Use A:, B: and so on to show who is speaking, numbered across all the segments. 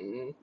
A: Mhm.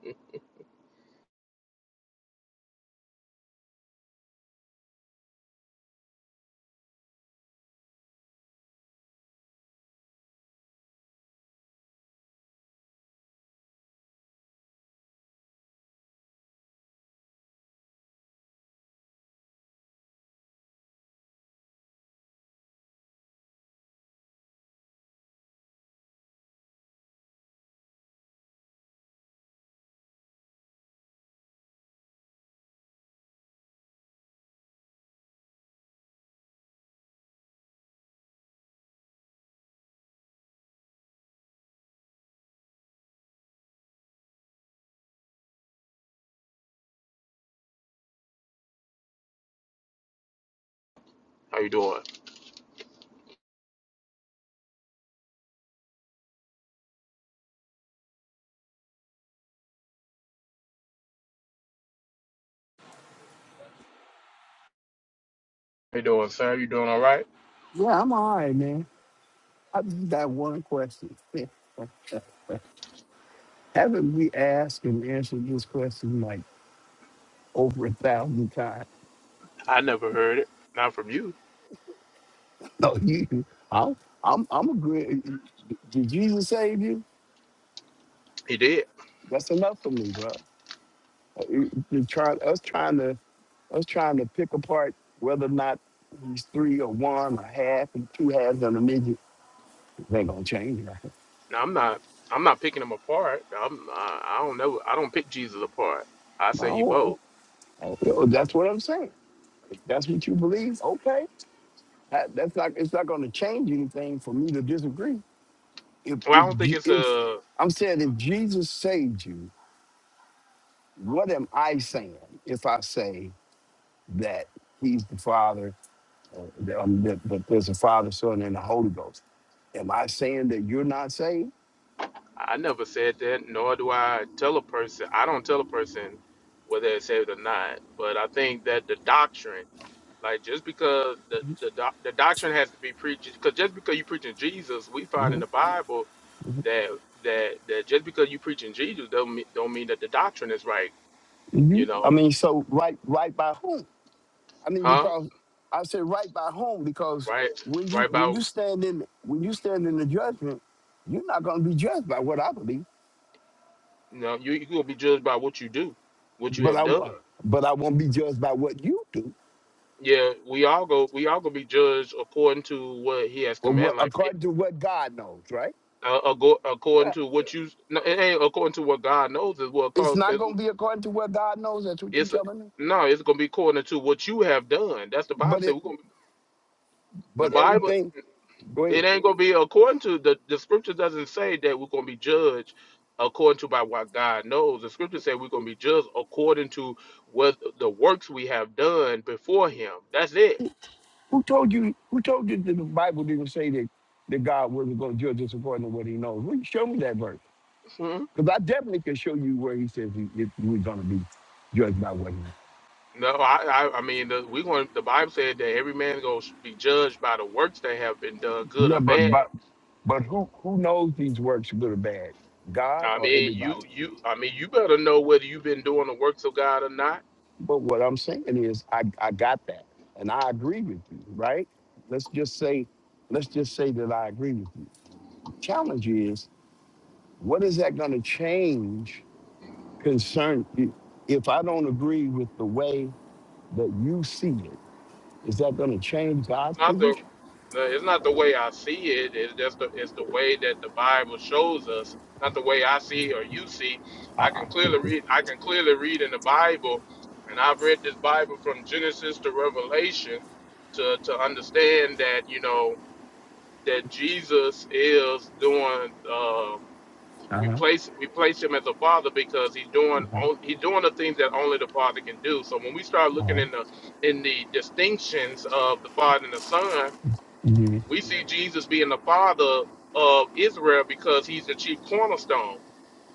A: How you doing? How you doing, sir? You doing all right?
B: Yeah, I'm all right, man. I just got one question. Haven't we asked and answered this question like over a thousand times?
A: I never heard it. Not from you.
B: No, you. I'm. I'm. I'm agree. Did Jesus save you?
A: He did.
B: That's enough for me, bro. Uh, you- You're trying. Us trying to. Us trying to pick apart whether or not he's three or one or half and two halves and a midget. It ain't gonna change. nothing.
A: Now I'm not. I'm not picking him apart. I'm. I, I don't know. I don't pick Jesus apart. I say he
B: No,
A: both.
B: oh, that's what I'm saying. If that's what you believe, okay. That- That's not. It's not going to change anything for me to disagree. If
A: Well, I
B: if
A: don't think
B: Je-
A: it's
B: if
A: a.
B: I'm saying if Jesus saved you, what am I saying if I say that He's the Father, uh, that, um, that, that there's a Father, Son, and the Holy Ghost? Am I saying that you're not saved?
A: I never said that. Nor do I tell a person. I don't tell a person whether it's saved or not. But I think that the doctrine Like just because the
B: Mhm,
A: the, doc, the doctrine has to be preached, because just because you preaching Jesus, we find in
B: mhm,
A: the Bible that that that just because you preaching Jesus don't mean, don't mean that the doctrine is right. You
B: mhm. I
A: know,
B: mean, so right, right by whom? I mean,
A: huh?
B: because I say right by whom because
A: Right,
B: when you
A: right.
B: when
A: About
B: you stand in when you stand in the judgment, you're not going to be judged by what I believe.
A: you know, you you gonna be judged by what you do, what you
B: But I
A: have done.
B: w- but I won't be judged by what you do
A: Yeah, we all go we all gonna be judged according to what He has
B: or
A: commanded.
B: what
A: Like it-
B: according to what God knows, right?
A: uh, ago- according
B: Right.
A: to what you no, it ain't according to what God knows is what
B: It's
A: cause,
B: not gonna be according to what God knows. That's what you're
A: It's
B: telling me.
A: no, it's gonna be according to what you have done. That's the Bible
B: But
A: say
B: it
A: we're gonna the
B: but
A: Bible
B: everything. Go
A: it
B: ahead.
A: ain't gonna be according to the the scripture doesn't say that we're gonna be judged according to by what God knows. The scripture say we're gonna be judged according to what the works we have done before him. That's it.
B: Who told you? Who told you that the Bible didn't say that that God wasn't gonna judge us according to what He knows? Well, you show me that verse
A: Mhm.
B: because I definitely can show you where He says he, if we're gonna be judged by what He. knows.
A: No, I, I, I mean, the, we going. The Bible said that every man gonna be judged by the works that have been done, good
B: Yeah,
A: or
B: but
A: bad.
B: but but who who knows these works, good or bad? God
A: I
B: or
A: mean,
B: everybody?
A: you, you, I mean, you better know whether you've been doing the works of God or not.
B: But what I'm saying is, I, I got that, and I agree with you, right? Let's just say, let's just say that I agree with you. Challenge is, what is that going to change concern if I don't agree with the way that you see it? Is that going to change God's
A: not the,
B: position?
A: the it's not the way I see it. It's just the, it's the way that the Bible shows us, not the way I see or you see. I
B: Uh-uh.
A: can clearly read. I can clearly read in the Bible, and I've read this Bible from Genesis to Revelation to to understand that you know that Jesus is doing. Uh, we
B: Uh-huh.
A: place we place him as a father because he's doing
B: Uh-huh.
A: on, he's doing the things that only the father can do. So when we start looking
B: Uh-huh.
A: in the in the distinctions of the father and the son,
B: Mhm.
A: we see Jesus being the father of Israel because he's the chief cornerstone.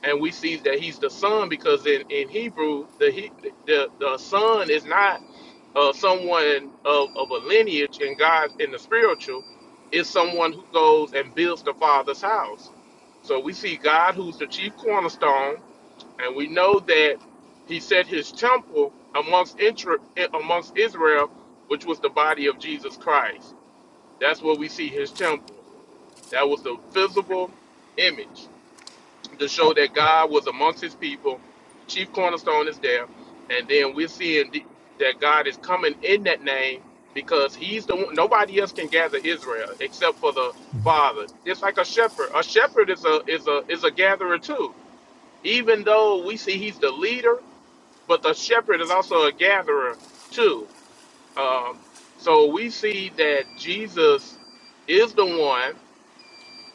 A: And we see that he's the son because in, in Hebrew, the, he- the the son is not uh, someone of, of a lineage in God in the spiritual, is someone who goes and builds the father's house. So we see God who's the chief cornerstone, and we know that he set his temple amongst intra- amongst Israel, which was the body of Jesus Christ. That's where we see his temple. That was the visible image to show that God was amongst his people. The chief cornerstone is there. And then we're seeing the- that God is coming in that name because he's the one, nobody else can gather Israel except for the Father. Just like a shepherd. A shepherd is a is a is a gatherer too. Even though we see he's the leader, but the shepherd is also a gatherer too. Um, so we see that Jesus is the one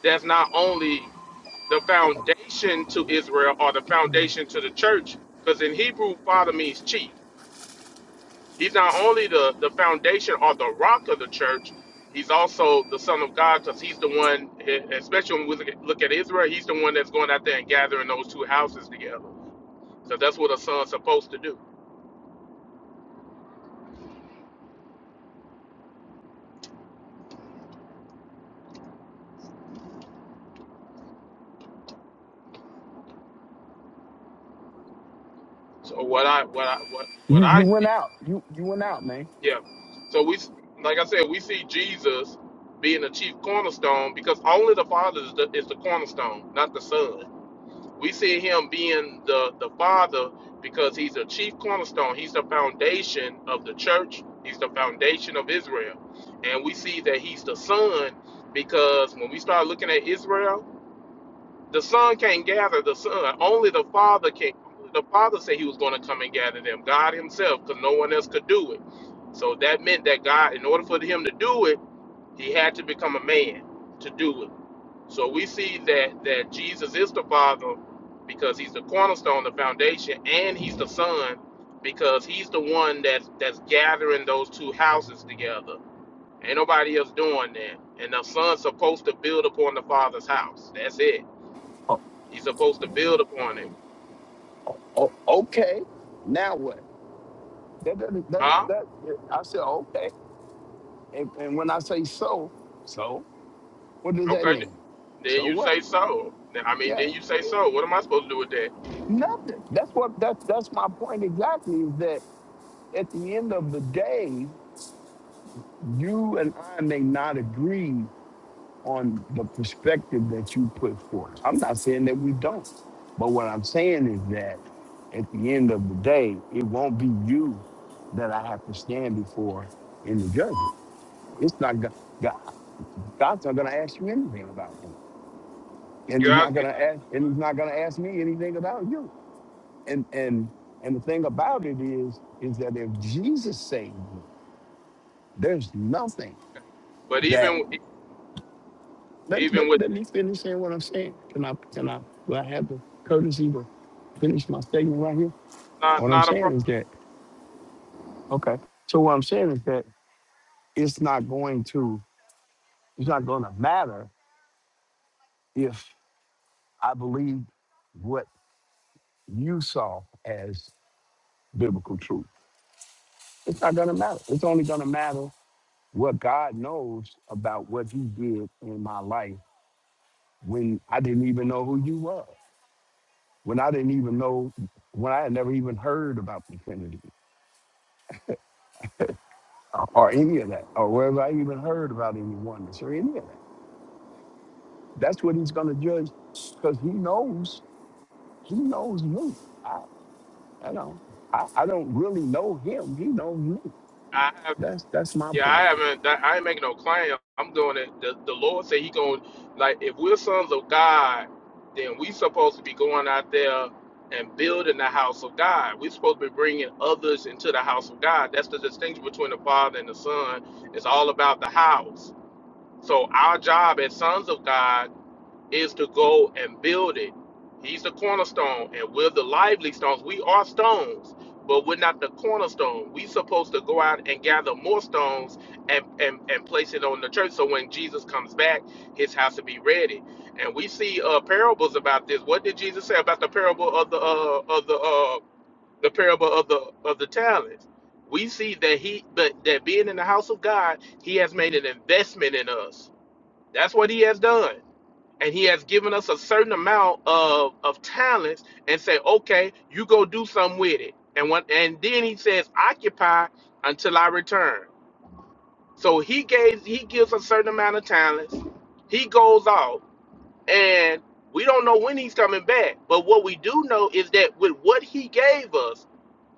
A: that's not only the foundation to Israel or the foundation to the church, because in Hebrew, father means chief. He's not only the, the foundation or the rock of the church, he's also the son of God because he's the one, e, especially when we look at look at Israel, he's the one that's going out there and gathering those two houses together. So that's what a son's supposed to do. So what I what I what what
B: You
A: I
B: you went out. You you went out, man.
A: Yeah. So we, like I said, we see Jesus being the chief cornerstone because only the Father is the, is the cornerstone, not the Son. We see him being the the Father because he's the chief cornerstone. He's the foundation of the church. He's the foundation of Israel, and we see that he's the Son because when we start looking at Israel. The son can't gather the son. Only the father can. Only the father said he was going to come and gather them. God himself, because no one else could do it. So that meant that God, in order for him to do it, he had to become a man to do it. So we see that that Jesus is the father because he's the cornerstone, the foundation, and he's the son because he's the one that's that's gathering those two houses together. Ain't nobody else doing that. And the son's supposed to build upon the father's house. That's it
B: Oh,
A: you're supposed to build upon it.
B: oh, okay. Now what? That doesn't. That's
A: Huh?
B: that. I said okay. And, and when I say so, so what does that
A: Okay.
B: mean?
A: Then
B: So
A: you
B: what?
A: say so. Then- I mean,
B: Yeah,
A: then you say so. What am I supposed to do with that?
B: nothing. That's what that's that's my point exactly. Is that at the end of the day, you and I may not agree on the perspective that you put forth. I'm not saying that we don't, but what I'm saying is that at the end of the day, it won't be you that I have to stand before in the judgment. It's not God. God's not going to ask you anything about me. and
A: You
B: he's
A: ask
B: not
A: me
B: gonna
A: not to
B: ask
A: do
B: and
A: what?
B: he's not gonna ask me anything about you and and and the thing about it is is that if jesus saved you there's nothing
A: But
B: that
A: even
B: let,
A: even
B: let,
A: with
B: let me finish saying what i'm saying can i can i will i have the courtesy to finish my statement right here
A: that, not
B: what i'm
A: not a
B: saying
A: problem.
B: is that okay so what i'm saying is that it's not going to it's not going to matter if i believe what you saw as biblical truth it's not going to matter it's only going to matter what God knows about what He did in my life when I didn't even know who you were, when I didn't even know, when I had never even heard about the Trinity or, or any of that, or whether I even heard about any oneness or any of that. That's what He's going to judge because He knows, He knows me. I, I know, I, I don't really know Him. He knows me.
A: I have
B: That's that's my
A: yeah, I
B: point.
A: haven't. That, I ain't making no claim. I'm doing it. The, the Lord said He going like if we're sons of God, then we supposed to be going out there and building the house of God. We're supposed to be bringing others into the house of God. That's the distinction between the Father and the Son. It's all about the house. So our job as sons of God is to go and build it. He's the cornerstone, and we're the lively stones. We are stones, but we're not the cornerstone. We're supposed to go out and gather more stones and, and, and place it on the church. So when Jesus comes back, his house will be ready. And we see uh, parables about this. What did Jesus say about the parable of the uh, of the uh, the parable of the of the talents? We see that he that, that being in the house of God, he has made an investment in us that's what he has done. And he has given us a certain amount of, of talents and say, okay, you go do something with it. And when, and then he says, occupy until I return. So he gave he gives a certain amount of talents. He goes out and we don't know when he's coming back. But what we do know is that with what he gave us,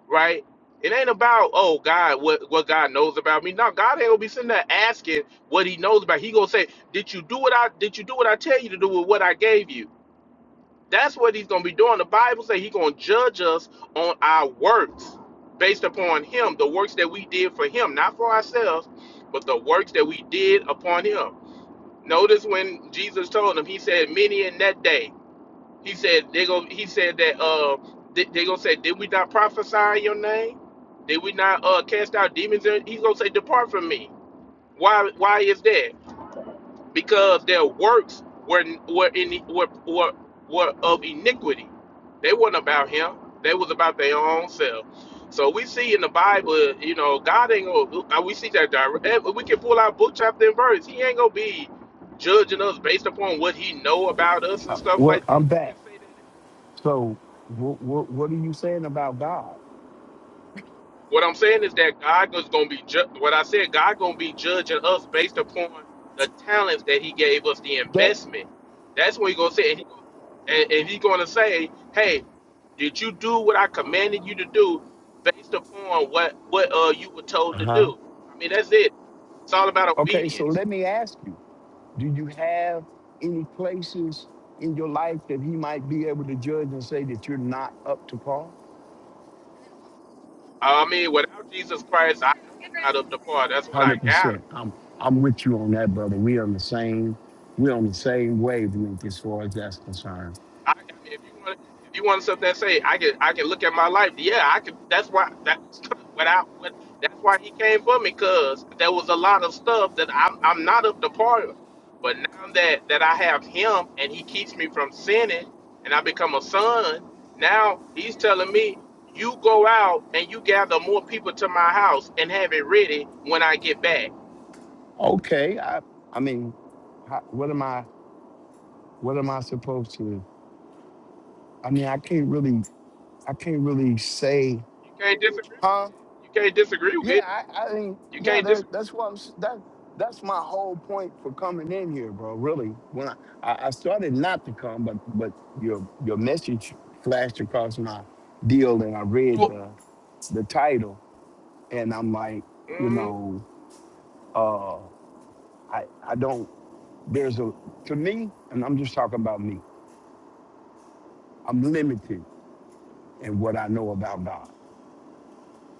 A: right? It ain't about oh God, what what God knows about me. No, God ain't gonna be sitting there asking what He knows about. He gonna say, did you do what I did you do what I tell you to do with what I gave you? That's what He's gonna be doing. The Bible say He gonna judge us on our works based upon Him, the works that we did for Him, not for ourselves, but the works that we did upon Him. Notice when Jesus told him, He said, "Many in that day." He said they go. He said that uh they, they gonna say, did we not prophesy in your name? Did we not uh cast out demons? In? He's gonna say, depart from me. Why? Why is that? Because their works were were in were were, were of iniquity. They weren't about him. They was about their own self. So we see in the Bible, you know, God ain't gonna. uh, We see that direct. eh, We can pull out book chapter and verse. He ain't gonna be judging us based upon what he know about us and
B: Uh,
A: stuff
B: Well,
A: like that.
B: I'm
A: You
B: back.
A: can say that
B: So, what what, what are you saying about God?
A: What I'm saying is that God is going to be ju- what I said. God going to be judging us based upon the talents that He gave us, the
B: That.
A: investment. That's when He going to say, and, he, and, and He going to say, "Hey, did you do what I commanded you to do, based upon what what uh you were
B: Uh
A: told to
B: huh.
A: do?" I mean, that's it. It's all about
B: Okay, so
A: obedience.
B: let me ask you do you have any places in your life that he might be able to judge and say that you're not up to par?
A: I mean, without Jesus Christ, I know I'm not up to par. That's what I got.
B: 100%. I'm, I'm with you on that, brother. We on the same, we're on the same wavelength as far as that's concerned.
A: I, I mean, if you want, if you want something that say I can, I can look at my life. Yeah, I can. That's why that what I what that's why he came for me because there was a lot of stuff that I'm I'm not up to par with. But now that that I have him and he keeps me from sinning and I become a son, now he's telling me you go out and you gather more people to my house and have it ready when I get back.
B: Okay, I, I mean, how, what am I, what am I supposed to, I mean, I can't really, I can't really say,
A: You can't disagree.
B: huh?
A: You can't disagree with.
B: Yeah,
A: it.
B: I, I mean,
A: You
B: yeah,
A: can't
B: there.
A: disagree.
B: That's what I'm. s- That that's my whole point for coming in here, bro. Really, when I, I, I started not to come, but but your your message flashed across my deal, and I read
A: So,
B: the the title,
A: so,
B: and I'm like, you
A: mm,
B: know, uh, I I don't. There's a to me, and I'm just talking about me. I'm limited in what I know about God.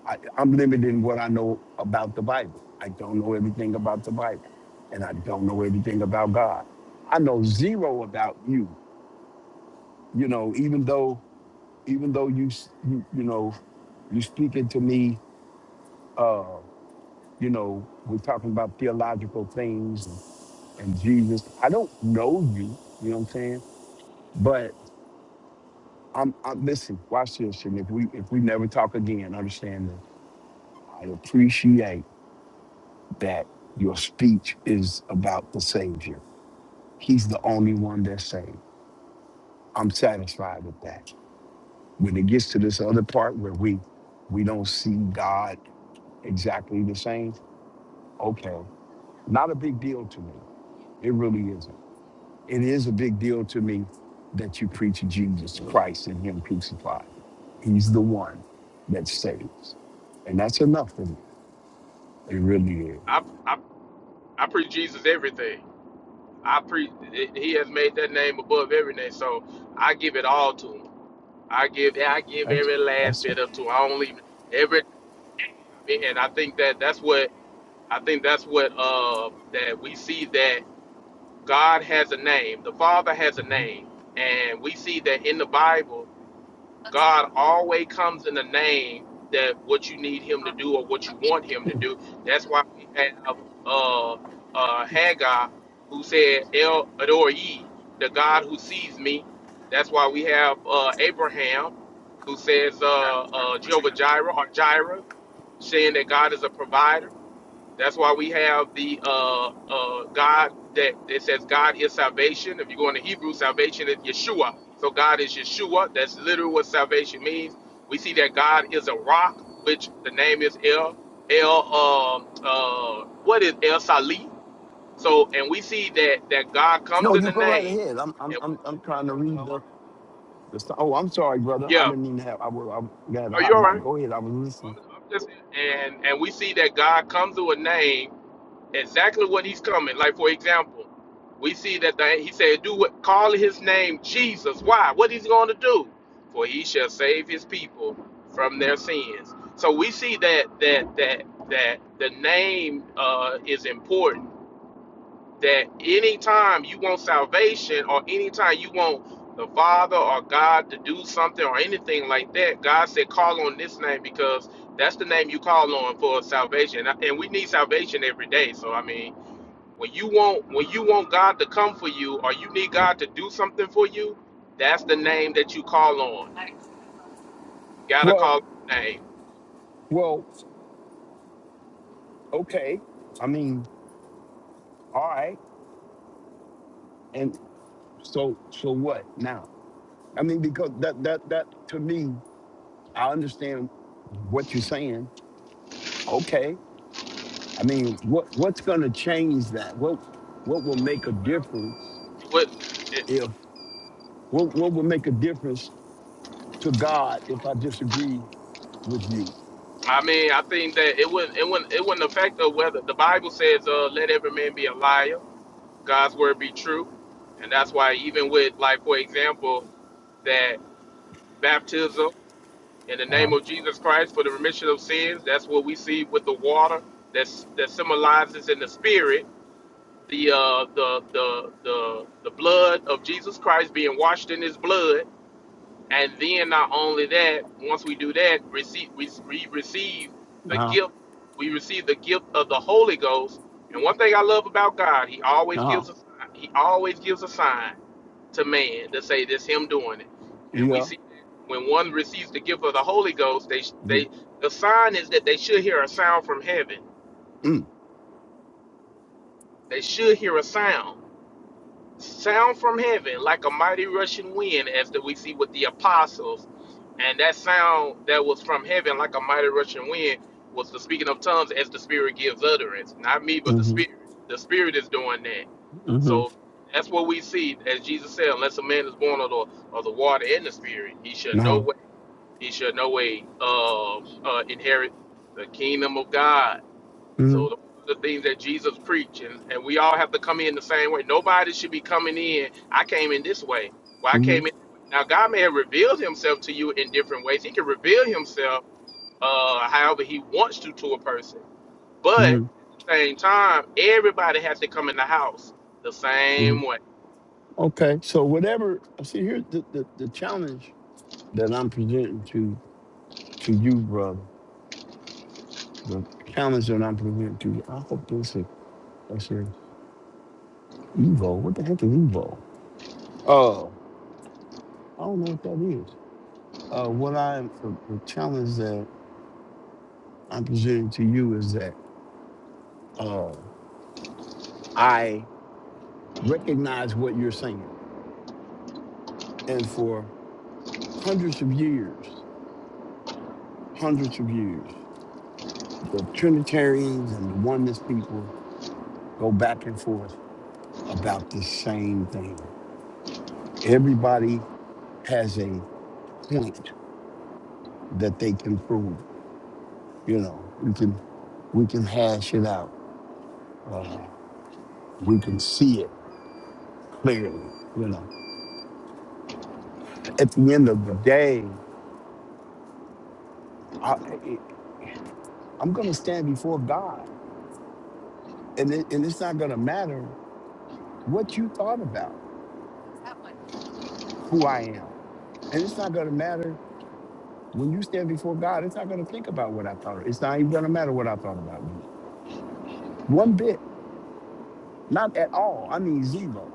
B: I, I'm limited in what I know about the Bible. I don't know everything about the Bible, and I don't know everything about God. I know zero about you. You know, even though even though you s- you, you know you speaking to me, uh, you know, we're talking about theological things and, and Jesus. I don't know you. You know what I'm saying? But I'm, I'm listen. Watch this, and if we if we never talk again, understand that I appreciate that your speech is about the Savior He's the only one that's saved. I'm satisfied with that. When it gets to this other part where we we don't see God exactly the same, okay, not a big deal to me. It really isn't. It is a big deal to me that you preach Jesus Christ and Him crucified. He's the one that saves, and that's enough for me. It really is.
A: I, I I preach Jesus everything. I pre He has made that name above every name, so I give it all to Him. I give I give
B: That's
A: every last
B: that's it.
A: bit up to Him. I don't leave every. I mean, and I think that that's what I think that's what uh that we see that God has a name. The Father has a name, and we see that in the Bible. God always comes in the name that what you need him to do or what you want him to do. That's why we have uh, uh, Haggai who said, El Ador Yi, the God who sees me. That's why we have uh, Abraham who says uh, uh, Jehovah Jireh or Jireh, saying that God is a provider. That's why we have the uh, uh, God that it says God is salvation. If you go into Hebrew, salvation is Yeshua. So God is Yeshua. That's literally what salvation means. We see that God is a rock, which the name is El El. Uh, uh, what is El Sali? So, and we see that that God comes
B: No,
A: in
B: you
A: the
B: go right
A: name.
B: ahead. I'm I'm
A: And,
B: I'm, I'm trying to read. The so- oh, I'm sorry, brother. I
A: yeah,
B: didn't even have. I was. I got a
A: are you
B: hot
A: all
B: mic.
A: right?
B: Go ahead. I was
A: I'm,
B: listening.
A: I'm just, and and we see that God comes to a name exactly what he's coming. Like for example, we see that the, he said, "Do what? Call his name Jesus." Why? What he's going to do? For he shall save his people from their sins. So we see that that that that the name uh, is important. That anytime you want salvation or anytime you want the Father or God to do something or anything like that, God said, "Call on this name because that's the name you call on for salvation." And we need salvation every day. So I mean when you want when you want God to come for you or you need God to do something for you, that's the name that you call on. You gotta
B: Well,
A: call the name.
B: well, okay. I mean, all right. And so, so what now? I mean, because that that that to me, I understand what you're saying. Okay. I mean, what what's going to change that? What what will make a
A: Well,
B: difference
A: What it,
B: if what what will make a difference to God if I disagree with you?
A: I mean, I think that it wouldn't it wouldn't it wouldn't affect the whether the Bible says, uh, let every man be a liar, God's word be true. And that's why even with like for example, that baptism in the
B: Uh huh.
A: name of Jesus Christ for the remission of sins, that's what we see with the water that's that symbolizes in the spirit the uh, the the the the blood of Jesus Christ being washed in His blood, and then not only that, once we do that, receive we, we receive
B: Uh
A: the
B: huh.
A: gift. We receive the gift of the Holy Ghost. And one thing I love about God, He always
B: Uh huh.
A: gives a He always gives a sign to man to say this Him doing it. And we
B: Yeah.
A: see that when one receives the gift of the Holy Ghost, they they the sign is that they should hear a sound from heaven.
B: Mm-hmm.
A: They should hear a sound sound from heaven like a mighty rushing wind as that we see with the apostles and that sound that was from heaven like a mighty rushing wind was the speaking of tongues as the spirit gives utterance not me but the spirit the spirit is doing that
B: hmm
A: so that's what we see as jesus said unless a man is born of the, of the water and the spirit he shall no
B: No.
A: way he shall no way uh, uh, inherit the kingdom of god
B: hmm
A: so th- the things that Jesus preached, and, and we all have to come in the same way. Nobody should be coming in. I came in this way. Well, I
B: hmm
A: came in. Now God may have revealed Himself to you in different ways. He can reveal Himself uh, however He wants to to a person. But at
B: hmm
A: the same time, everybody has to come in the house the
B: hmm
A: same way.
B: Okay. So whatever. See, here's the, the the challenge that I'm presenting to to you, brother. The challenge that I'm presenting to you. I hope this is that's an Evo. What the heck is Evo? Oh, I don't know what that is. Uh, what I the, the challenge that I'm presenting to you is that uh, I recognize what you're saying, and for hundreds of years, hundreds of years. the Trinitarians and the oneness people go back and forth about this same thing. Everybody has a point that they can prove. You know, we can we can hash it out. Uh, we can see it clearly. You know, at the end of the day, I, I- I'm going to stand before God, and it, and it's not going to matter what you thought about who I am, and it's not going to matter When you stand before God, it's not going to think about what I thought. It's not even going to matter what I thought about you. One bit, not at all. I mean zero.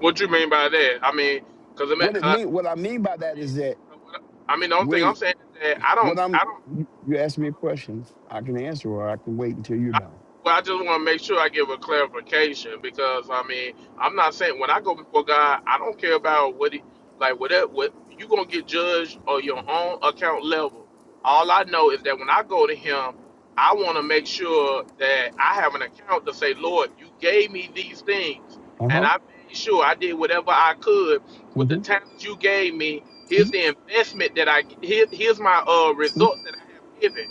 A: What you mean by that? I mean, because I mean,
B: What it
A: uh,
B: mean? What I mean by
A: I
B: that
A: mean,
B: is that
A: uh, what- I mean, the only thing I'm
B: when
A: saying is that I don't,
B: what I'm,
A: I don't.
B: you you ask me a question, I can answer or I can wait until you're
A: I,
B: done.
A: well, I just want to make sure I give a clarification because I mean, I'm not saying when I go before God, I don't care about what he like. Whatever, what you gonna get judged on your own account level. All I know is that when I go to Him, I want to make sure that I have an account to say, Lord, you gave me these things,
B: Uh
A: and
B: huh.
A: I made sure I did whatever I could with the
B: hmm
A: talents you gave me. Here's the investment that I here, here's my uh results that I have given.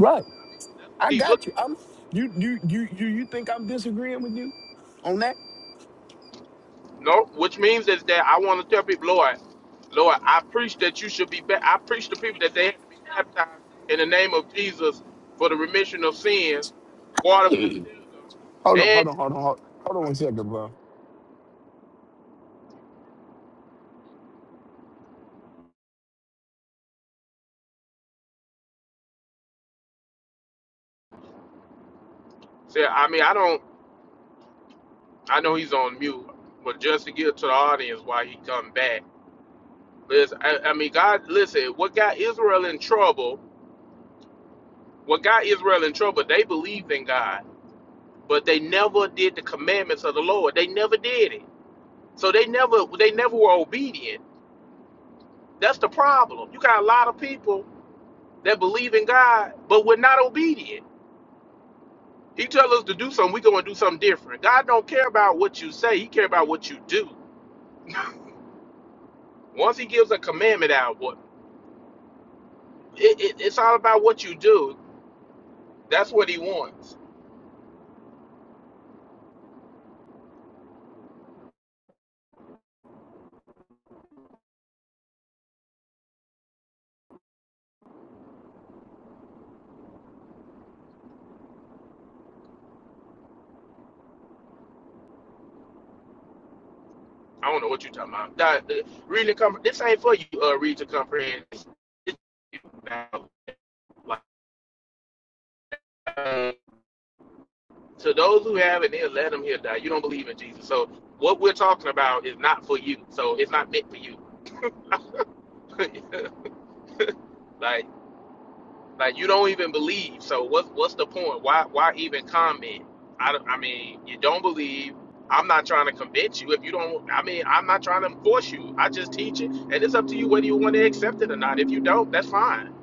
A: That's, that's what
B: I
A: He's looking
B: got you.
A: for.
B: I'm. You you you you you think I'm disagreeing with you on that?
A: No, which means is that I want to tell people, Lord, Lord, I preach that you should be. Ba- I preach to people that they have to be baptized in the name of Jesus for the remission of sins, water baptism,
B: hold on,
A: and
B: hold on, hold on, hold on, hold on one second, bro.
A: say, I mean, I don't. I know he's on mute, but just to get to the audience why he come back. Listen, I, I mean, God, listen. What got Israel in trouble? What got Israel in trouble? They believed in God, but they never did the commandments of the Lord. They never did it. So they never they never were obedient. That's the problem. You got a lot of people that believe in God, but we're not obedient. He tell us to do something, we go and do something different. God don't care about what you say; He care about what you do. Once He gives a commandment out, what it, it- it's all about what you do. That's what He wants. I don't know what you're talking about. That, the, reading the compre- this ain't for you. Uh, read to comprehend. It's- it's about, like, uh, to those who have it, then let them here die. You don't believe in Jesus, so what we're talking about is not for you. So it's not meant for you. Like, like you don't even believe. So what's what's the point? Why why even comment? I, don't- I mean, you don't believe. I'm not trying to convince you. If you don't, I mean, I'm not trying to force you. I just teach it, and it's up to you whether you want to accept it or not. If you don't, that's fine.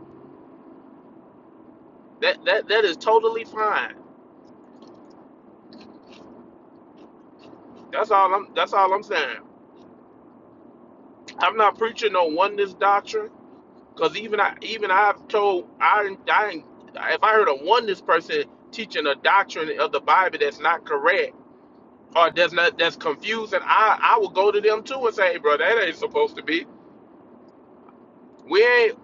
A: That that that is totally fine. That's all I'm. That's all I'm saying. I'm not preaching no oneness doctrine, because even I even I've told I I if I heard a oneness person teaching a doctrine of the Bible that's not correct. or that's not that's confusing, I I will go to them too and say, hey, bro, that ain't supposed to be. We ain't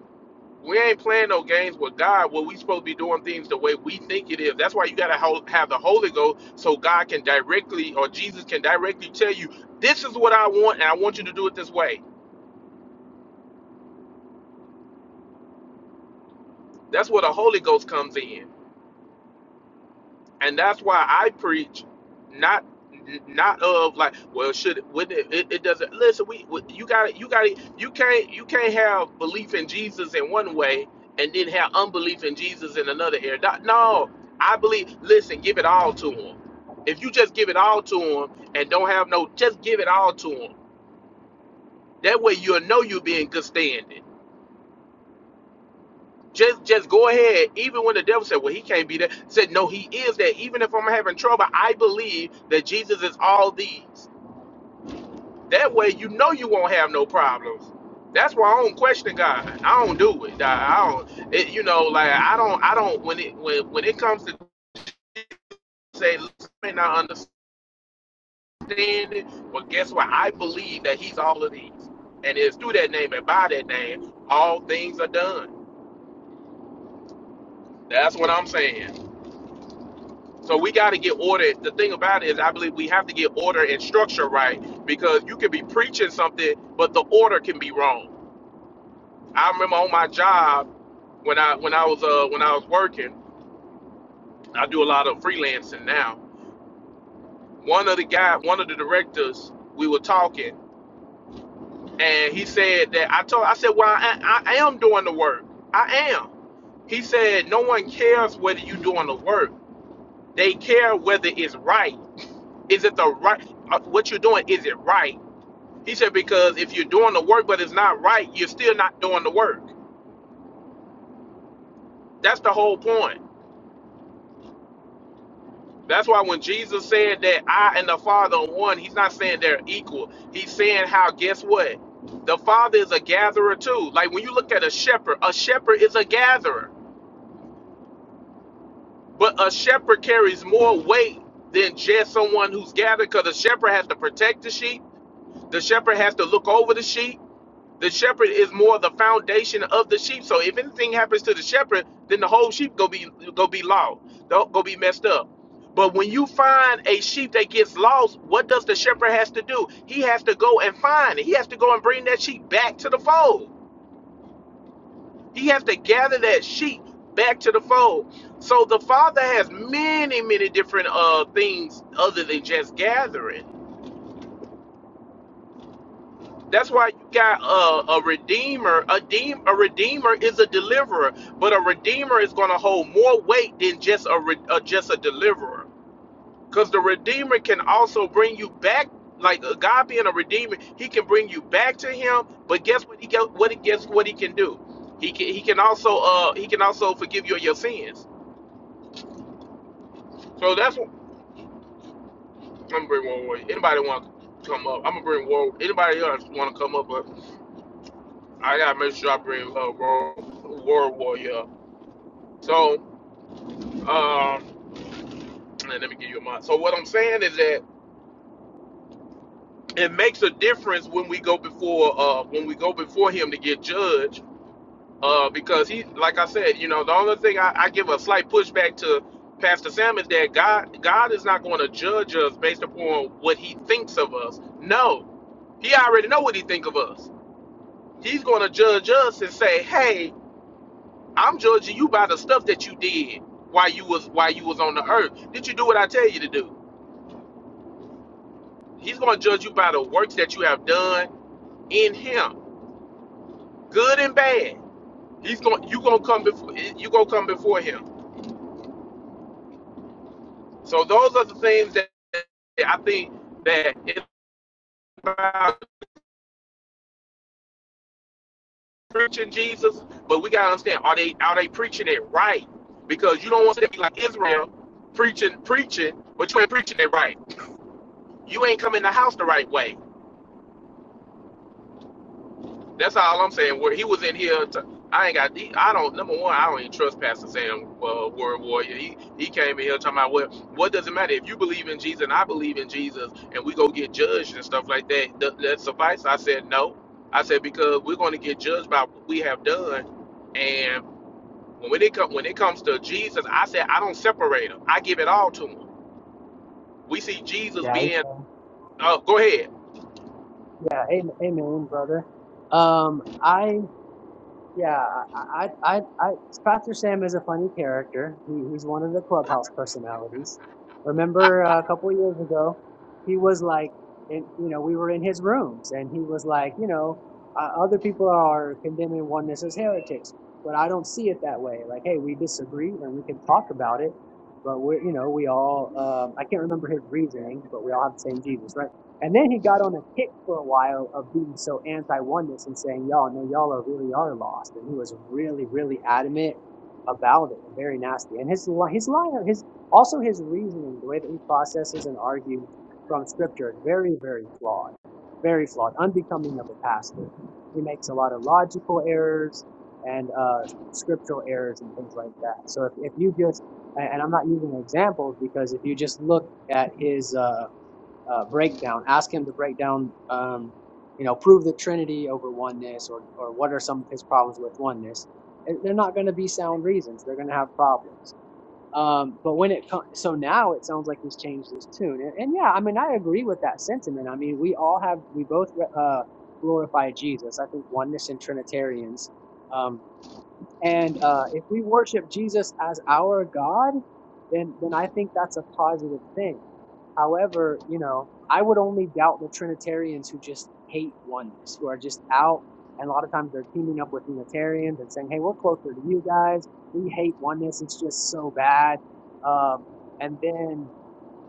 A: we ain't playing no games with God. What we supposed to be doing things the way we think it is. That's why you gotta ho- have the Holy Ghost so God can directly or Jesus can directly tell you, this is what I want, and I want you to do it this way. That's where the Holy Ghost comes in. and that's why I preach not not of like well should would it, it it doesn't listen we we- you got to you got to you can't you can't have belief in Jesus in one way and then have unbelief in Jesus in another area That- no I believe listen give it all to him if you just give it all to him and don't have no just give it all to him that way you'll know you'll be in good standing Just just go ahead. Even when the devil said, Well, he can't be that, said, No, he is that. Even if I'm having trouble, I believe that Jesus is all these. That way you know you won't have no problems. That's why I don't question God. I don't do it. I don't it, you know, like I don't I don't when it when when it comes to say "Listen, I may not understand it, but guess what? I believe that he's all of these. And it's through that name and by that name, all things are done. That's what I'm saying. So we got to get order. The thing about it is, I believe we have to get order and structure right because you could be preaching something, but the order can be wrong. I remember on my job when I when I was uh when I was working, I do a lot of freelancing now. One of the guy, one of the directors, we were talking, and he said that I told I said, well, I, I am doing the work. I am. He said, no one cares whether you're doing the work. They care whether it's right. Is it the right? uh, What you're doing? Is it right? He said, because if you're doing the work but it's not right, you're still not doing the work. That's the whole point. That's why when Jesus said that I and the Father are one, he's not saying they're equal. He's saying how, guess what? The Father is a gatherer too. Like when you look at a shepherd, a shepherd is a gatherer. But a shepherd carries more weight than just someone who's gathered because the shepherd has to protect the sheep. The shepherd has to look over the sheep The shepherd is more the foundation of the sheep. So if anything happens to the shepherd, then the whole sheep go be go be lost, Don't go be messed up. But when you find a sheep that gets lost, what does the shepherd has to do? He has to go and find it. He has to go and bring that sheep back to the fold. He has to gather that sheep back to the fold. So the father has many, many different uh things other than just gathering That's why you got a, a redeemer. A, deem, a redeemer is a deliverer, but a redeemer is going to hold more weight than just a, re, uh, just a deliverer. Because the redeemer can also bring you back, like uh, God being a redeemer, He can bring you back to Him. But guess what? He get, what he guess what He can do. He can He can also uh He can also forgive you of your sins. So that's what I'm gonna bring one way. Anybody want to come up? I'm gonna bring world. Anybody else want to come up? But I gotta make sure I bring uh, world, world warrior. So, um, and let me give you a mind. So what I'm saying is that it makes a difference when we go before uh, when we go before him to get judged uh, because he, like I said, you know, the only thing I, I give a slight pushback to Pastor Sam is that God God is not going to judge us based upon what He thinks of us. No, He already know what He think of us. He's going to judge us and say, Hey, I'm judging you by the stuff that you did while you was while you was on the earth. Did you do what I tell you to do? He's going to judge you by the works that you have done in Him, good and bad. He's going. You going to come before. You going to come before Him. So those are the things that I think that it's about preaching Jesus, but we got to understand: are they are they preaching it right? Because you don't want to be like Israel, preaching preaching, but you ain't preaching it right. You ain't coming in the house the right way. That's all I'm saying. Where he was in here, to, I ain't got. He, I don't. Number one, I don't even trust Pastor Sam, uh, Word Warrior. He he came in here talking about what what does it matter if you believe in Jesus and I believe in Jesus and we go get judged and stuff like that. Th- that suffice. I said no. I said because we're going to get judged by what we have done, and when it comes when it comes to Jesus, I said I don't separate him. I give it all to him. We see Jesus
C: Yeah,
A: being.
C: amen.
A: Oh, go ahead.
C: Yeah, amen, amen, brother. Um, I yeah, I, I, I, I, Pastor Sam is a funny character. He, he's one of the clubhouse personalities. Remember uh, a couple of years ago, he was like, in, you know, we were in his rooms, and he was like, you know, uh, other people are condemning oneness as heretics, but I don't see it that way. Like, hey, we disagree, and we can talk about it. But we're, you know, we all, um, I can't remember his reasoning, but we all have the same Jesus, right? And then he got on a kick for a while of being so anti-oneness and saying, y'all, no, y'all are really are lost. And he was really, really adamant about it and very nasty. And his, his line, his, also his reasoning, the way that he processes and argues from scripture is very, very flawed, very flawed, unbecoming of a pastor. He makes a lot of logical errors and, uh, scriptural errors and things like that. So if, if you just, and and I'm not using examples because if you just look at his, uh, uh, breakdown. Ask him to break down, um, you know, prove the Trinity over oneness, or or what are some of his problems with oneness. And they're not going to be sound reasons. They're going to have problems. Um, but when it comes, so now it sounds like he's changed his tune. And, and yeah, I mean, I agree with that sentiment. I mean, we all have, we both uh, glorify Jesus. I think oneness and Trinitarians. Um, and uh, if we worship Jesus as our God, then then I think that's a positive thing However, you know, I would only doubt the Trinitarians who just hate oneness, who are just out. And a lot of times they're teaming up with Unitarians and saying, hey, we're closer to you guys. We hate oneness. It's just so bad. Um, and then,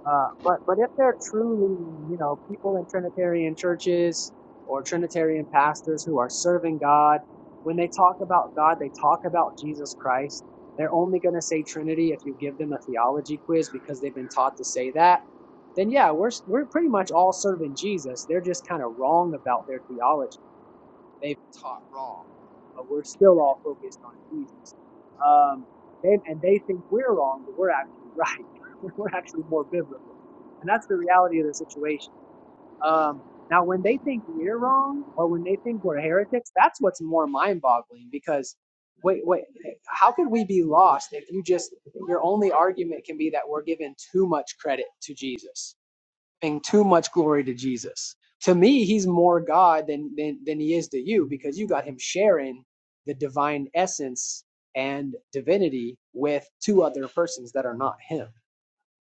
C: uh, but, but if they're truly, you know, people in Trinitarian churches or Trinitarian pastors who are serving God, when they talk about God, they talk about Jesus Christ. They're only going to say Trinity if you give them a theology quiz because they've been taught to say that then yeah, we're we're pretty much all serving Jesus. They're just kind of wrong about their theology. They've taught wrong, but we're still all focused on Jesus. Um, they, and they think we're wrong, but we're actually right. we're actually more biblical, and that's the reality of the situation. Um, now, when they think we're wrong, or when they think we're heretics, that's what's more mind-boggling. Because wait, wait, how could we be lost if you just your only argument can be that we're giving too much credit to Jesus? giving too much glory to Jesus. To me, he's more God than than than he is to you because you got him sharing the divine essence and divinity with two other persons that are not him.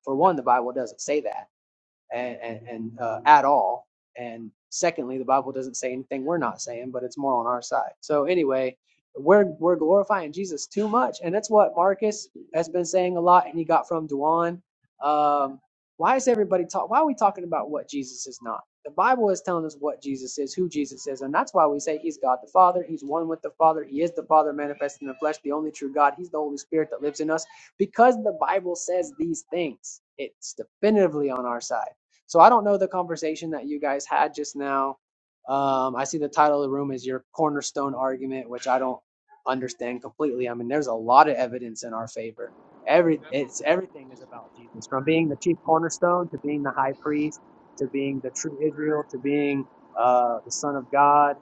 C: For one, the Bible doesn't say that and, and, and uh, at all. And secondly, the Bible doesn't say anything we're not saying, but it's more on our side. So anyway, we're we're glorifying Jesus too much, and that's what Marcus has been saying a lot, and he got from Duane. Um, why is everybody talk? Why are we talking about what Jesus is not? The Bible is telling us what Jesus is, who Jesus is, and that's why we say He's God the Father. He's one with the Father. He is the Father manifest in the flesh, the only true God. He's the Holy Spirit that lives in us because the Bible says these things. It's definitively on our side. So I don't know the conversation that you guys had just now. Um, I see the title of the room is your cornerstone argument, which I don't understand completely. I mean, there's a lot of evidence in our favor. Every
A: That's what,
C: it's everything is about Jesus, from being the chief cornerstone to being the high priest to being the true Israel to being uh, the Son of God.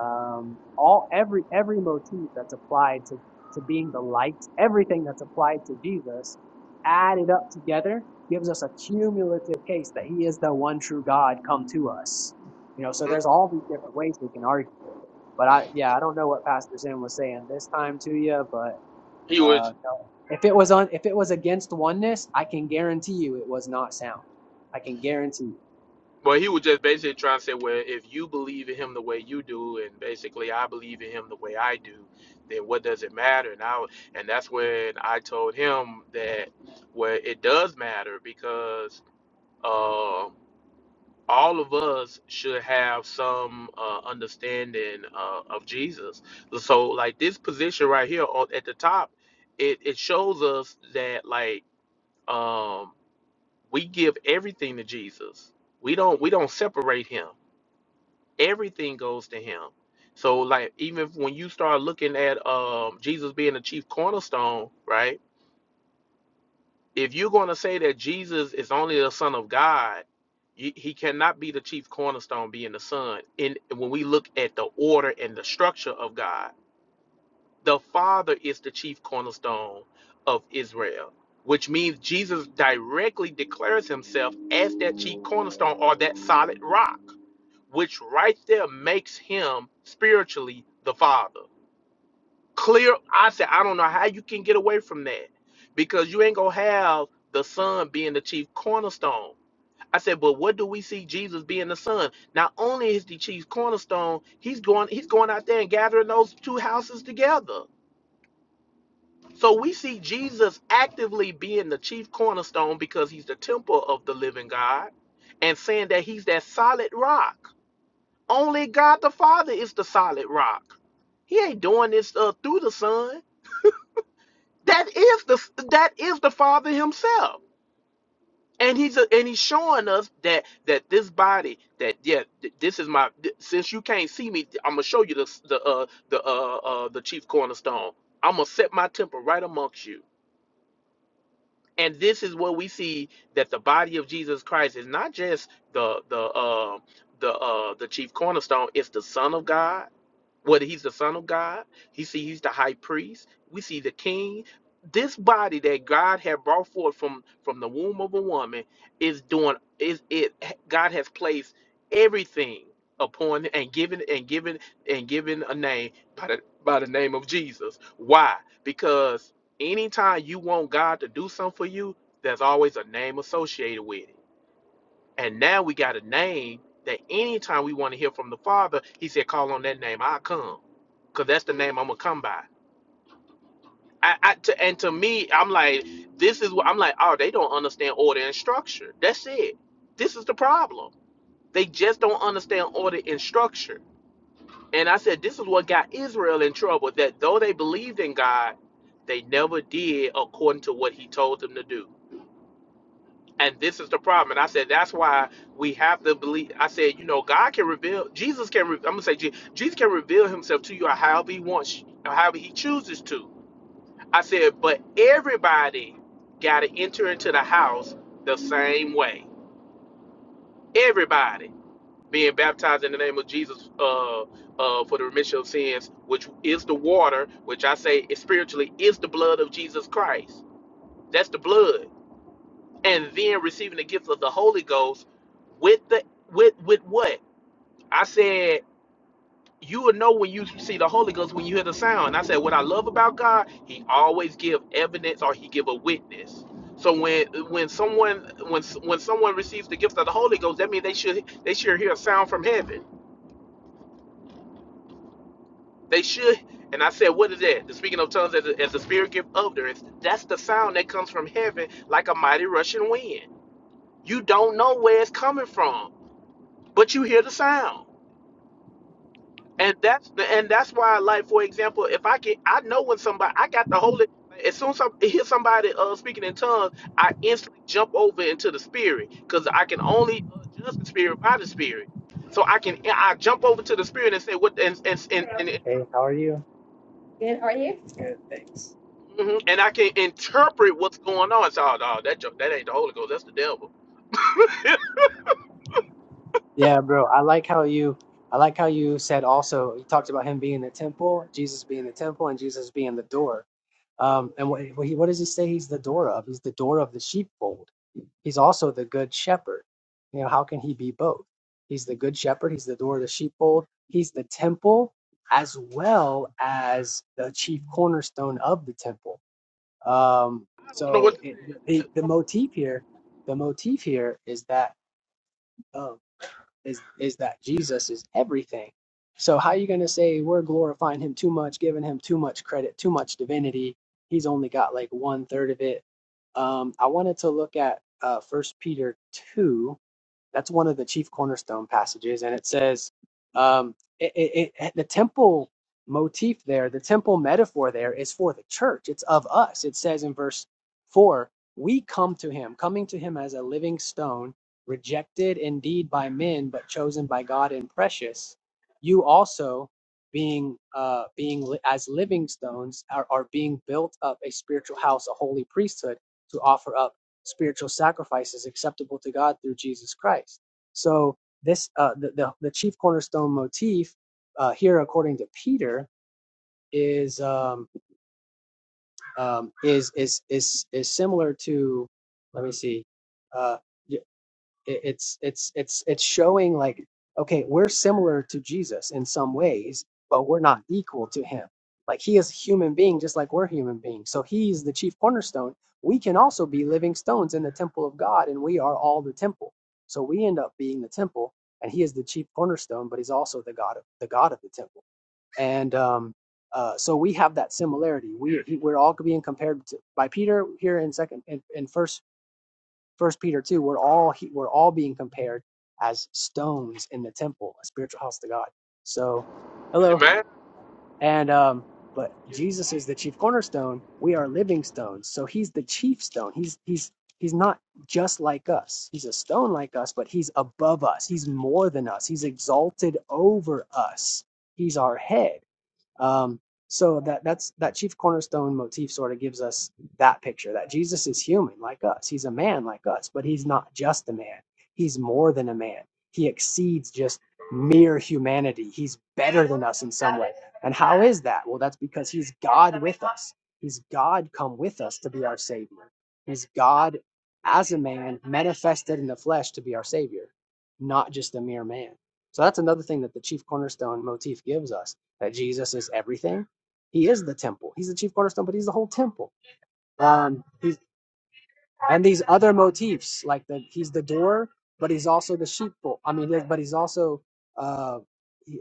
C: Um, all every every motif that's applied to to being the light, everything that's applied to Jesus, added up together gives us a cumulative case that he is the one true God come to us. You know, so
A: Mhm.
C: there's all these different ways we can argue for it. But I, yeah, I don't know what Pastor Zen was saying this time to you, but
A: He was.
C: uh, no. if it was on, if it was against oneness, I can guarantee you it was not sound. I can guarantee you.
A: Well, he was just basically trying to say, well, if you believe in him the way you do, and basically I believe in him the way I do, then what does it matter? And I, and that's when I told him that well, it does matter because uh, all of us should have some uh, understanding uh, of Jesus. So, like this position right here on, at the top, it it shows us that like um, we give everything to Jesus. We don't we don't separate him everything goes to him so like even if- when you start looking at um jesus being the chief cornerstone right if you're going to say that jesus is only the son of god y- he cannot be the chief cornerstone being the son And when we look at the order and the structure of god the Father is the chief cornerstone of Israel, which means Jesus directly declares himself as that chief cornerstone or that solid rock, which right there makes him spiritually the Father. Clear, I said, I don't know how you can get away from that because you ain't gonna have the Son being the chief cornerstone. I said, but what do we see Jesus being the Son? Not only is the chief cornerstone, he's going, he's going out there and gathering those two houses together so we see Jesus actively being the chief cornerstone because he's the temple of the living God and saying that he's that solid rock. Only God the Father is the solid rock. He ain't doing this uh, through the Son. That is the that is the Father himself. And he's a, and he's showing us that that this body that yeah th- this is my th- since you can't see me I'm gonna show you the the uh, the uh, uh, the chief cornerstone I'm gonna set my temple right amongst you and this is what we see that the body of Jesus Christ is not just the the uh, the uh, the chief cornerstone; it's the Son of God whether he's the son of God, he see he's the high priest, we see the king. This body that God had brought forth from from the womb of a woman is doing is it God has placed everything upon it and given and given and given a name by the by the name of Jesus. Why? Because anytime you want God to do something for you, there's always a name associated with it. And now we got a name that anytime we want to hear from the Father, He said, call on that name, I'll come. Because that's the name I'm going to come by. I, I, to, and to me, I'm like, this is what I'm like, oh, they don't understand order and structure. That's it. This is the problem. They just don't understand order and structure. And I said, this is what got Israel in trouble that though they believed in God, they never did according to what He told them to do. And this is the problem. And I said, that's why we have to believe. I said, you know, God can reveal, Jesus can, re- I'm going to say, Je- Jesus can reveal himself to you however he wants, however he chooses to. I said, but everybody got to enter into the house the same way. Everybody being baptized in the name of Jesus uh, uh, for the remission of sins, which is the water, which I say is spiritually is the blood of Jesus Christ. That's the blood. and then receiving the gift of the Holy Ghost with the with with what? I said you will know when you see the Holy Ghost when you hear the sound. And I said what I love about God, He always give evidence or He give a witness. So when when someone when when someone receives the gift of the Holy Ghost, that means they should they should hear a sound from heaven. They should. And I said, what is that? The speaking of tongues as, a, as the spirit gift utterance. That's the sound that comes from heaven like a mighty rushing wind. You don't know where it's coming from but you hear the sound. And that's the and that's why, like for example, if I can, I know when somebody, I got the Holy. As soon as I hear somebody uh, speaking in tongues, I instantly jump over into the spirit because I can only uh, judge the spirit by the spirit. So I can I jump over to the spirit and say what and and and, and interpret.
C: Hey, how are you? Good, how are you? Good, thanks.
A: hmm And I can interpret what's going on. So, oh, no, that jo- that ain't the Holy Ghost. That's the devil. I
C: Yeah, bro. I like how you I like how you said also you talked about him being the temple, Jesus being the temple, and Jesus being the door. Um, and what, what does he say he's the door of? He's the door of the sheepfold. He's also the good shepherd. You know, how can he be both? He's the good shepherd, he's the door of the sheepfold, he's the temple, as well as the chief cornerstone of the temple. Um,
A: don't know what
C: so
A: to
C: it,
A: say.
C: the, the motif here, the motif here is that. of is is that Jesus is everything. So how are you going to say we're glorifying him too much, giving him too much credit, too much divinity? He's only got like one third of it. Um, I wanted to look at uh, First Peter two that's one of the chief cornerstone passages, and it says um, it, it, it, the temple motif there, the temple metaphor there, is for the church. It's of us. It says in verse four, "We come to him, coming to him as a living stone, rejected indeed by men, but chosen by God and precious." You also, being uh, being li- as living stones, are, are being built up a spiritual house, a holy priesthood, to offer up spiritual sacrifices acceptable to God through Jesus Christ. So this uh, the, the the chief cornerstone motif uh, here, according to Peter, is um, um, is is is is similar to let me see. Uh, it, it's it's it's it's showing like okay we're similar to jesus in some ways but we're not equal to him like he is a human being just like we're human beings so he's the chief cornerstone we can also be living stones in the temple of god and we are all the temple so we end up being the temple and he is the chief cornerstone but he's also the god of the god of the temple and um uh, so we have that similarity. We he- we're all being compared to, by Peter here in second in, in First First Peter two, we're all we're all being compared as stones in the temple, a spiritual house to God. So, hello,
A: Amen.
C: and um, but Jesus is the chief cornerstone. We are living stones, so he's the chief stone. He's he's he's not just like us. He's a stone like us, but he's above us. He's more than us. He's exalted over us. He's our head um, so that that's that chief cornerstone motif sort of gives us that picture that Jesus is human like us. He's a man like us, but he's not just a man. He's more than a man. He exceeds just mere humanity. He's better than us in some way. And how is that? Well, that's because he's God with us. He's God come with us to be our savior. He's God as a man manifested in the flesh to be our savior, not just a mere man. So that's another thing that the chief cornerstone motif gives us that Jesus is everything. He is the temple. He's the chief cornerstone, but he's the whole temple. Um, he's and these other motifs like the he's the door but he's also the sheepfold i mean but he's also uh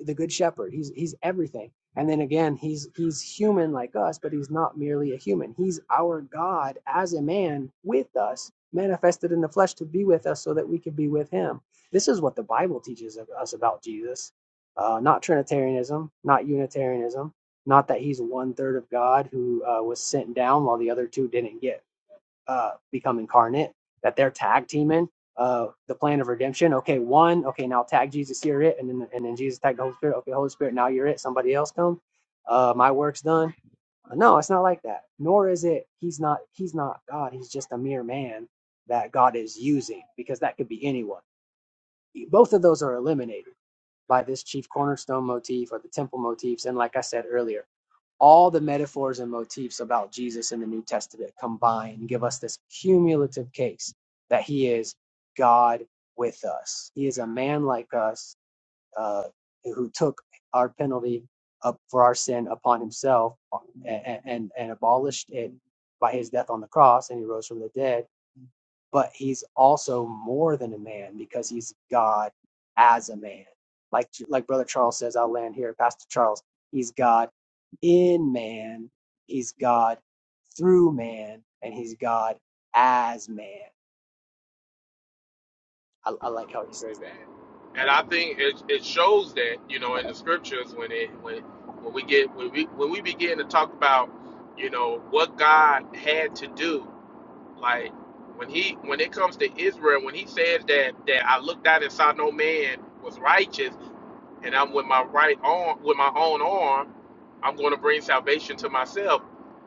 C: the good shepherd he's he's everything and then again he's he's human like us but he's not merely a human he's our god as a man with us manifested in the flesh to be with us so that we could be with him this is what the bible teaches us about jesus uh, not trinitarianism not unitarianism not that he's one third of god who uh, was sent down while the other two didn't get uh, become incarnate, that they're tag teaming uh, the plan of redemption. Okay, one. Okay, now tag Jesus, you're it, and then and then Jesus tagged the Holy Spirit. Okay, Holy Spirit, now you're it. Somebody else come. Uh, my work's done. No, it's not like that. Nor is it. He's not. He's not God. He's just a mere man that God is using because that could be anyone. Both of those are eliminated by this chief cornerstone motif or the temple motifs. And like I said earlier all the metaphors and motifs about Jesus in the New Testament combine and give us this cumulative case that he is God with us. He is a man like us uh, who took our penalty up for our sin upon himself and, and, and abolished it by his death on the cross, and he rose from the dead but he's also more than a man because he's God as a man. Like like Brother Charles says, I'll land here, Pastor Charles. He's God in man, he's God through man, and he's God as man. I, I like how he says that.
A: Amen. and I think it, it shows that you know in the scriptures when it when when we get when we when we begin to talk about you know what God had to do like when he when it comes to Israel when he says that that I looked out and saw no man was righteous and I'm with my right arm with my own arm I'm going to bring salvation to myself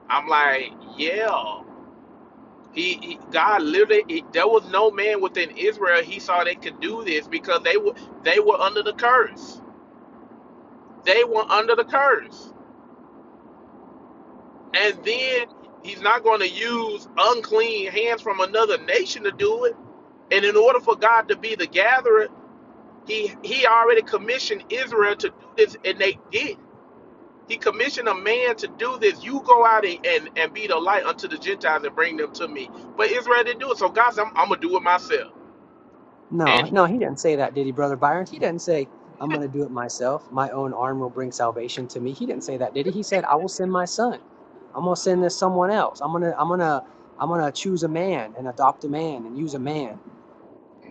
A: I'm like yeah he, he God literally he- there was no man within Israel he saw they could do this because they were they were under the curse. They were under the curse.
C: He didn't did say
A: And
C: that, did
A: then he's not going to use unclean hands from another nation to do it. And in order for God to be the gatherer, he he already commissioned Israel to do this and they did. He commissioned a man to do this. You go out and, and, and be the light unto the Gentiles and bring them to me. But Israel didn't do it. So God said, I'm, I'm gonna do it myself.
C: No,
A: And
C: no, he didn't say that, did he, Brother Byron? He didn't say, I'm going to do it myself. My own arm will bring salvation to me. He didn't say that, did he? He
A: he
C: said, I will send my son. I'm going to
A: did.
C: send this someone else. I'm going to, I'm going to, I'm going to choose a man and adopt a man and use a man.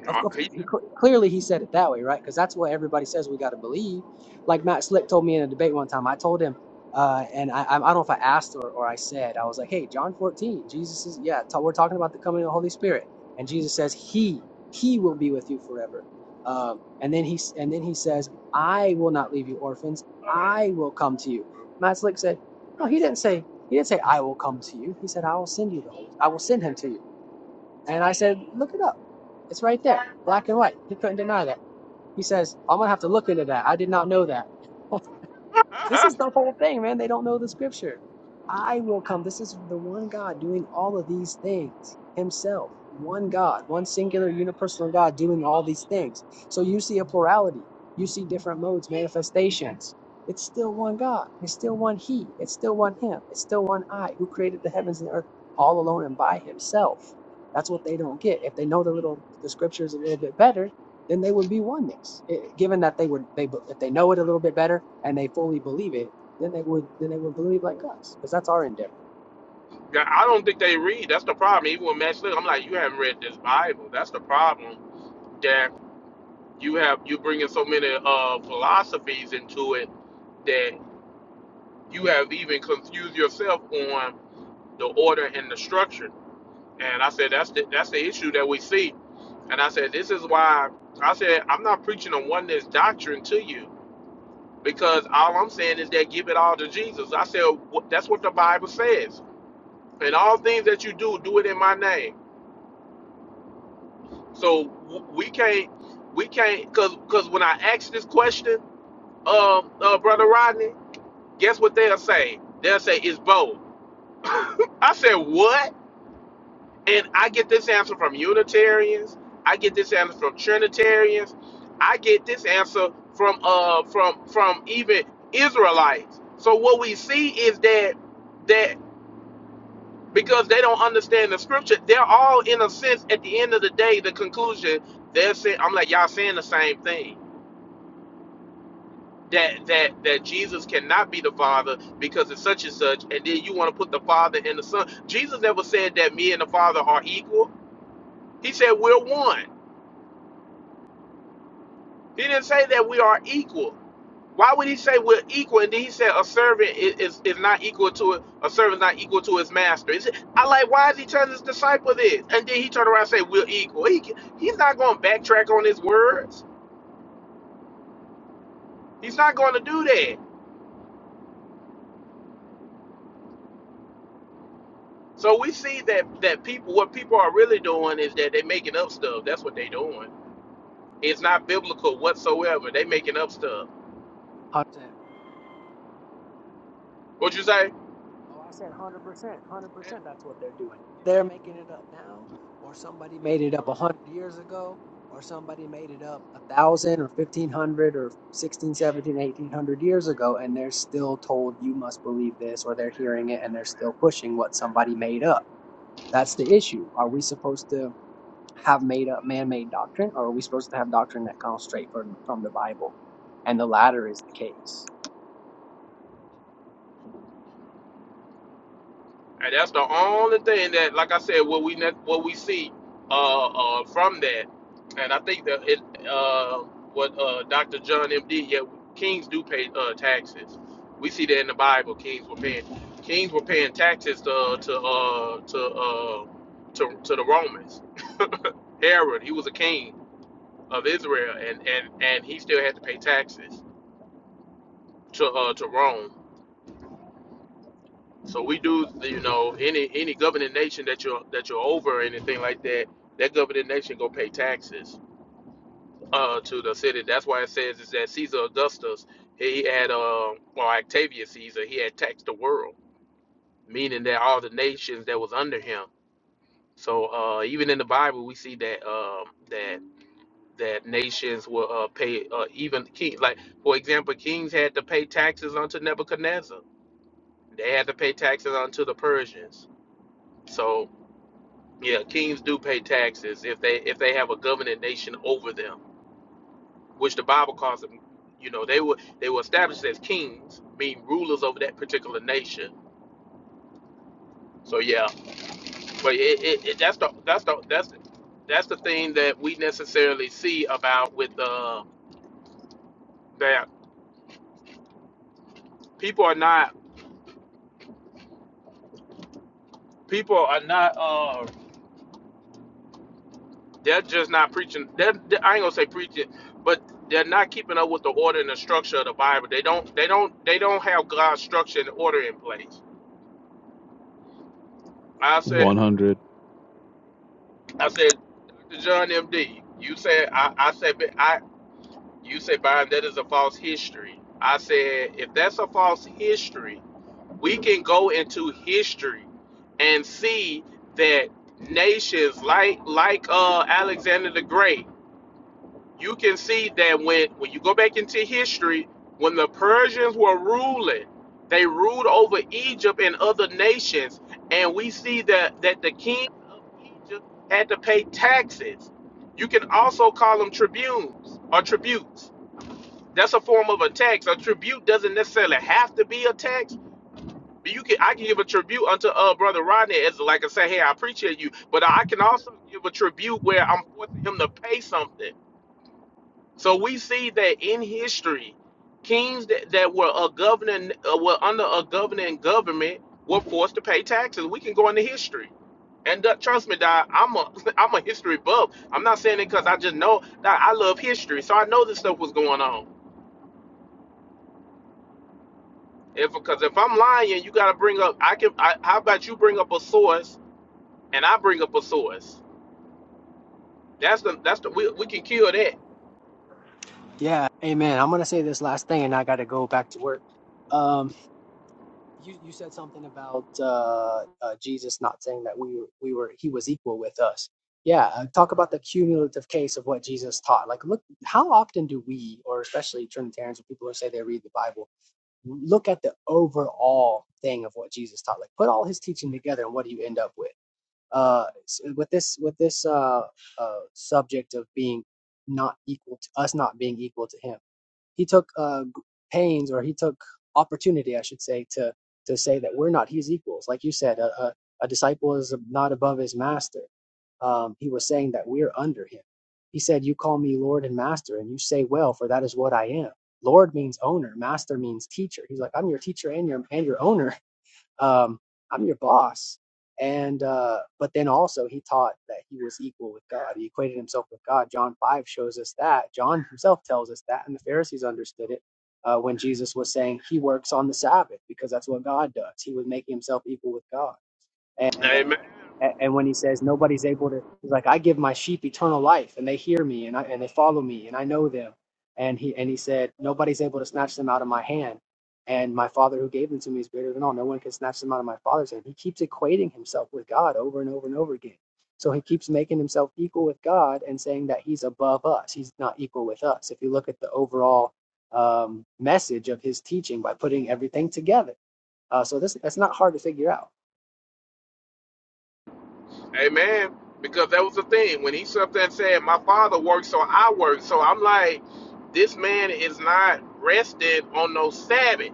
C: Of
A: Uh,
C: course,
A: he-
C: he, clearly he said it that way, right? Because that's what everybody says we got to believe. Like Matt Slick told me in a debate one time, I told him, uh, and I, I I don't know if I asked or, or I said, I was like, hey, John 14, Jesus is, yeah, ta- we're talking about the coming of the Holy Spirit. And Jesus says, he, he will be with you forever. Um, and then he, s- and then he says, I will not leave you orphans. I will come to you. Matt Slick said, no, he didn't say, he didn't say, I will come to you. He said, I will send you the Holy, I will send him to you. And I said, look it up. It's right there, black and white. He couldn't deny that. He says, I'm going to have to look into that. I did not know that. This is the whole thing, man. They don't know the scripture. I will come. This is the one God doing all of these things himself. One God, one singular unipersonal God doing all these things. So you see a plurality. You see different modes, manifestations. It's still one God. It's still one He. It's still one Him. It's still one I who created the heavens and the earth all alone and by Himself. That's what they don't get. If they know the little the scriptures a little bit better, then they would be oneness. Eh, given that they would they if they know it a little bit better and they fully believe it, then they would then they would believe like us because that's our endeavor.
A: Yeah, I don't think they read. That's the problem. Even with Matt Slick, I'm like, you haven't read this Bible. That's the problem. That you have you bringing so many uh, philosophies into it that you have even confused yourself on the order and the structure. And I said that's the that's the issue that we see. And I said this is why I said I'm not preaching a oneness doctrine to you because all I'm saying is that give it all to Jesus. I said that's what the Bible says. And all things that you do, do it in my name. So w- we can't, we can't, cause, cause when I ask this question, um, uh, brother Rodney, guess what they'll say? They'll say it's both. I said what? And I get this answer from Unitarians. I get this answer from Trinitarians. I get this answer from uh from from even Israelites. So what we see is that that because they don't understand the scripture, they're all in a sense at the end of the day the conclusion they're saying I'm like y'all saying the same thing that that that Jesus cannot be the Father because it's such and such, and then you want to put the Father and the Son. Jesus never said that me and the Father are equal. He said we're one. He didn't say that we are equal. Why would he say we're equal? And then he said a servant is, is, is not equal to a servant not equal to his master. He said, I like why is he telling his disciple this? And then he turned around and said we're equal. He, he's not going to backtrack on his words. He's not going to do that. So we see that that people what people are really doing is that they're making up stuff. That's what they're doing. It's not biblical whatsoever. They making up stuff.
C: one Hundred percent.
A: What you say?
C: Oh, I said one hundred percent, one hundred percent. That's what they're doing. They're making it up now, or somebody made it up a hundred years ago, or somebody made it up a thousand or fifteen hundred or 16, 17, 1800 years ago, and they're still told you must believe this, or they're hearing it and they're still pushing what somebody made up. That's the issue. Are we supposed to? have made up man-made doctrine, or are we supposed to have doctrine that comes straight from from the Bible? And the latter is the case.
A: And that's the only thing that, like I said, what we ne- what we see uh, uh, from that. And I think that it uh, what uh, Dr. John M.D. Yeah, kings do pay uh, taxes. We see that in the Bible. Kings were paying kings were paying taxes to uh, to uh, to, uh, to to the Romans. Herod, he was a king of Israel, and and and he still had to pay taxes to uh to Rome. So we do, you know, any any governing nation that you're that you're over or anything like that, that governing nation go pay taxes uh to the city. That's why it says is that Caesar Augustus he had uh or Octavius Caesar he had taxed the world, meaning that all the nations that was under him. So uh even in the Bible we see that um that that nations will uh, pay uh, even king like for example kings had to pay taxes unto nebuchadnezzar they had to pay taxes unto the persians so yeah kings do pay taxes if they if they have a governing nation over them which the bible calls them you know they were they were established as kings being rulers over that particular nation so yeah but it, it, it that's the that's the that's that's the thing that we necessarily see about with uh, that people are not people are not uh they're just not preaching they're, they- i ain't gonna say preaching but they're not keeping up with the order and the structure of the bible they don't they don't they don't have god's structure and order in place i said
D: 100.
A: i said Dr. john md you said i i said but i you said Byron, that is a false history i said if that's a false history we can go into history and see that nations like like uh alexander the great you can see that when when you go back into history, when the Persians were ruling, they ruled over Egypt and other nations, and we see that that the king of Egypt had to pay taxes. You can also call them tribunes or tributes. That's a form of a tax. A tribute doesn't necessarily have to be a tax, but you can I can give a tribute unto uh brother Rodney as like I say, hey, I appreciate you, but I can also give a tribute where I'm forcing him to pay something. So we see that in history, kings that, that were a governing uh, were under a governing government were forced to pay taxes. We can go into history. And uh, trust me, Doc, I'm a I'm a history buff. I'm not saying it because I just know that I love history, so I know this stuff was going on. If because if I'm lying, you got to bring up. I can. I, how about you bring up a source and I bring up a source? That's the that's the we, we can kill that.
C: Yeah, Amen. I'm gonna say this last thing, and I got to go back to work. Um, you you said something about uh, uh, Jesus not saying that we we were he was equal with us. Yeah, uh, talk about the cumulative case of what Jesus taught. Like, look, how often do we, or especially Trinitarians or people who say they read the Bible, look at the overall thing of what Jesus taught? Like, put all his teaching together, and what do you end up with? uh, with this with this uh, uh, subject of being not equal to us not being equal to him he took uh, pains or he took opportunity i should say to to say that we're not his equals like you said a, a, a disciple is not above his master um, he was saying that we're under him he said you call me lord and master and you say well for that is what i am lord means owner master means teacher he's like i'm your teacher and your and your owner um, I'm your boss. And uh, but then also he taught that he was equal with God. He equated himself with God. John five shows us that. John himself tells us that, and the Pharisees understood it uh, when Jesus was saying he works on the Sabbath because that's what God does. He was making himself equal with God and
A: Amen.
C: uh, a- and when he says nobody's able to, he's like, I give my sheep eternal life, and they hear me, and I and they follow me, and I know them. And he and he said, nobody's able to snatch them out of my hand, and my Father who gave them to me is greater than all. No one can snatch them out of my Father's hand. He keeps equating himself with God over and over and over again. So he keeps making himself equal with God and saying that he's above us. He's not equal with us. If you look at the overall um, message of his teaching by putting everything together, uh, so this that's not hard to figure out.
A: Amen. Because that was the thing. When he sat there and said, My father works, so I work. So I'm like, this man is not resting on no Sabbath.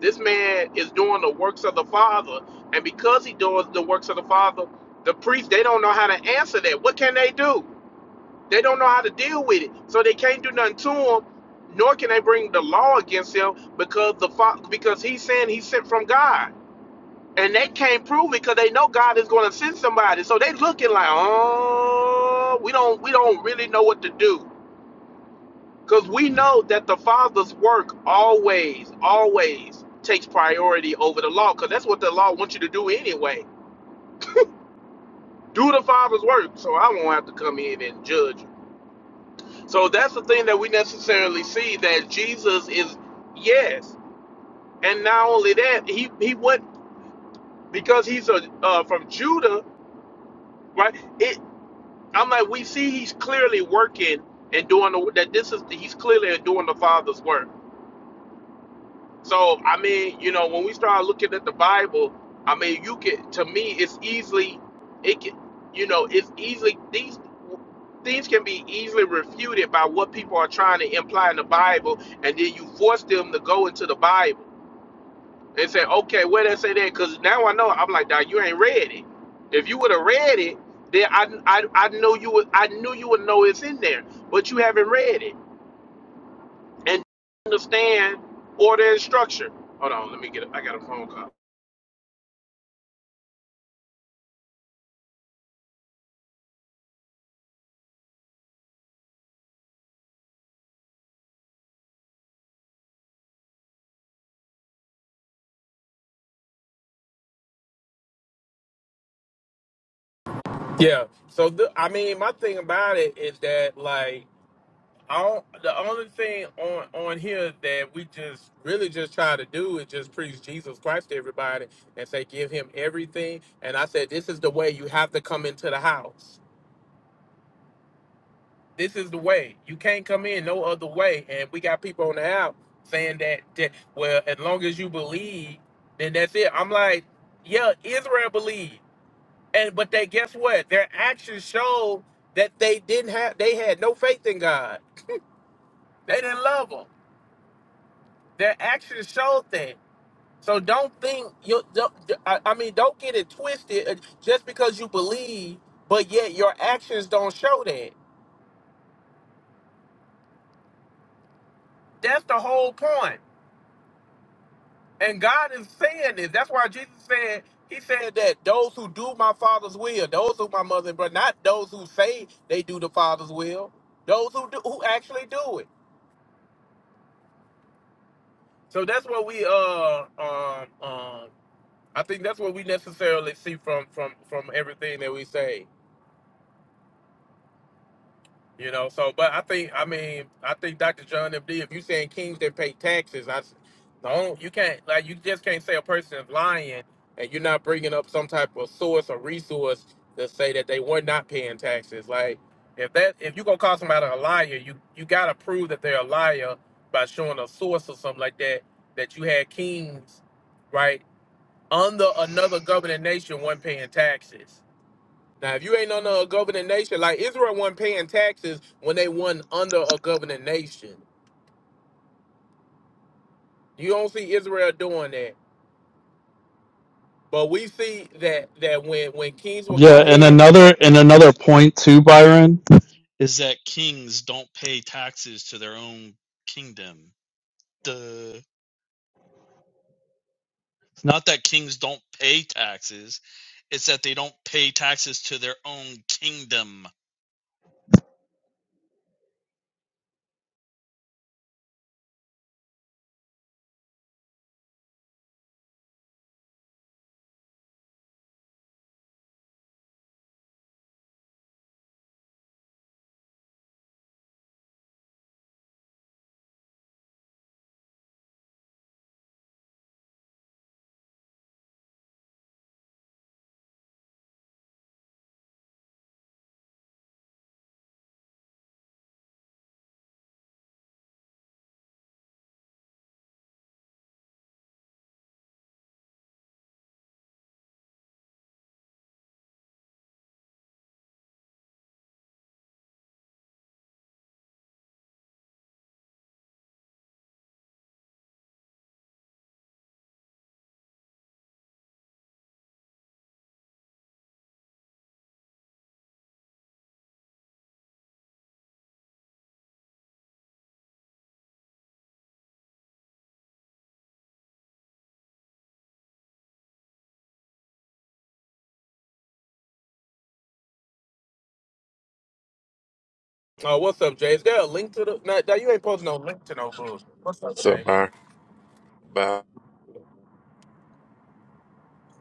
A: This man is doing the works of the Father. And because he does the works of the Father, the priests, they don't know how to answer that. What can they do? They don't know how to deal with it, so they can't do nothing to him. Nor can they bring the law against him because the because he's saying he's sent from God, and they can't prove it because they know God is going to send somebody. So they looking like, oh, we don't we don't really know what to do because we know that the Father's work always always takes priority over the law because that's what the law wants you to do anyway. Do the Father's work, so I won't have to come in and judge you. So that's the thing that we necessarily see that Jesus is yes, and not only that he he went because he's a uh, from Judah, right? It I'm like we see he's clearly working and doing the, that. This is he's clearly doing the Father's work So I mean, you know, when we start looking at the Bible, I mean, you can to me, it's easily, it can, you know, it's easily these things can be easily refuted by what people are trying to imply in the Bible, and then you force them to go into the Bible and say, okay, where they say that? Because now I know. I'm like, dog, you ain't read it. If you would have read it, then I, I, I know you would, I knew you would know it's in there, but you haven't read it and understand order and structure. Hold on, let me get. it. I got a phone call. Yeah. So th- I mean, my thing about it is that like I don't, the only thing on on here that we just really just try to do is just preach Jesus Christ to everybody and say give him everything. And I said this is the way you have to come into the house. This is the way. You can't come in no other way. And we got people on the app saying that, that well, as long as you believe, then that's it. I'm like, yeah, Israel believed. And but they guess what? Their actions showed that they didn't have they had no faith in God. They didn't love him. Their actions showed that. So don't think you don't, I I mean don't get it twisted uh, just because you believe, but yet your actions don't show that. That's the whole point. And God is saying this. That's why Jesus said, He said that those who do my Father's will, those who my mother and brother, not those who say they do the Father's will, those who do, who actually do it. So that's what we uh um um I think that's what we necessarily see from from from everything that we say. You know, so but I think I mean I think Dr. John MD. If you saying kings that pay taxes, I s- no, you can't like you just can't say a person is lying and you're not bringing up some type of source or resource to say that they were not paying taxes. Like if that if you gonna call somebody a liar, you you gotta prove that they're a liar by showing a source or something like that that you had kings right under another governing nation weren't paying taxes now, if you ain't under a governing nation, like Israel wasn't paying taxes when they wasn't under a governing nation. You don't see Israel doing that. But we see that that when when kings will
D: Yeah,
A: come
D: and
A: in,
D: another and another point too, Byron, is that kings don't pay taxes to their own kingdom. The it's not that kings don't pay taxes, it's that they don't pay taxes to their own kingdom.
A: Oh, what's up, Jay? Is there a link to the? No, no, you ain't posting no link to no books. What's up,
E: What's up,
A: Jay?
E: Byron? Byron?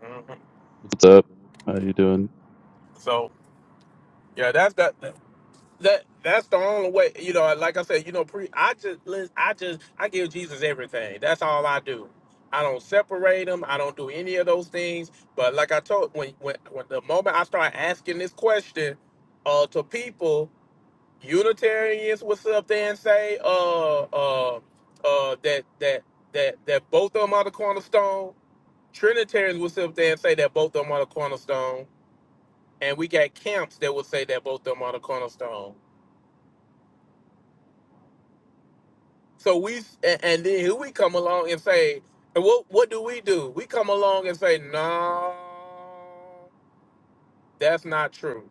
A: hmm
D: What's up? How you doing?
A: So yeah, that's that. that that's the only way you know like i said you know pre i just lis- i just i give jesus everything that's all i do i don't separate him i don't do any of those things but like i told when when, when the moment i start asking this question uh to people unitarians will sit up there and say uh uh uh that that that that both of them are the cornerstone trinitarians will sit up there and say that both of them are the cornerstone and we got camps that will say that both of them are the cornerstone So we and, and then here we come along and say, and what what do we do? We come along and say, no, that's not true.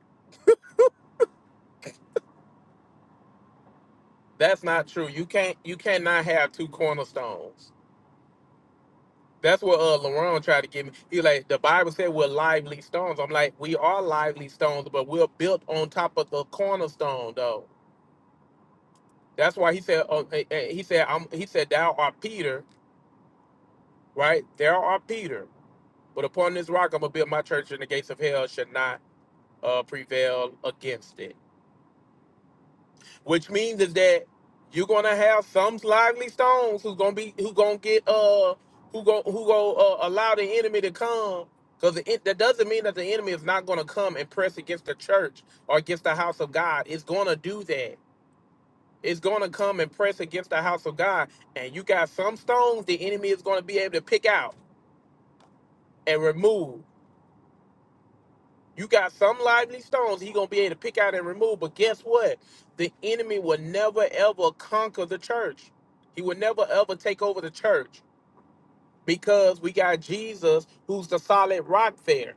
A: That's not true. You can't you cannot have two cornerstones. That's what uh LaRon tried to give me. He like the Bible said we're lively stones. I'm like, we are lively stones, but we're built on top of the cornerstone though. That's why he said uh, eh, eh, he said I'm he said thou art Peter, right? Thou art Peter. But upon this rock I'm gonna build my church and the gates of hell should not uh, prevail against it. Which means is that you're gonna have some lively stones who's gonna be who gonna get uh who go who go uh, allow the enemy to come because that doesn't mean that the enemy is not gonna come and press against the church or against the house of God. It's gonna do that. It's gonna come and press against the house of God, and you got some stones the enemy is gonna be able to pick out and remove. You got some lively stones he gonna be able to pick out and remove. But guess what? The enemy will never ever conquer the church. He will never ever take over the church because we got Jesus who's the solid rock there.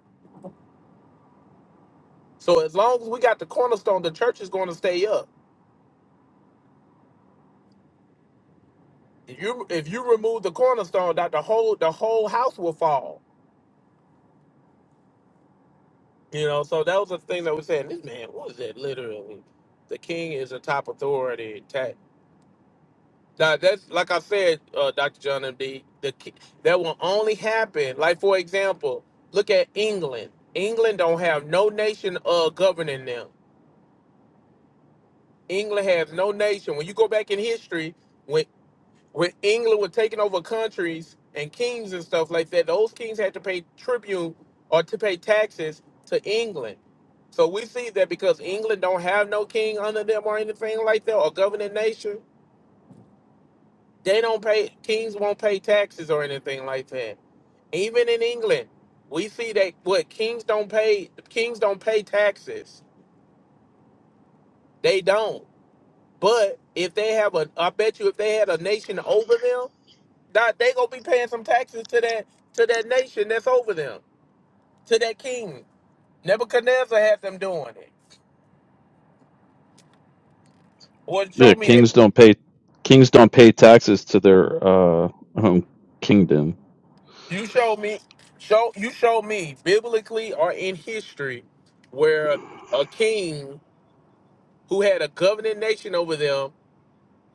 A: So as long as we got the cornerstone, the church is gonna stay up. If you if you remove the cornerstone, that the whole the whole house will fall. You know, so that was the thing that we're saying. This man, what is that literally? The king is the top authority. Ta- Now that's like I said, uh, Dr. John M D. the ki- that will only happen. Like for example, look at England. England don't have no nation uh governing them. England has no nation. When you go back in history, when when England was taking over countries and kings and stuff like that, those kings had to pay tribute or to pay taxes to England. So we see that because England don't have no king under them or anything like that or governing nation, they don't pay kings won't pay taxes or anything like that. Even in England, we see that what kings don't pay kings don't pay taxes. They don't. But if they have a I bet you if they had a nation over them, that they gonna be paying some taxes to that to that nation that's over them, to that king. Nebuchadnezzar had them doing it. Well show
D: Yeah,
A: me that
D: kings don't pay kings don't pay taxes to their uh home kingdom.
A: you show me show you show me biblically or in history where a king who had a governing nation over them,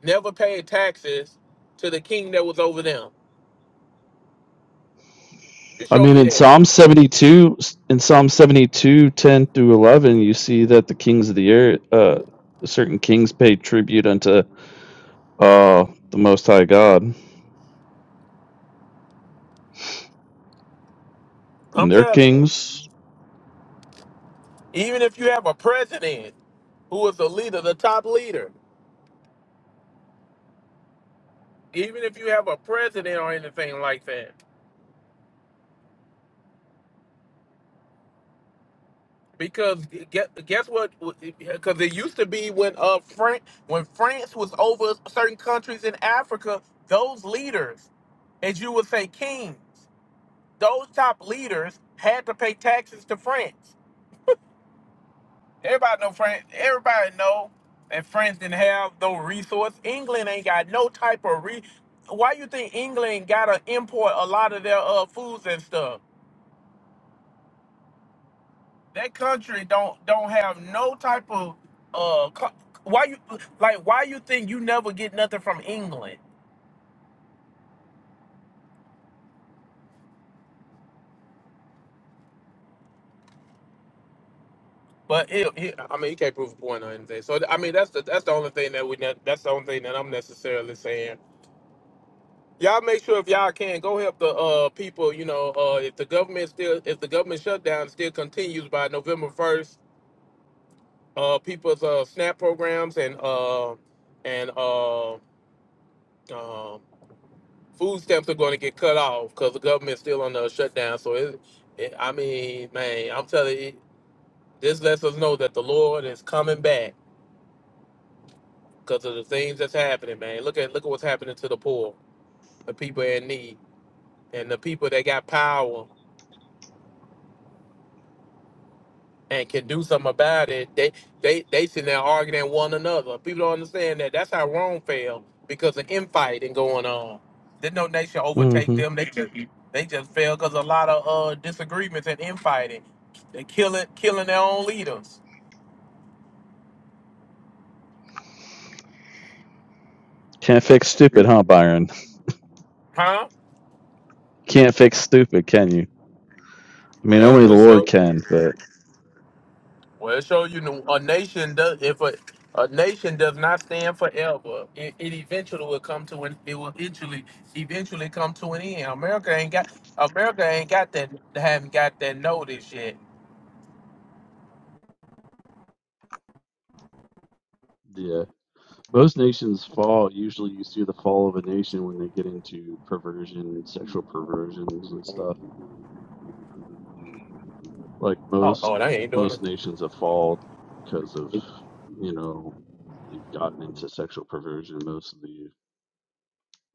A: never paid taxes to the king that was over them. It
D: I
A: showed
D: mean
A: me
D: in
A: that.
D: Psalm 72 in Psalm seventy-two, ten through 11 you see that the kings of the earth uh certain kings pay tribute unto uh the most high God
A: I'm
D: and their
A: telling
D: kings.
A: you, even if you have a president who is the leader, the top leader, even if you have a president or anything like that, because guess, guess what? Because it used to be when uh Fran when France was over certain countries in Africa, those leaders, as you would say, kings, those top leaders had to pay taxes to France Everybody know friends. Everybody know that France didn't have no resource. England ain't got no type of re. Why you think England gotta import a lot of their uh foods and stuff? That country don't don't have no type of uh. Co- why you like? Why you think you never get nothing from England? But it, it- I mean, he can't prove a point or anything. So I mean, that's the that's the only thing that we ne- that's the only thing that I'm necessarily saying Y'all make sure if y'all can go help the uh people. You know, uh, if the government still, if the government shutdown still continues by November first, uh, people's uh SNAP programs and uh and uh, uh food stamps are going to get cut off because the government's still on the shutdown. So it, it, I mean, man, I'm telling you, this lets us know that the Lord is coming back because of the things that's happening, man. Look at look at what's happening to the poor, the people in need, and the people that got power. and can do something about it. They they they sitting there arguing at one another. People don't understand that. That's how Rome fell because of infighting going on. Didn't no nation overtake
D: Mm-hmm.
A: them. They just they just fell because a lot of uh disagreements and infighting. They killing killing their own leaders,
D: Can't fix stupid, huh, Byron?
A: huh?
D: Can't fix stupid, can you? I mean,
A: Well, it
D: only the
A: just
D: Lord
A: show
D: can, but
A: Well, it show you know, a nation does if a, a nation does not stand forever, it, it eventually will come to an it will eventually eventually come to an end. America ain't got America ain't got that haven't got that notice yet.
D: yeah. Most nations fall. Usually you see the fall of a nation when they get into perversion, sexual perversions and stuff. Like
A: Oh,
D: most
A: oh, they ain't doing it.
D: most nations have fallen because of, you know, they've gotten into sexual perversion. Most of the,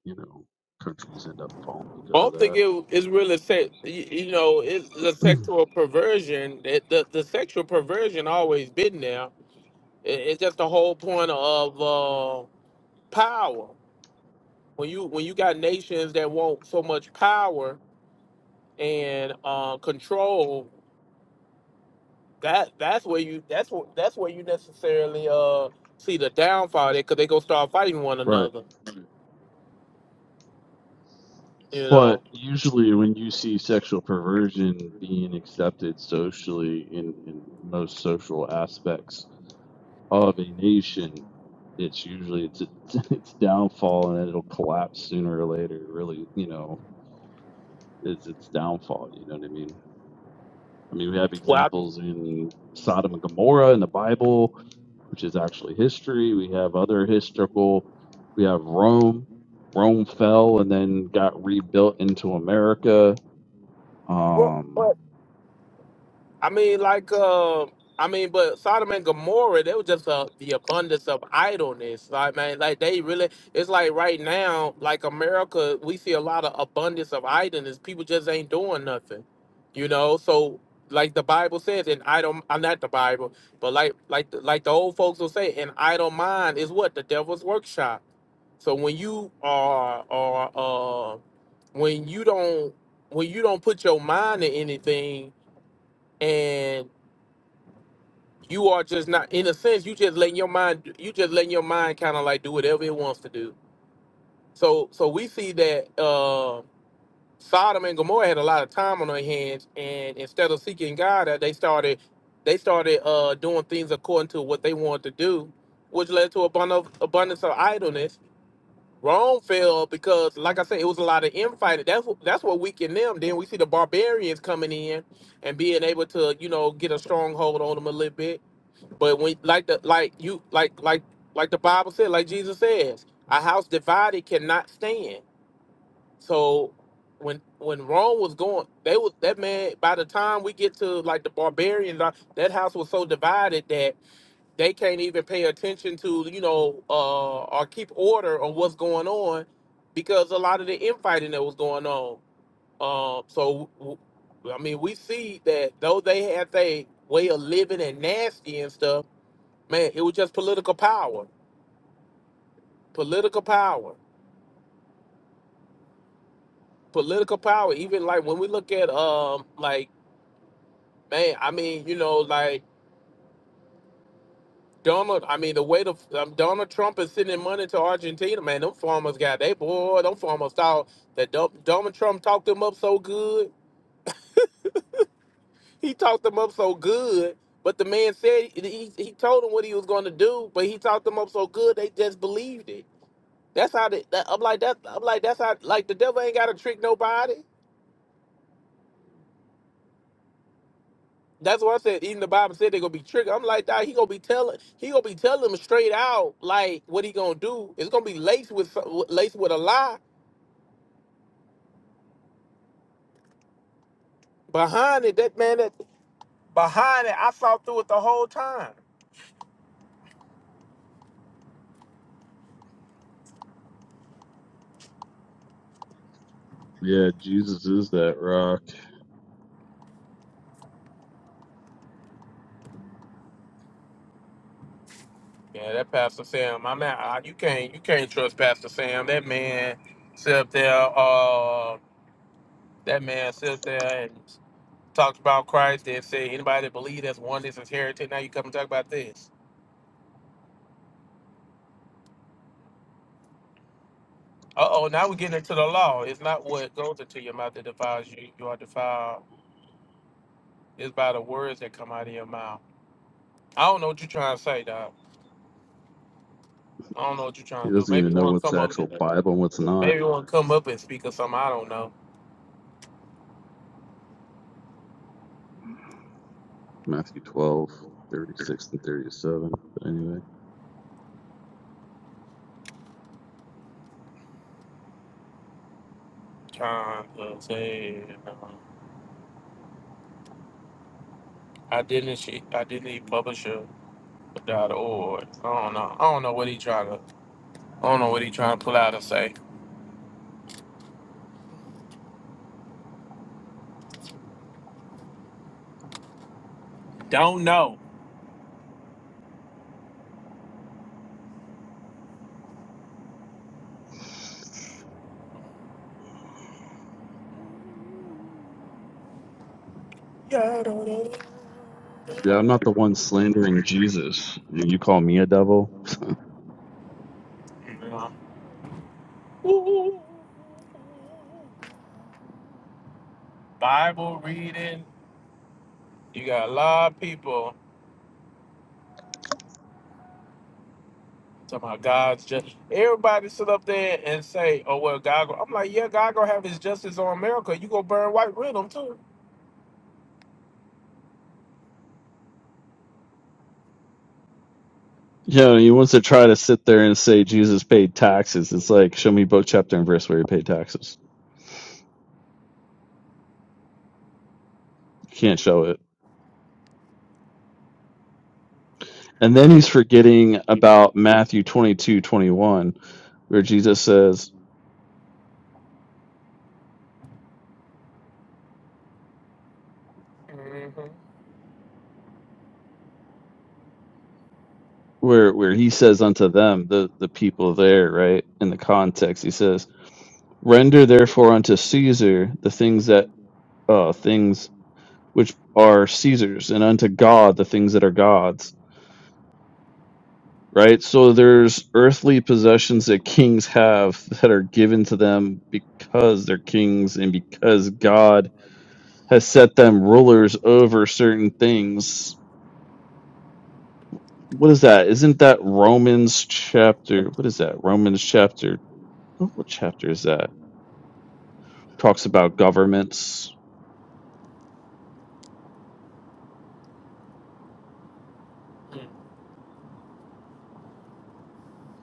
D: you know, countries end up falling
A: I
D: because of
A: don't think
D: that.
A: it, it's really set. You, you know, it's the sexual perversion. It, the the sexual perversion always been there. It, it's just the whole point of uh, power. When you when you got nations that want so much power, and uh, control that that's where you that's what that's where you necessarily uh see the downfall there because they gonna start fighting one
D: right.
A: another you
D: But
A: know
D: usually, when you see sexual perversion being accepted socially in, in most social aspects of a nation, it's usually it's its downfall, and it'll collapse sooner or later. Really, you know, it's its downfall. You know what I mean? I mean, we have
A: well I,
D: examples in Sodom and Gomorrah in the Bible, which is actually history. We have other historical. We have Rome. Rome fell and then got rebuilt into America
A: well, but
D: Um,
A: I mean, like, uh, I mean, but Sodom and Gomorrah, they were just uh, the abundance of idleness. Like, man, like they really, it's like right now, like America, we see a lot of abundance of idleness. People just ain't doing nothing, you know. So, like the Bible says, and I don't, I'm not the Bible, but like, like, the- like the old folks will say, an idle mind is what the devil's workshop. So when you are, are, uh, when you don't, when you don't put your mind to anything and you are just not in a sense. You just letting your mind. You just letting your mind kind of like do whatever it wants to do. So so we see that uh, Sodom and Gomorrah had a lot of time on their hands, and instead of seeking God, uh, they started they started uh, doing things according to what they wanted to do, which led to abundance abundance of idleness. Rome fell because, like I said, it was a lot of infighting. That's what that's what weakened them. Then we see the barbarians coming in and being able to, you know, get a stronghold on them a little bit but when like the like you like like like the Bible said, like Jesus says, a house divided cannot stand. So when when Rome was going, they was that man. By the time we get to like the barbarians, uh, that house was so divided that they can't even pay attention to you know uh, or keep order on what's going on because a lot of the infighting that was going on. Um, so w- I mean, we see that though they had their way of living and nasty and stuff Man, it was just political power, political power, political power. Even like when we look at um, like man, I mean, you know, like Donald. I mean, the way the um, Donald Trump is sending money to Argentina, man, them farmers got they boy. Them farmers thought that Don- Donald Trump talked them up so good. He talked them up so good. But the man said he, he told them what he was going to do, but he talked them up so good they just believed it. That's how the, that, I'm like that. I'm like that's how like the devil ain't got to trick nobody. That's why I said even the Bible said they're gonna be triggered. I'm like that. He gonna be telling he gonna be telling them straight out like what he gonna do. It's gonna be laced with some- laced with a lie behind it. That man that behind it, I saw through it the whole time.
D: yeah, Jesus is that rock.
A: Yeah, that Pastor Sam. my man, I- You can't you can't trust Pastor Sam. That man sit up there. Uh, that man sit up there and talks about Christ and say anybody that believes that's one is his heretic. Now you come and talk about this. Uh oh, now we're getting into the law. It's not what goes into your mouth that defiles you. You are defiled. It's by the words that come out of your mouth. I don't know what you're trying to say, dog. I don't know what you're
D: He
A: trying to do.
D: doesn't even know what's actual Bible and what's not.
A: Come up and speak of something I don't know.
D: Matthew twelve thirty six and 37. But anyway,
A: Trying to say, um, I didn't. She, I didn't eat publisher. Dot org. I don't know. I don't know what he trying to. I don't know what he trying to pull out and say. Don't know. Yeah, I don't know.
D: yeah, I'm not the one slandering Jesus. You call me a devil?
A: You know. Ooh. Bible reading. You got a lot of people talking about God's justice. Everybody sit up there and say, "Oh well, God." Go-. I'm like, yeah, God gonna have His justice on America. You gonna burn white rhythm too.
D: Yeah, he wants to try to sit there and say Jesus paid taxes. It's like, show me book, chapter, and verse where he paid taxes. You can't show it. And then he's forgetting about Matthew 22 21, where Jesus says,
A: hmm
D: where where he says unto them the the people there right in the context he says render therefore unto caesar the things that uh things which are caesar's and unto god the things that are god's right so there's earthly possessions that kings have that are given to them because they're kings and because god has set them rulers over certain things what is that isn't that romans chapter what is that romans chapter what what chapter is that talks about governments.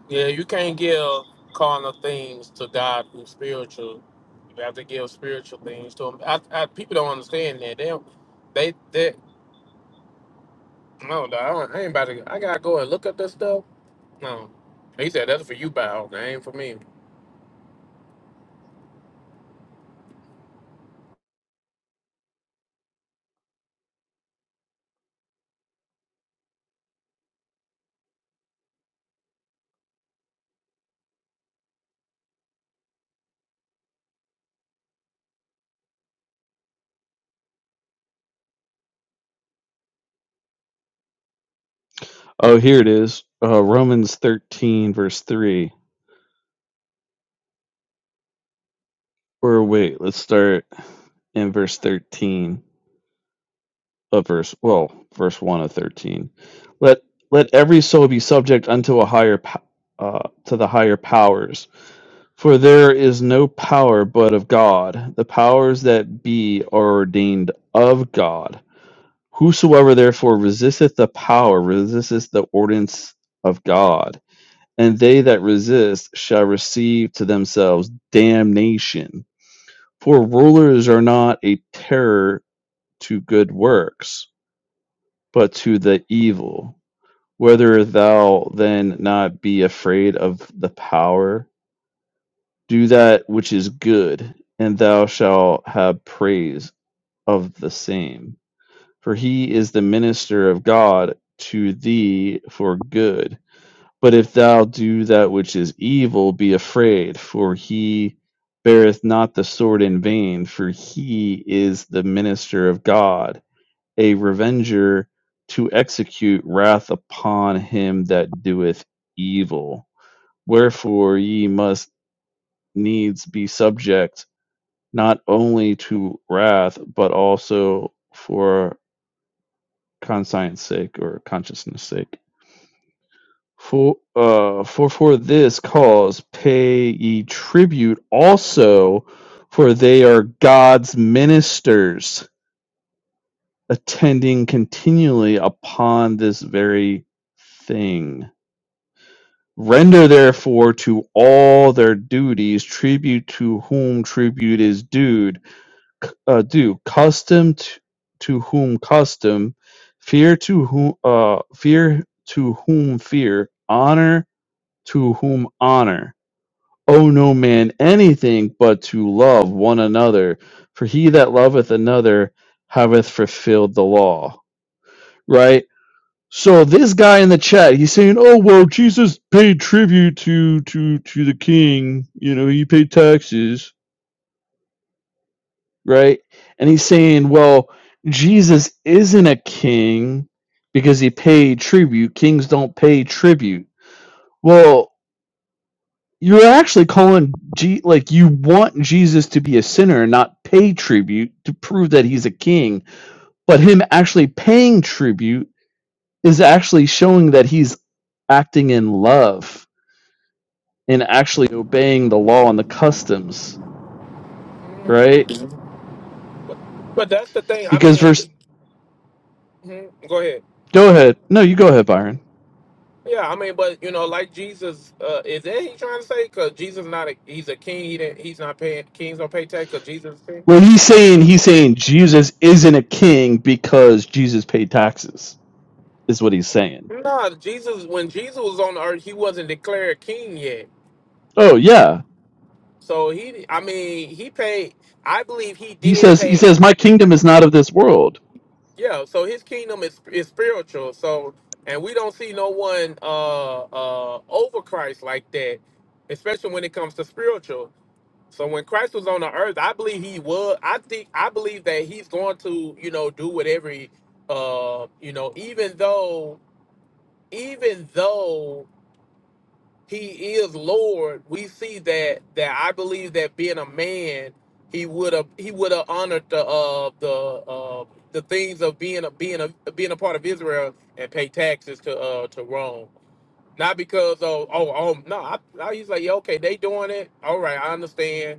A: Yeah, you can't give carnal things to God who's spiritual. You have to give spiritual things to Him. I, I, people don't understand that. They, don't- they, they no, no, I, don't, I ain't about to. I gotta go and look up this stuff. No, he said that's for you, Bow. That ain't for me.
D: Oh, here it is. Uh, Romans 13, verse 3. Or wait, let's start in verse 13 of verse, well, verse 1 of 13. Let let every soul be subject unto a higher po- uh, to the higher powers, for there is no power but of God. The powers that be are ordained of God. Whosoever therefore resisteth the power resisteth the ordinance of God and they that resist shall receive to themselves damnation. For rulers are not a terror to good works, but to the evil. Whether thou then not be afraid of the power, do that which is good, and thou shalt have praise of the same. For he is the minister of God to thee for good But if thou do that which is evil, be afraid, for he beareth not the sword in vain, for he is the minister of God, a revenger to execute wrath upon him that doeth evil. Wherefore ye must needs be subject not only to wrath, but also for conscience sake or consciousness sake. For uh for for this cause pay ye tribute also, for they are God's ministers, attending continually upon this very thing. Render therefore to all their duties tribute to whom tribute is due, uh, due custom t- to whom custom, fear to whom uh, fear to whom fear, honor to whom honor owe no man anything but to love one another, for he that loveth another haveth fulfilled the law. Right? So this guy in the chat, he's saying, "Oh well, Jesus paid tribute to to to the king. You know, he paid taxes, right?" And he's saying, "Well, Jesus isn't a king because he paid tribute. Kings don't pay tribute." Well, You're actually calling G like you want Jesus to be a sinner and not pay tribute to prove that he's a king, but him actually paying tribute is actually showing that he's acting in love and actually obeying the law and the customs, right?
A: But that's the thing. I
D: Because
A: mean,
D: verse
A: mhm, go ahead.
D: go ahead. No, you go ahead, Byron.
A: Yeah, I mean, but you know, like Jesus, uh, is that he trying to say? Because Jesus not a, he's a king. He didn't, he's not paying kings don't pay tax. Because Jesus is king.
D: Well he's saying he's saying Jesus isn't a king because Jesus paid taxes, is what he's saying.
A: No, Jesus when Jesus was on the earth, he wasn't declared king yet.
D: Oh yeah.
A: So he, I mean, he paid. I believe he
D: He
A: did
D: says he
A: pay.
D: says my kingdom is not of this world
A: Yeah. So his kingdom is is spiritual. So and we don't see no one uh uh over Christ like that, especially when it comes to spiritual. So when Christ was on the earth, I believe he was. I think I believe that he's going to, you know, do whatever. He, uh, you know, even though, even though he is Lord, we see that that I believe that being a man, he would have he would have honored the uh the uh the things of being a being a being a part of Israel and pay taxes to uh to Rome. Not because of oh oh no, I, I he's like yeah, okay they doing it. All right, I understand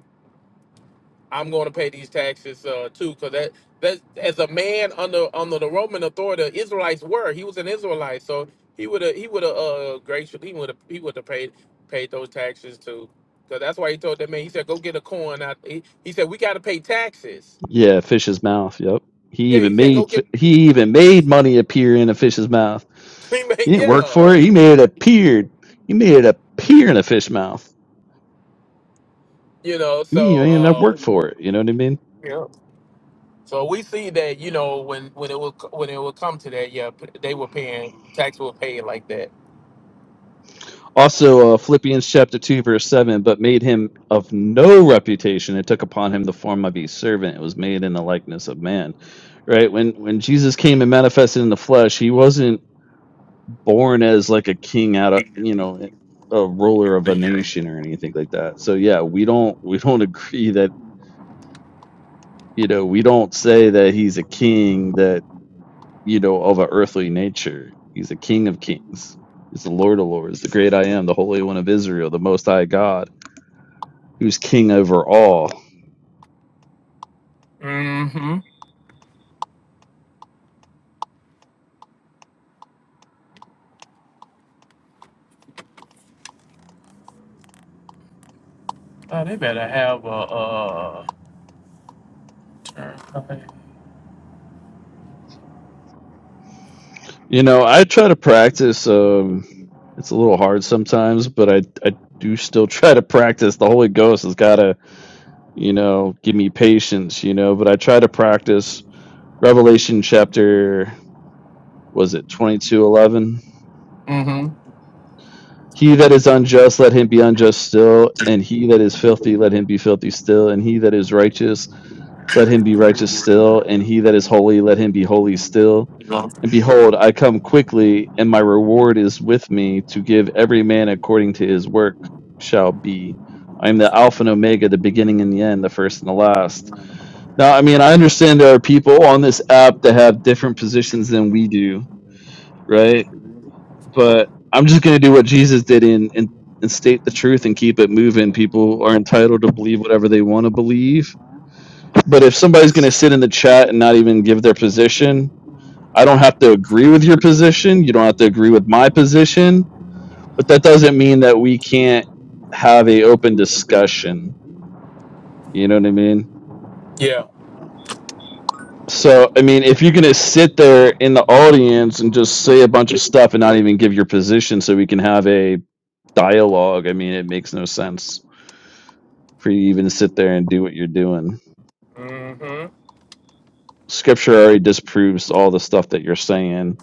A: I'm going to pay these taxes uh, too, because that that as a man under under the Roman authority, the Israelites were. He was an Israelite, so he would have he would have uh, graciously he would have he would have paid paid those taxes too, because that's why he told that man. He said, "Go get a coin." Out. He, he said, "We got to pay taxes."
D: Yeah, fish's mouth. Yep. He
A: Yeah, he
D: even
A: said, "Go
D: made he even made money appear in a fish's mouth.
A: we
D: He
A: make
D: didn't work
A: yeah."
D: for it. He made it appeared. He made it appear in a fish mouth.
A: You know,
D: You know, He
A: so
D: didn't even
A: uh,
D: have to work for it. You know what I mean?
A: yeah. So we see that you know when when it will when it will come to that, yeah, p- they were paying tax were paid like that.
D: Also, uh, Philippians chapter two verse seven. But made him of no reputation, and took upon him the form of a servant. It was made in the likeness of man. Right when when Jesus came and manifested in the flesh, he wasn't born as like a king out of you know eh, a ruler of a nation or anything like that so yeah we don't we don't agree that you know we don't say that he's a king that you know of a earthly nature he's a king of kings he's the lord of lords the great i am the holy one of israel the most high god who's king over all
A: Mm-hmm. Oh, they better have a. Okay.
D: you know i try to practice um it's a little hard sometimes but i i do still try to practice the holy ghost has got to you know, give me patience, you know, but I try to practice Revelation chapter was it 22:11.
A: Mm-hmm.
D: He that is unjust let him be unjust still, and he that is filthy let him be filthy still, and he that is righteous let him be righteous still, and he that is holy let him be holy still. And behold, I come quickly, and my reward is with me to give every man according to his work shall be. I am the Alpha and Omega, the beginning and the end, the first and the last. Now, I mean, I understand there are people on this app that have different positions than we do, right? But I'm just going to do what Jesus did and, and, and state the truth and keep it moving. People are entitled to believe whatever they want to believe. But if somebody's going to sit in the chat and not even give their position, I don't have to agree with your position. You don't have to agree with my position. But that doesn't mean that we can't have a open discussion. You know what I mean?
A: Yeah.
D: So, I mean, if you're going to sit there in the audience and just say a bunch of stuff and not even give your position so we can have a dialogue, I mean, it makes no sense for you even to sit there and do what you're doing.
A: Mm-hmm.
D: Scripture already disproves all the stuff that you're saying.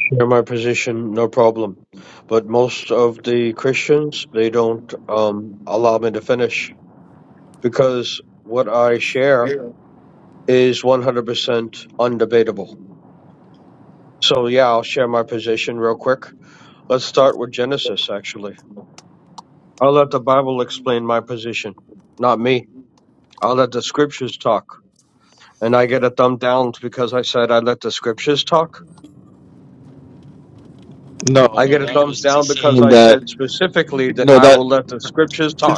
F: share my position, no problem. But most of the Christians, they don't um, allow me to finish because what I share is 100% undebatable. So, yeah, I'll share my position real quick. Let's start with Genesis, actually. I'll let the Bible explain my position, not me. I'll let the scriptures talk. And I get a thumb down because I said I let the scriptures talk.
D: No,
F: I
D: no,
F: get a
D: that
F: thumbs
D: was to
F: down because
D: saying
F: I
D: that.
F: said specifically that
D: No,
F: I
D: that,
F: will let the scriptures talk.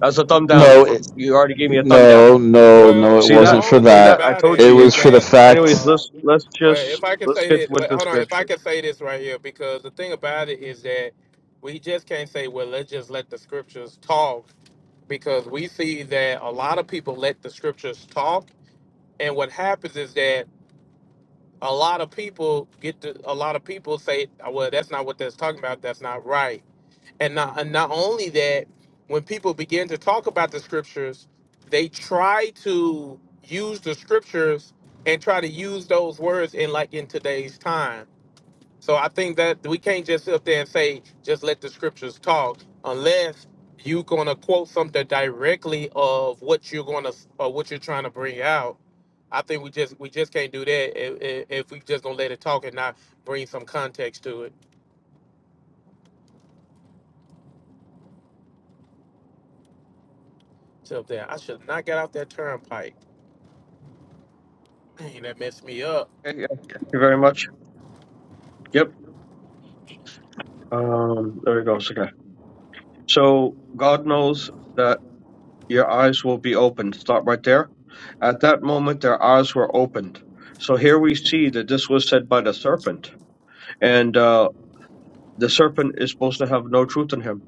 F: That's a thumb down.
D: no,
F: For,
D: it,
F: you already gave me a thumb down.
D: no, no, no,
F: You
D: it
A: Well,
F: see
A: the
F: that?
D: wasn't for
A: only
F: You see
A: thing
F: that?
D: that.
F: I
A: about
F: told
D: It
F: you.
D: was
F: You.
D: for the
F: Anyways,
D: fact.
F: let's let's
A: well, if
F: just
A: I can
F: let's
A: say,
F: get with the
A: I
F: scriptures.
A: can say this right here, because the thing about it is that we just can't say, well, let's just let the scriptures talk, because we see that a lot of people let the scriptures talk, and what happens is that a lot of people get to, a lot of people say, well, that's not what that's talking about. That's not right. And not, and not only that, when people begin to talk about the scriptures, they try to use the scriptures and try to use those words in like in today's time. So I think that we can't just sit up there and say, just let the scriptures talk, unless you're gonna quote something directly of what you're gonna or what you're trying to bring out. I think we just we just can't do that if, if if we just gonna let it talk and not bring some context to it. To up there, I should not get out that turnpike. Dang, that messed me up.
F: Okay, yeah. Thank you very much. Yep. Um. There we go. Okay. So God knows that your eyes will be opened. Stop right there. At that moment, their eyes were opened. So here we see that this was said by the serpent, and uh, the serpent is supposed to have no truth in him.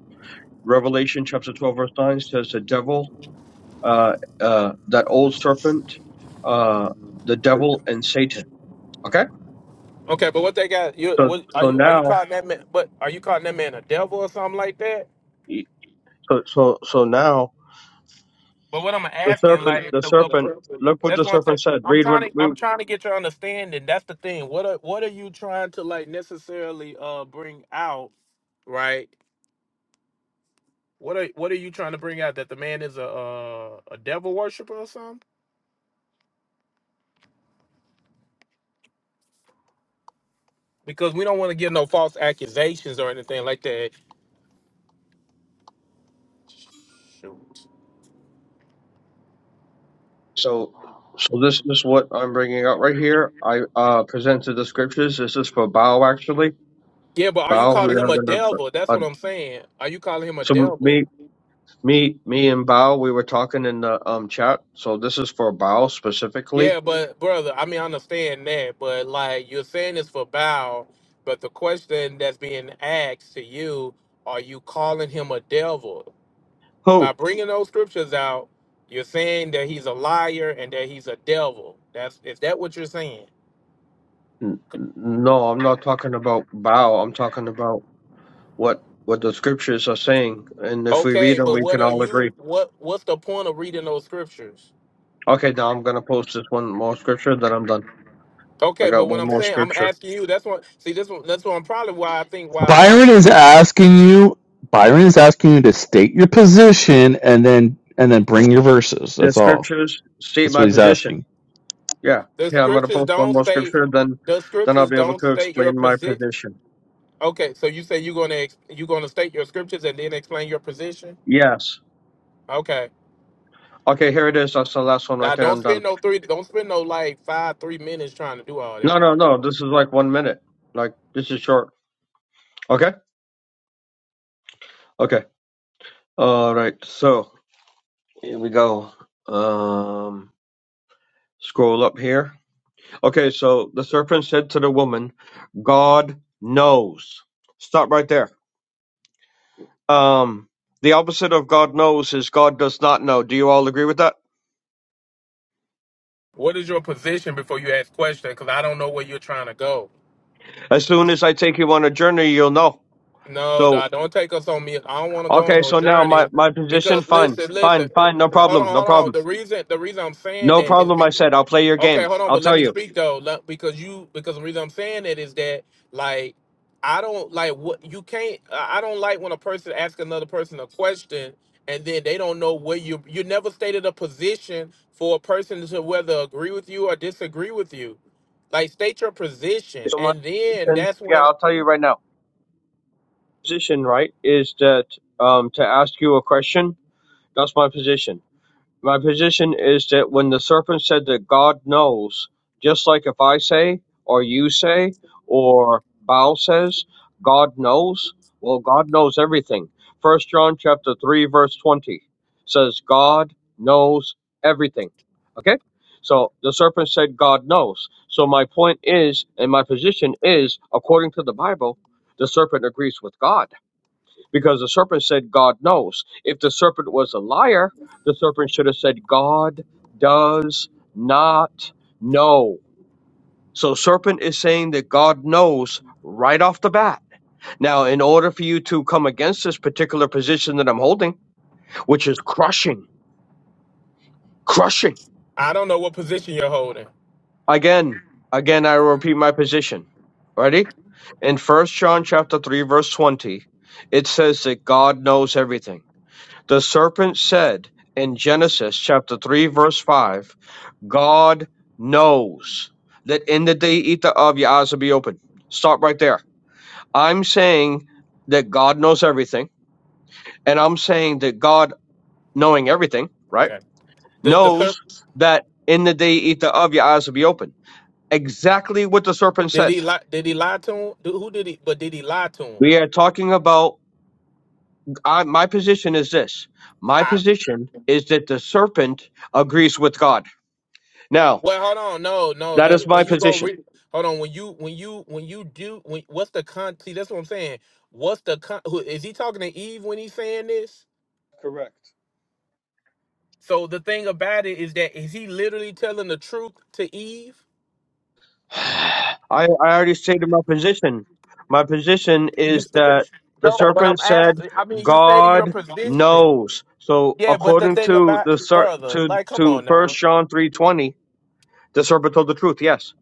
F: Revelation chapter 12, verse 9 says, The devil uh, uh, that old serpent, uh, the devil and Satan. Okay.
A: Okay, but what they got? You
F: So,
A: what are
F: so
A: you are you
F: now,
A: calling that man? But are you calling that man a devil or something like that?
F: so, so, so now
A: But what I'm
F: the
A: asking,
F: serpent, the
A: uh,
F: serpent, look what
A: that's,
F: the serpent said. Read what we,
A: I'm trying to get your understanding. That's the thing. What are what are you trying to like necessarily uh bring out? Right. What are what are you trying to bring out that the man is a uh, a devil worshiper or something? Because we don't want to give no false accusations or anything like that. Shoot.
F: so, so this is what I'm bringing out right here. I, uh, presented the scriptures. This is for Bao actually.
A: Yeah, but are you
F: Bao, we
A: calling him
F: are
A: a
F: going to,
A: devil? That's
F: uh,
A: what I'm saying. Are you calling him a
F: so
A: devil?
F: me, me, me and Bao, we were talking in the, um, chat. So this is for Bao specifically.
A: Yeah, but brother, I mean, I understand that, but like you're saying this for Bow, but the question that's being asked to you, are you calling him a devil?
F: Who?
A: By bringing those scriptures out, you're saying that he's a liar and that he's a devil. That's is that what you're saying?
F: N- n- No, I'm not talking about bow. I'm talking about what what the scriptures are saying, and if we read
A: Okay,
F: them,
A: but
F: we
A: what
F: can
A: are
F: all agree.
A: you what what's the point of reading those scriptures?
F: Okay, now I'm gonna post this one more scripture, then I'm done. I
A: Okay, but
F: got
A: what
F: one
A: I'm
F: more
A: saying, I'm
F: scripture.
A: asking you. That's what see this one. That's what I'm probably why I think why a lot of
D: Byron
A: people
D: is
A: be,
D: asking you. Byron is asking you to state your position and then and then bring your verses.
F: The
D: That's all.
F: scriptures state
D: That's what
F: my
D: he's
F: position.
D: asking.
F: Yeah,
A: the
F: yeah, I'm gonna
A: scriptures
F: post one
A: don't
F: more
A: state
F: scripture, then
A: the
F: then I'll
A: scriptures
F: be able
A: don't
F: to
A: state your
F: explain my
A: position.
F: position.
A: Okay, so you say you're gonna ex- you're gonna state your scriptures and then explain your position.
F: Yes.
A: Okay,
F: Okay, here it is. That's the last one
A: now
F: right there.
A: don't
F: I'm
A: spend
F: done.
A: no three, don't spend no like five three minutes trying to do all
F: No,
A: that.
F: no,
A: Doc. Come
F: no.
A: on.
F: This is like one minute. Like this is short. Okay. Okay. All right. So here we go. Um. Scroll up here. Okay, so the serpent said to the woman, God knows. Stop right there. Um, the opposite of God knows is God does not know. Do you all agree with that?
A: What is your position before you ask question? Because I don't know where you're trying to go.
F: As soon as I take you on a journey, you'll know.
A: No,
F: So,
A: Doc, don't take us on me. I don't want to go on
F: okay,
A: no
F: so now my,
A: journey.
F: my position,
A: Because
F: fine,
A: listen, listen,
F: fine,
A: uh,
F: fine, no
A: hold on,
F: problem, no
A: hold on.
F: problem.
A: The reason the reason I'm saying
F: No
A: that is
F: problem,
A: be,
F: I said. I'll play your
A: Okay,
F: game.
A: hold on,
F: I'll
A: but let
F: tell
A: me
F: you.
A: speak though, let- because you because the reason I'm saying that is that like I don't like what you can't. I I don't like when a person asks another person a question and then they don't know where you you never stated a position for a person to whether agree with you or disagree with you. Like state your position,
F: So my
A: and then
F: position,
A: that's
F: yeah,
A: when
F: I'll tell you right now. Position, right, is that um, to ask you a question, that's my position. My position is that when the serpent said that God knows, just like if I say, or you say, or Baal says, God knows, well, God knows everything. First John chapter 3, verse 20 says, God knows everything. Okay? So the serpent said, God knows. So my point is, and my position is, according to the Bible, the serpent agrees with God because the serpent said, God knows. If the serpent was a liar, the serpent should have said, God does not know. So, serpent is saying that God knows right off the bat. Now, in order for you to come against this particular position that I'm holding, which is crushing, crushing,
A: I don't know what position you're holding.
F: again, again, I repeat my position. Ready? In First John chapter 3, verse 20, it says that God knows everything. The serpent said in Genesis chapter 3, verse 5, God knows that in the day you eat thereof, your eyes will be open. Stop right there. I'm saying that God knows everything, and I'm saying that God, knowing everything, right,
A: Okay, did the third
F: knows that in the day you eat thereof, your eyes will be open. Exactly what the serpent
A: did he
F: said.
A: lie? Did he lie to him? Who did he? But did he lie to him?
F: We are talking about, I, my position is this. My
A: I
F: position is that the serpent agrees with God. Now,
A: well, hold on, no, no.
F: that
A: The
F: is my position.
A: Hold on. When you when you when you do when what's the con? See, that's what I'm saying. What's the con? Who, is he talking to Eve when he's saying this?
F: Correct.
A: So the thing about it is that is he literally telling the truth to Eve?
F: I, I already stated my position. My position
A: You
F: is
A: said
F: that the
A: no, but
F: serpent
A: I'm
F: said,
A: asking. I mean, you stated your
F: "God
A: position.
F: knows." So,
A: Yeah, but the
F: according
A: thing
F: to
A: about
F: the ser-
A: brother,
F: to
A: like, come
F: to
A: on now.
F: First John three twenty, the serpent told the truth. Yes,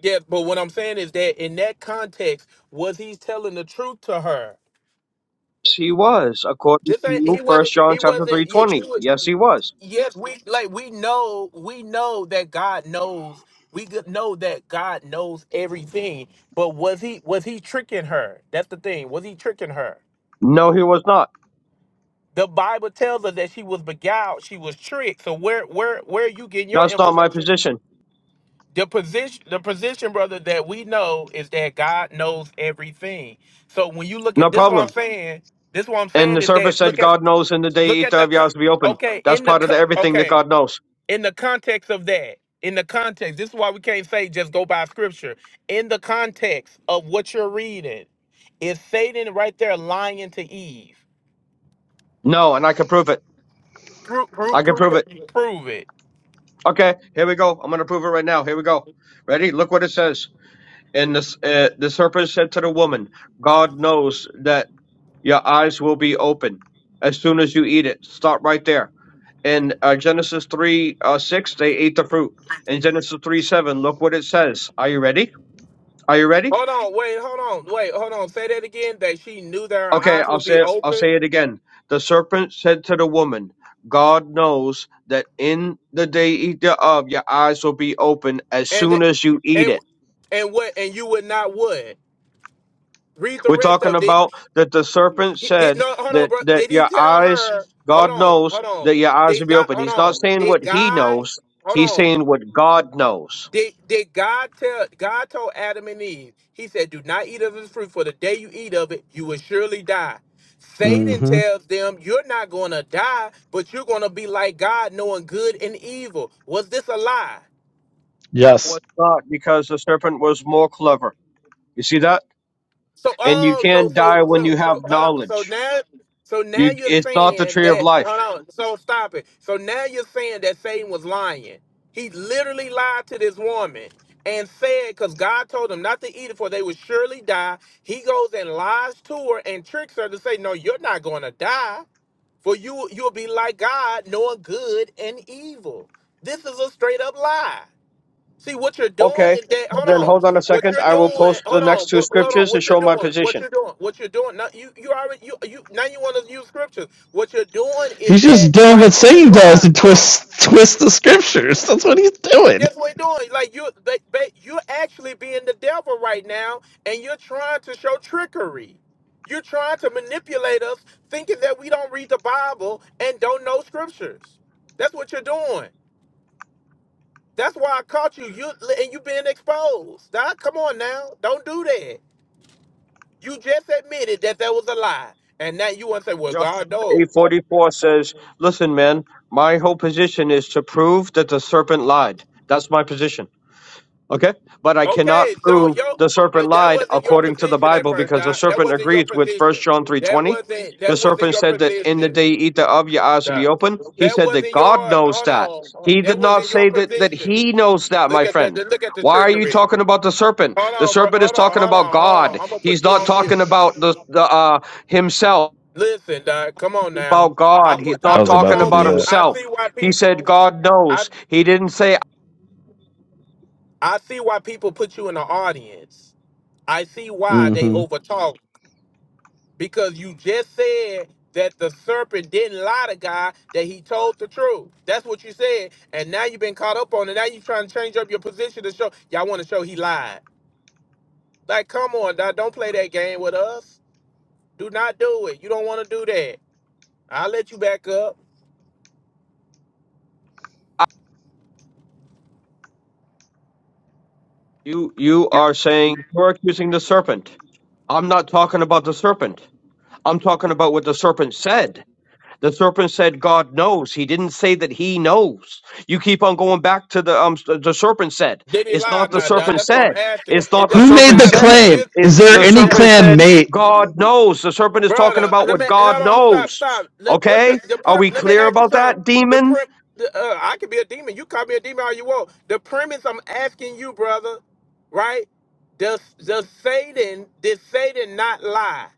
A: Yeah, but what I'm saying is that in that context, was he telling the truth to her?
F: Yes, he was. According
A: This ain't he
F: to
A: wasn't
F: First John
A: he
F: chapter
A: wasn't
F: three
A: yeah, she
F: twenty,
A: was
F: yes, he was.
A: yes we like we know we know that god knows we could know that god knows everything but was he was he tricking her that's the thing was he tricking her
F: No, he was not.
A: the bible tells us that she was beguiled she was tricked so where where where are you getting your
F: That's
A: info
F: not my position.
A: the position the position brother that we know is that god knows everything so when you look
F: No
A: at this
F: problem.
A: man this what i'm
F: And
A: saying
F: the
A: is that
F: serpent said, "God knows, In the day eat thereof, your eyes will be open." That's part of the, everything that God knows.
A: in the context of that in the context this is why we can't say just go by scripture in the context of what you're reading is satan right there lying to eve
F: No, and I can prove it.
A: prove, prove,
F: I can
A: prove,
F: prove it.
A: prove it
F: Okay, here we go. I'm going to prove it right now. Here we go. Ready? Look what it says. And this, uh, the serpent said to the woman, God knows that your eyes will be open as soon as you eat it. Stop right there. In uh, Genesis 3 uh, 6, they ate the fruit. In Genesis 3 7, look what it says. Are you ready? Are you ready?
A: hold on wait hold on wait hold on say that again that she knew that her
F: Okay,
A: eyes
F: I'll
A: would
F: say
A: be
F: it, I'll
A: open
F: say it again. The serpent said to the woman, God knows that in the day you eat thereof, your eyes will be open as
A: and
F: soon as you eat
A: and
F: it
A: and what and you would not would read the
F: We're
A: rest
F: talking
A: of it
F: about that the serpent
A: He- did
F: said
A: no hold on
F: that
A: bro
F: that
A: did he
F: your
A: tell
F: eyes,
A: her hold
F: God
A: on
F: knows
A: hold on
F: that your eyes will
A: did
F: be
A: god
F: open.
A: hold
F: He's
A: on
F: not saying
A: did
F: what he
A: god
F: knows.
A: hold
F: He's
A: on
F: saying what God knows.
A: Did, did God tell God told Adam and Eve, he said, Do not eat of this fruit, for the day you eat of it, you will surely die. Satan
D: hmm
A: tells them, You're not gonna die, but you're gonna be like God, knowing good and evil. Was this a lie?
D: Yes,
F: What's not because the serpent was more clever. You see that?
A: So
F: And you
A: oh, so
F: can die
A: so
F: when
A: so
F: you
A: so
F: have
A: hold on. So
F: knowledge.
A: now so now
F: You
A: you're
F: it's not the
A: saying
F: tree
A: that
F: of life.
A: Hold on. So stop it. So now you're saying that Satan was lying. He literally lied to this woman and said, because God told him not to eat it, for they would surely die. He goes and lies to her and tricks her to say, No, you're not going to die, for you you'll be like God, knowing good and evil. This is a straight up lie. See what you're doing
F: Okay.
A: is that.
F: Then
A: Hold on.
F: hold on a
A: What
F: second.
A: you're
F: I will
A: doing.
F: post the
A: Hold
F: next
A: on.
F: two scriptures to show my
A: What
F: position.
A: you're doing, what you're doing now, you you already you you now you want to use scriptures. What you're doing is
D: he's just
A: that
D: doing what
A: like this is
D: Satan does
A: why.
D: to
A: Hold on,
D: twist twist the scriptures. That's what he's doing.
A: that's what you're doing. Like you, but, but you're actually being the devil right now, and you're trying to show trickery. You're trying to manipulate us, thinking that we don't read the Bible and don't know scriptures. That's what you're doing. That's why I caught you. You and you being exposed. Now, come on now, don't do that. You just admitted that that was a lie, and now you want to say, "Well,
F: John
A: God knows."
F: 8:44 says, "Listen, man, my whole position is to prove that the serpent lied. That's my position. Okay? But I cannot
A: Okay, so
F: prove
A: yo,
F: the serpent
A: th- that
F: lied
A: wasn't your
F: according to the
A: position at
F: Bible
A: first,
F: because the
A: Doc. That
F: serpent
A: wasn't your
F: agrees with
A: position.
F: First John
A: That
F: 3:20.
A: that
F: The serpent said that in the day you eat thereof, your eyes will be open. He said that God knows that. He
A: that
F: did not say that that he knows that,
A: look
F: my
A: at that.
F: friend.
A: Look at the
F: Why are you
A: trickery.
F: talking about the serpent?
A: Hold
F: The
A: on, bro.
F: serpent is
A: Hold on,
F: talking
A: hold
F: about
A: on, hold on.
F: God.
A: I'm gonna put
F: He's
A: you
F: not
A: on mute.
F: talking about the, the uh, himself
A: Listen, Doc. Come on now.
F: about
A: I
F: God. He's
A: put I
D: I
F: not
D: was
A: put you
D: about
F: talking
D: to
A: on
D: do
F: about
A: mute.
D: that.
A: I
F: himself.
A: see why
F: He said
A: people.
F: God
A: I
F: knows. He didn't say
A: I see why people put you in the audience. I see why they
D: hmm
A: overtalk because you just said that the serpent didn't lie to God, that he told the truth. That's what you said. And now you've been caught up on it. Now you're trying to change up your position to show y'all want to show he lied. Like, come on, dog, don't play that game with us. Do not do it. You don't want to do that. I'll let you back up.
F: you you are saying you're accusing the serpent. I'm not talking about the serpent. I'm talking about what the serpent said. The serpent said God knows. He didn't say that he knows. You keep on going back to the um s- the serpent said.
A: Did he
F: It's
A: lie
F: not
A: or
F: the
A: not, dog?
F: serpent
A: That's what I'm
F: said.
A: asking.
F: It's
A: It
F: not the
D: Who
A: doesn't
D: made
F: serpent
D: the
A: matter.
F: said.
D: claim?
A: If,
D: Is
F: It's
D: there
F: the
D: any
A: yeah,
F: serpent
D: claim,
F: said
D: mate?
F: God knows. The serpent is talking
A: brother.
F: about
A: Let
F: what
A: me hold
F: God
A: on. Stop,
F: knows.
A: stop. Let, what's your
F: Okay?
A: the
F: Are
A: prim,
F: we
A: Let me
F: clear
A: ask you
F: about
A: something.
F: that,
A: The
F: demon?
A: prim, the, uh, I could be a demon. You call me a demon all you want. The premise I'm asking you, brother, right? Does does Satan did Satan not lie?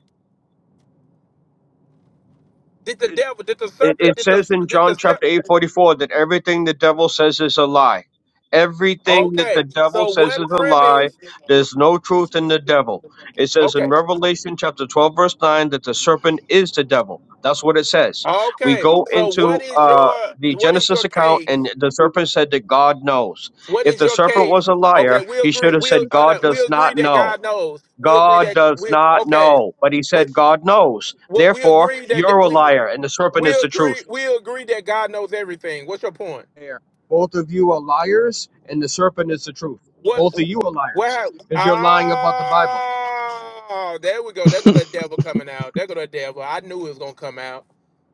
A: Did the devil? Did the
F: It,
A: serpent?
F: it
A: Did the
F: says in
A: did the
F: John
A: ser-
F: chapter 8 44 that everything the devil says is a lie. Everything that
A: Okay.
F: the devil
A: So
F: says is
A: what
F: a lie.
A: premise?
F: There's no truth in the devil. It says
A: Okay.
F: in Revelation chapter 12, verse 9, that the serpent is the devil. That's what it says. We
A: Okay.
F: go
A: So
F: into
A: what is
F: uh,
A: your
F: the
A: what is your
F: Genesis account, and
A: case?
F: the serpent said that God knows.
A: What
F: If
A: is
F: the
A: your
F: serpent was
A: case?
F: a
A: Okay,
F: liar,
A: we
F: he should
A: agree.
F: have
A: We
F: said,
A: hold
F: God
A: up. We
F: does
A: agree
F: not
A: that
F: know.
A: God knows. We agree
F: God
A: that
F: does
A: we
F: not
A: okay.
F: know. But he said, God knows.
A: Well, we
F: Therefore,
A: agree that that-
F: you're a
A: we
F: liar, and the serpent
A: we
F: is the truth
A: agree we agree that God knows everything. What's your point?
F: there. Both of you are liars, and the serpent is the truth.
A: What
F: Both of you are
A: what?
F: liars
A: hap-
F: because you're lying about the Bible.
A: Ah, there we go. There go the devil coming out. There go the devil. I knew it was gonna come out.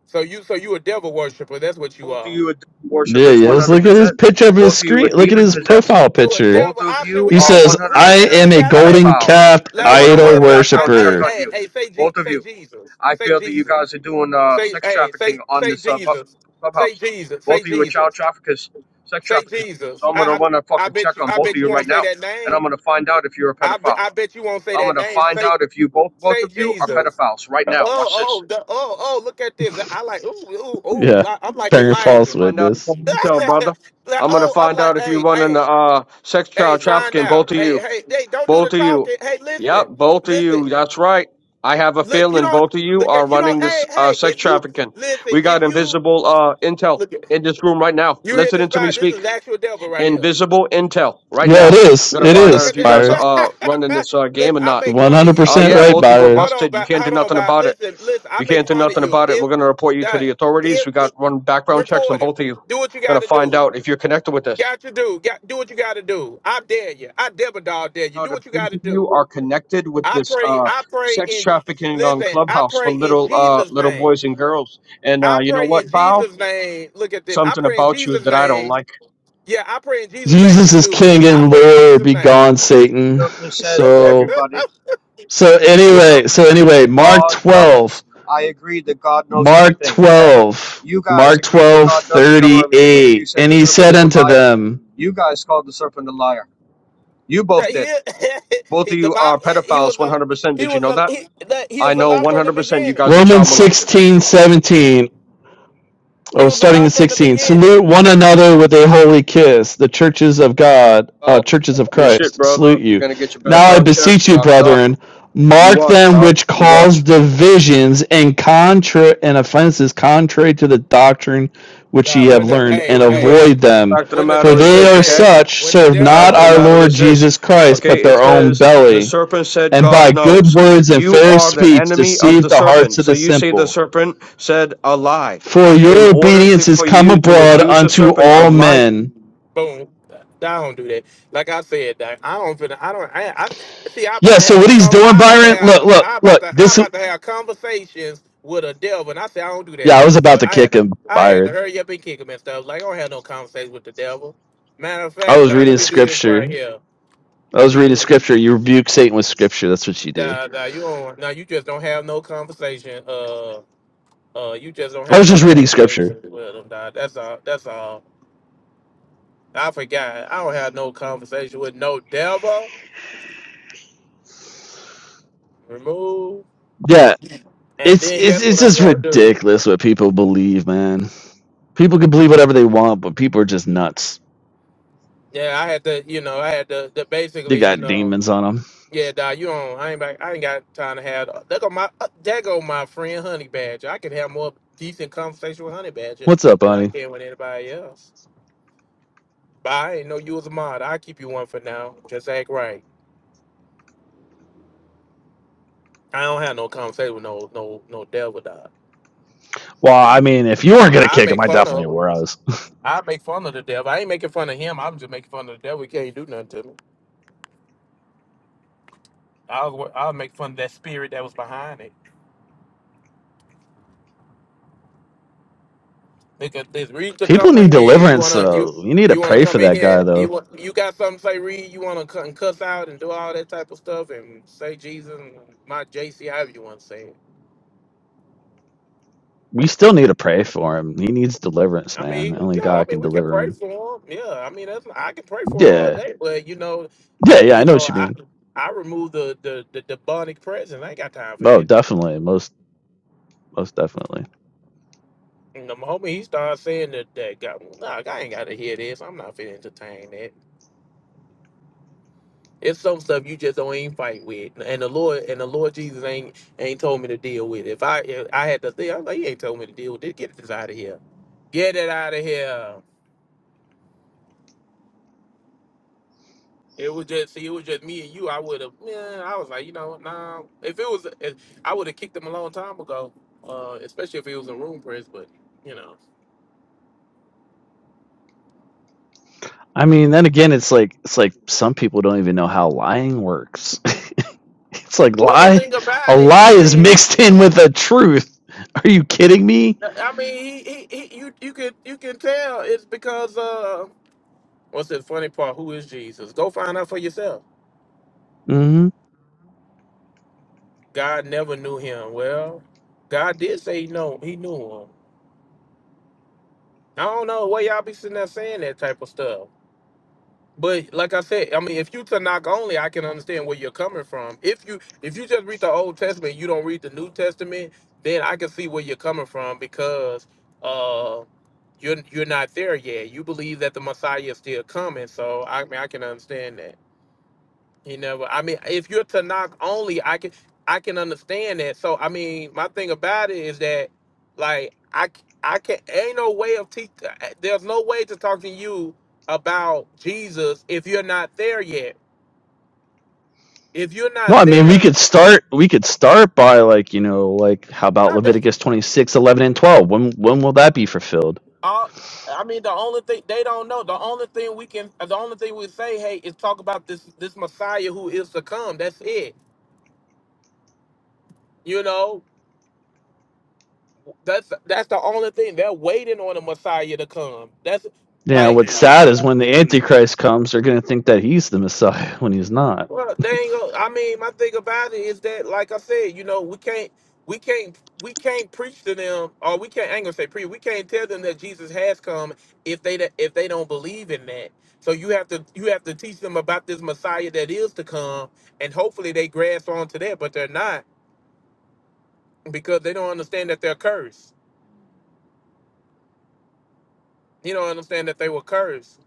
A: So you so you a devil worshiper. That's what you
F: Both of
A: are.
F: you are demon
D: Yeah,
F: worshippers
D: yes.
F: 100%.
D: Look at his picture of his
F: Both of you are
D: screen. Look at
F: demon
D: his
F: possessed.
D: profile
A: You a
D: picture.
F: Both
A: devil.
F: of
A: I said
F: you
A: we
D: He
F: are
A: got
F: 100%
D: says,
A: we we
D: "I am
A: literally
D: a
A: got saved.
D: golden
F: pedophiles.
D: calf
F: And I'm
A: Like
F: going
A: we
F: to
D: idol
F: run a
A: literally. I,
F: background
A: hey
F: check
D: worshiper."
F: on
A: hey
F: you.
A: hey say G,
F: Both of
A: say
F: you.
A: Jesus.
F: I
A: Say
F: feel that
A: Jesus.
F: you guys are doing uh, sex
A: Hey say
F: trafficking on
A: say
F: this uh, bu-
A: Jesus. Say
F: clubhouse.
A: Jesus. Say
F: Both of you are child
A: Jesus.
F: traffickers, sex
A: Say
F: traffickers. So
A: Jesus.
F: I'm going to
A: I,
F: run a
A: I I
F: fucking
A: bet
F: check
A: you
F: on
A: I
F: both of
A: bet
F: you
A: you
F: right
A: won't say
F: now.
A: that
F: And
A: name.
F: I'm going to find out if you're a
A: I bet
F: pedophile.
A: I bet you won't say
F: I'm
A: that
F: gonna
A: name.
F: find
A: Say
F: out if you both both
A: say
F: of you are
A: Jesus. Uh,
F: pedophiles right now.
A: Oh
F: Watch this.
A: oh the, oh oh look at this. I like ooh ooh ooh.
D: Yeah,
A: Li- I'm like
D: bearing
A: Elijah.
D: false
F: Find out if
D: witness.
F: I'm intel, brother.
A: like
F: I'm gonna
A: oh I'm
F: find
A: like
F: out if you're
A: hey
F: running the
A: hey
F: uh sex
A: hey
F: child
A: find
F: trafficking,
A: out.
F: both of
A: Hey
F: you.
A: hey hey don't do the
F: Both of you.
A: talking. Hey
F: Yep,
A: listen
F: both of
A: listen
F: you. That's right. I have a
A: look you
F: feeling
A: don't
F: both of you
A: look
F: are
A: at you don't
F: running this
A: hey
F: uh
A: hey
F: sex
A: if you
F: trafficking.
A: listen
F: We
A: if
F: got
A: you
F: invisible uh intel
A: look at
F: in this room right now.
A: you hear this
F: Listening to me
A: by this is
F: speak.
A: the actual devil right here.
F: Invisible intel right
D: Yeah, it
F: now. I'm
D: is.
F: gonna
D: It
A: Eh,
F: find
A: Look
F: out
D: is,
A: at
F: if you guys
D: Byron.
F: are uh running
A: that.
F: this uh game
A: listen,
F: or
A: I
F: not.
A: make
D: One
A: fun of
D: hundred
A: you.
F: Oh
D: percent
F: yeah,
A: Look,
D: right,
F: both of you are
D: Byron.
A: hold on,
F: busted. You
A: about,
F: can't do
A: hold on,
F: nothing
A: about.
F: about it.
A: Listen, listen, I
F: You
A: make
F: can't do
A: fun of
F: nothing
A: you.
F: about it.
A: If
F: We're going to report you to the
A: that,
F: authorities.
A: if,
F: We got
A: if
F: run background checks on
A: report it,
F: both of you.
A: do what you
F: Going
A: got
F: to
A: to
F: find
A: do.
F: out if you're connected with this.
A: Got to do. Got do what you got to do. I dare you. I devil dog dare you. Do
F: Out if
A: what you got
F: both
A: to
F: of
A: do.
F: you are connected with
A: I
F: this
A: pray.
F: uh,
A: I pray
F: sex
A: in.
F: trafficking on
A: Listen, I
F: Clubhouse for
A: pray in
F: little uh,
A: Jesus'
F: little
A: name.
F: boys and girls. And uh,
A: I
F: you know
A: pray in
F: what, Bow?
A: Jesus' name. Look at this. I
F: Something
A: pray in
F: about you
A: Jesus'
F: that I don't
A: name.
F: like.
A: Yeah, I pray in Jesus' name.
D: Jesus
A: You
D: is
A: do it.
D: King
A: I
D: and
A: pray in
D: Lord.
A: Jesus'
D: Be gone,
A: name.
F: Yes, The
D: Satan.
F: serpent said,
D: So,
F: everybody,
D: so
F: the
D: anyway,
F: serpent
D: so
F: said
D: anyway,
F: that
D: Mark
F: God
D: twelve,
F: knows. I agree that God knows
D: Mark
F: everything, okay?
D: twelve,
F: You guys
D: Mark
F: agreed that
D: twelve
F: God doesn't know
D: thirty
F: everything because you
D: eight,
F: said
D: and
F: the
D: he
F: serpent
D: said
F: is a
D: unto
F: liar.
D: them,
F: You guys called the serpent a liar. You
A: That
F: both did.
A: he,
F: Both
A: he
F: of
A: the
F: you
A: Bi-
F: are
A: he
F: pedophiles
A: was a
F: 100%.
A: he
F: Did you
A: was
F: know
A: a
F: that?
A: he, that he
F: I
A: was a
F: know
A: lie from the
F: 100% you
A: beginning.
F: guys are
D: Romans
F: child molesters.
D: sixteen seventeen.
A: He
D: Oh,
A: was a
D: starting
A: lie
D: in
A: from the
D: 16.
A: beginning.
D: Salute one another with a holy kiss. The churches of God, uh,
F: Oh,
D: churches of
F: your shit,
D: Christ, salute
F: brother. You're
D: you.
F: going to get your
D: Now I
F: background check.
D: beseech you,
F: Knock, knock.
D: brethren,
F: You
D: mark
F: watch,
D: them
F: pal.
D: which
F: You
D: cause
F: watch.
D: divisions and contra and offenses contrary to the doctrine which
A: Uh,
D: ye have
A: when
D: learned,
F: So,
D: and
F: anyways,
D: avoid
F: the
D: them.
F: fact of the
A: when the
D: For
F: matter
A: de-
F: is
D: they
A: when
F: this,
D: are
F: okay?
A: hey
D: such,
A: when the
D: serve
F: The
D: not
F: fact of
A: devil
F: the
D: our
F: matter
D: Lord
F: is this,
D: Jesus Christ, but
F: okay? It
D: their own
F: says, the
D: belly,
F: serpent said,
D: and by
F: God
D: good
F: knows.
D: words and
F: You
D: fair
F: are the
D: speech
F: enemy of
D: deceive
F: the
D: the hearts
F: serpent.
D: of
F: So
D: the
F: you say the
D: simple
F: serpent said a lie.
D: for
F: In
D: your
F: order
D: obedience
F: to,
D: is
F: for
D: come
F: you to
D: abroad
F: accuse the
D: unto
F: serpent
D: all
F: of lying,
D: men.
A: boom, I don't do that. Like I said, that I don't finna, I don't I, I see. I about
D: Yeah,
A: to
D: so
A: have a
D: what he's
A: com-
D: doing,
A: I about to
D: Byron,
A: have
D: look,
A: I
D: look,
A: I about
D: look,
A: to I
D: this,
A: about to have conversations with a devil, and I say I don't do that
D: yeah, I
A: type
D: was
A: of
D: about
A: stuff.
D: to
A: I had
D: kick
A: to
D: him,
A: I had to
D: Byron.
A: hurry up and kick him and stuff. Like I don't have no conversation with the devil. Matter of
D: I
A: fact,
D: was
A: uh, let
D: reading
A: me do this right
D: scripture.
A: here.
D: I
A: Let me.
D: was reading scripture. You rebuke Satan with scripture. That's what you do.
A: Nah, nah, you don't. Nah, you just don't have no conversation. Uh, uh, you just don't
D: I
A: have
D: was
A: no.
D: just reading scripture.
A: Nah, that's all. That's all. I forgot. I don't have no conversation with no devil. Remove.
D: Yeah,
A: And
D: it's,
A: then
D: it's, it's just ridiculous what people believe, man. People can believe whatever they want, but people are just nuts.
A: yeah, I had to. You know, I had to. to
D: They
A: basically, you
D: got
A: know.
D: demons on them.
A: Yeah, nah, you don't. I ain't. back- I ain't got time to have. There go my. uh, There go my friend Honey Badger. I could have more decent conversation with Honey Badger
D: What's up,
A: than I
D: honey?
A: can with anybody else. But I ain't know you was a mod. I'll keep you one for now. Just act right. I don't have no conversation with no no no devil dog.
D: Well, I mean, if you weren't going to
A: I
D: kick him,
A: make
D: I
A: fun
D: definitely
A: of him.
D: were. I was.
A: I make fun of the devil. I ain't making fun of him. I'm just making fun of the devil. He can't do nothing to me. I'll I'll make fun of that spirit that was behind it. Because this read to
D: People need
A: comprehend.
D: deliverance,
A: You
D: though. You need to
A: you want to
D: pray
A: come
D: for
A: in
D: that
A: here?
D: guy,
A: You
D: though.
A: want you got something to say? Read. You want to cut and cuss out and do all that type of stuff and say Jesus and my JC however you want to say it.
D: We still need to pray for him. He needs deliverance,
A: I
D: man.
A: mean,
D: Only
A: yeah, I
D: God
A: mean,
D: can
A: we can
D: deliver
A: pray
D: him.
A: for him. Yeah, I mean, that's I can pray for him all
D: Yeah,
A: day, but you know,
D: yeah,
A: I
D: yeah. I
A: you
D: know
A: know,
D: what you
A: I
D: mean.
A: I remove the the the demonic presence. I ain't got time for
D: Oh,
A: that.
D: definitely, most, most definitely.
A: And the moment he starts saying that, that God, nah, I ain't got to hear this. I'm not finna entertain that. It's some stuff you just don't even fight with, and the Lord and the Lord Jesus ain't ain't told me to deal with. it. If I if I had to think, I'm like, He ain't told me to deal with it. Get this out of here. Get it out of here. It was just see, it was just me and you. I would have, yeah. I was like, you know, nah. If it was, if, I would have kicked him a long time ago. Uh, especially if it was in room press. But you know,
D: I mean, then again, it's like it's like some people don't even know how lying works. it's like
A: well, the
D: lie,
A: thing
D: a
A: about it
D: lie
A: is
D: is
A: that
D: mixed in with a truth. Are you kidding me?
A: I mean, he, he, he you you can you can tell it's because uh, what's the funny part? Who is Jesus? Go find out for yourself.
D: hmm
A: God never knew him. Well, God did say no, he knew him. I don't know why y'all be sitting there saying that type of stuff. But like I said, I mean, if you Tanakh only, I can understand where you're coming from. If you if you just read the Old Testament, you don't read the New Testament, then I can see where you're coming from because uh, you're you're not there yet. You believe that the Messiah is still coming, so I mean, I can understand that. You know, I mean, if you're Tanakh only, I can I can understand that. So I mean, my thing about it is that, like, I c- I can ain't no way of teach. uh, There's no way to talk to you about Jesus if you're not there yet. If you're
D: No,
A: not
D: I mean we
A: there,
D: could start. We could start by like you know like how about
A: not that.
D: Leviticus 26 11 and twelve? When when will that be fulfilled?
A: All, I mean, the only thing they don't know, the only thing we can, the only thing we say, hey, is talk about this this Messiah who is to come. That's it. You know, that's that's the only thing they're waiting on the Messiah to come. That's
D: Yeah, what's sad is when the Antichrist comes, they're going to think that he's the Messiah when he's not.
A: Well, they ain't gonna, I mean, my thing about it is that, like I said, you know, we can't, we can't, we can't preach to them, or we can't. I ain't gonna say preach. We can't tell them that Jesus has come if they do if they don't believe in that. So you have to you have to teach them about this Messiah that is to come, and hopefully they grasp onto that. But they're not because they don't understand that they're cursed. You don't understand that they were cursed,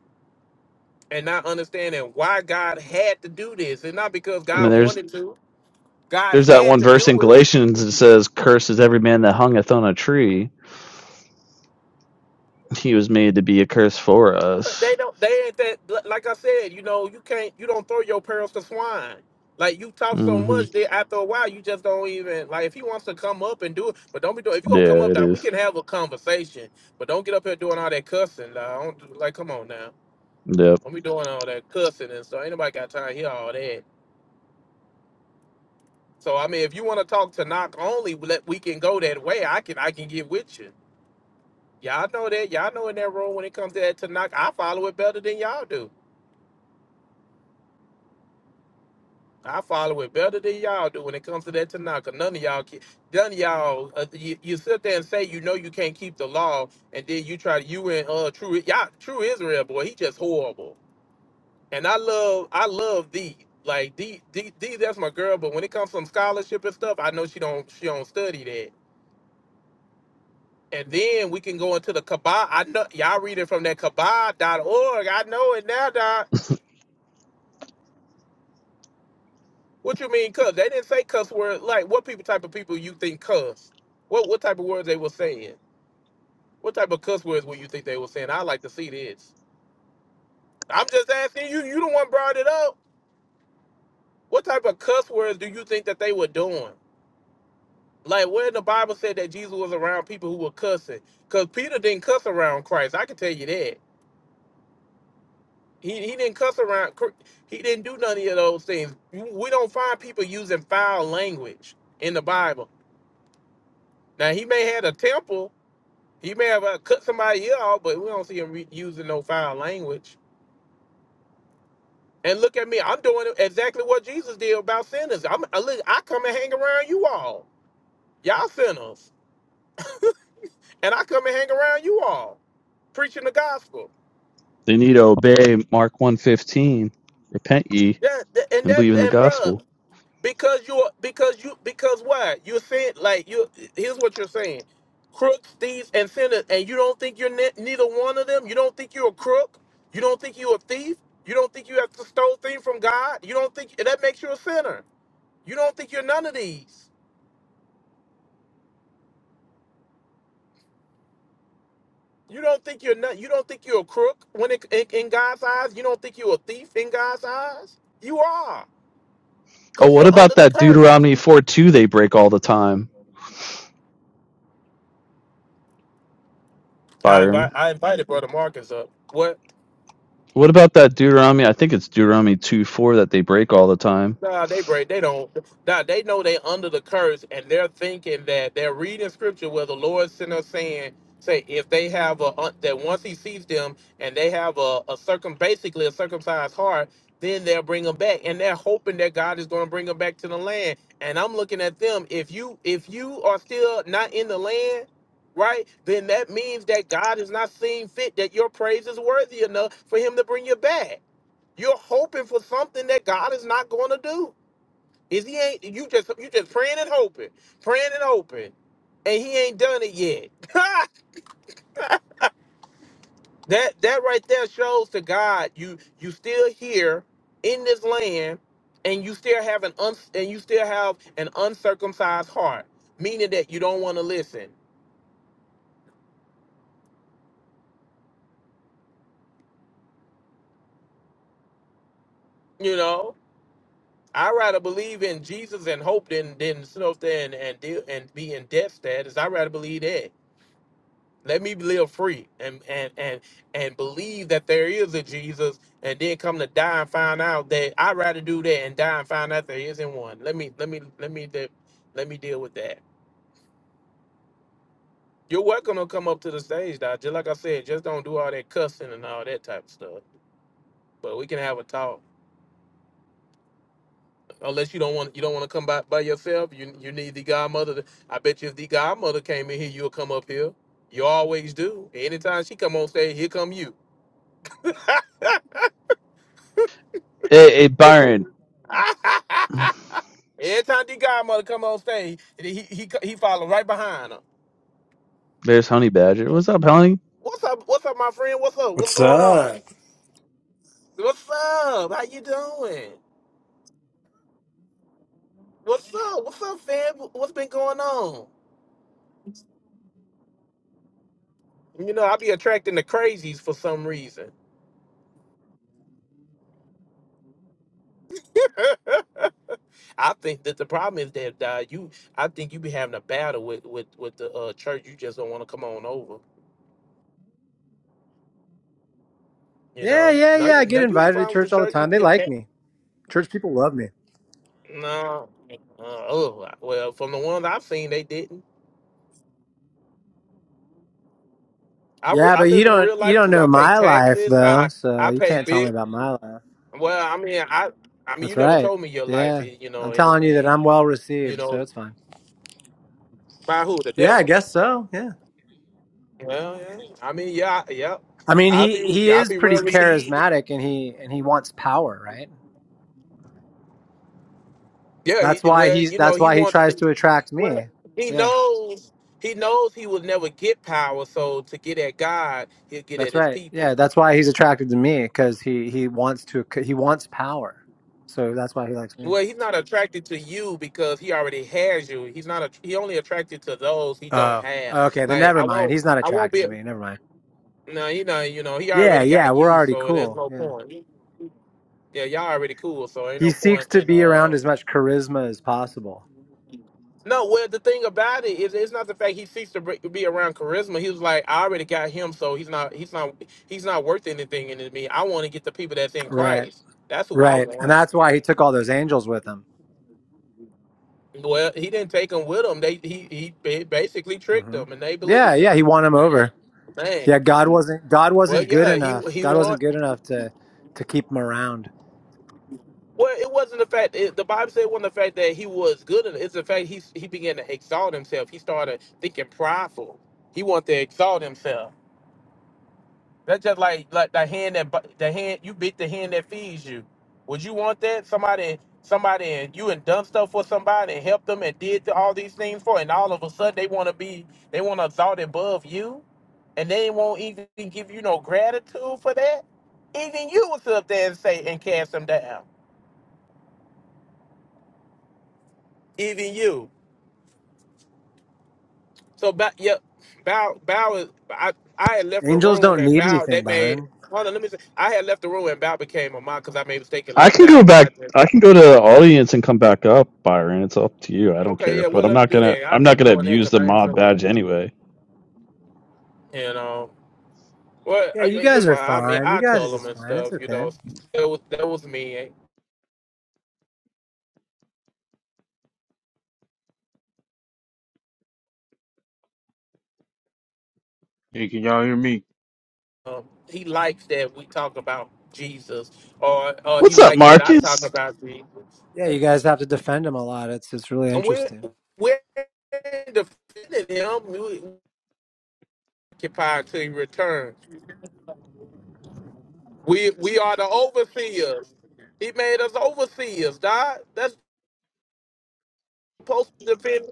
A: and not understanding why God had to do this, and not because
D: I
A: God
D: mean,
A: wanted.
D: there's
A: God
D: there's
A: had.
D: that one verse in Galatians that says, "Cursed is every man that hungeth on a tree." He was made to be a curse for
A: But they
D: us.
A: don't. They ain't that. Like I said, you know, you can't. You don't throw your pearls to swine. Like you talk so
D: hmm
A: much that after a while, you just don't even like. If he wants to come up and do it, but don't be doing. If you gonna
D: Yeah,
A: come up,
D: it
A: that we
D: is.
A: can have a conversation. But don't get up here doing all that cussing. Dog. I don't, like, come on now.
D: Yep.
A: Don't be doing all that cussing and stuff. Ain't nobody got time to hear all that. So I mean, if you want to talk to knock only, let we can go that way. I can. I can get with you. Y'all know that. Y'all know in that role when it comes to that to knock, I follow it better than y'all do. I follow it better than y'all do when it comes to that Tanaka. None of y'all, ke- none of y'all, uh, you, you sit there and say you know you can't keep the law, and then you try to you and uh true y'all true Israel boy, he just horrible. And I love I love thee like thee thee, thee that's my girl. But when it comes from scholarship and stuff, I know she don't she don't study that. And then we can go into the Kabbalah. I know y'all reading from that Kabbalah dot org. I know it now, dog. What you mean cuss? They didn't say cuss words. Like what people type of people you think cuss? What what type of words they were saying? What type of cuss words would you think they were saying? I like to see this. I'm just asking you. You the one brought it up. What type of cuss words do you think that they were doing? Like where in the Bible said that Jesus was around people who were cussing? Cause Peter didn't cuss around Christ. I can tell you that. He, he didn't cuss around. Cr- He didn't do none of those things. We don't find people using foul language in the Bible. Now he may had a temper He may have uh, cut somebody ear off, but we don't see him re- using no foul language. And look at me, I'm doing exactly what Jesus did about sinners. I'm, I look, I come and hang around you all, y'all sinners, and I come and hang around you all, preaching the gospel.
D: They need to obey Mark one fifteen. Repent ye
A: That, that- and
D: and
A: that
D: believe in the
A: and bruh,
D: gospel.
A: Because you are because you because why? You're saying like you here's what you're saying. Crooks, thieves, and sinners, and you don't think you're ne- neither one of them? You don't think you're a crook? You don't think you're a thief? You don't think you have to stole things from God? You don't think that makes you a sinner? You don't think you're none of these? You don't think you're not, you don't think you're a crook when it, in, in God's eyes? You don't think you're a thief in God's eyes? You are,
D: Oh,
A: because
D: what
A: you're under
D: about
A: the
D: that
A: curse.
D: Deuteronomy four two they break all the time,
A: I invite
D: Byron?
A: I invited Brother Marcus up. What?
D: What about that Deuteronomy? I think it's Deuteronomy two four that they break all the time.
A: Nah, they break. They don't. Nah, they know they under the curse, and they're thinking that they're reading scripture where the Lord sent us saying, say if they have a uh, that once He sees them and they have a, a circum basically a circumcised heart, then they'll bring them back, and they're hoping that God is going to bring them back to the land. And I'm looking at them. If you if you are still not in the land, right, then that means that God is not seeing fit that your praise is worthy enough for Him to bring you back. You're hoping for something that God is not going to do. Is he ain't you just you just praying and hoping, praying and hoping, and he ain't done it yet. that that right there shows to God you you still here in this land, and you still have an un, and you still have an uncircumcised heart, meaning that you don't want to listen. You know, I rather believe in Jesus and hope than than stuff and and deal- and be in death status. I rather believe that. let me live free and and and and believe that there is a Jesus, and then come to die and find out that I'd rather do that and die and find out there isn't one. Let me let me let me de- let me deal with that. You're welcome to come up to the stage, Doc. Just like I said, just don't do all that cussing and all that type of stuff. But we can have a talk. Unless you don't want you don't want to come by by yourself. You you need the godmother. To, I bet you if the godmother came in here, you'll come up here. You always do. Anytime she come on stage, here come you.
D: Hey, hey Byron.
A: Every time the Godmother come on stage, he he he follow right behind her.
D: There's Honey Badger. What's up, Honey?
A: What's up? What's up, my friend? What's up? What's
G: What's
A: going on?
G: up?
A: What's up? How you doing? What's up? What's up, fam? What's been going on? You know, I be attracting the crazies for some reason. I think that the problem is that uh, you, I think you be having a battle with with with the uh, church. You just don't want to come on over. You
G: Yeah,
A: know,
G: yeah,
A: no,
G: yeah.
A: you
G: I
A: no,
G: get
A: you ain't
G: invited to
A: fine with the
G: church all the
A: church. You
G: time. They
A: be
G: like
A: attacked.
G: me. Church people love me.
A: No, uh, oh well, from the ones I've seen, they didn't. I, re-
G: Yeah,
A: I
G: but
A: live
G: you
A: in a
G: don't
A: real
G: you
A: life
G: don't
A: too. I
G: know
A: pay
G: my life
A: taxes.
G: though,
A: I
G: so
A: I
G: you
A: pay
G: can't tell me
A: big.
G: about my life.
A: Well, I mean, I I mean, you
G: That's
A: never
G: right.
A: told me your life
G: Yeah.
A: is, you know,
G: I'm telling you that
A: anything.
G: I'm well
A: You
G: received, so
A: know,
G: it's fine.
A: by who? The
G: Yeah, I
A: devil?
G: guess so. Yeah.
A: Well, yeah. I mean, yeah, I- yeah.
G: I mean,
A: I'll be,
G: he he
A: I'll
G: is
A: be real.
G: pretty charismatic and he and he wants power, right?
A: Yeah, he
G: That's
A: did
G: why
A: well.
G: he's
A: You know,
G: that's
A: he
G: why he
A: wants.
G: tries
A: To,
G: to attract me.
A: he
G: Yeah.
A: knows. He knows he will never get power. So to get at God, he'll get at
G: That's
A: his
G: right.
A: people.
G: Yeah, that's why he's attracted to me cuz he he wants to he wants power. So that's why he likes me.
A: Well, he's not attracted to you because he already has you. He's not. A, he only attracted to those he don't
G: Oh,
A: have.
G: okay. Then
A: Like
G: never
A: I
G: mind.
A: won't.
G: He's not
A: I won't
G: attracted
A: be.
G: to me. Never mind.
A: No, you know, you know, he
G: Yeah,
A: already
G: yeah.
A: got
G: We're
A: you,
G: already
A: so there's
G: cool.
A: no
G: Yeah.
A: point. Yeah, y'all already cool, so ain't
G: He
A: no
G: seeks
A: point
G: to
A: in
G: be around
A: uh.
G: as much charisma as possible.
A: No, well, the thing about it is, it's not the fact he seeks to br- be around charisma. He was like, I already got him, so he's not, he's not, he's not worth anything in me. I want to get the people that's in
G: Right.
A: Christ. That's who I.
G: Right. And that's why he took all those angels with him.
A: Well, he didn't take them with him. They he he ba- basically tricked
G: hmm
A: them, and they
G: Yeah,
A: believed him.
G: yeah. He won him over.
A: Man,
G: Yeah. God wasn't. God
A: well,
G: wasn't good
A: yeah, he
G: enough. God wasn't good enough to to keep him around.
A: Well, it wasn't the fact. It, the Bible said it wasn't the fact that he was good. at it. It's the fact he he began to exalt himself. He started thinking prideful. He wanted to exalt himself. That's just like like the hand that bu- the hand you bit the hand that feeds you. Would you want that? Somebody somebody and you and done stuff for somebody and helped them and did all these things for, and all of a sudden they want to be they want to exalt above you, and they won't even give you no gratitude for that. Even you will sit up there and say and cast them down. Even you. So Bow, yep, Bow, Bow is. I I had left the
G: Angels
A: room
G: don't
A: and
G: need
A: Bow. They
G: anything,
A: made.
G: Byron.
A: Hold on, let me. Say, I had left the room and Bow became a mock because I made a mistake and
D: I
A: left
D: can go
A: out. And I
D: back.
A: just
D: I can go to the audience and come back up, Byron. It's up to you. I don't
A: okay,
D: care,
A: yeah,
D: but
A: well
D: I'm
A: let's
D: not
A: do
D: gonna.
A: that. I
D: I'm not
A: just
D: gonna
A: doing that
D: abuse
A: because
D: the
A: I didn't
D: mod
A: feel like
D: badge anyway.
A: you know. Well,
G: Yeah,
A: I
G: you
A: mean, you're
G: guys are
A: fine. I mean,
G: fine. You
A: I
G: guys are
A: tell them
G: just
A: and
G: fine. It's
A: stuff. You
G: okay.
A: know, that was that was me.
H: Hey, can y'all hear me?
A: Um, he likes that we talk about Jesus, or or he
D: What's up,
A: likes that I talk
D: Marcus?
A: about Jesus.
G: Yeah, you guys have to defend him a lot. It's it's really
A: And we're
G: interesting.
A: we're defending him. We occupy until he returns. We we are the overseers. He made us overseers, Dog. That's supposed to defend.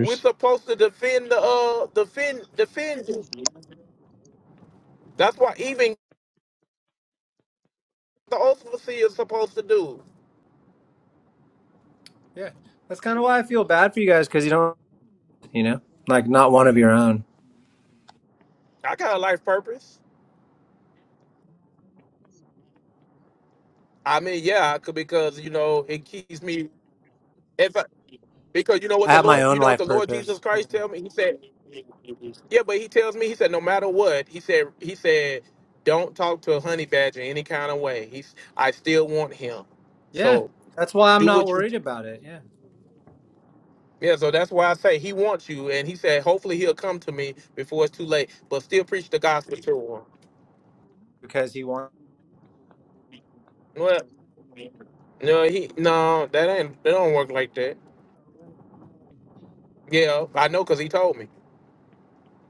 A: We're supposed to defend the uh defend defend you. That's what even the overseers supposed to do.
G: Yeah, that's kind of why I feel bad for you guys because you don't you know, like not one of your own.
A: I got a life purpose. I mean, yeah, I could- because you know it keeps me. If I, because you know what
G: I
A: the
G: have my
A: Lord, you
G: own
A: know what
G: life
A: the Lord Jesus
G: purpose. Yeah.
A: Christ tell me. He said, yeah, but he tells me, he said, no matter what, he said, he said, don't talk to a honey badger any kind of way. He's, I still want him.
G: Yeah,
A: So
G: that's why I'm
A: do
G: not
A: what you
G: worried about it. Yeah,
A: Yeah, so that's why I say he wants you, and he said hopefully he'll come to me before it's too late. But still preach the gospel.
G: because he wants,
A: Well, no, he no, that ain't that don't work like that. Yeah, I know because he told me.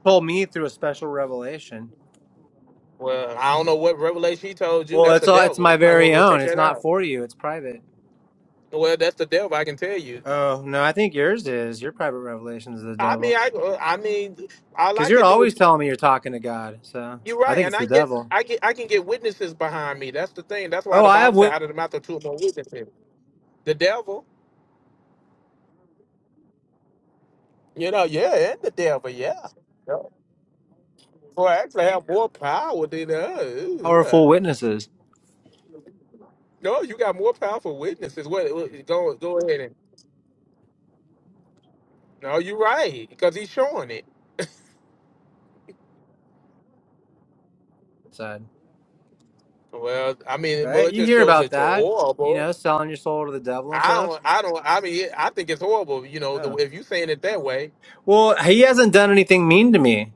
G: told me through a special revelation.
A: Well, I don't know what revelation he told you.
G: Well,
A: That's the
G: it's all it's
A: devil.
G: my
A: You might
G: very
A: want.
G: own. It's not for you. It's private.
A: to- Well, that's the devil. I can tell you.
G: Oh no, I think yours is your private revelations of the
A: I
G: devil.
A: mean, I I mean, all
G: Because
A: I
G: you're
A: can do.
G: always telling me you're talking to God, so
A: You're
G: I
A: right,
G: think
A: and
G: it's
A: I
G: the
A: get
G: devil.
A: I get I can get witnesses behind me. That's the thing. That's why
G: Oh,
A: the
G: I have
A: Bible said
G: wit-
A: out of the mouth of two or more witnesses. The devil. You know, yeah, and the devil, yeah. Boy, I actually have more power than us.
G: powerful
A: Uh,
G: witnesses.
A: No, you got more powerful witnesses. What? what- Go go ahead and. No, you're right because he's showing it.
G: Side,
A: Well, I mean, well,
G: right?
A: it
G: You
A: just
G: hear
A: shows
G: about
A: that you're
G: that? You
A: horrible.
G: know, selling your soul to the devil and
A: I
G: stuff.
A: don't. I don't. I mean, I think it's horrible. You know, the,
G: Oh,
A: if you saying it that way.
G: well, he hasn't done anything mean to me.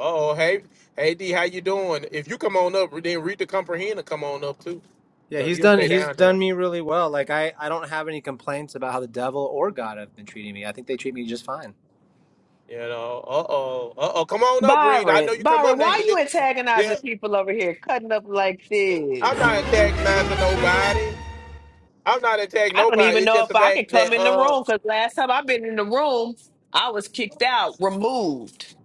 A: Oh, hey, hey, D, how you doing? If you come on up, then read the comprehender. Come on up too,
G: Yeah,
A: because
G: he's
A: he'll
G: done
A: stay
G: he's
A: down
G: done
A: there.
G: me really well. Like I I don't have any complaints about how the devil or God have been treating me. I think they treat me just fine.
A: You know. Uh oh. Uh oh. Come on up, Reed. I know
I: Byron,
A: you come up
I: Byron,
A: now.
I: why you antagonizing
A: Yeah.
I: people over here, cutting up like this?
A: I'm not antagonizing nobody. I'm not attacking
I: I don't
A: nobody.
I: even
A: It's
I: know
A: just
I: if
A: the
I: I can
A: fact
I: come
A: that
I: in the
A: uh
I: room because last time I've been in the room, I was kicked out, removed.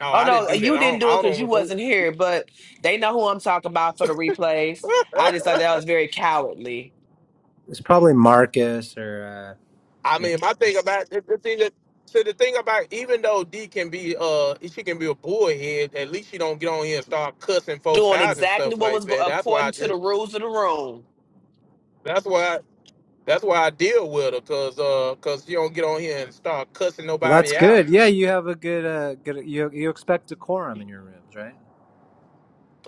A: no,
I: Oh
A: I didn't
I: no,
A: do that.
I: you
A: I
I: didn't
A: don't
I: do it
A: I
I: because you
A: don't remove.
I: wasn't here, but they know who I'm talking about for the replays. I just thought that was very cowardly,
G: It's probably Marcus or uh
A: I
G: yeah.
A: mean, my thing about the, the thing that so the thing about even though D can be uh she can be a bullhead, at least she don't get on here and start cussing folks
I: doing
A: out and
I: exactly
A: stuff
I: what
A: like
I: was go-
A: that. That's why I
I: according to the
A: just
I: rules of the room.
A: that's why that's why I deal with her cause uh cause she don't get on here and start cussing
G: Well, that's
A: nobody out.
G: good. Yeah, you have a good uh good you you expect decorum in your rooms, right?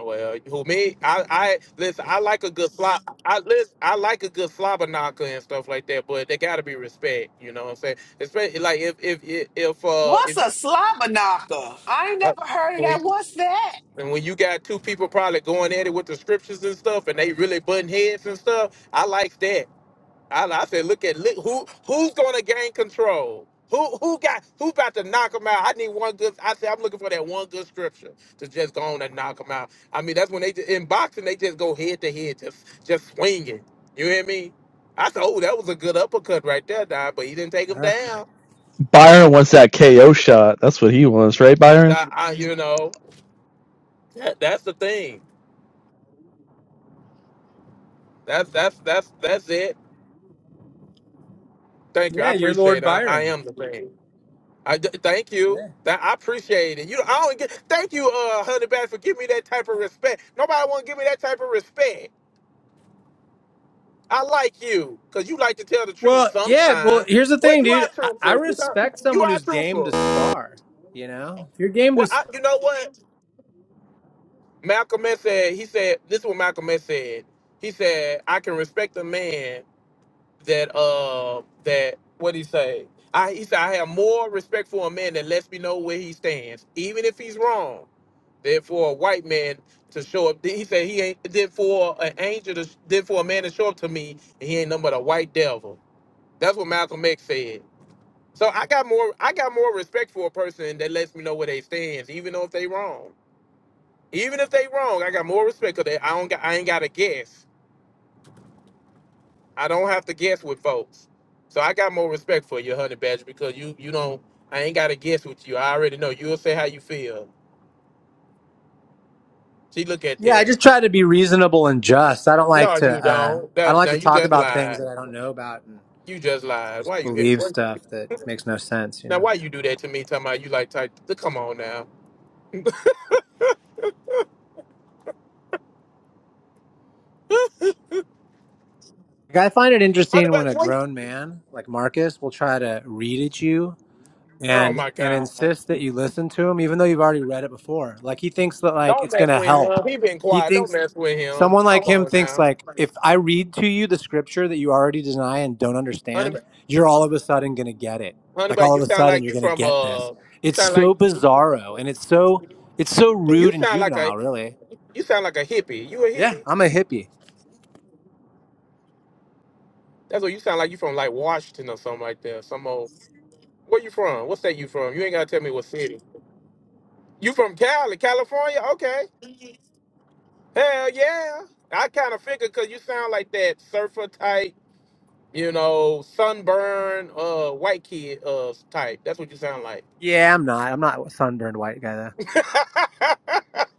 A: Well, who me? I I listen. I like a good slob. I listen. I like a good slobber knocker and stuff like that. But they gotta be respect. You know what I'm saying? Especially like if if if, if uh
I: What's
A: if you
I: a slobber knocker? I ain't
A: uh,
I: never heard of
A: when
I: that.
A: you-
I: What's that?
A: and when you got two people probably going at it with the scriptures and stuff, and they really butting heads and stuff. I like that. I, I said, look at look, who who's going to gain control. Who who got who about to knock him out? I need one good. I said I'm looking for that one good scripture to just go on and knock him out. I mean that's when they just, in boxing they just go head to head, just just swinging. You hear me? I said, oh, that was a good uppercut right there, Don, but he didn't take him
G: Okay.
A: down.
D: Byron wants that KO shot. That's what he wants, right, Byron?
A: Nah, I, you know, that, that's the thing. That's that's that's that's it. Thank you. I
G: Yeah, you're
A: appreciate
G: Lord
A: it. I, I am.
G: Byron.
A: I d- thank you.
G: Yeah.
A: That I appreciate it. You, I don't get. Thank you, uh, Honey Badger, for giving me that type of respect. Nobody want to give me that type of respect. I like you because you like to tell the truth
G: Well, yeah, well,
A: sometimes.
G: here's the
A: Well,
G: thing,
A: you are
G: dude. I, I
A: truthful. You
G: respect
A: you
G: someone
A: are
G: who's game to
A: truthful.
G: spar, you know? If you're game to
A: Well, I,
G: spar.
A: you know what? Malcolm X said. He said this is what Malcolm X said. He said I can respect a man that uh that what he say. I he said I have more respect for a man that lets me know where he stands, even if he's wrong. Then for a white man to show up, he said he ain't. Then for an angel to, then for a man to show up to me, and he ain't nothing but a white devil. That's what Malcolm X said. So I got more, I got more respect for a person that lets me know where they stands, even though if they wrong, even if they wrong, I got more respect because I don't, got, I ain't got to guess. I don't have to guess with folks. So I got more respect for you, honey badger, because you, you don't, I ain't got to guess with you. I already know you'll say how you feel. See, look at
G: Yeah, I
A: that.
G: just try to be reasonable and just. I don't like
A: No,
G: to
A: you don't.
G: uh I don't
A: That's
G: like
A: not,
G: to talk about things that I don't know about and
A: you just lied.
G: just
A: Why
G: believe stuff that makes no sense, you
A: Now,
G: know.
A: why you do that to me? Talking about you like tight. Come on now. Honey,
G: Like I find it interesting
A: but
G: when a
A: wait.
G: grown man like Marcus will try to read at you
A: Oh
G: and
A: my
G: and
A: God.
G: insist that you listen to him even though you've already read it before. Like he thinks that like
A: Don't
G: it's going
A: mess.
G: to help.
A: He been
G: He
A: quiet. Don't
G: thinks
A: mess with him.
G: someone
A: Oh,
G: like him thinks like if I read to you the scripture that you already deny and don't
A: honey,
G: understand,
A: but-
G: you're all of a sudden going to get it.
A: honey,
G: Like
A: but
G: all of
A: you
G: a
A: sound
G: sudden
A: like
G: you're
A: you
G: going to
A: from
G: get
A: uh.
G: this.
A: You
G: It's
A: sound like
G: so bizarro and it's so it's so
A: you
G: rude and
A: sound like a
G: juvenile, really.
A: you sound like a hippie. You a
G: Yeah,
A: hippie?
G: I'm a hippie.
A: That's what you sound like. You from like Washington or something like that. Some old. Where you from? What state you from? You ain't gotta tell me what city. You from Cali, California? Okay. Hell yeah. I kind of figured because you sound like that surfer type you know, sunburn, uh, white kid, uh, type. That's what you sound like.
G: Yeah, I'm not. I'm not a sunburned white guy though.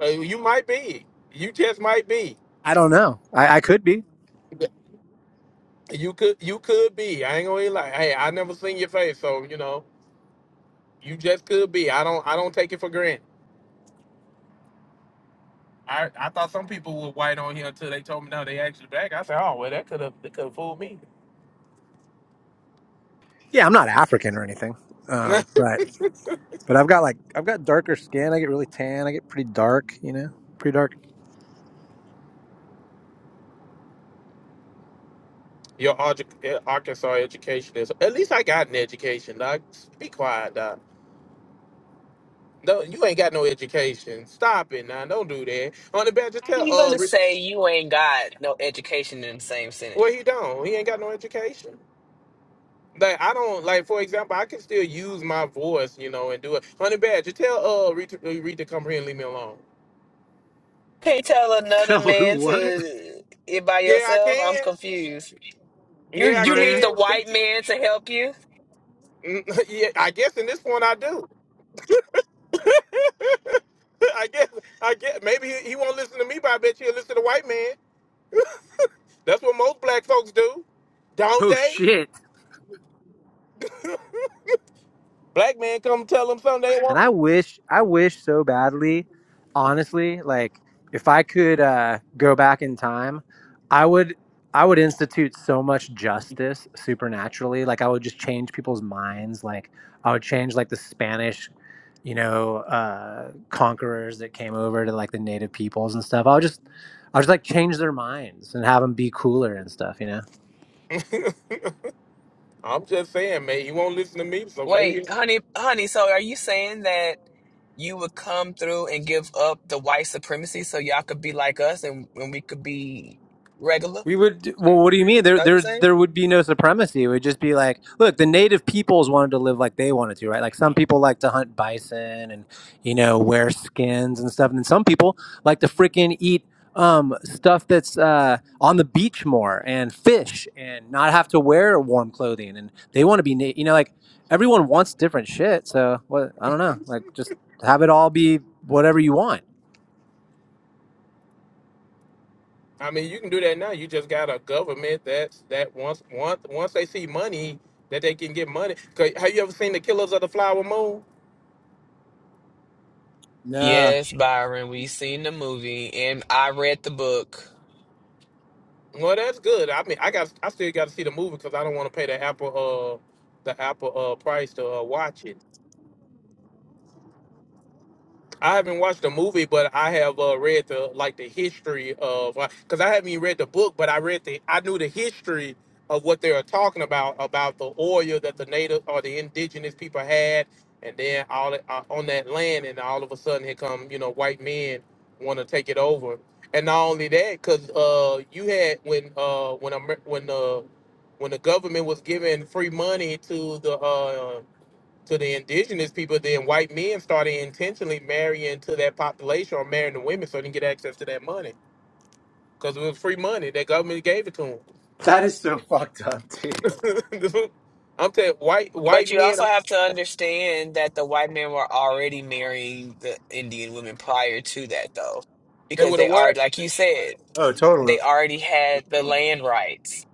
A: Uh, you might be. You just might be.
G: I don't know. I, I could be.
A: You could. You could be. I ain't gonna lie. Hey, I never seen your face, so you know, you just could be. I don't. I don't take it for granted. I, I thought some people were white on here until they told me no, they actually black. I said, oh well, that could have that could have fooled me.
G: Yeah, I'm not African or anything. Um, but but I've got like I've got darker skin. I get really tan. I get pretty dark. You know, pretty dark.
A: Your Arj- Arkansas education is at least I got an education, dog. Be quiet, dog. No, you ain't got no education. Stop it now. Don't do that. On the badge just
I: How
A: tell
I: you
A: uh
I: gonna
A: re-
I: say you ain't got no education in the same sentence?
A: well he don't. He ain't got no education. Like I don't like for example, I can still use my voice, you know, and do it. On the badge, just tell uh read to, read to come here and leave me alone.
I: Can't tell another
G: Tell
I: man
G: who what,
I: to it by
A: Yeah, I
I: yourself. I'm
A: can.
I: confused. You
A: Yeah, I
I: you need
G: Maria?
I: the
A: can.
I: white man to help you.
A: yeah, I guess in this point I do. I guess I guess maybe he, he won't listen to me, but I bet he'll listen to white man. That's what most black folks do, don't
G: Oh
A: they?
G: shit!
A: Black man come tell them something.
G: And I wish, I wish so badly, honestly, like if I could uh, go back in time, I would, I would institute so much justice supernaturally. Like I would just change people's minds. Like I would change like the Spanish, you know, uh, conquerors that came over to like the native peoples and stuff. I would just, I would just like change their minds and have them be cooler and stuff, you know?
A: I'm just saying, man, he won't listen to me, so maybe
I: Wait, honey, honey. So are you saying that you would come through and give up the white supremacy so y'all could be like us and and we could be regular?
G: We would. Well, what do you mean? There,
I: That what you
G: there,
I: saying?
G: there would be no supremacy. It would just be like, look, the native peoples wanted to live like they wanted to, right? Like some people like to hunt bison and you know wear skins and stuff, and then some people like to freaking eat um stuff that's uh on the beach more and fish and not have to wear warm clothing, and they want to be, na- you know, like everyone wants different shit. So what? I don't know. Like just have it all be whatever you want.
A: I mean you can do that now. You just got a government that's that once once once they see money that they can get money. 'Cause have you ever seen the Killers of the Flower Moon?
G: Nah.
I: Yes, Byron. We seen the movie and I read the book.
A: Well, that's good. I mean, I got I still got to see the movie because I don't want to pay the Apple uh the Apple uh price to uh, watch it. I haven't watched the movie, but I have uh, read the like the history of because I haven't even read the book, but I read the I knew the history of what they were talking about about the oil that the native or the indigenous people had, and then all uh, on that land, and all of a sudden here come you know white men want to take it over, and not only that, because uh, you had when uh, when Amer- when the when the government was giving free money to the uh, to the indigenous people, then white men started intentionally marrying to that population or marrying the women so they can get access to that money because it was free money. That government gave it to
G: That is so fucked up, dude.
A: them. I'm telling white
I: But
A: white
I: you
A: men,
I: also have to understand that the white men were already marrying the Indian women prior to that, though,
A: they
I: because
A: would have
I: they are,
A: what?
I: like you said,
G: Oh, totally.
I: they already had the land rights.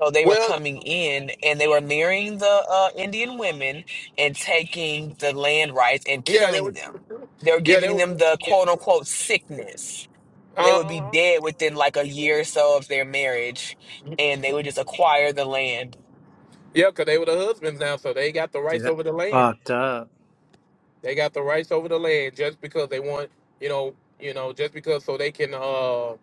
I: So they were
A: Well,
I: coming in and they were marrying the uh, Indian women and taking the land rights and
A: yeah, they were
I: killing them. They were
A: Yeah, they
I: giving
A: were
I: them the quote unquote sickness they
A: Uh
I: would be
A: huh.
I: dead within like a year or so of their marriage, and they would just acquire the land.
A: Yeah, because they were the husbands now, so they got the
G: Dude,
A: rights
G: that's
A: over the land.
G: fuck.
A: They got the rights over the land just because they want, you know, you know, just because so they can, uh,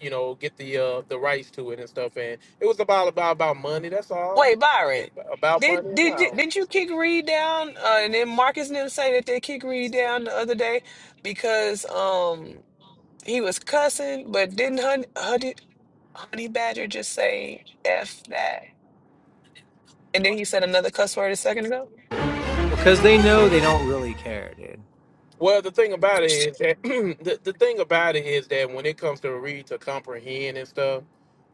A: you know, get the uh, the rights to it and stuff. And it was about about about money. That's all.
I: Wait, Byron,
A: About money
I: did
A: and
I: did you-
A: power.
I: did you kick Reed down? Uh, and then Marcus and them say that they kicked Reed down the other day because um he was cussing, but didn't Honey Honey, honey Badger just say f that? And then he said another cuss word a second ago.
G: Well, because they know they don't really care, dude.
A: Well, the thing about it is that the, the thing about it is that when it comes to read to comprehend and stuff,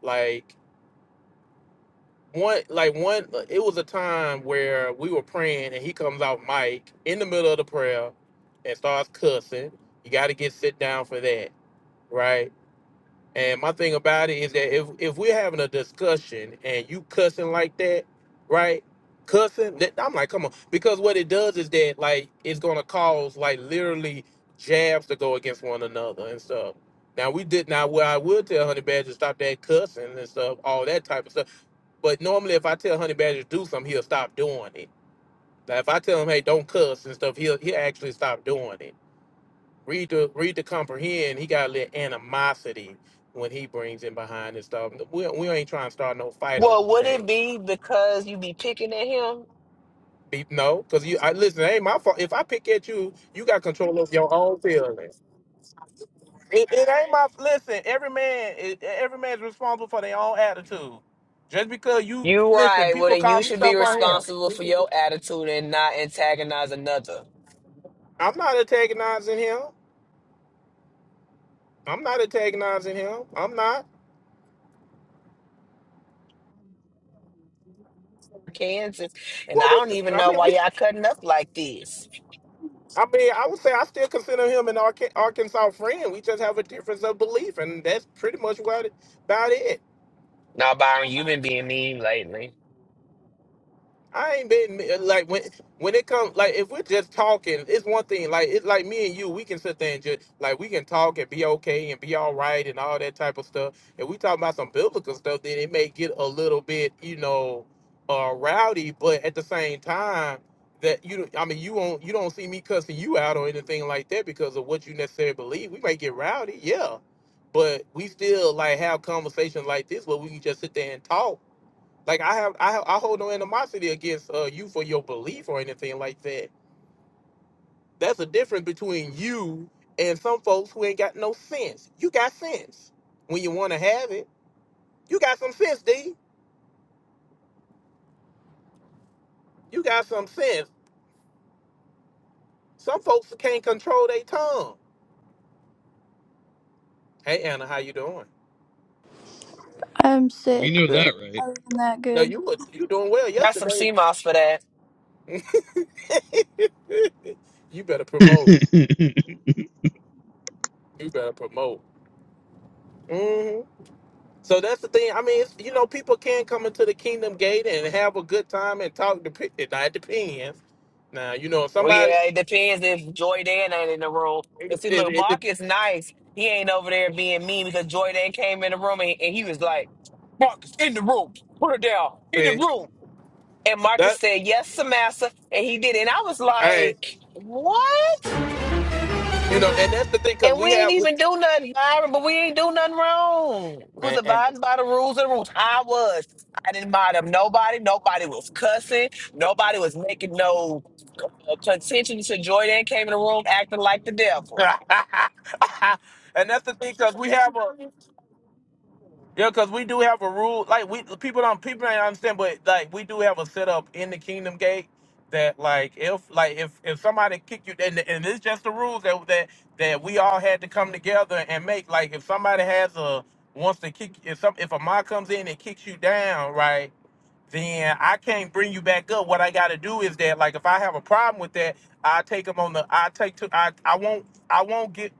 A: like one like one, it was a time where we were praying and he comes out Mike in the middle of the prayer and starts cussing. You got to get sit down for that, right? And my thing about it is that if if we're having a discussion and you cussing like that, right? Cussing, that, I'm like, come on, because what it does is that like it's gonna cause like literally jabs to go against one another and stuff. Now we did now where I would tell Honey Badger stop that cussing and stuff, all that type of stuff. But normally if I tell Honey Badger to do something, he'll stop doing it. Now if I tell him, hey, don't cuss and stuff, he'll he'll actually stop doing it read to read to comprehend. He got a little animosity when he brings in behind and stuff. We, we ain't trying to start no fight on
I: Well, would it be because you be picking at him
A: be no, cause you I listen. It ain't my fault. If I pick at you, you got control of your. It, it ain't my listen. Every man, it, every man's responsible for their own attitude. Just because you
I: You
A: listen,
I: right. Well,
A: people
I: then
A: call
I: you
A: me
I: should be
A: stuff on him.
I: responsible for your attitude and not antagonize another.
A: I'm not antagonizing him. I'm not antagonizing him. I'm not.
I: Kansas. And
A: What
I: I
A: we?
I: don't even
A: I
I: know
A: mean,
I: why
A: we.
I: y'all cutting up like this.
A: I mean, I would say I still consider him an Arca- Arkansas friend. We just have a difference of belief, and that's pretty much what about it.
I: Now, Byron, you've been being mean lately.
A: I ain't been like when when it comes like if we're just talking, it's one thing. Like it's like me and you, we can sit there and just like we can talk and be okay and be all right and all that type of stuff. If we talk about some biblical stuff, then it may get a little bit you know uh, rowdy. But at the same time, that you I mean you will not you don't see me cussing you out or anything like that because of what you necessarily believe. We may get rowdy, yeah, but we still like have conversations like this where we can just sit there and talk like I have, I have, I hold no animosity against uh, you for your belief or anything like that. That's a difference between you and some folks who ain't got no sense. You got sense when you want to have it. You got some sense, D. You got some sense. Some folks can't control their tongue. Hey Anna, how you doing?
J: I'm sick, but other than that,
A: No,
J: good.
A: you were you doing well
I: Got
A: yesterday.
I: some CMOS for that.
A: you better promote. You better promote. Hmm. So that's the thing. I mean, it's, you know, people can come into the kingdom gate and have a good time and talk. Dep- it now, it depends. Now, you know, if
I: Well,
A: somebody,
I: yeah, it depends if Joy Dan ain't in the room.
A: it,
I: Because see,
A: it,
I: look,
A: it, dep-
I: Mark is nice. He ain't over there being mean because Joy Dan came in the room and, and he was like, Mark is in the room. Put her down. In the
A: eh,
I: room. And Marcus
A: that,
I: said, Yes, Samassa. And he did. it. And I was
A: hey,
I: like, What?
A: you know, and that's the thing because
I: And we
A: we
I: ain't
A: have,
I: even do nothing, Byron, but we ain't do nothing wrong. We was
A: man,
I: abiding by the rules and rules. I was. I didn't mind up nobody. Nobody was cussing. Nobody was making no uh, contention to Jordan came in the room acting like the devil.
A: and that's the thing because we have a, Yeah, because we do have a rule. Like we people don't people don't understand, but like we do have a setup in the Kingdom Gate that like if like if if somebody kick you and and it's just the rules that that that we all had to come together and make. Like if somebody has a wants to kick if some if a mod comes in and kicks you down, right? then I can't bring you back up. What I got to do is that, like, if I have a problem with that, I take them on the. I take to. I I won't. I won't get.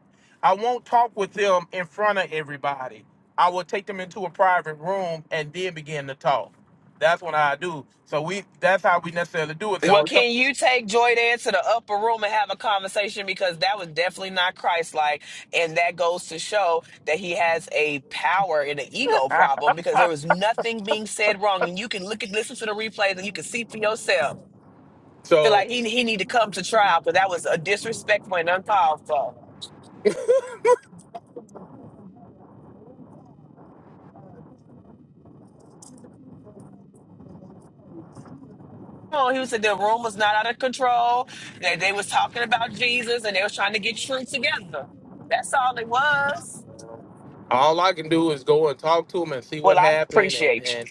A: I won't talk with them in front of everybody. I will take them into a private room and then begin to talk. That's what I do. So we. That's how we necessarily do it.
I: Well,
A: So
I: can you take Joy to the upper room and have a conversation because that was definitely not Christ-like, and that goes to show that he has a power and an ego problem because there was nothing being said wrong, and you can look at listen to the replays and you can see for yourself. Feel
A: so
I: like he he need to come to trial because that was a disrespectful and uncalled for. Oh, he was said the room was not out of control. That they was talking about Jesus and they was trying to get truth together. That's all it was.
A: all I can do is go and talk to them and see what
I: Well, I
A: happened,
I: appreciate
A: and
I: you.
A: and.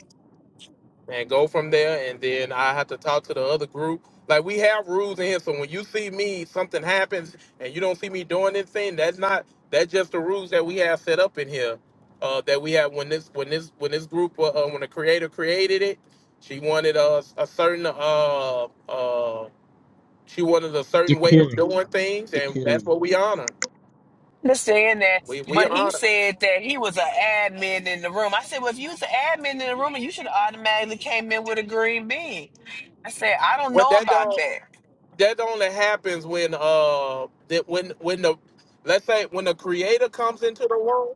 A: and go from there. And then I have to talk to the other group. Like we have rules in here, so when you see me, something happens, and you don't see me doing anything. that's not that's just the rules that we have set up in here. Uh, that we have when this when this when this group uh, uh, when the creator created it, she wanted us a certain uh uh she wanted a certain way of
D: Decorum.
A: doing things, and
D: Decorum.
A: that's what we honor.
I: understand that,
A: We we
I: but he
A: honor.
I: said that he was an admin in the room. I said, well, if you was an admin in the room, you should have automatically came in with a green bean. I said, I don't
A: What
I: know
A: that
I: about
A: don't
I: that.
A: that only happens when uh that when when the let's say when the creator comes into the room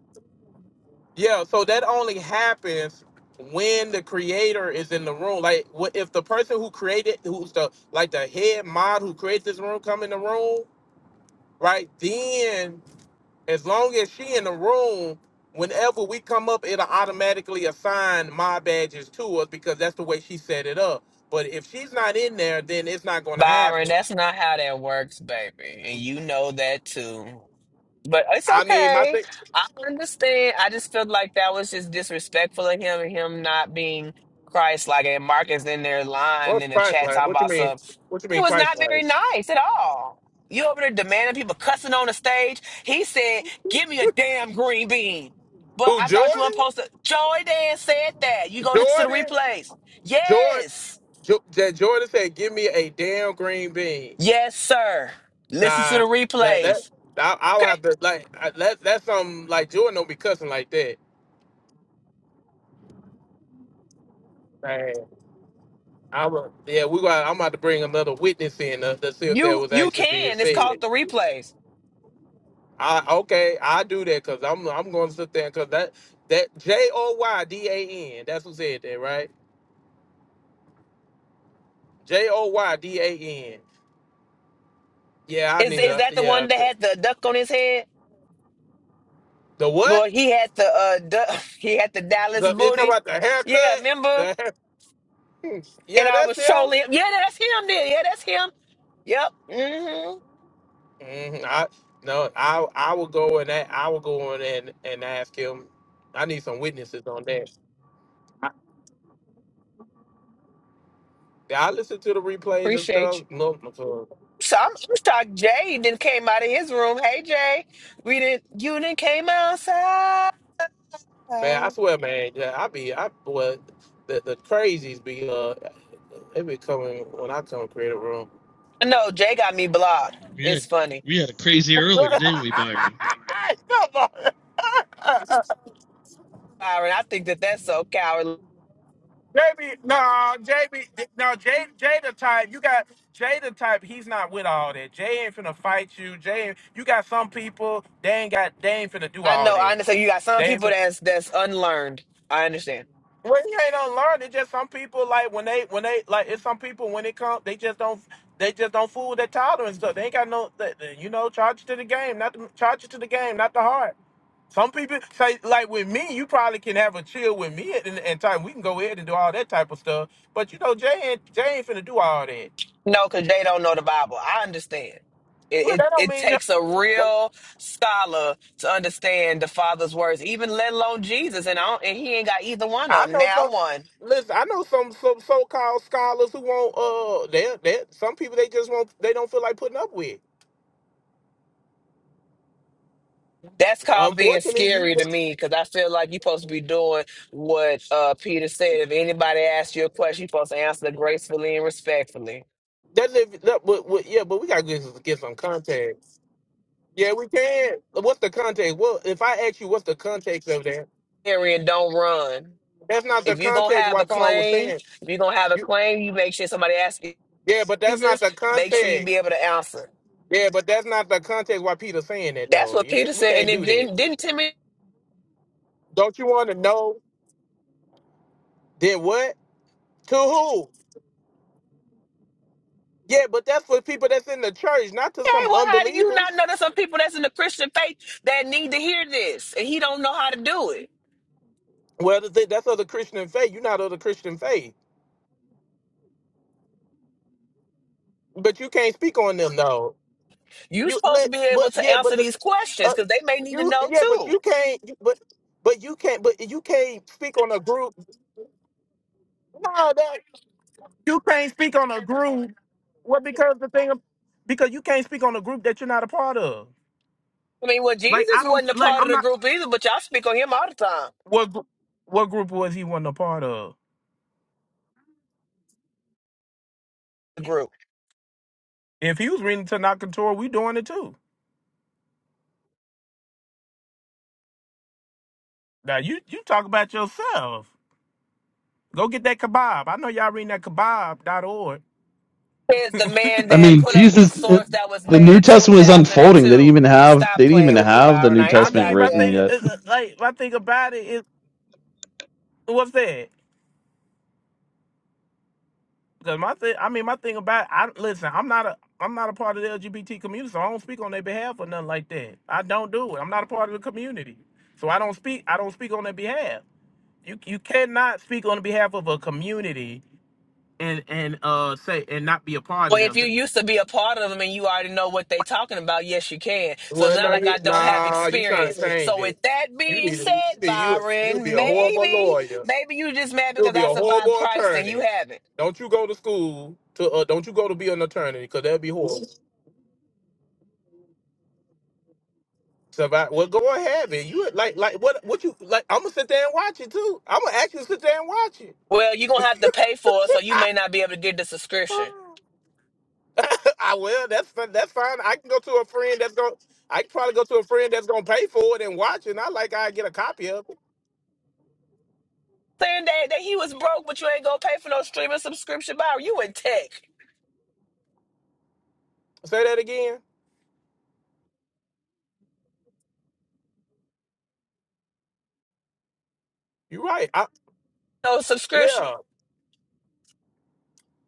A: yeah so that only happens when the creator is in the room like what if the person who created who's the like the head mod who creates this room come in the room right then as long as she in the room whenever we come up it'll automatically assign mod badges to us because that's the way she set it up but if she's not in there then it's not going to
I: Byron,
A: happen
I: that's not how that works, baby. And you know that too. But it's
A: i mean my
I: okay.
A: thing
I: I understand. I just felt like that was just disrespectful of him and him not being Christ like and Mark is in there lying
A: What's
I: in the
A: Christ
I: chat
A: like?
I: talking
A: What you
I: about
A: mean?
I: some
A: What you
I: he
A: mean
I: was
A: Christ
I: not very
A: like?
I: nice at all. You over there demanding people cussing on the stage. He said, Give me a damn green bean. But
A: Who
I: I thought you weren't
A: Jordan?
I: supposed to Joy Dan said that. You go listen to the
A: Jordan?
I: replays.
A: Jordan?
I: Yes.
A: Jo- that Jordan said, "Give me a damn green bean."
I: Yes, sir. Listen to
A: Nah,
I: the
A: that that
I: replays.
A: I, I'll
I: Okay.
A: have to like I, that. That's something like Jordan don't be cussing like that. Man, I will. Yeah, we. Gonna, I'm about to bring another witness in to, to see if that
I: You
A: was
I: you
A: actually being
I: can. It's
A: said.
I: called the replays.
A: I okay, I do that because I'm I'm going to sit there because that that J O Y D A N. That's who said that, right? J O Y D A N. Yeah, I
I: Is
A: need
I: is
A: a
I: that the
A: yeah.
I: one that
A: c-
I: had the duck on his head?
A: The what?
I: Lord, he had the uh duck, he had the Dallas
A: The you talking
I: booty.
A: about the
I: Yeah,
A: haircut?
I: remember?
A: The hair,
I: And
A: yeah,
I: I
A: that's
I: was
A: him.
I: trolling him. Yeah, that's him there. Yeah, that's him. Yep. Mm-hmm.
A: hmm I no, I I will go and that I will go in and and ask him. I need some witnesses on that. Yeah, I listen to the replays and
I: Appreciate
A: stuff.
I: you.
A: No, no, so-
I: So I'm, I'm shocked Jay then came out of his room. Hey Jay, we didn't you didn't came outside.
A: man, I
I: No,
A: swear, man. Yeah, I be I well, the the crazies be uh, they be coming when I come create a room.
I: Jay got me blocked.
D: We
I: It's
D: had
I: funny.
D: we had a crazy earlier,
A: Come
D: didn't we, Byron?
A: on.
I: Byron, I think that that's so cowardly.
A: JB, no, JB, no, Jay, Jay the type. You got Jay the type. He's not with all that. Jay ain't finna fight you. Jay, ain't- you got some people. They ain't got. They ain't finna do
I: I
A: all
I: know, I
A: that.
I: understand you got
A: They
I: some
A: ain't.
I: people
A: Finna,
I: that's that's unlearned. I understand.
A: well, he ain't unlearned. It's just some people like when they when they like it's some people when it comes they just don't they just don't fool with their tolerance stuff. They ain't got no. they- they- You know, charge it to the game, not the, charge it to the game, not the heart. Some people say, like with me, you probably can have a chill with me at and, and time. We can go ahead and do all that type of stuff. But you know, Jay ain't Jay ain't finna do all that.
I: No, because they don't know the Bible. I understand. It,
A: Well,
I: it
A: that don't
I: it
A: mean that-
I: takes a
A: that-
I: real scholar to understand the Father's words, even let alone Jesus, and I don't, and he ain't got either one
A: I
I: of them.
A: know
I: Now
A: some.
I: one,
A: Listen, I know some some so called scholars who won't. Uh, they they some people they just won't. They don't feel like putting up with.
I: that's called being
A: Unfortunately, you
I: scary to me because I feel like you're supposed to be doing what uh, Peter said. If anybody asks you a question, you're supposed to answer gracefully and respectfully.
A: that's if that, but, but yeah, but we gotta get, get some context. Yeah, we can. What's the context? Well, if I ask you, what's the context of that?
I: Scary and don't run.
A: That's not the
I: If you're gonna
A: context
I: have
A: why
I: a
A: Paul was
I: claim,
A: saying.
I: if you're gonna have a claim, you make sure somebody asks you
A: Yeah, but that's not
I: Jesus.
A: the
I: Make sure you
A: context.
I: be able to answer.
A: Yeah, but that's not the context why Peter's saying that
I: That's
A: though.
I: what
A: You
I: Peter
A: can't, we
I: said. And
A: can't
I: then
A: do that.
I: didn't, didn't Timothy
A: Don't you want to know? Did what? To who? Yeah, but that's for people that's in the church, not to
I: Hey,
A: some
I: well, how do you not
A: unbelievers.
I: know there's some people that's in the Christian faith that need to hear this? And he don't know how to do it.
A: Well, that's it- that's of the Christian faith. You're not of the Christian faith, but you can't speak on them though.
I: You're
A: You,
I: supposed
A: li-
I: to be able
A: but
I: to
A: yeah, but
I: answer
A: the
I: these questions
A: uh,
I: because they may need to
A: you
I: know
A: yeah, but
I: too.
A: you can't. But but you can't. But you can't speak on a group. No, that. You can't speak on a group. Well, because the thing, because you can't speak on a group that you're not a part of.
I: I mean, well,
A: Like
I: Jesus
A: I don't
I: wasn't a
A: like.
I: part of
A: I'm
I: the
A: not.
I: group either, but y'all speak on him all the time.
A: What gr- what group was he wasn't a part of?
I: The group
A: If he was reading Tanaka Torah, we doing it too. Now you you talk about yourself. Go get that kebab. I know y'all reading that kebab dot org.
I: is the man
D: I
I: that
D: mean,
I: put up a
D: Jesus, it-
I: source that was
D: the
I: made
D: New
I: in
D: Testament was unfolding. They didn't
I: 2002.
D: even have they
I: Stop
D: didn't even
I: playing with me,
D: have the
I: Byron.
D: New
I: I ain't
A: I
D: Testament
I: forgot
A: mean, my
D: written
A: thing
D: yet.
A: is uh, like my thing about it is what's that? Cause my thing, I mean, my thing about it, I listen. I'm not a I'm not a part of the LGBT community, so I don't speak on their behalf or nothing like that. I don't do it. I'm not a part of the community, so I don't speak. I don't speak on their behalf. You you cannot speak on the behalf of a community and and uh say and not be a part of
I: Well, if
A: them.
I: you used to be a part of them and you already know what they talking about, yes, you can. So it's
A: Well, no,
I: not like
A: you,
I: I don't have
A: nah, you trying
I: experience.
A: to change
I: So with
A: it.
I: that
A: You
I: being
A: need to- you
I: said,
A: need- you you'll be
I: Byron,
A: a horrible
I: maybe,
A: lawyer.
I: maybe you just mad
A: You'll
I: because
A: be a
I: I survived
A: horrible
I: Christ and you
A: attorney.
I: haven't.
A: Don't you go to school to uh, don't you go to be an attorney because that'd be horrible. So, Survive. Well, go ahead, man. You like like what what you like? I'm gonna sit there and watch it too. I'm gonna actually sit there and watch it.
I: Well, you're gonna have to pay for it, so you may not be able to get the subscription.
A: I will. That's fi- that's fine. I can go to a friend that's gonna. I can probably go to a friend that's gonna pay for it and watch it. Not like I get a copy of it.
I: Saying that, that he was broke, but you ain't gonna pay for no streaming subscription, Byron. You in tech.
A: Say that again. You're right. I,
I: No subscription.
A: yeah.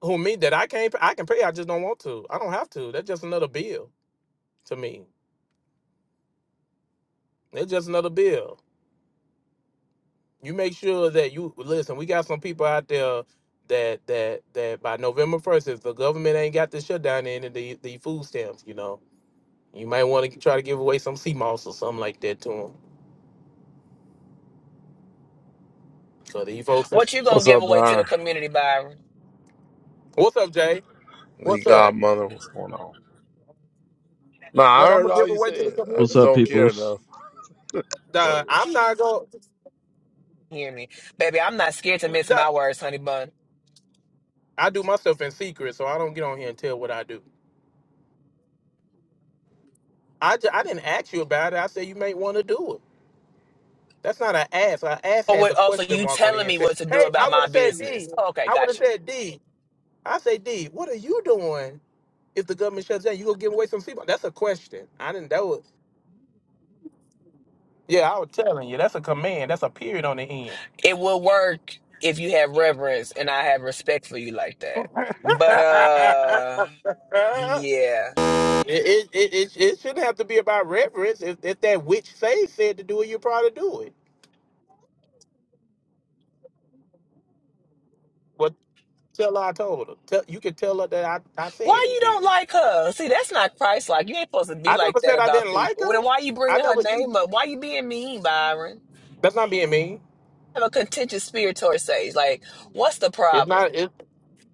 A: Who me that I can't. I can pay. I just don't want to. I don't have to. That's just another bill to me. It's just another bill. you make sure that you listen. We got some people out there that that that by November first, if the government ain't got the shutdown in and the the food stamps, you know, you might want to try to give away some sea moss or something like that to them. So, these folks,
I: What you gonna
E: What's
I: give
E: up,
I: away to the
E: Byron?
I: community, Byron?
A: what's up, Jay?
E: Lee
A: What's up?
E: Godmother, what's going on? Nah, I heard all you said. I
D: What's
E: just
D: up,
E: don't care
D: peoples?
E: enough. Go
A: Nah,
E: ahead.
A: I'm not going.
I: Hear me. Baby, I'm not scared to miss my words, honey bun.
A: I do my stuff in secret, so I don't get on here and tell what I do. I ju- I didn't ask you about it. I said you may want to do it. That's not an ass. An ass
I: Oh,
A: has
I: wait,
A: a
I: oh, so
A: question
I: you
A: mark on the
I: telling
A: end.
I: me what
A: Says,
I: to do
A: hey, I
I: about
A: would
I: my
A: have said
I: business?
A: D.
I: Oh, okay,
A: I would
I: got
A: have
I: you.
A: said D. I say, D, what are you doing if the government shuts down? You gonna give away some people? That's a question. I didn't that was yeah, I was telling you, that's a command. That's a period on the end.
I: It will work if you have reverence and I have respect for you like that. But
A: it,
I: uh, yeah.
A: it, it, it, it shouldn't have to be about reverence. If, if that witch say said to do it, you probably do it. But tell her I told her. Tell, you can tell her that I, I
I: Why
A: said it
I: you
A: then.
I: don't like her? See, that's not Christ-like. You ain't supposed to be
A: I never
I: like that
A: said I
I: about
A: didn't like
I: people. Well,
A: her.
I: then why you
A: I
I: bringing her
A: never you
I: name up? Why you being mean, Byron?
A: that's not being mean.
I: have a contentious spirit towards Sage. Like, what's the
A: It's
I: problem?
A: not it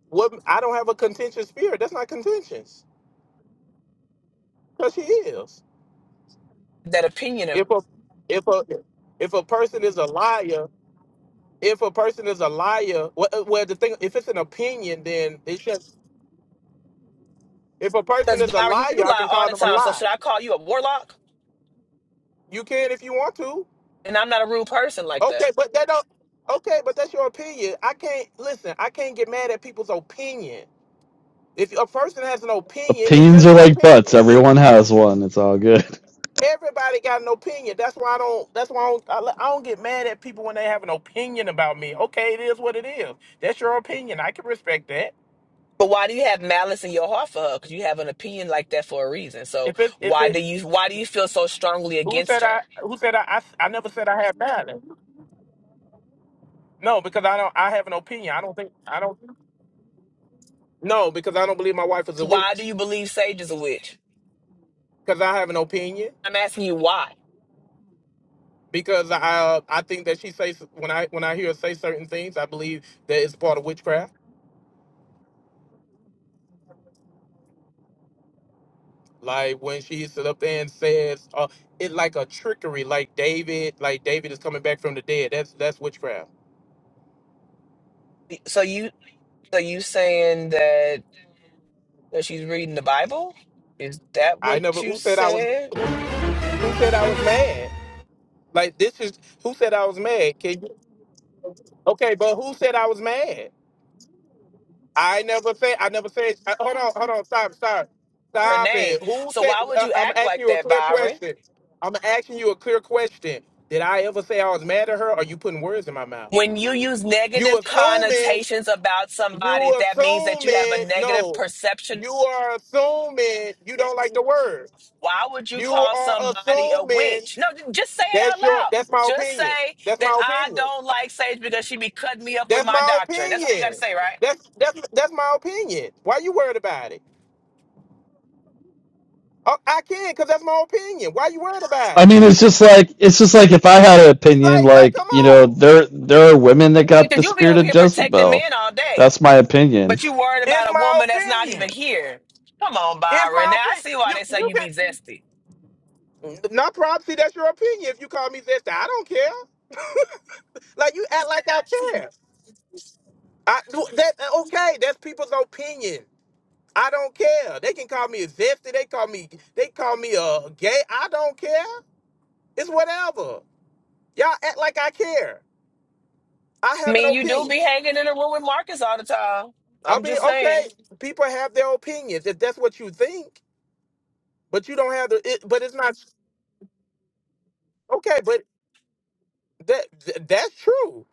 A: what I don't have a contentious spirit. That's not contentious. Cause she is.
I: That opinion of
A: if a if a if a person is a liar, if a person is a liar, well, uh, well the thing if it's an opinion, then it's just if a person
I: because
A: is a
I: Byron,
A: liar,
I: you
A: I
I: lie
A: can
I: all
A: call
I: the
A: them a
I: time. So
A: lie.
I: should I call you a warlock?
A: You can if you want to.
I: And I'm not a rude person like that.
A: Okay, but that don't. Okay, but that's your opinion. I can't listen. I can't get mad at people's opinion. If a person has an opinion, it's
D: Opinions
A: just
D: are
A: an
D: like butts.
A: opinion.
D: Everyone has one. It's all good.
A: Everybody got an opinion. That's why I don't. That's why I don't, I, I don't get mad at people when they have an opinion about me. Okay, it is what it is. That's your opinion. I can respect that.
I: But why do you have malice in your heart for her? Because you have an opinion like that for a reason. So
A: If it, if
I: why do
A: it,
I: you why do you feel so strongly
A: who
I: against
A: said I?
I: her?
A: Who said I? I, s- I never said I had bad. No, because I don't. I have an opinion. I don't think. I don't. No, because I don't believe my wife is a
I: Why
A: witch.
I: do you believe Sage is a witch?
A: Because I have an opinion.
I: I'm asking you why.
A: Because I, uh, I think that she says when I when I hear her say certain things, I believe that it's part of witchcraft. Like when she stood up there and says, uh, "It's like a trickery." Like David, like David is coming back from the dead. That's that's witchcraft.
I: So you so you saying that that she's reading the Bible? Is that
A: I
I: what
A: never.
I: you
A: Who said I was?
I: said?
A: Who, who said I was mad? Like this is who said I was mad? Can you? Okay, but who said I was mad? I never said. I never said. uh, hold on, hold on. Stop, stop,
I: Her
A: stop
I: name.
A: it. Who
I: So
A: said?
I: why would
A: Uh,
I: you
A: I'm
I: act
A: asking
I: like
A: you a
I: that,
A: clear
I: Byron?
A: question. I'm asking you a clear question. Did I ever say I was mad at her? Or are you putting words in my mouth?
I: When you use
A: You
I: negative
A: assuming.
I: connotations about somebody,
A: You
I: that means that you have
A: assuming.
I: a negative
A: No,
I: perception
A: you are assuming you don't like the word.
I: Why would you
A: You
I: call
A: are
I: somebody a
A: assuming
I: witch? No, j- just say it out
A: that's your.
I: loud.
A: That's my
I: Just
A: opinion.
I: say
A: That's
I: that
A: my
I: I
A: opinion.
I: don't like Sage because she be cutting me up with
A: That's
I: my
A: my
I: doctrine. That's all you got to
A: opinion.
I: say, right?
A: That's that's that's my opinion. Why you worried about it? Oh, I can, cause that's my opinion. Why you worried about
D: I
A: it?
D: mean, it's just like it's just like if I had an opinion,
A: Like like,
D: like
A: come
D: you know,
A: on.
D: there there are women that got
I: Because
D: the
I: you'll be
D: spirit
I: over
D: of
I: here protecting
D: Jezebel.
I: men all day,
D: That's my opinion.
I: but you worried
A: It's
I: about a
A: my
I: woman that's not even
A: opinion.
I: here. Come on,
A: It's
I: Byron.
A: my
I: Now I
A: opinion.
I: see why
A: You
I: they say
A: you
I: you be
A: can
I: zesty.
A: not problem. See, that's your opinion. If you call me this, I don't care. Like you act like I care. I that okay. That's people's opinion. I don't care. They can call me a zesty. They call me they call me a gay. I don't care. It's whatever. Y'all act like I care. I
I: I
A: have an
I: mean, you do
A: opinion.
I: be hanging in the room with Marcus all the time.
A: I
I: I'm
A: mean,
I: just saying.
A: okay, people have their opinions if that's what you think, but you don't have the. It, but it's not okay. But that th- that's true.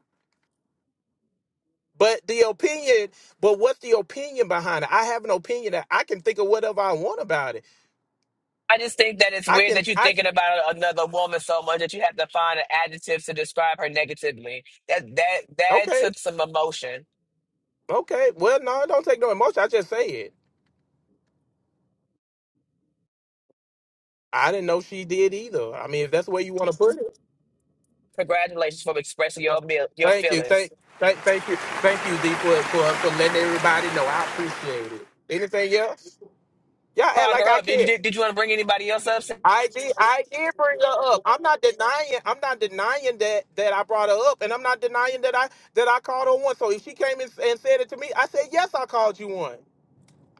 A: But the opinion, but what's the opinion behind it? I have an opinion that I can think of whatever I want about it.
I: I just think that it's
A: I
I: weird
A: can,
I: that you're
A: I
I: thinking
A: can-
I: about another woman so much that you have to find an adjective to describe her negatively. That that that
A: okay,
I: took some emotion.
A: okay. Well, no, it don't take no emotion. I just say it. I didn't know she did either. I mean, if that's the way you want to put it,
I: Congratulations for expressing
A: look,
I: your mil- your
A: thank you,
I: feelings.
A: thank, thank, thank you, thank you, D, for for for letting everybody know. I appreciate it. Anything else? Y'all act
I: Brought
A: like
I: her
A: I
I: up. Did
A: care.
I: you did, did you want to bring anybody else up?
A: I did I did bring her up. I'm not denying I'm not denying that that I brought her up and I'm not denying that I that I called her one. So if she came and, and said it to me, I said, Yes, I called you one.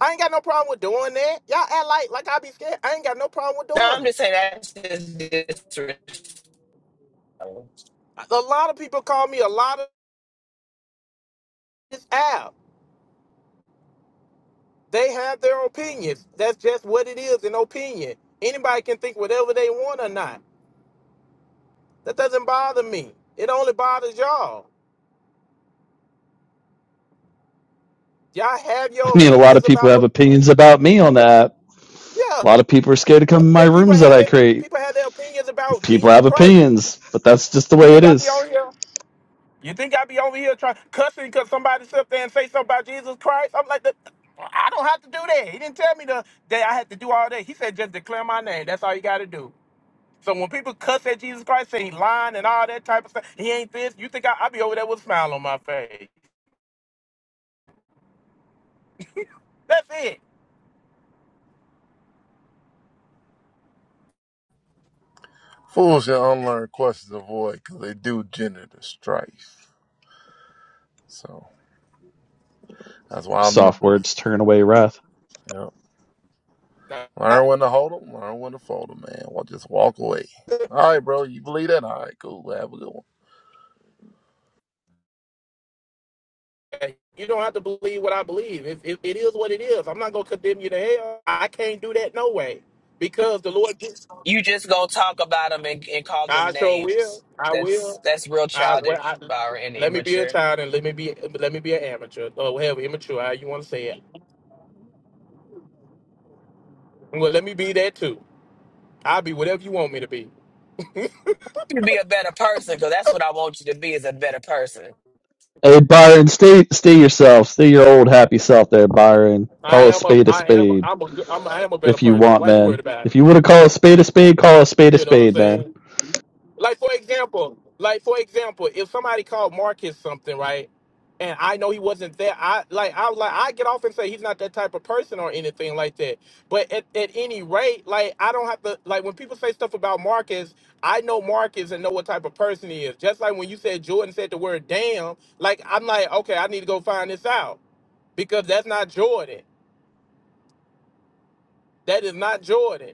A: I ain't got no problem with doing that. Y'all act like like I be scared. I ain't got no problem with
I: No, I'm
A: doing it.
I: just saying that's just disrespectful.
A: A lot of people call me a lot of this app. They have their opinions. That's just what it is, an opinion. Anybody can think whatever they want or not. That doesn't bother me. It only bothers y'all. Y'all have your
D: I mean, a lot
A: opinions
D: of people
A: about
D: have opinions about me on that.
A: yeah.
D: A lot of people are scared to come in my
A: that people
D: rooms that
A: have
D: I
A: their
D: create.
A: people have their opinions about
D: People
A: Jesus
D: have
A: Christ.
D: opinions, but that's just the
A: You
D: way
A: think
D: it
A: I be over
D: is.
A: here? You think I be over here trying cussing because somebody sit up there and say something about Jesus Christ? I'm like, "That- I don't have to do that. He didn't tell me to, that I had to do all that. He said just declare my name. That's all you got to do. So when people cuss at Jesus Christ, saying he lying and all that type of stuff, he ain't this. You think I, I be over there with a smile on my face? That's it.
E: Fools should unlearn questions of void because they do gender the strife. So that's why I'm.
D: Soft words turn away wrath.
E: Yeah.
A: Nah,
E: Learn
A: I-
E: when to hold 'em, learn when to fold 'em, man. Well, just walk away. All right, bro. You believe that? All right, cool. Have a good one.
A: You don't have to believe what I believe. If, if it is what it is, I'm not gonna condemn you to hell. I can't do that no way, because the Lord. gets.
I: You just gonna talk about them and, and call
A: I
I: them
A: sure will.
I: names.
A: I
I: That's
A: will.
I: that's real
A: I well. I,
I: childish, Byron, and
A: let me be a
I: immature.
A: child and let me be let me be an amateur or whatever immature. How you want to say it? Well, let me be that too. I'll be whatever you want me to be.
I: You be a better person because that's what I want you to be is a better person.
D: Hey Byron, stay stay yourself, stay your old happy self there, Byron. Call
A: I
D: a
A: am a
D: spade a
A: I am a,
D: spade
A: I'm a good- I'm a, I am a better
D: if you
A: person.
D: want,
A: Why you worried
D: man.
A: about
D: If you want to call a spade a spade, call a spade a
A: You know.
D: spade, man.
A: Like for example, like for example, if somebody called Marcus something, right? And I know he wasn't there. I like I like I get off and say he's not that type of person or anything like that. But at, at any rate, like I don't have to like when people say stuff about Marcus, I know Marcus and know what type of person he is. Just like when you said Jordan said the word damn, like I'm like, okay, I need to go find this out. Because that's not Jordan. That is not Jordan.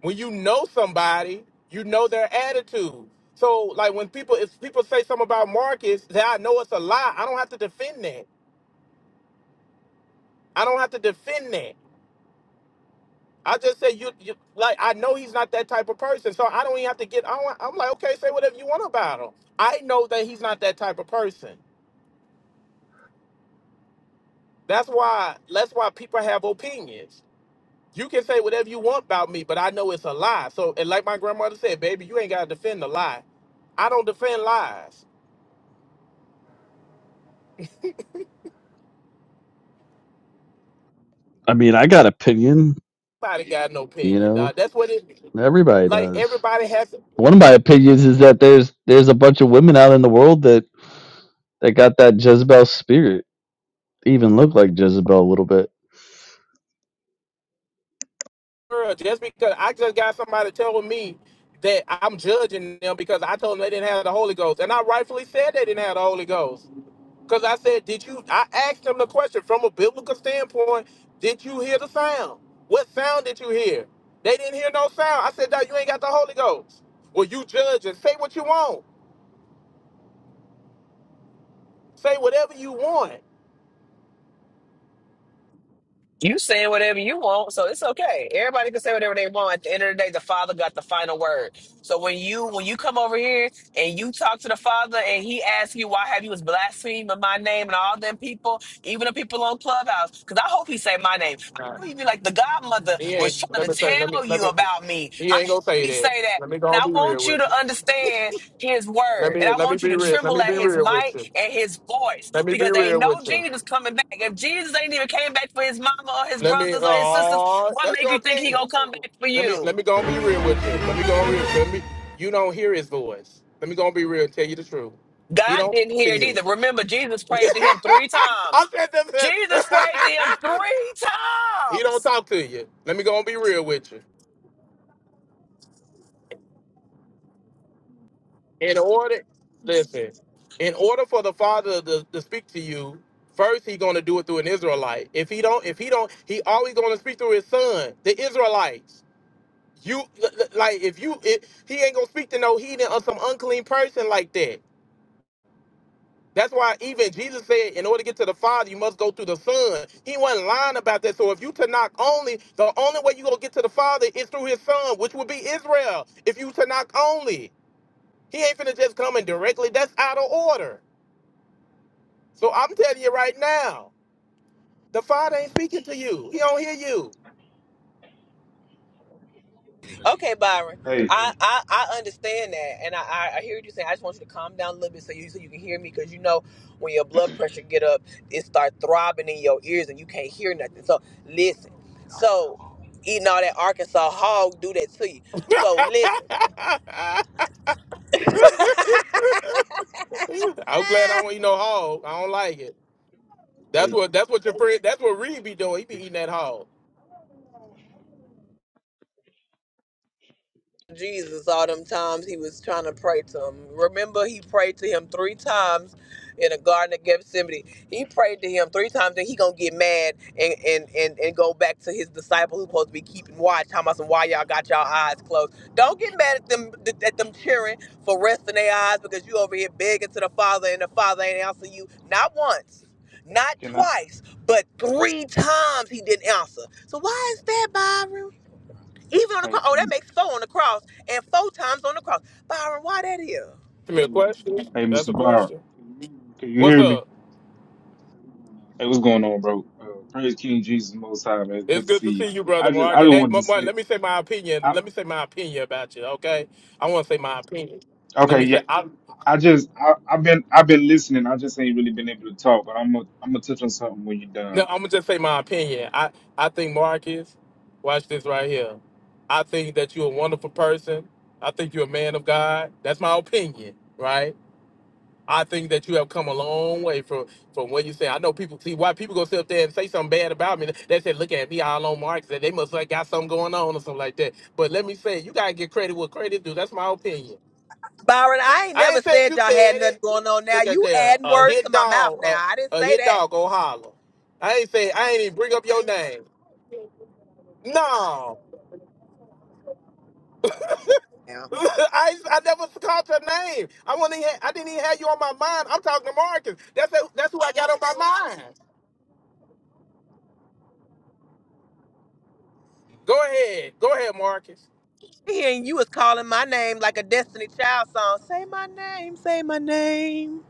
A: when you know somebody, you know their attitude. So like when people if people say something about Marcus that I know it's a lie, I don't have to defend that. I don't have to defend that. I just say you, you like I know he's not that type of person, so I don't even have to get. I don't, I'm like okay, say whatever you want about him. I know that he's not that type of person. That's why that's why people have opinions. You can say whatever you want about me, but I know it's a lie. So and like my grandmother said, baby, you ain't gotta defend the lie. I don't defend lies.
D: I mean, I got opinion.
A: Nobody got an
D: You
A: opinion,
D: know,
A: dog. That's what it
D: everybody
A: like.
D: does.
A: Everybody has to.
D: One of my opinions is that there's there's a bunch of women out in the world that that got that Jezebel spirit. They even look like Jezebel a little bit.
A: Girl, Just because I just got somebody telling me that I'm judging them because I told them they didn't have the Holy Ghost, and I rightfully said they didn't have the Holy Ghost because I said, "Did you?" I asked them the question from a biblical standpoint: Did you hear the sound? What sound did you hear? They didn't hear no sound. I said, "Dog, you ain't got the Holy Ghost." Well, you judge and say what you want. Say whatever you want.
I: You saying whatever you want, so it's okay. Everybody can say whatever they want. At the end of the day, the Father got the final word. So when you when you come over here and you talk to the Father and He asks you why have you was blaspheming my name and all them people, even the people on Clubhouse, because I hope He say my name. I hope He be like the Godmother was trying to tell you about me. I hope He say that, and I want you to understand his word. And I want you to tremble at his might and his voice because ain't no Jesus coming back. If Jesus ain't even came back for his mama or his
A: Let me.
I: brothers or his sisters,
A: Oh,
I: what
A: that's
I: make
A: your
I: you think
A: opinion.
I: he gonna come back for
A: let me
I: you?
A: let me go and be real with you. Let me go and real. Let me. You don't hear his voice. Let me go and be real. and Tell you the truth. He
I: God
A: don't
I: didn't
A: talk to
I: hear it
A: you.
I: either. Remember, Jesus prayed to him three
A: I
I: times.
A: said
I: Jesus prayed to
A: that.
I: him three
A: he don't
I: times.
A: talk to you. Let me go and be real with you. In order, listen. In order for the Father to, to speak to you, first he gonna do it through an Israelite. If he don't, if he don't, he always gonna speak through his Son, the Israelites. You l- l- like if you, it, he ain't gonna speak to no heathen or some unclean person like that. That's why even Jesus said, in order to get to the Father, you must go through the Son. He wasn't lying about that. So if you to knock only, the only way you gonna get to the Father is through His Son, which would be Israel. If you to knock only, He ain't finna just come in directly. That's out of order. So I'm telling you right now, the Father ain't speaking to you. He don't hear you.
I: Okay, Byron.
H: Hey,
I: I, I, I understand that, and I, I I hear what you're saying. I just want you to calm down a little bit so you so you can hear me, because you know when your blood pressure get up, it start throbbing in your ears and you can't hear nothing. So listen. So eating all that Arkansas hog do that to you. So listen.
A: I'm glad I don't eat no hog. I don't like it. That's
H: hey,
A: what that's what your friend. That's what Reed be doing. He be eating that hog.
I: Jesus all them times he was trying to pray to him. Remember, he prayed to him three times in the Garden of Gethsemane. He prayed to him three times and he gonna get mad and, and, and, and go back to his disciple who's supposed to be keeping watch. How about some why y'all got y'all eyes closed? Don't get mad at them at them cheering for resting their eyes because you over here begging to the Father and the Father ain't answering you not once. Not
H: can I?
I: twice, but three times he didn't answer. So why is that, Byron? Even on the
H: Hey,
I: cross. Oh,
H: hey,
I: that makes four on the cross and four times on the cross. Byron, why that is?
A: Come here.
H: hey,
A: That's
H: Mr.
A: a
H: Byron,
A: question.
H: can you
A: What's
H: hear me?
A: up?
H: Hey, what's going on, bro? Uh, praise King Jesus Most High, man.
A: It's
H: Good to
A: good
H: see
A: to
H: you.
A: see you, brother
H: I just, I
A: Mark.
H: just
A: Hey,
H: wanted
A: Ma-
H: to
A: Mark,
H: say,
A: let me say my opinion.
H: I,
A: Let me say my opinion about you, okay? I want to say my opinion. Let
H: okay,
A: me
H: yeah,
A: say I.
H: I just, I, I've been, I've been listening. I just ain't really been able to talk, but I'm gonna, I'm gonna touch on something when you're
A: No,
H: done.
A: I'm gonna just say my opinion. I I think Marcus, watch this right here. I think that you're a wonderful person. I think you're a man of God. That's my opinion, right? I think that you have come a long way from from what you say. I know people see why people go sit up there and say something bad about me. They say, "Look at me, all on marks," that they must like got something going on or something like that. But let me say, you gotta get credit what credit due. That's my opinion.
I: Byron, I ain't
A: I
I: never
A: ain't said
I: said
A: you said
I: y'all had nothing
A: it.
I: going on now.
A: Look at
I: You
A: there,
I: adding
A: a
I: words
A: hit
I: to my mouth
A: dog,
I: now. I didn't
A: a, a
I: say
A: hit
I: that.
A: dog go holler. I ain't say I ain't even bring up your name. No.
I: Now.
A: I, I never called your name. I want I didn't even have you on my mind. I'm talking to Marcus. That's who- that's who I got on my mind. Go ahead. Go ahead, Marcus.
I: Hearing you was calling my name like a Destiny Child song. Say my name, say my name.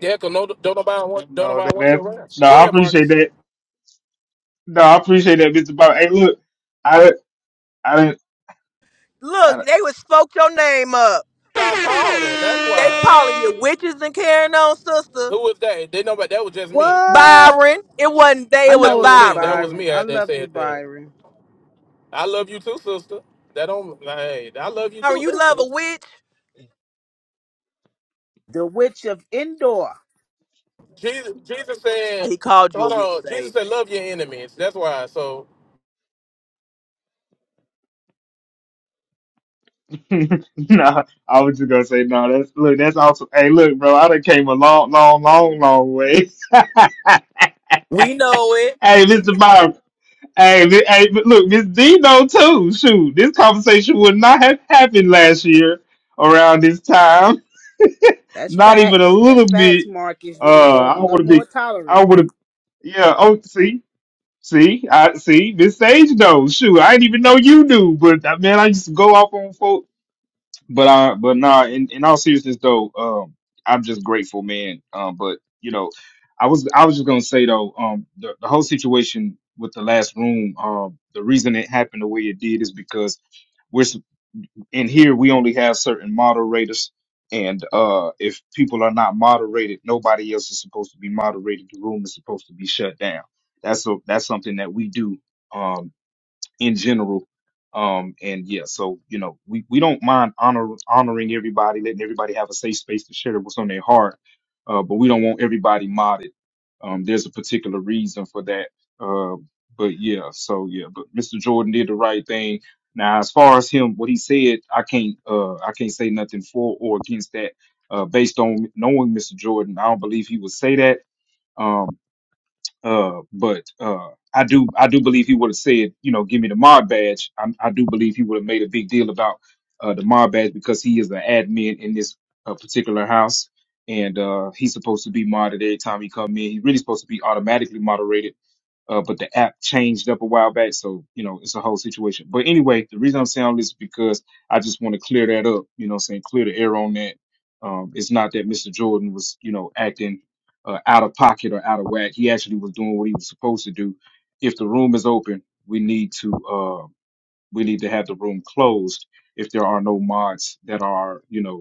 A: Yeah, cause no, don't nobody, want- don't
H: No,
A: nobody.
H: that
A: want-
H: That, no, I
A: ahead,
H: appreciate
A: Marcus.
H: that. No, I appreciate that, Mr. Byron. Hey, look, I, I didn't.
I: Look, they was spoke your name up.
A: John called her. That's why.
I: They calling you witches and carrying on, sister.
A: Who was that? They nobody. That was just me.
K: What?
I: Byron. It wasn't they,
K: I
I: it was
A: That
K: know it
A: was
K: was
A: me. That
I: Byron.
A: was
K: Byron.
A: me
K: I
A: that that
K: love you,
A: said that.
K: Byron.
A: I love you too, sister. That don't. nah, Hey, I love you
I: Byron,
A: too.
I: you love
A: Listen,
I: a witch?
K: The Witch of Endor.
A: Jesus. Jesus said,
I: He called you a
A: hold
I: witch,
A: on. Jesus
I: Sage.
A: said, love your enemies. That's why. So
H: nah, I was just gonna say no. That's look, that's awesome. Hey, look, bro, I done came a long, long, long, long way. hey,
I: We know it.
H: Mr. Byron. Hey, mi- hey, but look, Miss Dino too. Shoot, this conversation would not have happened last year around this time.
K: That's
H: Not even a
K: facts. That's
H: little bit.
K: facts, Marcus. You've been
H: Uh,
K: growing
H: I
K: a
H: would
K: little
H: have
K: more
H: been.
K: tolerant.
H: I would have. Yeah. Oh, see. See, I see Miss Sage knows. Shoot, I didn't even know you knew, but uh, man, I used to go off on folks But I, but nah. In, in all seriousness, though, um, I'm just grateful, man. Um, but you know, I was, I was just gonna say though, um, the, the whole situation with the last room, um, the reason it happened the way it did is because we're s- in here. We only have certain moderators, and uh, if people are not moderated, nobody else is supposed to be moderated. The room is supposed to be shut down. That's a, that's something that we do. um, in general. Um, and yeah, so you know, we, we don't mind honor, honoring everybody, letting everybody have a safe space to share what's on their heart. Uh, but we don't want everybody modded. Um, there's a particular reason for that. Uh, but yeah, so yeah, but Mr. Jordan did the right thing. Now, as far as him, what he said, I can't, uh, I can't say nothing for or against that. Uh, based on knowing Mr. Jordan, I don't believe he would say that. Um, uh, but uh, I do I do believe he would have said, you know, give me the mod badge. I, I do believe he would have made a big deal about uh, the mod badge because he is an admin in this uh, particular house, and uh, he's supposed to be modded every time he come in. He's really supposed to be automatically moderated uh, but the app changed up a while back, so you know it's a whole situation. But anyway, the reason I'm saying all this is because I just want to clear that up. You know, what I'm saying clear the air on that. Um, it's not that Mr. Jordan was you know acting uh, out of pocket or out of whack. He actually was doing what he was supposed to do. If the room is open, we need to uh, we need to have the room closed if there are no mods that are you know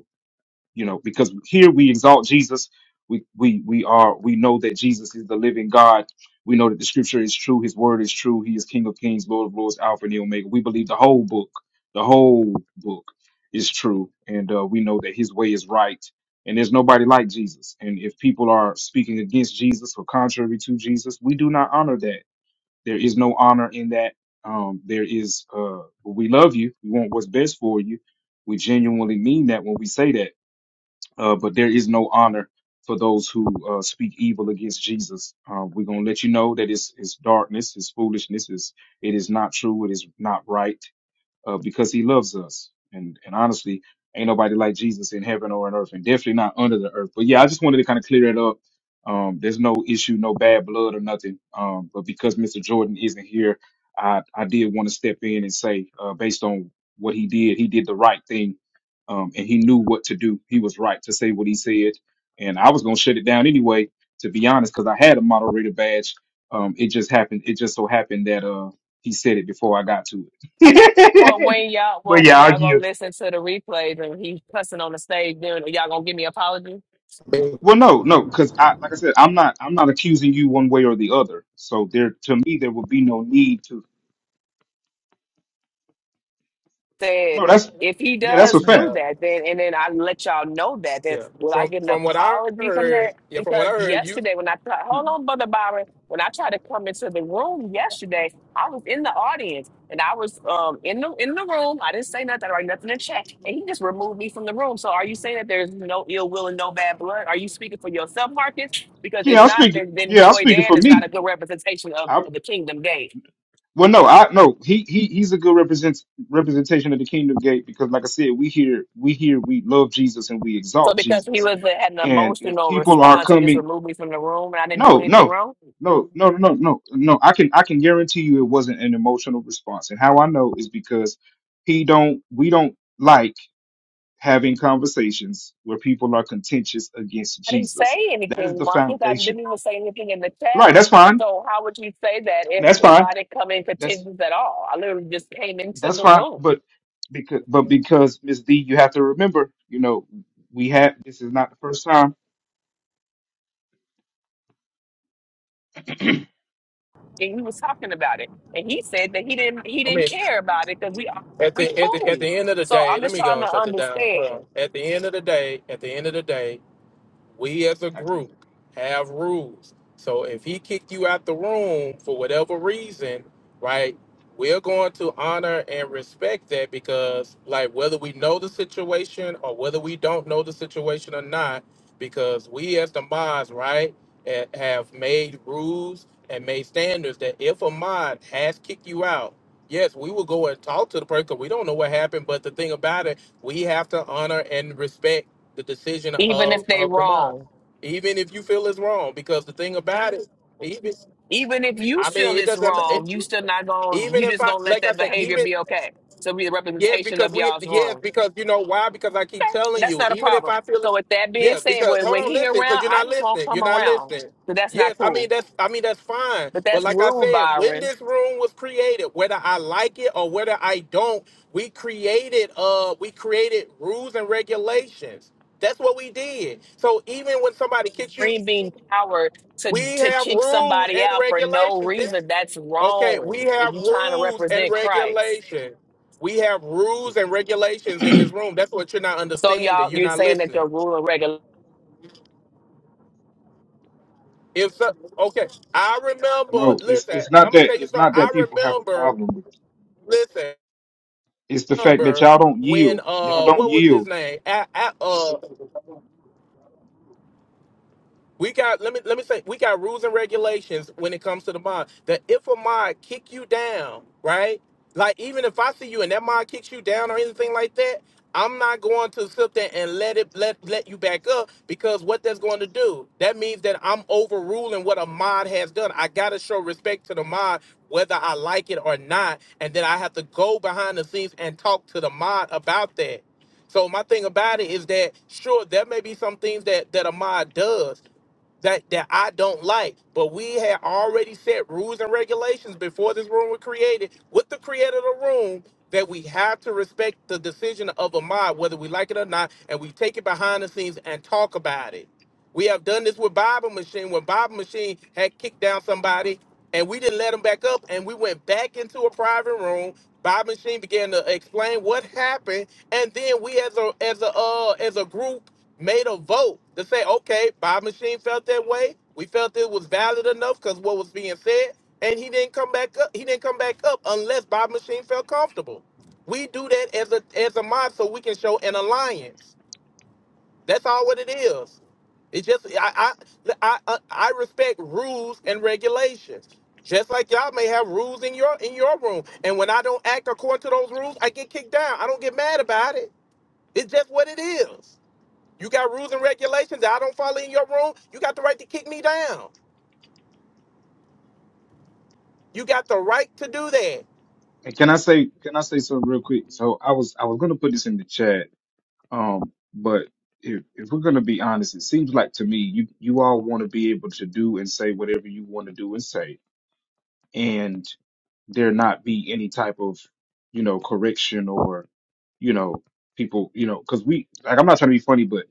H: you know because here we exalt jesus we we we are we know that jesus is the living god we know that the scripture is true his word is true he is king of kings lord of lords alpha and the omega we believe the whole book the whole book is true and uh, we know that his way is right and there's nobody like jesus and if people are speaking against jesus or contrary to jesus we do not honor that there is no honor in that um, there is uh, we love you we want what's best for you we genuinely mean that when we say that uh, but there is no honor for those who uh, speak evil against Jesus. Uh, we're gonna let you know that it's it's darkness, it's foolishness, it's it is not true, it is not right uh, because he loves us. And and honestly, ain't nobody like Jesus in heaven or on earth, and definitely not under the earth. But yeah, I just wanted to kind of clear that up. Um, there's no issue, no bad blood or nothing. Um, but because Mr. Jordan isn't here, I I did want to step in and say, uh, based on what he did, he did the right thing, um, and he knew what to do. He was right to say what he said, and I was gonna shut it down anyway, to be honest, because I had a moderator badge. Um, it just happened. It just so happened that uh, he said it before I got to it.
I: Okay. Well, when y'all,
H: but
I: well, when
H: yeah, I'll
I: y'all gonna
H: give.
I: listen to the replays and he's cussing on the stage, then y'all gonna give me apology?
H: Well, no, no, because I, like I said, I'm not, I'm not accusing you one way or the other. So there, to me, there would be no need to.
I: said,
H: No, that's,
I: if he
H: yeah, that's a
I: does do
H: fact.
A: yeah,
I: that, then and then I let y'all know that, then
A: yeah.
I: will I
A: From
I: get an
A: from what I
I: apology from that?
A: heard, yeah, from what I
I: Because
A: heard, you.
I: yesterday when I tried, hold
H: mm
I: on, brother Byron, when I tried to come into the room yesterday, I was in the audience and I was um in the in the room. I didn't say nothing, I write nothing in chat, and he just removed me from the room. So are you saying that there's no ill will and no bad blood? Are you speaking for yourself, Marcus? Because
H: Yeah,
I: if
H: I'm
I: not,
H: speaking.
I: then then
H: Yeah, I'm
I: Joy
H: speaking for
I: Dan is not a
H: me.
I: good representation of
H: I,
I: of the kingdom gate.
H: well, no, I no. He he he's a good represent representation of the kingdom gate because, like I said, we here, we here, we love Jesus and we
I: So
H: exalt
I: because he
H: Jesus.
I: was a, had an
H: And if
I: emotional
H: people are
I: response, he just
H: coming
I: removed me from the room, and I didn't do
H: No,
I: anything
H: no,
I: wrong.
H: no, no, no, no, no. no. I can I can guarantee you it wasn't an emotional response. And how I know is because he don't we don't like having conversations where people are contentious against
I: I didn't
H: Jesus.
I: say
H: That is
I: anything,
H: the
I: Marcus. I
H: foundation.
I: didn't even say anything in the chat.
H: Right, that's fine.
I: So how would you say that if
H: That's
I: if
H: fine.
I: I didn't come in
H: That's
I: contentions at all? I literally just came into
H: that's
I: the
H: fine.
I: room.
H: But because but because Miss D, you have to remember, you know, we have this is not the first time.
I: and we was talking about it, and he said that he didn't he
A: I
I: didn't
A: mean.
I: care about it because we
A: At
I: we
A: the at the at
I: cool.
A: the end of the
I: So
A: day,
I: I'm
A: let
I: just
A: me
I: trying
A: go and
I: to
A: shut it down. Hold on.
I: understand.
A: At the end of the day, at the end of the day, we as a
H: I can't
A: group have rules. So if he kicked you out the room for whatever reason, right, we're going to honor and respect that because, like, whether we know the situation or whether we don't know the situation or not, because we as the mods, right, ha- have made rules and made standards that if a mod has kicked you out, yes, we will go and talk to the person 'cause we don't know what happened. But the thing about it, we have to honor and respect the decision
I: Even if
A: of,
I: they
A: of the mind,
I: wrong,
A: even if you feel it's wrong. Because the thing about it, even
I: even if you
A: I
I: feel
A: mean, it
I: it's
A: doesn't.
I: wrong,
A: It,
I: you still not going. to
A: even
I: You
A: if
I: just
A: I,
I: gonna let
A: like I
I: that
A: said,
I: behavior
A: even
I: be okay. So be the
A: Yes,
I: representation
A: because
I: of
A: we
I: y'all's
A: yes,
I: wrong.
A: because you know why? Because I keep telling
I: That's
A: you,
I: not a
A: even if
I: problem.
A: I feel
I: So
A: it
I: with that being
A: yes,
I: said,
A: because
I: when,
A: hold
I: when
A: on,
I: he
A: listen, because
I: around,
A: you're
I: I
A: not
I: just won't
A: listening. You're
I: come
A: not
I: around.
A: listening.
I: So that's not
A: Yes, I mean
I: cool.
A: that's I mean that's fine.
I: But
A: But
I: that's
A: like I
I: rude,
A: said, when
I: Byron.
A: this room was created, whether I like it or whether I don't, we created uh we created rules and regulations. That's what we did. So even when somebody kicks you,
I: Green being power to
A: we
I: to
A: have
I: kick
A: rules
I: somebody
A: and
I: out for no
A: regulations. This
I: reason. That's
A: Okay, we
I: wrong. If
A: have
I: you're trying to
A: rules and
I: represent Christ.
A: regulations. We have rules
H: it's,
A: and regulations in this room. That's what you're not
I: So
A: understanding.
I: y'all,
A: You're
I: you're
A: not
I: saying that
A: listening.
I: your rule and regular.
A: If so, okay, I remember.
H: no, it's
A: Listen,
H: it's not
A: I'm gonna
H: that
A: tell you
H: it's
A: something.
H: not that
A: I
H: people have a
A: remember.
H: problem with
A: Listen,
H: It's the fact that
A: remember
H: y'all don't
A: when
H: yield. Y'all
A: uh,
H: don't
A: what was his
H: yield.
A: name? A, A- uh, We got let me let me say we got rules and regulations when it comes to the mod. That if a mod kick you down, right? Like even if I see you and that mod kicks you down or anything like that, I'm not going to sit there and let it let let you back up because what that's going to do, that means that I'm overruling what a mod has done. I gotta show respect to the mod whether I like it or not, and then I have to go behind the scenes and talk to the mod about that. So my thing about it is that sure there may be some things that that a mod does, that that I don't like. But we had already set rules and regulations before this room was created with the creator of the room that we have to respect the decision of a mod, whether we like it or not, and we take it behind the scenes and talk about it. We have done this with Bible Machine when Bible Machine had kicked down somebody and we didn't let him back up and we went back into a private room. Bible Machine began to explain what happened, and then we as a as a uh as a group made a vote to say, okay, Bob Machine felt that way. We felt it was valid enough because what was being said, and he didn't come back up. He didn't come back up unless Bob Machine felt comfortable. We do that as a as a mod so we can show an alliance. That's all what it is. It's just I I I, I respect rules and regulations. Just like y'all may have rules in your in your room, and when I don't act according to those rules, I get kicked down. I don't get mad about it. It's just what it is. You got rules and regulations that I don't follow in your room. You got the right to kick me down. You got the right to do that.
H: And can I say can I say something real quick? So I was I was gonna put this in the chat. Um, but if if we're gonna be honest, it seems like to me you you all want to be able to do and say whatever you want to do and say, and there not be any type of you know correction or you know people you know because we like I'm not trying to be funny, but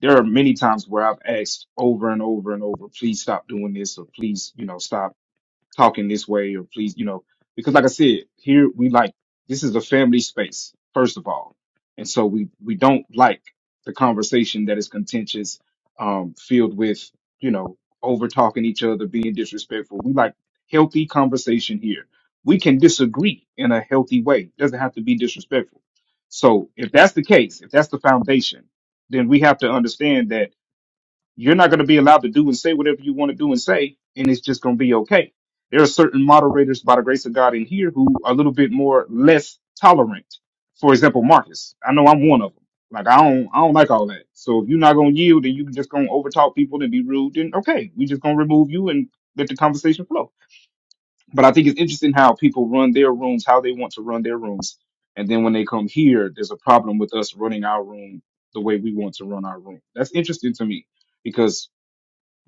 H: there are many times where I've asked over and over and over, please stop doing this or please you know stop talking this way or please, you know, because like I said, here we like this is a family space, first of all. And so we we don't like the conversation that is contentious, um, filled with, you know, over talking each other, being disrespectful. We like healthy conversation here. We can disagree in a healthy way. doesn't have to be disrespectful. So if that's the case, if that's the foundation, then we have to understand that you're not going to be allowed to do and say whatever you want to do and say, and it's just going to be okay. There are certain moderators, by the grace of God, in here who are a little bit more less tolerant. For example, Marcus. I know I'm one of them. Like I don't, I don't like all that. So if you're not going to yield and you're just going to overtalk people and be rude, then okay, we just going to remove you and let the conversation flow. But I think it's interesting how people run their rooms, how they want to run their rooms, and then when they come here, there's a problem with us running our room the way we want to run our room. That's interesting to me because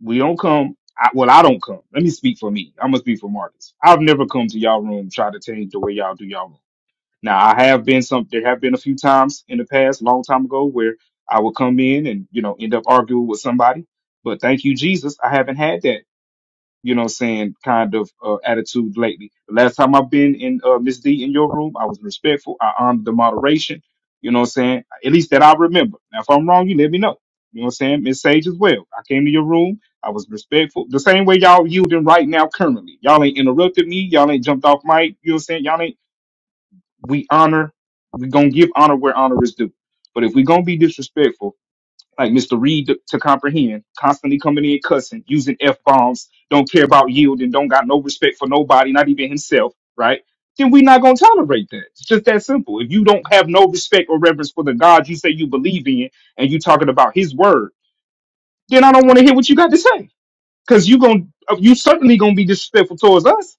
H: we don't come. I, well, I don't come. Let me speak for me. I'm gonna speak for Marcus. I've never come to y'all room try to change the way y'all do y'all room. Now, I have been some. There have been a few times in the past, long time ago, where I would come in and you know end up arguing with somebody. But thank you, Jesus, I haven't had that you know what I'm saying, kind of uh, attitude lately. The last time I've been in uh, Miss D in your room, I was respectful. I honored the moderation. You know what I'm saying? At least that I remember. Now, if I'm wrong, you let me know. You know what I'm saying? Miss Sage as well. I came to your room. I was respectful. The same way y'all yielding right now currently. Y'all ain't interrupted me. Y'all ain't jumped off mic. You know what I'm saying? Y'all ain't, we honor, we gonna give honor where honor is due. But if we gonna be disrespectful, like Mr. Reed to, to comprehend, constantly coming in cussing, using F bombs, don't care about yield and don't got no respect for nobody, not even himself, right? Then we not gonna tolerate that. It's just that simple. If you don't have no respect or reverence for the God you say you believe in and you talking about his word, then I don't want to hear what you got to say because you going you certainly gonna be disrespectful towards us.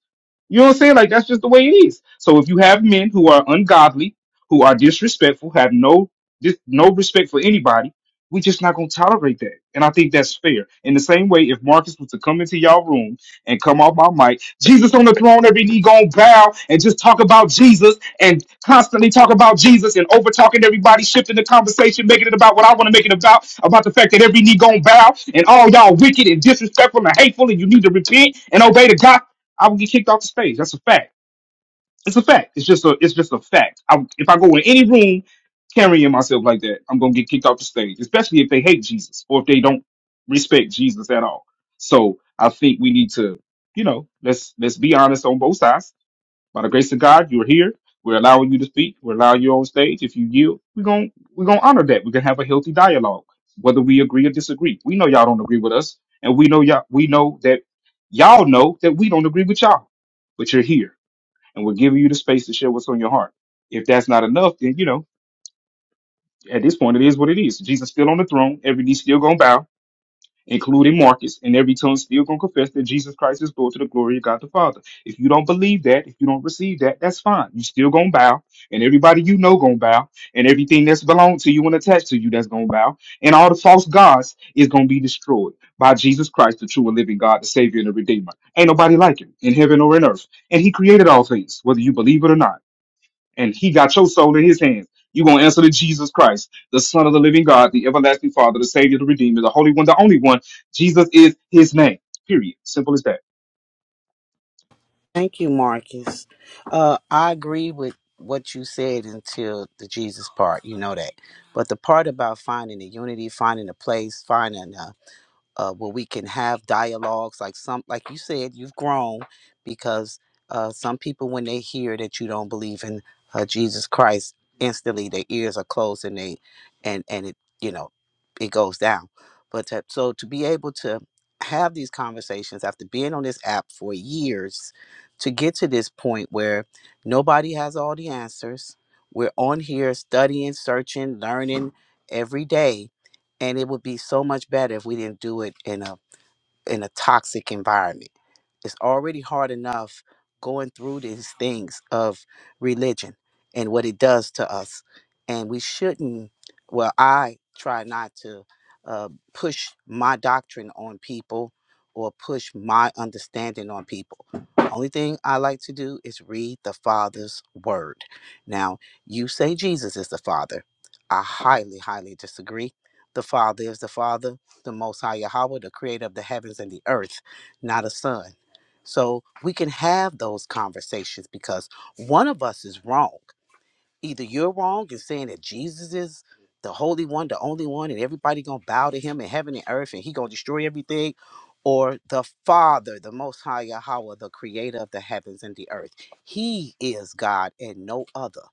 H: You know what I'm saying? Like that's just the way it is. So if you have men who are ungodly, who are disrespectful, have no dis, no respect for anybody, we just not gonna tolerate that. And I think that's fair. In the same way, if Marcus was to come into y'all room and come off my mic. Jesus on the throne, every knee gonna bow and just talk about Jesus and constantly talk about Jesus and over talking everybody, shifting the conversation, making it about what I want to make it about, about the fact that every knee gonna bow and all y'all wicked and disrespectful and hateful and you need to repent and obey the God. I will get kicked off the stage. That's a fact. It's a fact. It's just a it's just a fact. I, if I go in any room carrying myself like that, I'm gonna get kicked off the stage, especially if they hate Jesus or if they don't respect Jesus at all. So I think we need to, you know, let's let's be honest on both sides. By the grace of God, you're here. We're allowing you to speak. We're allowing you on stage. If you yield, we're gonna we're gonna honor that. We're gonna have a healthy dialogue, whether we agree or disagree. We know y'all don't agree with us, and we know y'all we know that y'all know that we don't agree with y'all, but you're here and we're giving you the space to share what's on your heart. If that's not enough, then you know, at this point it is what it is. Jesus still on the throne, every knee still gonna bow, including Marcus, and every tongue still gonna confess that Jesus Christ is Lord to the glory of God the Father. If you don't believe that, if you don't receive that, that's fine. You still gonna bow, and everybody you know gonna bow, and everything that's belonged to you and attached to you that's gonna bow, and all the false gods is gonna be destroyed by Jesus Christ, the true and living God, the Savior and the Redeemer. Ain't nobody like him in heaven or in earth. And he created all things, whether you believe it or not and he got your soul in his hands. You're going to answer to Jesus Christ, the Son of the living God, the everlasting Father, the Savior, the Redeemer, the Holy One, the only one. Jesus is his name. Period. Simple as that.
K: Thank you, Marcus. Uh, I agree with what you said until the Jesus part. You know that. But the part about finding the unity, finding a place, finding a uh, where we can have dialogues like some like you said you've grown because uh, some people when they hear that you don't believe in uh, jesus christ instantly their ears are closed and they and and it you know it goes down but to, so to be able to have these conversations after being on this app for years to get to this point where nobody has all the answers we're on here studying searching learning every day and it would be so much better if we didn't do it in a in a toxic environment it's already hard enough going through these things of religion and what it does to us. And we shouldn't, well, I try not to uh, push my doctrine on people or push my understanding on people. Only thing I like to do is read the Father's word. Now, you say Jesus is the Father. I highly, highly disagree. The Father is the Father, the Most High Yahweh, the creator of the heavens and the earth, not a son. So we can have those conversations because one of us is wrong. Either you're wrong in saying that Jesus is the holy one, the only one, and everybody gonna bow to him in heaven and earth and he gonna destroy everything, or the Father, the most high Yahweh, the creator of the heavens and the earth. He is God and no other.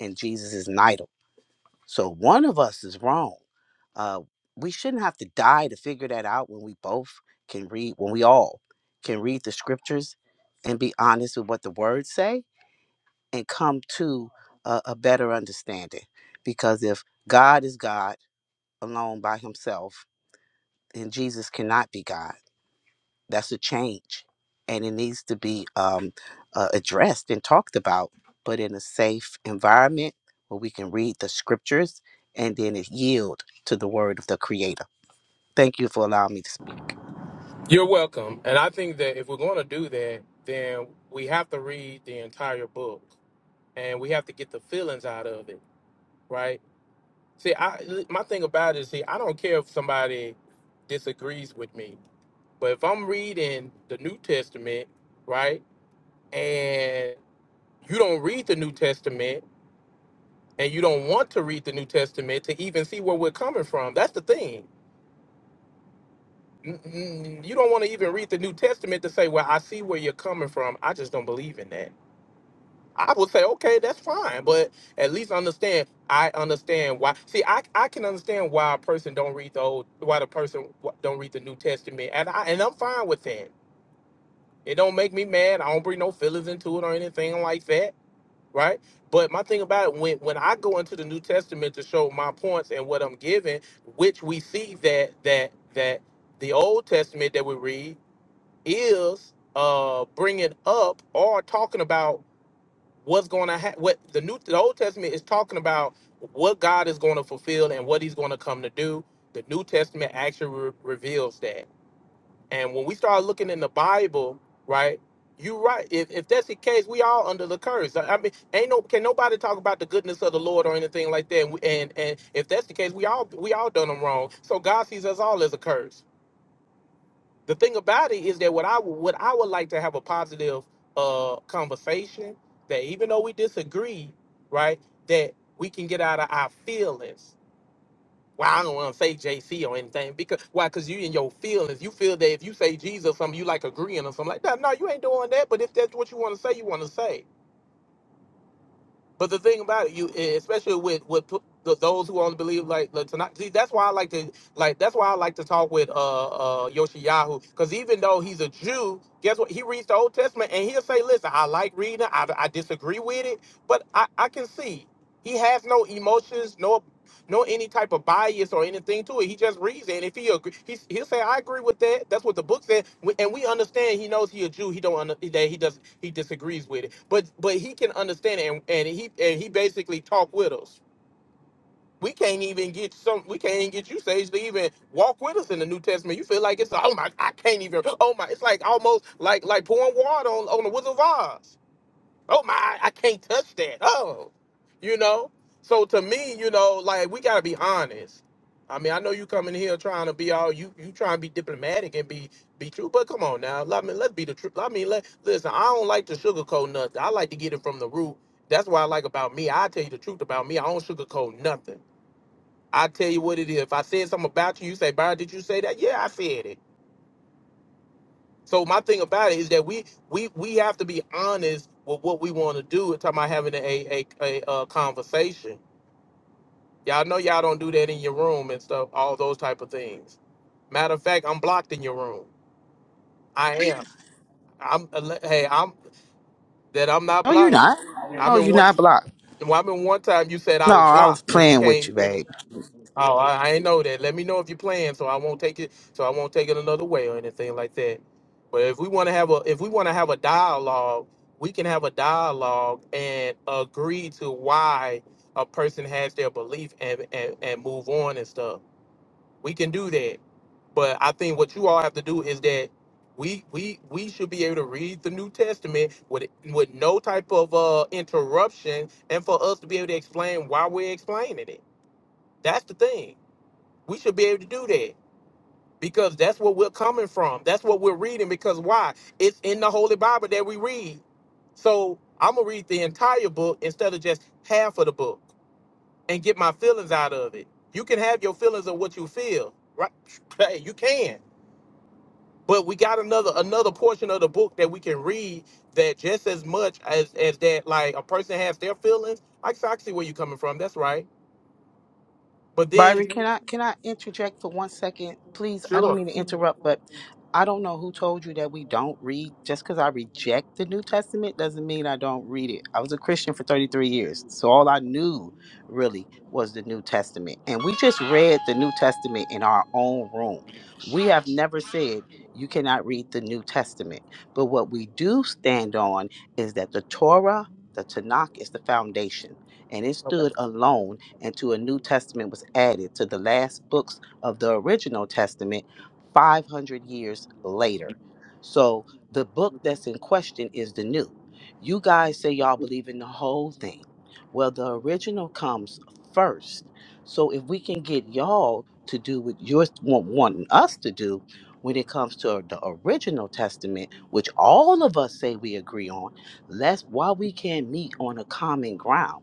K: And Jesus is neither. So one of us is wrong. Uh, we shouldn't have to die to figure that out when we both can read, when we all can read the scriptures and be honest with what the words say and come to a, a better understanding. Because if God is God alone by himself, and Jesus cannot be God. That's a change, and it needs to be um, uh, addressed and talked about, but in a safe environment where we can read the scriptures and then it yield to the word of the Creator. Thank you for allowing me to speak.
A: You're welcome. And I think that if we're going to do that, then we have to read the entire book and we have to get the feelings out of it, right? See, I my thing about it is, see, I don't care if somebody disagrees with me, but if I'm reading the New Testament, right, and you don't read the New Testament, and you don't want to read the New Testament to even see where we're coming from. That's the thing. N- n- You don't want to even read the New Testament to say, "Well, I see where you're coming from. I just don't believe in that." I would say, "Okay, that's fine," but at least understand. I understand why. See, I I can understand why a person don't read the old, why the person w- don't read the New Testament, and I and I'm fine with that. It don't make me mad. I don't bring no feelings into it or anything like that. right? But my thing about it, when when I go into the New Testament to show my points and what I'm giving, which we see that that that the Old Testament that we read is uh bringing up or talking about what's going to happen. What the New the Old Testament is talking about what God is going to fulfill and what He's going to come to do. The New Testament actually re- reveals that. And when we start looking in the Bible, right? You're right. If, if that's the case, we all under the curse. I I mean, ain't no can nobody talk about the goodness of the Lord or anything like that. And we- and, and if that's the case, we all we all done them wrong. So God sees us all as a curse. The thing about it is that what I would what I would like to have a positive uh conversation that even though we disagree, right, that we can get out of our feelings well, I don't want to say JC or anything because why? Because you in your feelings, you feel that if you say Jesus, or something you like agreeing or something like that. No, you ain't doing that. But if that's what you want to say, you want to say. But the thing about it, you e, especially with with p- the, those who only believe like the tonight. See, that's why I like to like that's why I like to talk with uh uh Yoshiyahu because even though he's a Jew, guess what? He reads the Old Testament and he'll say, "Listen, I like reading. I, I disagree with it, but I I can see." He has no emotions, no." no any type of bias or anything to it. He just reads it, and if he agree, he he'll say, "I agree with that." That's what the book said, We- and we understand. He knows he a Jew. He don't under, that he does he disagrees with it, but but he can understand it, and, and he and he basically talk with us. We can't even get some. We can't even get you, Sage, to even walk with us in the New Testament. You feel like it's oh my, I can't even. Oh my, it's like almost like like pouring water on on the Wizard of Oz oh my, I can't touch that. Oh, you know. So to me, you know, like we gotta be honest. I mean, I know you coming here trying to be all you you trying to be diplomatic and be be true, but come on now. I mean, let's be the truth. I mean, let listen. I don't like to sugarcoat nothing. I like to get it from the root. That's what I like about me. I tell you the truth about me. I don't sugarcoat nothing. I tell you what it is. If I said something about you, you say, "Byron, did you say that?" Yeah, I said it. So my thing about it is that we we we have to be honest with what we want to do. It's talking about having a a, a, a conversation. Y'all know y'all don't do that in your room and stuff. All those type of things. Matter of fact, I'm blocked in your room. I I'm hey I'm that I'm not
K: No, you're
A: blocked.
K: not.
A: I'm
K: No,
A: in
K: you're
A: one.
K: not blocked.
A: Well, I'm in one time. You said I
K: No,
A: was
K: I was
A: blocked when you
K: playing
A: came
K: with you, babe.
A: I ain't know that. Let me know if you're playing, so I won't take it. So I won't take it another way or anything like that. But if we want to have a, if we want to have a dialogue, we can have a dialogue and agree to why a person has their belief and and, and move on and stuff. We can do that. But I think what you all have to do is that we we we should be able to read the New Testament with with no type of uh interruption, and for us to be able to explain why we're explaining it. That's the thing. We should be able to do that because that's what we're coming from. That's what we're reading. Because why? It's in the Holy Bible that we read. So I'm gonna read the entire book instead of just half of the book and get my feelings out of it. You can have your feelings of what you feel, right? Hey, you can. But we got another another portion of the book that we can read that just as much as as that like a person has their feelings. I I see where you're coming from. That's right. But then
K: Byron, can I can I interject for one second, please? I don't mean to interrupt, but I don't know who told you that we don't read. Just because I reject the New Testament doesn't mean I don't read it. I was a Christian for 33 years, so all I knew really was the New Testament, and we just read the New Testament in our own room. We have never said you cannot read the New Testament, but what we do stand on is that the Torah, the Tanakh, is the foundation, and it stood alone and to a New Testament was added to the last books of the original Testament 500 years later. So the book that's in question is the new. You guys say y'all believe in the whole thing. Well, the original comes first. So if we can get y'all to do what you're wa- wanting us to do when it comes to the original testament, which all of us say we agree on, let's why we can't meet on a common ground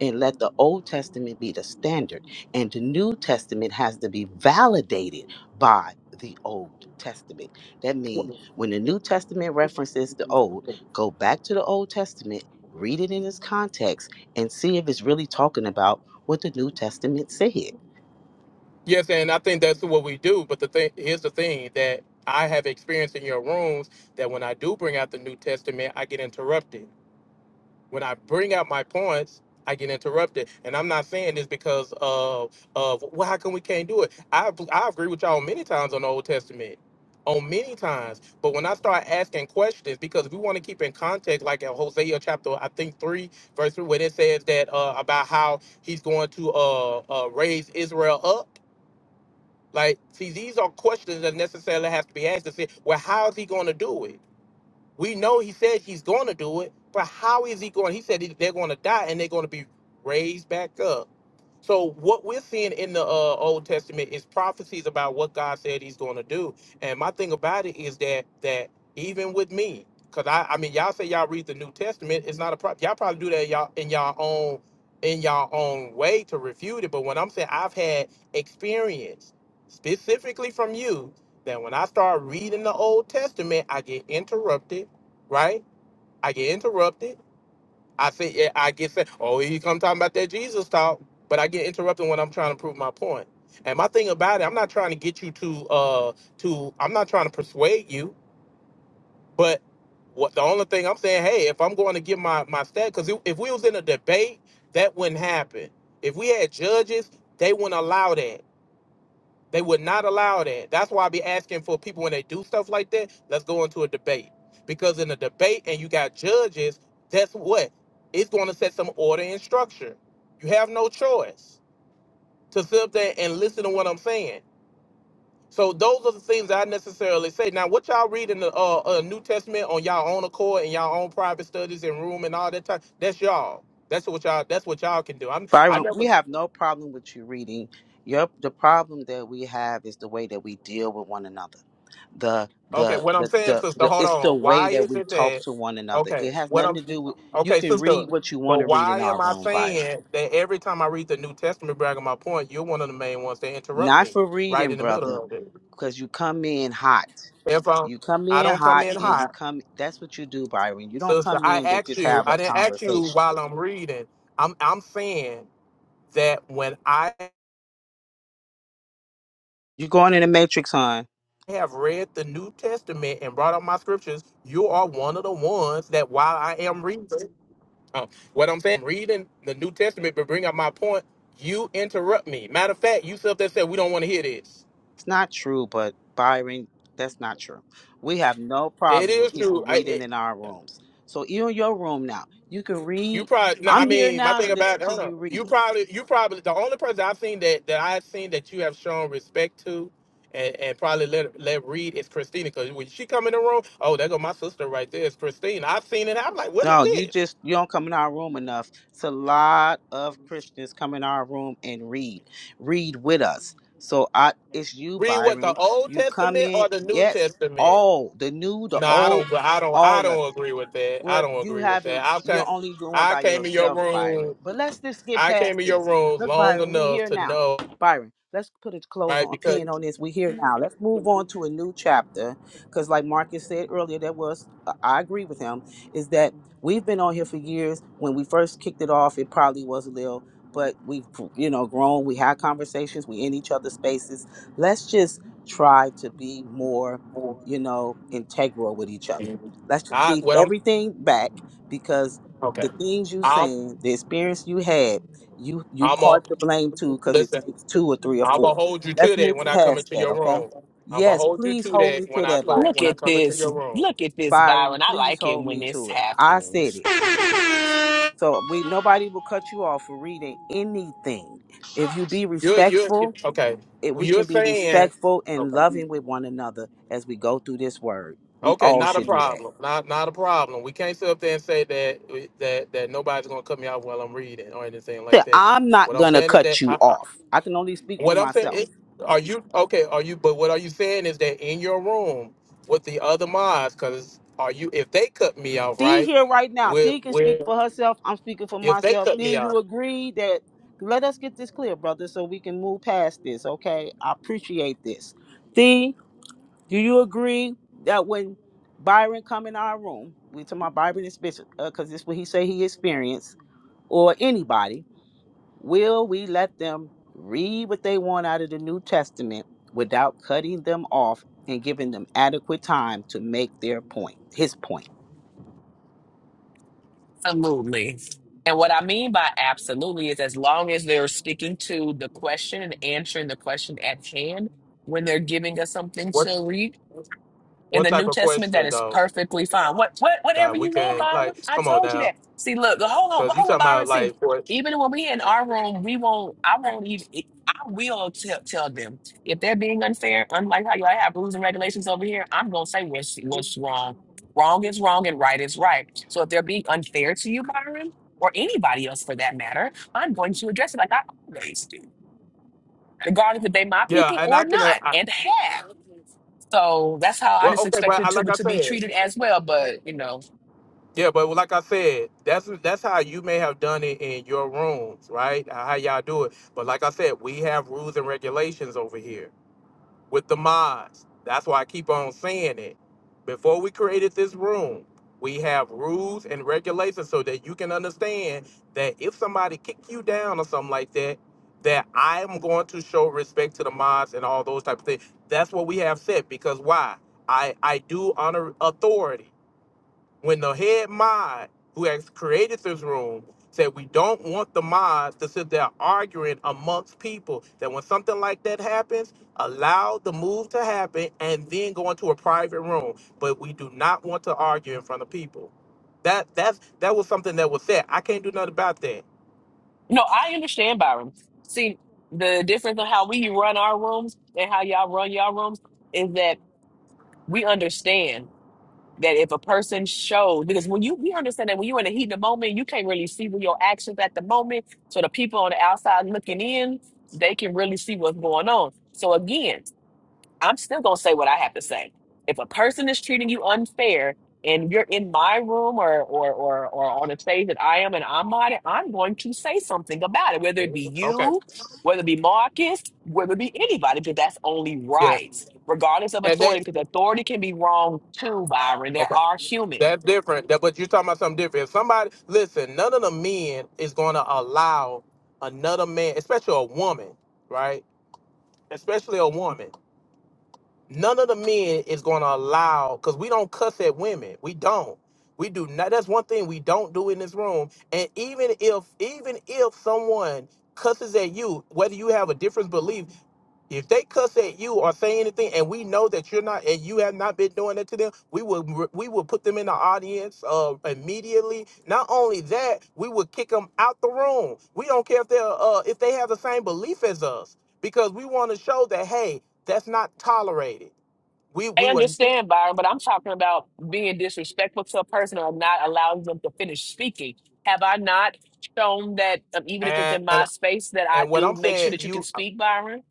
K: and let the Old Testament be the standard, and the New Testament has to be validated by the Old Testament. That means when the New Testament references the Old, go back to the Old Testament, read it in its context, and see if it's really talking about what the New Testament said.
A: Yes, and I think that's what we do. But the thing here's the thing that I have experienced in your rooms that when I do bring out the New Testament, I get interrupted. When I bring out my points, I get interrupted, and I'm not saying this because of of well, how come we can't do it? I I agree with y'all many times on the Old Testament, on many times. But when I start asking questions, because we want to keep in context, like in Hosea chapter I think three verse three, where it says that uh, about how he's going to uh, uh, raise Israel up like, see, these are questions that necessarily have to be asked to say, well, how is he going to do it? We know he said he's going to do it, but how is he going? He said he- they're going to die and they're going to be raised back up. So what we're seeing in the uh, Old Testament is prophecies about what God said He's going to do. And my thing about it is that that even with me, because I I mean y'all say y'all read the New Testament, it's not a problem. Y'all probably do that y'all in y'all own in y'all own way to refute it. But when I'm saying I've had experience specifically from you that when I start reading the Old Testament, I get interrupted, right? I get interrupted I say, yeah, I get said, oh, here you come talking about that Jesus talk, but I get interrupted when I'm trying to prove my point. And my thing about it, I'm not trying to get you to, uh, to, I'm not trying to persuade you, but what the only thing I'm saying, hey, if I'm going to give my my stat, because if we was in a debate, that wouldn't happen. If we had judges, they wouldn't allow that. They would not allow that. That's why I be asking for people when they do stuff like that, let's go into a debate. Because in a debate and you got judges, that's what? It's going to set some order and structure. You have no choice to sit up there and listen to what I'm saying. So those are the things I necessarily say. Now, what y'all read in the uh, uh, New Testament on y'all own accord and y'all own private studies and room and all that time, that's y'all. That's what y'all. That's what y'all can do. I'm. I
K: Byron,
A: never.
K: we have no problem with you reading. Your, the problem that we have is the way that we deal with one another the
A: Okay.
K: the
A: What I'm
K: the
A: saying,
K: the,
A: sister.
K: the
A: Hold
K: it's the
A: on.
K: way
A: Why
K: that
A: is
K: we
A: it
K: talk
A: that?
K: to one another.
A: Okay.
K: It has
A: What
K: nothing
A: I'm
K: to do with you
A: Okay,
K: can
A: sister.
K: read what you want
A: But
K: to read in
A: why
K: our
A: am I
K: room, Byron.
A: saying that every time I read the New Testament bragging my point, you're one of the main ones that interrupt
K: Not
A: me
K: for
A: right
K: reading,
A: in the middle.
K: brother, because you come in hot.
A: If I,
K: You come
A: I
K: in
A: don't come
K: hot
A: in
K: and you
A: hot,
K: come that's what you do, Byron. You don't
A: sister,
K: come
A: I
K: in to
A: ask
K: just
A: you,
K: have a
A: I didn't ask you
K: conversation.
A: while I'm reading. I'm I'm saying that when I
K: You're going in the matrix, hon.
A: have read the New Testament and brought up my scriptures, you are one of the ones that while I am reading uh, what I'm saying, reading the New Testament, but bring up my point, you interrupt me. Matter of fact, you self that said we don't want to hear this.
K: It's not true, but Byron, that's not true. We have no
A: It
K: problem
A: is
K: with people reading
A: it,
K: in our rooms. So you in your room now. You can
A: you
K: read.
A: probably no. I
K: I'm here
A: mean, my
K: now
A: thing
K: to
A: about
K: listen to you
A: you
K: read.
A: probably you probably the only person I've seen that that I've seen that you have shown respect to. And, and probably let let read is Christina because when she come in the room, oh, there go my sister right there. It's Christina. I've seen it. I'm like, what is
K: No, you
A: this?
K: just you don't come in our room enough. It's a lot of Christians come in our room and read, read with us. So I, it's you,
A: Read what the
K: Byron.
A: Old
K: You come
A: Testament
K: in,
A: or the New
K: yes,
A: Testament?
K: all the new, the
A: No, I
K: old,
A: don't. But I don't. I
K: all of it.
A: don't agree with that. I
K: Well,
A: don't
K: you
A: agree with
K: haven't.
A: that. I can
K: You're only going
A: I
K: by
A: came in your
K: yourself, Byron.
A: room.
K: But let's just get
A: I came
K: past
A: in your
K: this.
A: room
K: Look,
A: long
K: Byron, we
A: enough
K: here
A: to
K: now.
A: know,
K: Byron, let's put a close
A: right?
K: on a
A: Because
K: pin on this. We here now. Let's move on to a new chapter, because like Marcus said earlier, there was. I agree with him. Is that we've been on here for years. When we first kicked it off, it probably was a little, but we've you know grown. We had conversations. We in each other's spaces. Let's just try to be more, you know, integral with each other Let's just
A: I
K: leave
A: well, I'm-
K: everything back because
A: okay.
K: the things you
A: I'm
K: saying, the experience you had, you you
A: I'm a
K: part the blame too because it
A: Listen,
K: takes two or three or
A: I'm gonna
K: four.
A: hold you to
K: Let's
A: that when
K: move
A: I come
K: past
A: into
K: that,
A: your
K: okay?
A: room. I'm gonna
K: Yes,
A: hold you
K: please
A: to
K: hold
A: that
K: me
A: when
K: to
A: I
K: that,
A: co-
I: Look
K: Byron.
A: when I
I: at
A: come into
I: this.
A: your room.
I: Look at this,
K: Byron,
I: Byron. I
K: please
I: like it
K: hold
I: when
K: me
I: this
K: to it. I said
I: happens.
K: it. So we nobody will cut you off for reading anything. If you be
A: You're you're
K: respectful,
A: okay.
K: if
A: Well,
K: we
A: you're
K: can be
A: saying
K: respectful and loving with one another as we go through this word. We
A: okay,
K: all should
A: no
K: do that.
A: problem, not not a problem. We can't sit up there and say that that that nobody's gonna cut me out while I'm reading or anything
K: said,
A: like that.
K: I'm not
A: What I'm
K: gonna
A: saying is that
K: cut you
A: I, I-
K: off. I can only speak for
A: what I'm saying
K: myself.
A: is, are you okay? Are you? But what are you saying is that in your room with the other mods, because are you? If they cut me out,
K: Thee
A: right?
K: here right now.
A: With
K: Thee can speak
A: with
K: for herself. I'm speaking for
A: if they
K: myself.
A: cut
K: Thee,
A: me out.
K: you agree that let us get this clear, brother, so we can move past this. Okay. I appreciate this. Thee, do you agree that when Byron come in our room, we talking about Byron is because this what he say he experienced, or anybody. Will we let them read what they want out of the New Testament without cutting them off and giving them adequate time to make their point, his point?
I: Absolutely. And what I mean by absolutely is as long as they're sticking to the question and answering the question at hand when they're giving us something
A: what
I: to read, in
A: What
I: the
A: type
I: New
A: of
I: Testament, that
A: question
I: is
A: though
I: perfectly fine. What, what,
A: that
I: whatever
A: we
I: you want,
A: can
I: Byron.
A: like?
I: I
A: Come on
I: told you
A: now,
I: that. See, look, the- hold on,
A: because you
I: hold on,
A: talking about
I: Byron. See,
A: like what?
I: even when we in our room, we won't. I won't even. it- I will tell tell them if they're being unfair. Unlike how y'all have rules and regulations over here, I'm gonna say what's what's wrong. Wrong is wrong, and right is right. So if they're being unfair to you, Byron, or anybody else for that matter, I'm going to address it like I always do regardless if they my
A: Yeah,
I: people
A: and I
I: or
A: can. Uh,
I: not,
A: I,
I: and have. So that's how I
A: well,
I: just
A: okay, but I,
I: expected to
A: like I
I: to be
A: said,
I: treated as well. But you know,
A: yeah, but like I said, that's that's how you may have done it in your rooms, right? How y'all do it. But like I said, we have rules and regulations over here. with the mods. That's why I keep on saying it. Before we created this room, we have rules and regulations so that you can understand that if somebody kick you down or something like that, that I am going to show respect to the mods and all those type of things. That's what we have said because why? I I do honor authority when the head mod who has created this room said we don't want the mods to sit there arguing amongst people that when something like that happens allow the move to happen and then go into a private room but we do not want to argue in front of people that that's that was something that was said i can't do nothing about that
I: no, I understand Byron. See, the difference of how we run our rooms and how y'all run y'all rooms is that we understand that if a person shows because when you we understand that when you're in the heat of the moment, you can't really see with your actions at the moment. So the people on the outside looking in, they can really see what's going on. So again, I'm still going to say what I have to say. If a person is treating you unfair and you're in my room or or or, or on a stage that I am and I'm on it, I'm going to say something about it, whether it be
A: okay
I: you, whether it be Marcus, whether it be anybody, because that's only
A: yeah
I: right, regardless of
A: and that
I: authority, because authority can be wrong too, Byron. There
A: okay
I: are
A: that's different
I: humans.
A: that but you're talking about something different if somebody listen none of the men is going to allow another man especially a woman right especially a woman. None of the men is going to allow because we don't cuss at women. We don't. We do not. That's one thing we don't do in this room. And even if even if someone cusses at you, whether you have a different belief, if they cuss at you or say anything, and we know that you're not and you have not been doing that to them, we will we will put them in the audience uh, immediately. Not only that, we will kick them out the room. We don't care if they're uh, if they have the same belief as us because we want to show that hey that's not tolerated. We
I: I
A: we would
I: understand, Byron, but I'm talking about being disrespectful to a person or not allowing them to finish speaking. Have I not shown that, um, even if it's
A: and
I: in my space, that I
A: and what
I: do
A: I'm
I: make sure
A: saying
I: that you can
A: you
I: speak, Byron?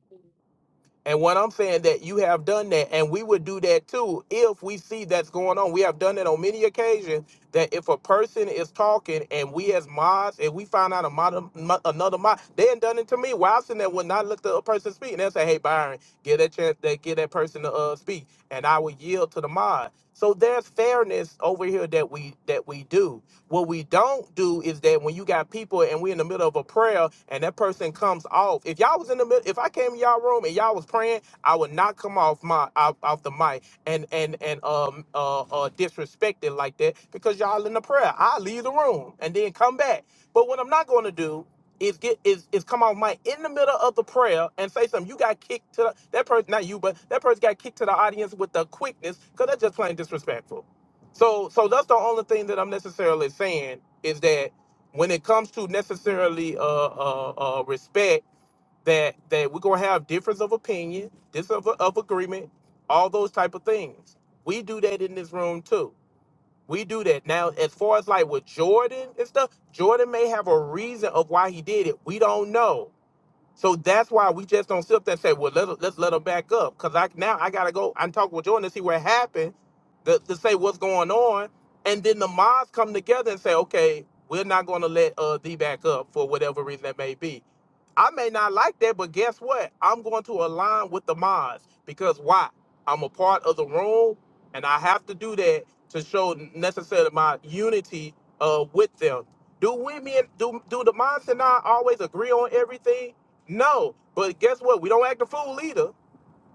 A: and what I'm saying that you have done that and we would do that too if we see that's going on. We have done it on many occasions that if a person is talking and we as mods and we find out a mod, mo- another mod, they ain't done it to me. Why I sitting there would not let the person speak and they say, "Hey Byron, give that chance, that give that person to uh, speak," and I would yield to the mod. So there's fairness over here that we that we do. What we don't do is that when you got people and we're in the middle of a prayer and that person comes off. If y'all was in the middle, if I came in y'all room and y'all was praying, I would not come off my off, off the mic and and and um uh, uh disrespect it like that because y'all in the prayer. I leave the room and then come back. But what I'm not going to do is get is is come off mic in the middle of the prayer and say something. You got kicked to the, that person, not you, but that person got kicked to the audience with the quickness because that's just plain disrespectful. So so that's the only thing that I'm necessarily saying is that when it comes to necessarily uh uh, uh respect that that we're gonna have difference of opinion, difference of, of agreement, all those type of things. We do that in this room too. We do that now. As far as like with Jordan and stuff, Jordan may have a reason of why he did it. We don't know. So that's why we just don't sit up there and say, well, let, let's let her back up. Because I, now I got to go and talk with Jordan to see what happened, to, to say what's going on. And then the mods come together and say, okay, we're not going to let uh, D back up for whatever reason that may be. I may not like that, but guess what? I'm going to align with the mods because why? I'm a part of the room, and I have to do that to show necessarily my unity uh, with them. Do women do do the mods and I always agree on everything? No, but guess what? We don't act a fool either.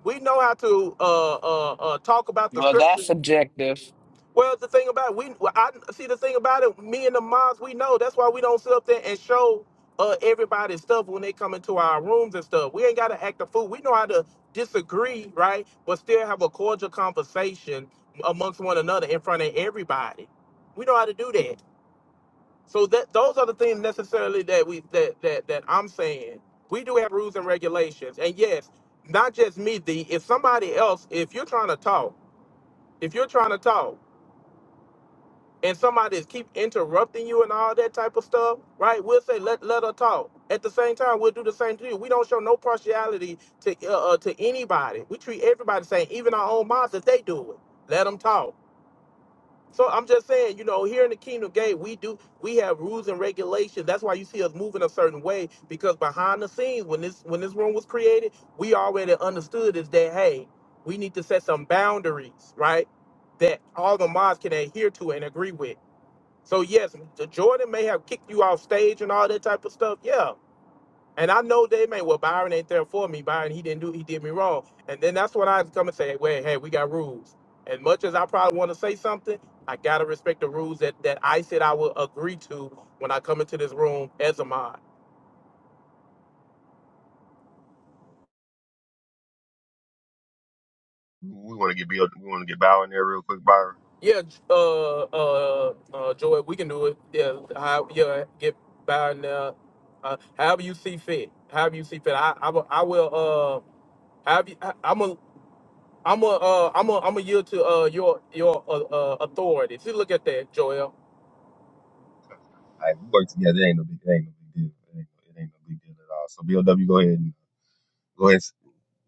A: We know how to uh, uh, uh, talk about the
I: Well,
A: scripture
I: that's subjective.
A: well, the thing about it, we well, I see the thing about it. Me and the moms, we know that's why we don't sit up there and show uh everybody stuff when they come into our rooms and stuff. We ain't gotta act a fool. We know how to disagree, right? But still have a cordial conversation amongst one another in front of everybody. We know how to do that. So that those are the things necessarily that we that that that I'm saying. We do have rules and regulations, and yes, not just me. The if somebody else, if you're trying to talk, if you're trying to talk and somebody is keep interrupting you and all that type of stuff, right? We'll say let let her talk. At the same time, we'll do the same to you. We don't show no partiality to uh, uh, to anybody. We treat everybody the same, even our own moms. If they do it, let them talk. So I'm just saying, you know, here in the Kingdom Gate, we do we have rules and regulations. That's why you see us moving a certain way because behind the scenes, when this when this room was created, we already understood is that hey, we need to set some boundaries, right? That all the mods can adhere to and agree with so yes, the Jordan may have kicked you off stage and all that type of stuff. Yeah. And I know they may, well, Byron ain't there for me. Byron, he didn't do, he did me wrong. And then that's when I come and say, wait, hey, we got rules. As much as I probably want to say something, I gotta respect the rules that, that I said I will agree to when I come into this room as a mod.
L: We want to get Bill, we want to get Bauer in there real quick, Byron.
A: Yeah, uh, uh, uh, Joy, we can do it. Yeah, how, yeah, get Byron there. Uh, however you see fit. However you see fit. I, I, will- I will. Uh, have you? I, am gonna. I'm a, uh, I'm a, I'm a yield to uh, your your uh, uh, authority. See, look at that, Joel.
L: All right, we work together. It ain't no big, it ain't no big deal. It ain't, it ain't no big deal at all. So BLW, go ahead and go ahead.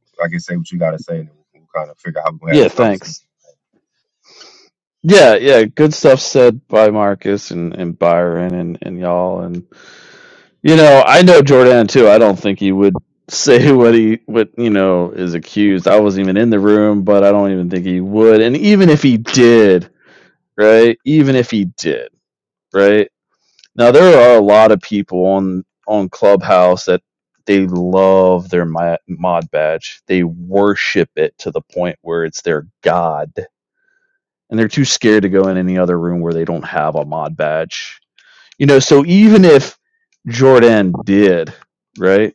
L: And, I can say what you gotta say, and then we'll, we'll kind of figure out how we're gonna have
D: Yeah,
L: this conversation.
D: thanks. Yeah, yeah, good stuff said by Marcus and, and Byron and, and y'all and you know, I know Jordan too. I don't think he would say what he what you know is accused. I wasn't even in the room, but I don't even think he would. And even if he did, right? Even if he did, right? Now there are a lot of people on on Clubhouse that they love their mi- mod badge. They worship it to the point where it's their god, and they're too scared to go in any other room where they don't have a mod badge. You know, so even if Jordan did, right?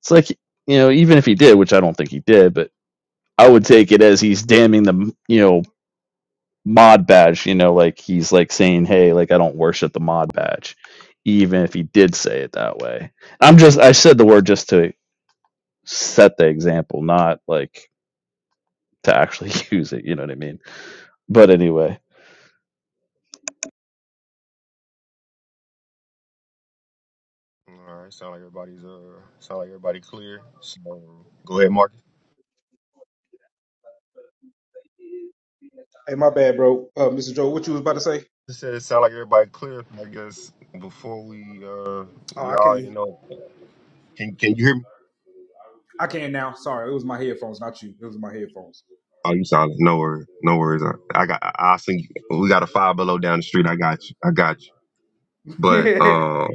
D: It's like you know, even if he did, which I don't think he did, but I would take it as he's damning the you know mod badge, you know, like he's like saying, "Hey, like I don't worship the mod badge," even if he did say it that way. I'm just I said the word just to set the example, not like to actually use it. You know what I mean? But anyway,
L: All right, sound like everybody's uh, sound like everybody clear. So go ahead, Marcus.
H: Hey, my bad, bro. Uh, Mr. Joe, what you was about to say?
L: You said it sound like everybody clear. I guess before we uh,
H: Oh, I
L: y'all
H: can't.
L: already know. Can can you hear me?
H: I can now. Sorry, it was my headphones, not you. It was my headphones.
L: Oh, you sound like, no worries, no worries. I, I got, I, I'll send you. We got a five below down the street. I got you, I got you. But um.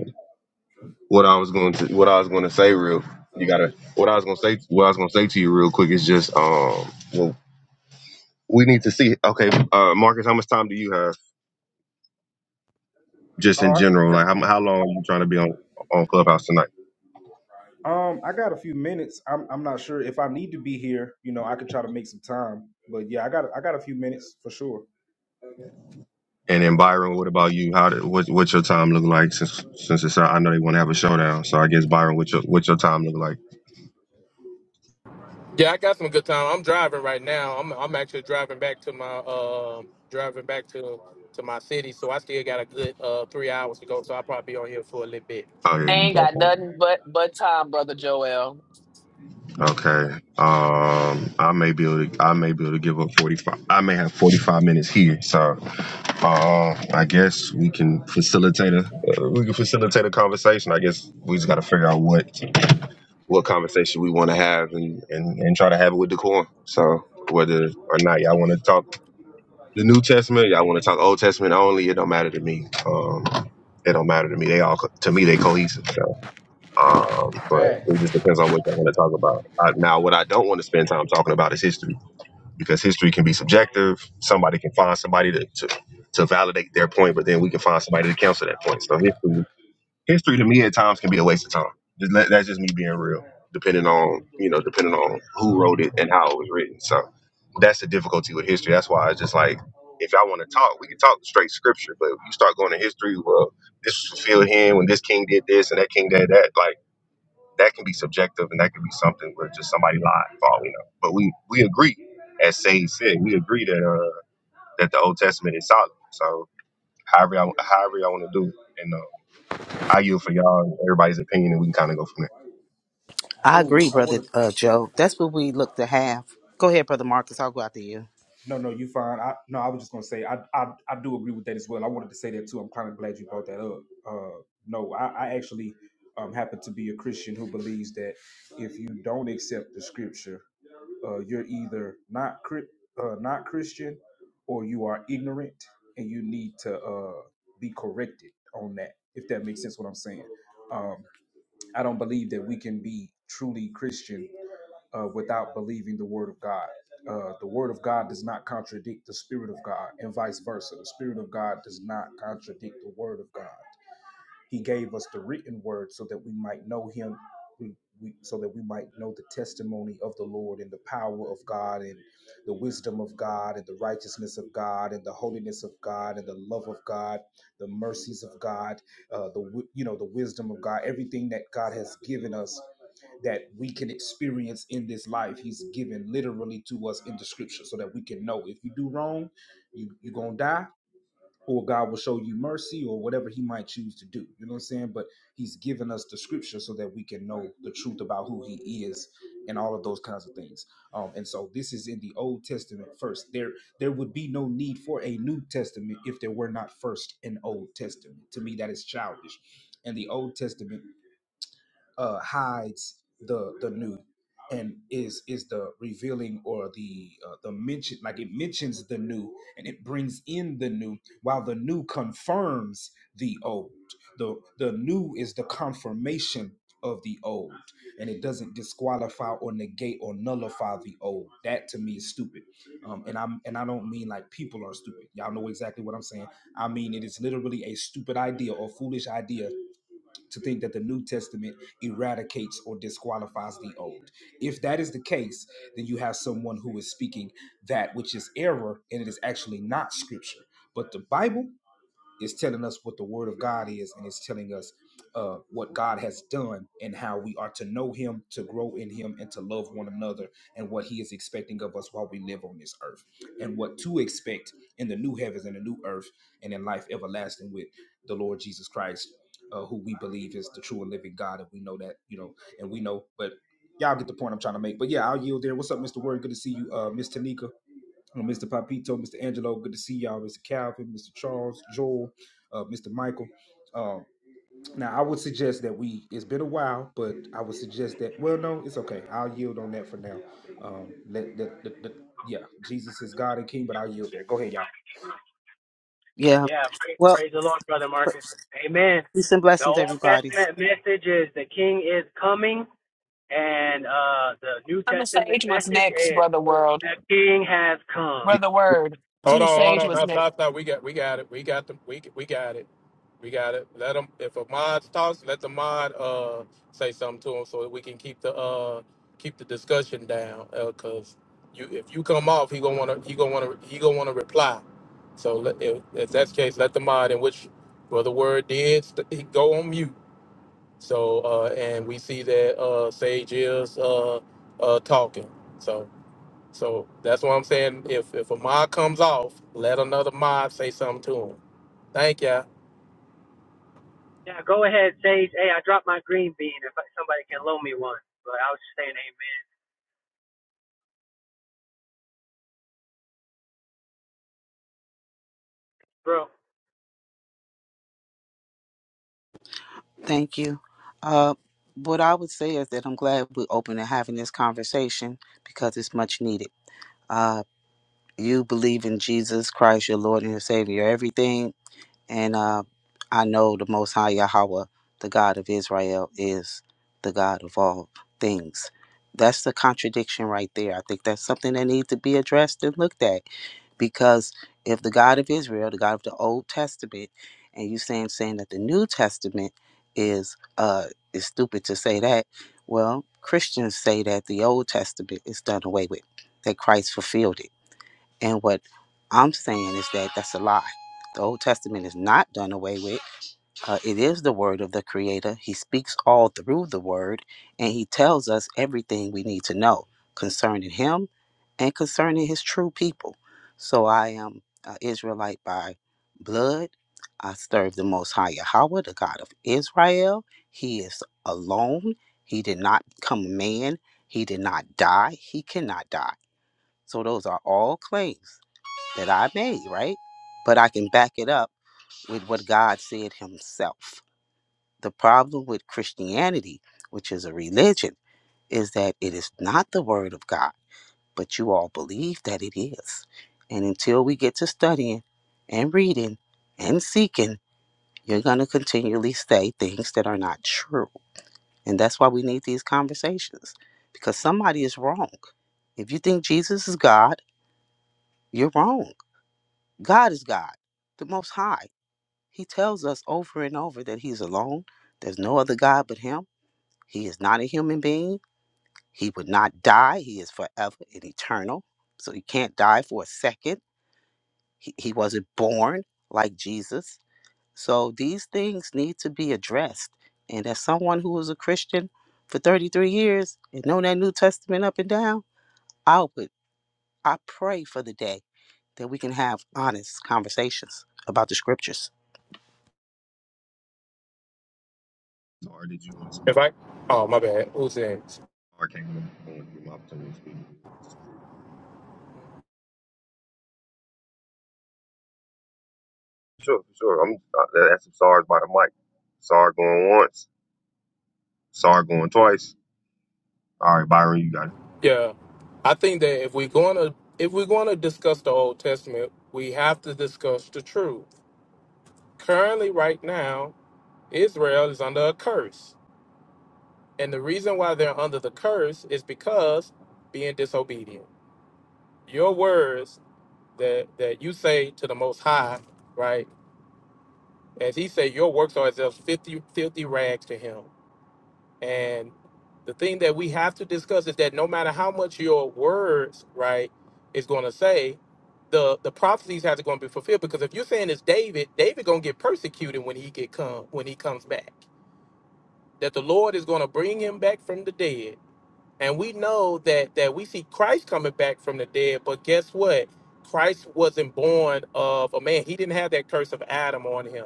L: what I was going to what I was going to say real. You gotta what I was going to say what I was going to say to you real quick is just um well we need to see okay uh Marcus how much time do you have just in general like how, how long are you trying to be on on Clubhouse tonight and
H: And
L: then
H: earlier
L: Byron what
H: on, you
L: about you
H: basically
L: how
H: said
L: did,
H: you
L: what
H: like
L: what's your
H: much of a
L: time look
H: virgin,
L: like since
H: but it
L: since it's
H: came
L: I
H: to
L: know
H: a
L: they want to
H: point
L: have a
H: where your
L: showdown so I
H: emotional
L: guess Byron what's
H: investigation
L: your what's
H: was
L: your time
H: causing
L: look
H: you
L: like
H: to make you push and prove. Right, yeah,
A: Yeah, I got some
H: that,
A: good
H: I
A: time. I'm
H: mean,
A: driving
H: I'm
A: right
H: really
A: now.
H: not,
A: I'm I'm
H: that's,
A: actually
H: that was
A: driving
H: like
A: back
H: out of
A: to my
H: character. I
A: uh,
H: just seen her
A: driving
H: close
A: back
H: to the
A: to
H: water
A: to
H: and
A: my city. So I still got
H: doing
A: a
H: her,
A: good
H: so
A: uh,
H: I
A: three
H: just
A: hours
H: pushed
A: to
H: it,
A: go. So
H: but
A: I'll
H: I
A: probably
H: usually
A: be on
H: don't
A: here
H: do
A: for a
H: things
A: little
H: like
A: bit.
L: oh yeah
I: They
L: you
I: ain't
L: back
I: got
L: on.
I: nothing but but time, brother Joel.
L: Okay. Um, I may be able to, I may be able to give up 45. I may have 45 minutes here. So, uh, I guess we can facilitate a, uh, we can facilitate a conversation. I guess we just got to figure out what, what conversation we want to have and, and, and try to have it with decorum. So whether or not y'all want to talk the New Testament, y'all want to talk Old Testament only, it don't matter to me. Um, it don't matter to me. They all, co- to me, they cohesive. So, um, but it just depends on what you want to talk about. Uh, now, what I don't want to spend time talking about is history because history can be subjective. Somebody can find somebody to, to, to validate their point, but then we can find somebody to counter that point. So history, history to me at times can be a waste of time. Just let- That's just me being real, depending on, you know, depending on who wrote it and how it was written. So that's the difficulty with history. That's why it's just like, if y'all want to talk, we can talk straight scripture, but if you start going to history, well, this was fulfilled here when this king did this and that king did that. Like, that can be subjective and that could be something where just somebody lied for all we know. But we we agree, as Sage said, we agree that uh that the Old Testament is solid. So however I however y'all want to do it, and uh, I yield for y'all and everybody's opinion, and we can kind of go from
K: I agree, brother uh, Joe. That's what we look to have. Go ahead, brother Marcus. I'll go after you. Yeah.
C: Yeah, praise,
K: Well,
C: praise the Lord, brother Marcus. Amen.
K: peace and
C: The
K: blessings,
C: Old
K: everybody.
C: Testament message is the King is coming, and uh, the New
I: On the
C: Testament
I: sage what's
C: message
I: next,
C: is
I: brother World,
C: the King has come.
I: brother Word? To
A: Hold
I: the
A: on, hold
I: sage
A: on.
I: what's
A: No,
I: next?
A: stop, stop. We got, we got it. We got the, we, we got it. We got it. Let them. If a mod talks, let the mod uh say something to him so that we can keep the uh keep the discussion down. Uh, Cause you, if you come off, he gonna wanna, he gonna wanna, he gonna wanna reply. So let, if, if that's the case, let the mod in which brother word did st- he go on mute. So uh, and we see that uh Sage is uh uh talking. So, so that's what I'm saying. If if a mob comes off, let another mob say something to him. Thank ya.
C: Now go ahead, Sage. Hey, I dropped my green bean. If somebody can loan me one, but I was just saying, Amen, bro.
K: Thank you. Uh, what I would say is that I'm glad we're open to having this conversation because it's much needed. Uh, you believe in Jesus Christ, your Lord and your Savior. Everything And uh, I know the Most High Yahweh, the God of Israel, is the God of all things. That's the contradiction right there. I think that's something that needs to be addressed and looked at because if the God of Israel, the God of the Old Testament, and you saying saying that the New Testament is uh is stupid to say that, well, Christians say that the Old Testament is done away with, that Christ fulfilled it and what I'm saying is that that's a lie. The Old Testament is not done away with. Uh, it is the word of the Creator. He speaks all through the word, and He tells us everything we need to know concerning Him and concerning His true people. So I am an Israelite by blood. I serve the Most High Yahweh, the God of Israel. He is alone. He did not become a man. He did not die. He cannot die. So those are all claims that I made, right? But I can back it up with what God said Himself. The problem with Christianity, which is a religion, is that it is not the Word of God, but you all believe that it is. And until we get to studying and reading and seeking, you're going to continually say things that are not true. And that's why we need these conversations because somebody is wrong. If you think Jesus is God, you're wrong. God is God, the Most High. He tells us over and over that he's alone. There's no other God but him. He is not a human being. He would not die. He is forever and eternal. So he can't die for a second. He, he wasn't born like Jesus. So these things need to be addressed. And as someone who was a Christian for 33 years and know that New Testament up and down, I would I pray for the day that we can have honest conversations about the scriptures.
L: there. Or did you want to speak?
A: If I oh my bad, who's next?
L: Or can you want to give my opportunity to speak? Sure, sure. I'm uh, that's some SARS by the mic. SAR going once, SAR going twice. All right, Byron, you got it.
A: Yeah, I think that if we're gonna if we're gonna discuss the Old Testament, we have to discuss the truth. Currently, right now, Israel is under a curse, and the reason why they're under the curse is because being disobedient. Your words that that you say to the Most High, right? As he said, your works are as if 50, filthy rags to him. And the thing that we have to discuss is that no matter how much your words, right, is going to say, the the prophecies have to going to be fulfilled. Because if you're saying it's David, David going to get persecuted when he get come when he comes back. That the Lord is going to bring him back from the dead. And we know that that we see Christ coming back from the dead. But guess what? Christ wasn't born of a man. He didn't have that curse of Adam on him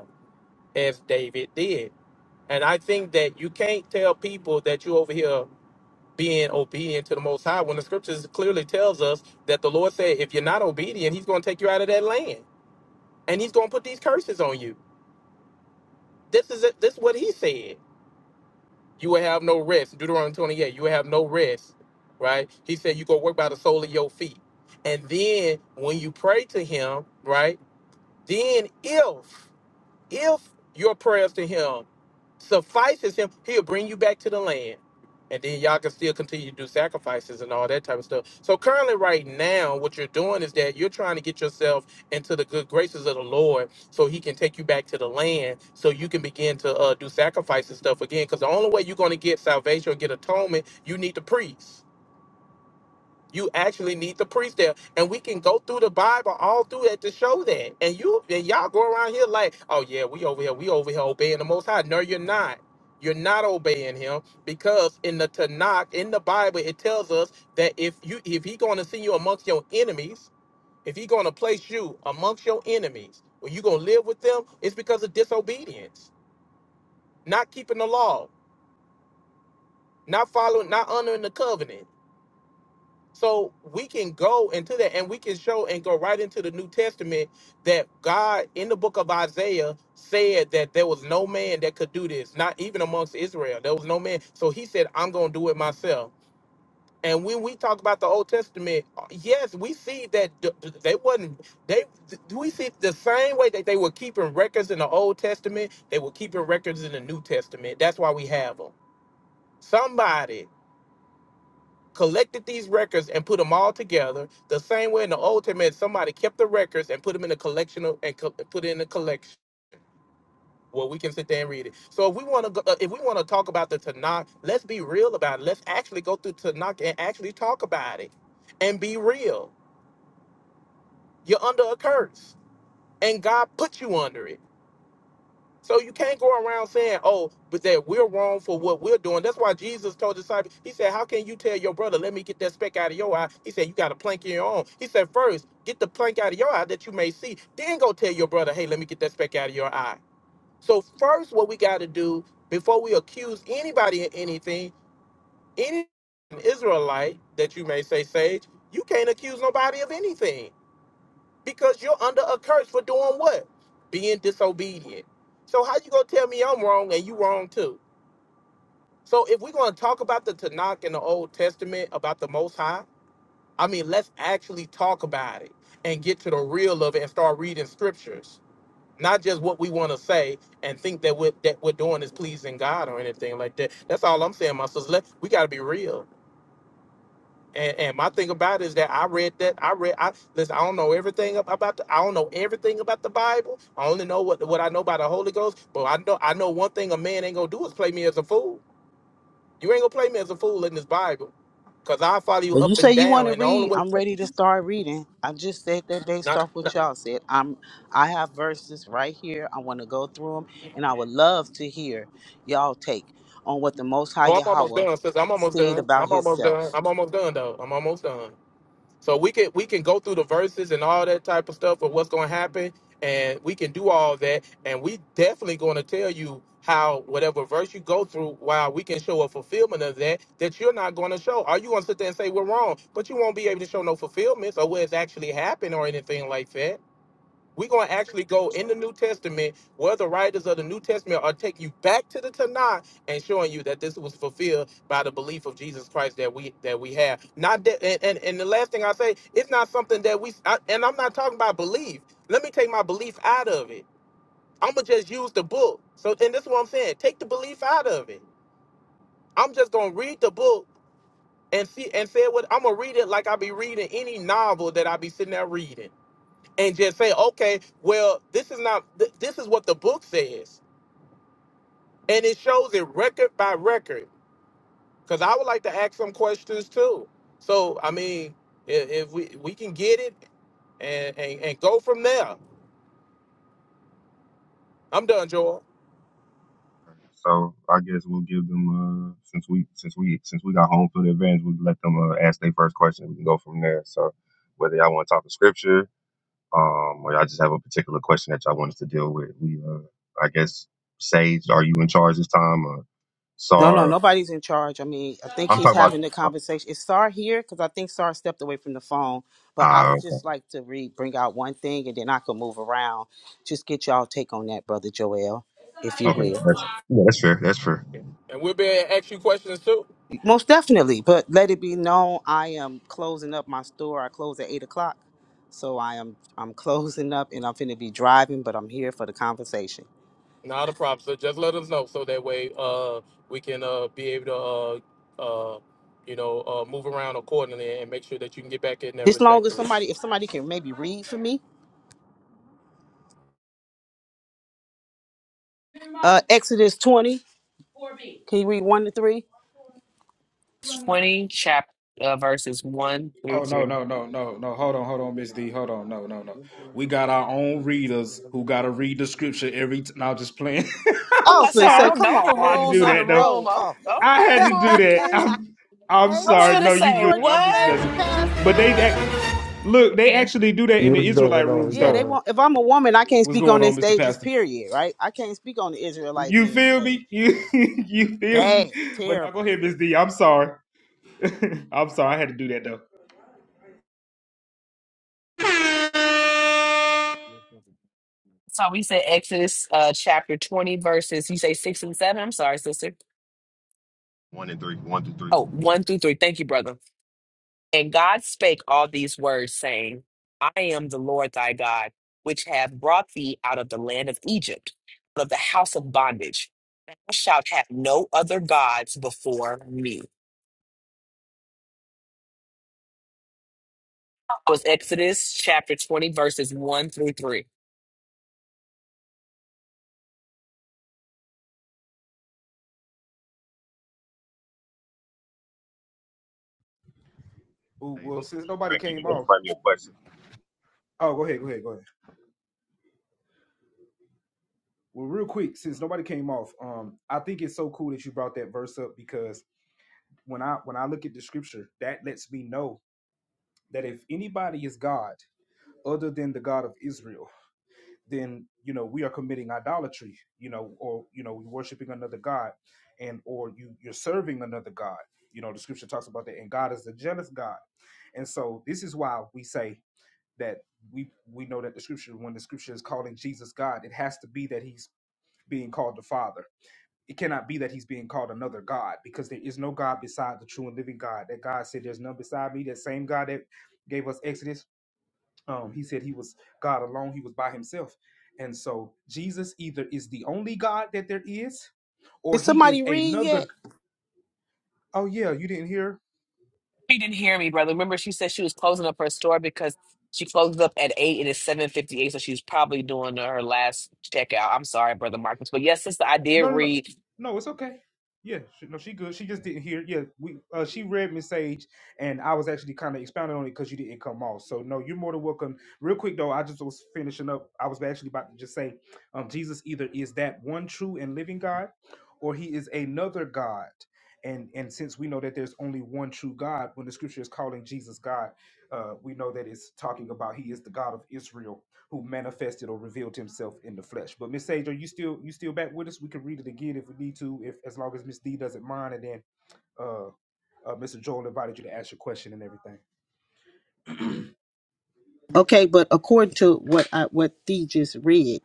A: as David did. And I think that you can't tell people that you over here being obedient to the Most High when the scriptures clearly tells us that the Lord said, if you're not obedient, He's going to take you out of that land and He's going to put these curses on you. This is it. This is what He said. You will have no rest. Deuteronomy 28. You will have no rest, right? He said you go work by the sole of your feet. And then when you pray to Him, right? Then if If your prayers to him suffices him, he'll bring you back to the land. And then y'all can still continue to do sacrifices and all that type of stuff. So currently, right now, what you're doing is that you're trying to get yourself into the good graces of the Lord, so He can take you back to the land, so you can begin to uh, do sacrifice and stuff again. Because the only way you're going to get salvation or get atonement, you need the priest. You actually need the priest there, and we can go through the Bible all through that to show that. And you and y'all go around here like, oh yeah, we over here, we over here obeying the Most High. No, you're not. You're not obeying Him because in the Tanakh, in the Bible, it tells us that if you if He going to send you amongst your enemies, if He going to place you amongst your enemies, when you going to live with them, it's because of disobedience, not keeping the law, not following, not honoring the covenant. So we can go into that and we can show and go right into the New Testament that God in the book of Isaiah said that there was no man that could do this, not even amongst Israel. There was no man. So he said, I'm going to do it myself. And when we talk about the Old Testament, yes, we see that th- th- they wasn't they th- we see the same way that they were keeping records in the Old Testament, they were keeping records in the New Testament. That's why we have them. Somebody collected these records and put them all together the same way in the old testament somebody kept the records and put them in a collection of, and co- put it in a collection well we can sit there and read it so if we want to uh, if we want to talk about the tanakh let's be real about it let's actually go through tanakh and actually talk about it and be real you're under a curse and god put you under it So you can't go around saying, "Oh, but that we're wrong for what we're doing." That's why Jesus told the disciples. He said, "How can you tell your brother, let me get that speck out of your eye?" He said, "You got a plank in your own." He said, first, get the plank out of your eye that you may see. Then go tell your brother, "Hey, let me get that speck out of your eye." So first, what we got to do before we accuse anybody of anything, any Israelite that you may say, Sage, you can't accuse nobody of anything because you're under a curse for doing what? Being disobedient. So how you gonna tell me I'm wrong and you wrong too? So if we're gonna talk about the Tanakh in the Old Testament about the Most High, I mean let's actually talk about it and get to the real of it and start reading scriptures, not just what we want to say and think that what that we're doing is pleasing God or anything like that. That's all I'm saying, my sisters. Let, we gotta be real. And, and my thing about it is that I read that I read I listen, I don't know everything ab- about the I don't know everything about the Bible. I only know what what I know about the Holy Ghost, but I know I know one thing a man ain't gonna do is play me as a fool. You ain't gonna play me as a fool in this Bible. Cause I follow you
K: When you
A: up
K: say
A: and
K: you want
A: down
K: to
A: and the only
K: read,
A: way
K: I'm ready to start reading. I just said that based
A: not,
K: off what
A: not
K: y'all said. I'm I have verses right here. I want to go through them, and I would love to hear y'all take on what the Most High
A: oh I'm almost
K: Yahweh
A: done, sis. I'm almost
K: said
A: done.
K: about
A: I'm almost done.
K: Himself.
A: I'm almost done though. I'm almost done. So we can we can go through the verses and all that type of stuff of what's going to happen, and we can do all that, and we definitely going to tell you how whatever verse you go through, while we can show a fulfillment of that that you're not going to show. Are you going to sit there and say we're wrong, but you won't be able to show no fulfillments or where it's actually happened or anything like that? We're going to actually go in the New Testament where the writers of the New Testament are taking you back to the Tanakh and showing you that this was fulfilled by the belief of Jesus Christ that we that we have. Not that, and, and, and the last thing I say, it's not something that we, I, and I'm not talking about belief. Let me take my belief out of it. I'm going to just use the book. So, and this is what I'm saying. Take the belief out of it. I'm just going to read the book and see and say what I'm going to read it like I be reading any novel that I be sitting there reading and just say, okay, well, this is not, th- this is what the book says. And it shows it record by record. Because I would like to ask some questions too. So, I mean, if, if we, we can get it and, and, and go from there. I'm done, Joel.
L: So I guess we'll give them uh since we since we since we got home field advantage, we let them uh, ask their first question. We can go from there. So whether y'all want to talk to scripture, um, or y'all just have a particular question that y'all want us to deal with, we uh I guess Sage, are you in charge this time? Or
K: No, no,
L: Sar,
K: nobody's in charge. I mean, I think
L: I'm
K: he's
L: talking about.
K: having the
L: uh,
K: conversation. Is Sar here? Because I think Sar stepped away from the phone. But I
L: Ah,
K: would
L: okay,
K: just like to read, bring out one thing, and then I can move around. Just get y'all take on that, brother Joel, if you
L: okay,
K: will.
L: that's yeah, that's fair. That's fair.
A: And we'll be able to ask you questions too.
K: Most definitely, but let it be known, I am closing up my store. I close at eight o'clock, so I am I'm closing up, and I'm finna be driving, but I'm here for the conversation.
A: Not a problem. So just let us know so that way uh, we can uh, be able to, uh, uh, you know, uh, move around accordingly and make sure that you can get back in there
K: As long as
A: respectfully.
K: somebody, if somebody can maybe read for me, uh, Exodus twenty, can you read one to three?
I: 20 chapter uh, verses 1
H: this.
I: through
H: Oh no
I: 3.
H: no no no no! Hold on hold on, Miss D. Hold really on no no no. We got our own readers who gotta read the scripture every. T- no, I'm just playing.
I: I was
K: I
H: I'm
I: about
K: was
I: to say,
K: gonna
I: I
K: say,
H: sorry.
I: don't
K: come
I: know the
K: on,
H: I had to
K: Marcus,
I: rules
H: do
I: of
K: I
I: the
H: that though.
I: room.
K: know.
I: Oh,
K: Oh,
H: I
I: okay,
H: had
K: hey,
H: to do that.
I: Marcus.
H: I'm I'm
I: I was
H: sorry.
I: going to
H: No,
K: Pastor
H: you
I: say,
H: good.
K: Jordan, my
H: I'm just
I: what?
H: messing.
K: favorite
H: But they act-
K: pastor.
H: look, they
I: Ken.
H: actually do that in the
M: What's going
H: Israelite rooms
M: on,
K: Yeah, they
H: though.
M: y'all?
K: want. If I'm a woman, I can't
H: What's
K: speak
H: going
K: on their
H: on, Mr.
K: stages.
H: Pastor?
K: Period. Right? I can't speak on the Israelite man stage. Bad, terrible.
I: So we said Exodus uh, chapter 20, verses, you say 6 and 7. I'm sorry, sister.
L: One and three, one through three.
I: Oh, one through 3. Thank you, brother. And God spake all these words, saying, I am the Lord thy God, which have brought thee out of the land of Egypt, out of the house of bondage. Thou shalt have no other gods before me. was Exodus chapter 20, verses 1 through 3.
L: Sage, did you Frank, did you want to find me a question?
H: God. And so this is why we say that we we know that the scripture, when the scripture is calling Jesus God, it has to be that he's being called the Father. It cannot be that he's being called another God, because there is no God beside the true and living God. That God said, There's none beside me. That same God that gave us Exodus um, he said he God alone, he was by so either is the only God that there is, or
K: Did
H: he
K: somebody read yet?
H: another.
I: She didn't hear me, brother. Remember, she said she was closing up her store because she closed up at 8 and it's 7.58, so she was probably doing her last checkout. I'm sorry, brother Marcus. But yes, sister, I did read.
K: Okay, but according to what I, what Thee just read,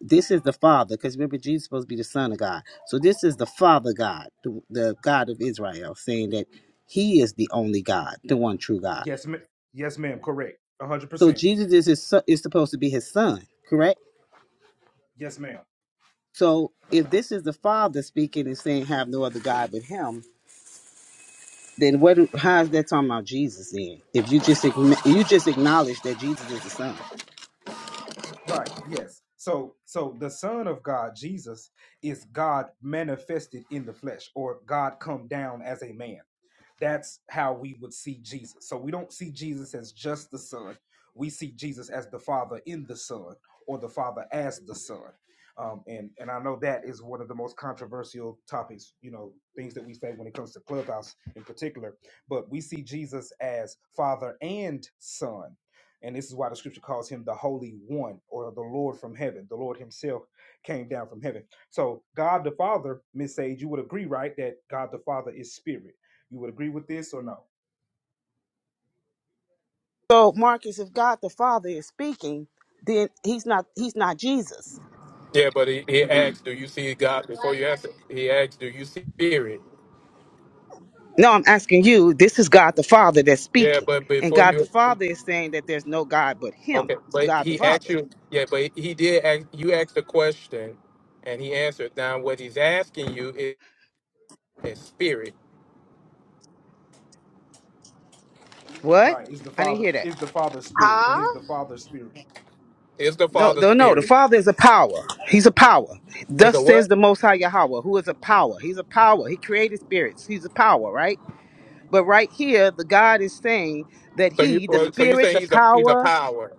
K: this is the Father, because remember Jesus is supposed to be the Son of God. So this is the Father God, the, the God of Israel, saying that He is the only God, the one true God. So Jesus is his, son- is supposed to be His Son, correct? So if this is the Father speaking and saying, "Have no other God but Him," then what? How is that talking about Jesus? Then, if you just acknow- you just acknowledge that Jesus is the Son. So Marcus, if God the Father is speaking, then he's not he's not Jesus.
A: Yeah, but he, he asked, "Do you see God?" Before you ask, he asked, "Do you see Spirit?"
K: No, I'm asking you, this is God the Father that's
A: Yeah,
K: speaking.
A: but
K: And
A: before
K: God the
A: you,
K: Father is saying that there's no God but
A: okay,
K: him,
A: but
K: God the
A: he asked
K: Father.
A: you. Yeah, but he did ask. You asked the question, and he answered. Now, what he's asking you is, is Spirit.
K: What? I didn't hear that.
I: Huh?
A: Is the
K: No,
A: Father
K: no, no. The
A: Spirit?
K: Father is a power. He's a power.
A: Is
K: Thus
A: a
K: says
A: what?
K: the Most High Yahweh, who is a power. He's a power. He created spirits. He's a power, right? But right here, the God is saying that
A: So you,
K: He, the
A: or- so you
K: Spirit,
A: say
K: the
A: he's a he's a
K: power.
A: power.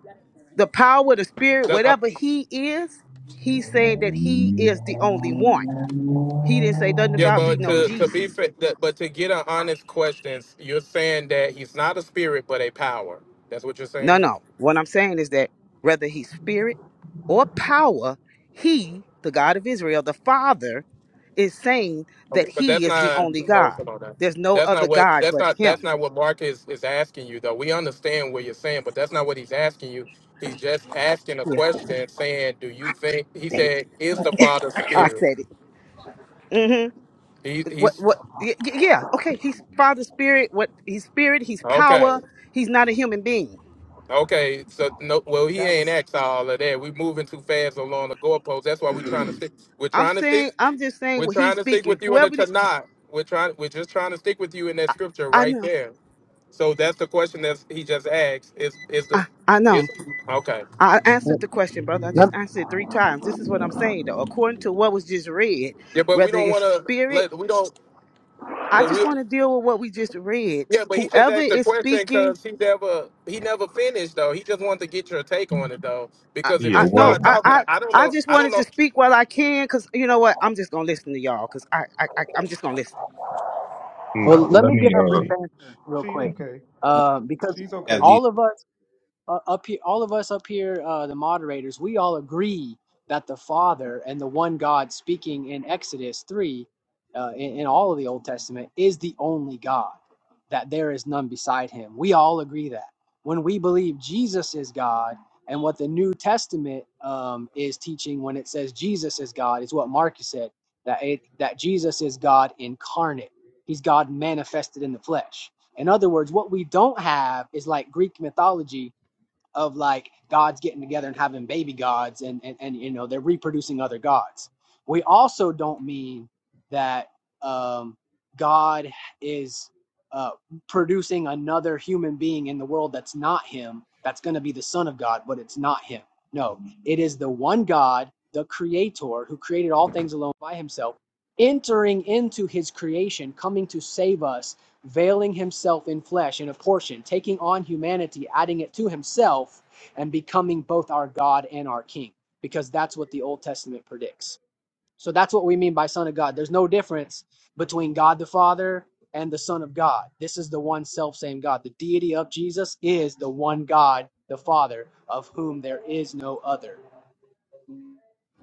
K: the power, the spirit,
A: That- uh,
K: whatever he is, he's saying that he is the only one. He didn't say nothing
A: yeah,
K: about he
A: but
K: know
A: to to be
K: Jesus.
A: fa- that- but to get an honest question, you're saying that he's not a spirit but a power. That's what you're
K: No,
A: saying.
K: no. What I'm saying is that whether he's spirit or power, he, the God of Israel, the Father, is saying that
A: But
K: he
A: that's
K: is the
A: not
K: only
A: hello,
K: God.
A: come on now.
K: There's no
A: That's not
K: other
A: what
K: God
A: that's
K: but
A: not that's
K: him.
A: not what Mark is, is asking you though. We understand what you're saying, but that's not what he's asking you. He's just asking a
K: Yeah.
A: question saying, Do you think he said, Is the Father
K: I
A: spirit?
K: said it. Mm-hmm.
A: He
K: What?
A: he's
K: What? y- y- Yeah. Okay. He's Father Spirit. What? He's Spirit. He's
A: okay.
K: power. He's not a human being.
A: Okay. So no well he ain't asked all of that. We moving too fast along the goalposts. That's why we're trying to stick we're
K: I'm
A: trying to stick
K: saying, I'm just saying
A: we're
K: what
A: trying
K: he's
A: to stick
K: speaking.
A: with you in the
K: Whoever, did,
A: Tanakh. We're trying we're just trying to stick with you in that
K: I,
A: scripture
K: I
A: right
K: know,
A: there. So that's the question that he just asked. Is is the
K: I, I know.
A: is okay?
K: I answered the question, brother. I just
C: Let-
K: answered it three times. This is what I'm saying, though. According to what was just read,
A: Yeah, but we
K: whether
A: don't
K: it's
A: want to
K: spirit,
A: let we don't.
K: I
A: But
K: just
A: we
K: want to deal with what we just read.
A: yeah, but he just
K: Whoever
A: asked the
K: is
A: question
K: speaking,
A: because he never he never finished though. He just wanted to get your take on it though.
K: I,
A: Because
L: Yeah,
A: if you
K: I no,
A: start
K: I,
L: one.
A: talking,
K: I,
A: I I don't
K: I
A: know.
K: just
A: I don't
K: wanted
A: know.
K: to speak while I can, cause you know what? I'm just gonna listen to y'all, cause I, I, I I'm just gonna listen.
C: well,
L: nah,
C: let
L: Let
C: me give
L: me.
C: a brief
L: uh
C: answer real quick, uh, because
N: have these
C: all of us. uh, up here, all of us up here, uh, the moderators, we all agree that the Father and the one God speaking in Exodus 3, uh, in, in all of the Old Testament, is the only God, that there is none beside him. We all agree that. When we believe Jesus is God, and what the New Testament um, is teaching when it says Jesus is God is what Marcus said that it, that Jesus is God incarnate. He's God manifested in the flesh. In other words, what we don't have is like Greek mythology of like gods getting together and having baby gods and and, and you know they're reproducing other gods we also don't mean that um god is uh producing another human being in the world that's not him that's going to be the son of god but it's not him no it is the one god the creator who created all things alone by himself entering into his creation coming to save us veiling himself in flesh in a portion, taking on humanity, adding it to himself, and becoming both our God and our King, because that's what the Old Testament predicts. So that's what we mean by Son of God. There's no difference between God the Father and the Son of God. This is the one self same God. The deity of Jesus is the one God, the Father, of whom there is no other.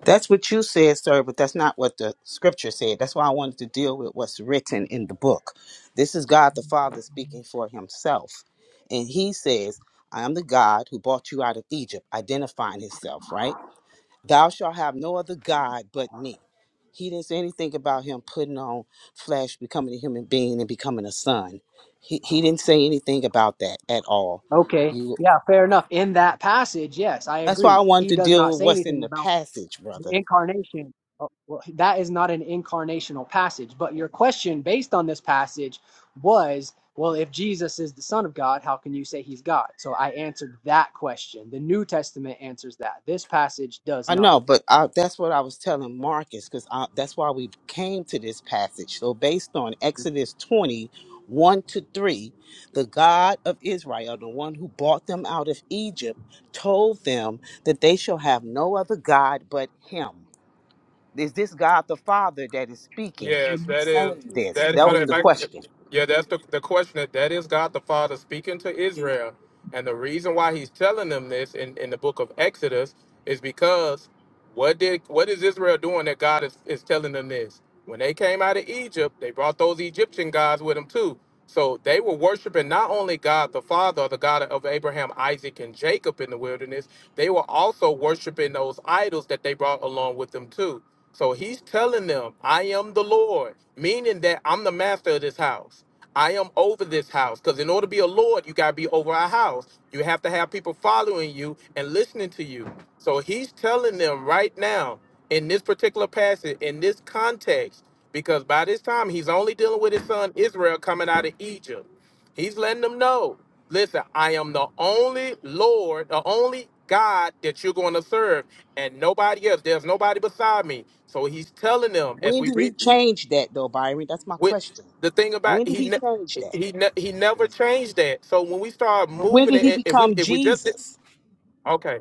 K: That's what you said, sir, but that's not what the scripture said. That's why I wanted to deal with what's written in the book. This is God the Father speaking for himself. And he says, I am the God who brought you out of Egypt, identifying himself, right? Thou shalt have no other God but me. He didn't say anything about him putting on flesh, becoming a human being, and becoming a son. He, he didn't say anything about that at all.
C: Okay.
K: You,
C: Yeah, fair enough. In that passage, yes, I
K: that's why I
C: agree.
K: wanted
C: He
K: to
C: does
K: deal
C: not
K: with
C: say
K: what's in
C: anything
K: the
C: about
K: passage, brother.
C: incarnation oh, well, that is not an incarnational passage but your question based on this passage was well if jesus is the son of god how can you say he's god so i answered that question the new testament answers that this passage does
K: I
C: not
K: know, but I, that's what I was telling Marcus because that's why we came to this passage. So, based on Exodus twenty-one to 3, the God of Israel, the one who brought them out of Egypt, told them that they shall have no other God but him. Is this God the Father that is speaking,
A: Yes, that is
K: saying this?
A: that.
K: That
A: Hold on,
K: was
A: if
K: the
C: Mhm.
A: I,
K: question.
A: yeah, that's the the question. That that is God the Father speaking to Israel, and the reason why He's telling them this in in the book of Exodus is because what did what is Israel doing that God is is telling them this? When they came out of Egypt, they brought those Egyptian gods with them too. So they were worshiping not only God the Father, the God of Abraham, Isaac, and Jacob in the wilderness, they were also worshiping those idols that they brought along with them too. So he's telling them, I am the Lord, meaning that I'm the master of this house. I am over this house. Because in order to be a Lord, you got to be over a house. You have to have people following you and listening to you. So he's telling them right now, in this particular passage, in this context, because by this time he's only dealing with his son Israel coming out of Egypt. He's letting them know. Listen, I am the only Lord, the only God that you're going to serve, and nobody else. There's nobody beside me. So he's telling them as
K: When
A: we
K: did he
A: read
K: change that, though, Byron? That's my
A: with
K: question.
A: the thing about
K: When did
A: he
K: he change
A: ne-
K: that?
A: he ne- he never changed that. So when we start
K: When
A: moving
K: did he
A: it, if we
K: become
A: if we just
K: Jesus?
A: Okay.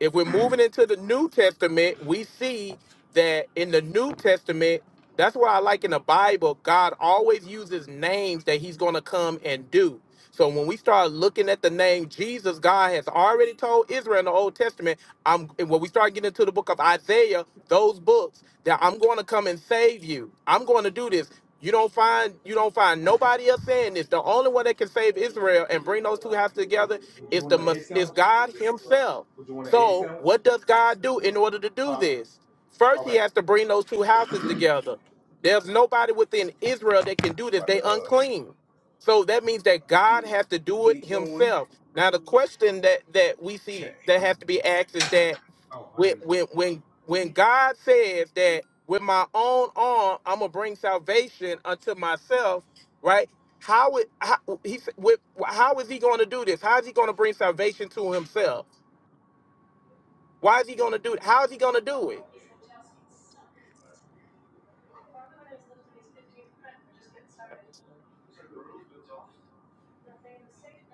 A: If we're moving into the New Testament, we see that in the New Testament, that's why I like in the Bible, God always uses names that he's going to come and do. So when we start looking at the name Jesus, God has already told Israel in the Old Testament I'm and when we start getting into the book of Isaiah, those books that I'm going to come and save you. I'm going to do this. You don't find you don't find nobody else saying this. The only one that can save Israel and bring those two houses together is the Mes- is God Himself. So what does God do in order to do this? First, He has to bring those two houses together. There's nobody within Israel that can do this. They unclean. So that means that God has to do it himself. Now the question that that we see that has to be asked is that when when when when God says that with my own arm I'm gonna bring salvation unto myself, right? How it how, he s- with, how is he gonna do this? How is he gonna bring salvation to himself? Why is he gonna do it? How is he gonna do it?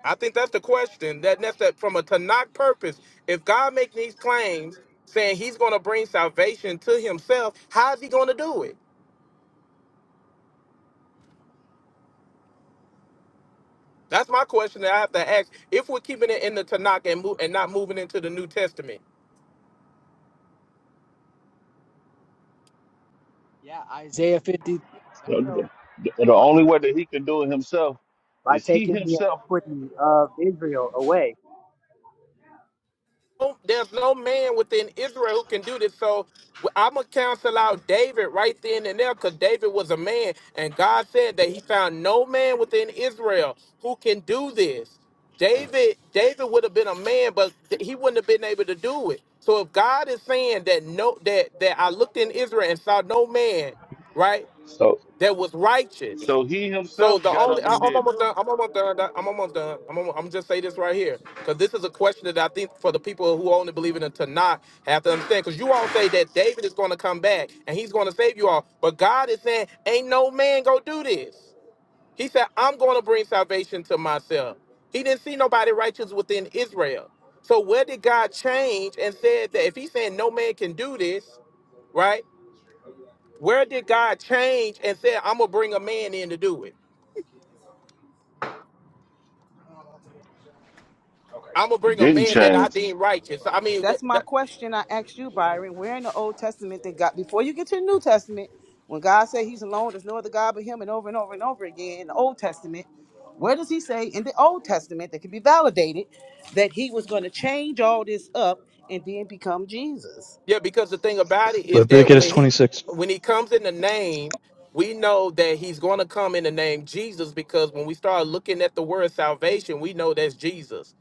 A: I think that's the question. That that's that from a Tanakh purpose. If God making these claims, saying He's going to bring salvation to Himself, how is He going to do it? That's my question that I have to ask. If we're keeping it in the Tanakh and move, and not moving into the New Testament,
C: yeah isaiah 53 that tells
O: The, the-
C: the
O: the
C: author,
O: only way that he can do it himself
C: by
O: is he
C: taking the
O: himself.
C: iniquity of israel away
A: no- there's no man within Israel who can do this. So I'm gonna counsel out David right then and there because David was a man, and God said that He found no man within Israel who can do this. David, David would have been a man, but th- he wouldn't have been able to do it. So if God is saying that no, that that I looked in Israel and saw no man, right,
O: So
A: that was righteous.
O: so he
A: So
O: himself
A: the
O: got up and did it.
A: I'm almost done. Doc. I'm almost done. I'm almost, I'm just say this right here because this is a question that I think for the people who only believe in it to not have to understand. Because you all say that David is going to come back and he's going to save you all, but God is saying, "Ain't no man go do this." He said, "I'm going to bring salvation to myself." He didn't see nobody righteous within Israel. So where did God change and said that if He's saying no man can do this, right? Where did God change and said, "I'm gonna bring a man in to do it"? I'm gonna
O: He
A: bring a
O: didn't
A: man that I
O: change.
A: deem righteous. I mean, th-
K: That's my
A: th-
K: question I asked you, Byron. Where in the Old Testament did God, before you get to the New Testament, when God said he's alone, there's no other God but him, and over and over and over again in the Old Testament, where does he say in the Old Testament that can be validated that he was going to change all this up and then become Jesus?
A: Yeah, because the thing about it is that
D: Leviticus
A: when he
D: 26.
A: when he comes in the name, we know that he's going to come in the name Jesus because when we start looking at the word salvation, we know that's Jesus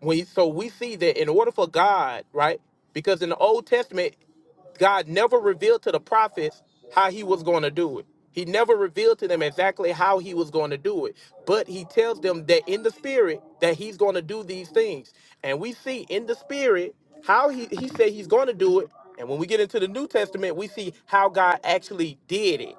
A: we so we see that in order for God, right? Because in the Old Testament, God never revealed to the prophets how he was going to do it. He never revealed to them exactly how he was going to do it, but he tells them that in the spirit that he's going to do these things. And we see in the spirit how he he said he's going to do it. And when we get into the New Testament, we see how God actually did it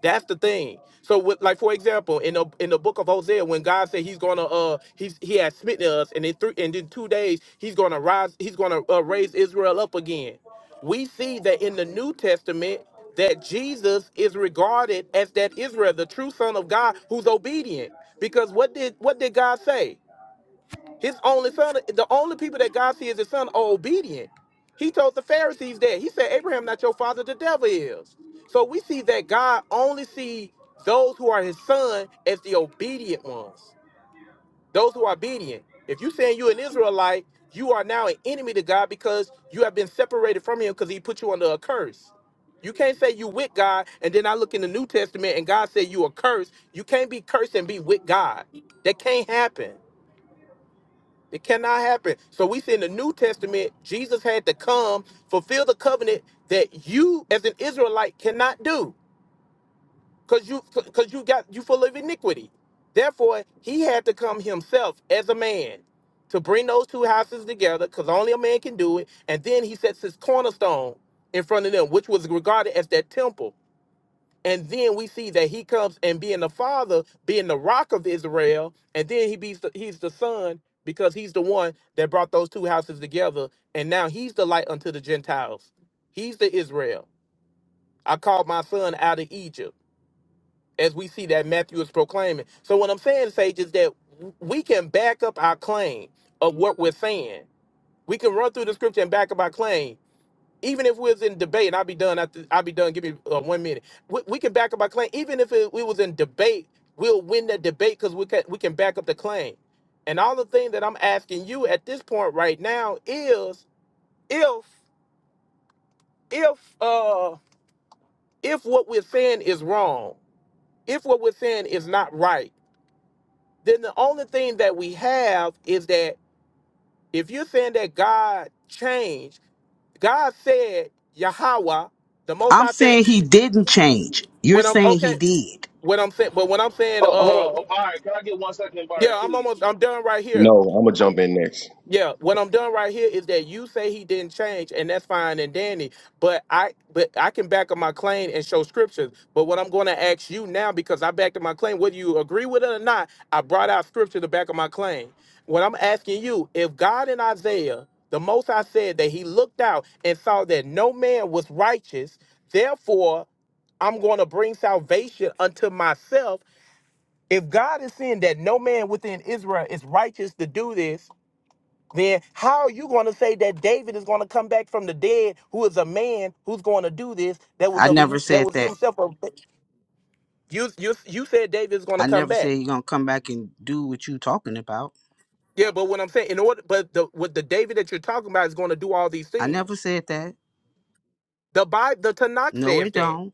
A: that's the thing. So, with, like for example, in the in the book of Hosea, when God said He's gonna uh He's He has smitten us, and in three and in two days He's gonna rise, He's gonna uh, raise Israel up again. We see that in the New Testament that Jesus is regarded as that Israel, the true Son of God, who's obedient. Because what did what did God say? His only son, the only people that God sees as his son are obedient. He told the Pharisees that. He said, Abraham, not your father, the devil is. So we see that God only sees those who are his son as the obedient ones, those who are obedient. If you saying you an Israelite, you are now an enemy to God because you have been separated from him because he put you under a curse. You can't say you with God and then I look in the New Testament and God said you are cursed. You can't be cursed and be with God. That can't happen. It cannot happen. So we see in the New Testament, Jesus had to come fulfill the covenant that you as an Israelite cannot do. Cause you cause you got you full of iniquity. Therefore, he had to come himself as a man to bring those two houses together, because only a man can do it. And then he sets his cornerstone in front of them, which was regarded as that temple. And then we see that he comes and being the father, being the rock of Israel, and then he be he's the son because he's the one that brought those two houses together. And now he's the light unto the Gentiles. He's the Israel. I called my son out of Egypt, as we see that Matthew is proclaiming. So what I'm saying, Sage, is that we can back up our claim of what we're saying. We can run through the scripture and back up our claim even if we was in debate, and I'll be done after I'll be done. Give me uh, one minute. We, we can back up our claim. Even if it, we was in debate, we'll win that debate because we can we can back up the claim. And all the thing that I'm asking you at this point right now is if if uh if what we're saying is wrong, if what we're saying is not right, then the only thing that we have is that if you're saying that God changed, God said Yahweh, the Most
K: I'm
A: High said
K: saying he didn't change. You're
A: when I'm
K: saying he
A: okay.
K: did.
A: what I'm saying, but what I'm saying,
O: Oh, hold on,
A: uh,
O: oh, Byron. Can I get one second, Byron,
A: yeah, I'm
O: please?
A: almost, I'm done right here.
L: No, I'm gonna
O: Come-
L: jump in next.
A: Yeah, what I'm done right here is that you say he didn't change, and that's fine and dandy. But I, but I can back up my claim and show scriptures. But what I'm going to ask you now, because I backed up my claim, whether you agree with it or not, I brought out scripture to back up my claim. What I'm asking you, if God in Isaiah, the Most I said that He looked out and saw that no man was righteous, therefore I'm going to bring salvation unto myself If God is saying that no man within Israel is righteous to do this, then how are you going to say that David is going to come back from the dead, who is a man who's going to do this? That was
K: I
A: of
K: never
A: that
K: said
A: was
K: that.
A: himself. A, you you you said David is going to
K: I
A: come
K: never
A: back.
K: said you're going to come back and do what you talking about.
A: Yeah, but what I'm saying, in order, but the what the David that you're talking about is going to do all these
K: I never
A: things.
K: said that.
A: The Bible, the Tanakh
K: No,
A: says
K: it
A: that.
K: don't.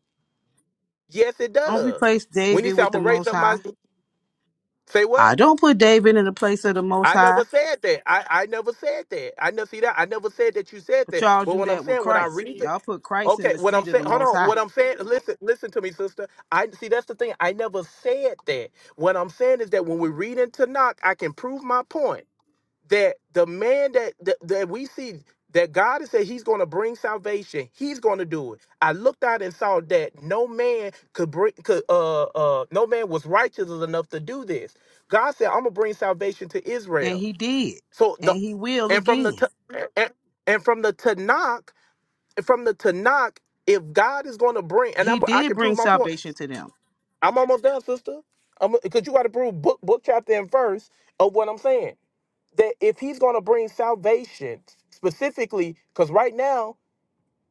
A: Yes, it
K: Don't
A: does.
K: replace
A: When he
K: David
A: said, "I'm
K: with the
A: gonna raise
K: Most
A: up
K: High.
A: my," say what?
K: I don't put David in the place of the Most
A: I
K: High,
A: never said that. I, I never said that. I never see that. I never said that you said
K: but
A: that.
K: y'all
A: But
K: do
A: what I'm
K: that with
A: saying, when I read
K: Christ. Y'all put Christ in
A: Okay,
K: the
A: what I'm
K: seat of
A: saying,
K: the
A: hold
K: Most
A: on.
K: High,
A: What I'm saying, listen, listen to me, sister. I see that's the thing. I never said that. What I'm saying is that when we read into knock, I can prove my point that the man that that, that we see that God has said He's going to bring salvation. He's going to do it. I looked out and saw that no man could bring, could uh uh, no man was righteous enough to do this. God said, "I'm gonna bring salvation to
K: and
A: Israel."
K: He did,
A: So the,
K: and He will
A: and from the
K: again.
A: t- and, and from the Tanakh from the Tanakh, if God is going to bring, and
K: He
A: I'm, I
K: did
A: can
K: bring
A: prove my point.
K: salvation to them.
A: I'm almost done, sister. Because you got to prove book, book, chapter, and verse of what I'm saying. That if He's going to bring salvation specifically, because right now,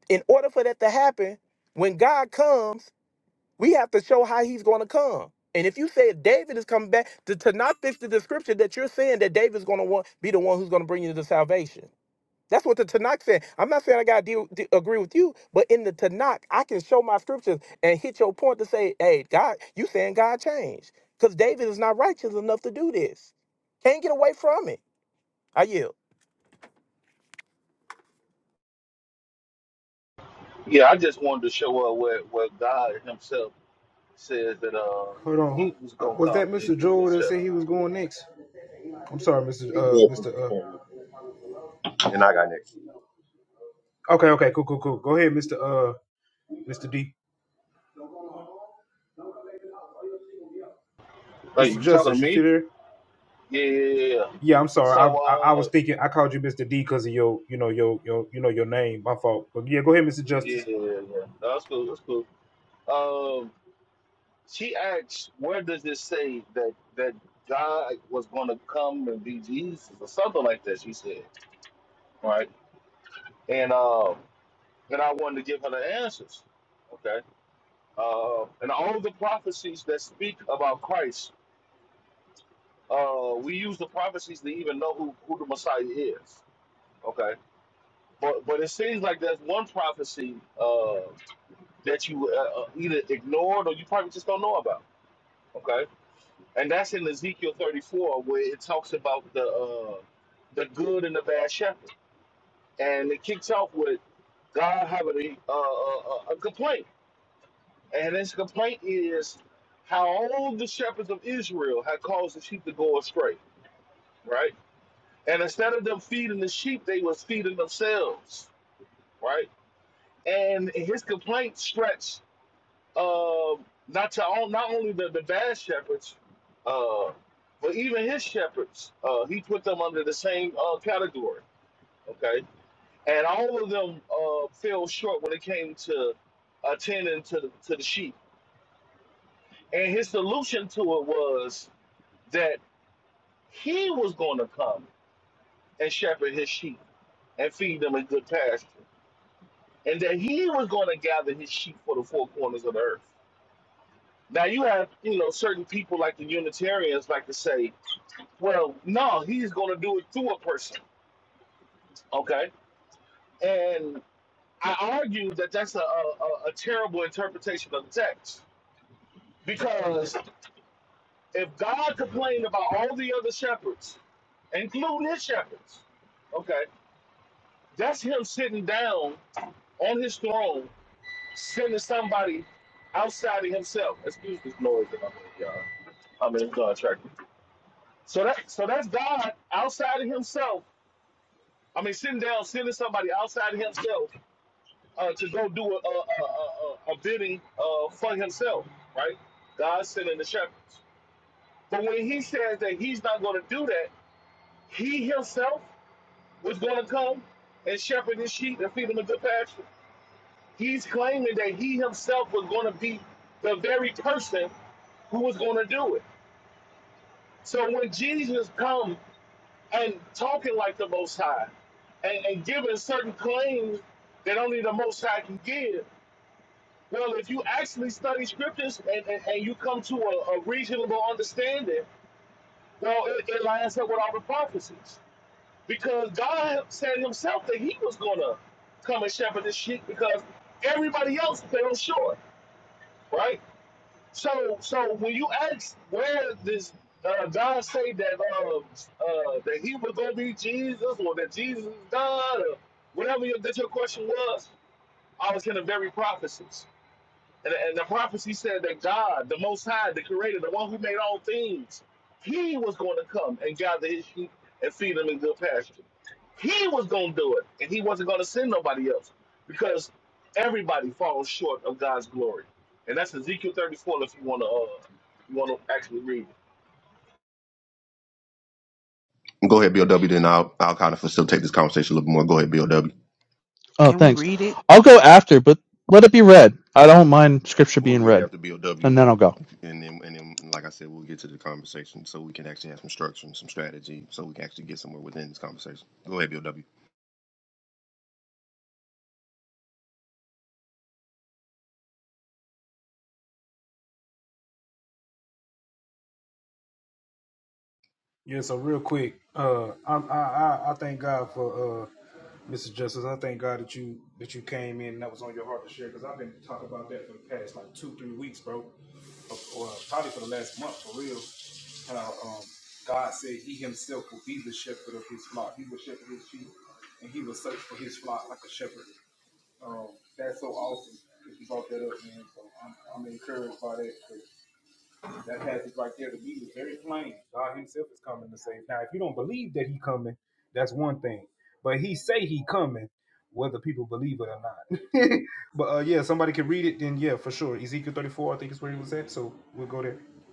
A: in order for that to happen, when God comes, we have to show how He's going to come. And if you say if David is coming back, to, to not fix the description that you're saying that David's going to want be the one who's going to bring you to salvation. That's what the Tanakh said. I'm not saying I gotta deal, de- agree with you, but in the Tanakh, I can show my scriptures and hit your point to say, "Hey, God, you saying God changed because David is not righteous enough to do this. Can't get away from it." I yield.
O: Yeah, I just wanted to show up where where God Himself says that uh He was gonna come and give us shepherd.
L: He can go ahead and finish and I got next.
O: Hey, you talking to me? Yeah, yeah, yeah. yeah. So uh, yeah, yeah, yeah. yeah. No, that's cool. That's cool. Um, She asks, where does this say that that God was going to come and be Jesus or something like that? She said, right? And um, and I wanted to give her the answers, okay? Uh, and all the prophecies that speak about Christ, uh, we use the prophecies to even know who, who the Messiah is, okay? But but it seems like there's one prophecy uh, that you uh, uh, either ignored or you probably just don't know about, okay? and that's in Ezekiel 34 where it talks about the uh, the good and the bad shepherd, and it kicks off with God having a, uh, a, a complaint, and his complaint is how all the shepherds of Israel had caused the sheep to go astray, right? And instead of them feeding the sheep, they was feeding themselves, right? And his complaint stretched uh, not to on, not only the, the bad shepherds, uh, but even his shepherds. Uh, he put them under the same uh, category. Okay, and all of them uh, fell short when it came to attending to the, to the sheep. And his solution to it was that he was going to come and shepherd his sheep and feed them in good pasture, and that he was going to gather his sheep for the four corners of the earth. Now you have, you know, certain people like the Unitarians like to say, Well, no, he's going to do it to a person. Okay, and I argue that that's a, a, a terrible interpretation of the text because if God complained about all the other shepherds, including his shepherds, okay, that's him sitting down on his throne, sending somebody outside of himself. Excuse this noise that I'm in, y'all. I'm in a contract. So that so that's God outside of himself. I mean, sitting down, sending somebody outside of himself uh, to go do a, a, a, a, a bidding uh, for himself, right? God sending the shepherds. But when he says that he's not going to do that, he himself was going to come and shepherd his sheep and feed them a good pasture. He's claiming that he himself was going to be the very person who was going to do it. So when Jesus come and talking like the Most High and, and giving certain claims that only the Most High can give, Well, if you actually study scriptures and, and, and you come to a, a reasonable understanding, well, it, it lines up with all the prophecies. Because God said himself that he was going to come and shepherd the sheep because everybody else fell short, right? So so when you ask where this uh, God say that uh, uh, that he was going to be Jesus or that Jesus is God or whatever your, that your question was, I was in the very prophecies. And, and the prophecy said that God, the Most High, the Creator, the one who made all things, He was going to come and gather His sheep and feed them in good pasture. He was going to do it, and He wasn't going to send nobody else because everybody falls short of God's glory. And that's Ezekiel 34. If you want to, uh, you want to actually read it.
L: Go ahead, Bill W. Then I'll I'll kind of facilitate this conversation a little bit more. Go ahead, Bill W.
D: Oh,
K: Can we
D: thanks.
K: read it?
D: I'll go after, but let it be read. I don't mind scripture
L: We'll
D: being
L: read it
D: read,
L: after Bill
D: and
L: W.
D: then I'll
L: Go,
D: go.
L: and then and then like I said, we'll get to the conversation so we can actually have some structure and some strategy so we can actually get somewhere within this conversation. Go ahead, Bill W.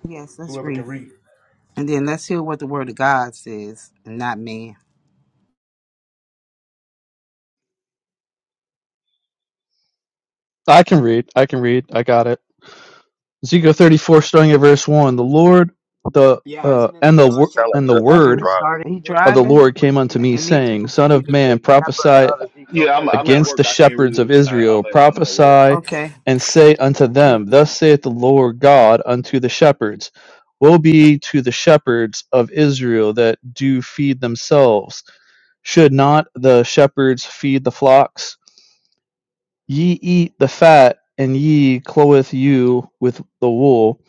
K: Yes, let's read it, and then let's hear what the Word of God says, and not man.
D: I can read. I can read. I got it. Ezekiel 34, starting at verse 1. The Lord, the
C: yeah and
D: uh,
C: then it's
D: and the
L: Does it
C: john
D: wor-
L: sound like
D: and
C: chapter
D: the
L: Justice is
D: word
C: 10
K: Justice,
L: driving?
C: starting
K: are you
C: verse
D: of the
C: 11
K: driving?
C: where
D: Lord came
C: he is
D: unto
C: to
D: me,
K: And me too.
D: saying, Son
C: be
D: of
C: the good
D: man,
C: shepherd
D: prophesy
C: of ezekiel
O: Yeah, I'm,
C: 30
O: I'm at
D: against the
O: work. I can't
D: shepherds
O: read
D: of
O: it. I,
D: Israel,
O: I'm at I'm at work.
D: prophesy
K: Okay.
D: and say unto them, Thus saith the Lord God unto the shepherds, Woe be to the shepherds of Israel that do feed themselves. Should not the shepherds feed the flocks? Ye eat the fat, and ye clothe you with the wool.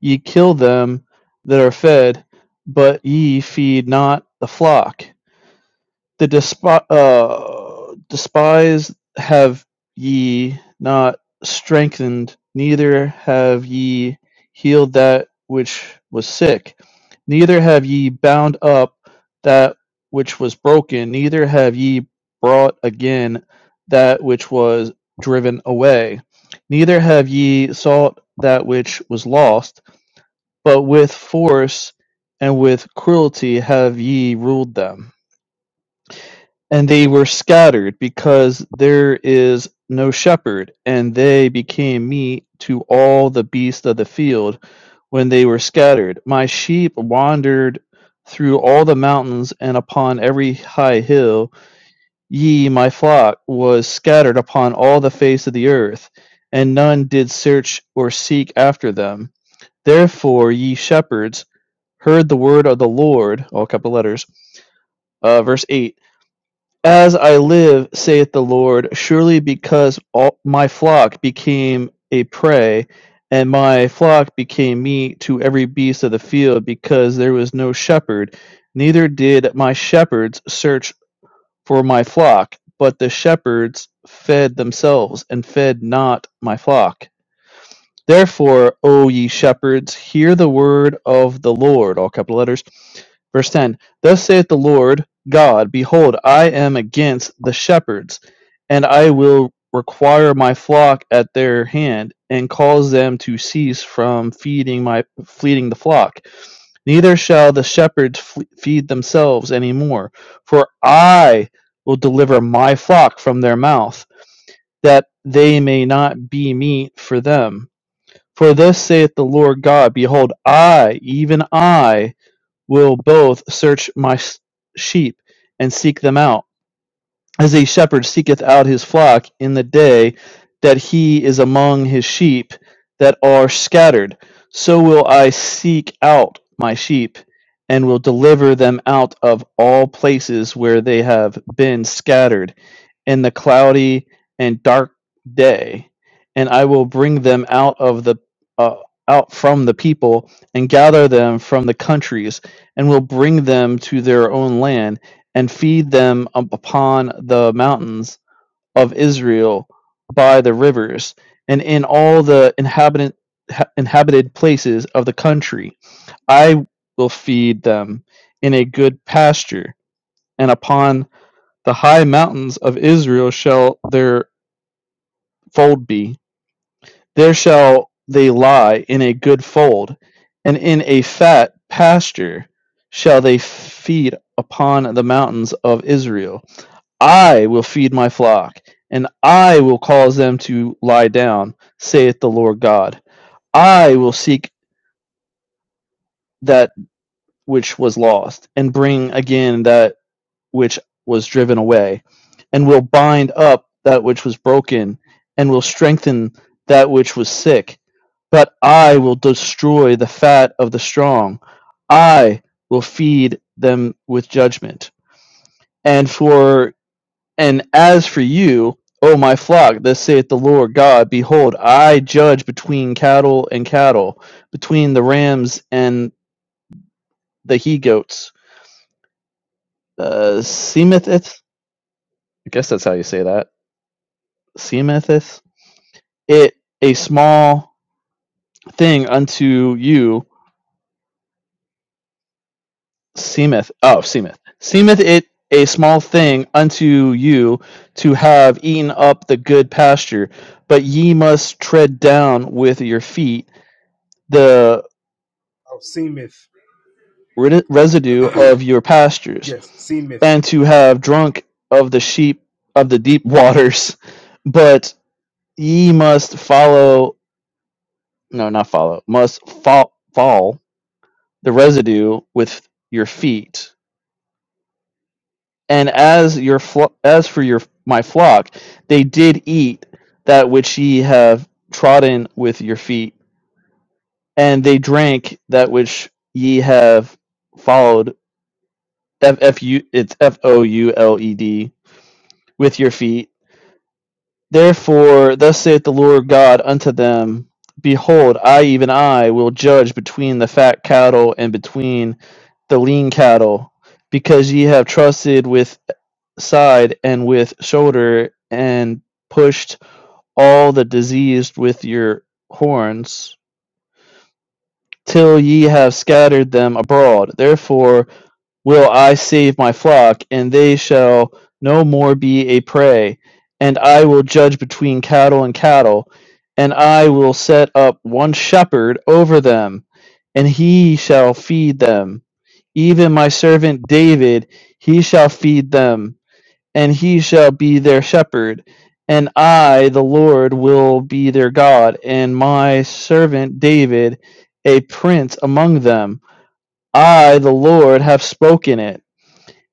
D: Ye kill them that are fed, but ye feed not the flock the despi- uh, despise have ye not strengthened, neither have ye healed that which was sick, neither have ye bound up that which was broken, neither have ye brought again that which was driven away, neither have ye sought that which was lost, but with force and with cruelty have ye ruled them and they were scattered because there is no shepherd, and they became meat to all the beasts of the field when they were scattered. My sheep wandered through all the mountains and upon every high hill. Ye, my flock, was scattered upon all the face of the earth, and none did search or seek after them. Therefore, ye shepherds, heard the word of the Lord, all capital letters, uh, verse 8 as I live, saith the Lord, surely because all my flock became a prey, and my flock became meat to every beast of the field, because there was no shepherd, neither did my shepherds search for my flock, but the shepherds fed themselves, and fed not my flock. Therefore, O ye shepherds, hear the word of the Lord, all capital letters. Verse 10 Thus saith the Lord God, Behold, I am against the shepherds, and I will require my flock at their hand, and cause them to cease from feeding my feeding the flock. Neither shall the shepherds fle- feed themselves any more, for I will deliver my flock from their mouth, that they may not be meat for them. For thus saith the Lord God, Behold, I, even I, will both search my sheep and seek them out as a shepherd seeketh out his flock in the day that he is among his sheep that are scattered, so will I seek out my sheep and will deliver them out of all places where they have been scattered in the cloudy and dark day, and I will bring them out of the uh, out from the people and gather them from the countries and will bring them to their own land and feed them upon the mountains of Israel by the rivers and in all the inhabitant ha- inhabited places of the country I will feed them in a good pasture and upon the high mountains of Israel shall their fold be there shall they lie in a good fold and in a fat pasture shall they feed upon the mountains of Israel I will feed my flock, and I will cause them to lie down, saith the Lord God. I will seek that which was lost, and bring again that which was driven away, and will bind up that which was broken, and will strengthen that which was sick. But I will destroy the fat of the strong. I will feed them with judgment. And for And as for you, O my flock, thus saith the Lord God, behold, I judge between cattle and cattle, between the rams and the he goats. Uh, seemeth it, I guess that's how you say that, seemeth it, it a small thing unto you, seemeth, oh, seemeth, seemeth it a small thing unto you to have eaten up the good pasture, but ye must tread down with your feet the residue of your pastures, and to have drunk of the sheep of the deep waters. But ye must follow, no, not follow, must fall, fall the residue with your feet. And as your flo- as for your my flock, they did eat that which ye have trodden with your feet, and they drank that which ye have followed. F F U, it's F O U L E D with your feet Therefore, thus saith the Lord God unto them Behold, I, even I, will judge between the fat cattle and between the lean cattle, because ye have trusted with side and with shoulder, and pushed all the diseased with your horns, till ye have scattered them abroad. Therefore, will I save my flock, and they shall no more be a prey. And I will judge between cattle and cattle, and I will set up one shepherd over them, and he shall feed them. Even my servant David, he shall feed them, and he shall be their shepherd. And I, the Lord, will be their God, and my servant David, a prince among them. I, the Lord, have spoken it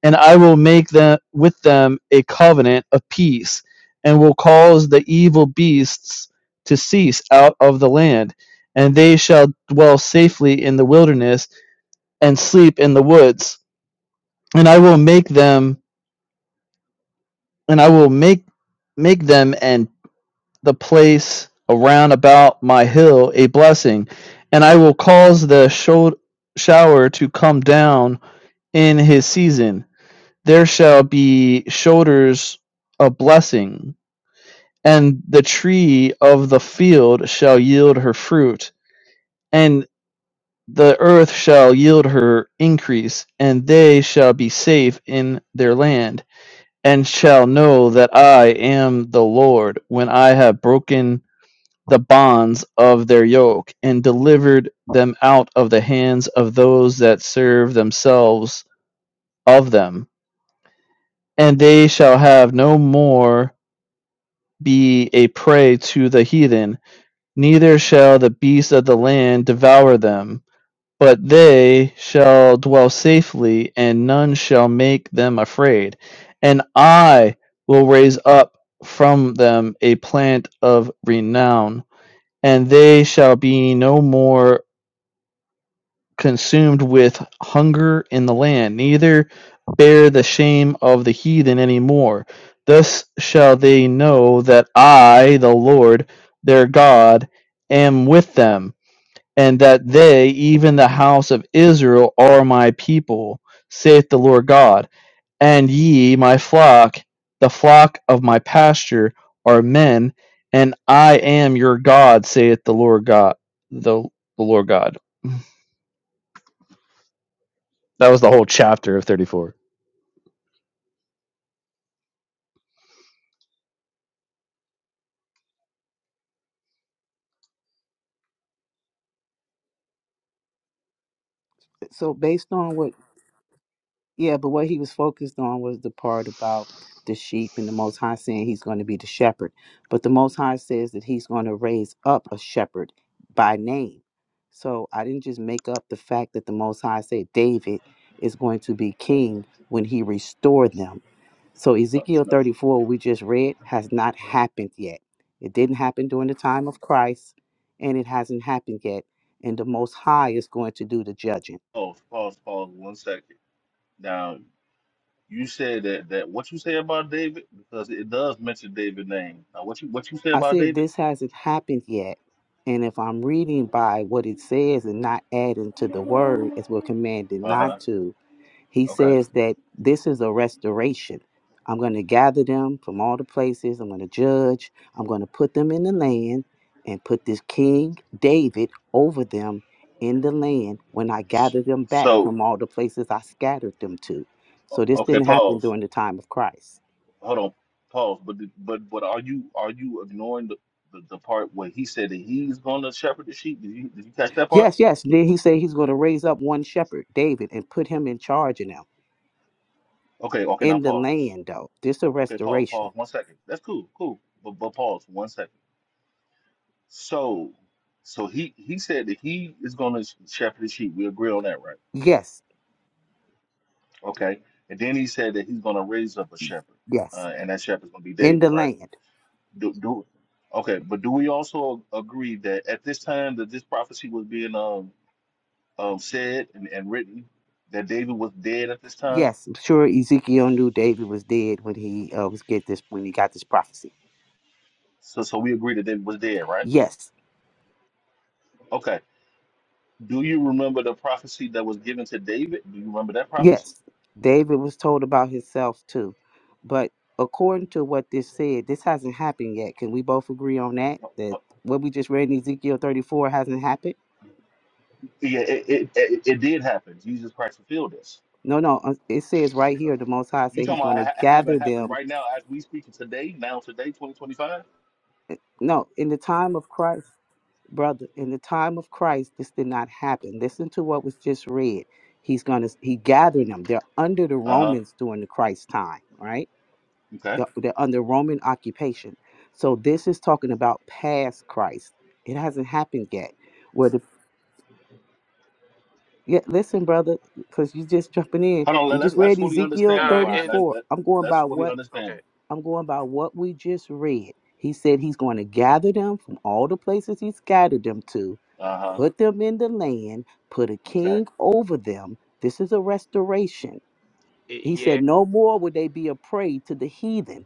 D: and I will make them with them a covenant of peace, and will cause the evil beasts to cease out of the land, and they shall dwell safely in the wilderness and sleep in the woods. And I will make them, and I will make make them and the place around about my hill a blessing, and I will cause the show shower to come down in his season there shall be shoulders a blessing, and the tree of the field shall yield her fruit, and the earth shall yield her increase, and they shall be safe in their land, and shall know that I am the Lord when I have broken the bonds of their yoke and delivered them out of the hands of those that serve themselves of them and they shall have no more be a prey to the heathen, neither shall the beasts of the land devour them, but they shall dwell safely, and none shall make them afraid. And I will raise up from them a plant of renown, and they shall be no more consumed with hunger in the land, neither bear the shame of the heathen any more. Thus shall they know that I, the Lord their God, am with them, and that they, even the house of Israel, are my people, saith the Lord God. And ye, my flock, the flock of my pasture, are men, and I am your God, saith the Lord God. The, the Lord God. That was the whole chapter of 34.
K: so based on what yeah but what he was focused on was the part about the sheep and the most high saying he's going to be the shepherd but the most high says that he's going to raise up a shepherd by name so i didn't just make up the fact that the most high said david is going to be king when he restored them so ezekiel 34 we just read has not happened yet it didn't happen during the time of christ and it hasn't happened yet and the most high is going to do the judging
O: Oh, pause, pause one second. Now You said that that what you say about David because it does mention David's name. Now, what you what you say
K: I
O: about
K: said
O: David?
K: this hasn't happened yet. And if I'm reading by what it says and not adding to the word as we're commanded
O: Uh huh.
K: not to, he
O: Okay.
K: says that this is a restoration. I'm going to gather them from all the places. I'm going to judge. I'm going to put them in the land and put this King David over them in the land when I
O: S-
K: gather them back
O: So,
K: from all the places I scattered them to.
O: o-
K: So this
O: okay,
K: didn't happen
O: pause.
K: during the time of Christ.
O: Hold on, pause. But the- but but are you are you ignoring the, the, the part where he said that he's going to shepherd the sheep? Did you did you catch that part?
K: Yes, yes. Then he said he's going to raise up one shepherd, David, and put him in charge of them
O: Okay, okay. Now
K: in the
O: pause.
K: land, though. This a
O: Okay, pause.
K: restoration.
O: Pause. One second. That's cool. Cool. But but pause. One second. So so he he said that he is going to shepherd the sheep. We agree on that, right?
K: Yes,
O: Okay. And then he said that he's going to raise up a shepherd,
K: yes.
O: uh, and that shepherd's going to be
K: In
O: David,
K: the
O: right?
K: land.
O: Do, do, okay. But do we also agree that at this time that this prophecy was being um, um, said and, and written, that David was dead at this time?
K: Yes, I'm sure Ezekiel knew David was dead when he uh, was get this when he got this prophecy.
O: So, so we agree that David was dead, right?
K: Yes,
O: Okay. Do you remember the prophecy that was given to David? Do you remember that prophecy?
K: yes. David was told about himself too, but according to what this said, this hasn't happened yet. Can we both agree on that? That
O: Uh,
K: what we just read in Ezekiel 34 hasn't happened.
O: yeah, it, it, it, it did happen. Jesus Christ fulfilled this.
K: No, no. uh, It says right here, the Most High
O: You
K: said He's
O: talking
K: going
O: about
K: to
O: ha- having
K: gather
O: happened
K: them.
O: right now as we speaking today, now today, 2025?
K: No, in the time of Christ, brother, in the time of Christ, this did not happen. Listen to what was just read. He's going to He gathered them. They're under the
O: Uh huh.
K: Romans during the Christ time, right?
O: Okay.
K: They're, they're under Roman occupation. So this is talking about past Christ. It hasn't happened yet. Where the yeah, listen, brother, because you just jumping in.
O: Hold on,
K: We
O: let, let,
K: just
O: let's
K: read
O: fully
K: Ezekiel
O: understand that,
A: Nah,
O: Byron.
A: and
O: Let,
K: 34.
O: let,
K: I'm going
O: let's
K: by
O: fully
K: what
O: understand
A: okay,
O: it.
K: I'm going by what we just read. He said he's going to gather them from all the places he scattered them to,
O: Uh huh.
K: put them in the land, put a
O: Okay.
K: king over them. This is a restoration.
A: I-
K: He
A: yeah,
K: said, No more would they be a prey to the heathen.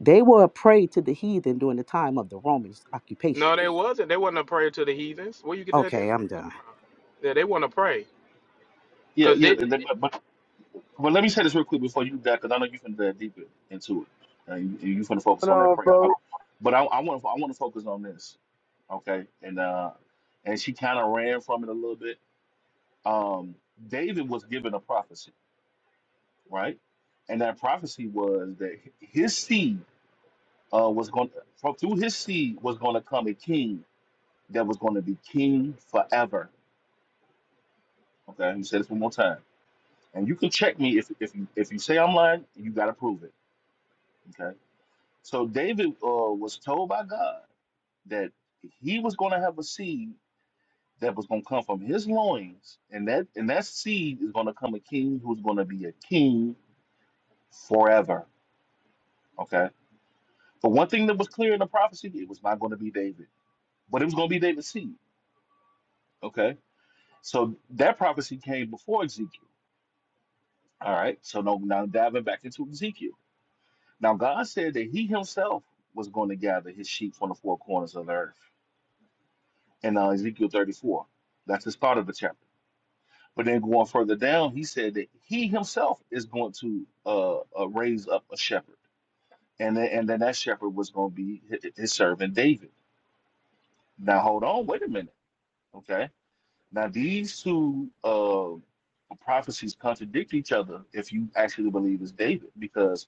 K: They were a prey to the heathen during the time of the Romans occupation.
A: no, they wasn't. They wasn't a prayer to the heathens. Where you get that
K: Okay, I'm
A: information
K: done.
A: from? Yeah, they want to pray.
O: Yeah,
A: Cause
O: yeah.
A: they,
O: and then- But, but, but let me say this real quick before you do that, because I know you're going to dive deeper into it. And you, you're going to focus
P: Hold
O: on that
P: on,
O: prayer. I,
P: folks.
O: but I, I want to I want to focus on this. Okay. And uh, and she kind of ran from it a little bit. Um, David was given a prophecy, right? And that prophecy was that his seed uh, was going to, through his seed was going to come a king that was going to be king forever Okay, I'm gonna say this one more time, and you can check me if if you if you say I'm lying, you gotta prove it. Okay, so David uh, was told by God that he was gonna have a seed that was gonna come from his loins, and that and that seed is gonna come a king who's gonna be a king forever. Okay, but one thing that was clear in the prophecy, it was not gonna be David, but it was gonna be David's seed. Okay, so that prophecy came before Ezekiel. All right, so now, now diving back into Ezekiel. Now God said that He Himself was going to gather His sheep from the four corners of the earth. In uh, Ezekiel 34, that's the start of the chapter. But then going further down, He said that He Himself is going to uh, uh, raise up a shepherd, and then, and then that shepherd was going to be hi- His servant David. Now hold on, wait a minute, okay? Now these two uh, prophecies contradict each other if you actually believe it's David, because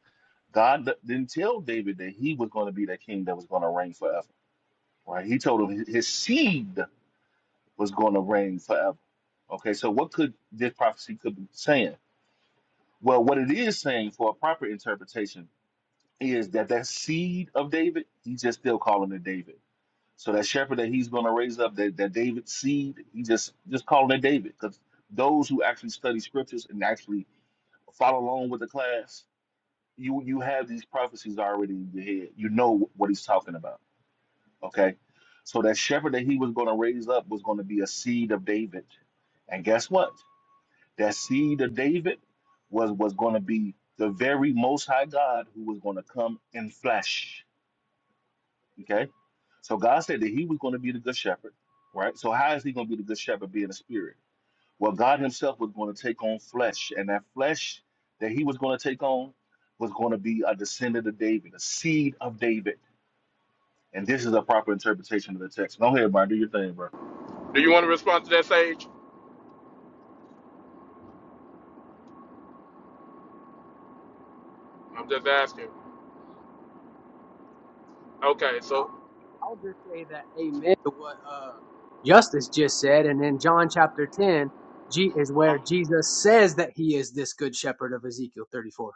O: God d- didn't tell David that he was going to be that king that was going to reign forever Right? He told him his seed was going to reign forever. Okay, so what could this prophecy could be saying? Well, what it is saying for a proper interpretation is that that seed of David, he's just still calling it David. So that shepherd that he's going to raise up, that, that David seed, he just just calling it David. Because those who actually study scriptures and actually follow along with the class, you you have these prophecies already in your head. You know what he's talking about. Okay. So that shepherd that he was going to raise up was going to be a seed of David. And guess what? That seed of David was, was going to be the very most high God who was going to come in flesh. Okay. So God said that he was going to be the good shepherd, right? So how is he going to be the good shepherd being a spirit? Well, God himself was going to take on flesh, and that flesh that he was going to take on was going to be a descendant of David, a seed of David. And this is a proper interpretation of the text. Go ahead, Brian. Do your thing, bro.
A: do you want to respond to that, Sage? I'm just asking. Okay, so
C: I'll just say that amen to what uh, Justice just said. And in John chapter 10, G is
A: uh,
C: where Jesus says that he is this good shepherd of Ezekiel 34.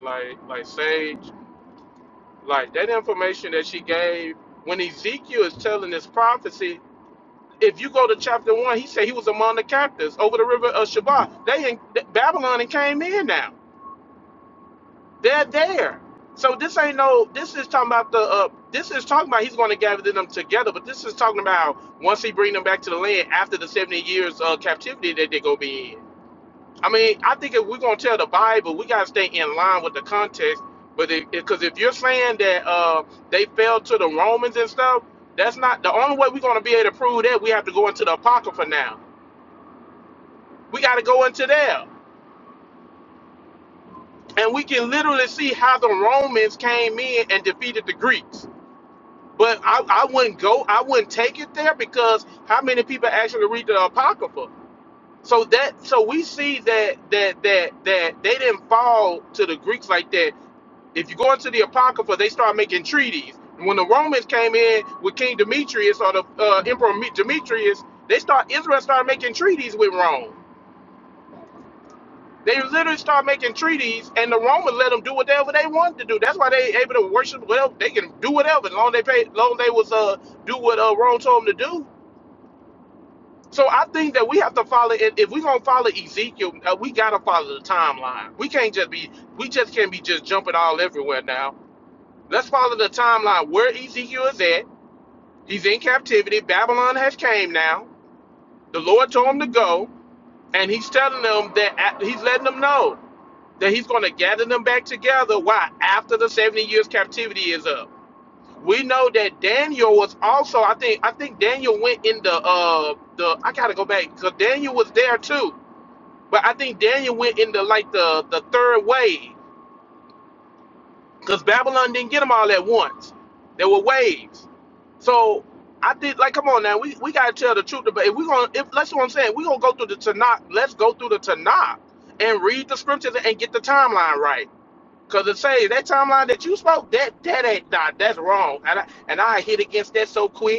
A: like, like Sage. Like that information that she gave when Ezekiel is telling this prophecy, if you go to chapter one, he said he was among the captives over the river of Shabbat. They in Babylon and came in now. They're there. So this ain't no. This is talking about the. Uh, this is talking about he's going to gather them together. But this is talking about once he bring them back to the land after the seventy years of captivity that they go be in. I mean, I think if we're gonna tell the Bible, we gotta stay in line with the context. But because if, 'cause if you're saying that uh, they fell to the Romans and stuff, that's not the only way we're gonna be able to prove that. We have to go into the Apocrypha now. We gotta go into there, and we can literally see how the Romans came in and defeated the Greeks. But I, I wouldn't go. I wouldn't take it there because how many people actually read the Apocrypha? So that so we see that that that that they didn't fall to the Greeks like that If you go into the Apocrypha, they start making treaties. And when the Romans came in with King Demetrius or the uh, Emperor Demetrius, they start Israel started making treaties with Rome. They literally start making treaties, and the Romans let them do whatever they wanted to do. That's why they able to worship. Well, they can do whatever as long as they pay, as long as they was uh do what uh, Rome told them to do. So I think that we have to follow. If if we gonna follow Ezekiel, uh, we gotta follow the timeline. We can't just be. We just can't be just jumping all everywhere now Let's follow the timeline where Ezekiel is at. He's in captivity. Babylon has came now. The Lord told him to go, and he's telling them that he's letting them know that he's going to gather them back together. Why? After the 70 years captivity is up. We know that Daniel was also. I think. I think Daniel went in the. Uh, the. I gotta go back because Daniel was there too. But I think Daniel went into like the the third wave because Babylon didn't get them all at once. There were waves. So I did like, come on now, we, we gotta tell the truth. But if we're gonna, if that's what I'm saying, we're gonna go through the Tanakh. Let's go through the Tanakh and read the scriptures and get the timeline right. Cause it say that timeline that you spoke, that that ain't not that's wrong. And I and I hit against that so quick.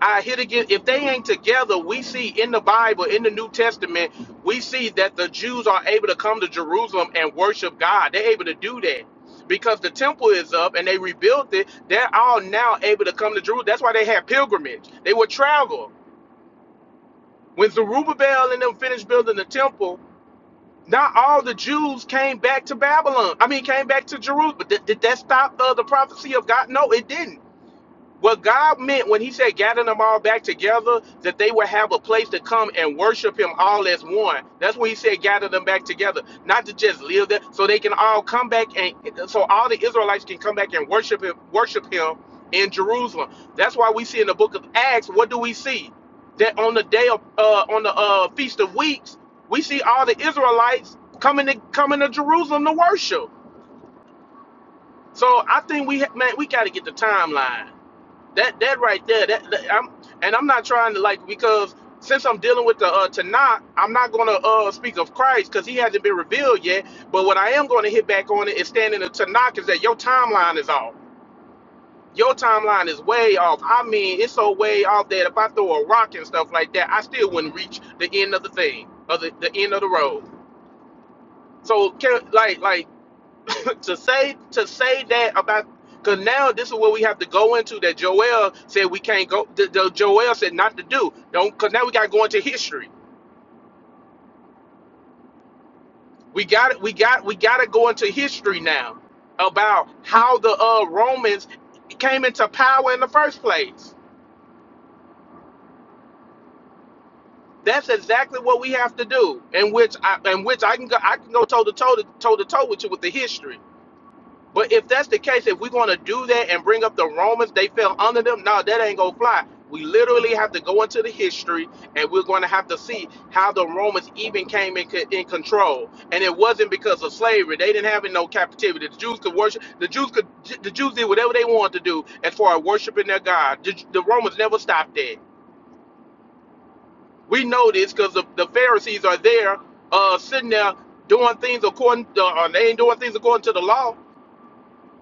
A: I hit again. If they ain't together, we see in the Bible, in the New Testament, we see that the Jews are able to come to Jerusalem and worship God. They're able to do that because the temple is up and they rebuilt it. They're all now able to come to Jerusalem. That's why they had pilgrimage. They would travel. When Zerubbabel and them finished building the temple, not all the Jews came back to Babylon. I mean, came back to Jerusalem. But did, did that stop uh, the prophecy of God? No, it didn't what God meant when He said gather them all back together, that they would have a place to come and worship Him all as one. That's what He said, gather them back together, not to just live there, so they can all come back and so all the Israelites can come back and worship Him, worship Him in Jerusalem. That's why we see in the book of Acts, what do we see? That on the day of uh, on the uh, feast of weeks, we see all the Israelites coming to coming to Jerusalem to worship. So I think we ha- man, we got to get the timeline that that right there that, that- I'm and I'm not trying to like because since I'm dealing with the uh Tanakh, I'm not gonna uh speak of Christ because he hasn't been revealed yet. But what I am gonna hit back on it is standing in the Tanakh is that your timeline is off. Your timeline is way off. I mean, it's so way off that if I throw a rock and stuff like that, I still wouldn't reach the end of the thing, of the, the end of the road. So, can, like, like Put, to say to say that about because now this is what we have to go into that Joel said we can't go. The, the Joel said not to do. Don't because now we got to go into history. We got it. We got we got to go into history now about how the uh, Romans came into power in the first place. That's exactly what we have to do. In which I in which I can go I can go toe to toe to toe to toe with you with the history. But if that's the case, if we're going to do that and bring up the Romans, they fell under them. No, that ain't gonna fly. We literally have to go into the history, and we're going to have to see how the Romans even came in, in control. And it wasn't because of slavery; they didn't have no captivity. The Jews could worship. The Jews could. The Jews did whatever they wanted to do as far as worshiping their God. The, the Romans never stopped that. We know this because the, the Pharisees are there, uh, sitting there doing things according. To, uh, they ain't doing things according to the law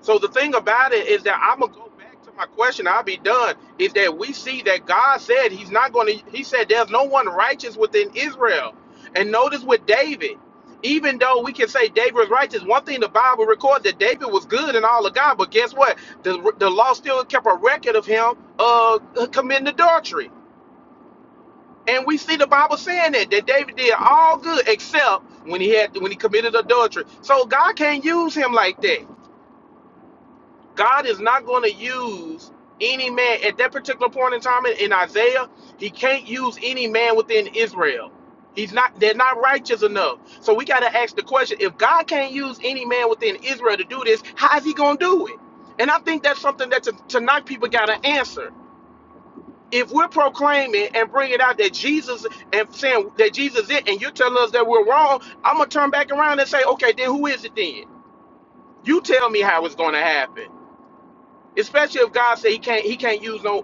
A: so the thing about it is that I'm gonna go back to my question. I'll be done. Is that we see that God said He's not gonna. He said there's no one righteous within Israel. And notice with David, even though we can say David was righteous, one thing the Bible records that David was good in all of God. But guess what? The the law still kept a record of him uh committing adultery. And we see the Bible saying that that David did all good except when he had when he committed adultery. So God can't use him like that. God is not going to use any man at that particular point in time in, Isaiah. He can't use any man within Israel. He's not. They're not righteous enough. So we got to ask the question: If God can't use any man within Israel to do this, how is He going to do it? And I think that's something that t- tonight people got to answer. If we're proclaiming and bringing out that Jesus and saying that Jesus is it, and you're telling us that we're wrong, I'm gonna turn back around and say, okay, then who is it then? You tell me how it's going to happen. Especially if God said he can't he can't use no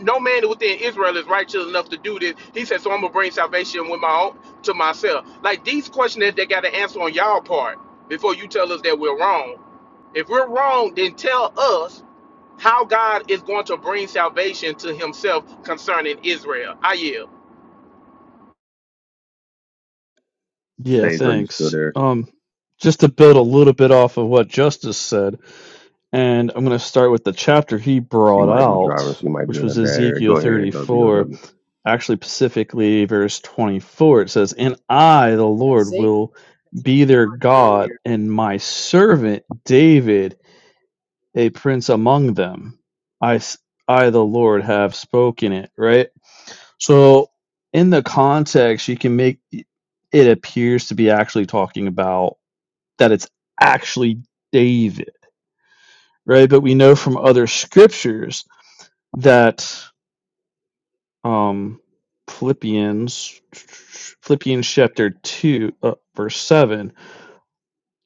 A: no man within Israel is righteous enough to do this. He said, so I'm gonna bring salvation with my own to myself. Like these questions that they got to answer on y'all part before you tell us that we're wrong. If we're wrong, then tell us how God is going to bring salvation to Himself concerning Israel. I yield.
D: Yeah,
L: Sage, are you still
D: thanks.
L: there?
D: Um, just to build a little bit off of what Justice said, and I'm going to start with the chapter he
L: She
D: brought
L: might be driving.
D: out,
L: She might be
D: which
L: in a
D: was
L: bad area.
D: Ezekiel
L: Go ahead, uh, Bill
D: 34, actually specifically verse 24. It says, And I, the
C: Uh,
D: Lord,
C: say
D: will
C: that she
D: be
C: was
D: their
C: done
D: God,
C: earlier.
D: and my servant David, a prince among them. I, s- I the Lord, have spoken it, right? So in the context, you can make it appears to be actually talking about that it's actually David, right? But we know from other scriptures that um, Philippians Philippians chapter two uh, verse seven,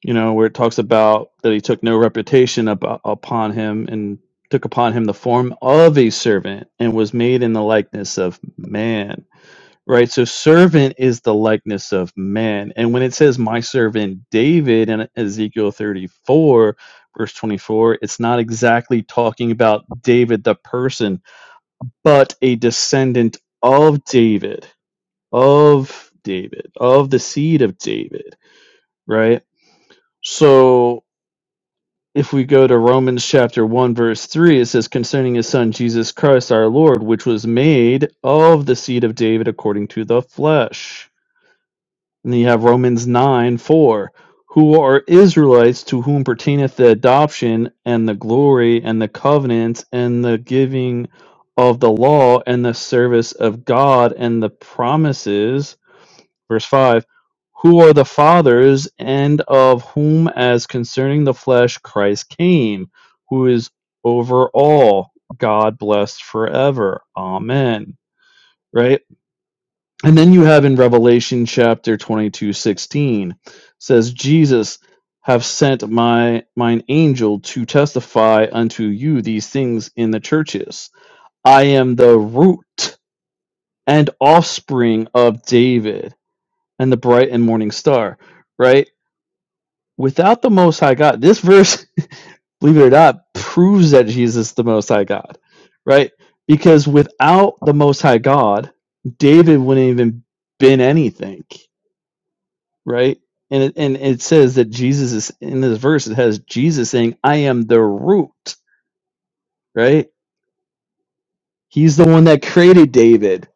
D: you know, where it talks about that he took no reputation about, upon him and took upon him the form of a servant and was made in the likeness of man right so servant is the likeness of man and when it says my servant david in ezekiel 34 verse 24 it's not exactly talking about david the person but a descendant of david of david of the seed of david right so if we go to romans chapter 1 verse 3 it says concerning his son jesus christ our lord which was made of the seed of david according to the flesh And then you have Romans 9 4, who are Israelites to whom pertaineth the adoption and the glory and the covenants and the giving of the law and the service of God and the promises. Verse 5 Who are the fathers and of whom, as concerning the flesh, Christ came, who is over all, God blessed forever. Amen. Right? And then you have in Revelation chapter 22 16, says, Jesus have sent my mine angel to testify unto you these things in the churches. I am the root and offspring of David and the bright and morning star. Right? Without the most high God, this verse, believe it or not, proves that Jesus is the most high God. Right? Because without the most high God, David wouldn't even been anything right? And it, and it says that Jesus is in this verse. It has Jesus saying, "I am the root," right? He's the one that created David,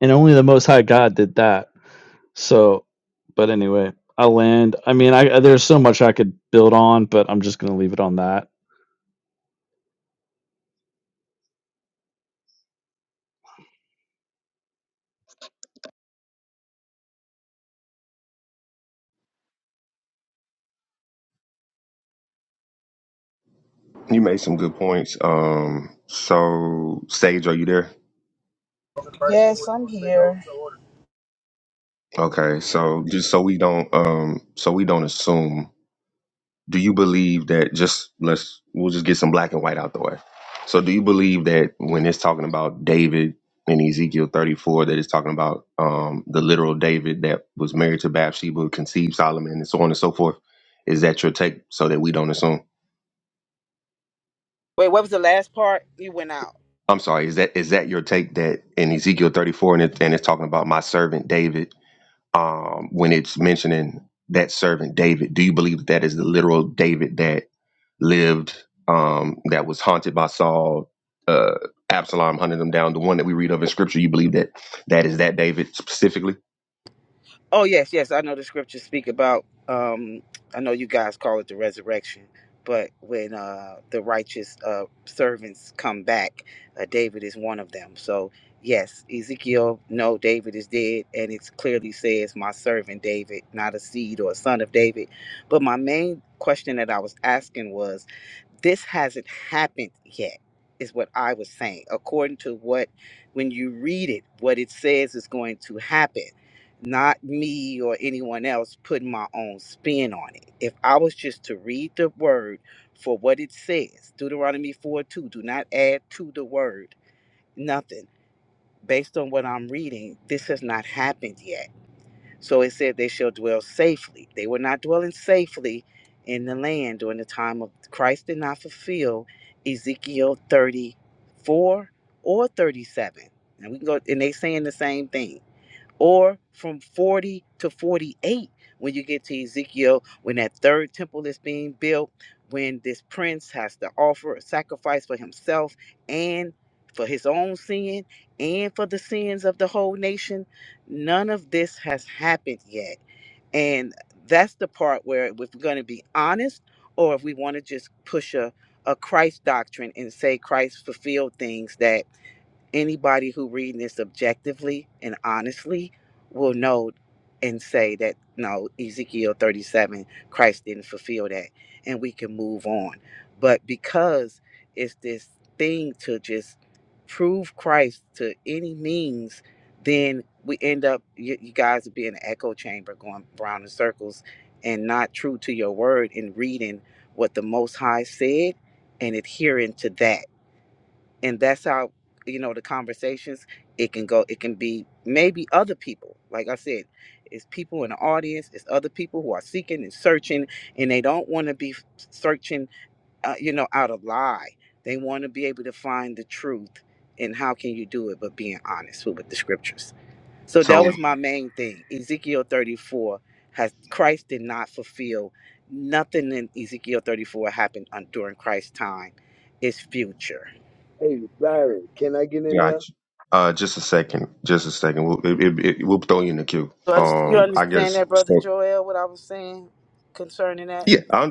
D: and only the Most High God did that. So, but anyway, I land. I mean, I there's so much I could build on, but I'm just gonna leave it on that.
L: You made some good points. Um, so Sage, are you there?
K: Yes, I'm here.
L: Okay, so just so we don't um so we don't assume, do you believe that just let's we'll just get some black and white out the way. So do you believe that when it's talking about David in Ezekiel 34 that it's talking about um the literal David that was married to Bathsheba, conceived Solomon and so on and so forth? Is that your take so that we don't assume?
K: Wait, what was the last part? You went out.
L: I'm sorry, is that is that your take that in Ezekiel 34 and it, and it's talking about my servant David um, when it's mentioning that servant David. Do you believe that that is the literal David that lived, um, that was haunted by Saul, uh, Absalom hunted him down? The one that we read of in Scripture, you believe that that is that David specifically?
K: Oh yes, yes, I know the scriptures speak about. Um, I know you guys call it the resurrection, but when uh, the righteous uh, servants come back, uh, David is one of them. So yes, Ezekiel, no, David is dead, and it clearly says my servant David, not a seed or a son of David. But my main question that I was asking was, this hasn't happened yet is what i was saying according to what when you read it what it says is going to happen not me or anyone else putting my own spin on it. If I was just to read the word for what it says, Deuteronomy 4 2, do not add to the word nothing. Based on what I'm reading, this has not happened yet. So it said they shall dwell safely. They were not dwelling safely in the land during the time of Christ did not fulfill Ezekiel 34 or 37. And we can go and they saying the same thing or from 40 to 48 when you get to Ezekiel, when that third temple is being built, when this prince has to offer a sacrifice for himself and for his own sin and for the sins of the whole nation. None of this has happened yet. And that's the part where if we're going to be honest or if we want to just push a, a Christ doctrine and say Christ fulfilled things that anybody who reading this objectively and honestly will know and say that no ezekiel 37 christ didn't fulfill that and we can move on but because it's this thing to just prove christ to any means then we end up you, you guys would be in an echo chamber going round in circles and not true to your word and reading what the most high said and adhering to that and that's how you know the conversations it can go it can be maybe other people like i said it's people in the audience it's other people who are seeking and searching and they don't want to be searching uh, you know out of lie they want to be able to find the truth and how can you do it but being honest with, with the scriptures so that was
L: So,
K: my main thing ezekiel 34 has christ did not fulfill nothing in ezekiel 34 happened on, during christ's time it's future
P: Hey, Byron, can I get in there?
L: gotcha. Uh, just a second. Just a second. We'll, it, it, it- we'll throw you in the queue.
K: So You
L: Um, I
K: understand
L: guess.
K: that, Brother
L: So,
K: Joel, what I was saying concerning that?
L: yeah, I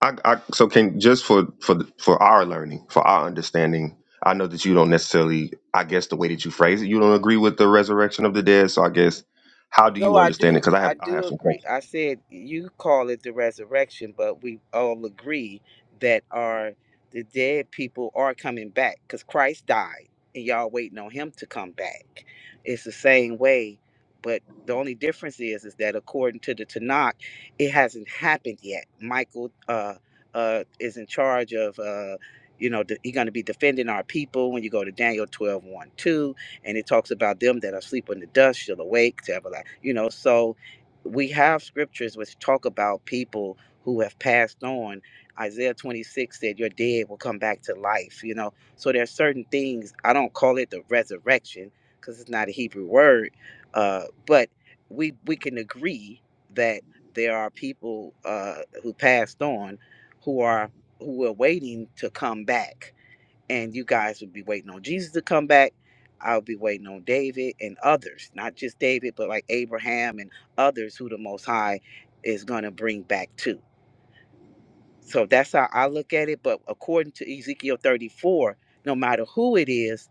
L: I, I so can just for for the- for our learning, for our understanding. I know that you don't necessarily. I guess the way that you phrase it, you don't agree with the resurrection of the dead. So I guess how do
K: No,
L: you
K: I
L: understand it?
K: do.
L: Because I have
K: I
L: I
K: do
L: have some
K: agree.
L: questions.
K: I said you call it the resurrection, but we all agree that our the dead people are coming back because Christ died, and y'all waiting on Him to come back. It's the same way, but the only difference is is that according to the Tanakh, it hasn't happened yet. Michael uh, uh, is in charge of. Uh, you know, de- he's going to be defending our people when you go to Daniel 12, 1, and it talks about them that are asleep in the dust shall awake to everlasting. You know, so we have scriptures which talk about people who have passed on. Isaiah 26 said, "Your dead will come back to life." You know, so there are certain things. I don't call it the resurrection because it's not a Hebrew word, uh, but we we can agree that there are people uh, who passed on who are who are waiting to come back and you guys would be waiting on Jesus to come back. I'll be waiting on David and others, not just David, but like Abraham and others who the Most High is going to bring back too. So that's how I look at it. But according to Ezekiel 34, no matter who it is,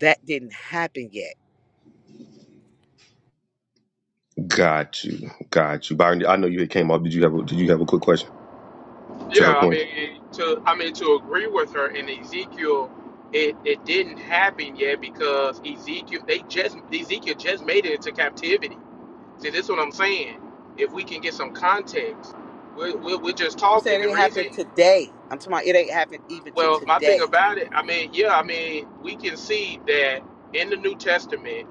K: that didn't happen yet.
L: Got you, got you, Byron. I know you had came up. Did you have a, Did you have a quick question to
A: Yeah,
L: her
A: I
L: point?
A: mean it- to I mean to agree with her in Ezekiel, it, it didn't happen yet because Ezekiel they just Ezekiel just made it into captivity. See, this is what I'm saying. If we can get some context, we're, we're, we're just
K: I'm
A: talking.
K: saying it
A: The
K: ain't happened
A: reason,
K: today. I'm talking about it ain't happened even to
A: well, my thing
K: today.
A: about it, I mean, yeah, I mean, we can see that in the New Testament,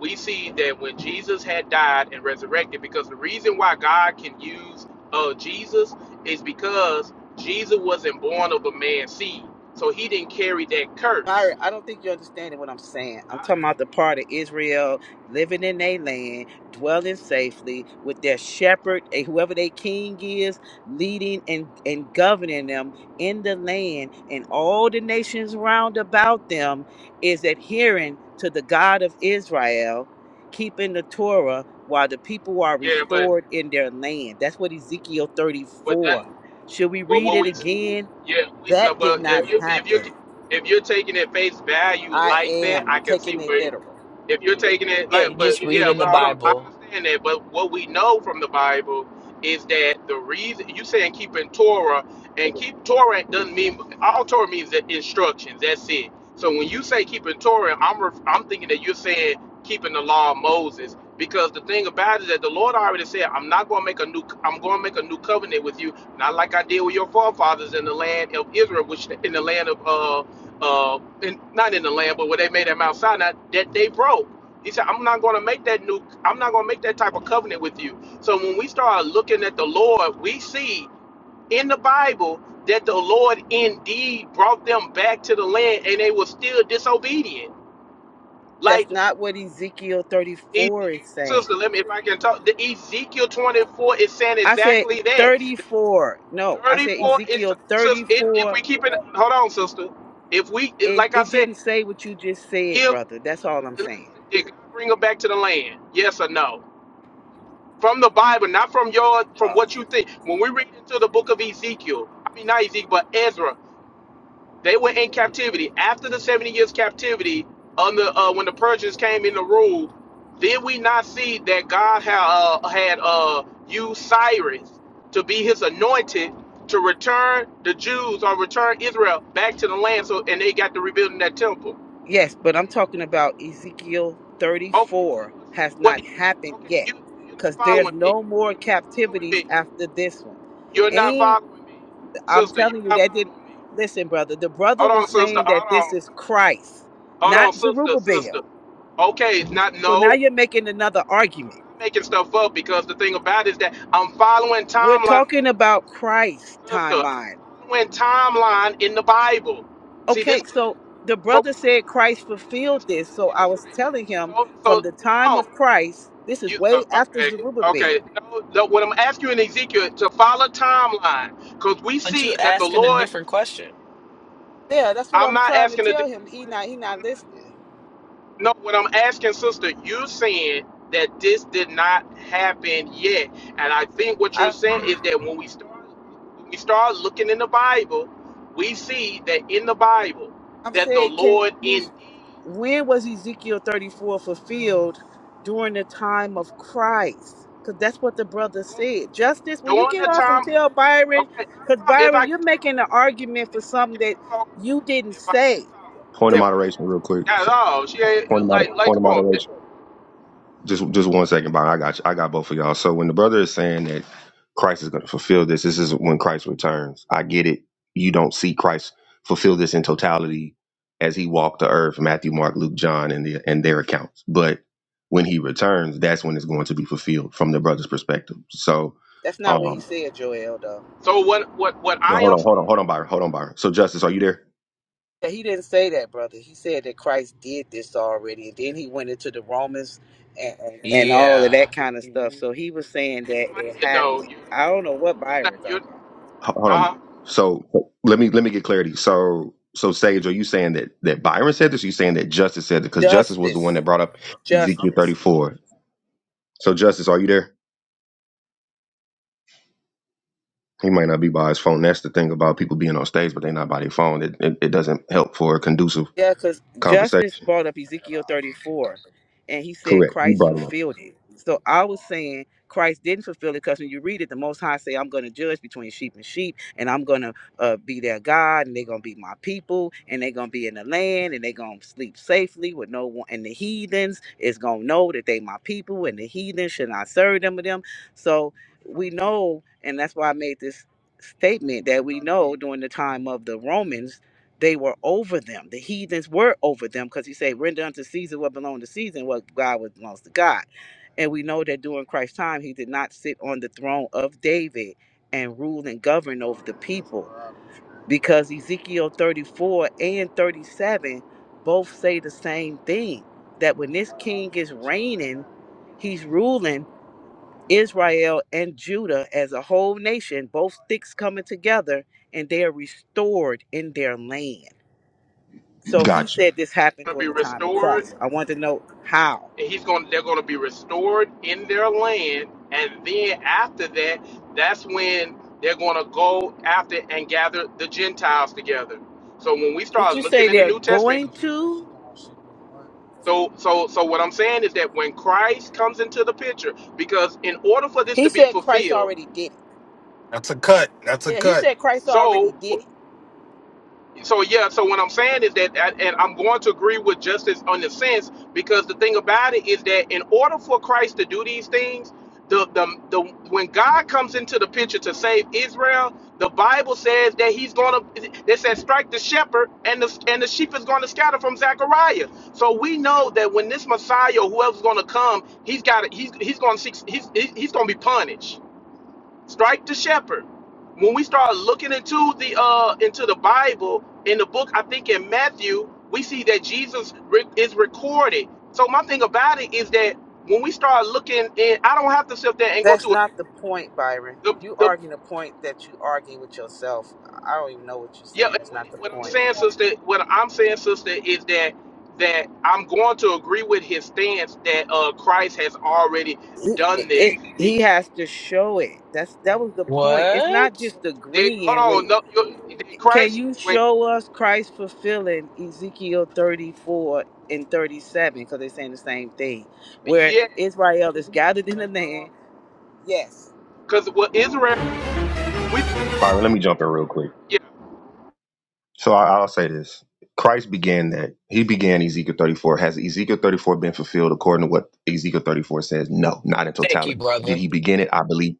A: we see that when Jesus had died and resurrected, because the reason why God can use uh, Jesus is because Jesus wasn't born of a man's seed, so he didn't carry that curse.
K: Myra, I don't think you're understanding what I'm saying. I'm talking about the part of Israel living in their land, dwelling safely with their shepherd, eh, whoever their king is, leading and, and governing them in the land, and all the nations round about them is adhering to the God of Israel, keeping the Torah while the people are
A: Yeah, but
K: restored in their land. That's what Ezekiel
A: but that
K: 34. Should we
A: but
K: read
A: what
K: it
A: we
K: again?
A: Yeah, we, no,
K: That did
A: well,
K: not
A: if you if you
K: happen.
A: if you're taking it face value
K: I
A: like that,
K: am.
A: I
K: I'm
A: can see
K: taking it
A: where
K: literal.
A: if you're taking it
I: Yeah,
A: like but
I: just read
A: yeah
I: in
A: but
I: the
A: i don't I
I: Bible.
A: understand that but what we know from the bible is that the reason you saying keeping torah and keep torah doesn't mean all torah means the instructions that's it so when you say keeping torah i'm ref, i'm thinking that you're saying keeping the law of moses because the thing about it is that the lord already said i'm not going to make a new i'm going to make a new covenant with you not like i did with your forefathers in the land of israel which in the land of uh uh, in, not in the land, but where they made at Mount Sinai, that they broke. He said, I'm not going to make that new, I'm not going to make that type of covenant with you. So when we start looking at the Lord, we see in the Bible that the Lord indeed brought them back to the land and they were still disobedient.
K: That's
A: Like,
K: not what Ezekiel
A: Eze-
K: 34 is saying.
A: sister, let me, if I can talk, the Ezekiel 24 is saying
K: I said
A: exactly that.
K: 34. No, I said
A: 34 is,
K: Ezekiel
A: sis, it, if
K: 34.
A: we keep it, hold on, sister. If we,
K: It,
A: like I
K: it
A: said,
K: didn't say what you just said,
A: if
K: brother. That's all I'm saying.
A: did God bring them back to the land? Yes or no? From the Bible, not from your
K: Uh,
A: from what you think. When we read into the book of Ezekiel, I mean not Ezekiel, but Ezra, they were in captivity after the seventy years captivity on the uh, when the Persians came in to rule. Did we not see that God had uh, had uh, used Cyrus to be His anointed to return the Jews or return Israel back to the land? So and they got to rebuilding that temple.
K: yes, but I'm talking about Ezekiel
A: Okay,
K: 34 has
A: what
K: not
A: do you talk?
K: happened
A: Okay,
K: yet
A: you you're
K: because
A: not
K: there's
A: following me.
K: no more
A: You're not following
K: captivities
A: me.
K: after this one.
A: You're not
K: And
A: following me,
K: I'm
A: sister. You're
K: telling you,
A: not
K: that didn't
A: following me.
K: listen, brother. The brother
A: Hold
K: was
A: on, sister.
K: saying that
A: Hold
K: this
A: on.
K: is Christ,
A: Hold on,
K: not
A: sister.
K: Zerubbabel.
A: Sister. Okay, not no.
K: So now
A: no,
K: you're making another
A: I'm
K: argument.
A: not making stuff up because the thing about it is that I'm following
K: We're
A: timeline
K: talking about Christ's
A: from the sister.
K: timeline.
A: I'm following timeline in the Bible. See this.
K: Okay, so the
A: So
K: brother said
A: hold
K: Christ
A: on. Let's get it
K: fulfilled
A: straight.
K: this.
A: Let's
K: So
A: get it
K: I was
A: straight.
K: telling him
A: So
K: from
A: so
K: the
A: hold
K: time
A: on.
K: of Christ, this is
A: You so
K: way after
A: okay, okay.
K: Zerubbabel.
A: No, no, what I'm asking you in Ezekiel to follow timeline, because we
I: But you
A: see that the
I: asking a
A: Lord.
I: different question.
K: Yeah, that's what
A: I'm
K: I'm
A: not
K: trying to
A: asking a
K: tell him.
A: different
K: He
A: question.
K: not he
A: I'm
K: not
A: not.
K: listening.
A: No, what I'm asking, sister, you're saying that this did not happen yet, and I think what you're
K: I,
A: saying is that when we start, when we start looking in the Bible, we see that in the Bible
K: I'm
A: that the
K: saying, can
A: Lord
K: you
A: indeed
K: when was Ezekiel 34 fulfilled during the time of Christ? Because that's what the brother said. Justice, will you
A: during
K: get
A: the
K: off and
A: time.
K: tell Byron?
A: Okay, not a
K: Because
A: problem if
K: Byron,
A: I can
K: you're
A: talk.
K: making an argument
A: If
K: for
A: I
K: something that
A: can talk,
K: you didn't
A: if I can
K: say.
A: talk,
L: Point of
A: if
K: The,
A: I can
L: moderation, real quick.
A: talk. Not at all. She
L: Point of
A: ain't
L: moder-
A: like like
L: point of
A: come on.
L: moderation. just just one second, Byron. I got you. I got both of y'all. So when the brother is saying that Christ is going to fulfill this, this is when Christ returns. I get it. You don't see Christ fulfill this in totality as he walked the earth, Matthew, Mark, Luke, John, and the and their accounts. But when he returns, that's when it's going to be fulfilled from the brother's perspective. So,
K: that's not what he
L: um,
K: said, Joel, though.
A: So what what what
L: well,
A: I
L: hold
A: am
L: on, hold
A: saying,
L: on, hold on, Byron, hold on, Byron. So, Justice, are you there?
K: Yeah, He didn't say that, brother. He said that Christ did this already. And then he went into the Romans and, and, and all of
I: Yeah.
K: that kind of stuff. So he was saying that
A: explain
K: it
A: it though.
K: happened.
A: You
K: I don't know what
A: you're not
K: Byron talking
A: you're
K: about.
L: Ho- Hold on.
A: uh
L: So let me let me get clarity. So so Sage, are you saying that that Byron said this? Or you saying that Justice said it? Because Justice was the
K: Justice.
L: one that brought up Ezekiel
K: Justice.
L: thirty four. So Justice, are you there? He might not be by his phone. That's the thing about people being on stage, but they're not by their phone. It, it it doesn't help for a conducive
K: Yeah, because
L: conversation.
K: Justice brought up Ezekiel 34, and he said
L: Correct. He
K: Christ
L: brought it
K: fulfilled it. So I was saying Christ didn't fulfill it because when you read it, the Most High say, "I'm going to judge between sheep and sheep, and I'm going to uh, be their God, and they're going to be my people, and they're going to be in the land, and they're going to sleep safely with no one. And the heathens is going to know that they my people, and the heathens should not serve them with them." So we know, and that's why I made this statement that we know during the time of the Romans they were over them. The heathens were over them because he said, render unto Caesar what belongs to Caesar and what God what belongs to God. And we know that during Christ's time, he did not sit on the throne of David and rule and govern over the people because Ezekiel 34 and 37 both say the same thing that when this king is reigning, he's ruling Israel and Judah as a whole nation, both sticks coming together, and they are restored in their land.
L: up.
K: So he
L: Got you,
K: said this happened
A: gonna
K: during
A: be
K: the time of
A: restored
K: Christ. I want to know how.
A: and he's gonna they're gonna be restored in their land and then after that that's when they're gonna go after and gather the Gentiles together. So when we
K: Did
A: start
K: you
A: looking
K: say
A: in the
K: they're
A: New Testament,
K: going to?
A: So, so, so what I'm saying is that when Christ comes into the picture, because in order for this
K: He
A: to be
K: said Christ
A: fulfilled,
K: already did it.
Q: That's a cut. That's a
K: Yeah, he
Q: cut.
K: said Christ
A: so
K: already did it.
A: so yeah so what i'm saying is that that- and i'm going to agree with justice on the sense because the thing about it is that in order for christ to do these things the, the, the when god comes into the picture to save israel the bible says that he's going to they said strike the shepherd and the and the sheep is going to scatter from zechariah so we know that when this messiah or whoever's going to come he's got he's he's going to seek. he's he's going to be punished strike the shepherd when we start looking into the uh into the bible in the book i think in matthew we see that jesus re- is recorded so my thing about it is that when we start looking and i don't have to sit there and go
K: That's
A: through it.
K: not the point, Byron.
A: the
K: You
A: the
K: arguing a point that you argue with yourself. I don't even know what you're
A: yeah
K: saying.
A: and
K: That's
A: what,
K: not the
A: what i'm
K: point.
A: saying sister what i'm saying sister is that that i'm going to agree with his stance that uh christ has already
K: It,
A: done this
K: it,
A: he
K: he
A: came
K: has to show it. That's that was the point. It's not
I: What?
K: just
A: they,
K: agreeing with.
A: hold on no you,
K: Can
A: christ
K: you
A: when
K: show us Christ fulfilling Ezekiel 34 and 37? Because they're saying the same thing, where
A: yeah
K: Israel is gathered in the land.
A: Because what Israel was, when we look at
L: Byron.
A: Israel in
L: Let
A: the
L: me
A: New
L: jump in real
A: Testament,
L: quick.
A: yeah,
L: So I, I'll say this: Christ began that. He began Ezekiel 34. Has Ezekiel 34 been fulfilled according to what Ezekiel 34 says? No, not in
I: Thank you,
L: totality. Did
I: brother.
L: he begin it? I believe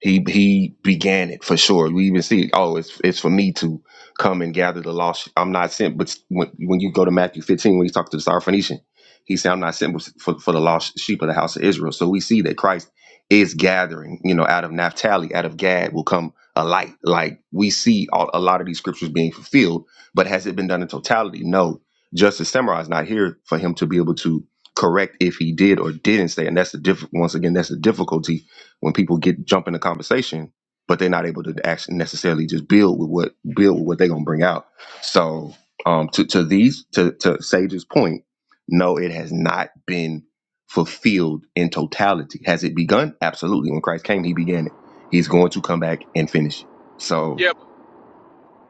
L: he he began it for sure. We even see, oh, it's it's for me to come and gather the lost. I'm not sent, but when when you go to Matthew 15, when he talked to the Syrophoenician, he said, I'm not sent but for for the lost sheep of the house of Israel. So we see that Christ is gathering. You know, out of Naphtali, out of Gad will come a light. Like we see all, a lot of these scriptures being fulfilled, but has it been done in totality? No. Justice Samurai is not here for him to be able to correct if he did or didn't say. And that's the diff- once again, that's the difficulty when people get jump in the conversation, but they're not able to actually necessarily just build with what build with what they're gonna bring out. So um to, to these to, to Sage's point, no, it has not been fulfilled in totality. Has it begun? Absolutely. When Christ came, he began it He's going to come back and finish it. So
A: yeah.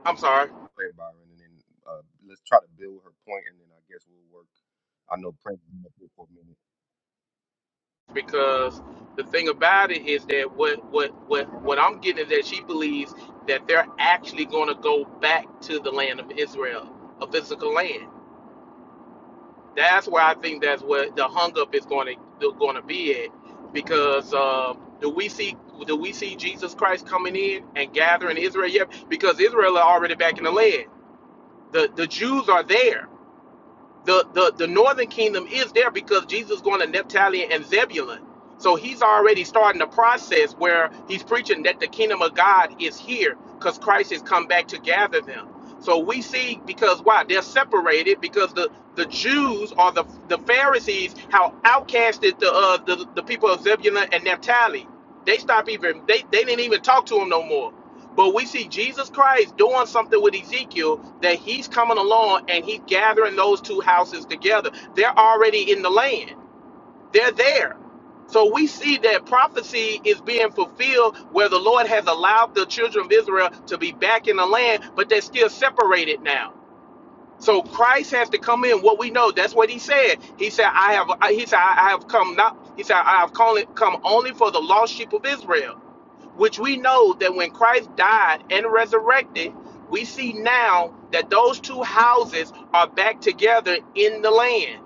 A: I'm sorry
L: pray, Byron, and then uh, let's try to build her point, and then I guess we'll work. I know Prince been up here for a minute.
A: because the thing about it is that what what what what I'm getting is that she believes that they're actually going to go back to the land of Israel, a physical land. That's where I think that's what the hung up is going to going to be at because uh, do we see do we see Jesus Christ coming in and gathering Israel? Yeah, because Israel are already back in the land. The the Jews are there the, the, the northern kingdom is there because Jesus is going to Naphtali and Zebulun. So he's already starting the process where he's preaching that the kingdom of God is here because Christ has come back to gather them. So we see because why? They're separated because the, the Jews or the, the Pharisees, how outcasted the, uh, the, the people of Zebulun and Naphtali. They stopped even, they, they didn't even talk to him no more but we see Jesus Christ doing something with Ezekiel that he's coming along and he's gathering those two houses together. They're already in the land, they're there. So we see that prophecy is being fulfilled where the Lord has allowed the children of Israel to be back in the land, but they're still separated now. So Christ has to come in. What we know, that's what he said. He said, I have he said, I I have come not he said, I have come come only for the lost sheep of Israel which we know that when Christ died and resurrected, we see now that those two houses are back together in the land.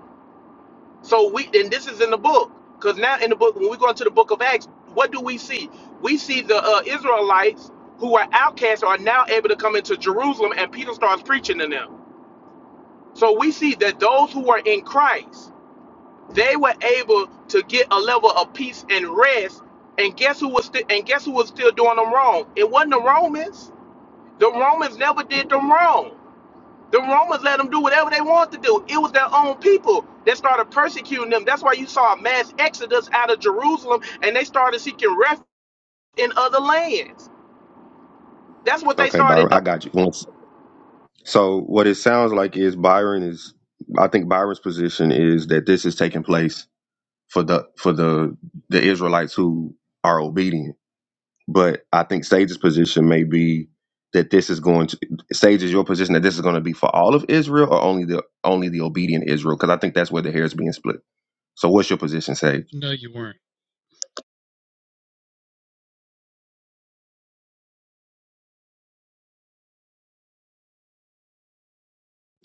A: So we and this is in the book because now in the book when we go into the book of Acts, what do we see? We see the uh, Israelites who are outcasts are now able to come into Jerusalem, and Peter starts preaching to them. So we see that those who are in Christ they were able to get a level of peace and rest. And guess who was still and guess who was still doing them wrong? It wasn't the Romans. The Romans never did them wrong. The Romans let them do whatever they wanted to do. It was their own people that started persecuting them. That's why you saw a mass exodus out of Jerusalem and they started seeking refuge in other lands. That's what they
L: Okay,
A: started
L: Byron, I
A: doing.
L: got you. Once. So what it sounds like is Byron is. I think Byron's position is that this is taking place for the for the the Israelites who are obedient. But I think Sage's position may be that this is going to Sage is your position that this is going to be for all of Israel or only the only the obedient Israel because I think that's where the hair is being split. So what's your position, Sage?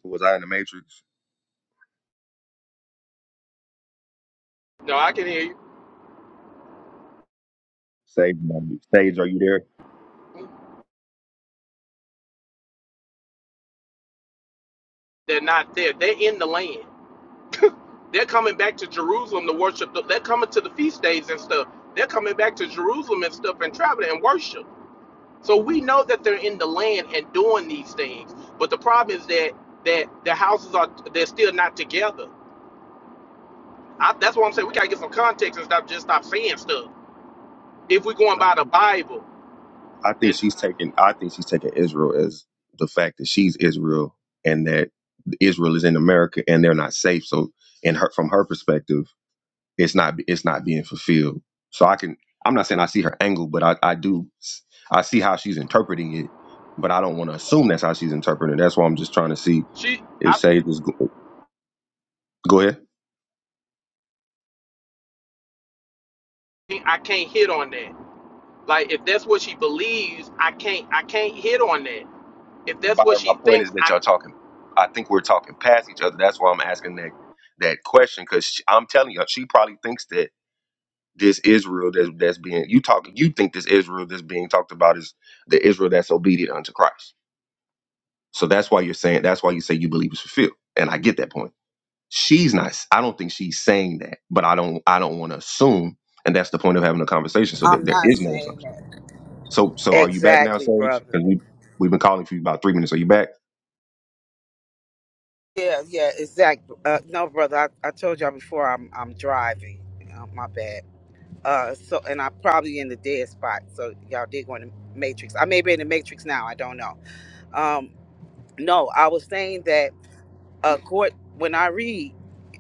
L: Was I in the Matrix?
A: No, I can hear
L: Sage, Sage, are you there?
A: you. They're not there. They're in the land. They're coming back to Jerusalem to worship. The, they're coming to the feast days and stuff. They're coming back to Jerusalem and stuff and traveling and worship. So we know that they're in the land and doing these things. But the problem is that that their houses are they're still not together. I, that's what I'm saying. We gotta get some context and stop just stop saying stuff. If we're going
L: And
A: by
L: I
A: the
L: think
A: Bible
L: I think
A: and
L: she's
A: not
L: taking. I think she's taking Israel as the fact that she's Israel and that Israel is in America and they're not safe. So in her, from her perspective, it's not. It's not being fulfilled. So I can. I'm not saying I see her angle, but I, I do. s- I see how she's interpreting it, but I don't want to assume that's how she's interpreting it. That's why I'm just trying to see
A: our she
L: if
A: I
L: Sage is. Go, go ahead.
A: think I can't hit on that. Like if that's what she believes, I can't I can't hit on that. If that's what
L: Byron, my
A: she
L: point is
A: thinks,
L: that
A: I
L: y'all
A: can't.
L: talking. I think we're talking past each other. That's why I'm asking that that question because I'm telling you, she probably thinks that this Israel that's that's being you talking. You think this Israel that's being talked about is the Israel that's obedient unto Christ. So that's why you're saying. That's why you say you believe it's fulfilled. And I get that point. She's not. I don't think she's saying that, but I don't. I don't want to assume. And that's the point of having a conversation, so that
K: I'm
L: there
K: not
L: is no
K: saying
L: assumption.
K: that.
L: So, so are you back now,
K: Exactly,
L: Sage?
K: brother.
L: Because we we've been calling for you about three minutes. Are you back?
K: Yeah, yeah, exactly. Uh, no, brother, I, I told y'all before I'm, I'm driving. Uh, my bad. Uh, so and I probably in the dead spot. So y'all did go in the matrix. I may be in the matrix now. I don't know. Um, no, I was saying that uh, court when I read,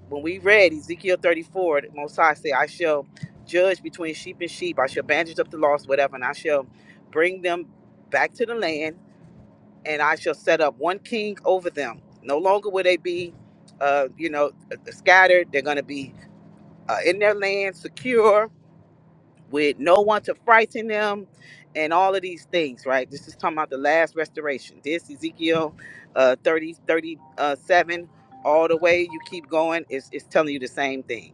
K: when we read Ezekiel 34, the Most High said, I shall judge between sheep and sheep. I shall bandage up the lost, whatever, and I shall bring them back to the land, and I shall set up one king over them. No longer will they be, uh, you know, scattered. They're going to be uh, in their land, secure with no one to frighten them and all of these things right this is talking about the last restoration this ezekiel uh 30 thirty-seven, all the way you keep going is it's telling you the same thing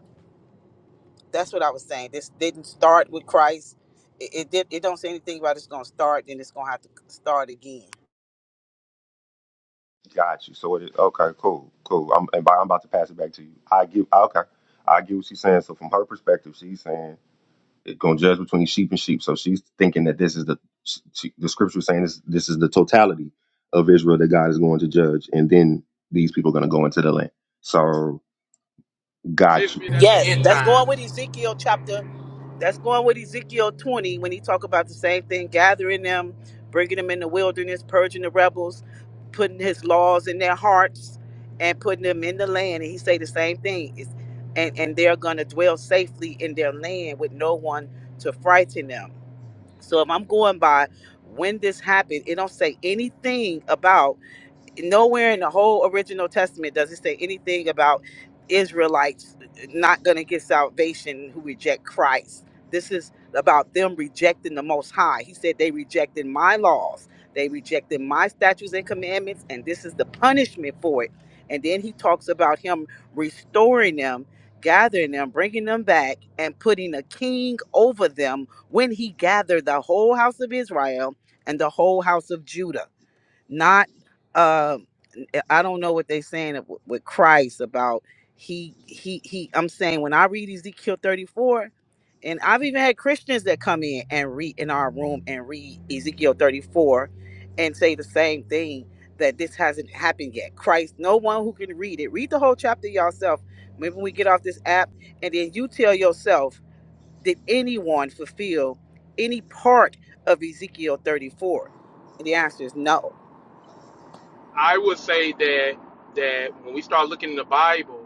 K: that's what i was saying this didn't start with christ it, it did it don't say anything about it's gonna start then it's gonna have to start again
L: Got you. So it is okay. Cool. Cool. I'm and Byron, I'm about to pass it back to you. I get okay. I get what she's saying. So from her perspective, she's saying it's gonna judge between sheep and sheep. So she's thinking that this is the she, the scripture is saying this this is the totality of Israel that God is going to judge, and then these people are gonna go into the land. So
A: Says
L: got
A: to
L: you.
A: me that's the
K: Yes,
A: end
K: that's going
A: times.
K: with Ezekiel chapter. That's going with Ezekiel 20 when he talk about the same thing, gathering them, bringing them in the wilderness, purging the rebels, putting his laws in their hearts, and putting them in the land. And he say the same thing. It's, and, and they're going to dwell safely in their land with no one to frighten them. So if I'm going by when this happened, it don't say anything about nowhere in the whole original testament does it say anything about israelites not going to get salvation who reject christ this is about them rejecting the most high he said they rejected my laws they rejected my statutes and commandments and this is the punishment for it and then he talks about him restoring them gathering them bringing them back and putting a king over them when he gathered the whole house of israel and the whole house of judah not uh, eh, I don't know what they saying w- with Christ about he he he. I'm saying when I read Ezekiel 34, and I've even had Christians that come in and read in our room and read Ezekiel 34, and say the same thing that this hasn't happened yet. Christ, no one who can read it. Read the whole chapter yourself. Maybe when we get off this app, and then you tell yourself, did anyone fulfill any part of Ezekiel 34? And the answer is no
A: I would say that that when we start looking in the Bible,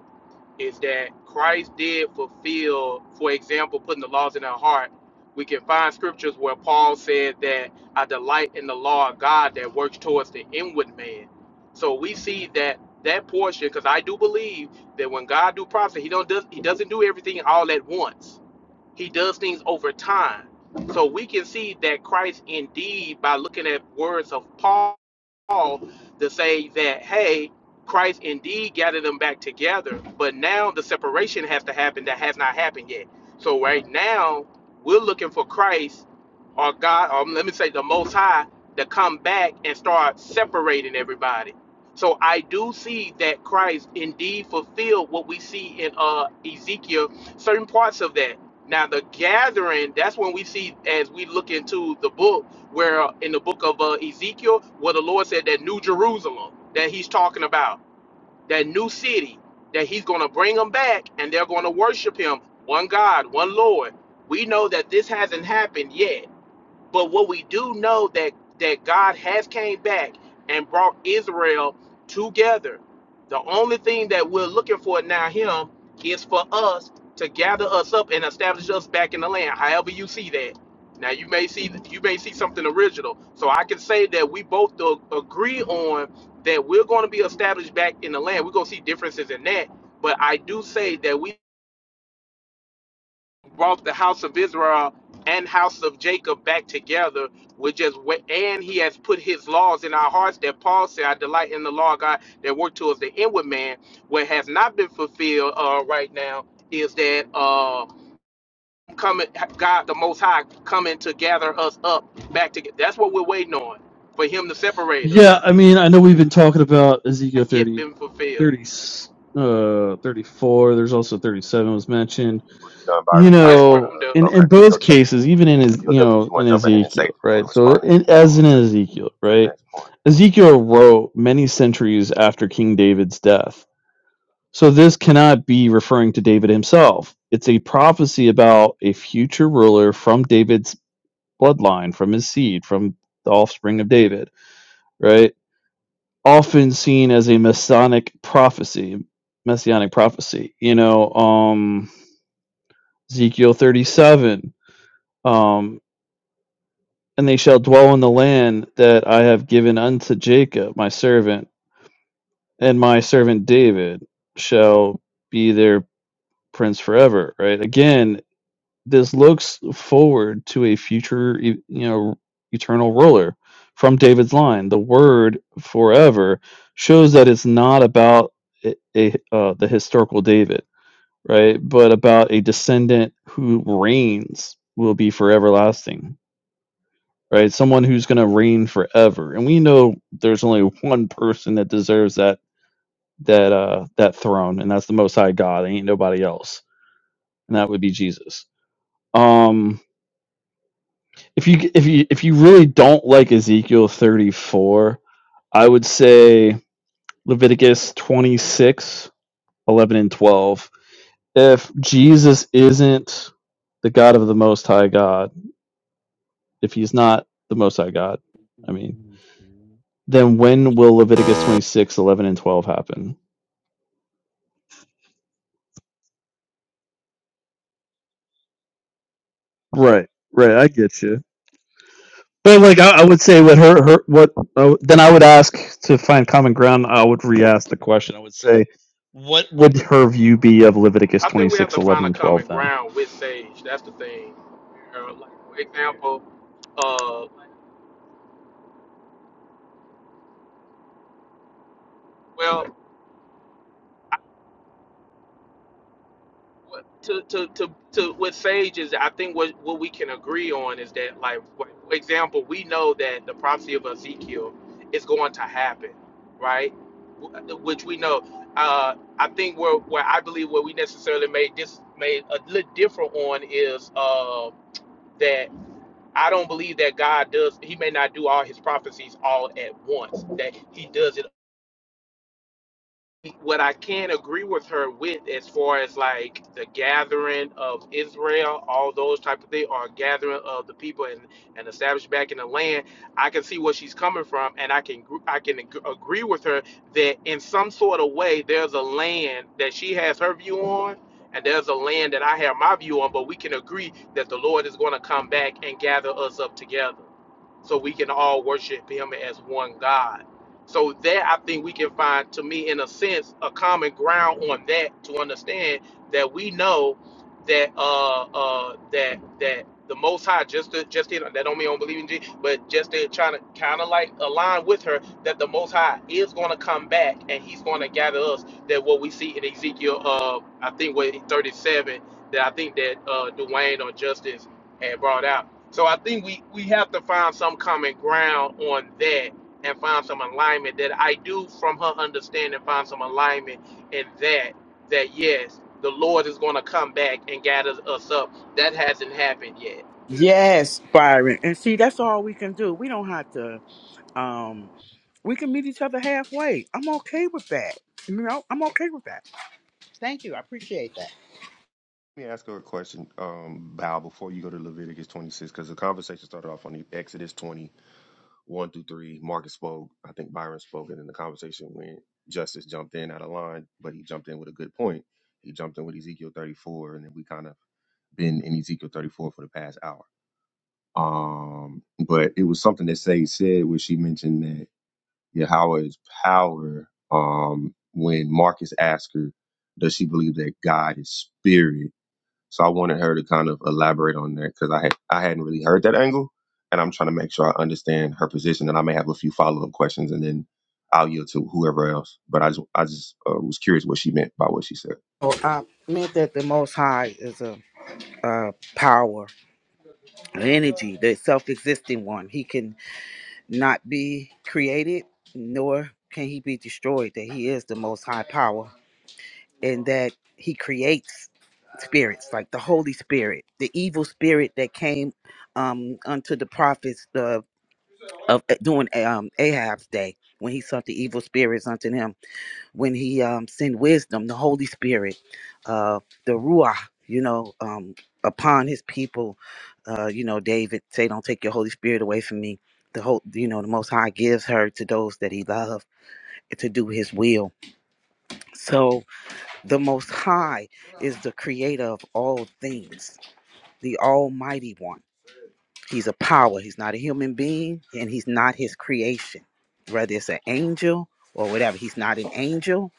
A: is that Christ did fulfill, for example, putting the laws in our heart. We can find scriptures where Paul said that I delight in the law of God that works towards the inward man. So we see that that portion, because I do believe that when God do process, He don't does He doesn't do everything all at once. He does things over time. So we can see that Christ indeed by looking at words of Paul Paul to say that, hey, Christ indeed gathered them back together, but now the separation has to happen that has not happened yet. So right now, we're looking for Christ or God, or let me say the Most High, to come back and start separating everybody. So I do see that Christ indeed fulfilled what we see in uh, Ezekiel, certain parts of that. Now the gathering, that's when we see as we look into the book where uh, in the book of uh, Ezekiel, where the Lord said that New Jerusalem that He's talking about, that new city that He's going to bring them back, and they're going to worship Him, one God, one Lord. We know that this hasn't happened yet but what we do know that that God has came back and brought Israel together. The only thing that we're looking for now him is for us to gather us up and establish us back in the land. However you see that. Now you may see you may see something original. So I can say that we both a- agree on that we're going to be established back in the land. We're going to see differences in that, but I do say that we brought the house of Israel and house of Jacob back together, which is wh- and he has put his laws in our hearts that Paul said, I delight in the law of God that work towards the inward man, what has not been fulfilled uh, right now is that uh coming God the most high coming to gather us up back together. That's what we're waiting on for him to separate us.
D: Yeah, I mean, I know we've been talking about Ezekiel
A: Not yet
D: 30,
A: been fulfilled.
D: thirty, uh, 34. There's also 37 was mentioned.
L: Were you, were you done,
D: you
L: Byron? I
A: Yes,
L: didn't
A: sir,
L: want
D: know
A: I'm done.
L: to.
D: in
L: Uh,
D: in
L: okay.
D: both
L: BOW, did
D: cases even
L: you,
D: in his
L: did,
D: you
L: BOW, did
D: know
L: you
D: in
L: want to jump in and say
D: ezekiel
L: if you want
D: right
L: to
D: so
L: respond, and then
D: in,
L: we can go
D: as
L: on
D: in
L: to
D: ezekiel
L: to the
D: right
L: next point.
D: ezekiel wrote many centuries after king david's death so this cannot be referring to david himself it's a prophecy about a future ruler from david's bloodline from his seed from the offspring of david right often seen as a Masonic prophecy messianic prophecy you know um ezekiel 37 Um, and they shall dwell in the land that I have given unto Jacob, my servant, and my servant David shall be their prince forever. Right? Again, this looks forward to a future, e- you know, eternal ruler from David's line. The word forever shows that it's not about a, a uh, the historical David, right? But about a descendant who reigns will be for everlasting right? Someone who's going to reign forever. And we know there's only one person that deserves that that uh that throne, and that's the Most High God. Ain't nobody else, and that would be Jesus. Um, if you if you if you really don't like Ezekiel 34, I would say Leviticus 26:11 and 12. If Jesus isn't the God of the Most High God, if he's not the Most High God, I mean, then when will Leviticus 26:11 and 12 happen? Right, right. I get you. But like, I, I would say what her, her what uh, then I would ask to find common ground. I would re-ask the question. I would say, what would her view be of Leviticus
A: I
D: twenty
A: think we have
D: six,
A: to
D: eleven,
A: find a
D: and
A: common
D: twelve? Then.
A: ground with Sage. That's the thing. Uh, like for example, uh, well, to to to to with Sage is I think what what we can agree on is that like for example, we know that the prophecy of Ezekiel is going to happen, right? Which we know. Uh, I think where where I believe where we necessarily made this made a little different on is uh, that. I don't believe that God does. He may not do all his prophecies all at once. That he does it what I can agree with her with as far as like the gathering of Israel, all those type of things, or gathering of the people and, and established back in the land, I can see where she's coming from, and I can gr- I can ag- agree with her that in some sort of way there's a land that she has her view on, and there's a land that I have my view on, but we can agree that the Lord is going to come back and gather us up together, so we can all worship Him as one God so there, I think we can find, to me, in a sense, a common ground on that to understand that we know that uh uh that that the Most High just to, just in that don't mean I don't believe in Jesus, but just in trying to kind of like align with her that the Most High is going to come back and He's going to gather us. That what we see in Ezekiel, uh, I think what 37, that I think that uh Dwayne or Justice had brought out. So I think we we have to find some common ground on that and find some alignment that I do from her understanding find some alignment in that that yes the Lord is going to come back and gather us up that hasn't happened yet
K: Yes, Byron. And see, that's all we can do. We don't have to um we can meet each other halfway. I'm okay with that. You know, I'm okay with that. Thank you. I appreciate that.
L: Let me ask her a question, um, Bow, before you go to Leviticus 26, because the conversation started off on the Exodus 20, 1 through 3. Marcus spoke, I think Byron spoke, and then the conversation went, Justice jumped in out of line, but he jumped in with a good point. He jumped in with Ezekiel 34, and then we kind of been in Ezekiel 34 for the past hour. Um, but it was something that Sage said where she mentioned that Yahweh is power. Um, when Marcus asked her, does she believe that God is spirit? So I wanted her to kind of elaborate on that because I had I hadn't really heard that angle, and I'm trying to make sure I understand her position. And I may have a few follow up questions, and then I'll yield to whoever else. But I just I just uh, was curious what she meant by what she said.
K: Oh, I meant that the most high is a, a power, an energy, the self-existing one. He can not be created nor can he be destroyed. That he is the most high power. and that he creates spirits like the holy spirit the evil spirit that came um unto the prophets of, of eh, during eh, um ahab's day when he sent the evil spirits unto him when he um sent wisdom the holy spirit uh the ruach you know um upon his people uh you know david say don't take your holy spirit away from me the whole you know the most high gives her to those that he loves to do his will so the Most High is the creator of all things, the Almighty One. He's a power. He's not a human being and he's not his creation, whether it's an angel or whatever. He's not an angel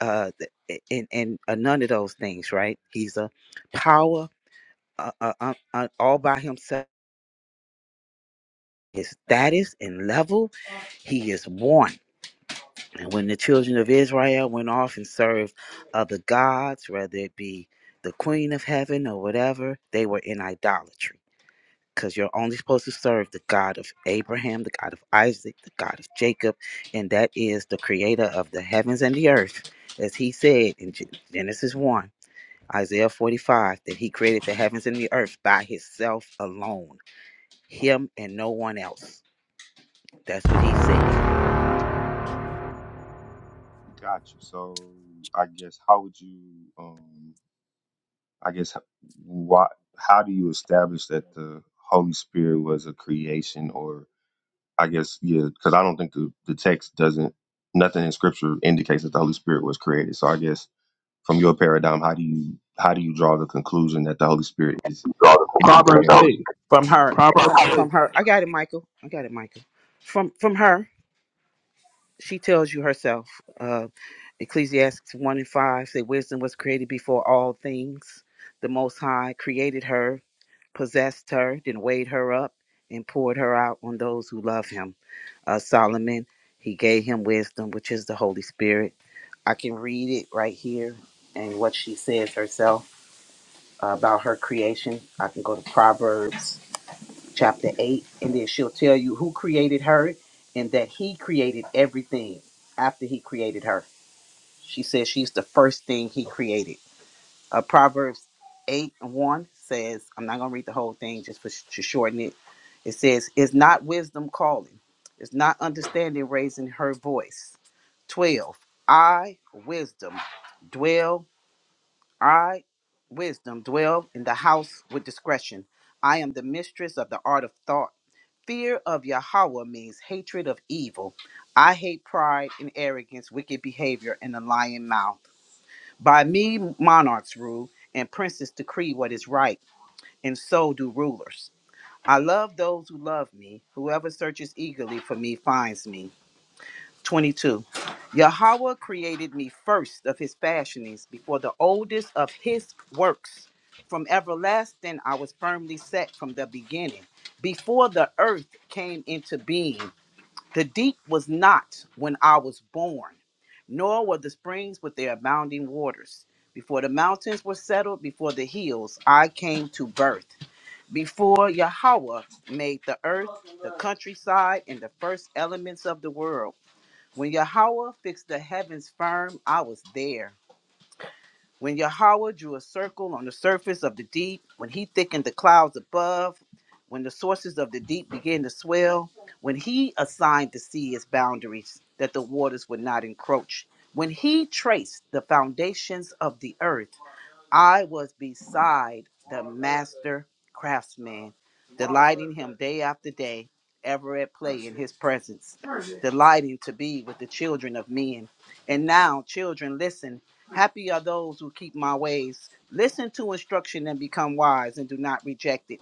K: uh, th- and, and uh, none of those things, right? He's a power uh, uh, uh, uh, all by himself. His status and level, he is one. And when the children of Israel went off and served other gods, whether it be the queen of heaven or whatever, they were in idolatry. Because you're only supposed to serve the God of Abraham, the God of Isaac, the God of Jacob, and that is the creator of the heavens and the earth. As he said in Gen- Genesis 1, Isaiah 45, that he created the heavens and the earth by himself alone, him and no one else. That's what he said.
L: Got you. So I guess how would you um I guess why how do you establish that the Holy Spirit was a creation or I guess yeah because I don't think the, the text doesn't nothing in Scripture indicates that the Holy Spirit was created. So I guess from your paradigm, how do you how do you draw the conclusion that the Holy Spirit is in the
R: Proverbs So
L: creation?
R: eight.
K: from her
R: Proverbs
K: from,
R: eight.
K: from her i got it michael i got it michael from from her she tells you herself uh ecclesiastes 1 and 5 say wisdom was created before all things the most high created her possessed her then weighed her up and poured her out on those who love him uh solomon he gave him wisdom which is the holy spirit i can read it right here and what she says herself uh, about her creation i can go to proverbs chapter 8, and then she'll tell you who created her and that he created everything after he created her. She says she's the first thing he created. Uh, Proverbs 8 and 1 says, I'm not going to read the whole thing just for, to shorten it. It says, Is not wisdom calling? Is not understanding raising her voice? 12. I, wisdom, dwell I, wisdom, dwell in the house with discretion. I am the mistress of the art of thought. Fear of Yahweh means hatred of evil. I hate pride and arrogance, wicked behavior, and a lying mouth. By me, monarchs rule, and princes decree what is right, and so do rulers. I love those who love me. Whoever searches eagerly for me finds me. 22. Yahweh created me first of his fashionings, before the oldest of his works. From everlasting I was firmly set from the beginning. Before the earth came into being, the deep was not when I was born, nor were the springs with their abounding waters. Before the mountains were settled, before the hills, I came to birth. Before Yahweh made the earth, the countryside, and the first elements of the world, when Yahweh fixed the heavens firm, I was there. When Yahweh drew a circle on the surface of the deep, when he thickened the clouds above, when the sources of the deep began to swell, when he assigned the sea its boundaries that the waters would not encroach, when he traced the foundations of the earth, I was beside the master craftsman, delighting him day after day, ever at play in his presence delighting to be with the children of men. And now, children, listen. Happy are those who keep my ways. Listen to instruction and become wise and do not reject it.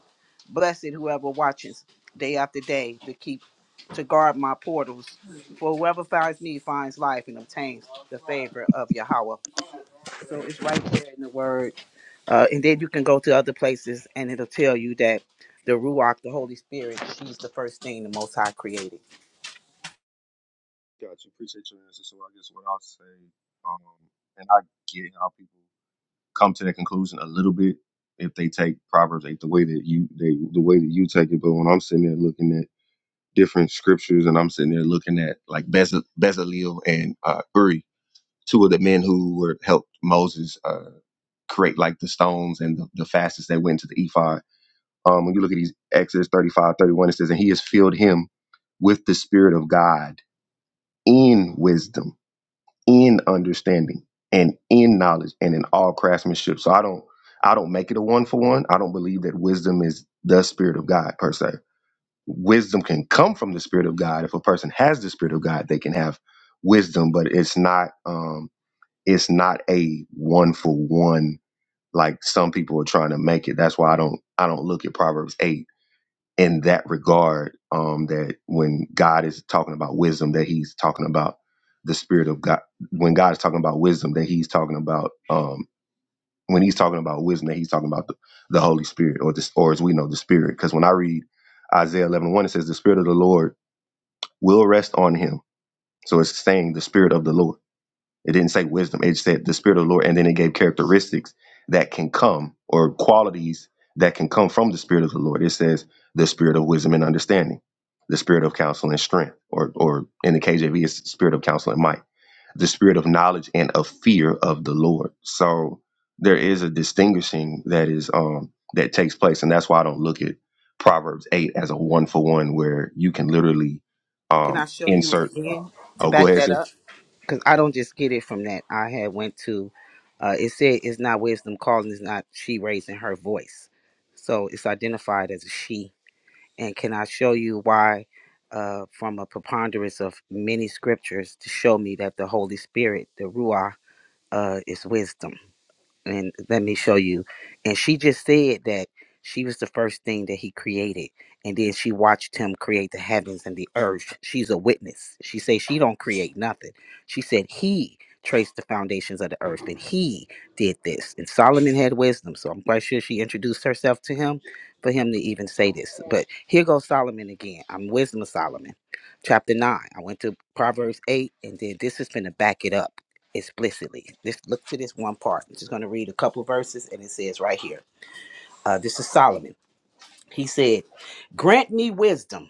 K: Blessed whoever watches day after day to keep to guard my portals. For whoever finds me finds life and obtains the favor of Yahweh. So it's right there in the word. Uh, and then you can go to other places and it'll tell you that the Ruach, the Holy Spirit, she's the first thing the Most High created.
L: Got you. Appreciate your answer. So I guess what I'll say, um, and I get how people come to that conclusion a little bit if they take Proverbs eight the way that you they the way that you take it. But when I'm sitting there looking at different scriptures and I'm sitting there looking at like Bez- Bezalel and uh, Uri, two of the men who were helped Moses uh, create like the stones and the, the fastest that went to the ephod Um, when you look at these Exodus 35 31, it says, And he has filled him with the Spirit of God in wisdom, in understanding, and in knowledge, and in all craftsmanship. So I don't I don't make it a one for one. I don't believe that wisdom is the Spirit of God per se. Wisdom can come from the Spirit of God. If a person has the Spirit of God, they can have wisdom, but it's not um it's not a one for one like some people are trying to make it. That's why I don't I don't look at Proverbs 8 in that regard um, that when God is talking about wisdom, that He's talking about the Spirit of God. When God is talking about wisdom, that He's talking about um, when He's talking about wisdom, that He's talking about the, the Holy Spirit, or this, or as we know, the Spirit. Because when I read Isaiah 11 and one, it says, "The Spirit of the Lord will rest on Him." So it's saying the Spirit of the Lord. It didn't say wisdom. It said the Spirit of the Lord, and then it gave characteristics that can come or qualities that can come from the Spirit of the Lord. It says the Spirit of wisdom and understanding, the Spirit of counsel and strength, or or in the KJV, it's the Spirit of counsel and might, the Spirit of knowledge and of fear of the Lord. So there is a distinguishing that is um that takes place, and that's why I don't look at Proverbs eight as a one for one where you can literally
K: Can I
L: um
K: show you
L: insert.
K: again to
L: Oh, go
K: back
L: ahead,
K: that
L: see.
K: up? Because I don't just get it from that. I had went to, uh, it said it's not wisdom calling, it's not she raising her voice. So it's identified as a she. And can I show you why, uh, from a preponderance of many scriptures to show me that the Holy Spirit, the Ruah, uh, is wisdom? and let me show you. And she just said that she was the first thing that he created, and then she watched him create the heavens and the earth. She's a witness. She says she don't create nothing. She said he traced the foundations of the earth, and he did this. And Solomon had wisdom, so I'm quite sure she introduced herself to him for him to even say this. But here goes Solomon again. I'm wisdom of Solomon, chapter nine. I went to Proverbs eight, and then this is going to back it up explicitly. Just look to this one part. I'm just going to read a couple of verses, and it says right here. Uh, this is Solomon. He said, Grant me wisdom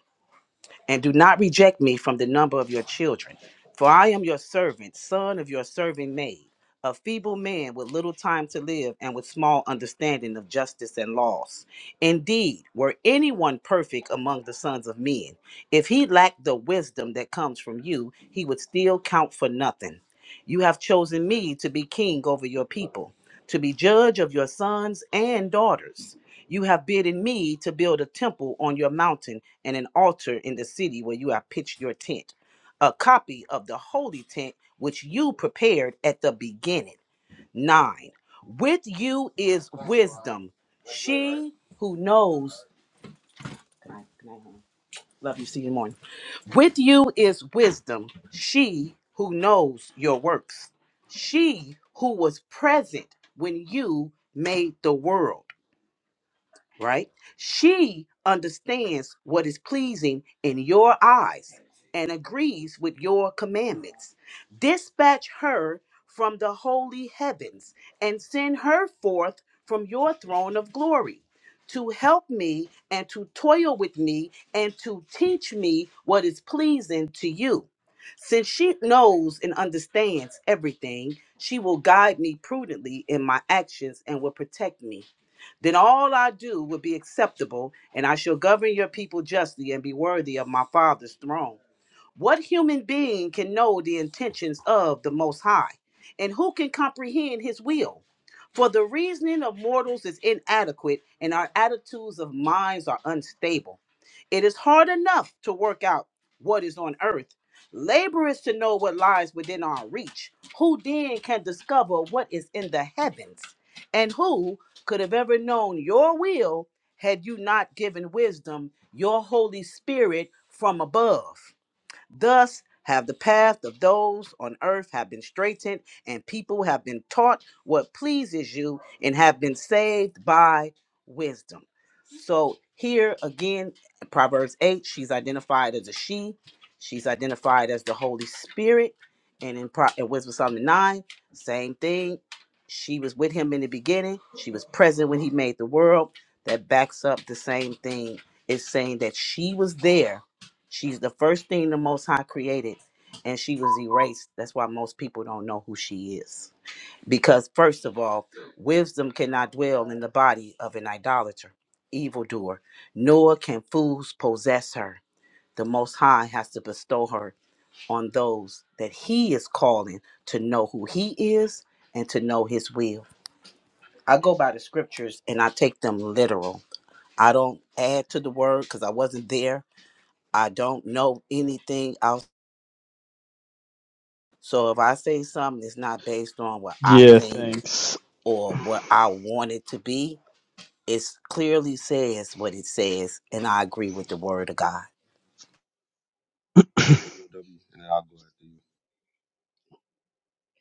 K: and do not reject me from the number of your children. For I am your servant, son of your servant maid, a feeble man with little time to live and with small understanding of justice and laws. Indeed, were anyone perfect among the sons of men, if he lacked the wisdom that comes from you, he would still count for nothing. You have chosen me to be king over your people, to be judge of your sons and daughters. You have bidden me to build a temple on your mountain and an altar in the city where you have pitched your tent, a copy of the holy tent which you prepared at the beginning. 9. With you is wisdom. She who knows. Good night. Good night, hon. Love you. See you in the morning. With you is wisdom. She who knows your works. She who was present when you made the world right? She understands what is pleasing in your eyes and agrees with your commandments. Dispatch her from the holy heavens and send her forth from your throne of glory to help me and to toil with me and to teach me what is pleasing to you. Since she knows and understands everything, she will guide me prudently in my actions and will protect me. Then all I do will be acceptable, and I shall govern your people justly and be worthy of my Father's throne. What human being can know the intentions of the Most High? And who can comprehend his will? For the reasoning of mortals is inadequate, and our attitudes of minds are unstable. It is hard enough to work out what is on earth. Labor is to know what lies within our reach. Who then can discover what is in the heavens? And who could have ever known your will had you not given wisdom, your Holy Spirit from above? Thus have the path of those on earth have been straightened, and people have been taught what pleases you, and have been saved by wisdom. So here again, Proverbs 8, she's identified as a she. She's identified as the Holy Spirit. And in, Pro- in Wisdom of Solomon 9, same thing. She was with him in the beginning. She was present when he made the world. That backs up the same thing. It's saying that she was there She's the first thing the Most High created, and she was erased. That's why most people don't know who she is. Because, first of all, wisdom cannot dwell in the body of an idolater, evildoer, nor can fools possess her. The Most High has to bestow her on those that He is calling to know who He is and to know His will. I go by the scriptures and I take them literal. I don't add to the word because I wasn't there. I don't know anything So if I say something that's not based on what I
D: Yeah.
K: think
D: Thanks.
K: or what I want it to be, it clearly says what it says, and I agree with the word of God.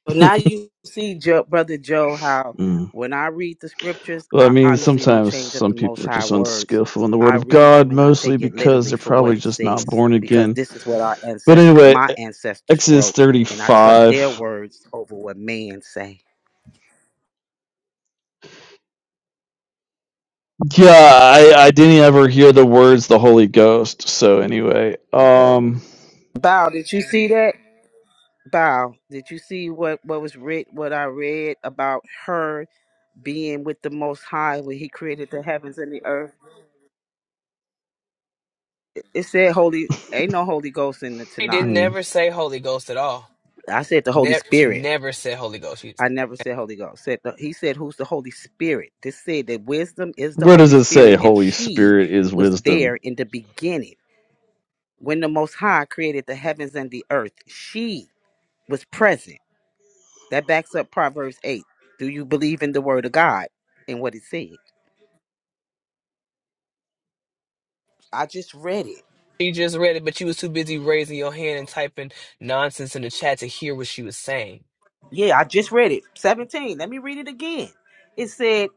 K: So now you see, Joe, brother Joe, how
D: Mm.
K: when I read the scriptures,
D: Well, I
K: I
D: mean,
K: honestly don't
D: sometimes
K: change up
D: some
K: the Most
D: people are
K: High
D: just
K: words.
D: unskillful in the
K: I
D: Word of
K: read
D: God,
K: them and I
D: mostly
K: take it
D: because
K: literally
D: they're
K: for what
D: probably
K: it
D: just not
K: says
D: born
K: because
D: again.
K: this is what our
D: But
K: ancestors,
D: anyway,
K: my
D: E-
K: ancestors
D: Exodus
K: wrote, and I trust their
D: 35.
K: words over what man say.
D: Yeah, I, I didn't ever hear the words the Holy Ghost. So anyway, um.
K: Bow, did you see that? Bow, did you see what what was read? What I read about her being with the Most High when He created the heavens and the earth? It said Holy. Ain't no Holy Ghost in the
I: She
K: Tanakh.
I: didn't
D: Hmm.
I: never say Holy Ghost at all.
K: I said the Holy
I: Never, she
K: Spirit.
I: never said Holy Ghost. She,
K: I never said Holy Ghost. Said the, he said who's the Holy Spirit? This said that wisdom is the
D: Where does
K: Holy
D: it say
K: Spirit, and
D: Holy
K: she
D: Spirit is
K: was there
D: wisdom?
K: in the beginning when the Most High created the heavens and the earth. She was present. That backs up Proverbs eight. Do you believe in the Word of God and what it said? I just read it.
I: she just read it, but you was too busy raising your hand and typing nonsense in the chat to hear what she was saying.
K: Yeah, I just read it. 17. Let me read it again. It said,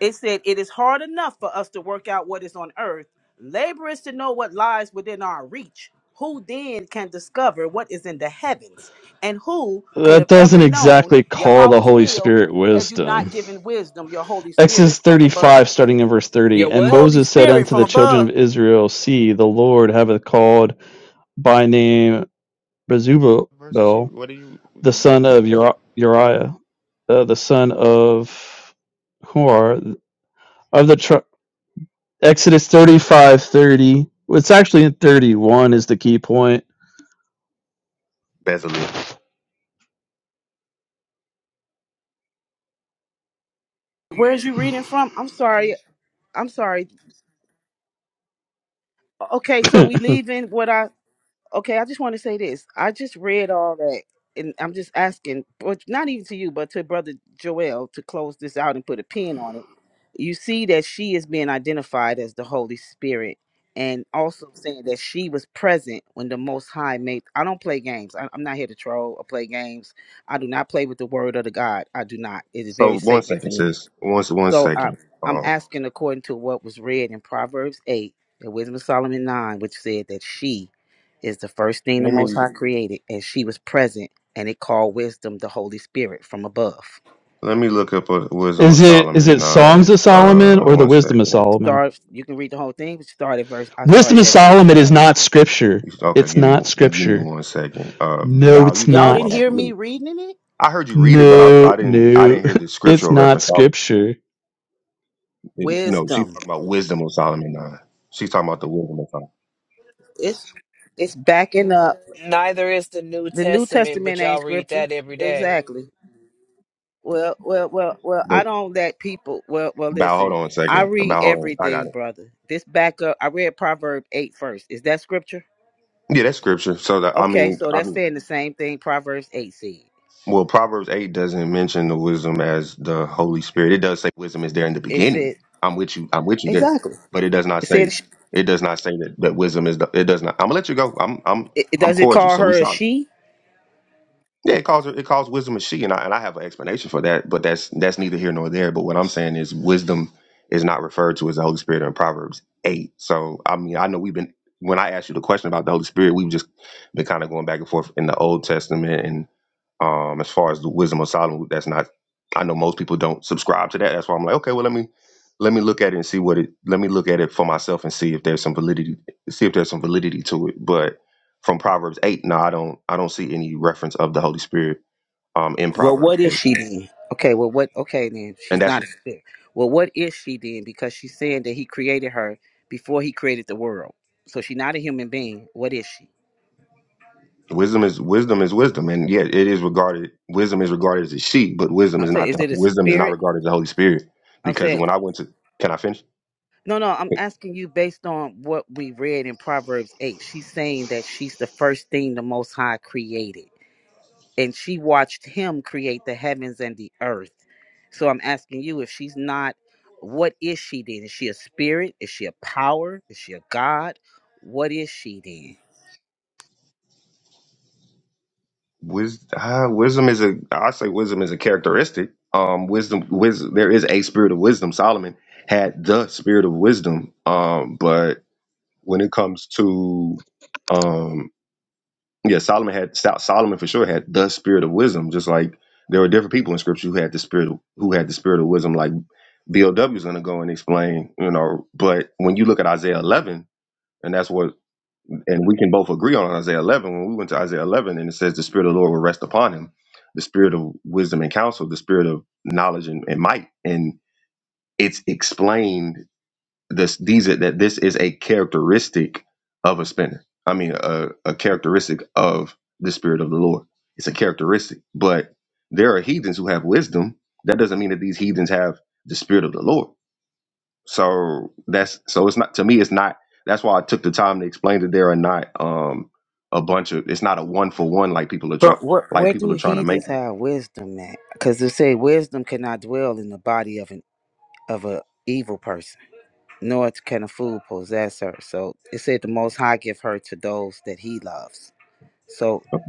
K: it said, it is hard enough for us to work out what is on earth. Labor is to know what lies within our reach. Who then can discover what is in the heavens? And who could
D: That
K: have
D: doesn't
K: ever known
D: exactly call the
K: Yahweh's
D: Holy
K: will
D: Spirit
K: had you not
D: wisdom.
K: given wisdom, your Holy Spirit
D: Exodus
K: from above?
D: 35, starting in verse
I: Yo,
D: 30. And
I: what?
K: Holy
D: Moses said
K: Spirit
D: unto
K: from
D: the children
K: above.
D: of Israel, See, the Lord hath called by name Bezubel,
L: Verses. you-
D: the
L: What are you?
D: son of Uri- Uriah, uh, the son of Hor, of the tri- Exodus thirty-five thirty. 30. It's actually in 31 is the key point.
K: Where's you reading from? I'm sorry. I'm sorry. Okay, so we leaving what I Okay, I just want to say this. I just read all that, and I'm just asking, but not even to you, but to Brother Joel to close this out and put a pin on it. You see that she is being identified as the Holy Spirit, and also saying that she was present when the Most High made. I don't play games. I, I'm not here to troll or play games. I do not play with the Word of the God. I do not. It is very
L: So one
K: sacred to
L: second,
K: me.
L: sis. One one
K: So I,
L: second.
K: I'm
L: Um,
K: asking according to what was read in Proverbs 8 and Wisdom of Solomon 9, which said that she is the first thing the
L: let
K: Most
L: me
K: High created, and she was present, and it called wisdom the Holy Spirit from above.
L: let me look up a Wisdom
D: Is
L: of
D: it is
L: Solomon
D: it Songs
L: nine.
D: of
L: Uh,
D: Solomon or the
L: one
D: Wisdom
L: second.
D: of
L: You-
D: Solomon?
K: Start. You can read the whole thing, but start at verse. I
D: Wisdom
K: started
D: of
K: at verse
D: Solomon is
K: uh,
D: not
K: nine.
D: scripture.
L: Okay,
D: It's
L: give
D: not
L: me give me
D: scripture.
L: one second. Uh,
D: No,
L: Val,
D: it's
L: you can
K: Y'all
L: go. While
K: didn't
L: I,
D: not.
K: hear
L: let me,
K: me reading it.
L: I heard you read it, but I,
D: No,
L: I didn't I
D: no.
L: didn't hear the
D: It's
L: scriptural
D: not
L: reference. I
D: scripture.
L: didn't no, she's
K: Wisdom.
L: talking about Wisdom of Solomon nine. She's talking about the Wisdom of Solomon.
K: It's it's backing up.
I: Neither is the New
K: The New
I: Testament,
K: Testament
I: but
K: ain't
I: y'all read
K: scripture.
I: that every day.
K: Exactly. Well, well, well, well.
L: But
K: I don't let people. Well, well.
L: Val, hold
K: Listen,
L: on a
K: I
L: second.
K: read
L: Val, hold on. I got
K: everything,
L: it.
K: brother. This back up. I read Proverb 8 first. Is that scripture?
L: Yeah, that's scripture. So that I
K: Okay,
L: mean,
K: so
L: I
K: that's
L: mean.
K: saying the same thing. Proverbs eight said.
L: Well, Proverbs 8 doesn't mention the wisdom as the Holy Spirit. It does say wisdom is there in the
K: It
L: beginning.
K: said
L: I'm with you. I'm with you there.
K: exactly.
L: But it does not
K: It
L: say
K: said. sh-
L: it does not say that, that wisdom is the it does not. I'm gonna let you go. I'm I'm
K: It, it-
L: I'm
K: does it
L: cordial,
K: call
L: so we
K: her a
L: solid.
K: she?
L: Yeah, it calls it calls wisdom a she, and I and I have an explanation for that, but that's that's neither here nor there. But what I'm saying is wisdom is not referred to as the Holy Spirit in Proverbs eight. So I mean, I know we've been when I asked you the question about the Holy Spirit, we've just been kind of going back and forth in the Old Testament and um as far as the wisdom of Solomon, that's not I know most people don't subscribe to that. That's why I'm like, okay, well let me let me look at it and see what it let me look at it for myself and see if there's some validity see if there's some validity to it. But from Proverbs eight, no, I don't I don't see any reference of the Holy Spirit um in
K: Well,
L: Proverbs
K: what is
L: eight.
K: she then? Okay. Well, what? Okay, then
L: And
K: she's
L: that's
K: not a spirit. Well, what is she then? Because she's saying that he created her before he created the world. So she's not a human being. What is she?
L: wisdom is wisdom is wisdom. And yeah, it is regarded wisdom is regarded as a sheep, but wisdom
K: I'm
L: is
K: saying,
L: not
K: is
L: the,
K: it a
L: wisdom is not
K: spirit?
L: regarded as the Holy Spirit.
K: I'm
L: Because
K: saying,
L: when I went to can I finish?
K: No, no, I'm asking you based on what we read in Proverbs 8. She's saying that she's the first thing the Most High created, and she watched him create the heavens and the earth. So I'm asking you if she's not, what is she then? Is she a spirit? Is she a power? Is she a God? What is she then?
L: Wis, uh, wisdom is a I say wisdom is a characteristic. Um, wisdom, wisdom. There is a spirit of wisdom. Solomon had the spirit of wisdom. Um, but when it comes to um, Yeah, Solomon had Sol- Solomon for sure had the spirit of wisdom, just like there were different people in scripture who had the spirit of, who had the spirit of wisdom, like BOW is going to go and explain, you know. But when you look at Isaiah 11, and that's what, and we can both agree on Isaiah 11. When we went to Isaiah 11, and it says the spirit of the Lord will rest upon him, the spirit of wisdom and counsel, the spirit of knowledge and, and might, and it's explained this these are that this is a characteristic of a spinner. I mean, a, a characteristic of the spirit of the Lord. It's a characteristic. But there are heathens who have wisdom. That doesn't mean that these heathens have the spirit of the Lord. So that's so it's not to me. It's not. That's why I took the time to explain that there are not um a bunch of. It's not a one for one like people are trying
K: But where,
L: like
K: where do
L: people are trying to make.
K: heathens have wisdom at? Because they say wisdom cannot dwell in the body of an of a evil nor can a fool possess her. So it said the Most High give her to those that He loves. So
L: it.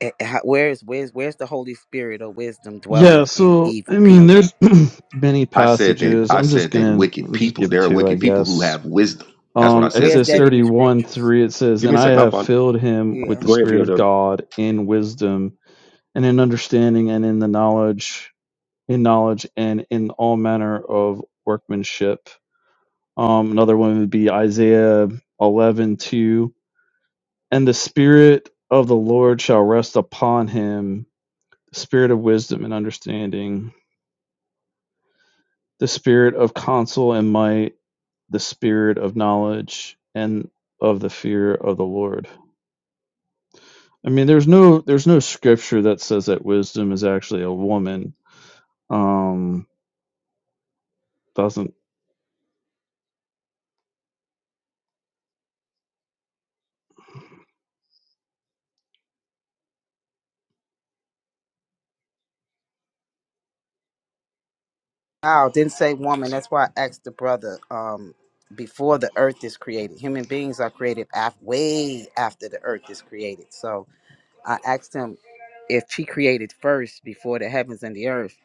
K: eh, eh, where's where's where's the Holy Spirit of wisdom
D: Yeah,
K: dwelling in
D: so
K: evil
D: I mean
K: people?
D: there's many
L: I said that
D: passages.
L: I
D: I'm just
L: said that
D: gonna i
L: wicked
D: am just
L: people.
D: give
L: There are
D: two, I
L: wicked people who
D: guess.
L: have wisdom. That's what I
D: Um
L: said
K: Where's
D: Exodus
K: that
L: specifically.
K: in
D: thirty
K: the
D: one
K: scriptures?
D: three it says,
L: Give me
D: And
L: a
D: I
L: second. I'll
D: have
L: find. it.
D: filled him with
K: Yeah.
D: the
L: Go ahead,
D: Spirit of
L: BOW.
D: God in wisdom and in understanding and in the knowledge in knowledge and in all manner of workmanship. Um, another one would be Isaiah eleven two, And the Spirit of the Lord shall rest upon him, the Spirit of wisdom and understanding, the Spirit of counsel and might, the Spirit of knowledge and of the fear of the Lord. I mean, there's no there's no scripture that says that wisdom is actually a woman. Um, doesn't
K: Oh, didn't say woman. That's why I asked the brother. Um, before the earth is created, human beings are created af- way after the earth is created. So I asked him if she created first before the heavens and the earth,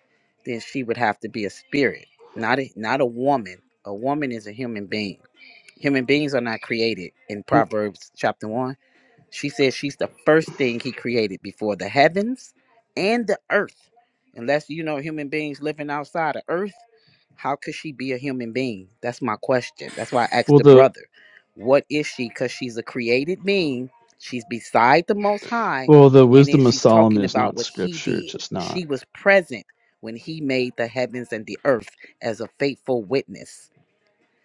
K: then she would have to be a spirit, not a, not a woman. A woman is a human being. Human beings are not created in Proverbs chapter 1 she says she's the first thing he created before the heavens and the earth. Unless you know human beings living outside of earth, how could she be a human being? That's my question. That's why I asked
D: well
K: the
D: the
K: brother, what is she? Because she's a created being, she's beside the most high,
D: Well, the
K: and then
D: wisdom of
K: she's
D: Solomon
K: talking
D: is
K: about
D: not
K: what he
D: scripture. It's
K: did.
D: just not.
K: She was present when he made the heavens and the earth as a faithful witness.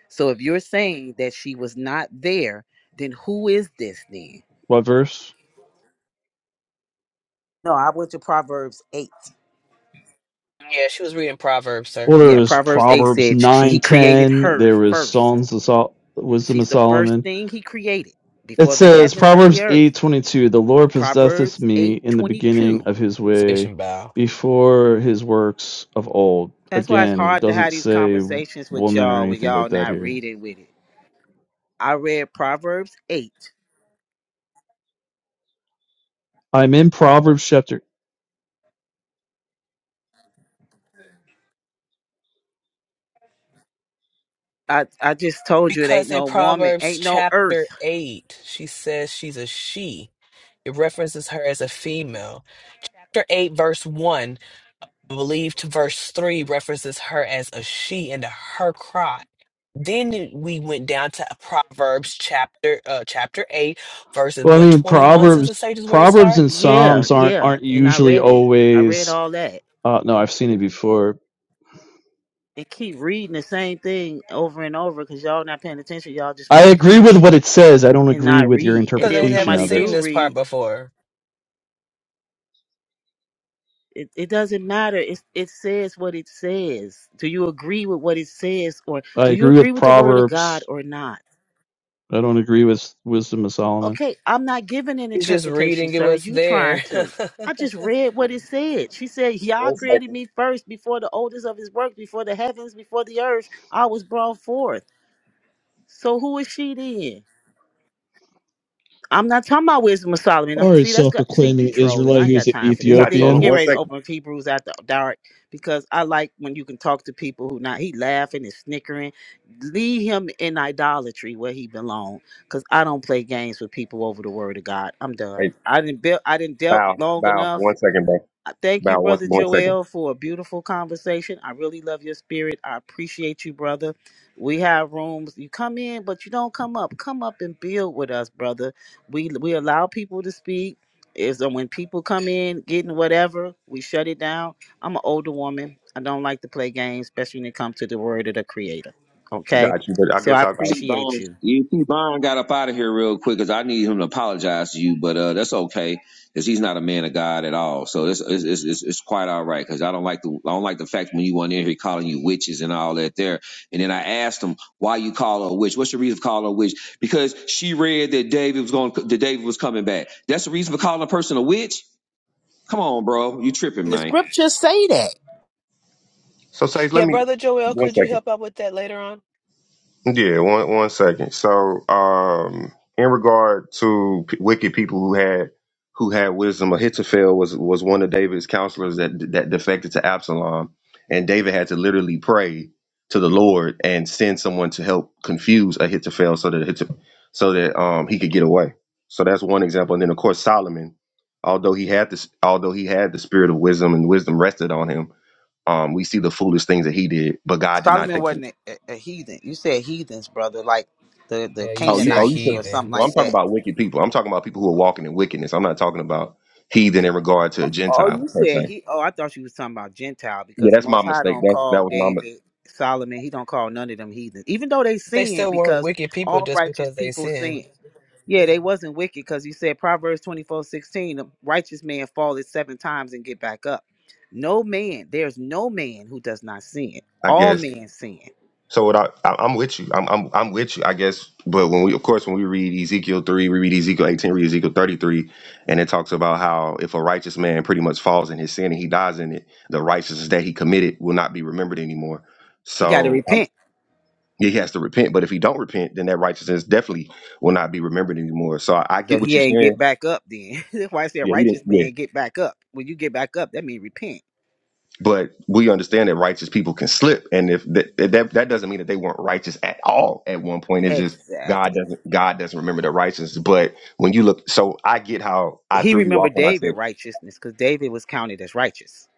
K: So if you're saying that she was not there, then who is this then?
D: What verse?
K: No, I went to Proverbs 8.
I: Yeah, she was reading Proverbs, sir.
D: Well, there
K: Yeah,
D: is
K: Proverbs 8
D: Proverbs
K: said she, he
D: nine
K: created
D: ten.
K: her
D: There is
K: first.
D: Songs of Sol- wisdom
K: She's
D: of
K: the first
D: Solomon.
K: thing he created
D: It
K: before the
D: says
K: heavens and the
D: Proverbs
K: earth.
D: eight twenty two. The Lord possesseth
K: Proverbs
D: me
K: 8
D: in the
K: 22.
D: beginning of His way,
I: Station bow.
D: before His works of old.
K: That's why it's
D: Again,
K: hard to have
D: doesn't
K: these
D: say
K: conversations with
D: woman or
K: y'all when
D: anything
K: y'all
D: like that
K: not
D: here.
K: reading with it. I read Proverbs 8.
D: I'm in Proverbs chapter.
K: I, I just told you it ain't
I: Because in
K: no woman,
I: Proverbs
K: ain't no earth.
I: chapter 8, she says she's a she. It references her as a female. Chapter 8, verse 1 I believe to verse 3 references her as a she and a her cry. Then we went down to Proverbs chapter uh, chapter 8, verses
D: Well, I
I: what
D: mean
I: 21 says the
D: Proverbs.
I: sage is where it
D: Proverbs and
I: starts.
K: Yeah,
D: Psalms aren't
K: yeah.
D: aren't
K: And I
D: usually
K: read it. I read
D: always
K: all that.
D: uh, no, I've seen it before.
K: And keep reading the same thing over and over because y'all not paying attention. Y'all just
D: I
K: want to
D: agree with
K: preach.
D: what it says. I don't
K: and
D: agree
K: not
D: with your
K: read. And
I: Because
K: then
I: they
K: when
D: interpretation
I: never
K: somebody
D: of
I: seen
K: do
D: it.
I: this part
K: read,
I: before.
K: it, it doesn't matter. It it says what it says. Do you agree with what it says, or
D: I
K: do you
D: agree
K: agree
D: with
K: with the word of God
D: Proverbs.
K: or not?
D: I don't agree with Wisdom of Solomon.
K: Okay, I'm not giving an
I: It's just
K: interpretation,
I: reading it
K: sir.
I: was
K: You trying
I: there.
K: to? I just read what it said. She said, "Yah created me first, before the oldest of His works, before the heavens, before the earth. I was brought forth." So who is she then? I'm not talking about wisdom of Solomon. I'm
D: Or a
K: see that's got see
D: self-proclaiming
K: you trolling. I
D: Israelite
K: ain't got
D: who's an
K: time for
L: He's
K: this.
L: not
K: See, we
L: trolling.
D: Ethiopian.
K: get
L: One
K: ready to
L: second.
K: open up Hebrews after dark because I like when you can talk to people who not he laughing and snickering. Leave him in idolatry where he belong. Cause I don't play games with people over the word of God. I'm done.
L: Hey,
K: I didn't build. I didn't dealt
L: bow,
K: long
L: bow.
K: enough.
L: One second, bro.
K: I Thank you,
L: Bow. One,
K: Brother
L: one second.
K: Joel, for a beautiful conversation. I really love your spirit. I appreciate you, brother. We have rooms. You come in, but you don't come up. Come up and build with us, brother. We we allow people to speak. Is that when people come in, getting whatever, we shut it down. I'm an older woman. I don't like to play games, especially when it comes to the word of the creator. Okay?
L: Got you. But I
K: So I
L: guess I. I
S: See,
K: appreciate
S: Brian,
K: you.
S: you see, Brian got up out of here real quick because I need him to apologize to you, but uh, that's okay because he's not a man of God at all. So it's it's it's, it's, it's quite all right because I don't like the I don't like the fact when you went in here calling you witches and all that there. And then I asked him why you call her a witch. What's the reason for calling her a witch? Because she read that David was going that David was coming back. That's the reason for calling a person a witch. Come on, bro, you tripping,
K: The
S: man.
K: scriptures say that.
L: so, Sage, let
I: yeah,
L: me.
I: Brother Joel,
L: One
I: could you
L: second.
I: help out with that later on?
L: Yeah, one one second. So, um, in regard to p- wicked people who had who had wisdom, Ahithophel was was one of David's counselors that that defected to Absalom, and David had to literally pray to the Lord and send someone to help confuse Ahithophel so that Ahith- so that um he could get away. So that's one example. And then of course Solomon, although he had this, although he had the spirit of wisdom and wisdom rested on him, um, we see the foolish things that he did, but God did not
K: Solomon
L: take. away
K: wasn't a, a heathen. You said heathens, brother, like the the
I: Yeah, you
L: Oh, you
I: said
L: oh you
K: Canaanites or
L: took
K: something
L: well, I'm
K: like
I: heathens.
L: talking
K: that.
L: about wicked people. I'm talking about people who are walking in wickedness. I'm not talking about heathen in regard to a
K: Oh, you
L: Gentile per
K: said
L: se.
K: he. Oh, I thought you was talking about Gentile
L: Yeah,
K: because the
L: that's
K: Most
L: my
K: High
L: mistake.
K: don't
L: That
K: call
L: that was my mis-
K: David, Solomon. He don't call none of them heathens, even though they
I: They
K: sin
I: still weren't
K: because
I: wicked people
K: all
I: just
K: righteous
I: because they
K: people
I: sinned.
K: sin. Yeah, they wasn't wicked because you said Proverbs twenty four sixteen, the righteous man falleth seven times and get back up. No man, there's no man who does not sin.
L: I
K: All
L: guess.
K: men sin.
L: So what I, I I'm with you. I'm I'm I'm with you, I guess. But when we of course when we read Ezekiel three, we read Ezekiel eighteen, read Ezekiel thirty three, and it talks about how if a righteous man pretty much falls in his sin and he dies in it, the righteousness that he committed will not be remembered anymore.
K: He got to
L: So
K: repent.
L: Yeah, he has to repent. But if he don't repent, then that righteousness definitely will not be remembered anymore. So I, I
K: So
L: get what
K: he
L: you're
K: ain't get
L: saying.
K: back up then. That's why I said
L: Yeah, he didn't.
K: righteous
L: Yeah,
K: man get back up. When you get back up, that means repent.
L: but we understand that righteous people can slip, and if that that, that doesn't mean that they weren't righteous at all at one point. It's just God
K: Exactly.
L: doesn't God doesn't remember the righteous. But when you look, so I get how I
K: He
L: threw you off
K: remembered
L: when I
K: David
L: said
K: righteousness because David was counted as righteous,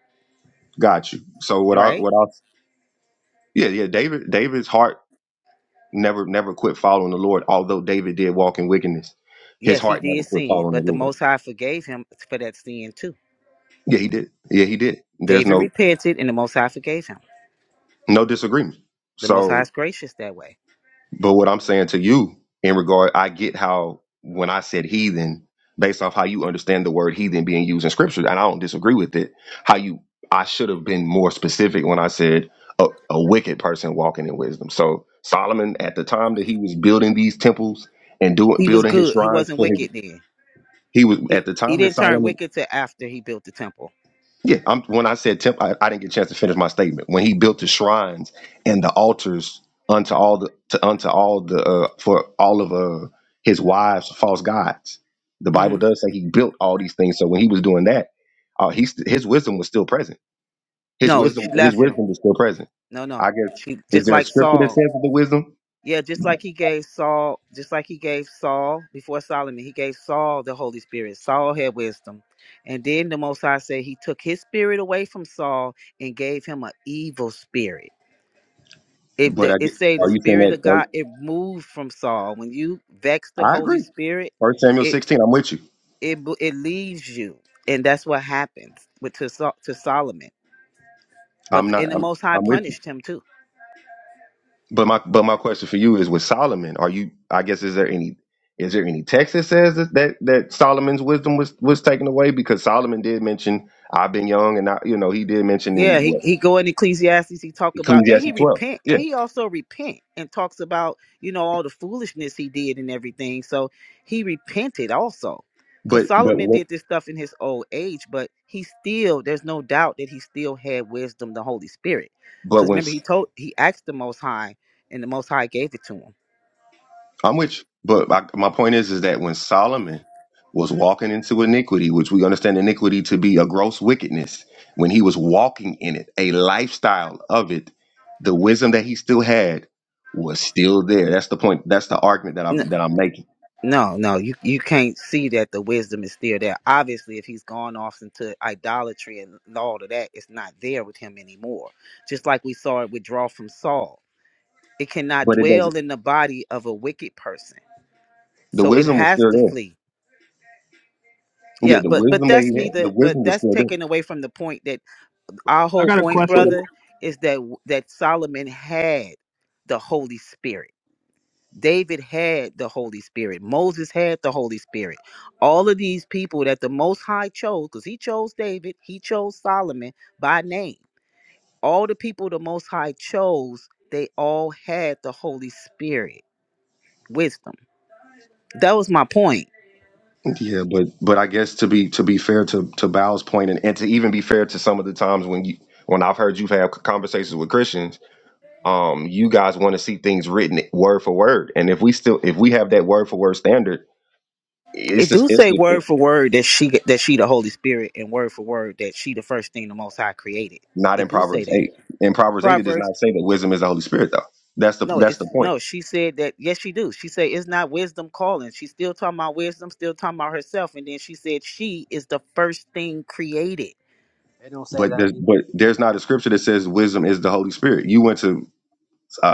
L: got you. So what I
K: right?
L: what I yeah yeah David David's heart never never quit following the Lord. Although David did walk in wickedness, his
K: Yes, he
L: heart never
K: did
L: quit
K: sin,
L: following the
K: but the
L: Lord.
K: Most High forgave him for that sin too.
L: Yeah, he did. Yeah, he did. There's
K: David
L: no
K: repented, and the Most High forgave him.
L: No disagreement.
K: The Most High
L: So,
K: is gracious that way.
L: but what I'm saying to you in regard, I get how when I said heathen, based off how you understand the word heathen being used in scripture, and I don't disagree with it, how you, I should have been more specific when I said a, a wicked person walking in wisdom. So, Solomon, at the time that he was building these temples and doing,
K: He was
L: building his
K: good. He
L: shrines
K: wasn't
L: for him,
K: wicked then.
L: he was,
K: He
L: at the
K: he
L: time that
K: didn't turn
L: Solomon
K: wicked till after he built the temple.
L: Yeah, I'm, when I said temple, I, I didn't get a chance to finish my statement. When he built the shrines and the altars unto all the to, unto all the uh, for all of uh, his wives, false gods. The
K: hmm
L: Bible does say he built all these things. So when he was doing that, uh, he st- his wisdom was still present. His
K: No,
L: wisdom,
K: she
L: his
K: left him.
L: wisdom was still present.
K: No, no.
L: I guess
K: She
L: is
K: just
L: there a
K: like
L: scripture that says
K: Saul.
L: the wisdom?
K: Yeah, just like he gave Saul, just like he gave Saul before Solomon, he gave Saul the Holy Spirit. Saul had wisdom. And then the Most High said he took his spirit away from Saul and gave him an evil spirit. It,
L: But
K: the,
L: I
K: it
L: get,
K: say the
L: are you saying
K: spirit of
L: that?
K: God, it moved from Saul. When you vex the
L: Are, I
K: Holy
L: agree.
K: Spirit,
L: First Samuel
K: it
L: sixteen. I'm with you.
K: it bo- it leaves you. And that's what happens with to, Sol- to Solomon. But
L: I'm
K: the,
L: not.
K: and the
L: I'm,
K: Most High
L: I'm with you.
K: punished him too
L: But my but my question for you is with Solomon, are you I guess is there any is there any text that says that that, that Solomon's wisdom was was taken away? Because Solomon did mention I've been young and I you know, he did mention
K: Yeah,
L: in
K: he,
L: what
K: he go in Ecclesiastes, he talk about and he
L: Ecclesiastes twelve.
K: repent
L: Yeah.
K: and he also repent and talks about, you know, all the foolishness he did and everything. So he repented also. Cause
L: But but
K: Solomon
L: when-
K: did this stuff in his old age, but he still there's no doubt that he still had wisdom, the Holy Spirit.
L: but
K: Cause
L: when
K: remember he told he asked the most high and the most high gave it to him.
L: I'm with you. But my, my point is, is that when Solomon was walking into iniquity, which we understand iniquity to be a gross wickedness, when he was walking in it, a lifestyle of it, the wisdom that he still had was still there. That's the point. That's the argument that I'm that I'm making.
K: No, no, you you can't see that the wisdom is still there. Obviously, if he's gone off into idolatry and all of that, it's not there with him anymore. Just like we saw it withdraw from Saul. It cannot
L: But it
K: dwell
L: doesn't.
K: in the body of a wicked person.
L: The
K: So it
L: wisdom was
K: has
L: still
K: to
L: there.
K: flee.
L: Yeah,
K: Yeah,
L: the
K: but but
L: wisdom that
K: that's
L: he had, the
K: neither but
L: wisdom was
K: that's
L: still there.
K: taken away from the point that our
R: I
K: whole
R: got a
K: point,
R: question.
K: brother, is that that Solomon had the Holy Spirit. David had the Holy Spirit. Moses had the Holy Spirit. All of these people that the Most High chose, because he chose David, he chose Solomon by name. All the people the Most High chose, they all had the Holy Spirit wisdom. That was my point.
L: Yeah, but but I guess to be to be fair to to Bow's point and, and to even be fair to some of the times when you when I've heard you've had conversations with Christians, um, you guys want to see things written word for word, and if we still if we have that word for word standard, it's
K: It
L: just
K: do
L: it's
K: say
L: it, it-
K: word for word that she that she the Holy Spirit, and word for word that she the first thing the Most High created.
L: not in
K: It do say
L: Proverbs
K: that.
L: eight. In Proverbs eight, it does not say that wisdom is the Holy Spirit, though. That's the
K: No,
L: that's the
K: it's
L: point.
K: no. She said that yes, she do. She said it's not wisdom calling. She's still talking about wisdom, still talking about herself, and then she said she is the first thing created.
C: They don't say
L: But
C: that
L: there's
C: either.
L: but there's not a scripture that says wisdom is the Holy Spirit. You went to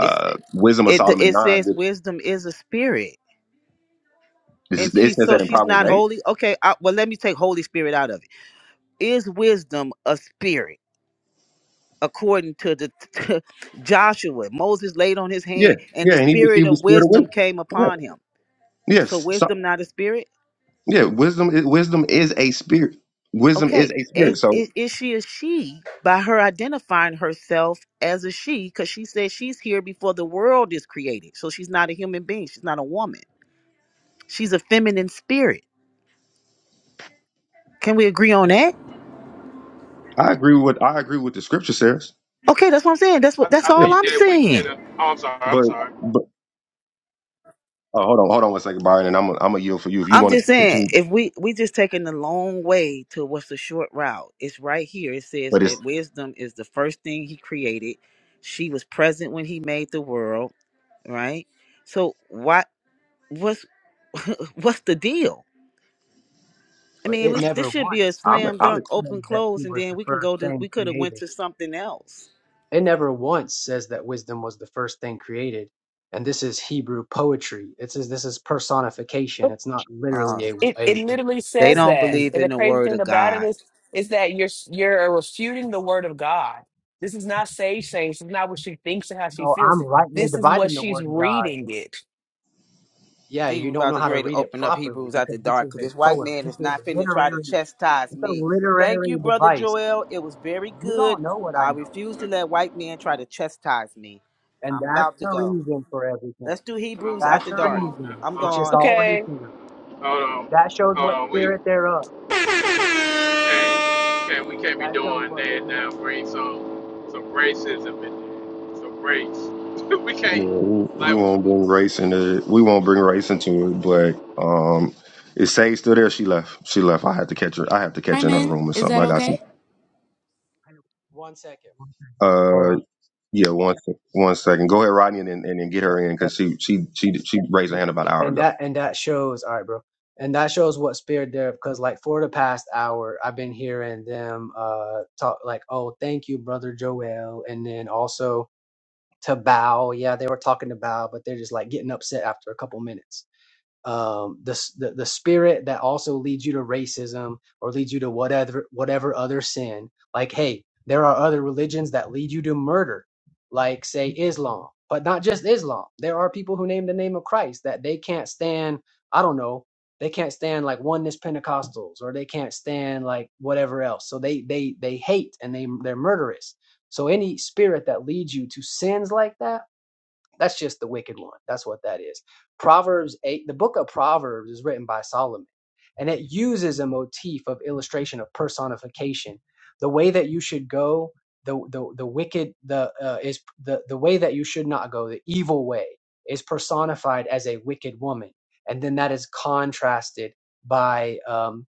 K: It's
L: Wisdom of
K: it.
L: Solomon
K: It
L: nine,
K: says
L: which
K: wisdom is a spirit,
L: is,
K: and she
L: it says
K: so
L: that in
K: she's
L: Proverbs
K: not
L: eight.
K: holy. Okay, I, well let me take Holy Spirit out of it. Is wisdom a spirit? According to the to Joshua, Moses laid on his
L: Yeah,
K: hand, and
L: yeah,
K: the
L: and he
K: spirit
L: received the
K: of
L: spirit of
K: wisdom came
L: wisdom.
K: upon him. So
L: Yes. So,
K: wisdom not a spirit.
L: yeah, wisdom i- wisdom is a spirit. Wisdom
K: okay
L: is a
K: i-
L: spirit.
K: i-
L: So
K: is she a she by her identifying herself as a she because she says she's here before the world is created so she's not a human being she's not a woman she's a feminine spirit can we agree on that
L: I agree with what I agree with the scripture says.
K: okay that's what i'm saying that's
A: I,
K: what that's
A: I
L: Yeah.
K: all
A: think
K: i'm
A: that we can.
K: saying
A: Uh, oh, I'm sorry. I'm
L: But
A: sorry.
L: but oh, hold on, hold on one second, Byron, and I'm i I'm a yield for you if you
K: i'm
L: want
K: just
L: to
K: saying
L: continue.
K: if we we just taking the long way to what's the short route it's right here it says
L: But
K: that
L: it's
K: wisdom is the first thing he created she was present when he made the world right so why what's what's the deal I
C: But
K: mean,
C: it
K: we this
C: never
K: should
C: once
K: be a
L: I'm
K: slam
L: I'm
K: dunk, open
C: said that she
K: close, and
C: was
K: then
C: the
K: we can
C: first
K: go to.
C: thing
K: We could have went
C: created.
K: to something else.
C: It never once says that wisdom was the first thing created. And this is Hebrew poetry. It says this is personification. It's not
K: Uh,
C: literally a
I: It it
C: a.
I: literally
K: they
I: says
K: don't
I: that.
K: believe
I: And the
K: in the
I: crazy
K: word
I: thing
K: of
I: about it
K: God.
I: is is that you're you're refuting the word of God. This is not sage saying. This is not what she thinks and how she
C: No,
I: feels.
C: I'm rightly
I: This is what
C: dividing the
I: she's
C: word of God.
I: reading it.
C: Yeah,
K: See, we
C: you don't
K: about
C: know
K: to
C: how
K: get
C: to
K: ready to
C: read it
K: open up
C: properly
K: Hebrews out
C: because
K: the
C: this
K: dark
C: is
K: because
C: a
K: this white
C: poem.
K: man
C: This
K: is
C: is
K: not
C: a
K: finna try to
C: literary.
K: chastise
C: It's a
K: me. Thank you,
C: literary
K: brother
C: device.
K: Joel. It was very
C: You
K: good.
C: don't know what I
K: I
C: know,
K: refuse to
A: Come
K: let white men try to chastise me.
C: and
K: I'm
C: that's
K: about to
C: the
K: go.
C: reason for everything.
K: Let's do Hebrews at
C: That's
K: the
A: on.
C: the
A: Come
K: dark.
A: on. now.
C: reason.
K: I'm
C: It's
A: Uh,
C: just
K: gone.
C: all right
I: Okay.
C: here.
A: Hold on.
C: That shows
A: Hold
C: what
A: on. We.
C: spirit thereof.
A: We can't, we can't, we can't be
C: That shows
A: doing
C: what.
A: that
C: Spirit.
A: now. Bring some, some racism in there, some race. we
L: yeah, we,
A: can't,
L: we
A: like,
L: won't bring race into it. we won't bring race into it, but um is Sage still there? She left. She left. I had to catch her. I have to catch her
T: I'm
L: in her
T: in.
L: room or
T: Is
L: something.
T: that
L: like I got some.
T: okay?
C: One second. Hold
L: Uh,
C: on.
L: yeah. One, sec- one second. Go ahead, Rodney, and then and then get her in
C: And,
L: because she she she she raised her hand about an hour
C: and
L: ago.
C: that and that shows, all right, bro. And that shows what spirit there, because like for the past hour, I've been hearing them uh talk like, oh, thank you, brother Joel, and then also to bow. Yeah, they were talking to bow, but they're just like getting upset after a couple minutes. um, the, the the spirit that also leads you to racism or leads you to whatever whatever other sin. Like, hey, there are other religions that lead you to murder, like say Islam, but not just Islam. There are people who name the name of Christ that they can't stand. I don't know. They can't stand like oneness Pentecostals, or they can't stand like whatever else. So they they they hate and they they're murderous. So any spirit that leads you to sins like that that's just the wicked one. That's what that is. Proverbs 8, the book of Proverbs is written by Solomon, and it uses a motif of illustration of personification. The way that you should go, the the, the wicked the uh, is the, the way that you should not go, the evil way is personified as a wicked woman, and then that is contrasted by um,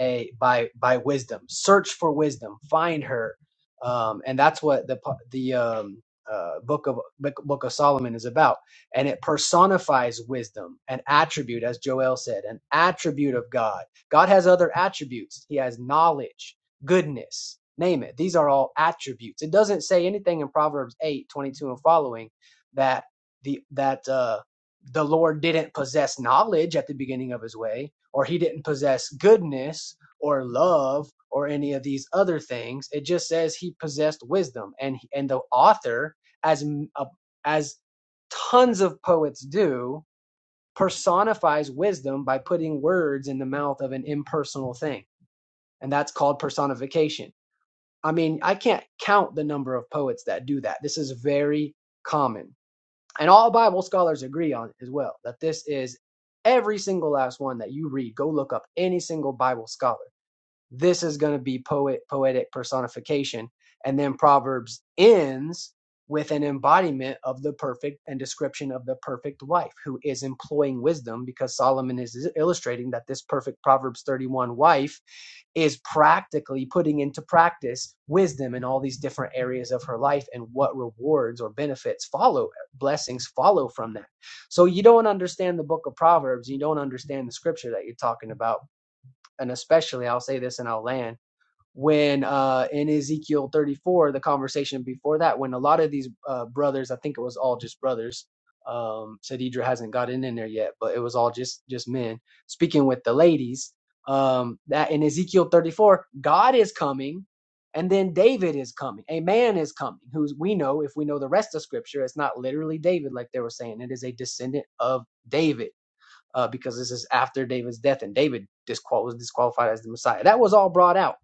C: a by by wisdom. Search for wisdom, find her, um, and that's what the the um, uh, book of book of Solomon is about. And it personifies wisdom, an attribute, as Joel said, an attribute of God. God has other attributes. He has knowledge, goodness, name it. These are all attributes. It doesn't say anything in Proverbs 8 22 and following that the that uh, the Lord didn't possess knowledge at the beginning of His way or he didn't possess goodness or love or any of these other things. It just says he possessed wisdom, and and the author, as m- uh, as tons of poets do, personifies wisdom by putting words in the mouth of an impersonal thing, and that's called personification. I mean, I can't count the number of poets that do that. This is very common and all Bible scholars agree on as well that this is every single last one that you read. Go look up any single Bible scholar. This is going to be poet poetic personification. And then Proverbs ends with an embodiment of the perfect and description of the perfect wife who is employing wisdom because Solomon is illustrating that this perfect Proverbs 31 wife is practically putting into practice wisdom in all these different areas of her life and what rewards or benefits follow, blessings follow from that. So you don't understand the book of Proverbs, you don't understand the scripture that you're talking about and especially I'll say this and I'll land when uh, in Ezekiel 34, the conversation before that, when a lot of these uh, brothers, I think it was all just brothers. Um, Sadidra hasn't gotten in there yet, but it was all just just men speaking with the ladies. Um, that in Ezekiel 34, God is coming, and then David is coming. A man is coming, who we know if we know the rest of Scripture, it's not literally David like they were saying. It is a descendant of David uh, because this is after David's death, and David disqual- was disqualified as the Messiah. That was all brought out.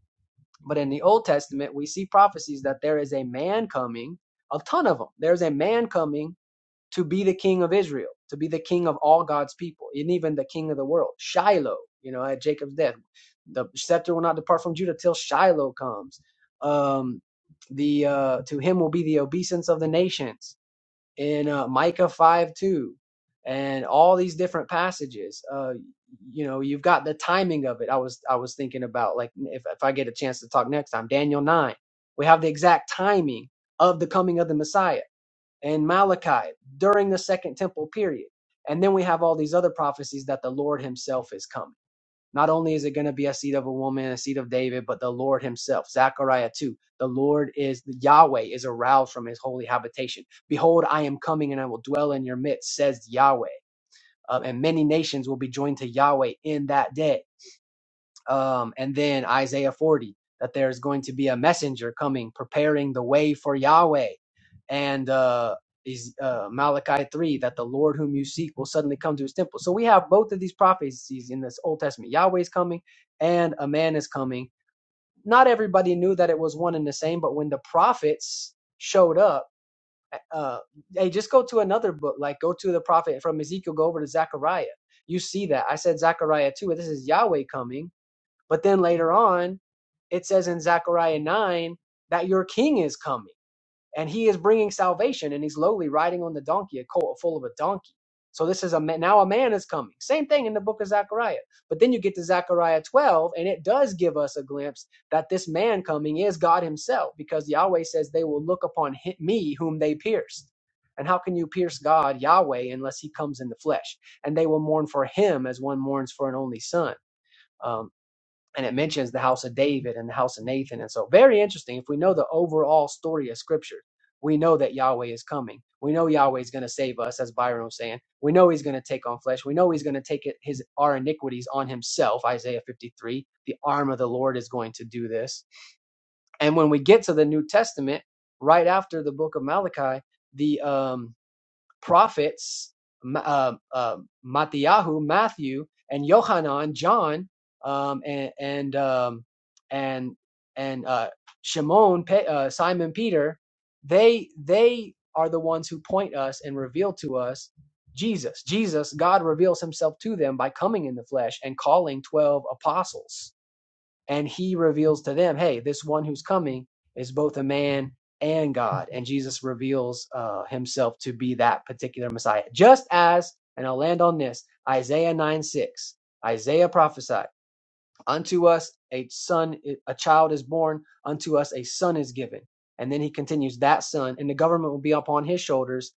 C: But in the Old Testament, we see prophecies that there is a man coming, a ton of them. There's a man coming to be the king of Israel, to be the king of all God's people, and even the king of the world. Shiloh, you know, at Jacob's death, the scepter will not depart from Judah till Shiloh comes. Um, the uh, to him will be the obeisance of the nations in uh, Micah 5 2 and all these different passages. Uh, you know, you've got the timing of it. I was I was thinking about like if if I get a chance to talk next time, Daniel 9. We have the exact timing of the coming of the Messiah and Malachi during the second temple period. And then we have all these other prophecies that the Lord himself is coming. Not only is it going to be a seed of a woman, a seed of David, but the Lord himself. Zechariah 2. The Lord is, Yahweh is aroused from his holy habitation. Behold, I am coming and I will dwell in your midst, says Yahweh. Uh, and many nations will be joined to Yahweh in that day um, and then Isaiah 40 that there's going to be a messenger coming preparing the way for Yahweh and uh, is uh, Malachi 3 that the Lord whom you seek will suddenly come to his temple. So we have both of these prophecies in this Old Testament. Yahweh's coming and a man is coming. Not everybody knew that it was one and the same, but when the prophets showed up, eh, uh, hey, just go to another book, like go to the prophet from Ezekiel, go over to Zechariah. You see that. I said Zechariah 2, this is Yahweh coming but then later on, it says in Zechariah 9 that your king is coming and he is bringing salvation and he's lowly riding on the donkey, a colt full of a donkey. So this is a ma- now a man is coming. Same thing in the book of Zechariah. But then you get to Zechariah 12 and it does give us a glimpse that this man coming is God himself because Yahweh says they will look upon hi- me whom they pierced. And how can you pierce God, Yahweh, unless he comes in the flesh? And they will mourn for him as one mourns for an only son. Um, and it mentions the house of David and the house of Nathan. And so, very interesting. If we know the overall story of Scripture, we know that Yahweh is coming. We know Yahweh is going to save us, as Byron was saying. We know He's going to take on flesh. We know He's going to take it, His our iniquities on Himself. Isaiah 53. The arm of the Lord is going to do this. And when we get to the New Testament, right after the book of Malachi, the um, prophets, Ma- uh, uh, Mattiyahu, Matthew, and Yohanan, John, um, and and um, and and uh, Shimon, uh, Simon Peter, they they are the ones who point us and reveal to us Jesus. Jesus, God reveals Himself to them by coming in the flesh and calling twelve apostles and he reveals to them, hey, this one who's coming is both a man and God. And Jesus reveals uh, himself to be that particular Messiah, just as, and I'll land on this Isaiah 9 6. Isaiah prophesied, Unto us a son, a child is born, unto us a son is given. And then he continues, That son, and the government will be upon his shoulders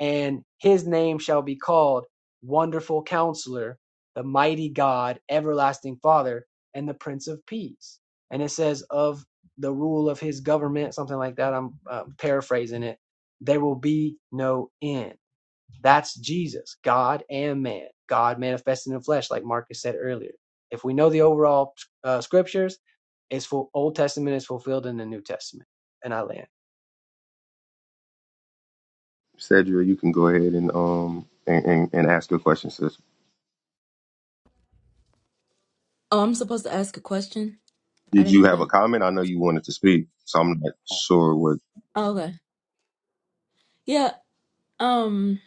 C: and his name shall be called Wonderful Counselor, the Mighty God, Everlasting Father, and the Prince of Peace. And it says, of the rule of his government, something like that. I'm uh, paraphrasing it. There will be no end. That's Jesus, God and man, God manifested in the flesh, like Marcus said earlier. If we know the overall uh, scriptures, it's full, Old Testament is fulfilled in the New Testament. And I land.
L: Cedra, you can go ahead and um and, and, and ask your question, sis.
T: Oh, I'm supposed to ask a question. I
L: Did
T: didn't
L: you
T: know
L: have a
T: that.
L: comment? I know you wanted to speak, so I'm not sure what
T: Oh, okay. Yeah. Um.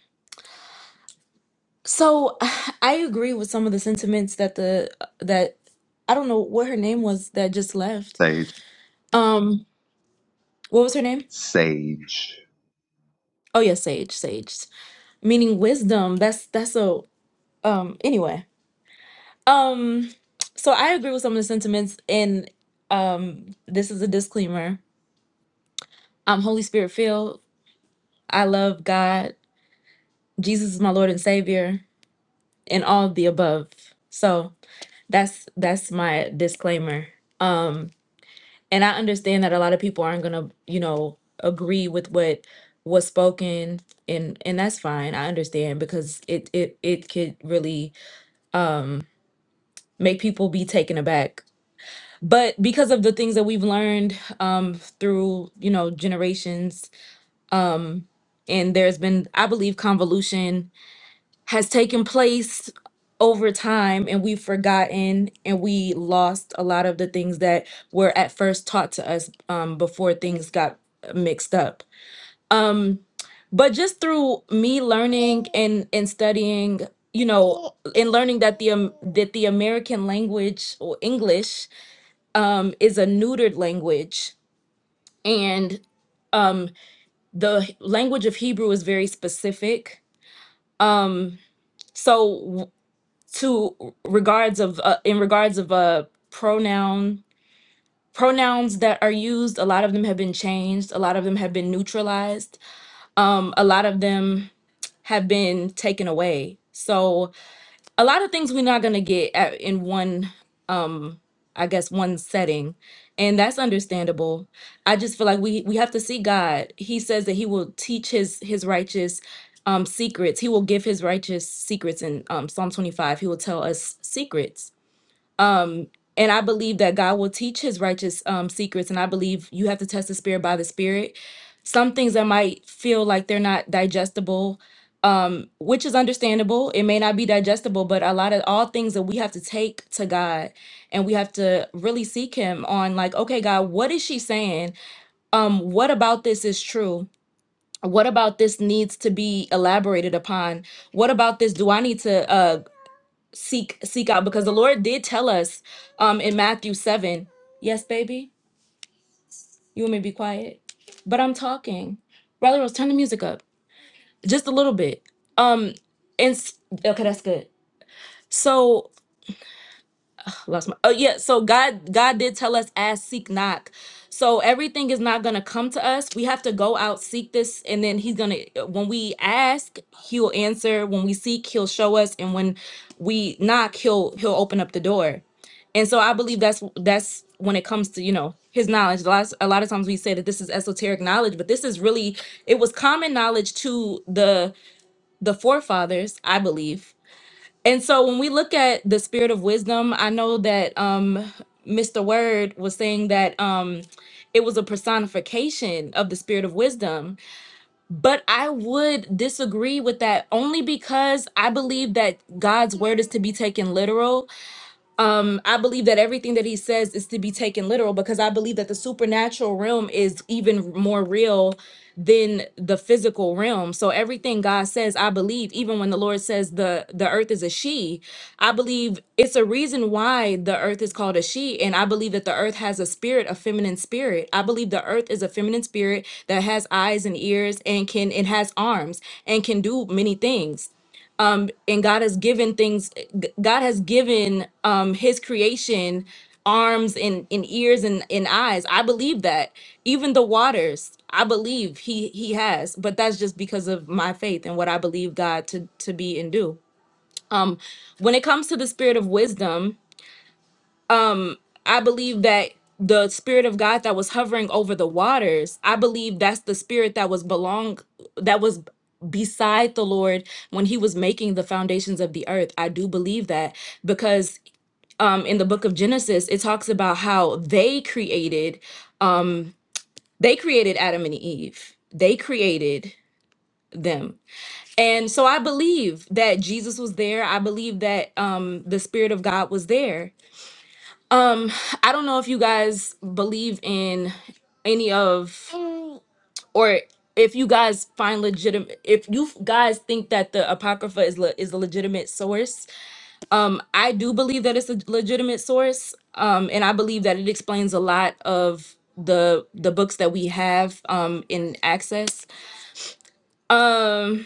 T: So I agree with some of the sentiments that the that I don't know what her name was that just left.
L: sage
T: Um. What was her name?
L: sage.
T: Oh yeah, Sage. Sage, meaning wisdom. That's that's so. Um. Anyway. Um. So I agree with some of the sentiments, and um. This is a disclaimer. I'm Holy Spirit filled. I love God. Jesus is my Lord and Savior. and all of the above. So that's that's my disclaimer. Um, and I understand that a lot of people aren't gonna, you know, agree with what was spoken, and and that's fine. I understand because it it it could really um make people be taken aback. But because of the things that we've learned um through you know generations, um, and there's been I believe convolution has taken place over time and we've forgotten and we lost a lot of the things that were at first taught to us um, before things got mixed up um, but just through me learning and and studying you know and learning that the um, that the american language or english um, is a neutered language and um, the language of hebrew is very specific um, so to regards of uh, in regards of uh pronoun pronouns that are used a lot of them have been changed a lot of them have been neutralized um a lot of them have been taken away so a lot of things we're not going to get at, in one um i guess one setting and that's understandable i just feel like we we have to see god he says that he will teach his his righteous um secrets he will give his righteous secrets in um psalm 25 he will tell us secrets and I believe that God will teach his righteous um, secrets. And I believe you have to test the spirit by the spirit. Some things that might feel like they're not digestible, um, which is understandable. It may not be digestible, but a lot of all things that we have to take to God and we have to really seek him on like, okay, God, what is she saying? Um, what about this is true? What about this needs to be elaborated upon? What about this? Do I need to uh seek seek out because the Lord did tell us um in Matthew 7. Yes, baby, you want me to be quiet? But I'm talking. Brother Rose, turn the music up just a little bit. Um and s- okay, that's good. So, I lost my oh yeah so god god did tell us ask seek knock so everything is not going to come to us we have to go out seek this and then he's going to when we ask he'll answer when we seek he'll show us and when we knock he'll he'll open up the door and so i believe that's that's when it comes to you know his knowledge a lot, a lot of times we say that this is esoteric knowledge but this is really it was common knowledge to the the forefathers i believe and so when we look at the spirit of wisdom, I know that um Mr. Word was saying that um it was a personification of the spirit of wisdom, but I would disagree with that only because I believe that God's word is to be taken literal um i believe that everything that he says is to be taken literal because i believe that the supernatural realm is even more real than the physical realm so everything god says i believe even when the lord says the the earth is a she i believe it's a reason why the earth is called a she and i believe that the earth has a spirit a feminine spirit i believe the earth is a feminine spirit that has eyes and ears and can and has arms and can do many things and God has given things g- God has given um his creation arms and, and ears and, and eyes. I believe that. Even the waters, I believe he he has, but that's just because of my faith and what I believe God to to be and do. When it comes to the spirit of wisdom, I believe that the spirit of God that was hovering over the waters, I believe that's the spirit that was belong that was beside the Lord when he was making the foundations of the earth. I do believe that because um in the book of Genesis it talks about how they created um, they created Adam and Eve. They created them. And so I believe that Jesus was there. I believe that um the spirit of God was there Um, I don't know if you guys believe in any of or if you guys find legitimate if you guys think that the apocrypha is le- is a legitimate source. Um, I do believe that it's a legitimate source. Um, and I believe that it explains a lot of the the books that we have um in access. Um,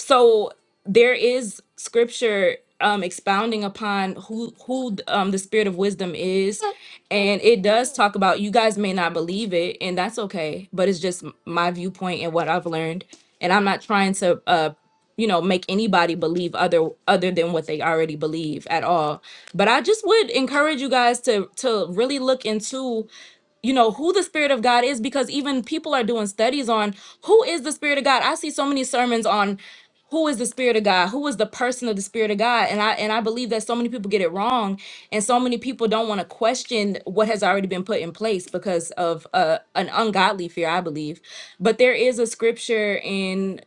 T: so there is scripture um expounding upon who who um the spirit of wisdom is and it does talk about you guys may not believe it and that's okay but it's just m- my viewpoint and what i've learned and i'm not trying to uh you know make anybody believe other other than what they already believe at all but i just would encourage you guys to to really look into you know who the spirit of god is because even people are doing studies on who is the spirit of god i see so many sermons on who is the spirit of god who is the person of the spirit of god and i and i believe that so many people get it wrong and so many people don't want to question what has already been put in place because of uh, an ungodly fear i believe but there is a scripture in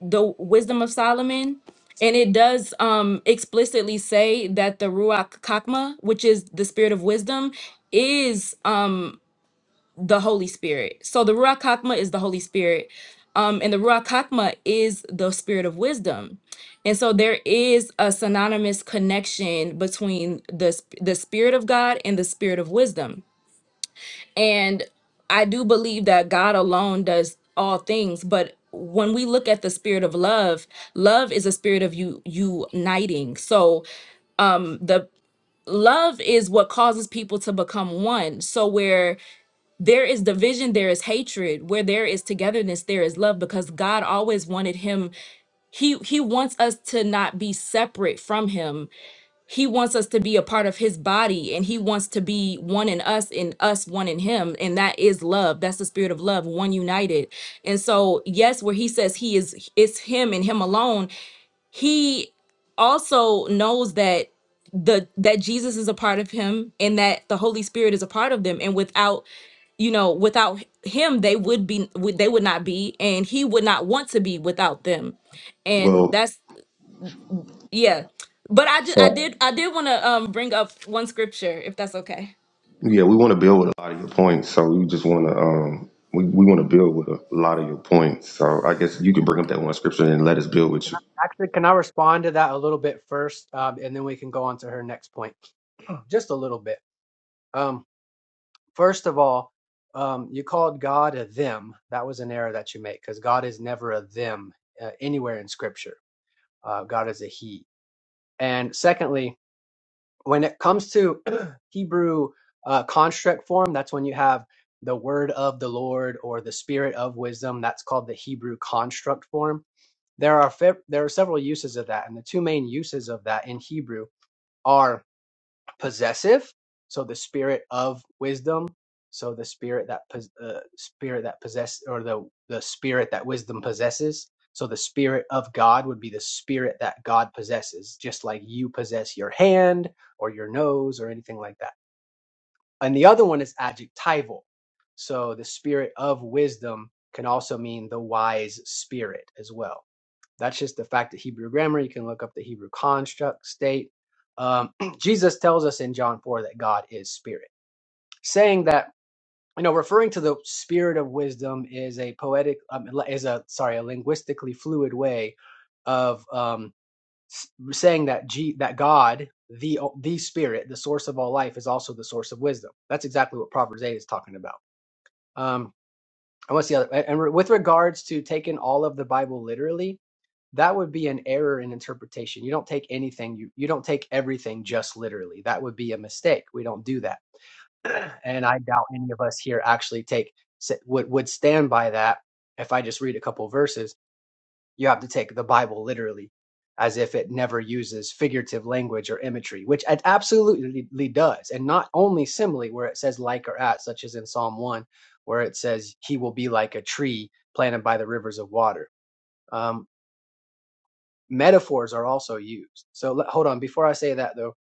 T: the wisdom of solomon and it does um explicitly say that the ruach kakma which is the spirit of wisdom is the Holy Spirit. So the Ruach Hakma is the Holy Spirit. Um, and the Ruach Hakma is the spirit of wisdom. And so there is a synonymous connection between the, sp- the spirit of God and the spirit of wisdom. And I do believe that God alone does all things, but when we look at the spirit of love, love is a spirit of you uniting. So um, the love is what causes people to become one. So where there is division there is hatred where there is togetherness there is love because god always wanted him he he wants us to not be separate from him he wants us to be a part of his body and he wants to be one in us and us one in him and that is love that's the spirit of love one united and so yes where he says he is it's him and him alone he also knows that the that Jesus is a part of him and that the Holy Spirit is a part of them and without you know without him they would be would they would not be and he would not want to be without them and
L: Well,
T: that's yeah but I did I
L: so-
T: did I did want to um bring up one scripture if that's okay
L: yeah, we want to build with a lot of your points, so we just want to um we, we want to build with a lot of your points. So I guess you can bring up
T: okay
L: that one scripture and let us build with
C: Can I,
L: you.
C: actually, can I respond to that a little bit first, um, and then we can go on to her next point, just a little bit. Um, first of all, um, you called God a them. That was an error that you made because God is never a them uh, anywhere in Scripture. Uh, God is a He. And secondly, when it comes to Hebrew uh, construct form, that's when you have the word of the Lord or the spirit of wisdom. That's called the Hebrew construct form There are fe- there are several uses of that, and the two main uses of that in Hebrew are possessive, so the spirit of wisdom, so the spirit that uh, spirit that possess or the the spirit that wisdom possesses. So the spirit of God would be the spirit that God possesses, just like you possess your hand or your nose or anything like that. And the other one is adjectival. So the spirit of wisdom can also mean the wise spirit as well that's just the fact of Hebrew grammar. You can look up the Hebrew construct state. Um, Jesus tells us in John 4 that God is spirit, saying that you know referring to the spirit of wisdom is a poetic um, is a sorry a linguistically fluid way of um, s- saying that G, that God the the spirit the source of all life is also the source of wisdom. That's exactly what Proverbs 8 is talking about. Um, and what's the other? And and with regards to taking all of the Bible literally, that would be an error in interpretation. You don't take anything, you, you don't take everything just literally. That would be a mistake. We don't do that. And I doubt any of us here actually take would would stand by that. If I just read a couple of verses, you have to take the Bible literally, as if it never uses figurative language or imagery, which it absolutely does, and not only simile, where it says like or at, such as in Psalm one, where it says he will be like a tree planted by the rivers of water. Um, metaphors are also used. So let, hold on, before I say that though,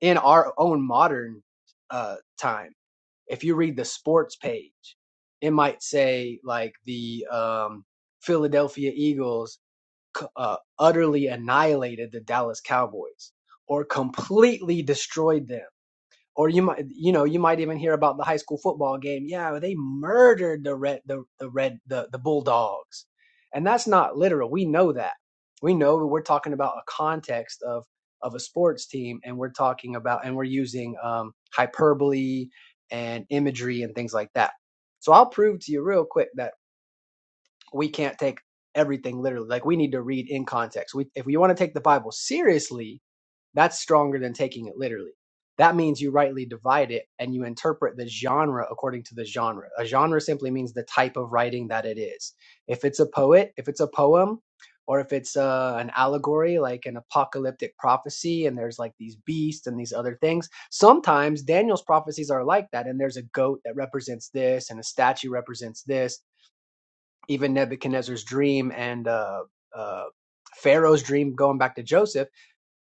C: in our own modern uh, time, if you read the sports page, it might say like the um, Philadelphia Eagles uh, utterly annihilated the Dallas Cowboys or completely destroyed them or you might you know you might even hear about the high school football game yeah they murdered the red the, the red the, the bulldogs and that's not literal we know that we know that we're talking about a context of of a sports team and we're talking about and we're using um, hyperbole and imagery and things like that so i'll prove to you real quick that we can't take everything literally like we need to read in context we, if we want to take the bible seriously that's stronger than taking it literally. That means you rightly divide it and you interpret the genre according to the genre. A genre simply means the type of writing that it is. If it's a poet, if it's a poem, or if it's uh, an allegory like an apocalyptic prophecy and there's like these beasts and these other things, sometimes Daniel's prophecies are like that. And there's a goat that represents this and a statue represents this. Even Nebuchadnezzar's dream and uh, uh, Pharaoh's dream going back to Joseph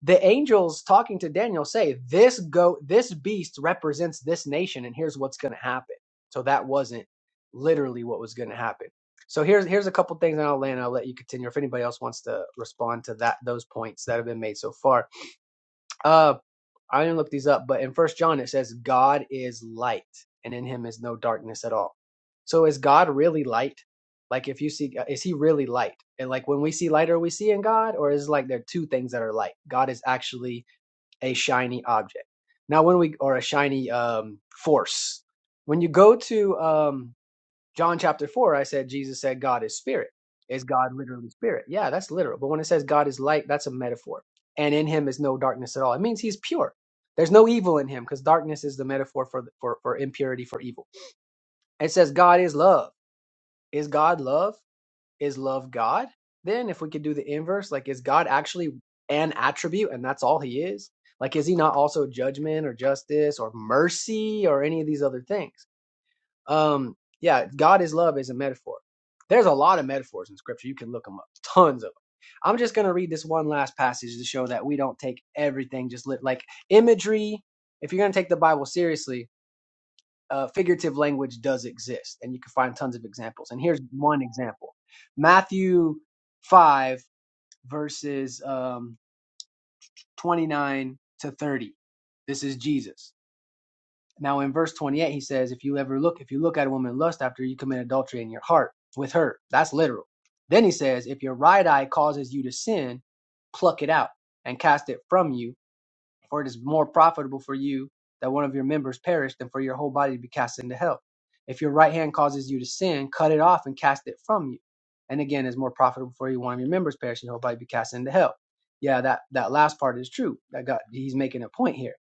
C: the angels talking to Daniel say, "This go this beast represents this nation, and here's what's going to happen." So that wasn't literally what was going to happen. So here's here's a couple things, and I'll land. I'll let you continue. If anybody else wants to respond to that those points that have been made so far, uh, I didn't look these up, but in First John it says God is light, and in Him is no darkness at all. So is God really light? Like if you see, uh, is He really light? And like when we see light, are we seeing God, or is it like there are two things that are light? God is actually a shiny object. Now, when we or a shiny um, force, when you go to um, John chapter 4, I said Jesus said God is spirit. Is God literally spirit? Yeah, that's literal. But when it says God is light, that's a metaphor. And in him is no darkness at all. It means he's pure. There's no evil in him because darkness is the metaphor for, for, for impurity, for evil. It says God is love. Is God love? Is love God? Then if we could do the inverse, like is God actually an attribute and that's all he is? Like is he not also judgment or justice or mercy or any of these other things? Um, yeah, God is love is a metaphor. There's a lot of metaphors in scripture. You can look them up, tons of them. I'm just going to read this one last passage to show that we don't take everything just lit like imagery. If you're going to take the Bible seriously, uh, figurative language does exist, and you can find tons of examples. And here's one example Matthew 5, verses um, 29 to 30. This is Jesus. Now in verse 28, he says, if you ever look, if you look at a woman in lust after you commit adultery in your heart with her, that's literal. Then he says, if your right eye causes you to sin, pluck it out and cast it from you, for it is more profitable for you that one of your members perish than for your whole body to be cast into hell. If your right hand causes you to sin, cut it off and cast it from you. And again, it's more profitable for you one of your members perish and your whole body be cast into hell. Yeah, that, that last part is true. That God, he's making a point here.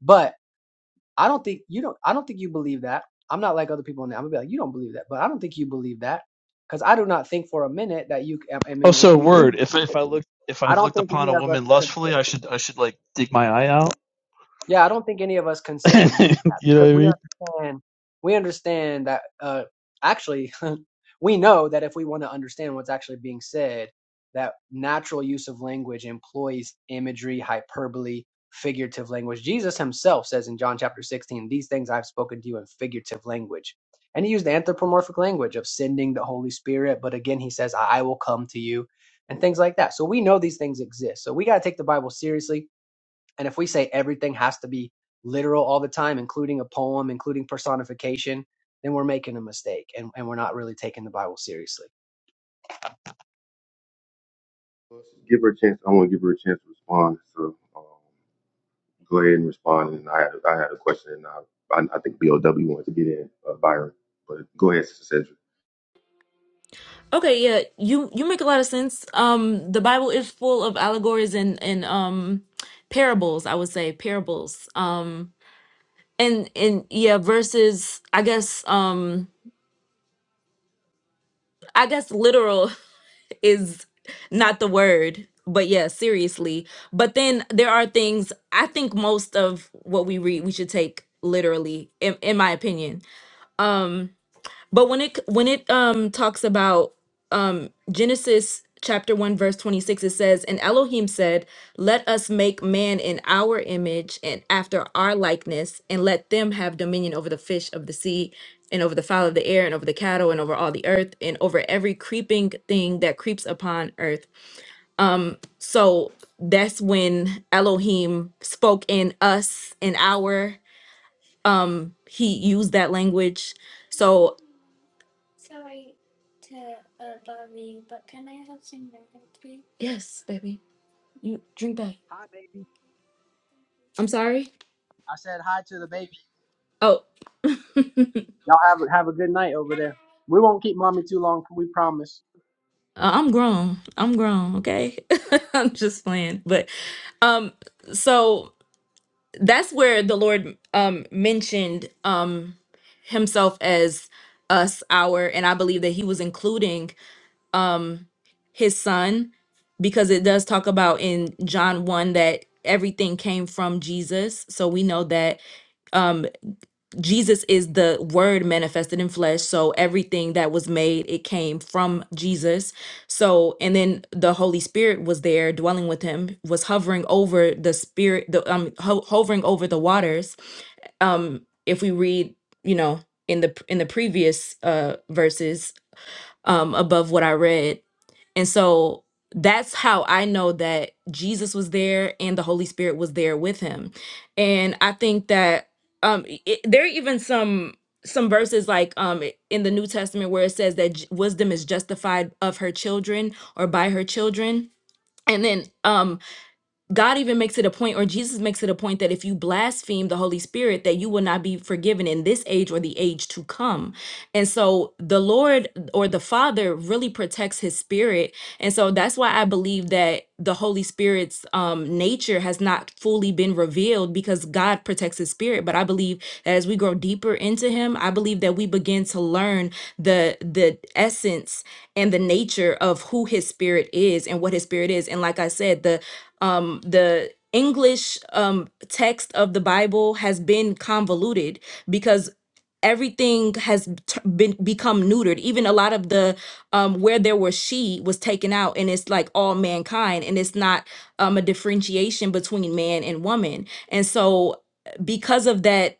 C: But I don't think you don't. I don't think you believe that. I'm not like other people in there. I'm gonna be like, you don't believe that, but I don't think you believe that, because I do not think for a minute that you. I
D: Oh,
C: mean, if
D: so
C: you do,
D: word. If if I look if
C: I
D: I've
C: don't
D: looked
C: think any
D: upon a
C: of us
D: woman lustfully,
C: consider.
D: I should I should like dig my eye out.
C: Yeah, I don't think any of us consider doing that
D: you know
C: because
D: what I
C: we
D: mean?
C: understand we understand that uh actually we know that if we want to understand what's actually being said, that natural use of language employs imagery, hyperbole, figurative language. Jesus himself says in John chapter 16, these things I've spoken to you in figurative language. And he used anthropomorphic language of sending the Holy Spirit, but again he says I will come to you and things like that. So we know these things exist. So we got to take the Bible seriously and if we say everything has to be literal all the time, including a poem, including personification, then we're making a mistake and, and we're not really taking the Bible seriously.
L: Give her a chance. I want to give her a chance to respond. So um, go ahead and respond. And I had I had a question, and I I, I think BOW wanted to get in uh, Byron, but go ahead, Sister Cedra.
T: okay yeah you you make a lot of sense um the Bible is full of allegories and and um parables I would say parables um and and yeah versus i guess um i guess literal is not the word but yeah seriously but then there are things i think most of what we read we should take literally in, in my opinion But when it when it um talks about um Genesis chapter 1 verse 26 it says and Elohim said let us make man in our image and after our likeness and let them have dominion over the fish of the sea and over the fowl of the air and over the cattle and over all the earth and over every creeping thing that creeps upon earth. So that's when Elohim spoke in us in our um he used that language. So yes, baby. You drink that.
C: Hi, baby.
T: I'm sorry.
C: I said hi to the baby.
T: Oh,
C: Y'all have, have a good night over there. We won't keep mommy too long, we promise.
T: uh, I'm grown. I'm grown. Okay, I'm just playing. But um, so that's where the Lord um mentioned um himself as us, our, and I believe that he was including um his son because it does talk about in John one that everything came from Jesus. So we know that um, Jesus is the word manifested in flesh. So everything that was made, it came from Jesus. So, and then the Holy Spirit was there dwelling with him, was hovering over the spirit, the um ho- hovering over the waters. Um, if we read, you know, in the in the previous uh verses um above what I read. And so that's how I know that Jesus was there and the Holy Spirit was there with him. And I think that um i- it, there are even some some verses like um i- in the New Testament where it says that J- wisdom is justified of her children or by her children. And then um God even makes it a point, or Jesus makes it a point, that if you blaspheme the Holy Spirit, that you will not be forgiven in this age or the age to come. And so the Lord or the Father really protects his spirit. And so that's why I believe that the Holy Spirit's um, nature has not fully been revealed because God protects his spirit. But I believe that as we grow deeper into him, I believe that we begin to learn the the essence and the nature of who his spirit is and what his spirit is. And like I said, the um, the English um, text of the Bible has been convoluted because everything has t- been become neutered. Even a lot of the um, where there was she was taken out, and it's like all mankind, and it's not um, a differentiation between man and woman. And so, because of that,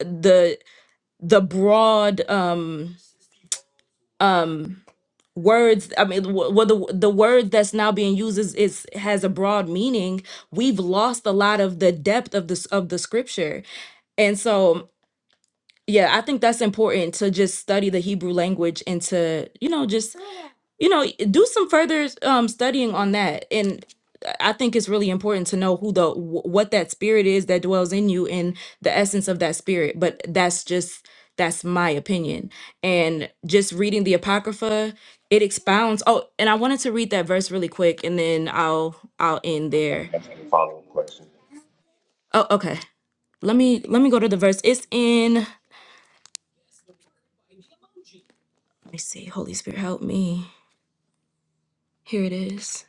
T: the the broad um, um, words i mean wh- what the the word that's now being used is, is has a broad meaning we've lost a lot of the depth of this of the scripture and so yeah, I think that's important to just study the Hebrew language and to, you know, just, you know, do some further um, studying on that. And I think it's really important to know who the, wh- what that spirit is that dwells in you and the essence of that spirit. But that's just, that's my opinion. And just reading the Apocrypha, it expounds. Oh, and I wanted to read that verse really quick and then I'll, I'll end there.
L: That's a follow-up question.
T: Oh, okay. Let me, let me go to the verse. It's in, let me see. Holy Spirit, help me. Here it is.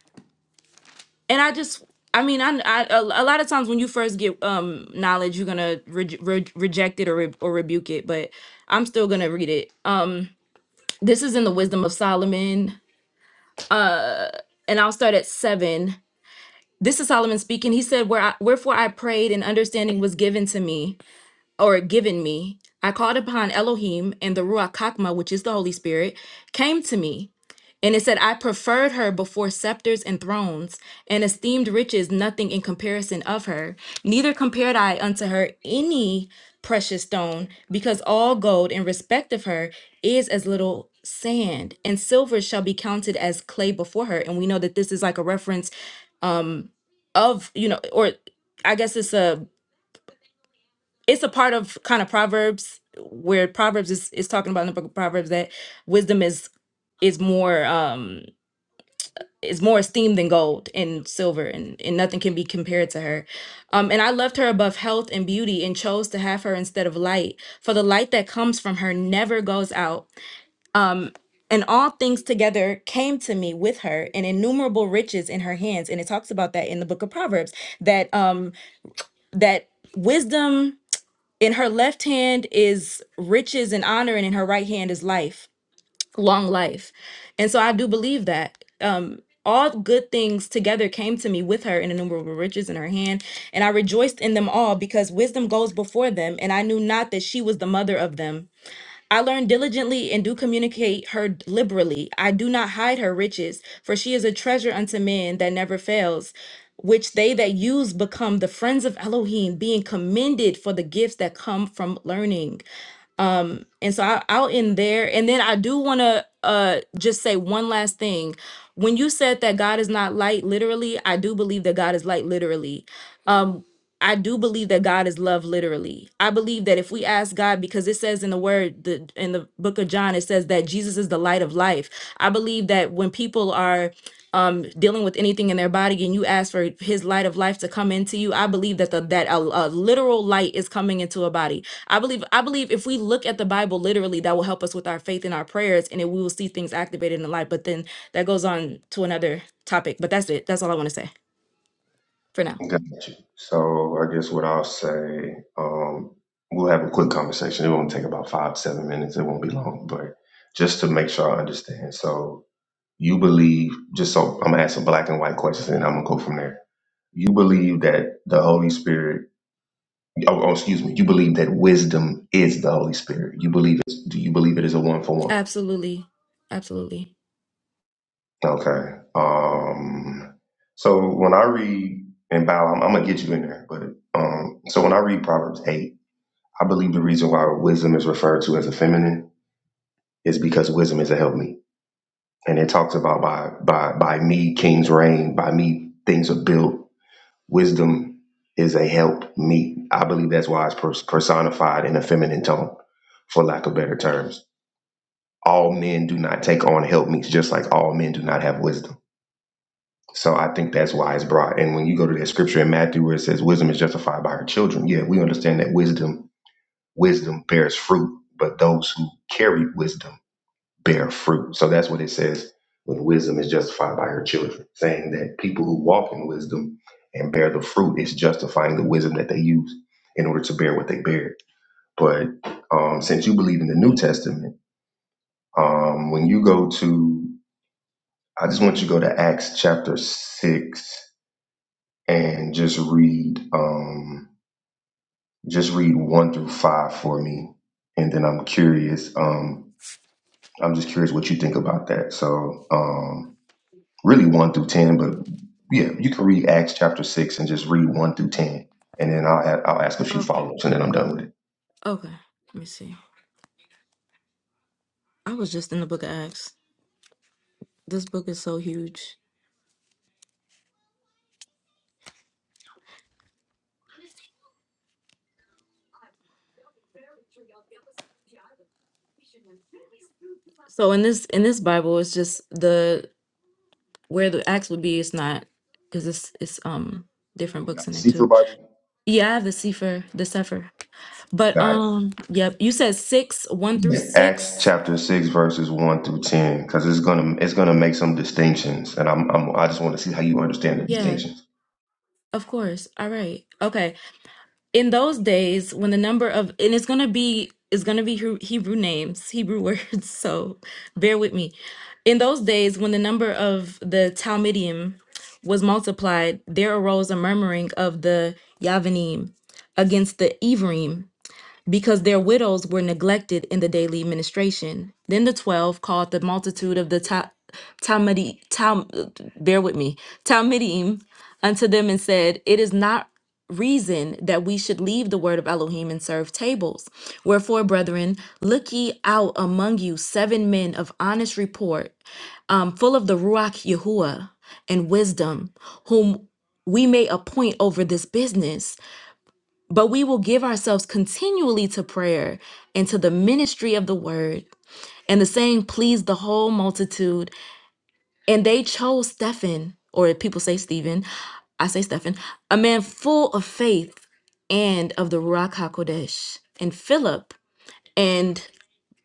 T: And I just, I mean, I, I a a lot of times when you first get um knowledge, you're gonna re- re- reject it or re- or rebuke it, but I'm still gonna read it. Um, this is in the Wisdom of Solomon, and I'll start at seven. This is Solomon speaking. He said, "Where I, wherefore I prayed, and understanding was given to me." or given me. I called upon Elohim, and the Ruach Kakma, which is the Holy Spirit, came to me. And it said, I preferred her before scepters and thrones, and esteemed riches nothing in comparison of her. Neither compared I unto her any precious stone, because all gold in respect of her is as little sand, and silver shall be counted as clay before her. And we know that this is like a reference um, of, you know, or I guess it's a it's a part of kind of proverbs where proverbs is, is talking about in the book of proverbs that wisdom is is more um is more esteemed than gold and silver and, and nothing can be compared to her um and i loved her above health and beauty and chose to have her instead of light for the light that comes from her never goes out and all things together came to me with her and innumerable riches in her hands and it talks about that in the book of proverbs that um that wisdom In her left hand is riches and honor, and in her right hand is life, long life. And so I do believe that. Um, all good things together came to me with her and innumerable riches in her hand, and I rejoiced in them all because wisdom goes before them, and I knew not that she was the mother of them. I learn diligently and do communicate her liberally. I do not hide her riches, for she is a treasure unto men that never fails, which they that use become the friends of Elohim, being commended for the gifts that come from learning. And so I, I'll end there. And then I do want to uh, just say one last thing. When you said that God is not light, literally, I do believe that God is light, literally. Um, I do believe that God is love, literally. I believe that if we ask God, because it says in the word, the, in the book of John, it says that Jesus is the light of life. I believe that when people are um dealing with anything in their body and you ask for his light of life to come into you i believe that the that a, a literal light is coming into a body i believe i believe if we look at the bible literally that will help us with our faith and our prayers and then we will see things activated in life but then that goes on to another topic but that's it that's all i want to say for now
L: Got you. So I guess what I'll say, um, we'll have a quick conversation. It won't take about five, seven minutes. It won't be long, but just to make sure I understand. So you believe, just so I'm gonna ask some black and white questions, and I'm gonna go from there. You believe that the Holy Spirit, oh, oh excuse me, you believe that wisdom is the Holy Spirit. You believe it. Do you believe it is a one for one?
T: absolutely absolutely
L: Okay. Um, so when I read, and Bow, I'm, I'm gonna get you in there, but um, so when I read Proverbs eight, I believe the reason why wisdom is referred to as a feminine is because wisdom is a help me, and it talks about by by by me kings reign, by me things are built. Wisdom is a help me. I believe that's why it's pers- personified in a feminine tone, for lack of better terms. All men do not take on help me's, just like all men do not have wisdom So I think that's why it's brought. And when you go to that scripture in Matthew where it says wisdom is justified by her children, yeah, we understand that wisdom wisdom bears fruit, but those who carry wisdom bear fruit. So that's what it says when wisdom is justified by her children, saying that people who walk in wisdom and bear the fruit is justifying the wisdom that they use in order to bear what they bear. But um, since you believe in the New Testament, um, when you go to, I just want you to go to Acts chapter six and just read um just read one through five for me and then i'm curious um i'm just curious what you think about that so um really one through ten but yeah you can read acts chapter six and just read one through ten and then i'll a- i'll ask a few
T: okay
L: follow-ups and then i'm done with it
T: okay let me see i was just in the book of acts this book is so huge so in this in this bible it's just the where the acts would be is not because it's it's um different
L: You
T: books
L: got
T: in
L: the
T: there too.
L: Sefer Bible?
T: Yeah, I have the Sefer, the Sefer. But
L: Gotcha.
T: um, yep, you said six, one through
L: Yeah. Acts
T: six.
L: chapter six verses one through ten, because it's gonna it's gonna make some distinctions, and I'm, I'm I just want to see how you understand the
T: Yeah,
L: distinctions.
T: of course. All right. Okay. In those days, when the number of and it's gonna be it's gonna be Hebrew Hebrew names, Hebrew words. So bear with me. In those days, when the number of the Talmudim was multiplied, there arose a murmuring of the Yavanim against the Ephraim because their widows were neglected in the daily administration. Then the twelve called the multitude of the Ta- Talmudi, Tal, bear with me, Talmidim unto them and said, It is not reason that we should leave the word of Elohim and serve tables. Wherefore, brethren, look ye out among you seven men of honest report, um, full of the Ruach Yahuwah and wisdom, whom we may appoint over this business but we will give ourselves continually to prayer and to the ministry of the word. And the saying pleased the whole multitude. And they chose Stephen, or people say Stephen, I say Stephen, a man full of faith and of the Ruach HaKodesh, and Philip, and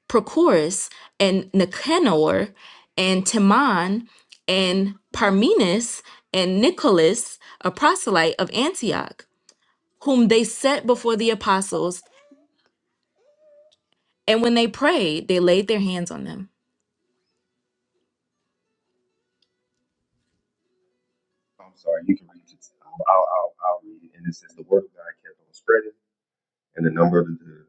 T: Prochorus, and Nicanor, and Timon, and Parmenas, and Nicholas, a proselyte of Antioch, whom they set before the apostles And when they prayed, they laid their hands on them.
L: I'm sorry, you can read it. Um, I'll, I'll, I'll read it. And it says, The word of God kept on spreading, and the number of the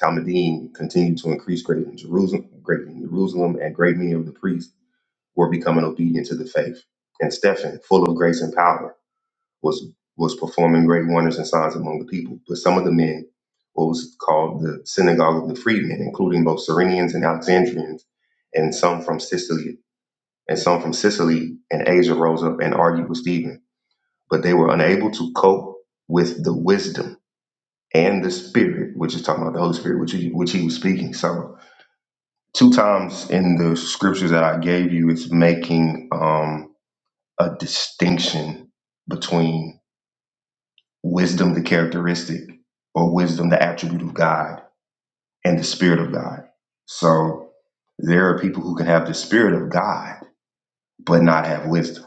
L: Talmudim continued to increase greatly in Jerusalem, great in Jerusalem, and great many of the priests were becoming obedient to the faith. And Stephen, full of grace and power, was was performing great wonders and signs among the people. But some of the men, what was called the synagogue of the freedmen, including both Cyrenians and Alexandrians, and some from Sicily, and some from Sicily and Asia rose up and argued with Stephen but they were unable to cope with the wisdom and the spirit, which is talking about the Holy Spirit, which he, which he was speaking. So, two times in the scriptures that I gave you, it's making um, a distinction between wisdom, the characteristic, or wisdom, the attribute of God, and the spirit of God. So, there are people who can have the spirit of God, but not have wisdom.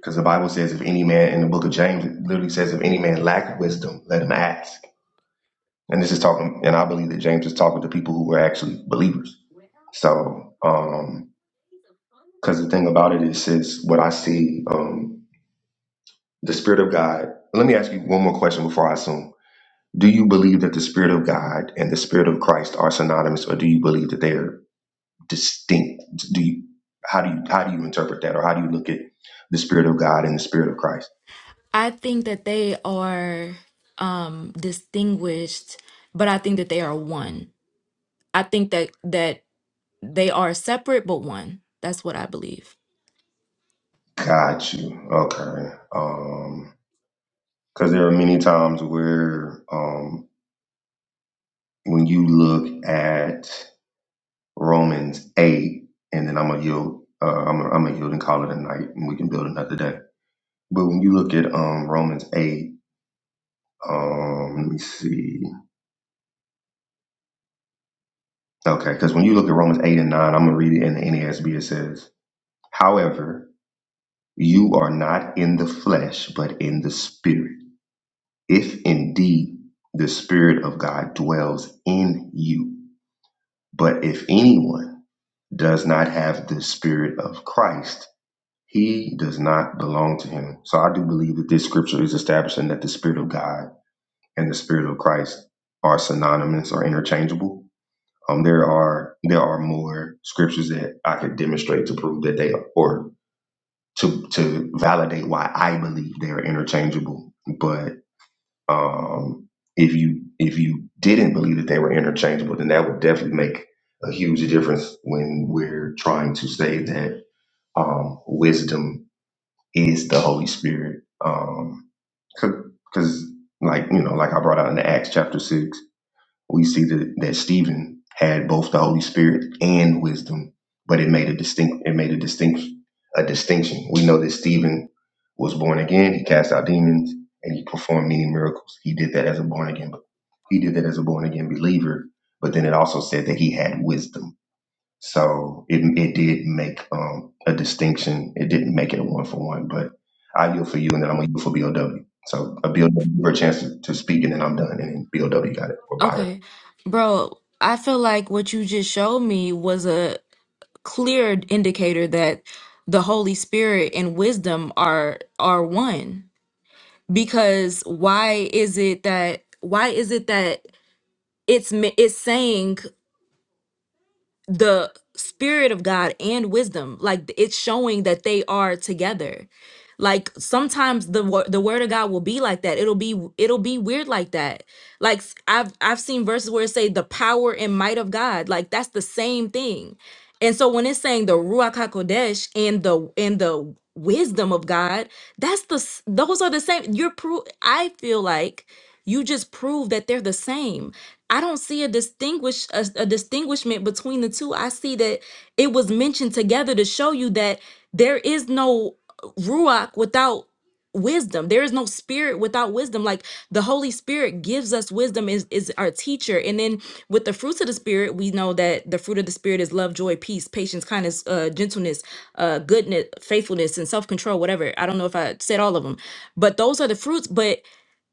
L: Because the Bible says, if any man in the book of James, it literally says, if any man lack wisdom, let him ask. And this is talking, and I believe that James is talking to people who were actually believers. So, um, because the thing about it is, is what I see, um, the Spirit of God. Let me ask you one more question before I assume. Do you believe that the Spirit of God and the Spirit of Christ are synonymous, or do you believe that they are distinct? Do you, how do you, how do you interpret that, or how do you look at the Spirit of God and the Spirit of Christ?
T: I think that they are um distinguished, but I think that they are one. I think that that they are separate but one. That's what I believe.
L: Got you. Okay. Um, because there are many times where, um, when you look at Romans eight, and then I'm gonna yield. Uh, I'm gonna, I'm gonna yield and call it a night, and we can build another day. But when you look at um, Romans eight, um, let me see. Okay, because when you look at Romans eight and nine, I'm gonna read it in the NASB. It says, "However, you are not in the flesh, but in the spirit. If indeed the spirit of God dwells in you. But if anyone does not have the spirit of Christ," He does not belong to him. So I do believe that this scripture is establishing that the Spirit of God and the Spirit of Christ are synonymous or interchangeable. Um, there are there are more scriptures that I could demonstrate to prove that they are, or to to validate why I believe they are interchangeable. But um, if you if you didn't believe that they were interchangeable, then that would definitely make a huge difference when we're trying to say that um, wisdom is the Holy Spirit. Um, because like you know, like I brought out in the Acts chapter six, we see that that Stephen had both the Holy Spirit and wisdom, but it made a distinct it made a distinct a distinction. We know that Stephen was born again. He cast out demons and he performed many miracles. He did that as a born again. He did that as a born again believer. But then it also said that he had wisdom so it it did make um, a distinction. It didn't make it a one for one, but I yield for you, and then I'm gonna yield for BOW. So a BOW for a chance to, to speak, and then I'm done, and then BOW got it or Byron.
T: Okay. Bro, I feel like what you just showed me was a clear indicator that the Holy Spirit and wisdom are are one. Because why is it that why is it that it's mi- it's saying the spirit of God and wisdom. Like it's showing that they are together. Like sometimes the wo- the word of God will be like that. It'll be it'll be weird like that. Like s- I've I've seen verses where it say the power and might of God. Like that's the same thing. And so when it's saying the ruach hakodesh and the and the wisdom of God, that's the s- those are the same. You're pro- I feel like you just prove that they're the same. I don't see a distinguish a, a distinguishment between the two. I see that it was mentioned together to show you that there is no ruach without wisdom there is no spirit without wisdom like the holy spirit gives us wisdom is is our teacher and then with the fruits of the spirit we know that the fruit of the spirit is love joy peace patience kindness uh gentleness uh goodness faithfulness and self-control whatever i don't know if i said all of them but those are the fruits but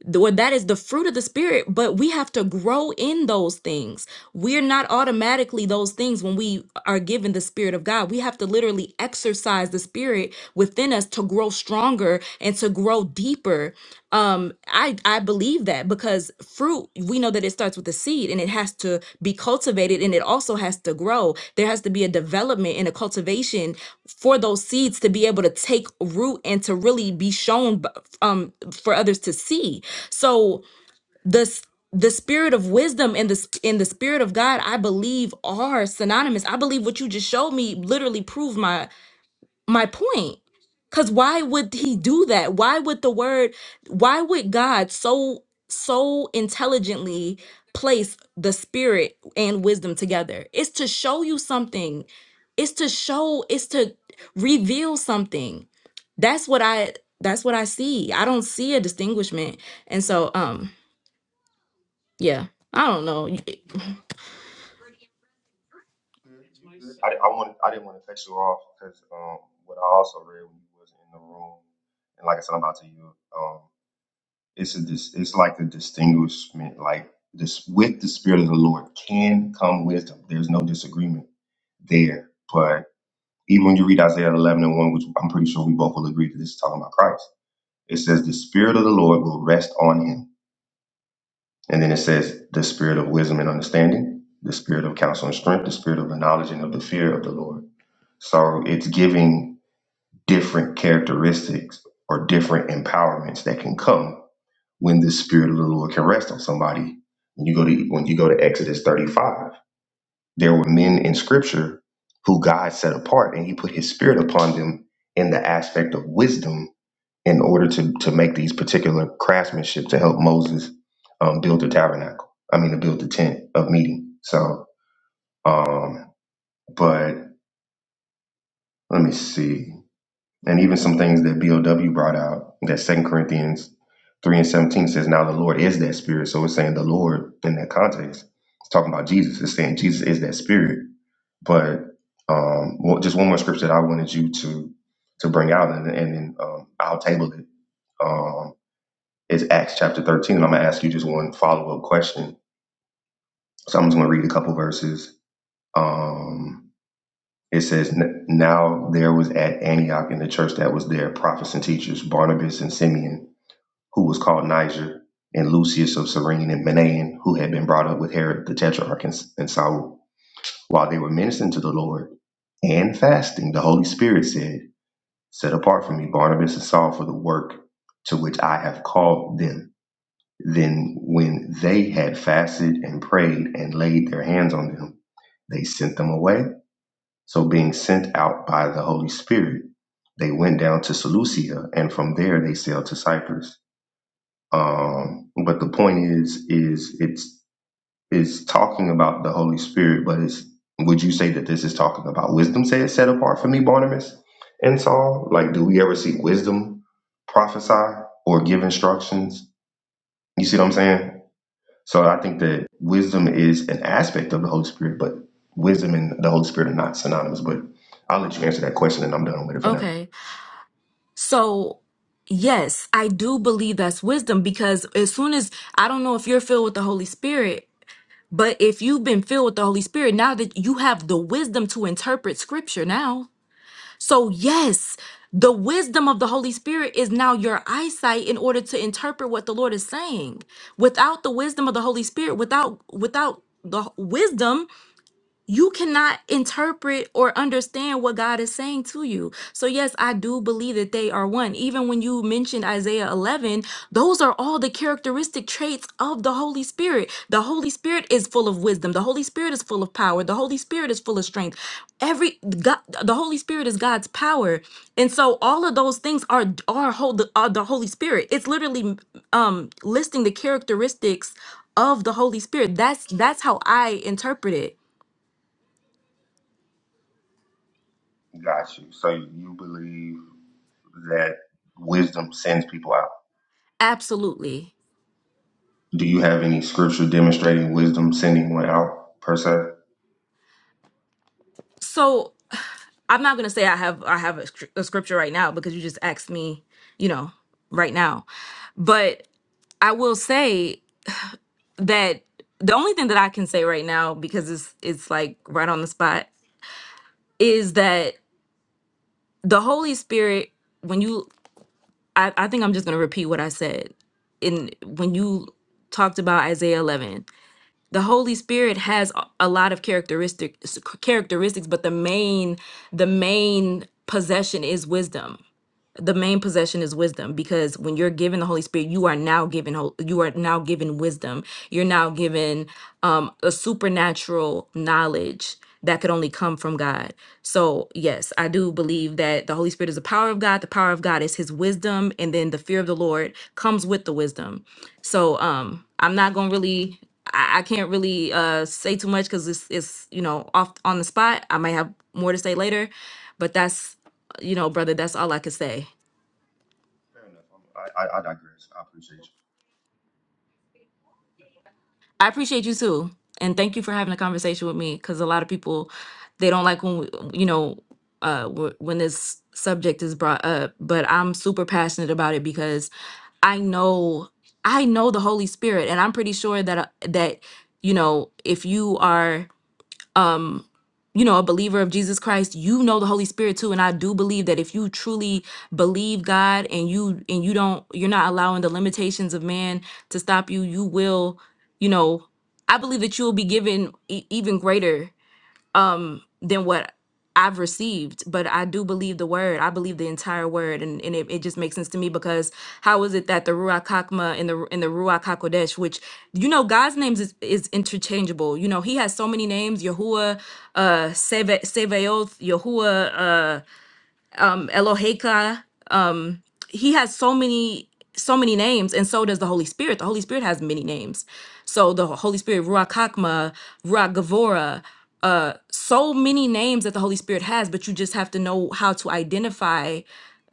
T: the- or that is the fruit of the spirit but we have to grow in those things we're not automatically those things when we are given the spirit of god we have to literally exercise the spirit within us to grow stronger and to grow deeper um i i believe that because fruit we know that it starts with the seed and it has to be cultivated and it also has to grow there has to be a development and a cultivation for those seeds to be able to take root and to really be shown b- um for others to see so the s- the spirit of wisdom and the s- and the spirit of God, I believe, are synonymous. I believe what you just showed me literally proved my my point. Cause why would he do that? Why would the word? Why would God so so intelligently place the spirit and wisdom together? It's to show you something. It's to show. It's to reveal something. That's what I. That's what I see. I don't see a distinguishment. And so, um, yeah. I don't know.
L: Good, you good. I, I want I didn't want to cut you off because um, what I also read when you was in the room, and like I said, I'm about to you. Um, it's a dis, it's like a distinguishment, like this with the spirit of the Lord can come wisdom. There's no disagreement there, but. Even when you read Isaiah 11 and 1, which I'm pretty sure we both will agree that this is talking about Christ, it says, The Spirit of the Lord will rest on him. And then it says, The Spirit of wisdom and understanding, the Spirit of counsel and strength, the Spirit of the knowledge and of the fear of the Lord. So it's giving different characteristics or different empowerments that can come when the Spirit of the Lord can rest on somebody. When you go to when you go to Exodus 35, There were men in scripture who God set apart and he put his spirit upon them in the aspect of wisdom in order to, to make these particular craftsmanship to help Moses um, build the tabernacle. I mean, to build the tent of meeting. So, um, but let me see. And even some things that BOW brought out that Second Corinthians 3 and 17 says, Now the Lord is that spirit. So it's saying the Lord in that context. It's talking about Jesus. It's saying Jesus is that spirit But um, well, just one more scripture that I wanted you to to bring out, and, and then um, I'll table it. Um, is Acts chapter thirteen, and I'm gonna ask you just one follow up question. So I'm just gonna read a couple verses. Um, it says, "N- "Now there was at Antioch in the church that was there prophets and teachers, Barnabas and Simeon, who was called Niger, and Lucius of Cyrene and Manaen, who had been brought up with Herod the Tetrarch and, and Saul. While they were ministering to the Lord and fasting, the Holy Spirit said." Set apart for me Barnabas and Saul for the work to which I have called them. Then, when they had fasted and prayed and laid their hands on them, they sent them away. So, being sent out by the Holy Spirit, they went down to Seleucia, and from there they sailed to Cyprus. Um, but the point is, is it's is talking about the Holy Spirit, but it's would you say that this is talking about wisdom said set apart for me, Barnabas and Saul? Like, do we ever see wisdom prophesy or give instructions? You see what I'm saying? So I think that wisdom is an aspect of the Holy Spirit, but wisdom and the Holy Spirit are not synonymous. But I'll let you answer that question and I'm done with it for now.
T: Okay. So, yes, I do believe that's wisdom because as soon as I don't know if you're filled with the Holy Spirit, but if you've been filled with the Holy Spirit, now that you have the wisdom to interpret scripture now. So, yes, the wisdom of the Holy Spirit is now your eyesight in order to interpret what the Lord is saying. Without the wisdom of the Holy Spirit, without without the h- wisdom, you cannot interpret or understand what God is saying to you. So, yes, I do believe that they are one. Even when you mentioned Isaiah 11, those are all the characteristic traits of the Holy Spirit. The Holy Spirit is full of wisdom, the Holy Spirit is full of power, the Holy Spirit is full of strength. Every God, the Holy Spirit is God's power, and so all of those things are are, hold, are the Holy Spirit. It's literally um listing the characteristics of the Holy Spirit. That's that's how I interpret it.
L: Got you. So you believe that wisdom sends people out.
T: Absolutely.
L: Do you have any scripture demonstrating wisdom sending one out per se?
T: So I'm not gonna say I have I have a, scr- a scripture right now because you just asked me, you know, right now. But I will say that the only thing that I can say right now because it's it's like right on the spot is that the Holy Spirit when you I, I think I'm just gonna repeat what I said in when you talked about Isaiah 11 the holy spirit has a a lot of characteristics characteristics but the main the main possession is wisdom the main possession is wisdom because when you're given the holy spirit you are now given hol- you are now given wisdom you're now given um a supernatural knowledge that could only come from god so yes i do believe that the holy spirit is the power of god the power of god is his wisdom and then the fear of the lord comes with the wisdom so um i'm not gonna really I I can't really uh, say too much because it's, it's you know off on the spot. I might have more to say later, but that's you know, brother, that's all I could say.
L: Fair enough. I'm, I, I I digress. I appreciate you.
T: I appreciate you too, and thank you for having a conversation with me because a lot of people they don't like when we, you know uh, wh- when this subject is brought up. But I'm super passionate about it because I know I know the Holy Spirit, and I'm pretty sure that uh, that you know if you are um you know a believer of jesus christ you know the holy spirit too and i do believe that if you truly believe god and you and you don't you're not allowing the limitations of man to stop you you will you know i believe that you will be given e- even greater um than what I've received, but I do believe the word. I believe the entire word, and, and it, it just makes sense to me because how is it that the Ruach Hakma and the and the Ruach Hakodesh, which you know God's names is, is interchangeable. You know He has so many names: Yahuwah, uh, Seve, Sevaoth, Yahuwah, uh, um, Eloheka. Um, he has so many so many names, and so does the Holy Spirit. The Holy Spirit has many names. So the Holy Spirit, Ruach Hakma, Ruach Gavora, uh, so many names that the Holy Spirit has, but you just have to know how to identify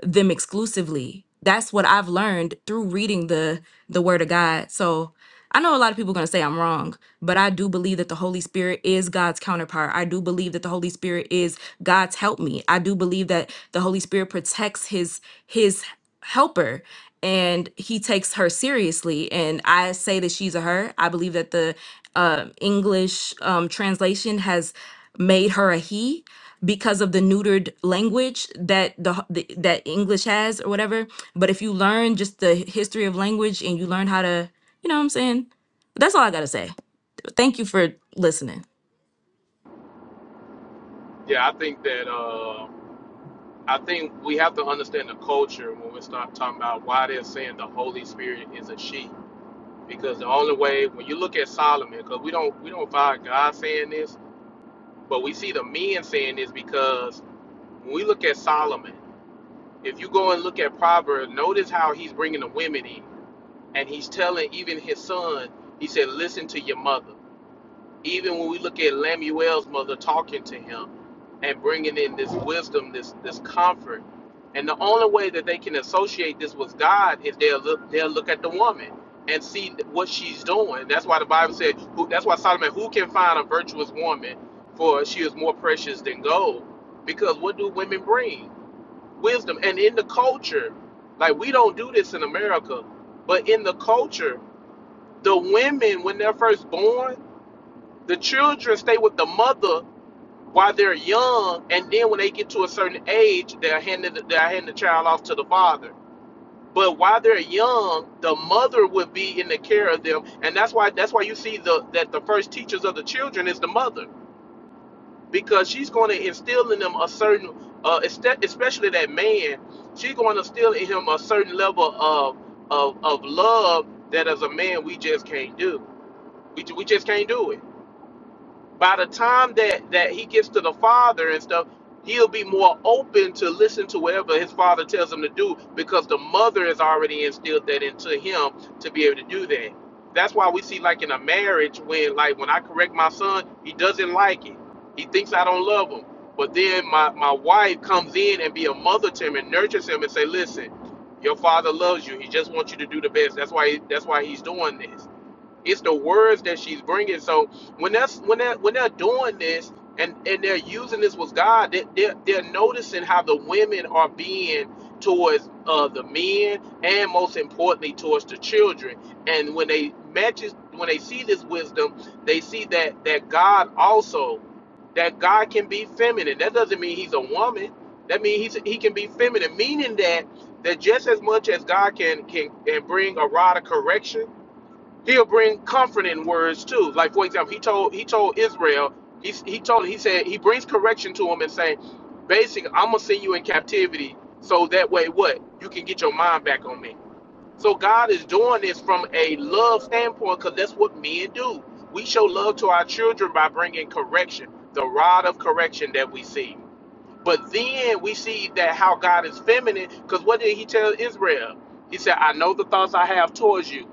T: them exclusively. That's what I've learned through reading the the word of God. So I know a lot of people are going to say I'm wrong, but I do believe that the Holy Spirit is God's counterpart. I do believe that the Holy Spirit is God's help me. I do believe that the Holy Spirit protects his his helper and he takes her seriously and I say that she's a her. I believe that the uh, English um, translation has made her a he because of the neutered language that the, the that English has or whatever. But if you learn just the history of language and you learn how to, you know what I'm saying? That's all I got to say. Thank you for listening.
A: yeah. I think that, uh, I think we have to understand the culture when we start talking about why they're saying the Holy Spirit is a she. Because the only way, when you look at Solomon, because we don't, we don't find God saying this, but we see the men saying this because when we look at Solomon, if you go and look at Proverbs, notice how he's bringing the women in and he's telling even his son, he said, listen to your mother. Even when we look at Lamuel's mother talking to him and bringing in this wisdom, this this comfort, and the only way that they can associate this with God is they'll look they'll look at the woman and see what she's doing. That's why the Bible said, who, that's why Solomon, who can find a virtuous woman, for she is more precious than gold. Because what do women bring? Wisdom. And in the culture, like we don't do this in America, but in the culture the women when they're first born, the children stay with the mother while they're young, and then when they get to a certain age, they're handed they're handing the child off to the father. But while they're young, the mother would be in the care of them, and that's why that's why you see the that the first teachers of the children is the mother because she's going to instill in them a certain, uh, este- especially that man, she's going to instill in him a certain level of of, of love that as a man we just can't do. We, ju- we just can't do it by the time that that he gets to the father and stuff he'll be more open to listen to whatever his father tells him to do because the mother has already instilled that into him to be able to do that that's why we see like in a marriage when like when i correct my son he doesn't like it he thinks i don't love him but then my, my wife comes in and be a mother to him and nurtures him and say listen your father loves you he just wants you to do the best that's why that's why he's doing this it's the words that she's bringing. So when that's when that when they're doing this and and they're using this with God, they, they're they're noticing how the women are being towards uh, the men and most importantly towards the children. And when they matches when they see this wisdom, they see that that God also that God can be feminine. That doesn't mean he's a woman. That means he's, he can be feminine, meaning that that just as much as God can can, can bring a rod of correction he'll bring comforting words too. Like for example, he told he told Israel, he he told he said he brings correction to him and saying, basically, I'm gonna send you in captivity so that way what you can get your mind back on me. So God is doing this from a love standpoint because that's what men do. We show love to our children by bringing correction, the rod of correction that we see. But then we see that how God is feminine because what did He tell Israel? He said, "I know the thoughts I have towards you."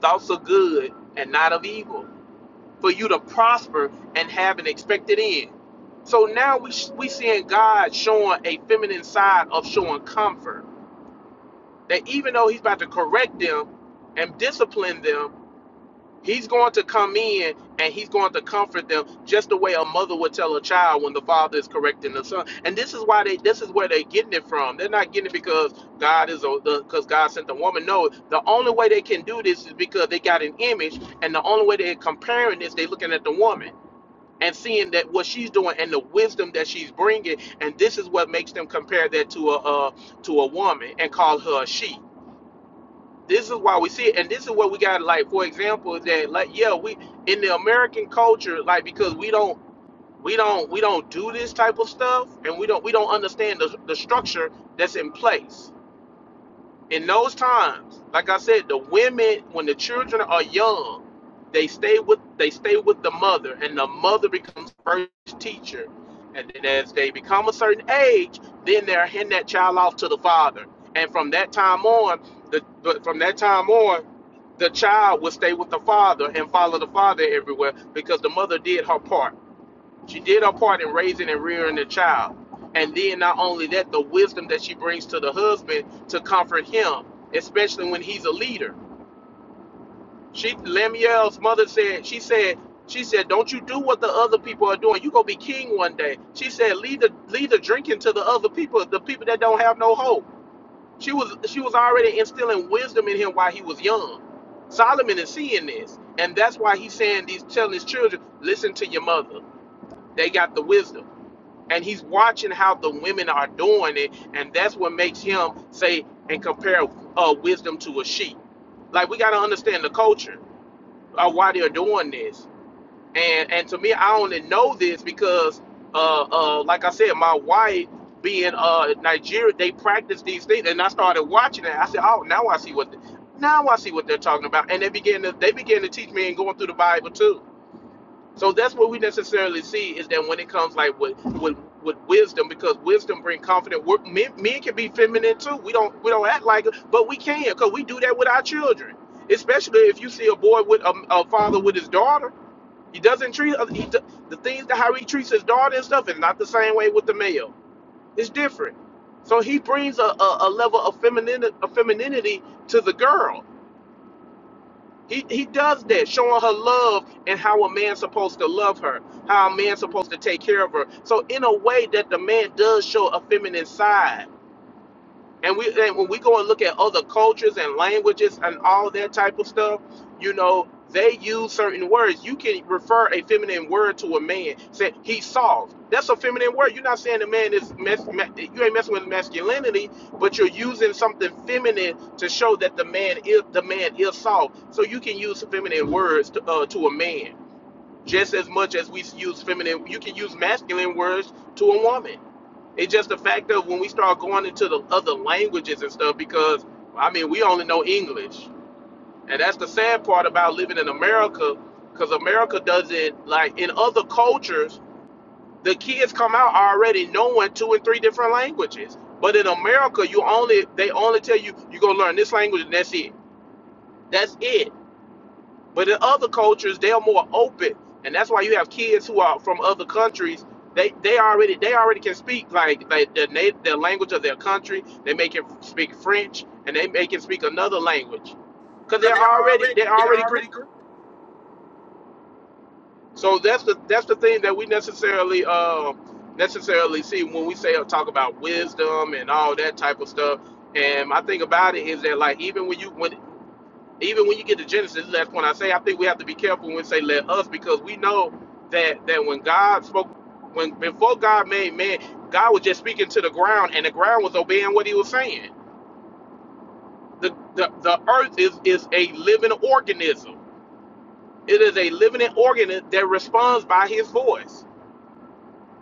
A: thoughts of good and not of evil, for you to prosper and have an expected end. So now we we seeing God showing a feminine side of showing comfort. That even though He's about to correct them and discipline them, He's going to come in and he's going to comfort them just the way a mother would tell a child when the father is correcting the son. And this is why they this is where they're getting it from. They're not getting it because God is a because God sent the woman. No, the only way they can do this is because they got an image, and the only way they're comparing this, they're looking at the woman and seeing that what she's doing and the wisdom that she's bringing, and this is what makes them compare that to a uh, to a woman and call her a she this is why we see it and this is what we got like for example that like yeah we in the american culture like because we don't we don't we don't do this type of stuff and we don't we don't understand the, the structure that's in place in those times, like I said, the women when the children are young, they stay with they stay with the mother, and the mother becomes first teacher. And then as they become a certain age, then they're handing that child off to the father. And from that time on, the but from that time on, the child will stay with the father and follow the father everywhere because the mother did her part. She did her part in raising and rearing the child. And then not only that, the wisdom that she brings to the husband to comfort him, especially when he's a leader. She Lemuel's mother said, she said, she said, Don't you do what the other people are doing. You gonna be king one day. She said, Lead the lead the drinking to the other people, the people that don't have no hope. She was she was already instilling wisdom in him while he was young. Solomon is seeing this, and that's why he's saying these telling his children, listen to your mother. They got the wisdom and he's watching how the women are doing it, and that's what makes him say and compare uh, wisdom to a sheep. Like we got to understand the culture of why they're doing this, and and to me, I only know this because, uh, uh, like I said, my wife being uh Nigeria, they practice these things, and I started watching it. I said, oh, now I see what. The, now I see what they're talking about, and they began to they began to teach me and going through the Bible too so that's what we necessarily see is that when it comes like with with with wisdom, because wisdom bring confidence. We're, men, men can be feminine too. We don't we don't act like it, but we can because we do that with our children. Especially if you see a boy with a, a father with his daughter, he doesn't treat other- he, do- the things that how he treats his daughter and stuff is not the same way with the male. It's different. So he brings a, a, a level of femininity, of femininity to the girl he, he does that, showing her love and how a man's supposed to love her, how a man's supposed to take care of her. So in a way that the man does show a feminine side and we and when we go and look at other cultures and languages and all that type of stuff, you know, they use certain words. You can refer a feminine word to a man. Say he's soft. That's a feminine word. You're not saying the man is mes- you ain't messing with masculinity, but you're using something feminine to show that the man is the man is soft. So you can use feminine words to, uh, to a man just as much as we use feminine. You can use masculine words to a woman. It's just the fact of when we start going into the other languages and stuff because I mean we only know English. And that's the sad part about living in America, because America doesn't like in other cultures, the kids come out already knowing two and three different languages. But in America, you only they only tell you you gonna learn this language and that's it. That's it. But in other cultures, they are more open, and that's why you have kids who are from other countries. They they already they already can speak like like the native the language of their country. They make it speak French, and they make it speak another language, because
U: Because
A: they're
U: they're
A: already they
U: already they're
A: already grew.
U: already grown.
A: So that's the that's the thing that we necessarily uh, necessarily see when we say or talk about wisdom and all that type of stuff. And my thing about it is that like even when you when even when you get to Genesis, last point I say, I think we have to be careful when we say let us because we know that that when God spoke, when before God made man, God was just speaking to the ground, and the ground was obeying what He was saying. The the, the earth is is a living organism. It is a living organism that responds by His voice.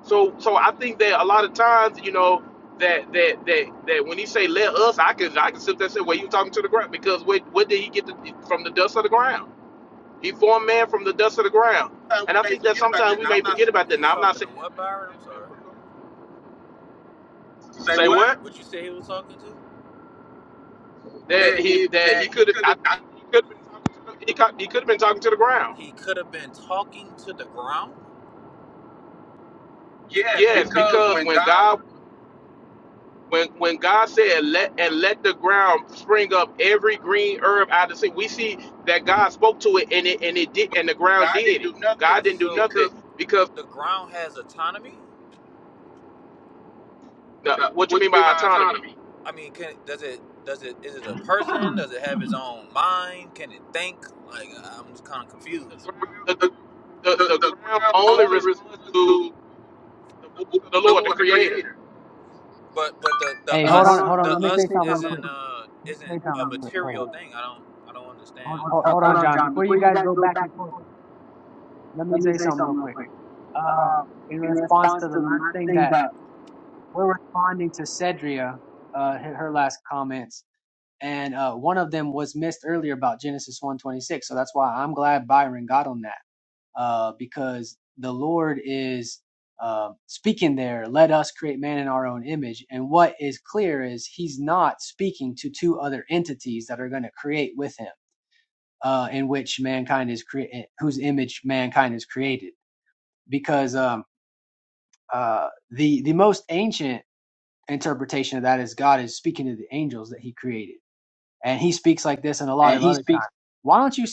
A: So so I think that a lot of times, you know. That, that that that when he say let us, I can I can sit there and say, well, you talking to the ground because what what did he get the, from the dust of the ground? He formed man from the dust of the ground.
U: Uh,
A: And
U: we
A: I
U: may
A: think that
U: forget about
A: sometimes
U: that.
A: we
U: Now
A: may
U: I'm not
A: forget
U: saying
A: about that.
U: he's
A: Now I'm not
U: talking to
A: saying
U: what, Byron? I'm sorry.
A: that.
U: say
A: say
U: what
A: what
U: What you say he was talking to?
A: that
U: that
A: he
U: he
A: that
U: that
A: he
U: he
A: could have
U: could
A: I
U: have.
A: think he could have been talking to the, he could, he could have been talking to the ground.
U: He could have been talking to the ground. Yes,
A: Yes,
U: because
A: because
U: when
A: when
U: God
A: God when when God said let and let the ground spring up every green herb out of the sea, we see that God spoke to it and it and it did and the ground
U: God
A: did
U: didn't
A: it.
U: do nothing
A: God didn't do
U: So
A: nothing
U: because
A: because
U: the ground has autonomy.
A: the,
U: uh,
A: what you
U: what do
A: mean
U: you mean
A: by
U: by
A: autonomy?
U: autonomy? I mean, can, does it? Does it? Is it a person? Does it have its own mind? Can it think? Like I'm just kind of
A: The
U: confused.
A: ground the,
U: The,
A: the,
U: the,
A: the
U: the
A: ground
U: ground
A: only
U: only
A: responds
U: responds
A: to.
U: to
A: the voice of the
U: the
A: Lord, the
U: Lord, the
A: Creator.
U: Creator. But but the the
C: Hey,
U: Hey, hold
C: hold
U: us hold
C: on,
U: on,
C: hold
U: hold the
C: on.
U: on.
C: Let me
U: us
C: say something real quick.
U: isn't uh
C: Let
U: isn't
C: me
U: a
C: say something real quick. Hold on.
U: material thing. I don't I don't understand
C: Hold,
U: Hold,
C: hold,
U: hold-
C: hold on,
U: on,
C: John.
U: John.
C: Before
U: Before
C: you
U: you
C: guys
U: guys
C: go
U: go
C: back
U: back
C: and
U: and
C: forth,
U: forth,
C: let me
U: let me
C: say
U: say
C: something real
U: something real
C: quick.
U: quick.
C: Um,
U: Um,
C: in
U: in
C: response
U: response
C: to the
U: to the
C: last
U: last
C: thing
U: thing
C: that
U: that,
C: we're responding to Cedria, uh, her her last comments, and uh, one of them was missed earlier about Genesis one twenty six. So that's why I'm glad Byron got on that, uh, because the Lord is uh, speaking there. Let us create man in our own image, and what is clear is He's not speaking to two other entities that are going to create with Him, uh, in which mankind is created, whose image mankind is created, because um, uh, the the most ancient interpretation of that is God is speaking to the angels that He created, and He speaks like this and a lot
U: and
C: of
U: he
C: other
U: speaks,
C: times. Why don't you?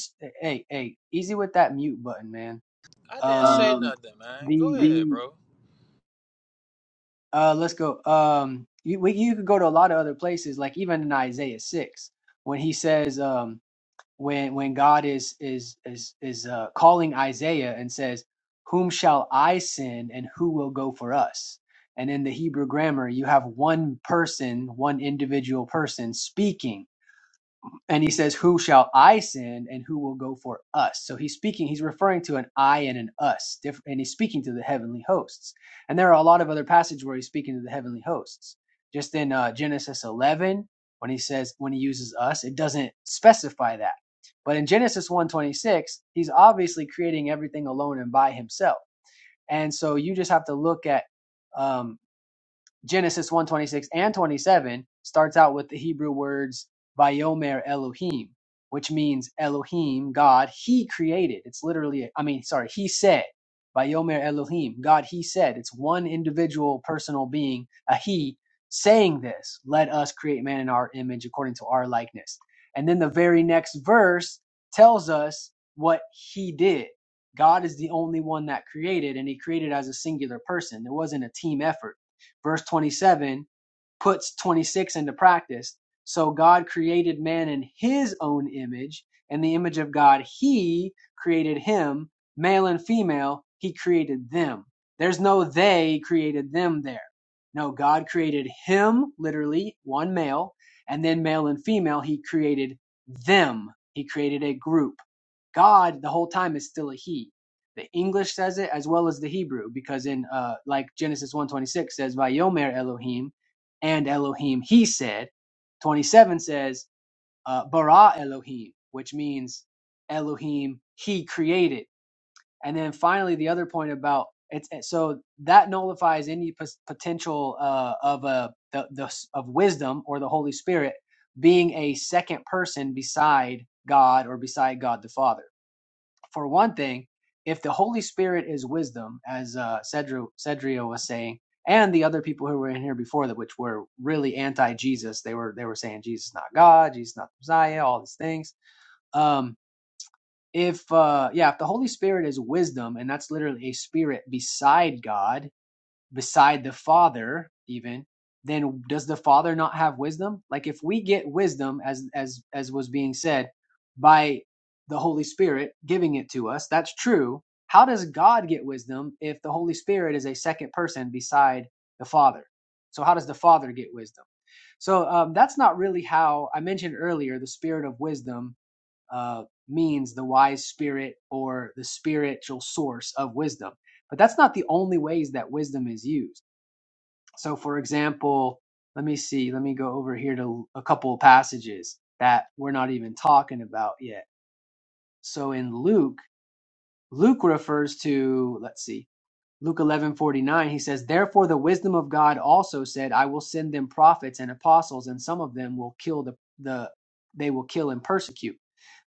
C: Hey, hey, easy with that mute button, man.
U: I didn't um, say
C: Um,
U: um, nothing, man. Go ahead,
C: the
U: being bro.
C: uh, let's go. Um, you we, you could go to a lot of other places, like even in Isaiah six, when he says, um, when when God is is is is uh, calling Isaiah and says, "Whom shall I send, and who will go for us?" And in the Hebrew grammar, you have one person, one individual person speaking And he says, Who shall I send and who will go for us? So he's speaking, he's referring to an I and an us, diff- and he's speaking to the heavenly hosts. And there are a lot of other passages where he's speaking to the heavenly hosts. Just in uh, Genesis 11, when he says, when he uses us, it doesn't specify that. But in Genesis 126, he's obviously creating everything alone and by himself. And so you just have to look at, um, Genesis one twenty six and 27 starts out with the Hebrew words Vayomer Elohim, which means Elohim, God, he created. It's literally I mean, sorry, he said. Vayomer Elohim, God, he said. It's one individual personal being, a he saying this, let us create man in our image according to our likeness. And then the very next verse tells us what he did. God is the only one that created and he created as a singular person. It wasn't a team effort verse 27 puts 26 into practice. So God created man in his own image, and the image of God he created him, male and female, he created them. There's no they created them there. No, God created him, literally, one male, and then male and female, he created them. He created a group. God, the whole time, is still a he. The English says it as well as the Hebrew, because in uh, like Genesis one twenty six says, "Vayomer Elohim," and Elohim, he said. 27 says, uh, bara Elohim, which means Elohim, he created. And then finally, the other point about it's it- so that nullifies any pos- potential uh, of a the, the of wisdom or the Holy Spirit being a second person beside God or beside God the Father for one thing, if the Holy Spirit is wisdom, as uh, Cedro, Cedrio was saying, and the other people who were in here before that, which were really anti-Jesus, they were they were saying Jesus is not God, Jesus is not the Messiah, all these things. Um, if uh, yeah, if the Holy Spirit is wisdom, and that's literally a spirit beside God, beside the father even then does the father not have wisdom like if we get wisdom as as as was being said by the holy spirit giving it to us that's true how does god get wisdom if the holy spirit is a second person beside the father so how does the father get wisdom so um, that's not really how i mentioned earlier the spirit of wisdom uh, means the wise spirit or the spiritual source of wisdom. But that's not the only ways that wisdom is used. So, for example, let me see, let me go over here to a couple of passages that we're not even talking about yet. So, in Luke, Luke refers to, let's see, Luke 11:49 he says, "Therefore the wisdom of God also said, I will send them prophets and apostles, and some of them will kill the the they will kill and persecute."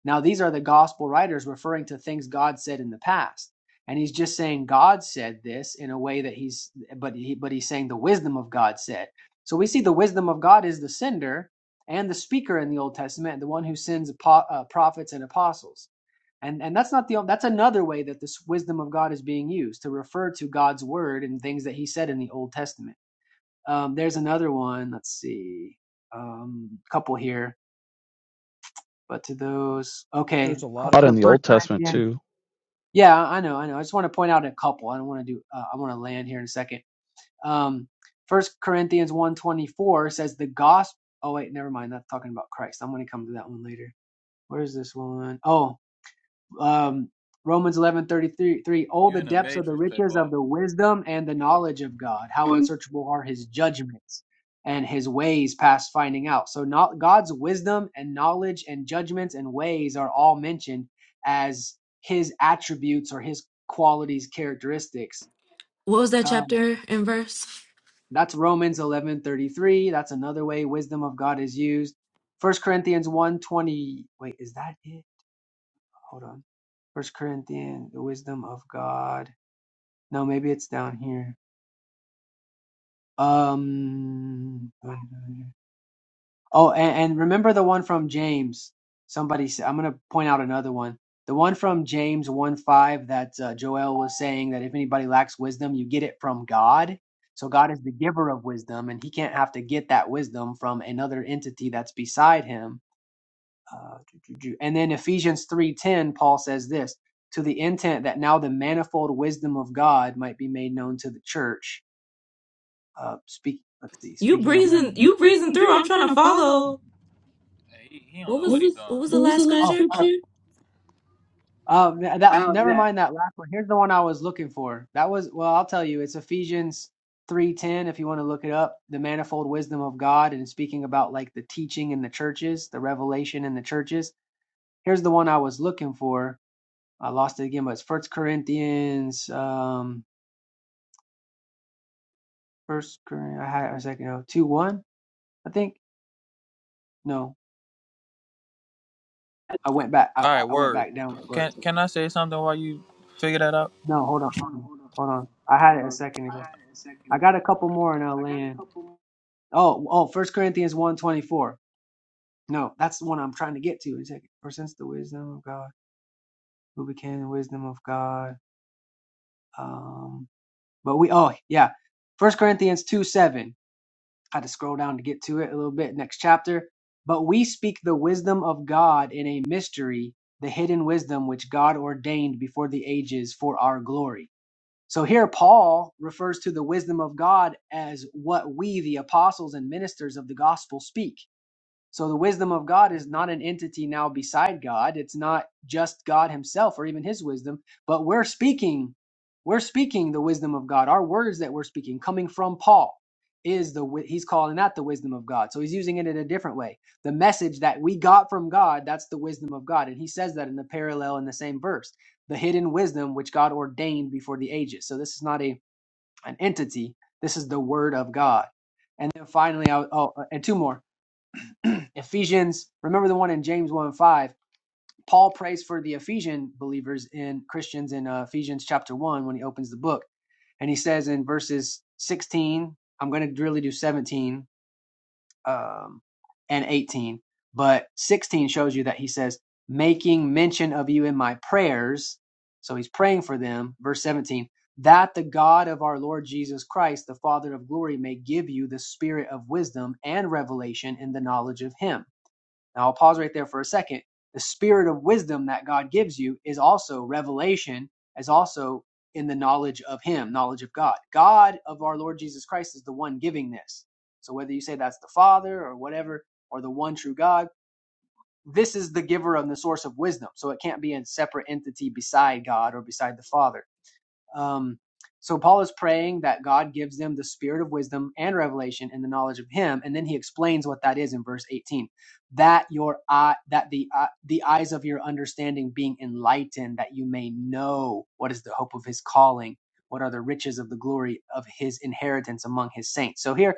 C: Now these are the gospel writers referring to things God said in the past. And he's just saying God said this in a way that he's but he but he's saying the wisdom of God said. So we see the wisdom of God is the sender and the speaker in the Old Testament, the one who sends apo- uh, prophets and apostles. And and that's not the that's another way that this wisdom of God is being used to refer to God's word and things that He said in the Old Testament. Um, there's another one. Let's see, um, a couple here, but to those, okay,
D: There's a lot of- a Lot in the
C: First
D: Old Testament
C: Corinthians.
D: too.
C: Yeah, I know, I know. I just want to point out a couple. I don't want to do. Uh, I want to land here in a second. Um, First Corinthians one twenty four says the gospel. Oh wait, never mind. That's talking about Christ. I'm going to come to that one later. Where's this one? Oh, um, Romans 11, 33, oh,
U: You
C: the
U: in the
C: depths of the
U: matrix, play
C: riches of
U: ball.
C: the wisdom and the knowledge of God. How unsearchable are his judgments and his ways past finding out. So not God's wisdom and knowledge and judgments and ways are all mentioned as his attributes or his qualities, characteristics.
T: What was that
C: Um,
T: chapter and verse?
C: that's Romans 11 33. That's another way wisdom of God is used. First Corinthians one 20. Wait, is that it? hold on. First Corinthians, the wisdom of God. No, maybe it's down here. Um. Oh, and, and remember the one from James. Somebody said, I'm gonna point out another one. The one from James one five that uh, Joel was saying that if anybody lacks wisdom, you get it from God. So God is the giver of wisdom, and he can't have to get that wisdom from another entity that's beside him Uh, and then Ephesians 3:10, Paul says this, to the intent that now the manifold wisdom of God might be made known to the church. Uh, speak, let's see,
T: You
C: speaking of
T: breezing
C: Revelation.
T: you
U: You
T: breezing
U: breezing
T: through.
U: through.
T: I'm
U: I'm
T: trying to
U: trying to
T: follow.
U: follow. Hey, he, he don't
T: What
U: know What what
T: was
U: he was he's
T: what
U: doing.
T: was the
U: what was
T: last
U: the last
C: Oh,
T: scripture?
U: scripture?
C: um,
U: Oh,
C: that never
U: scripture?
C: mind that last one. Here's the one I was looking for. That was well, I'll tell you, it's Ephesians 3:10 if you want to look it up, the manifold wisdom of God and speaking about like the teaching in the churches, the revelation in the churches. Here's the one I was looking for. I lost it again, but it's First Corinthians. Um, First Corinthians, I had a second ago. Two one, I think. No, I
U: All
C: went back. I, I
U: right,
C: I went
U: word.
C: back down for
U: Can
C: it.
U: can I say something while you figure that out?
C: No, hold on, hold
U: No,
C: on,
U: hold on,
C: hold on. I had it
U: hold
C: a
U: on.
C: second
U: I
C: ago.
U: had it a second
C: I
U: ago.
C: got a couple more and I'll
U: I got a
C: land.
U: couple more.
C: Oh, oh, First Corinthians one twenty four. No, that's the one I'm trying to get to. It's like, for since the wisdom of God, who became the wisdom of God. Um, but we. Oh, yeah. First Corinthians two seven. I had to scroll down to get to it a little bit next chapter but we speak the wisdom of god in a mystery the hidden wisdom which god ordained before the ages for our glory so here paul refers to the wisdom of god as what we the apostles and ministers of the gospel speak so the wisdom of God is not an entity now beside God. It's not just God himself or even his wisdom, but we're speaking, we're speaking the wisdom of God. Our words that we're speaking coming from Paul is the wi- he's calling that the wisdom of God. So he's using it in a different way. The message that we got from God, that's the wisdom of God. And he says that in the parallel in the same verse. The hidden wisdom which God ordained before the ages. So this is not a an entity. This is the word of God. And then finally, I, oh, and two more. Ephesians, remember the one in James 1 5. Paul prays for the Ephesian believers in Christians in uh, Ephesians chapter 1 when he opens the book. And he says in verses 16, I'm going to really do 17 um, and 18, but 16 shows you that he says, making mention of you in my prayers. So he's praying for them. Verse 17, that the God of our Lord Jesus Christ, the Father of glory, may give you the spirit of wisdom and revelation in the knowledge of him now I'll pause right there for a second. The spirit of wisdom that God gives you is also revelation, is also in the knowledge of Him, knowledge of God. God of our Lord Jesus Christ is the one giving this. So whether you say that's the Father or whatever, or the one true God, this is the giver and the source of wisdom. So it can't be a separate entity beside God or beside the Father. Um, so Paul is praying that God gives them the spirit of wisdom and revelation and the knowledge of Him, and then he explains what that is in verse 18. That your eye, that the eye the eyes of your understanding being enlightened, that you may know what is the hope of His calling, what are the riches of the glory of His inheritance among His saints. So here,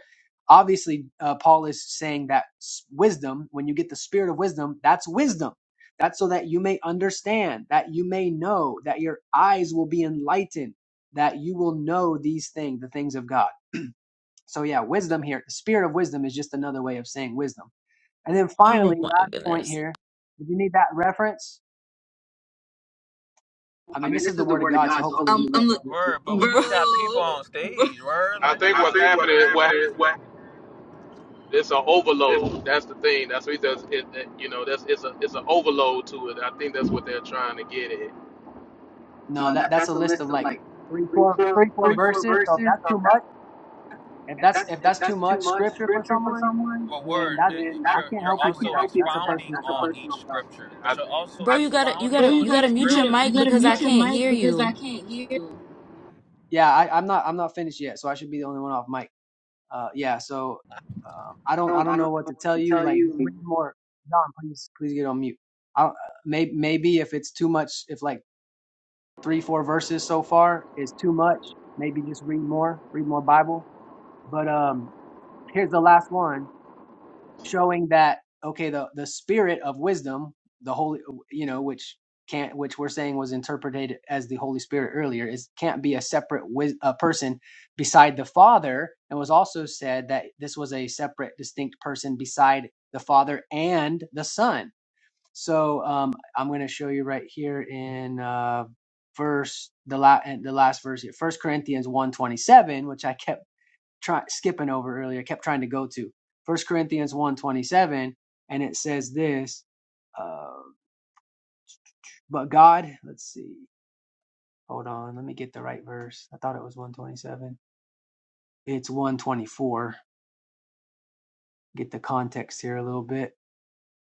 C: obviously, uh, Paul is saying that s- wisdom, when you get the spirit of wisdom, that's wisdom that's so that you may understand, that you may know, that your eyes will be enlightened, that you will know these things, the things of God. So, yeah, wisdom here, the spirit of wisdom is just another way of saying wisdom. And then finally,
T: Oh my
C: last point
T: goodness.
C: here, if you need that reference, I
U: I
C: mean,
U: mean,
C: this is
U: this
C: the
U: is the
C: word of
U: Word, of
C: God, so
U: God, so
C: hopefully we
U: hopefully. Um, I'm
C: love
U: look-
C: it.
U: word, but we,
T: Bro,
U: we got people on stage. Word,
A: I
U: like I
A: think
U: ah,
A: what's
U: think what's man.
A: happening, what
U: happening is what.
A: it's an
U: It's-
A: overload. That's the thing. That's what he says. It, it- you know, that's it's a it's an overload to it. I think that's what they're trying to get at.
C: No,
U: No,
C: that,
U: that,
C: that's
U: that's
C: a
U: a
C: list of
U: list of
C: like
U: like
C: three,
U: three,
C: four,
U: four,
C: three,
U: three,
C: four
U: Which- four
C: verses. So if
U: verses.
C: that's too much, if
U: If
C: that's
U: that's
C: if
U: if
C: that's too
U: that's too
C: much
U: much
C: scripture for
U: scripture for
C: someone,
U: someone, Well,
C: then
U: word,
C: that's I can't
U: you're you're
C: help you with
U: also help
C: that.
U: that.
C: That's a
U: expounding
C: personal problem.
U: on each personal problem. scripture,
A: I
U: but you're
A: think.
U: also
T: bro
U: I
T: you gotta you
U: expounding Bro, you
T: gotta
U: on
T: you
U: gotta
T: gotta
U: each you
T: mute your
U: gotta you
T: mic
U: gotta
T: because
U: mute
T: I
U: Like, your
T: can't
U: mic
T: hear
U: because I
T: you.
U: can't hear you.
C: Yeah, I, I'm not. I'm not finished yet, so I should be the only one off mic. Uh, yeah. So um, I
U: I
C: don't. I
U: don't
C: don't
U: I don't
C: know what
U: know
C: to
U: what
C: tell
U: to
C: you.
U: tell
C: Like,
U: you.
C: just read more. John, please, please get on mute. I don't, maybe, maybe if it's too much, if like three, four verses so far is too much, maybe just read more. Read more Bible. But um, here's the last one showing that okay the the spirit of wisdom the holy you know which can't which we're saying was interpreted as the holy spirit earlier is can't be a separate wis- a person beside the father and was also said that this was a separate distinct person beside the father and the son so um i'm going to show you right here in uh verse the la- the last verse here, First Corinthians 127, which I kept try, skipping over earlier, kept trying to go to. First Corinthians one twenty-seven, and it says this, uh, but God, let's see, hold on, let me get the right verse. I thought it was 127. It's 124. Get the context here a little bit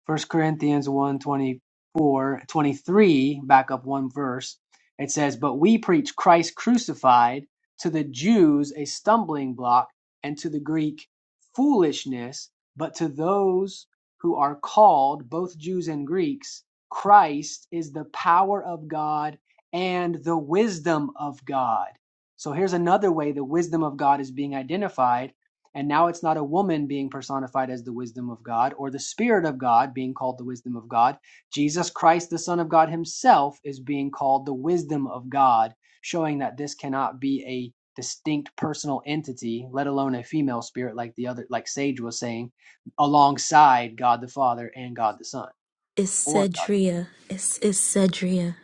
C: First Corinthians one twenty four twenty three. back up one verse, it says, But we preach Christ crucified, to the Jews a stumbling block, and to the Greek foolishness, but to those who are called, both Jews and Greeks, Christ is the power of God and the wisdom of God. So here's another way the wisdom of God is being identified and now it's not a woman being personified as the wisdom of God or the Spirit of God being called the wisdom of God. Jesus Christ, the Son of God Himself, is being called the wisdom of God, showing that this cannot be a distinct personal entity, let alone a female spirit like the other, like Sage was saying, alongside God the Father and God the Son
T: It's
C: or God.
T: Cedria. It's it's Cedria.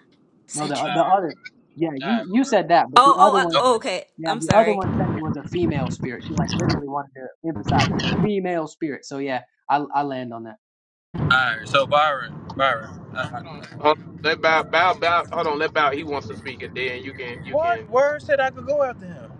C: No, the
U: all
T: Cedria.
C: the other. Yeah, you
U: right,
C: you
U: word.
C: said that, but the
T: Oh, oh,
C: other
T: uh,
U: Oh,
C: one,
T: oh, okay.
C: yeah,
T: I'm
C: the other
T: sorry.
C: one said it was a female spirit. She like literally wanted to emphasize female spirit. So yeah, I I land on that.
U: all right, so Byron, Byron, uh,
A: Hold on, hold on. Let bow, bow, bow. Hold on, let bow. He wants to speak, and then you can, you can.
U: what word said I could go after him?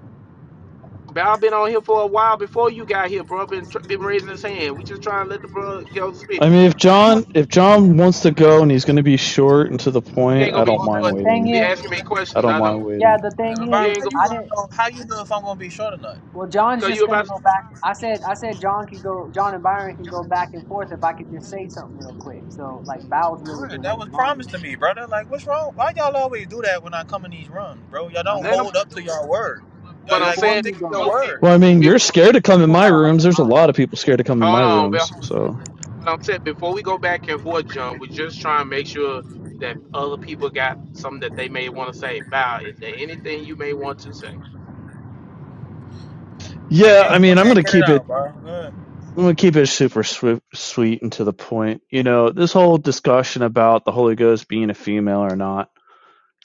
A: Bow been on here for a while before you got here, bro. Been tr- been raising his hand. We just trying to let the brother go
D: I
A: speak.
D: mean, if
C: You were-
D: John if John wants to go and he's going to be short and to the
A: He ain't
D: point,
A: gonna
D: I
A: be
D: don't
C: Well, the,
D: mind
A: short.
C: the
A: He
C: thing
D: waiting.
A: gonna be
C: is,
A: asking me
D: I
A: questions.
D: don't
A: I
D: mind
A: don't.
C: yeah,
D: waiting.
C: the
U: I
C: thing
U: mean,
A: He
C: is,
U: Byron,
A: ain't
U: how
A: gonna.
U: you
C: I
U: gonna
C: didn't.
U: know? How you know if I'm gonna be short or not?
C: Well, John's
A: Cause you
C: just
A: about
C: gonna
A: to.
C: go
A: speak.
C: back. I said I said John can go. John and Byron can go back and forth if I could just say something real quick. So like Bow's really
U: Right,
C: been
U: that was
C: waiting longer.
U: promised to me, brother. Like, what's wrong? Why y'all always do that when I come in these runs, bro? Y'all
C: No,
A: Ain't
U: don't
C: that
U: hold
A: nobody
U: up
A: doing
U: to y'all
A: nothing.
U: word.
A: But what, what
U: Like,
A: I'm
U: like, just
C: before
A: saying
U: stick
C: you
U: to your
A: before
C: go,
A: we
C: it's
U: word.
D: Well, I
C: it's a
D: mean,
C: before
D: you're
A: before we
C: you
D: scared to
C: you
D: come in
C: still
D: my
C: gotta wait
D: rooms.
C: in
D: There's a
C: line.
D: lot of people scared to come in my
A: hold on, Bill.
D: rooms. So
A: what I'm saying before we go back and forth, John, we just try and make sure that other people got something that they may want to say. Bow, is there anything you may want to say?
U: Like,
D: yeah, I
U: get, go
D: mean, I'm
U: ahead,
D: gonna
U: get it
D: keep it.
U: out, bro. Good.
D: I'm gonna keep it super sweet, sweet and to the point. You know, this whole discussion about the Holy Ghost being a female or not.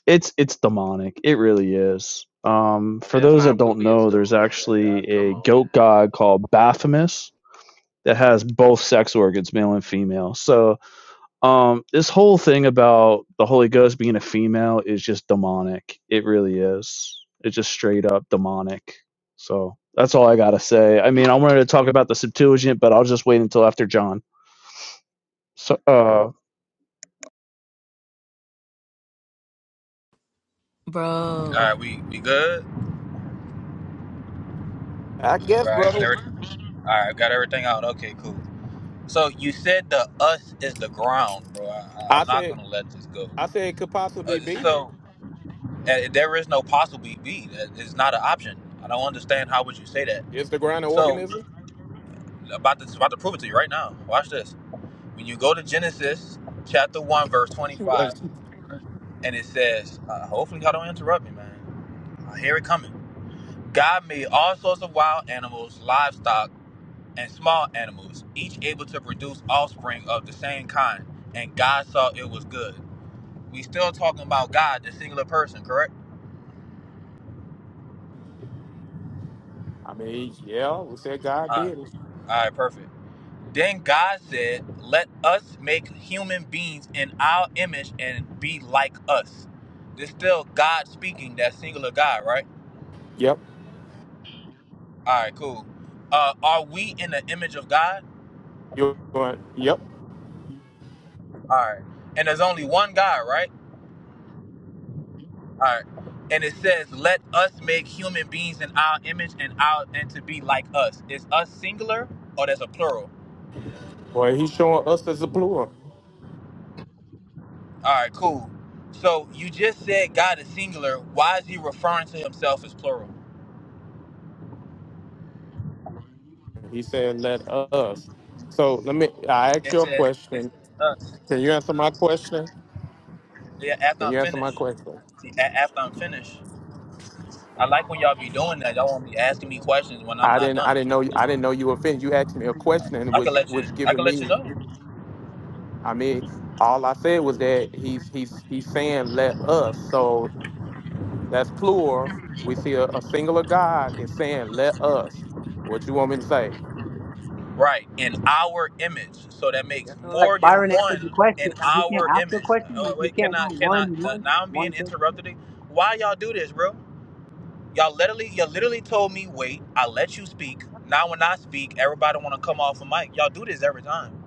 D: It's it's demonic. It really is. Um,
A: Now,
D: for
A: That's
D: those that
A: not
D: don't know,
A: wisdom
D: there's
A: right there, dog.
D: actually
A: Come
D: a
A: on
D: goat god called Baphomet that has both sex organs, male and female. So um, this whole thing about the Holy Ghost being a female is just demonic. It really is. It's just straight up demonic. So that's all I gotta say. I mean, I wanted to talk about the Septuagint, but I'll just wait until after John. So, uh,
U: All
T: Bro.
U: right, we we good.
A: now. I
U: All
A: guess,
U: right, got
A: brother.
U: every, all right, got everything out. Okay, cool. So you said the us is the ground, bro. I, I-
A: I
U: I'm not
A: said,
U: gonna let this go.
A: I said it could
U: Uh,
A: possibly be.
U: so uh, there is no possible be. That is not an option. I don't understand how would you say that.
A: Is the ground an
U: So
A: organism?
U: about to about to prove it to you right now. Watch this. When you go to Genesis chapter 1, verse 25, and it says, uh, hopefully y'all don't interrupt me, man. I hear it coming. God made all sorts of wild animals, livestock, and small animals, each able to produce offspring of the same kind. And God saw it was good. We still talking about God, the singular person, correct?
A: I mean, yeah, we said God
U: Uh,
A: did it.
U: all right, perfect. Then God said, Let us make human beings in our image and be like us. This still God speaking, that singular God, right?
A: Yep,
U: All right, cool. Uh, are we in the image of God? All right. And there's only one God, right? All right. And it says, "Let us make human beings in our image and our and to be like us." Is us singular or there's a plural?
A: but He's showing us.
U: All right, cool. So you just said God is singular. Why is He referring to Himself as plural?
A: He said, "Let us." So let me. I ask
U: It
A: you a
U: says, it
A: question.
U: says "us."
A: Can you answer my question?
U: Yeah, after
A: Can you
U: I'm
A: answer my
U: finished.
A: question?
U: See, a- after I'm finished, I like when y'all be doing that. Y'all won't be asking me questions when I'm
A: I
U: not
A: didn't I
U: done.
A: didn't know you I didn't know you offended. You asked me a question
U: I
A: which
U: can let you.
A: which
U: I
A: given
U: can let you
A: me
U: know.
A: I mean all I said was that he's he's he's saying let us. So that's plural. We see a, a singular God is saying let us. What you want me to say?
U: Right, in our image. So that
C: Yeah,
U: makes
C: so like
U: more than
C: Byron answered the
U: one
C: question.
U: in
C: Like, he can't
U: our
C: ask a
U: image.
C: question.
U: Oh,
C: Like you
U: wait,
C: can't go
U: cannot,
C: one
U: cannot.
C: and one
U: Now I'm being
C: one thing.
U: interrupted. Why y'all do this, bro? Y'all literally, y'all literally told me wait. I let you speak. Now when I speak, everybody want to come off a mic. Y'all do this every time.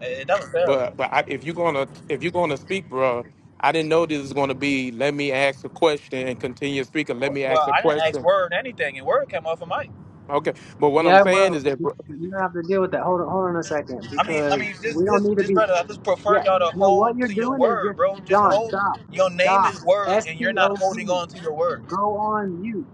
U: It it doesn't fail.
A: But but I, if you're gonna if you're gonna speak, bro, I didn't know this is gonna be let me ask a question and continue speaking. Let me
U: Well,
A: ask a
U: I didn't ask
A: question.
U: word anything, and word came off a mic.
A: Okay. But what I'm
C: Yeah,
A: saying
C: well,
A: is that
C: you
A: bro,
C: you don't have to deal with that. Hold on, hold on a second,
U: I mean, I
C: because
U: mean, this,
C: we don't
U: this,
C: need to
U: this
C: be.
U: brother. I just prefer
C: Yeah,
U: y'all to
C: no, what
U: hold
C: you're
U: to your
C: doing is
U: word,
C: just
U: bro. Just
C: John.
U: hold.
C: Stop,
U: Your name
C: stop.
U: is word,
C: S
U: and you're
C: T
U: not
C: O P.
U: holding on to your word.
C: Go on mute.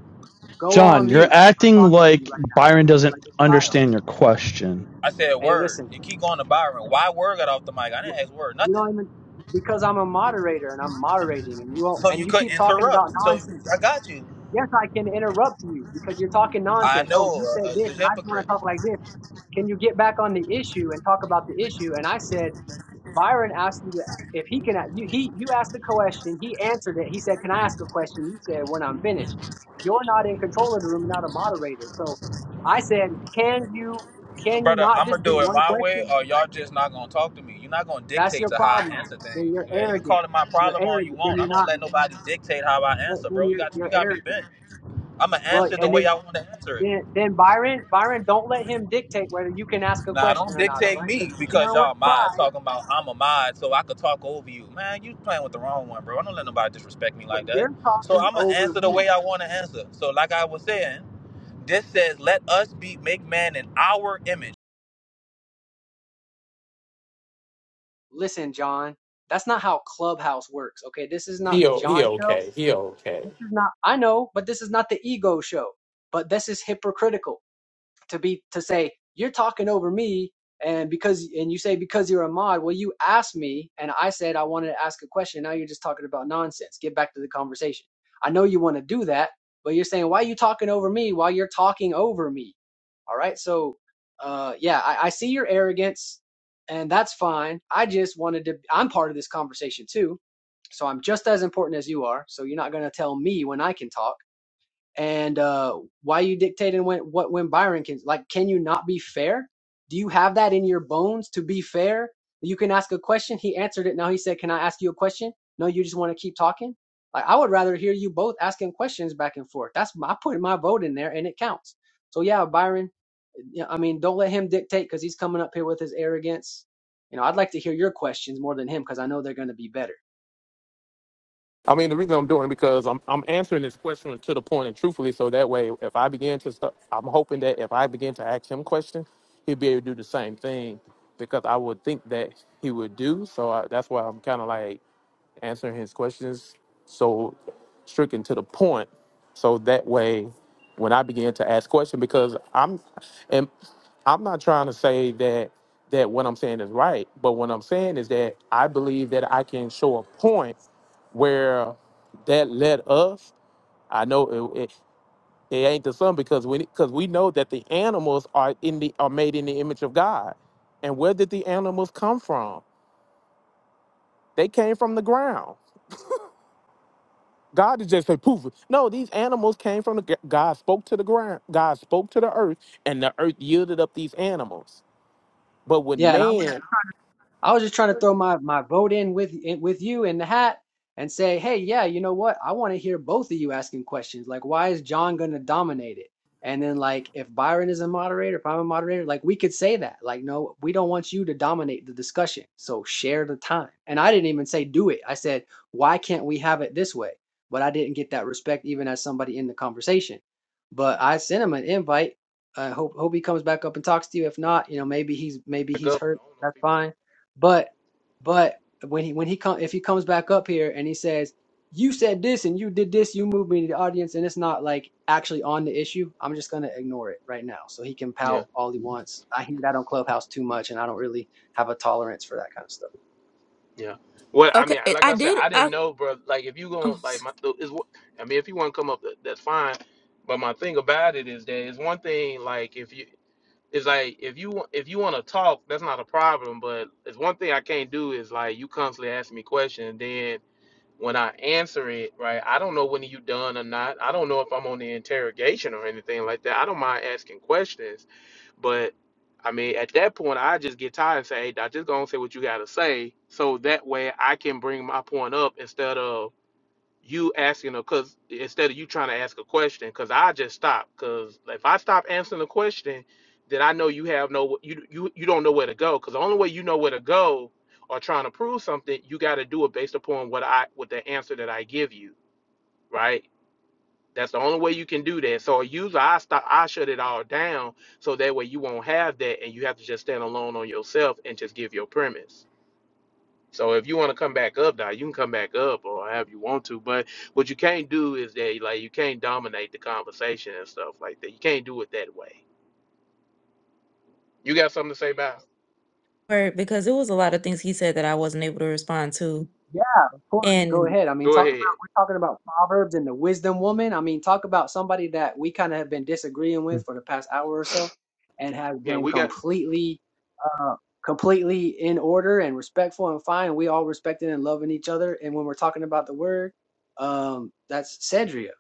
C: Go
D: John,
C: on
D: you're
C: mute. I'm
D: acting
C: talking to you
D: like
C: right now,
D: Byron doesn't
C: like a child.
D: understand your question.
U: I said
C: Hey,
U: word.
C: listen.
U: You keep going to Byron. Why word got off the mic? I
C: wh-
U: didn't ask word.
C: You
U: Nothing.
C: don't even because I'm a moderator and I'm moderating, and you all
U: So
C: and
U: you
C: you
U: could
C: keep talking about
U: interrupt. So
C: nonsense.
U: I got you.
C: Yes, I can interrupt you because you're talking
U: I
C: nonsense. Oh,
U: know
C: you said
U: uh, it's
C: this,
U: a
C: and I just want
U: hypocrite,
C: to talk like this. Can you get back on the issue and talk about the issue? And I said, Byron asked you to, if he can, you, he, you asked a question, he answered it. He said, Can I ask a question? You said, When I'm finished. You're not in control of the room, you're not a moderator. So I said, Can you, can you
U: brother.
C: not
U: I'm
C: just
U: gonna
C: do
U: do it
C: one
U: my way,
C: question?
U: or y'all just not gonna talk to me. You're not gonna
C: That's
U: dictate
C: your
U: to how I
C: problem.
U: answer
C: Then
U: things.
C: you're
U: Yeah, you can
C: arrogant.
U: call it my
C: You're
U: problem all you
C: arrogant. Then
U: want. I
C: you're
U: don't
C: not,
U: let nobody dictate how I
C: then
U: answer, bro. You
C: you're,
U: got you
C: you're
U: got me
C: arrogant.
U: bent. I'ma
C: Well,
U: answer the
C: and
U: way
C: then
U: I want to answer it.
C: Then, then Byron, Byron, don't let him dictate whether you can ask a
U: Nah,
C: question
U: don't
C: or not. All
U: dictate
C: right, because
U: me
C: you're
U: because
C: dealing with
U: y'all mods
C: pride.
U: talking about I'm a mod, so I could talk over you. Man, you playing with the wrong one, bro. I don't let nobody disrespect me
C: What
U: like that.
C: you're
U: So
C: talking
U: I'ma
C: over
U: answer the
C: me.
U: way I want to answer. So like I was saying, this says, "Let us be make man in our image."
C: Listen, John, that's not how Clubhouse works. Okay, this is not
A: he
C: the
A: o-
C: John
A: he
C: show.
A: okay. He okay.
C: This is not. I know, but this is not the ego show. But this is hypocritical. to be to say you're talking over me and because and you say because you're a mod well you asked me and i said i wanted to ask a question now you're just talking about nonsense get back to the conversation i know you want to do that but you're saying why are you talking over me while you're talking over me all right so uh yeah i, I see your arrogance and that's fine i just wanted to i'm part of this conversation too so i'm just as important as you are so you're not going to tell me when i can talk and uh, why are you dictating when what when Byron can like can you not be fair? Do you have that in your bones to be fair? You can ask a question. He answered it. Now he said, "Can I ask you a question?" No, you just want to keep talking. Like I would rather hear you both asking questions back and forth. That's my- I put my vote in there and it counts. So yeah, Byron. yeah, I mean, don't let him dictate because he's coming up here with his arrogance. You know, I'd like to hear your questions more than him because I know they're going to be better.
A: I mean, the reason I'm doing it because I'm I'm answering this question to the point and truthfully, so that way, if I begin to, stu- I'm hoping that if I begin to ask him questions, he'd be able to do the same thing because I would think that he would do. So I, that's why I'm kind of like answering his questions so stricken to the point, so that way, when I begin to ask questions, because I'm and I'm not trying to say that that what I'm saying is right, but what I'm saying is that I believe that I can show a point where that led us. I know it, it, it ain't the sun because we because we know that the animals are in the are made in the image of God. And where did the animals come from? They came from the ground. God did just say poof. No, these animals came from the gr- God spoke to the ground. God spoke to the earth, and the earth yielded up these animals. But when
C: Yeah, and I
A: man,
C: I was just trying to throw my my vote in with in, with you in the hat and say, hey, yeah, you know what? I want to hear both of you asking questions. Like, why is John going to dominate it? And then like, if Byron is a moderator, if I'm a moderator, like we could say that. Like, no, we don't want you to dominate the discussion. So share the time. And I didn't even say do it. I said, why can't we have it this way? But I didn't get that respect even as somebody in the conversation. But I sent him an invite. I hope hope he comes back up and talks to you. If not, you know, maybe he's maybe
A: Back
C: he's
A: up. I
C: hurt.
A: don't know if
C: That's fine but but when he when he come if he comes back up here and he says, You said this and you did this, you moved me to the audience, and it's not like actually on the issue, I'm just gonna ignore it right now. So he can
A: he- Yeah.
C: pout all he wants. I hear that on Clubhouse too much and I don't really have a tolerance for that kind of stuff.
A: Yeah. Well, I
T: Okay,
A: mean,
T: it-
A: like
T: I
A: I said,
T: did.
A: I didn't
T: I
A: know, bro. Like, if you going
T: oh,
A: like
T: sorry
A: my is what I mean, if you want to come up, that's fine. But my thing about it is that it's one thing. Like, if you it's like if you wa- if you want to talk, that's not a problem. But it's one thing I can't do is like you constantly ask me questions, Then. When I answer it, right, I don't know when you done or not. I don't know if I'm on the interrogation or anything like that. I don't mind asking questions, but I mean, at that point, I just get tired and say, "Hey, I just gonna say what you gotta say," so that way I can bring my point up instead of you asking her because instead of you trying to ask a question because i just stop because if i stop answering the question then i know you have no you you, you don't know where to go because the only way you know where to go or trying to prove something you got to do it based upon what i with the answer that i give you right that's the only way you can do that so usually i stop i shut it all down so that way you won't have that and you have to just stand alone on yourself and just give your premise so if you want to come back up now, you can come back up or however you want to. But what you can't do is that like you can't dominate the conversation and stuff like that. You can't do it that way. You got something to say about? it?
T: Because it was a lot of things he said that I wasn't able to respond to.
C: Yeah, of course. Go
T: And
C: ahead. I mean
A: Go
C: talk about
A: ahead.
C: we're talking about Proverbs and the wisdom woman. I mean talk about somebody that we kinda have been disagreeing
D: Hmm.
C: with for the past hour or so and have
A: Yeah,
C: been
A: we got
C: completely uh, completely in order and respectful and fine. And we all respecting and loving each other. And when we're talking about the word, um, that's Cedria.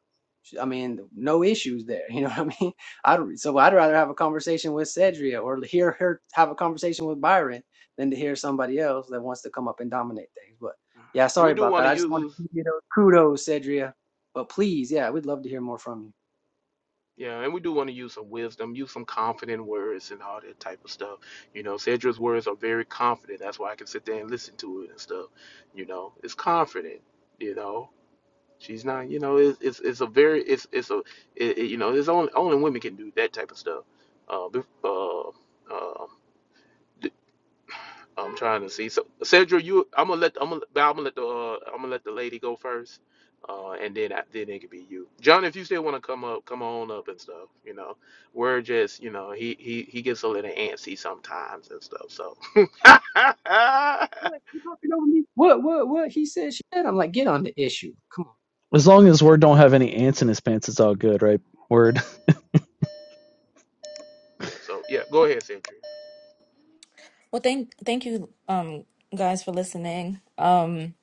C: I mean, no issues there. You know what I mean? I'd, so I'd rather have a conversation with Cedria or hear her have a conversation with Byron than to hear somebody else that wants to come up and dominate things. But yeah,
A: and
C: sorry
A: we do
C: about
A: want
C: that.
A: to
C: I just wanted
A: use
C: to give you those kudos, Cedria. But please, yeah, we'd love to hear more from you.
A: yeah, and we do want to use some wisdom, use some confident words and all that type of stuff. You know, Cedra's words are very confident. That's why I can sit there and listen to it and stuff. You know, it's confident. You know, She's not, you know, it's it's, it's a very it's it's a it, it- you know, it's only only women can do that type of stuff. Uh, bef- uh, uh, d- I'm trying to see. So, Cedra, you, I'm gonna let I'm gonna, I'm gonna let the uh, I'm gonna let the lady go first, uh, and then I, then it could be you, John. If you still want to come up, come on up and stuff. You know, we're just you know he he he gets a little antsy sometimes and stuff. So yeah,
C: What you talking over me? What what what he said? She said. I'm like, get on the issue. Come on.
D: As long as Word don't have any ants in his pants, it's all good, right? Word.
A: so yeah, go ahead, Cedra.
T: well, thank thank you um guys for listening. Um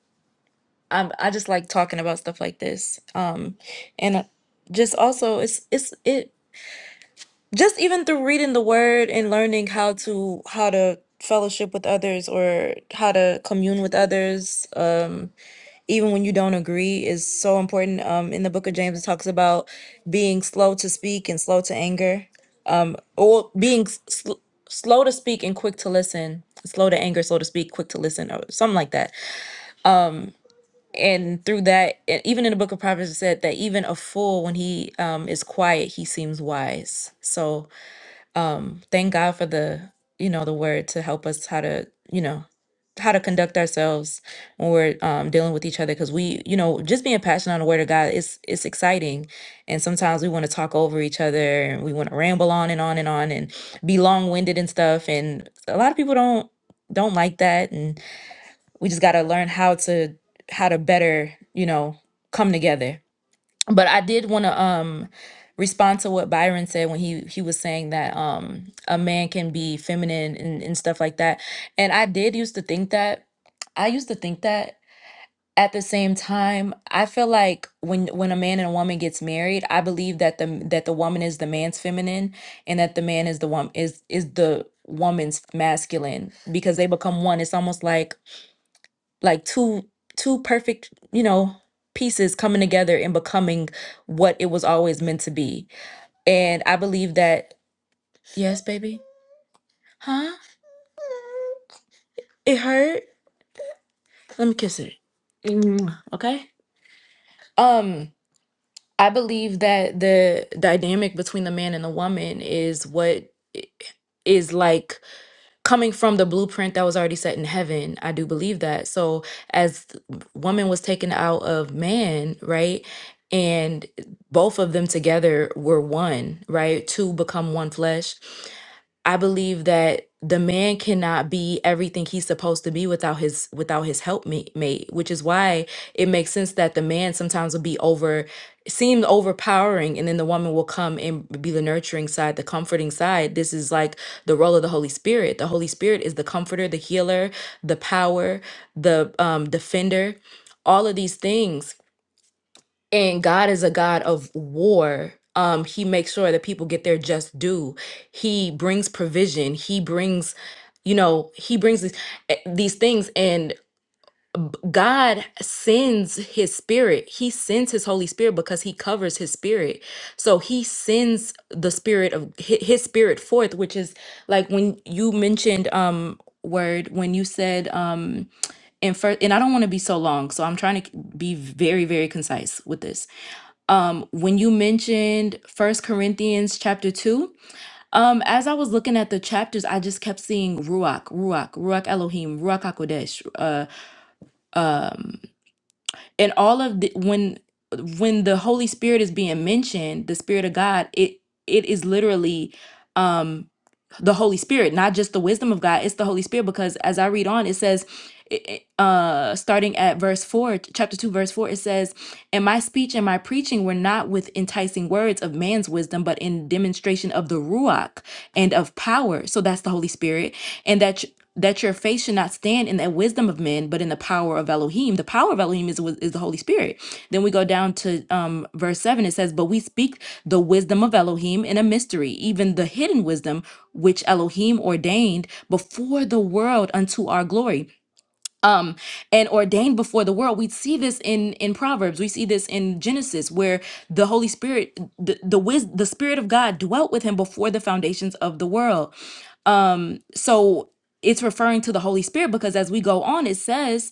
T: I I just like talking about stuff like this. Um and uh, just also it's it's it just even through reading the word and learning how to how to fellowship with others or how to commune with others. Um. even when you don't agree is so important um in the book of james it talks about being slow to speak and slow to anger um or being s- sl- slow to speak and quick to listen slow to anger slow to speak quick to listen or something like that and through that e- even in the book of proverbs it said that even a fool when he um is quiet he seems wise so um thank god for the you know the word to help us how to you know how to conduct ourselves when we're um, dealing with each other because we you know just being passionate on the word of god is it's exciting and sometimes we want to talk over each other and we want to ramble on and on and on and be long-winded and stuff and a lot of people don't don't like that and we just got to learn how to how to better you know come together but I did want to um respond to what Byron said when he he was saying that um a man can be feminine and, and stuff like that. And I did used to think that. I used to think that. At the same time, I feel like when when a man and a woman gets married, I believe that the that the woman is the man's feminine and that the man is the woman is is the woman's masculine because they become one. It's almost like like two two perfect you know pieces coming together and becoming what it was always meant to be and i believe that yes baby huh it hurt let me kiss it Mm, okay um i believe that the dynamic between the man and the woman is what i- is like coming from the blueprint that was already set in heaven. I do believe that. So as th- woman was taken out of man, right? And both of them together were one, right? Two become one flesh. I believe that the man cannot be everything he's supposed to be without his without his helpmate, mate, which is why it makes sense that the man sometimes will be over seem overpowering and then the woman will come and be the nurturing side, the comforting side. This is like the role of the Holy Spirit. The Holy Spirit is the comforter, the healer, the power, the um, defender, all of these things. And God is a God of war. Um, he makes sure that people get their just due. He brings provision. He brings, you know, he brings these, eh, these things. And God sends his spirit. He sends his Holy Spirit because he covers his spirit. So he sends the spirit of hi- his spirit forth, which is like when you mentioned um word when you said um in first and I don't want to be so long, so I'm trying to be very very concise with this. Um when you mentioned First Corinthians chapter 2, um as I was looking at the chapters, I just kept seeing ruach, ruach, ruach Elohim, ruach hakodesh, uh um, and all of the when when the holy spirit is being mentioned the spirit of god it it is literally um the Holy Spirit, not just the wisdom of God. It's the Holy Spirit because as I read on, it says, i- i- uh, starting at verse 4, ch- chapter 2, verse 4, it says, And my speech and my preaching were not with enticing words of man's wisdom, but in demonstration of the Ruach and of power. So that's the Holy Spirit. And that. ch- that your faith should not stand in the wisdom of men, but in the power of Elohim. The power of Elohim is, the wis- is the Holy Spirit then we go down to um, verse 7. It says, But we speak the wisdom of Elohim in a mystery, even the hidden wisdom which Elohim ordained before the world unto our glory. Um, and ordained before the world. We see this in in Proverbs. We see this in Genesis, where the Holy Spirit, the the, wis- the Spirit of God dwelt with him before the foundations of the world um, so it's referring to the Holy Spirit because as we go on, it says,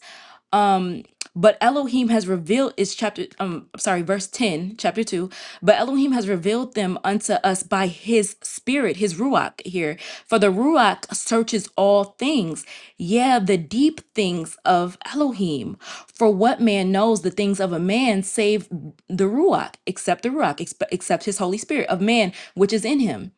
T: um, but Elohim has revealed is chapter um sorry, verse 10, chapter 2. But Elohim has revealed them unto us by his spirit, his ruach here. For the ruach searches all things, yeah, the deep things of Elohim. For what man knows the things of a man save the ruach, except the ruach, expe- except his Holy Spirit of man which is in him.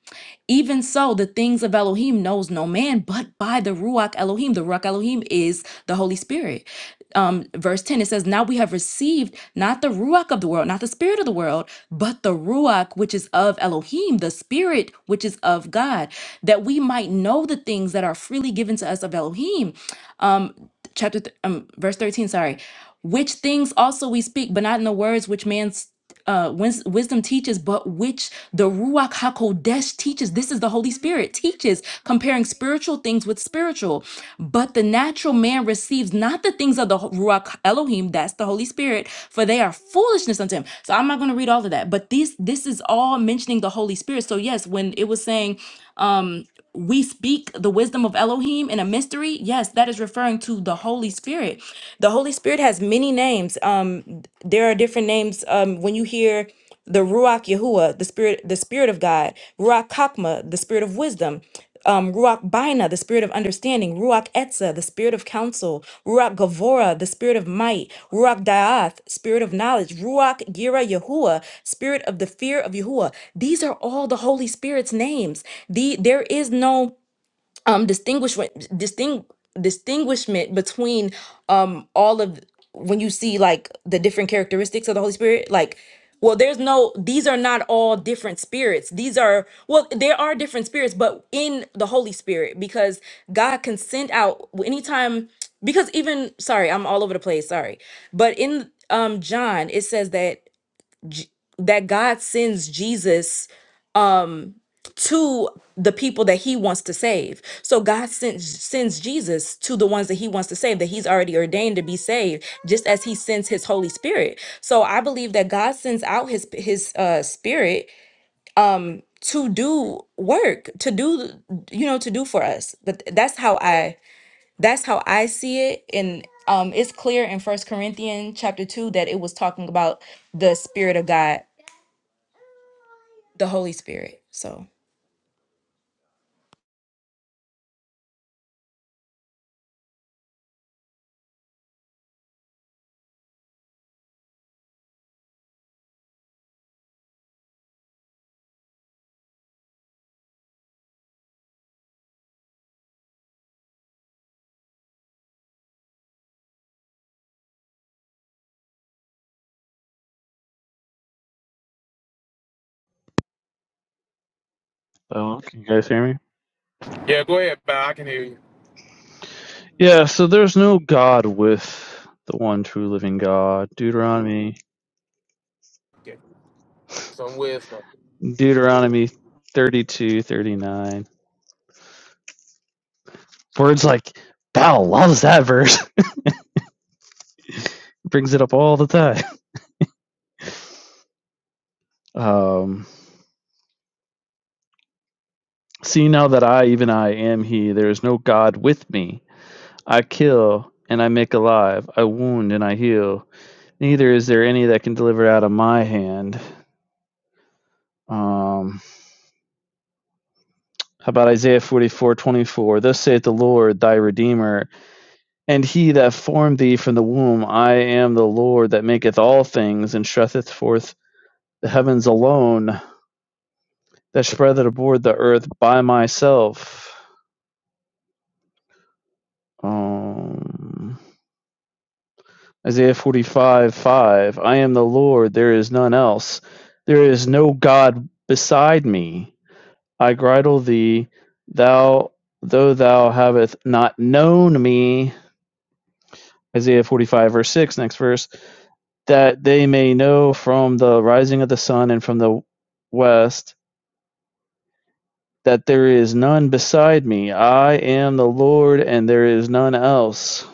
T: Even so, the things of Elohim knows no man but by the Ruach Elohim. The Ruach Elohim is the Holy Spirit. Um, verse 10, it says, Now we have received not the Ruach of the world, not the Spirit of the world, but the Ruach which is of Elohim, the Spirit which is of God, that we might know the things that are freely given to us of Elohim. Um, chapter, th- um, verse 13, sorry. Which things also we speak, but not in the words which man's uh, wins- wisdom teaches, but which the Ruach HaKodesh teaches. This is the Holy Spirit teaches, comparing spiritual things with spiritual. But the natural man receives not the things of the Ho- Ruach Elohim, that's the Holy Spirit, for they are foolishness unto him. So I'm not going to read all of that, but this this is all mentioning the Holy Spirit. So yes, when it was saying we speak the wisdom of Elohim in a mystery, yes, that is referring to the Holy Spirit. The Holy Spirit has many names. Um, there are different names um when you hear the ruach yahuwah the spirit the spirit of god ruach kakma the spirit of wisdom um, Ruach Baina, the spirit of understanding, Ruach Etza, the spirit of counsel, Ruach Gavora, the spirit of might, Ruach Daath, spirit of knowledge, Ruach Gira Yahuwah, spirit of the fear of Yahuwah. These are all the Holy Spirit's names. The there is no um distinguishment distinct distinguishment between um all of when you see like the different characteristics of the holy spirit like well there's no these are not all different spirits these are well there are different spirits but in the holy spirit because god can send out anytime because even sorry i'm all over the place sorry but in um john it says that that god sends jesus to the people that he wants to save. So God sends sends Jesus to the ones that he wants to save that he's already ordained to be saved just as he sends his holy spirit. So I believe that God sends out his his uh spirit um to do work, to do you know to do for us. But that's how I that's how I see it and um it's clear in First Corinthians chapter 2 that it was talking about the spirit of God, the Holy Spirit. So
D: Oh, can you guys hear me?
A: Yep,
D: Yeah, so there's no God with the one true living God. Deuteronomy Deuteronomy 32:39. Words like, Pal loves that verse. brings it up all the time. Um, see now that I, even I, am He, there is no God with me. I kill and I make alive. I wound and I heal. Neither is there any that can deliver out of my hand. Um, how about Isaiah forty-four twenty-four? Thus saith the Lord thy Redeemer, and he that formed thee from the womb. I am the Lord that maketh all things, and stretcheth forth the heavens alone, that spreadeth abroad the earth by myself. Um, Isaiah 45, 5. I am the Lord, there is none else. There is no God beside me. I bridle thee, thou, though thou hast not known me. Isaiah 45, verse 6, next verse. That they may know from the rising of the sun and from the west that there is none beside me. I am the Lord, and there is none else.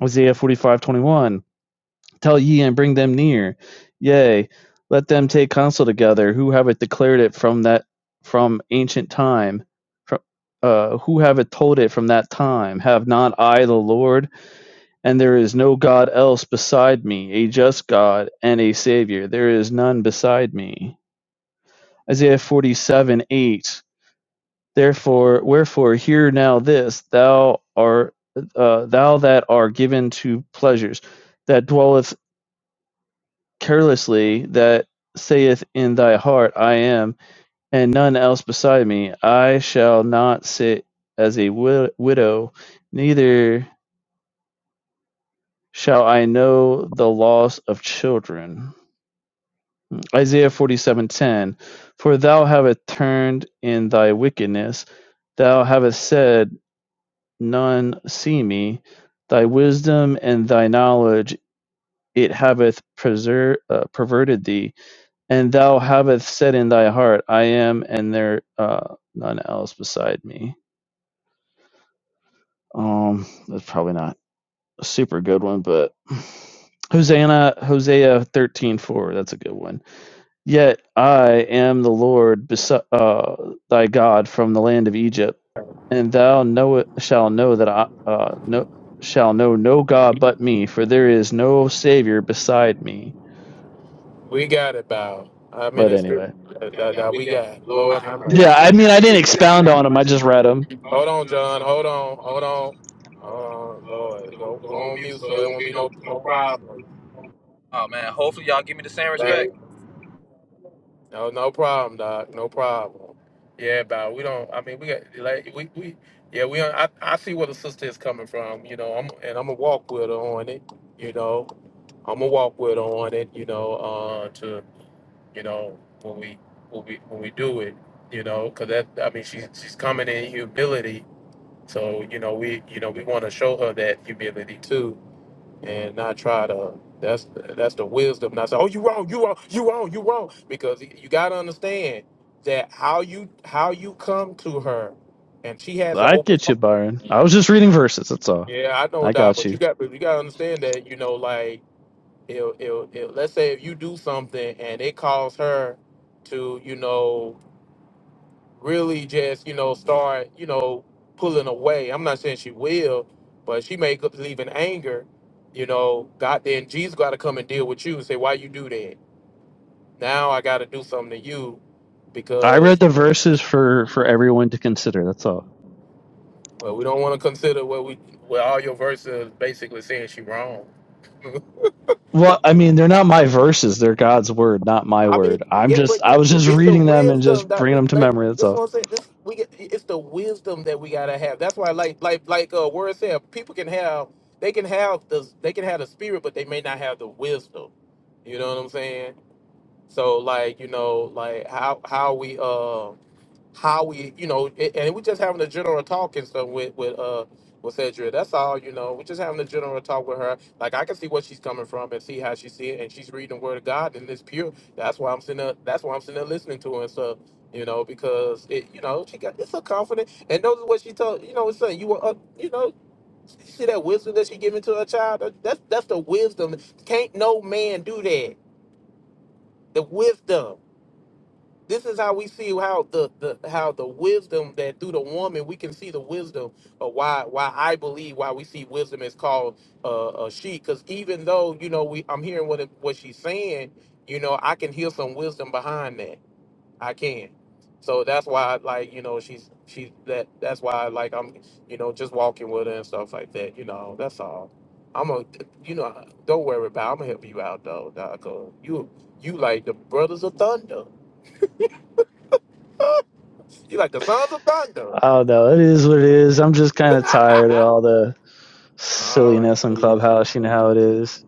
D: Isaiah 45 21. Tell ye and bring them near. Yea, let them take counsel together, who have declared it from that from ancient time. uh, who have told it from that time? Have not I the Lord? And there is no God else beside me, a just God and a Savior. There is none beside me. Isaiah 47 8. Therefore, wherefore, hear now this, thou art, uh, thou that are given to pleasures, that dwelleth carelessly that saith in thy heart, I am, and none else beside me. I shall not sit as a wi- widow, neither shall I know the loss of children. Isaiah 47:10 For thou hast turned in thy wickedness, thou hast said, None see me. Thy wisdom and thy knowledge it hath preser- uh, perverted thee and thou havest said in thy heart, I am, and there uh none else beside me. Um, that's probably not a super good one, but Hosanna, Hosea thirteen four, that's a good one. Yet I am the Lord, besi- uh, thy God, from the land of Egypt, and thou know shall know that I uh no shall know no God but me, for there is no Savior beside me.
A: we got it, Bow. I'm in
D: But anyway,
U: That, that we got. Lord have mercy. Yeah,
D: yeah,
U: I
D: I
U: mean,
D: mean,
U: I
D: I
U: didn't
D: didn't
U: expound
D: expound
U: on
D: on
U: him.
D: them.
U: I
D: I
U: just
D: just
U: read
D: read them.
U: him. Hold on, John. Hold on. Hold on. Hold on. Lord, don't go on mute so it won't be no no problem. Oh man, hopefully y'all give me the same respect.
A: it, you know, uh, to you know when we when we when we do it, you know, because she's human humanity. So you know, we want her to be too, and not uh, that's that's I said, oh, you wrong, you wrong, you wrong, you wrong, because again, that how you how you come to her, and she has an
D: I
A: open.
D: get you, Byron. I was just reading verses. That's all.
A: Yeah, I know
D: I
A: that,
D: got
A: but you
D: you.
A: got but you got to understand that you know, like it, it, it, let's say if you do something and it calls her to you know really just, you know, start, you know, pulling away. I'm not saying she will, but she may could leave in anger, you know, God then Jesus gotta come and deal with you and say, Why you do that? Now I gotta do something to you
D: I read
A: because
D: the verses for for everyone to consider. That's all.
A: well, we don't wanna consider what we well all your verses basically saying she wrong.
D: Well, I mean, they're not my verses. They're God's word, not my
A: I mean,
D: word. I'm
A: yeah,
D: just
A: but
D: I
A: you-
D: was just
A: it's the
D: reading them and
A: wisdom
D: just
A: that
D: bringing
A: we
D: them to
A: like.
D: memory. That's
A: This is
D: all.
A: what I'm saying. This we get. It's the wisdom that we gotta have. That's why, like, like, like, uh, word said, people can have, they can have the, they can have the spirit, but they may not have the wisdom. You know what I'm saying? So, like, you know, like how how we, um how we, you know, it, and we just having a general talk and stuff with with uh with Cedric. That's all, you know. We're just having a general talk with her. Like I can see what she's coming from and see how she see it, and she's reading the Word of God, and it's pure. That's why I'm sitting. There, that's why I'm sitting there listening to her and stuff. You know, because it, you know, she got it's so confident, and notice what she told you know, it's saying you were, uh, you know, see that wisdom that she giving to her child. That- That's that's the wisdom. Can't no man do that. The wisdom. This is how we see how the, the how the wisdom that through the woman we can see the wisdom of why why I believe why we see wisdom is called uh, a she because even though you know we I'm hearing what it, what she's saying you know I can hear some wisdom behind that I can so that's why like you know she's she's that that's why like I'm you know just walking with her and stuff like that you know that's all I'm a you know don't worry about it. I'm gonna help you out though Doc, 'cause you you like the brothers of thunder. You like the sons of thunder.
D: Oh no, it is what it is. I'm just kind of tired of all the
A: all right.
D: silliness on Clubhouse. You know how it is.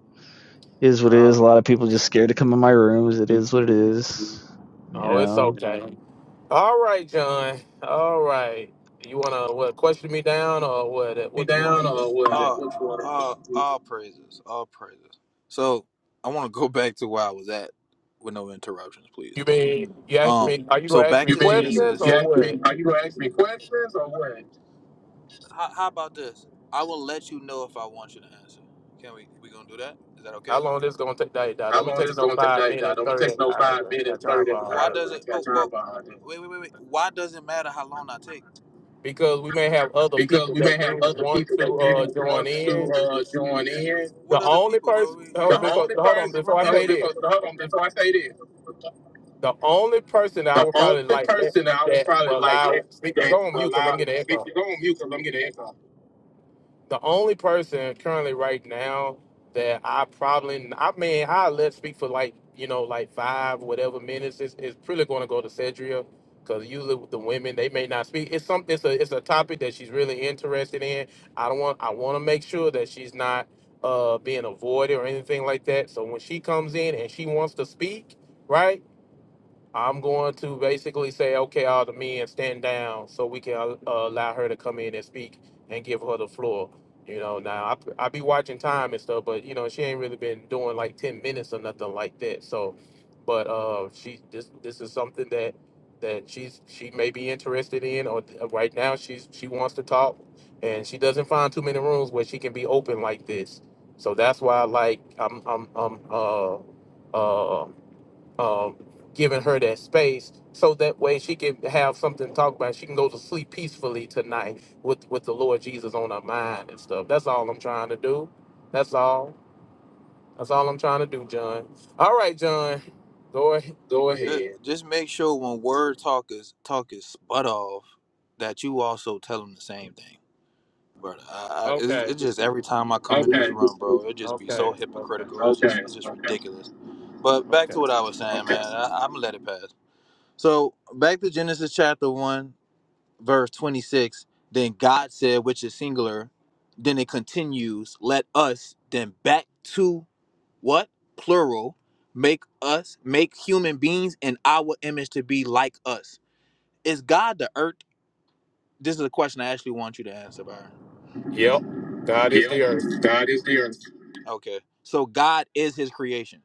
D: It Is what it
A: All
D: is. A lot of people just scared to come in my rooms. It is what it is. You
A: Oh, it's so.
D: know.
A: All right, John. All right. You wanna what? Question me down or what? uh, What you wanna
U: down,
A: do?
U: or was it All, which one? all, all praises, all praises. So I want to go back to where I was at with no interruptions, please.
A: You mean you ask
U: Um,
A: me? Are you
U: so
A: gonna ask
U: back
A: me
U: You to mean you,
A: questions
U: Genesis. you
A: or
U: ask me?
A: what?
U: Are you gonna ask me questions or what? How, how about this? I will let you know if I want you to answer. Can we? We gonna do that? Is that okay?
A: How long this gonna take? That that
U: How
A: don't be
U: long
A: taking
U: this
A: no
U: going to
A: five
U: take? Dog?
A: minutes,
U: Don't be
A: thirty.
U: taking no
A: I
U: five
A: ain't
U: minutes,
A: got time
U: thirty.
A: for
U: Why
A: all
U: hours.
A: that
U: does it? got But time but behind it. wait wait wait wait. Why does it matter how long I take?
A: because we may have other
U: because
A: people
U: we may
A: that
U: have
A: do
U: other
A: want
U: people that
A: to uh
U: do
A: join
U: want
A: in.
U: to uh, join in.
A: The
U: What other
A: only
U: people,
A: person
U: bro? Your The
A: hold,
U: room,
A: before
U: only
A: hold
U: person,
A: on
U: the
A: before
U: room
A: I
U: hold,
A: say
U: empty.
A: this.
U: before, hold on, before I say this,
A: The only person that I
U: the
A: would probably
U: only
A: like let
U: person that I would
A: that
U: probably
A: will
U: like
A: allow
U: let
A: speak-
U: that
A: go on mute because I'm
U: allow
A: getting
U: speak
A: echo.
U: to go on mute because I'm getting an echo.
A: The only person currently right now that I I mean I like like five whatever minutes is is really going to go to Cedria because usually with the women they may not speak. It's something it's a it's a topic that she's really interested in. I don't want I want to make sure that she's not uh being avoided or anything like that. So when she comes in and she wants to speak, right? I'm going to basically say, okay, all the men stand down so we can uh, allow her to come in and speak and give her the floor. You know, now I, I be watching time and stuff, but you know, she ain't really been doing like 10 minutes or nothing like that. So, but uh, she this this is something that that she's she may be interested in, or uh, right now she's she wants to talk, and she doesn't find too many rooms where she can be open like this. So that's why, like, I'm I'm I'm uh uh um, giving her that space so that way she can have something to talk about. She can go to sleep peacefully tonight with, with the Lord Jesus on her mind and stuff. That's all I'm trying to do. That's all. That's all I'm trying to do, John. All right, John. Go ahead. Go
U: Go Just, ahead.
A: ahead.
U: just just make sure when word talk is talk is butt off, that you also tell them the same thing. bro. I, I, it's,
A: Okay.
U: it's just every time I come in this Okay. room, bro, it just be so
A: Okay.
U: hypocritical. It's just Okay. it's just Okay. ridiculous. But back
A: Okay.
U: to what I was saying, Okay. man. I, I'm gonna let it pass. So back to Genesis chapter one, verse twenty six. Then God said, which is singular. Then it continues. Let us then back to what plural make us make human beings in our image to be like us. Is God the earth? This is a question I actually want you to answer, Byron.
A: Yep. God is
U: Yep.
A: the earth.
U: God is the earth. Okay. So God is his creation.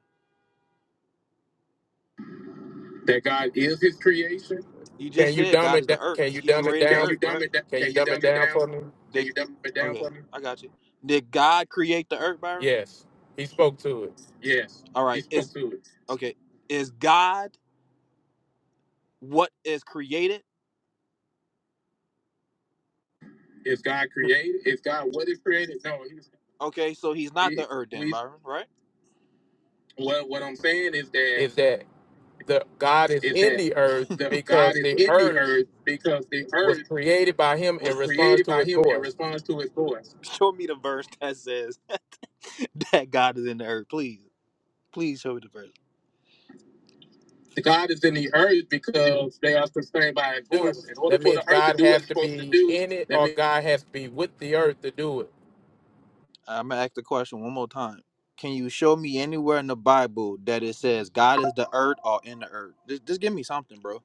U: That God is his creation. You
A: Can
U: just
A: you
U: said
A: dumb
U: God
A: it?
U: is
A: da-
U: the earth.
A: Can you
U: He
A: dumb it
U: created the Can
A: down?
U: you earth, dumb right? it down?
A: Can you
U: Can you
A: dumb
U: dumb
A: it
U: it
A: down
U: down? Can
A: for me?
U: Did you dumb it down okay, for me? I got you. Did God create the earth, Byron?
A: Yes. He spoke to it.
U: Yes. All He right. spoke Is to it. okay. Is God what is created? Is God created? Is God what is created? No, he's Okay, so he's not he, the earth then, we Byron, right? Well, what I'm saying is that
A: Is that the God is
U: is
A: in
U: that
A: the earth
U: the God
A: because
U: is
A: the
U: in the
A: earth
U: earth because the
A: was
U: earth
A: created by him
U: was
A: and responds
U: created
A: to
U: by
A: his
U: him and
A: voice.
U: responds to his voice. Show me the verse that says that God is in the earth. Please, please show me the verse. The God is in the earth because they are sustained by his
A: Dude,
U: voice. In order
A: that
U: for the
A: means
U: earth to
A: God
U: do what
A: has
U: it's
A: to
U: supposed to
A: be
U: do,
A: in it
U: that
A: or
U: means
A: God has to be with the earth to do it.
U: I'm gonna ask the question one more time. Can you show me anywhere in the Bible that it says God is the earth or in the earth? Just, just give me something, bro.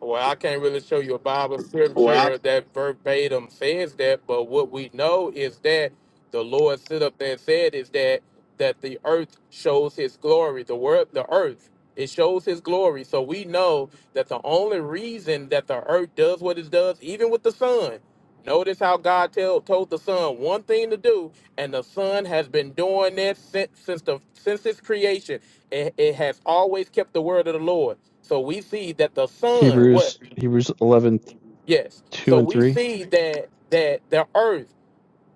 A: Well, I can't really show you a Bible
U: Well, I
A: scripture that verbatim says that, but what we know is that the Lord stood up there and said is that that the earth shows his glory. The word the earth, it shows his glory. So we know that the only reason that the earth does what it does, even with the sun. Notice how God tell, told the sun one thing to do, and the sun has been doing that since since the since its creation. It, it has always kept the word of the Lord. So we see that the sun, what?
D: Hebrews Hebrews eleven
A: Yes.
D: two
A: So
D: and
A: we
D: three.
A: see that that the earth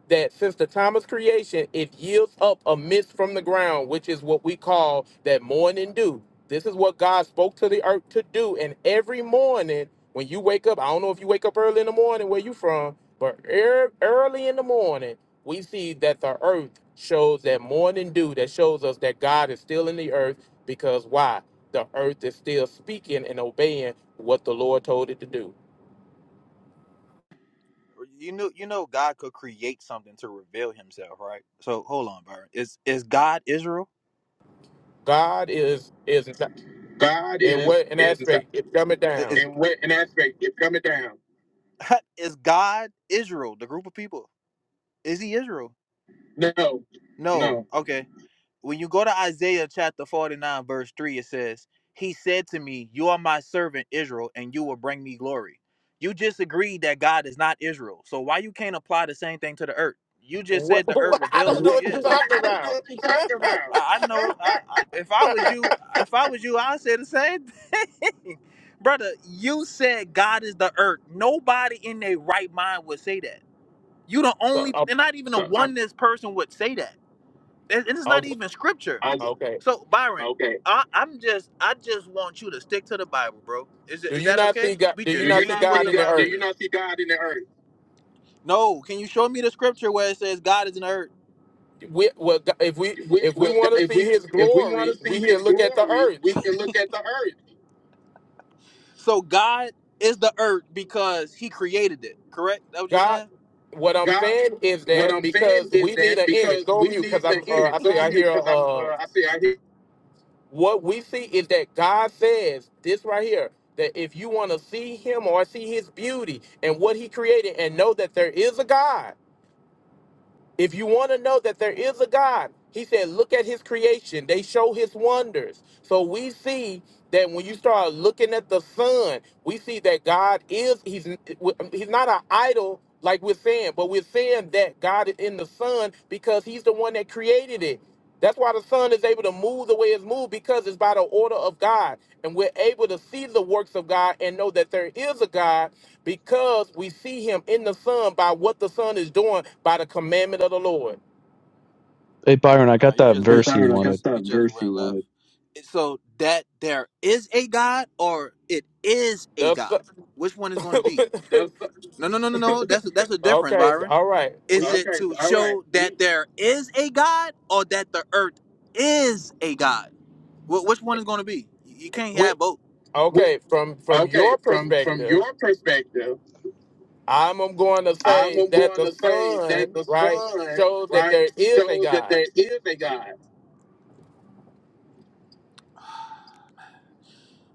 A: that since the time of creation, it yields up a mist from the ground, which is what we call that morning dew. This is what God spoke to the earth to do. And every morning, when you wake up, I don't know if you wake up early in the morning where you from, but ear- early in the morning, we see that the earth shows that morning dew that shows us that God is still in the earth because why? The earth is still speaking and obeying what the Lord told it to do.
U: you know you know God could create something to reveal himself, right? So hold on, Byron. Is is God Israel?
A: God is is
U: God
A: in
U: is
A: what an
U: is Is
A: aspect, it's coming down.
U: in what an aspect it's coming down. is God Israel, the group of people? Is he Israel? No, No. no, Okay. when you go to Isaiah chapter 49, verse 3, it says, He said to me, You are my servant Israel, and you will bring me glory. You just agreed that God is not Israel. So why you can't apply the same thing to the earth? You just
A: What,
U: said the earth
A: what? I
U: reveals
A: don't
U: who
A: know
U: What, he
A: what you're
U: is. what-
A: talking
U: I don't know
A: about.
U: what you're talking about. I, I know I, I, if I was you, if I was you, I'd say the same thing. Brother, you said God is the earth. Nobody in their right mind would say that. You the
A: So,
U: only
A: um,
U: and not even a So I'm oneness person would say that and it's
A: um,
U: not even scripture. Oh,
A: okay.
U: So Byron, okay. I, I'm just I just want you to stick to the Bible, bro. Is it-
A: Do
U: is
A: you
U: that
A: not see
U: okay?
A: God?
U: We
A: Do
U: just
A: you
U: Do you
A: not
U: read
A: see
U: not what see
A: God
U: the
A: in
U: God?
A: the
U: Bible Do you
A: earth?
U: says. not see God in the earth? No, can you show me the scripture where it says God is in the earth?
A: We, well, Go- if we
U: We,
A: if we
U: well,
A: want to
U: if
A: see
U: we
A: His
U: if we want
A: glory,
U: to see
A: we
U: His
A: can look at the
U: glory,
A: earth.
U: we can look at the earth. So God is the earth because He created it. Correct? That what you're
A: God,
U: saying?
A: what I'm
U: God,
A: saying is
U: what
A: that
U: I'm saying
A: because
U: is
A: we need
U: that
A: an image.
U: because
A: Go
U: we
A: on mute,
U: need
A: because
U: an
A: I'm. Uh,
U: image.
A: I
U: Go
A: see.
U: on
A: I
U: mute,
A: hear.
U: because I'm.
A: Uh,
U: Uh, I see. I hear.
A: what we see is that God says this right here. That if you want to see Him or see His beauty and what He created, and know that there is a God. If you want to know that there is a God, he said, look at his creation. They show his wonders. So we see that when you start looking at the sun, we see that God is, he's, he's not an idol like we're saying, but we're saying that God is in the sun because he's the one that created it. That's why the sun is able to move the way it's moved because it's by the order of God. And we're able to see the works of God and know that there is a God because we see him in the son by what the son is doing by the commandment of the Lord.
D: Hey Byron, I
U: Nah,
D: got
U: you
D: that
U: just Hey went.
D: verse he
U: Byron, You I got
D: wanted.
U: just you that just verse went you left. read. So that there is a God, or it is a
A: The
U: God. Which one
A: son,
U: is going to be? That's No, no, no, no, no. That's that's a difference,
A: okay,
U: Byron.
A: all right.
U: Is it okay. to All right. show You that You there is a God, or that the earth is a God? Wh- which one is going to be? You you can't
A: With
U: have both. Wait,
A: okay, from from
U: okay,
A: your
U: from from
A: perspective,
U: your perspective,
A: I'm going to
U: I'm
A: say that
U: going
A: the
U: to say that
A: son
U: the
A: right
U: sun,
A: shows that
U: right,
A: there is a
U: shows that
A: God.
U: there is a God.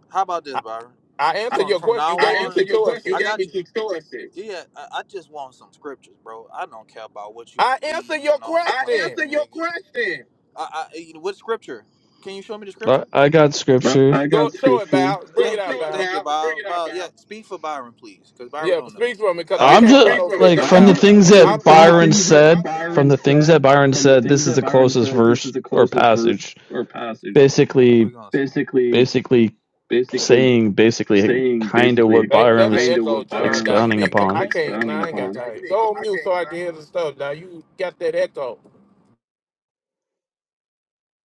U: How about this,
A: I,
U: Byron?
A: I answered
U: from
A: your
U: from
A: question.
U: now
A: You
U: on, I on.
A: gave me two
U: answered your question. You I gave
A: choices.
U: got me you. two choices. Yeah, I, I just want some scriptures, bro. I don't care about what you
A: I answered
U: believe
A: your
U: and all these I claims
A: question.
U: answered you your making. question. I, I what scripture? Can you show me the
D: I,
U: scripture?
D: I got
U: I,
D: scripture.
U: I got
A: Go show it,
U: scripture.
A: Bow.
U: Go
A: Bring it
U: Thank you,
A: out,
U: show it,
A: Bow.
U: thank you, Bob. Bob. Bring it out, Byron, yeah, Val. speak for Byron, please, because Byron
A: Yeah,
U: don't know.
A: speak for me because I
U: I'll Yeah,
D: I'm
A: can't
U: talk to
A: pull
U: speak
D: just
U: you,
A: those
U: for me Byron.
D: like
A: scriptures
U: I
D: from
U: I'm
D: the
A: out.
U: just can't
D: things
U: put no like
A: I'm
D: that
U: scripture from the down.
D: Byron
A: driving.
U: things that I'm
D: said.
U: Byron
D: From
U: driving.
D: the things that
U: said.
D: Byron
U: From the
D: said, this
U: things
D: is
U: that
D: the
U: Byron
D: closest
U: said, this
D: verse
U: is the
D: or
U: closest verse
D: passage.
U: or passage. We're
D: Basically,
U: gonna see. Basically,
D: basically
U: basically
D: saying basically
U: saying
D: kind of
U: basically
D: what
A: Hey,
D: Byron
A: that's an
D: was
U: kind of
A: echo,
U: what
A: John.
U: Byron
A: Dog.
U: was
A: You
D: expounding
A: need.
U: Hey,
A: I
D: upon.
A: can't. Man,
U: expounding
A: I ain't got
U: upon. You
A: time. Go on mute so I can hear the stuff. Now you got that echo.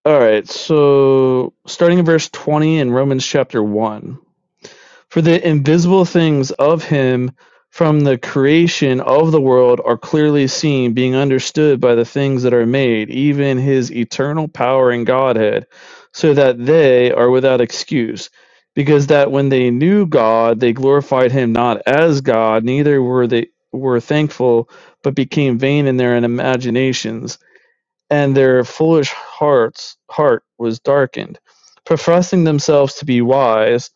D: All right, so starting in verse 20 in Romans chapter 1. For the invisible things of him from the creation of the world are clearly seen, being understood by the things that are made, even his eternal power and Godhead, so that they are without excuse. Because that when they knew God, they glorified him not as God, neither were they were thankful, but became vain in their imaginations, and their foolish hearts heart was darkened. Professing themselves to be wise,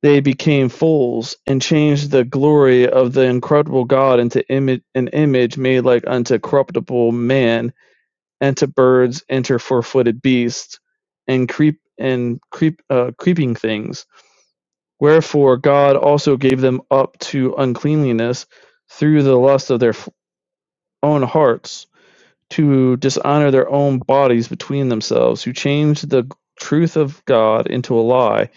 D: they became fools, and changed the glory of the incorruptible God into image, an image made like unto corruptible man, and to birds, and to four-footed beasts, and creep and creep uh, creeping things. Wherefore God also gave them up to uncleanliness through the lust of their own hearts, to dishonor their own bodies between themselves, who changed the truth of God into a lie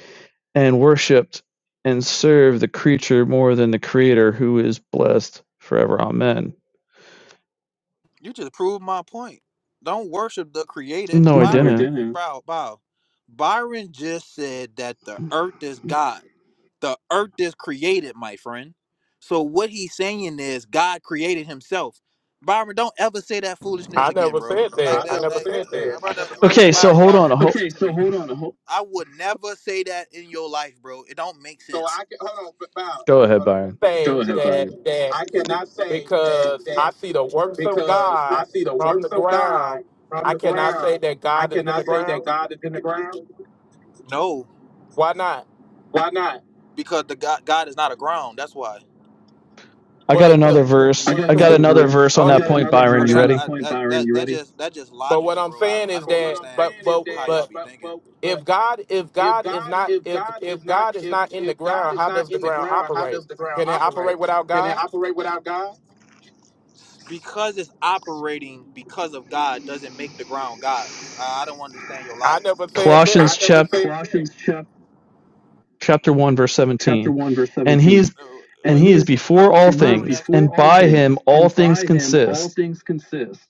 D: and worshipped and served the creature more than the creator who is blessed forever. Amen.
U: just proved my point. Don't worship the created. Byron,
D: No,
U: No,
D: I
U: I
D: didn't.
U: didn't. bow, bow. Byron just said that the earth is God. The earth is created, my friend. So what he's saying is God created himself. Byron, don't ever say that foolishness
A: I
U: again,
A: never
U: bro.
A: said
U: Like I
A: that.
U: that,
A: I
U: never
A: never
U: like said
A: said that.
U: that. I brother, never brother, said
D: Okay,
U: that.
D: so
U: Byron,
D: hold on.
U: Byron.
D: Ho-
U: Okay, so hold on. Hold, I would never say that in your life, bro. It don't make So sense. I can hold on, but Bow,
D: Go ahead,
U: hold on.
D: Byron.
U: go So
A: Say
U: ahead,
A: that
U: Byron.
A: that
U: I cannot say that
A: because I
U: that
A: see the works of
U: because I
A: God
U: see the
A: from
U: works
A: the
U: of God
A: ground.
U: from
A: I
U: the
A: cannot say
U: ground.
A: that
U: I
A: God is in the
U: cannot say that
A: ground.
U: God is in the ground. No,
A: Why not?
U: why not? because the God God is not a ground. That's why.
D: I got
A: But the
D: another
U: I
D: verse.
U: got
D: I got
U: another
D: another
U: verse.
D: verse on
U: I
A: hold on.
D: that
U: got
D: point,
U: another verse I mean,
D: Byron.
U: verse
D: You
U: I, on that
D: ready?
U: I point, that Byron. that You that ready? just that just
A: but what
U: logical,
A: I'm
U: bro. I
A: saying
U: I
A: is
U: don't But understand
A: that
U: what I'm
A: but
U: understand saying is that,
A: but
U: how y'all
A: but
U: be but thinking. but
A: if
U: but
A: God if
U: if
A: God is
U: God
A: not
U: if
A: if
U: God is
A: if
U: not
A: God is
U: if
A: not in the
U: if God
A: ground,
U: is
A: how
U: not
A: does the
U: in the
A: ground
U: ground, how
A: operate?
U: does the ground
A: Can it
U: operate?
A: operate without
U: Can it
A: God?
U: operate without God? Because it's operating because of God doesn't make the ground God. I, I don't understand your
A: I
U: logic.
A: never said that.
U: I
D: Colossians
U: never
D: chap-
U: said Colossians that.
D: chapter 1 verse
U: chapter
D: 17.
U: 1, verse
D: And he
U: 17.
D: is
U: Uh, And
D: and
U: Wait,
D: he
U: he
D: is
U: is uh,
D: before
U: wait,
D: all
U: and he is
D: things, and
U: before all
D: by him
U: things,
D: all
U: and
D: things
U: by him all
D: consist.
U: things consist.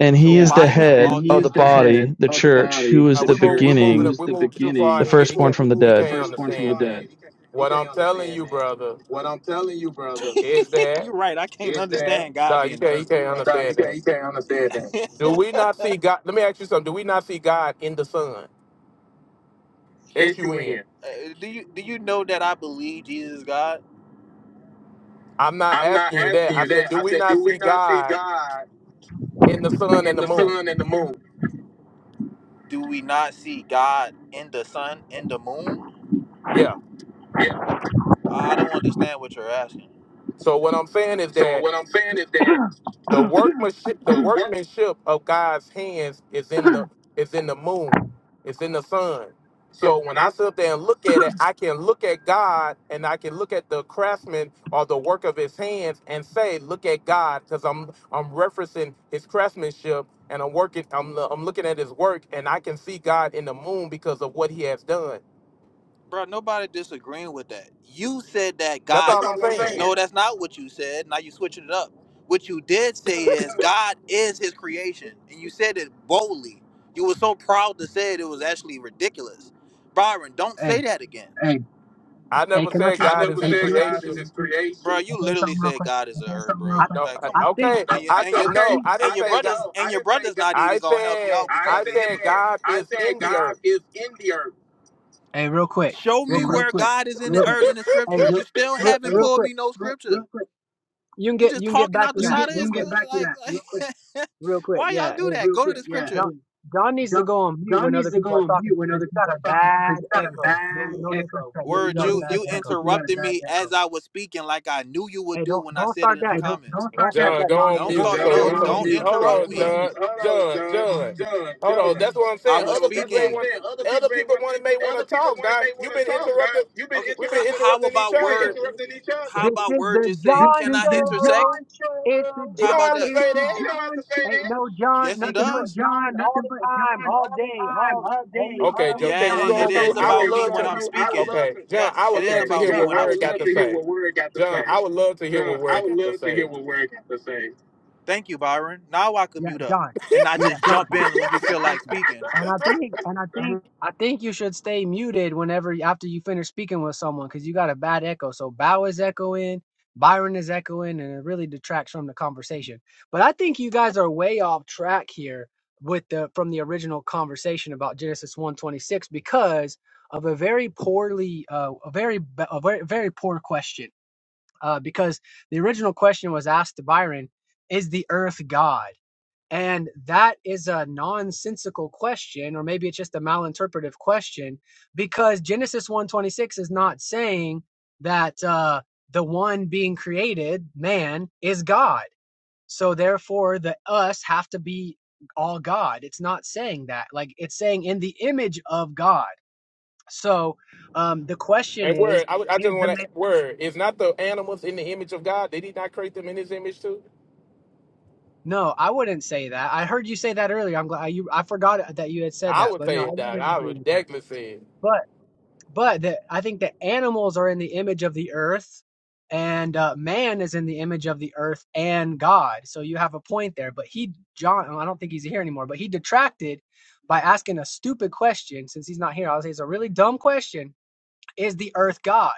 D: And
U: So
D: he
C: Yeah,
D: is
C: I
D: the
U: by him all
D: head
U: And all he things
D: of the
U: is the head
D: body, the
U: of the
D: church, who
U: body,
D: is
A: Uh,
U: the
A: we
D: the
A: move. We
U: church, who
A: moving.
D: beginning,
U: is
A: We
U: the
A: moved too far
U: beginning,
D: the
U: Nah, we
A: ahead. He
D: firstborn
U: move,
A: can't.
U: we
D: from the
U: moving, the
A: He
D: dead
A: can't
U: firstborn from the
A: understand
U: dead.
A: that.
U: He can't, he
A: What
U: can't
A: I'm telling
U: understand
A: you,
U: that.
A: brother,
U: What I'm telling you, brother,
A: is that
U: You're right. I can't is that understand God
A: nah, you
U: being the
A: can't. He
U: earth. You're
A: can't
U: right. nah, you
A: understand
U: can't,
A: that.
U: you can't understand
A: Do
U: that.
A: we not see God? Let me ask you something. Do we not see God in the Son? S
U: It's
A: U
U: you
A: N.
U: in. Uh, do you do you know that I believe Jesus is God?
A: I'm not
U: I'm not
A: asking you
U: asking
A: that. I
U: you that.
A: said, do
U: I
A: we
U: said,
A: not
U: do we
A: see
U: not see
A: God
U: God?
A: in the sun and
U: in
A: the
U: the
A: moon?
U: sun and the moon. Do we not see God in the sun, in the moon?
A: Yeah.
U: Yeah. I don't understand what you're asking.
A: So what I'm saying is
U: So
A: that
U: what I'm saying is that
A: The workmanship, the workmanship of God's hands is in the is in the moon, it's in the sun. So
U: So
A: when
U: when
A: I
U: I
A: sit up there and look at it, I can look at God and I can look at the craftsman or the work of his hands and say, "Look at God," because I'm I'm referencing his craftsmanship and I'm working I'm I'm looking at his work and I can see God in the moon because of what he has done.
U: Bro, nobody disagreeing with that. You said that
A: That's
U: God. that's
A: all I'm
U: all I'm
A: saying.
U: saying. No, that's not what you said. Now you switching it up. What you did say is God is His creation, and you said it boldly. You were so proud to say it; it was actually ridiculous. Byron, don't
C: think.
U: say that again. Hey.
A: I
C: Hey,
A: never
C: can I
A: said
C: say
U: I
A: God
C: something
U: never
A: is
C: real
U: Hey,
A: his
C: quick?
U: said can I God is his
A: creation.
U: creation. Bro, you
C: Can I say
U: literally
C: something real
U: said
C: quick?
U: God is Can a I say herb, something real bro.
C: I
U: quick?
A: No,
U: Like,
A: I-
U: come
C: I
U: on,
C: think.
U: bro.
A: okay.
U: And your
A: I
U: and your
A: said
U: Okay,
A: no. I
U: and
A: didn't
U: I your said
A: say
U: brothers
A: God.
U: no. and I your didn't say brothers God. not
A: I
U: even gonna help y'all
A: said,
U: I because
A: I
U: they said
A: said,
U: hypocrites.
A: God
U: I
A: is
U: said
A: in the
U: God
A: earth.
U: is in the earth.
C: Hey, real quick,
U: Show Hey, me
C: real
U: real
C: quick,
U: where quick, God is in real the
C: real,
U: quick, earth in the
C: hey,
U: scripture. real, You still
C: real,
U: haven't hey,
C: real
U: pulled
C: quick.
U: me no real, scripture. real quick.
C: You can
U: He
C: get
U: just
C: you can get
U: talking
C: back
U: out
C: to
U: the You can
C: that
U: side get of you
C: real
U: his can get
C: quick,
U: back to Like, that real quick, like
C: real quick.
U: why y'all
C: Yeah,
U: do
C: hey,
U: that? real Go to quick.
C: John.
U: the
C: John needs
U: Yeah,
C: to go on mute
U: scripture.
C: when other people are talking to
U: mute when
C: because
U: other
C: you got
U: people
C: a
U: are talking
C: bad
U: because you got a
C: echo. No,
U: bad
C: no
U: echo.
C: disrespect, but you
U: Word,
C: got a
U: you
C: bad
U: you
C: echo.
U: interrupted me as I was speaking, like I knew you would
C: Hey,
U: do
C: don't
U: when I
C: don't
U: said it
C: start
U: in the Hey,
C: that.
U: comments. don't start
C: Don't start
U: that.
A: John,
C: that
A: go on
U: Don't
C: nonsense.
U: start.
A: mute. So,
U: No,
C: Go
A: it,
C: on
A: so
U: don't
C: mute.
U: So interrupt
A: hold on,
U: me.
A: John,
U: hold on,
A: John,
U: John,
C: Go on
A: John.
C: mute.
A: Hold on.
U: John, John.
A: That's what I'm
U: I
A: saying.
U: was on. That's what
A: Other
U: I'm
A: people may
U: speaking.
A: want,
U: saying. Other people
A: other
U: may
A: people
U: want,
A: want may want to
U: other people
A: talk. God,
U: may want
A: you've been
U: to talk, guy.
A: interrupted.
U: You've been Okay,
A: We've been
U: interrupting. how
A: interrupting
U: about
A: each
U: you word?
A: other.
U: interrupting each other. How
C: This
U: about word? Just say, can I the intersect?
C: show. It's the
A: You
U: How
A: don't
U: about
A: have
C: John
U: that?
A: to say that.
U: You don't have John to say
C: show.
U: that.
C: Ain't no John,
U: Yes, he Hey, no
C: nothing but
U: does. John,
C: John all
U: nothing
C: the
U: but John
C: time, all
U: all the
C: day,
U: time,
C: all
U: all day,
C: only
A: Okay,
U: all
C: only
A: John, can
U: Yeah, all
A: you
U: it, it
C: John.
A: go
U: night,
C: That's
A: on
C: all
A: mute?
U: is
C: we
U: Okay, all okay,
A: I
C: got.
U: about
A: would
U: me when
A: love
U: John, I'm John,
A: to.
U: I would speaking. love
A: Okay,
U: to.
A: John,
U: Yes,
A: I would
U: it is Okay,
A: love to
U: about me
A: hear
U: John,
A: what
U: when I I'm
A: Word
U: would love
A: got
U: to
A: to
U: speaking. hear
A: say.
U: what Word got to say.
A: John, I would love to hear
U: John,
A: what
U: I
A: Word
U: would
A: got to
U: love to hear
A: say.
U: what Word got to say. Thank you, Byron. Now I can
C: Yeah,
U: mute up
C: John.
U: and not Yes,
C: Yeah,
U: just John.
C: thank
U: jump
C: you.
U: in when you feel like speaking.
C: And I think, and I think, I think you should stay muted whenever after you finish speaking with someone because you got a bad echo. So Bow is echoing, Byron is echoing, and it really detracts from the conversation. But I think you guys are way off track here with the from the original conversation about Genesis one twenty six because of a very poorly, uh, a very, ba- a very, very poor question. Uh, because the original question was asked to Byron, "Is the Earth God?" And that is a nonsensical question, or maybe it's just a malinterpretive question, because Genesis one twenty six is not saying that uh, the one being created, man, is God. So therefore, the us have to be all God. It's not saying that. Like it's saying in the image of God. So um, the question
A: And
C: is,
A: Word, I, would- I just
C: is the
A: want to
C: man?
A: Word. Is not the animals in the image of God? Did He not create them in His image too?
C: No, I wouldn't say that. I heard you say that earlier. I'm glad you. I forgot that you had said
A: I
C: that,
A: would
C: but no,
A: say
C: I
A: it, Doc.
C: wouldn't
A: I
C: agree
A: would
C: with that.
A: definitely say it.
C: But but the, I think the animals are in the image of the earth, and uh, man is in the image of the earth and God. So you have a point there. But he, John, well, I don't think he's here anymore. But he detracted by asking a stupid question. Since he's not here, I'll say it's a really dumb question. Is the earth God?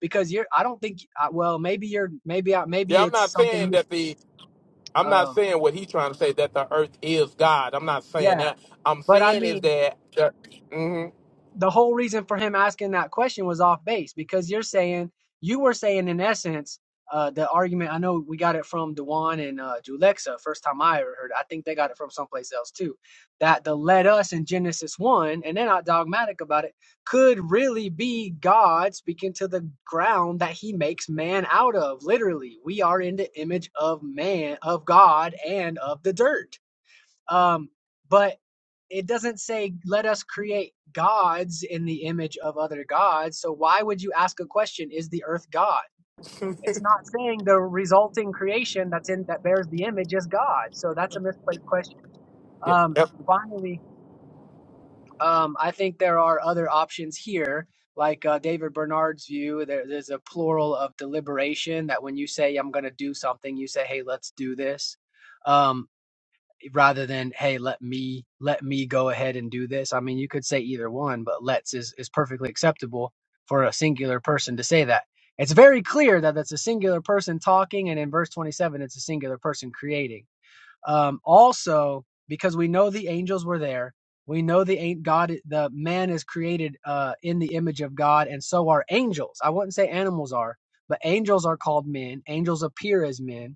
C: Because you're, I don't think. uh, Well, maybe you're, maybe I, maybe
A: Yeah, I'm not
C: it's
A: saying
C: something.
A: that the I'm not
C: Um,
A: saying what he's trying to say that the earth is God. I'm not saying
C: yeah,
A: that. I'm
C: but I
A: saying
C: mean,
A: is that. hmm
C: the whole reason for him asking that question was off base because you're saying you were saying in essence uh, the argument I know we got it from Dewan and uh, Julexa first time I ever heard it. I think they got it from someplace else too that the let us in Genesis one and they're not dogmatic about it could really be God speaking to the ground that He makes man out of. Literally, we are in the image of man of God and of the dirt um, but it doesn't say, let us create gods in the image of other gods. So why would you ask a question, is the earth God? It's not saying the resulting creation that's in that bears the image is God. So that's a misplaced question.
A: yeah,
C: Um,
A: yeah,
C: finally, um, I think there are other options here. Like uh, David Bernard's view, there, there's a plural of deliberation that when you say, I'm going to do something, you say, hey, let's do this. Um, rather than hey let me let me go ahead and do this i mean you could say either one but let's is, is perfectly acceptable for a singular person to say that it's very clear that that's a singular person talking and in verse 27 it's a singular person creating um, also because we know the angels were there we know the ain't god the man is created uh, in the image of god and so are angels i wouldn't say animals are but angels are called men angels appear as men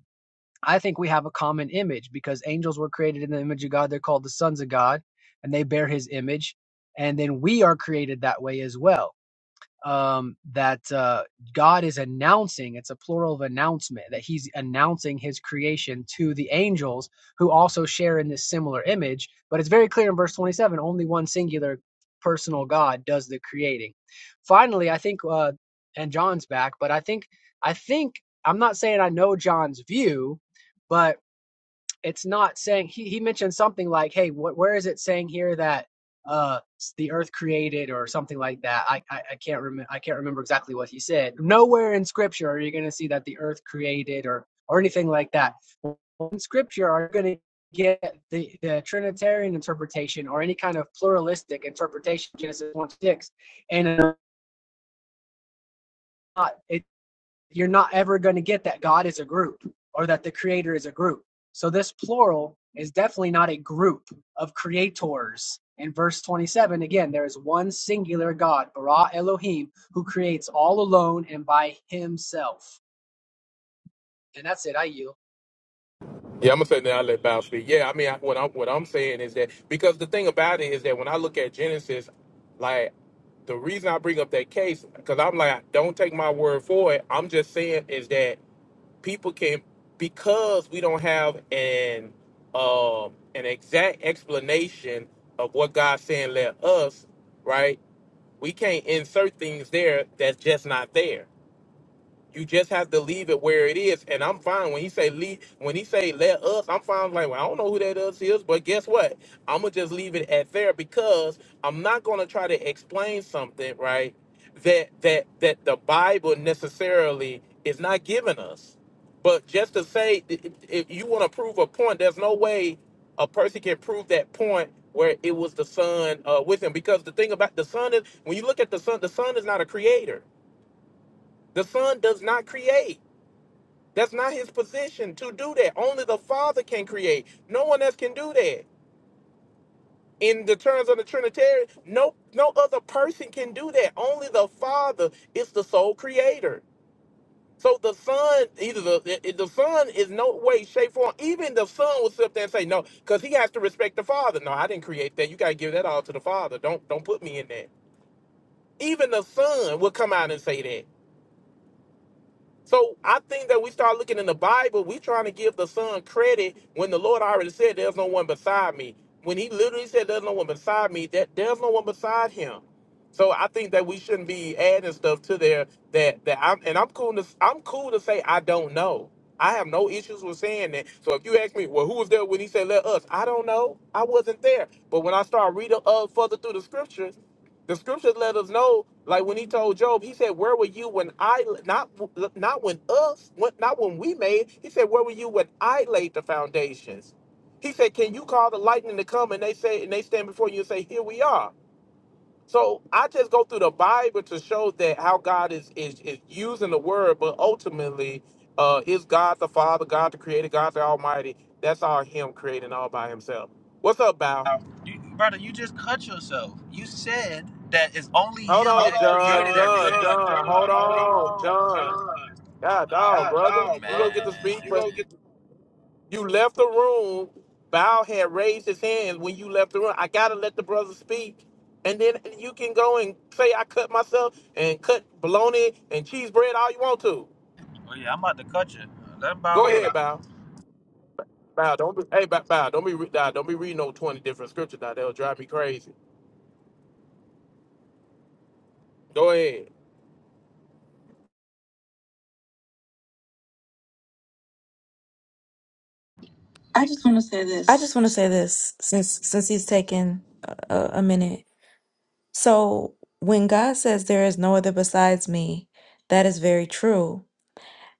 C: I think we have a common image because angels were created in the image of God. They're called the sons of God and they bear his image. And then we are created that way as well um, that uh, God is announcing, it's a plural of announcement, that he's announcing his creation to the angels who also share in this similar image. But it's very clear in verse 27 only one singular personal God does the creating. Finally, I think, uh, and John's back, but I think, I think, I'm not saying I know John's view, but it's not saying he, he mentioned something like hey wh- where is it saying here that uh the earth created or something like that i i, I can't remember i can't remember exactly what he said nowhere in scripture are you going to see that the earth created or or anything like that in scripture are you going to get the, the trinitarian interpretation or any kind of pluralistic interpretation genesis 1 6 and it's not- you're not ever going to get that God is a group or that the creator is a group. So this plural is definitely not a group of creators. In verse 27, again, there is one singular God, Bara Elohim, who creates all alone and by himself. And that's it. I yield.
A: yeah, I'm gonna say that. I let Bow speak. Yeah, I mean, I, what I'm what I'm saying is that because the thing about it is that when I look at Genesis, like the reason I bring up that case because I'm like, don't take my word for it. I'm just saying is that people can because we don't have an um an exact explanation of what God's saying let us, right? We can't insert things there that's just not there. You just have to leave it where it is, and I'm fine. When he say leave, when he say let us, I'm fine. Like well, I don't know who that us is, but guess what? I'm gonna just leave it at there because I'm not gonna try to explain something, right? That that that the Bible necessarily is not giving us. But just to say, i- i- if you want to prove a point, there's no way a person can prove that point where it was the son uh, with him. Because the thing about the son is, when you look at the son, the son is not a creator. The son does not create that's not his position to do that. Only the Father can create. No one else can do that. In the terms of the Trinitarian, no no other person can do that. Only the Father is the sole creator. So the Son, either the the the Son is no way, shape, form. Even the Son will sit up there and say no, because he has to respect the Father. No, I didn't create that. You gotta give that all to the Father. Don't don't put me in that. Even the Son will come out and say that. So I think that we start looking in the Bible, we trying to give the son credit when the Lord already said there's no one beside me. When he literally said there's no one beside me, that there's no one beside him. So I think that we shouldn't be adding stuff to there that that I'm and I'm cool to I'm cool to say I don't know. I have no issues with saying that. So if you ask me, well, who was there when he said let us? I don't know. I wasn't there. But when I start reading up further through the scriptures, the scriptures let us know, like when he told Job, he said, "Where were you when I not not when us not when we made?" He said, "Where were you when I laid the foundations?" He said, "Can you call the lightning to come?" And they say, and they stand before you and say, "Here we are." So I just go through the Bible to show that how God is is, is using the word, but ultimately, uh, is God the Father, God the Creator, God the Almighty. That's all Him creating all by Himself. What's up, Bow?
U: Mhm. You, brother, you just cut yourself. You said that it's only
A: Hold
U: him that Hold
A: on,
U: on, created
A: John,
U: John, everything.
A: John,
U: John,
A: John.
U: John,
A: Hold
U: hold
A: on,
U: on,
A: John.
U: John.
A: God, dog,
U: God Oh
A: brother.
U: dog, man.
A: You gonna get to
U: brother.
A: speak,
U: You
A: but
U: gonna
A: you left the room. Bow had raised his hand when you left the room. I gotta let the brother speak, and then you can go and say I cut myself and cut bologna and cheese bread all you want to.
U: Oh yeah, I'm about to cut you. Let him bow
A: Go ahead,
U: up.
A: Bow. Bow, don't be. Hey, Bow, Bow don't be. re- Nah, don't be reading no twenty different scriptures. Now they'll drive me crazy. Go ahead.
U: I just want to say
T: I
U: this.
T: just want to say this since since he's taken a, a a minute. So when God says there is no other besides me, that is very true.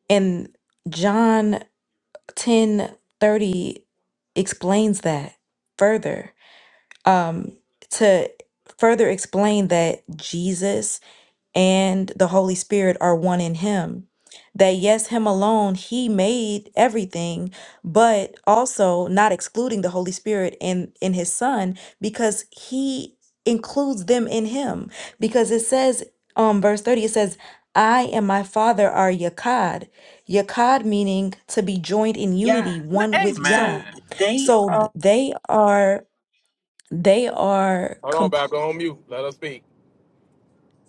T: And John 10 30 explains that further. Um to further explain that Jesus and the Holy Spirit are one in Him. That, yes, Him alone, He made everything, but also not excluding the Holy Spirit in, in His Son because He includes them in Him. Because it says, um, verse 30, it says, I and my Father are Yakad. Yakad meaning to be joined in
U: Yeah.
T: unity,
U: L-
T: one
U: Hey
T: with
U: man. So
T: Yah.
U: they
T: So th-
U: are.
T: they are, they are
A: Hold on, Bow.
T: complete.
A: Go on mute. Let us speak.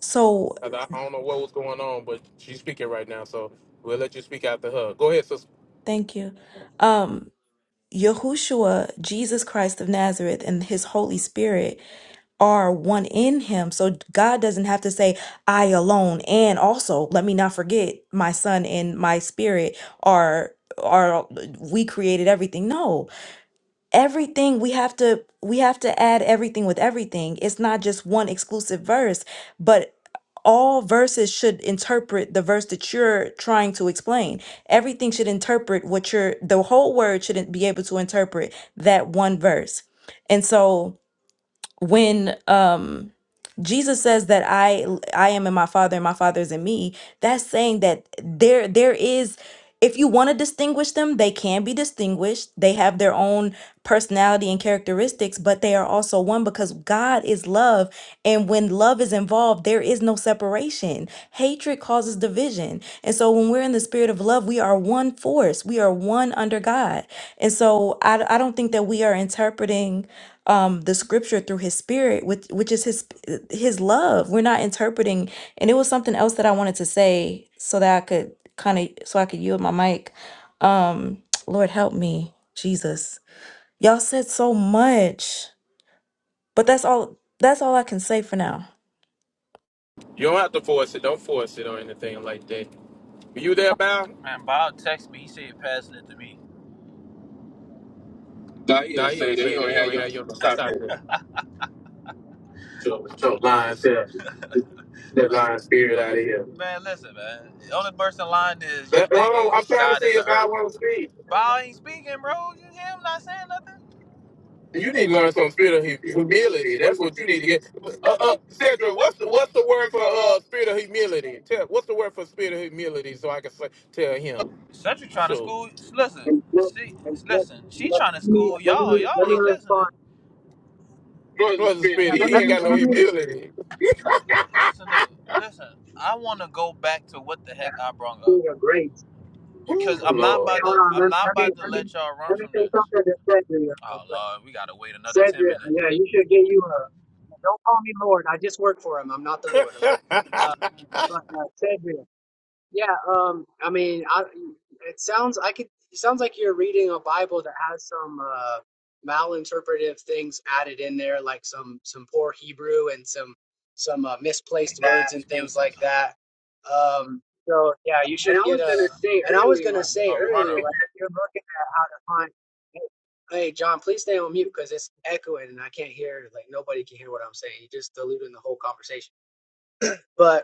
T: So
A: I I don't know what was going on, but she's speaking right now, so we'll let you speak after her. Go ahead, sister.
T: thank you. Um, Yahushua, Jesus Christ of Nazareth, and his Holy Spirit are one in him. So God doesn't have to say, I alone. And also, let me not forget, my son and my spirit are are we created everything. No everything we have to we have to add everything with everything it's not just one exclusive verse but all verses should interpret the verse that you're trying to explain everything should interpret what you're the whole word shouldn't be able to interpret that one verse and so when um Jesus says that I I am in my father and my father is in me. That's saying that there there is if you want to distinguish them, they can be distinguished. They have their own personality and characteristics, but they are also one because God is love. And when love is involved, there is no separation. Hatred causes division. And so when we're in the spirit of love, we are one force, we are one under God. And so I, I don't think that we are interpreting um the scripture through his spirit which which is his his love we're not interpreting and it was something else that i wanted to say so that i could kind of so i could yield my mic um lord help me jesus y'all said so much but that's all that's all i can say for now
A: You don't have to force it. Don't force it or anything like that. Were You there, Bow?
U: man, Bob text me. He said he passing it to me. Doc, he
A: Nah,
U: didn't
A: he
U: say
A: didn't
U: that.
A: say
U: you
A: that.
U: don't
A: He
U: have
A: don't
U: your
A: have your number.
U: stop
A: Stop
U: your,
A: that.
U: your,
A: Joe,
U: your
A: Joe,
U: lying
A: lying
U: self,
A: self.
U: that
A: That
U: lying
A: lying
U: spirit
A: spirit
U: out of
A: out of
U: here.
A: here.
U: Man, listen, man. The only person lying is Let, you That, hold
A: That- hold
U: on,
A: on. I'm
U: I'm trying to
A: trying to
U: God to see
A: see
U: if
A: if
U: I
A: Bow
U: want
A: want
U: to
A: to
U: speak.
A: speak.
U: Bob ain't speaking, bro. You hear him not saying nothing? You
A: You
U: need
A: need
U: to
A: to
U: learn
A: learn
U: some
A: some spirit of hu-
U: humility.
A: humility.
U: That's
A: That's
U: what
A: what
U: you
A: you
U: need
A: need
U: to
A: to
U: get.
A: get.
U: Uh,
A: Uh,
U: uh,
A: uh,
U: Cedric,
A: Cedra,
U: what's
A: what's
U: the,
A: the what's
U: what's the
A: the word
U: word
A: for
U: for? uh?
A: uh spirit of humility? Tell what's the word for spirit of humility so I can say, tell him.
U: Central trying to
A: Sure.
U: school. Listen, she
C: And let,
U: listen. She trying to school
C: let
U: y'all.
C: me
U: Y'all
C: let me
U: ain't
C: respond.
U: listening. Jordan
A: What's the
U: Spin,
C: Yeah,
A: spirit?
U: he
A: He
U: ain't
C: let
A: ain't
U: got
C: me
A: got
U: no
A: no
C: let me
A: humility.
U: humility. Listen, though. Listen. I want to go back to what the
C: yeah,
U: heck I brought up Oh,
C: Spirit of grace.
A: Ooh,
U: because I'm not
C: Okay,
U: about
A: Lord.
C: hold
U: to.
C: on.
U: I'm
C: Let,
U: not
C: let me
U: about to
C: let me
U: let y'all run
C: let
U: from
C: me say
U: this.
C: something to Cedric. real
U: Oh
C: quick.
U: Lord, we gotta wait another ten
C: Cedric,
U: minutes. Yeah, you
C: yeah, you
U: you should
C: should
U: give
C: get you
U: you
C: a. Don't call me Lord. I just work for him. I'm not the Lord, okay? Um, but uh, Cedric. Yeah, um, I mean, I, it sounds I could it sounds like you're reading a Bible that has some uh, malinterpretive things added in there, like some some poor Hebrew and some some uh, misplaced
U: a
C: words and things
U: Excuses.
C: like that. Um, so yeah, you
U: And
C: should
U: I
C: get
U: was
C: a.
U: gonna say
C: And I was
U: earlier,
C: gonna
U: A,
C: say
U: a runner.
C: earlier, like if you're looking at how to find, hey hey, John, please stay on mute because it's echoing and I can't hear. Like nobody can hear what I'm saying. You're just diluting the whole conversation. But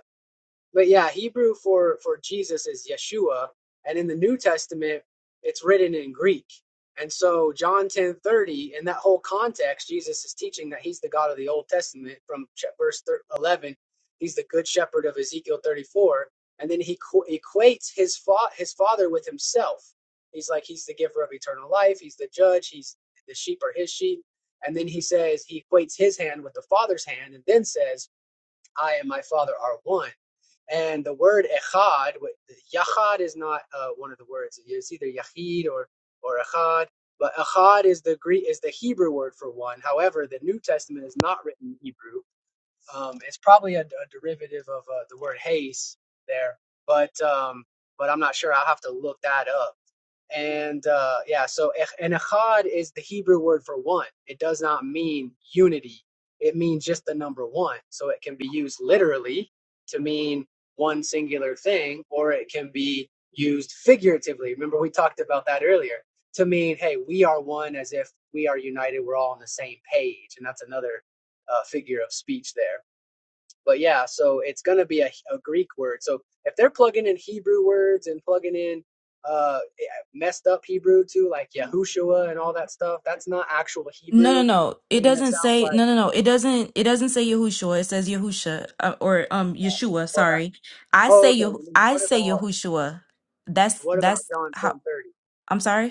C: but yeah, Hebrew for for Jesus is Yeshua, and in the New Testament, it's written in Greek. And so John ten thirty, in that whole context, Jesus is teaching that he's the God of the Old Testament from ch- verse thir- eleven. He's the good shepherd of Ezekiel thirty four, and then he qu- equates his fa- his father with himself. He's like he's the giver of eternal life. He's the judge. He's the sheep are his sheep. And then he says he equates his hand with the father's hand, and then says I and my Father are one. And the word echad, wh- yachad is not uh, one of the words. It's either yachid or or echad. But echad is the Greek is the Hebrew word for one. However, the New Testament is not written in Hebrew. Um, it's probably a, a derivative of uh, the word haze there. But um, but I'm not sure. I'll have to look that up. And uh, yeah, so eh, and echad is the Hebrew word for one. It does not mean unity. It means just the number one. So it can be used literally to mean one singular thing, or it can be used figuratively. Remember we talked about that earlier to mean, hey, we are one, as if we are united. We're all on the same page, and that's another uh, figure of speech there. But yeah, so it's going to be a, a Greek word. So if they're plugging in Hebrew words and plugging in uh, eh, messed up Hebrew too, like Yahushua and all that stuff, that's not actual
T: No, no,
C: Hebrew.
T: no. It
C: And that
T: doesn't
C: sounds
T: say no,
C: like,
T: no, no. It doesn't. It doesn't say Yahushua. It says Yahusha uh, or um Yeshua.
C: well, that,
T: Sorry, I
C: oh,
T: say
C: okay.
T: Yah.
C: And then
T: I
C: what
T: say
C: about,
T: Yahushua. That's
C: what about
T: that's
C: John
T: how.
C: 10:30?
T: I'm sorry.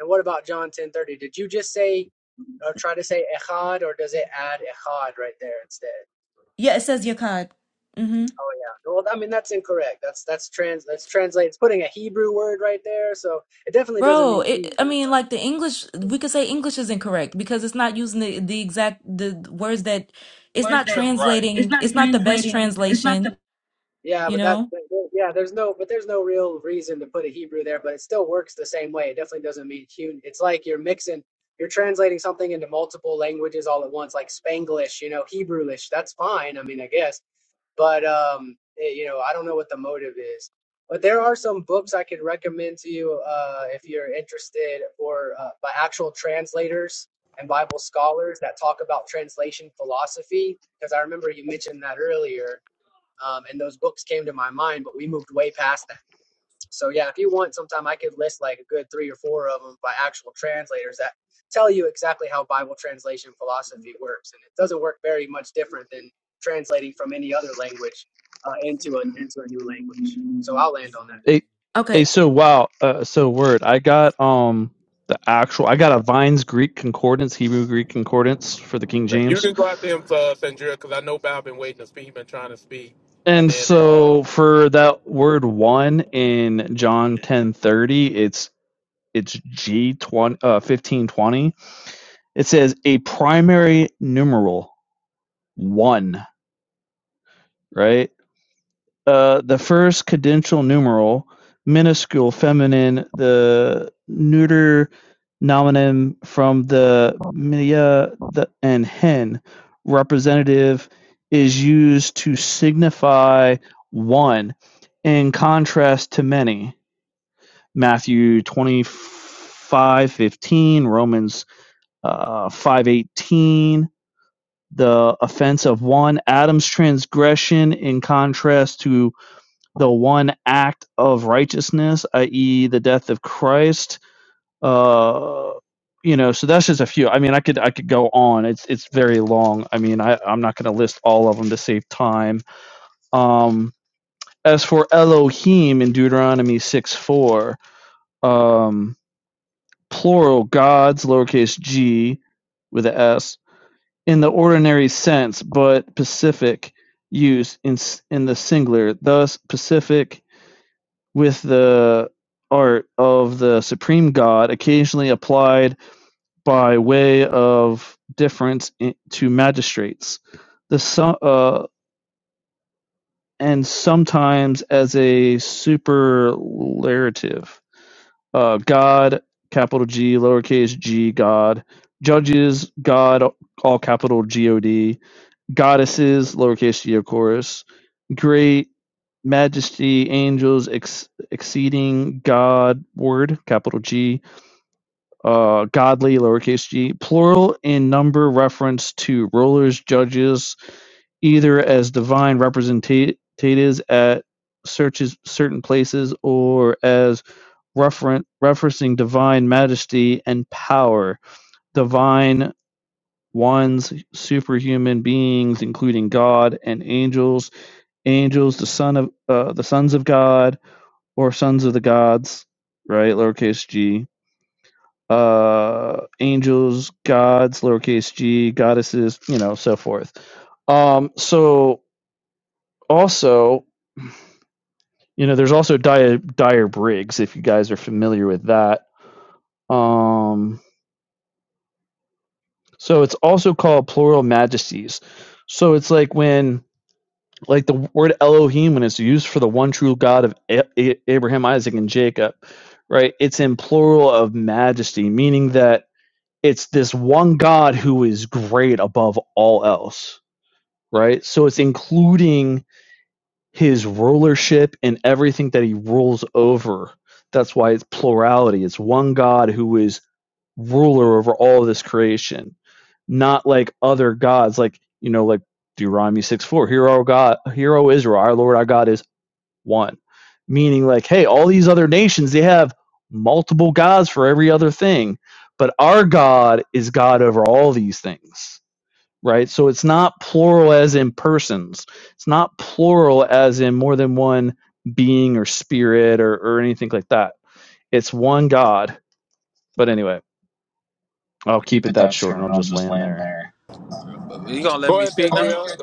C: And what about John 10:30? Did you just say or try to say echad, or does it add echad right there instead?
T: Yeah, it says Yakad. Mm-hmm.
C: Oh yeah. Well, I mean that's incorrect. That's that's trans. That's translate. It's putting a Hebrew word right there, so it definitely doesn't
T: Bro,
C: mean
T: it, I
C: Hebrew.
T: mean, like the English, we could say English is incorrect because it's not using the, the exact the words that it's
U: Words
T: not
U: that. right. It's
T: translating.
U: not
T: It's not the best
U: translating. It's not
T: translation,
U: the.
C: Yeah,
T: you
C: but that,
T: know?
C: yeah, there's no, but there's no real reason to put a Hebrew there, but it still works the same way. It definitely doesn't mean human. It's like you're mixing, you're translating something into multiple languages all at once, like Spanglish, you know, Hebrewish. That's fine. I mean, I guess, but um, it- you know, I don't know what the motive is. But there are some books I could recommend to you uh, if you're interested, or uh, by actual translators and Bible scholars that talk about translation philosophy. Because I remember you mentioned that earlier um, and those books came to my mind, but we moved way past that. So yeah, if you want, sometime I could list like a good three or four of them by actual translators that tell you exactly how Bible translation philosophy works, and it doesn't work very much different than translating from any other language uh, into a into a new language. So I'll land on that.
D: Hey, hey,
T: Okay.
D: so wow, uh, so word. I got um the actual. I got a Vines Greek concordance, Hebrew Greek concordance for the King
A: you
D: James,
A: can go after him, uh, Sandria, because I know Bob been waiting to speak. He been trying to speak. And
D: and
A: then, uh,
D: so for that word one in John ten thirty, it's it's G twenty uh fifteen twenty. It says a primary numeral one, right? uh, the first cadential numeral, minuscule feminine, the neuter nominum from the minia the, and hen representative is used to signify one in contrast to many. Matthew 25 15, Romans uh, 5, eighteen, the offense of one, Adam's transgression in contrast to the one act of righteousness, i.e., the death of Christ. Uh, you know, so that's just a few. I mean, I could I could go on. It's it's very long. I mean, I I'm not going to list all of them to save time. Um, as for Elohim in Deuteronomy six four, um, plural gods, lowercase g, with a s in the ordinary sense, but Pacific use in in the singular. Thus, Pacific with the art of the supreme god occasionally applied by way of difference i- to magistrates the so- uh, and sometimes as a superlative uh, god capital g lowercase g god judges god all capital god goddesses lowercase g of course great majesty, angels, ex- exceeding, God, word, capital G, uh, godly, lowercase g, plural in number, reference to rulers, judges, either as divine representatives at searches certain places or as referen- referencing divine majesty and power, divine ones, superhuman beings, including God and angels, angels, the son of uh, the sons of God or sons of the gods, right? Lowercase g. Uh, angels, gods, lowercase g, goddesses, you know, so forth. Um, so also, you know, there's also dire, dire Briggs, if you guys are familiar with that. Um, so it's also called plural majesties. So it's like when, like the word Elohim, when it's used for the one true God of A- A- Abraham, Isaac, and Jacob, right? It's in plural of majesty, meaning that it's this one God who is great above all else, right? So it's including his rulership and everything that he rules over. That's why it's plurality. It's one God who is ruler over all of this creation, not like other gods, like, you know, like Deuteronomy 6 4. Hear, O God, hear, O Israel, our Lord, our God is one meaning like hey all these other nations they have multiple gods for every other thing but our god is god over all these things right so it's not plural as in persons it's not plural as in more than one being or spirit or, or anything like that it's one god but anyway i'll keep
U: Keep
D: it
U: it
D: that
U: that
D: short and
U: short,
D: i'll
U: and I'll
D: just
U: just
D: land
U: land
D: there
U: there. You gonna let
A: go
U: me
A: ahead,
U: speak Oh, now? that's
A: Sandria.
U: good,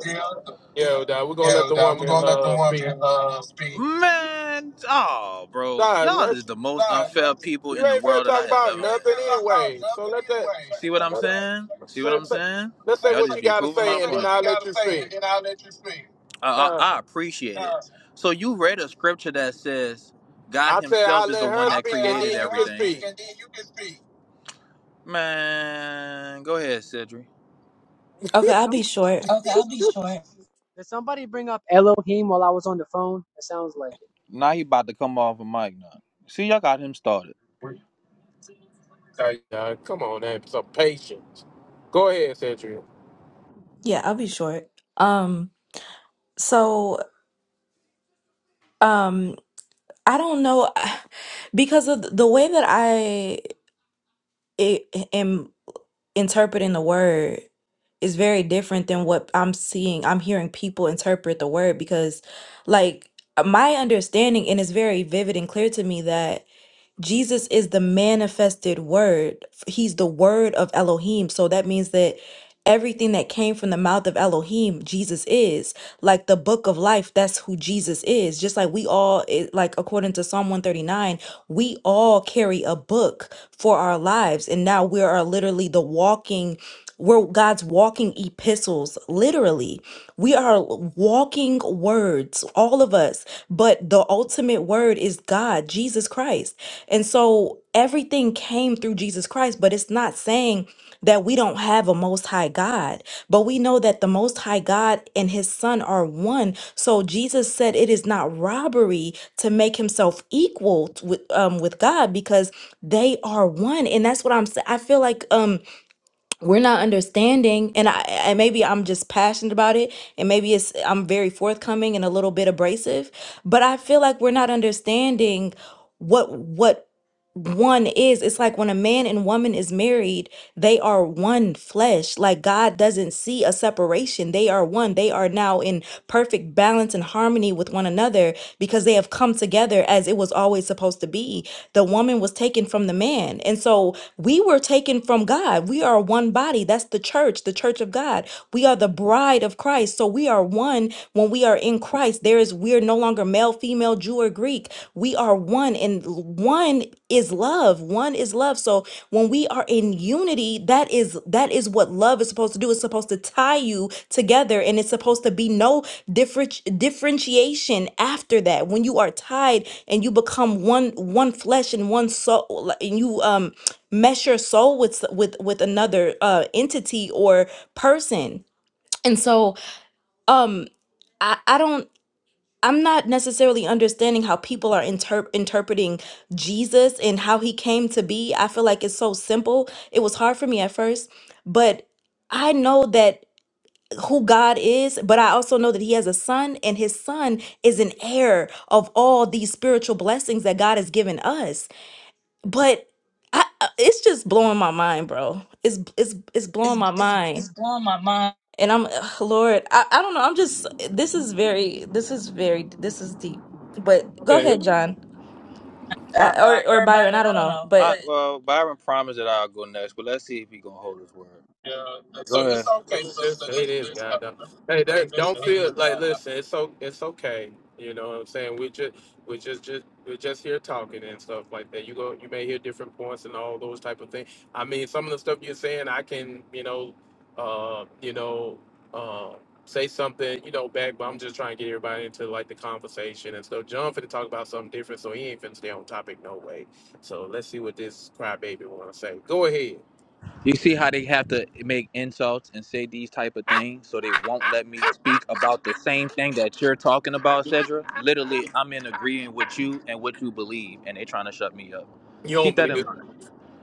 A: Yeah, nah, we're going to let
U: Yeah,
A: the
U: dog, we're
A: woman
U: gonna let the
A: uh, speak.
U: woman uh, speak. Man, oh, bro,
A: Nah,
U: y'all is
A: let's,
U: the most Nah, you, unfair yeah. people
A: you
U: in the
A: ain't finna
U: world that I
A: talk
U: have you
A: about
U: ever you ain't met, been
A: nothing
U: talking about
A: anyway. So
U: nothing
A: let that,
U: anyway. See So what I'm
A: let her-
U: saying? See what
A: say,
U: I'm
A: say,
U: saying?
A: let's say
U: Y'all
A: what
U: just
A: you
U: be
A: got to
U: proving my
A: say, and then
U: point. what you
A: I'll let
U: gotta
A: you
U: say,
A: speak.
U: and then I'll let you speak. I,
A: Uh,
U: I, I appreciate it. Uh, So you read a scripture that says God
A: I said I'll
U: Himself is
A: let
U: the one
A: her
U: that
A: speak, and
U: created
A: then you can
U: everything.
A: speak.
U: Man, go ahead, Cedric.
C: Hey, did,
T: Okay,
C: did,
T: I'll
C: some,
T: be short.
U: Okay.
C: did somebody bring up Elohim while I was on the phone? That sounds like it.
U: Now he about to come off a mic now. See, y'all got him started. Like,
A: Nah, come on, man. Some patience. Go ahead, Sandria.
T: Yeah, I'll be short. Um, so, um, I don't know because of the way that I i- am interpreting the word. is very different than what I'm seeing. I'm hearing people interpret the word because, like, uh, my understanding, and it's very vivid and clear to me that Jesus is the manifested word. F- He's the word of Elohim. So that means that everything that came from the mouth of Elohim, Jesus is. Like the book of life, that's who Jesus is. Just like we all, it, like, according to Psalm 139. We all carry a book for our lives, and now we are literally the walking, we're God's walking epistles, literally. We are walking words, all of us, but the ultimate word is God, Jesus Christ. And so everything came through Jesus Christ, but it's not saying that we don't have a most high God, but we know that the most high God and his son are one. So Jesus said it is not robbery to make himself equal t- with um with God because they are one. And that's what I'm saying. I feel like um we're not understanding and I and maybe I'm just passionate about it and maybe it's I'm very forthcoming and a little bit abrasive, but I feel like we're not understanding what what one is it's like when a man and woman is married they are one flesh like god doesn't see a separation they are one they are now in perfect balance and harmony with one another because they have come together as it was always supposed to be the woman was taken from the man and so we were taken from god we are one body that's the church the church of god we are the bride of christ so we are one when we are in christ there is we are no longer male female jew or greek we are one and one is love one is love so when we are in unity that is that is what love is supposed to do it's supposed to tie you together and it's supposed to be no different differentiation after that when you are tied and you become one one flesh and one soul like, and you um mesh your soul with s- with with another uh entity or person and so um I, I don't I'm not necessarily understanding how people are inter- interpreting Jesus and how he came to be. I feel like it's so simple. It was hard for me at first, but I know that who God is, but I also know that he has a son and his son is an heir of all these spiritual blessings that God has given us. But I, I- it's just blowing my mind, bro. It's it's it's
U: It's
T: blowing my
U: it's
T: mind.
U: it's blowing my mind.
T: And I'm, ugh, Lord, I, I don't know. I'm just, this is very, this is very, this is deep. But go ahead, John,
U: I,
T: I,
U: Uh, I,
T: or or
U: or or
T: Byron. I
U: Byron, I
T: don't
U: don't
T: know,
U: know, I,
T: but
U: but well, Byron promised that I'll go next, but let's see if he gonna hold his word. yeah, so it's
A: Let
U: okay,
A: me just
U: sister.
A: say
U: That's,
A: this,
U: that's,
A: God. though.
U: uh,
A: Hey, that,
U: that's,
A: don't
U: it is
A: feel like.
U: God.
A: Listen, it's so it's okay. You know what I'm saying? We just we just just we're just here talking and stuff like that. You go, you may hear different points and all those type of things. I mean, some of the stuff you're saying, I can, you know, uh, you know, uh, say something, you know, back. But I'm just trying to get everybody into like the conversation and stuff. John finna talk about something different, so he ain't finna stay on topic no way. So let's see what this crybaby wanna say. Go ahead.
U: You see how they have to make insults and say these type of things, so they won't let me speak about the same thing that you're talking about, Cedra. Literally, I'm in agreeing with you and what you believe, and they trying to shut me up.
A: You don't
U: Keep that
A: believe
U: in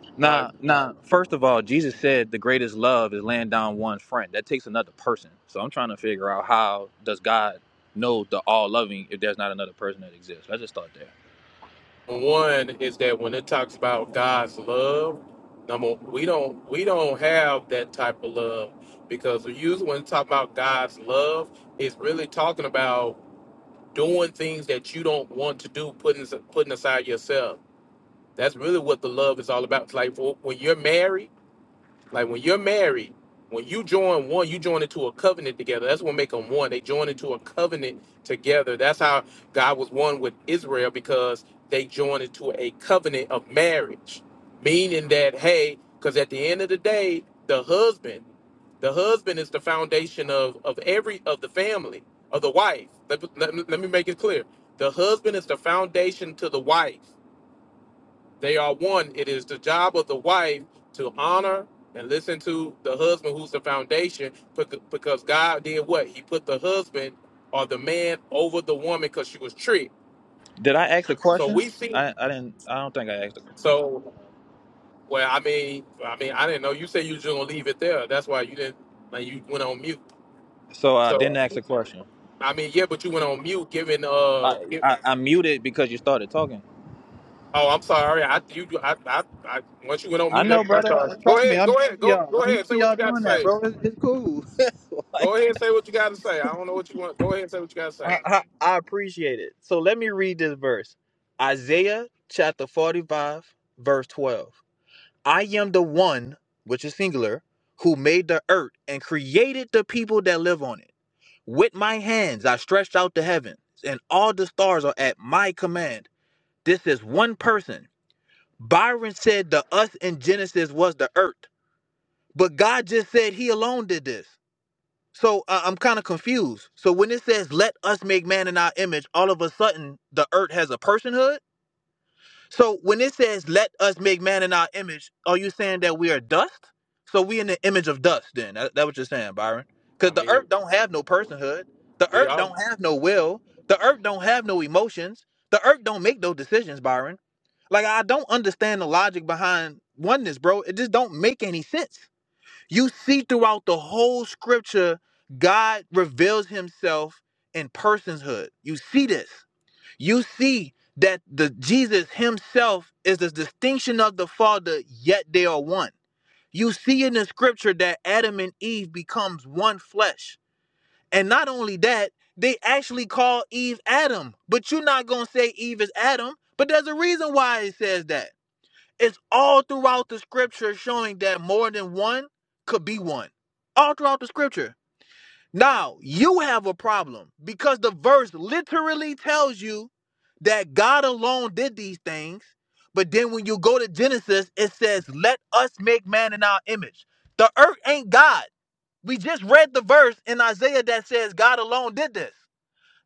A: it?
U: Now, now, first of all, Jesus said the greatest love is laying down one's friend. That takes another person. So I'm trying to figure out how does God know the all loving if there's not another person that exists. I just thought there.
A: one is that when it talks about God's love, number we don't we don't have that type of love because usually when talk about God's love, it's really talking about doing things that you don't want to do, putting putting aside yourself. That's really what the love is all about. It's like well, when you're married like when you're married, when you join one, you join into a covenant together. That's what make them one. They join into a covenant together. That's how God was one with Israel because they joined into a covenant of marriage, meaning that hey, because at the end of the day, the husband, the husband is the foundation of of every of the family of the wife. Let, let, let me make it clear: the husband is the foundation to the wife they are one. It is the job of the wife to honor and listen to the husband who's the foundation bec- because God did what? He put the husband or the man over the woman because she was tricked.
U: Did I ask a
A: So
U: question?
A: we see
U: I, I didn't. I don't think I asked a question.
A: so well I mean I mean I didn't know you said you were just gonna leave it there. That's why you didn't like you went on mute.
U: So I didn't
A: So
U: ask a question.
A: I mean yeah but you went on mute giving uh
U: I,
A: gi-
U: I I muted because you started talking.
A: oh I'm sorry I you I, I I once you went on
U: I
A: mute that's
U: know,
A: what I
U: brother.
A: started. Go
U: Trust me,
A: ahead,
U: I'm
A: go ahead,
U: used to
A: go
U: y'all.
A: go
U: I'm
A: ahead,
U: used to
A: say what
U: y'all
A: you gotta
U: doing that,
A: say.
U: bro. It's, it's cool. Like,
A: Go ahead and say what you got to say. I don't know what you want. Go ahead and say what you got to say.
U: I, I, I appreciate it. So let me read this verse Isaiah chapter 45, verse 12. I am the one, which is singular, who made the earth and created the people that live on it. With my hands I stretched out the heavens, and all the stars are at my command. This is one person. Byron said the us in Genesis was the earth, but God just said he alone did this. So uh, I'm kind of confused. So when it says "Let us make man in our image," all of a sudden the earth has a personhood. So when it says "Let us make man in our image," are you saying that we are dust? So we in the image of dust? Then that, that what you're saying, Byron?
A: I
U: Because the
A: mean,
U: earth don't have no personhood. The
A: we
U: earth
A: are
U: don't have no will. The earth don't have no emotions. The earth don't make no decisions, Byron. Like I don't understand the logic behind oneness, bro. It just don't make any sense. You see throughout the whole scripture, God reveals himself in personshood. You see this. You see that the Jesus himself is the distinction of the Father, yet they are one. You see in the scripture that Adam and Eve becomes one flesh. And not only that, they actually call Eve Adam. But you're not going to say Eve is Adam, but there's a reason why it says that it's all throughout the scripture showing that more than one could be one. All throughout the scripture. Now, you have a problem because the verse literally tells you that God alone did these things. But then when you go to Genesis, it says, Let us make man in our image. The earth ain't God. We just read the verse in Isaiah that says God alone did this.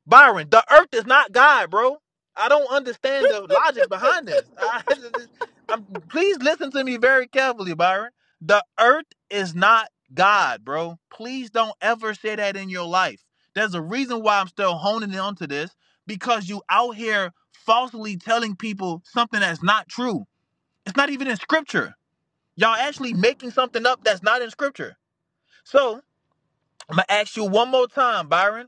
U: Byron, the earth is not God, bro. I don't understand the logic behind this. I I'm, please listen to me very carefully, Byron. The earth is not God, bro. Please don't ever say that in your life. There's a reason why I'm still honing in onto this because you out here falsely telling people something that's not true. It's not even in scripture. Y'all actually making something up that's not in scripture. So I'm gonna ask you one more time, Byron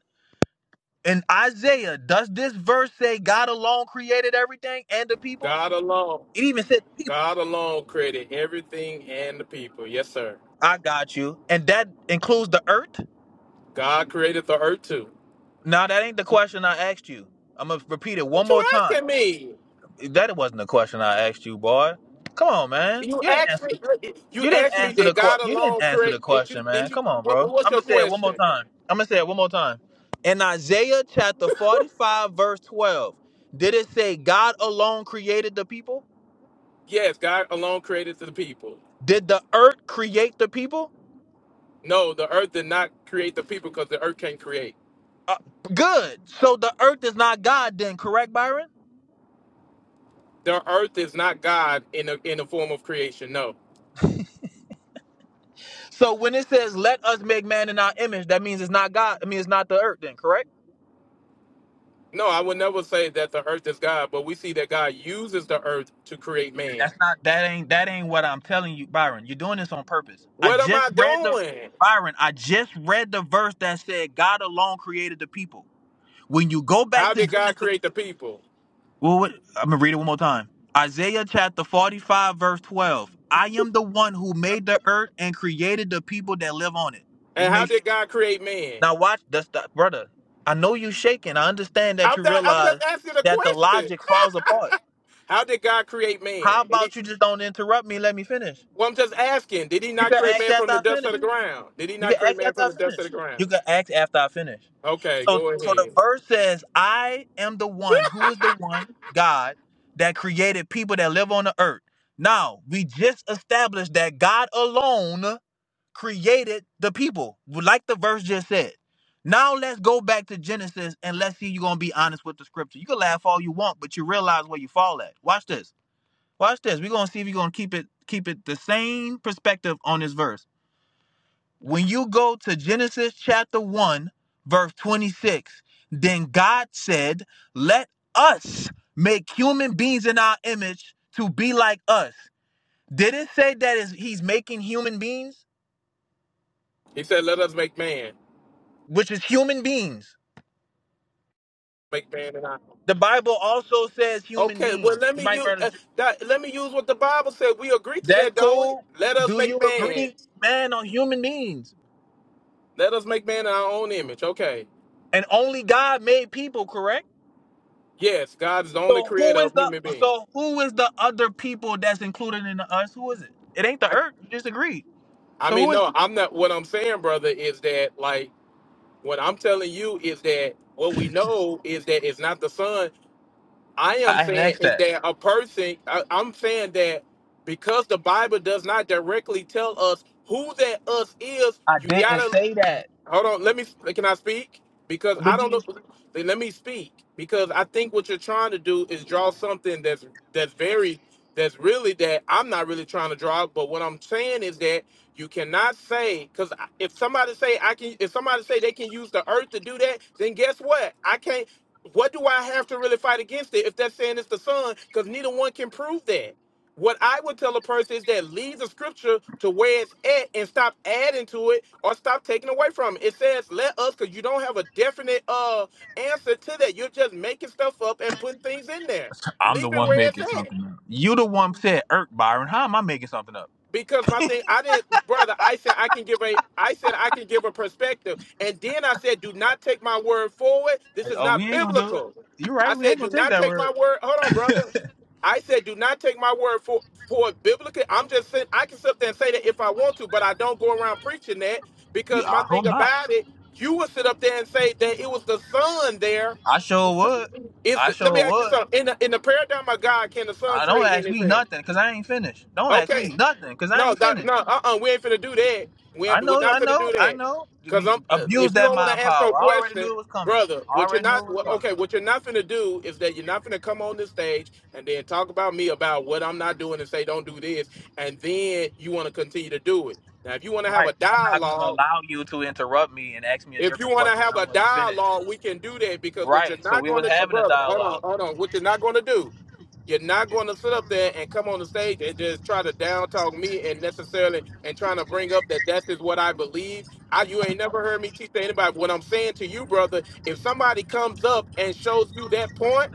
U: in Isaiah, does this verse say God alone created everything and the people?
A: God alone.
U: It even said the people.
A: God alone created everything and the people. Yes, sir.
U: I got you. And that includes the earth?
A: God created the earth too.
U: Now that ain't the question I asked you. I'm gonna repeat it one
A: What you
U: more time.
A: asking me?
U: That wasn't the question I asked you, boy. Come on, man.
A: You
U: You didn't
A: asked
U: answer the
A: me. You
U: you didn't
A: asked me
U: answer the
A: did
U: que-
A: God
U: you didn't
A: alone
U: answer the
A: create? Did you?
U: question,
A: Did
U: man.
A: you?
U: Come on,
A: What,
U: bro.
A: what's
U: I'm
A: your
U: gonna say it one more
A: question?
U: time. I'm gonna say it one more time. In Isaiah chapter 45, verse 12, did it say God alone created the people?
A: Yes, God alone created the people.
U: Did the earth create the people?
A: No, the earth did not create the people because the earth can't create.
U: Uh, good. So the earth is not God then, correct, Byron?
A: The earth is not God in a, in the form of creation. no.
U: So when it says let us make man in our image, that means it's not God. I mean it's not the earth then, correct?
A: No, I would never say that the earth is God, but we see that God uses the earth to create man.
U: That's not that ain't that ain't what I'm telling you, Byron. You're doing this on purpose. I
A: What am
U: just
A: I
U: read the
A: doing?
U: Byron, I just read the verse that said God alone created the people. When you go back
A: How
U: to
A: did God
U: Genesis
A: create the people?
U: Well, what, I'm gonna read it one more time. Isaiah chapter 45, verse 12. I am the one who made the earth and created the people that live on it. Let's
A: And how
U: make sure.
A: did God create man?
U: Now watch that's the brother. I know you shaking. I understand that
A: I'm,
U: you
A: not, I'm
U: realize
A: just asking a
U: that the
A: question.
U: logic falls apart.
A: How did God create man?
U: How
A: Did he,
U: about you just don't interrupt me? Let me finish.
A: well, I'm just asking. Did he
U: You
A: not
U: can
A: create
U: ask
A: man from
U: after
A: the
U: I
A: dust
U: finish.
A: of the ground? Did he
U: You
A: not
U: can
A: create
U: ask
A: man
U: after
A: from
U: I
A: the dust of the
U: finish.
A: ground?
U: You can ask after I finish.
A: Okay,
U: So
A: go
U: so the
A: ahead.
U: verse says, I am the one who was the one, God, that created people that live on the earth. Now, we just established that God alone created the people, like the verse just said. Now let's go back to Genesis and let's see you're gonna be honest with the scripture. You can laugh all you want, but you realize where you fall at. Watch this. Watch this. We're gonna see if you're gonna keep it keep it the same perspective on this verse. When you go to Genesis chapter 1, verse 26, then God said, Let us make human beings in our image to be like us. Did it say that is he's making human beings?
A: He said, "Let us make man,
U: Which is human beings.
A: make man and I."
U: The Bible also says human
A: Okay, well,
U: beings.
A: let
U: You
A: me
U: might
A: use
U: murder.
A: uh, that. Let me use what the Bible said. We agree to
U: That's
A: that, don't we?
U: cool.
A: Let us
U: Do
A: make
U: you
A: man.
U: agree, man, on human beings?
A: Let us make man in our own image. Okay.
U: And only God made people, Correct.
A: Yes, God is the only
U: So
A: creator
U: who is
A: of
U: the
A: human beings.
U: so who is the other people that's included in the us? Who is it? It ain't the
A: I
U: earth. You just agreed.
A: I
U: So
A: mean,
U: who is?
A: no, I'm not what I'm saying, brother, is that like what I'm telling you is that what we know is that it's not the son. I am
U: I ain't
A: saying
U: asked
A: is
U: that.
A: that a person I, I'm saying that because the Bible does not directly tell us who that us is,
U: I
A: you
U: didn't
A: gotta
U: say that.
A: Hold on. Let me. Can I speak? Because I
U: But
A: don't
U: you,
A: look. Let me speak. Because I think what you're trying to do is draw something that's that's very that's really that I'm not really trying to draw. But what I'm saying is that you cannot say because if somebody say I can, if somebody say they can use the earth to do that, then guess what? I can't. What do I have to really fight against it if that's saying it's the sun? Because neither one can prove that. What I would tell a person is that leave the scripture to where it's at and stop adding to it or stop taking away from it. It says, let us, because you don't have a definite uh answer to that. You're just making stuff up and putting things in there.
U: I'm the
A: Leave it
U: one
A: where it's
U: making
A: at.
U: something up. You the one said earth, Byron. How am I making something up?
A: because my thing i didn't brother i said i can give a i said i can give a perspective and then i said do not take my word for it. this
U: Like,
A: is
U: oh, we
A: not
U: ain't gonna do it.
A: biblical
U: You
A: i
U: right. We
A: said
U: ain't gonna
A: do
U: take
A: not
U: that
A: take my
U: word.
A: word hold on brother i said do not take my word for for it biblical i'm just saying i can sit there and say that if i want to but i don't go around preaching that
U: You,
A: because
U: I
A: my
U: hope
A: thing
U: not.
A: about it you would sit up there and say that it was the son there
U: I sure would.
A: if
U: I
A: let me
U: sure
A: ask you
U: would.
A: something in the, in the paradigm of god can the son
U: I don't
A: create
U: ask me
A: anything
U: nothing because I ain't finished. Don't ask
A: okay
U: me nothing because I
A: no,
U: ain't
A: doc,
U: finished.
A: no, uh, uh we ain't finna do that. We
U: I
A: ain't, we're
U: know,
A: not
U: I
A: finna
U: know,
A: do
U: I
A: that.
U: know.
A: Cause I'm,
U: Abuse
A: if you
U: that
A: don't want to
U: mind
A: ask no
U: power. I already
A: question,
U: knew it was coming.
A: brother,
U: I
A: what you're
U: already knew
A: not,
U: it was
A: what,
U: coming.
A: okay, what you're not finna do is that you're not finna come on this stage and then talk about me about what I'm not doing and say don't do this, and then you want to continue to do it. Now, if you want to have a
U: Right. And I'm not gonna
A: dialogue
U: allow you to interrupt me and ask me a
A: if you
U: different
A: want to
U: question when
A: have
U: I
A: a
U: wasn't finished.
A: dialogue, we can do that because what you're
U: Right. So
A: not
U: we
A: going
U: was
A: to,
U: having a
A: brother, hold on,
U: dialogue.
A: hold on. What you're not going to do, you're not going to sit up there and come on the stage and just try to down talk me and necessarily and trying to bring up that that is what I believe. I you ain't never heard me teach to anybody. What I'm saying to you, brother, if somebody comes up and shows you that point,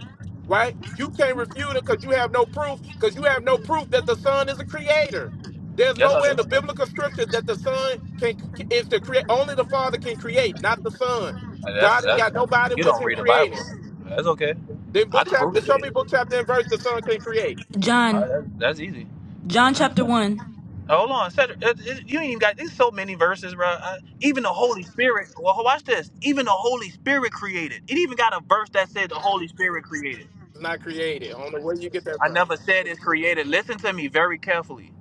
A: right? You can't refute it because you have no proof because you have no proof that the son is a creator. There's
U: Yes, I do.
A: nowhere in the
U: Uh,
A: biblical scriptures that the son can is to create only the father can create, not the son.
U: That's
A: God ain't
U: that's.
A: got nobody
U: You
A: with
U: don't
A: him
U: read the Bible.
A: creating.
U: That's okay.
A: Then
U: I
A: book
U: can prove
A: chapter,
U: it to
A: show me
U: you.
A: book chapter and verse the son can create.
U: All right,
T: John,
U: that- that's easy.
T: John chapter 1.
U: Hold on, Cedric. It- it- You ain't even got. There's so many verses, bro. I, even the Holy Spirit. Well, watch this. Even the Holy Spirit created. It even got a verse that said the Holy Spirit created.
A: It's not created. I don't know where you get that
U: I
A: from.
U: never said it's created. Listen to me very carefully.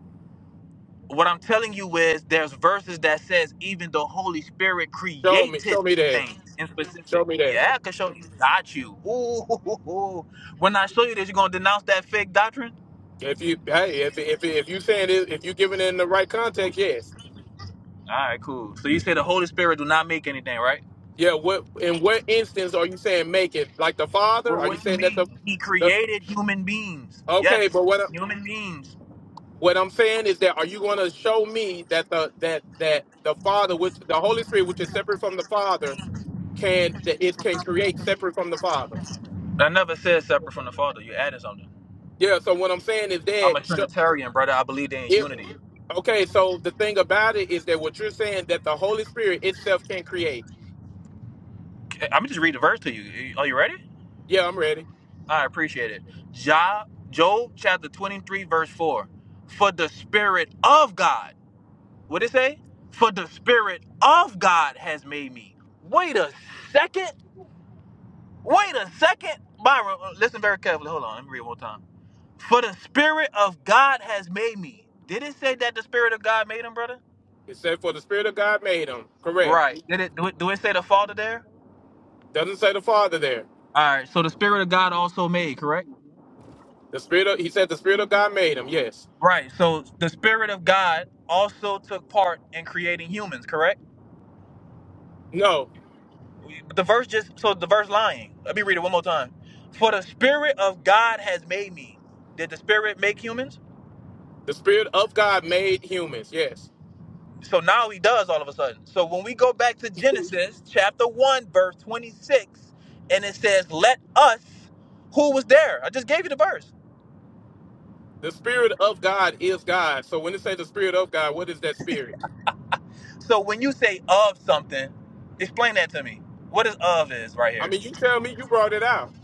U: What I'm telling you is there's verses that says even the Holy Spirit
A: Show me, show
U: created
A: me that.
U: things in
A: Show
U: specific.
A: me that.
U: Yeah, I can show you. Got you. Ooh, hoo, hoo, hoo. When I show you this, you're gonna denounce that fake doctrine?
A: If you hey, if if if you saying it, if you giving it in the right context, yes.
U: All right, cool. So you say the Holy Spirit do not make anything, right?
A: Yeah, what in what instance are you saying make it? Like the father?
U: Well,
A: Are you
U: what you
A: saying that the
U: mean? He
A: the
U: created human beings. Yes,
A: okay, but what
U: human beings.
A: What I'm saying is that are you going to show me that the that that the Father, which the Holy Spirit, which is separate from the Father, can that it can create separate from the Father?
U: I never said separate from the Father. You added something.
A: Yeah. So what I'm saying is
U: I'm
A: that
U: a
A: sh-
U: Trinitarian, brother. I believe they in
A: it,
U: unity.
A: okay. So the thing about it is that what you're saying that the Holy Spirit itself can create.
U: I'm gonna just read the verse to you. Are you ready?
A: Yeah, I'm ready.
U: I appreciate it. Job, Job chapter 23, verse 4. For the Spirit of God, what did it say? For the Spirit of God has made me. Wait a second. Wait a second. Byron, uh, listen very carefully. Hold on. Let me read it one time. For the Spirit of God has made me. Did it say that the Spirit of God made him, brother?
A: It said, "For the Spirit of God made him." Correct.
U: Right. Did it do it do it say the Father there?
A: Doesn't say the Father there.
U: All right. So the Spirit of God also made, correct?
A: The Spirit. Of, he said, "The Spirit of God made him." Yes.
U: Right. So the Spirit of God also took part in creating humans, correct?
A: No.
U: The verse just so the verse lying. Let me read it one more time. For the spirit of God has made me. Did the spirit make humans?
A: The Spirit of God made humans. Yes.
U: So now he does all of a sudden. So when we go back to Genesis chapter 1 verse 26 and it says let us who was there? I just gave you the verse.
A: The spirit of God is God. So when it say the spirit of God, what is that spirit?
U: So when you say of something, explain that to me. What is of is right
A: I
U: here?
A: mean, you tell me. You brought it out.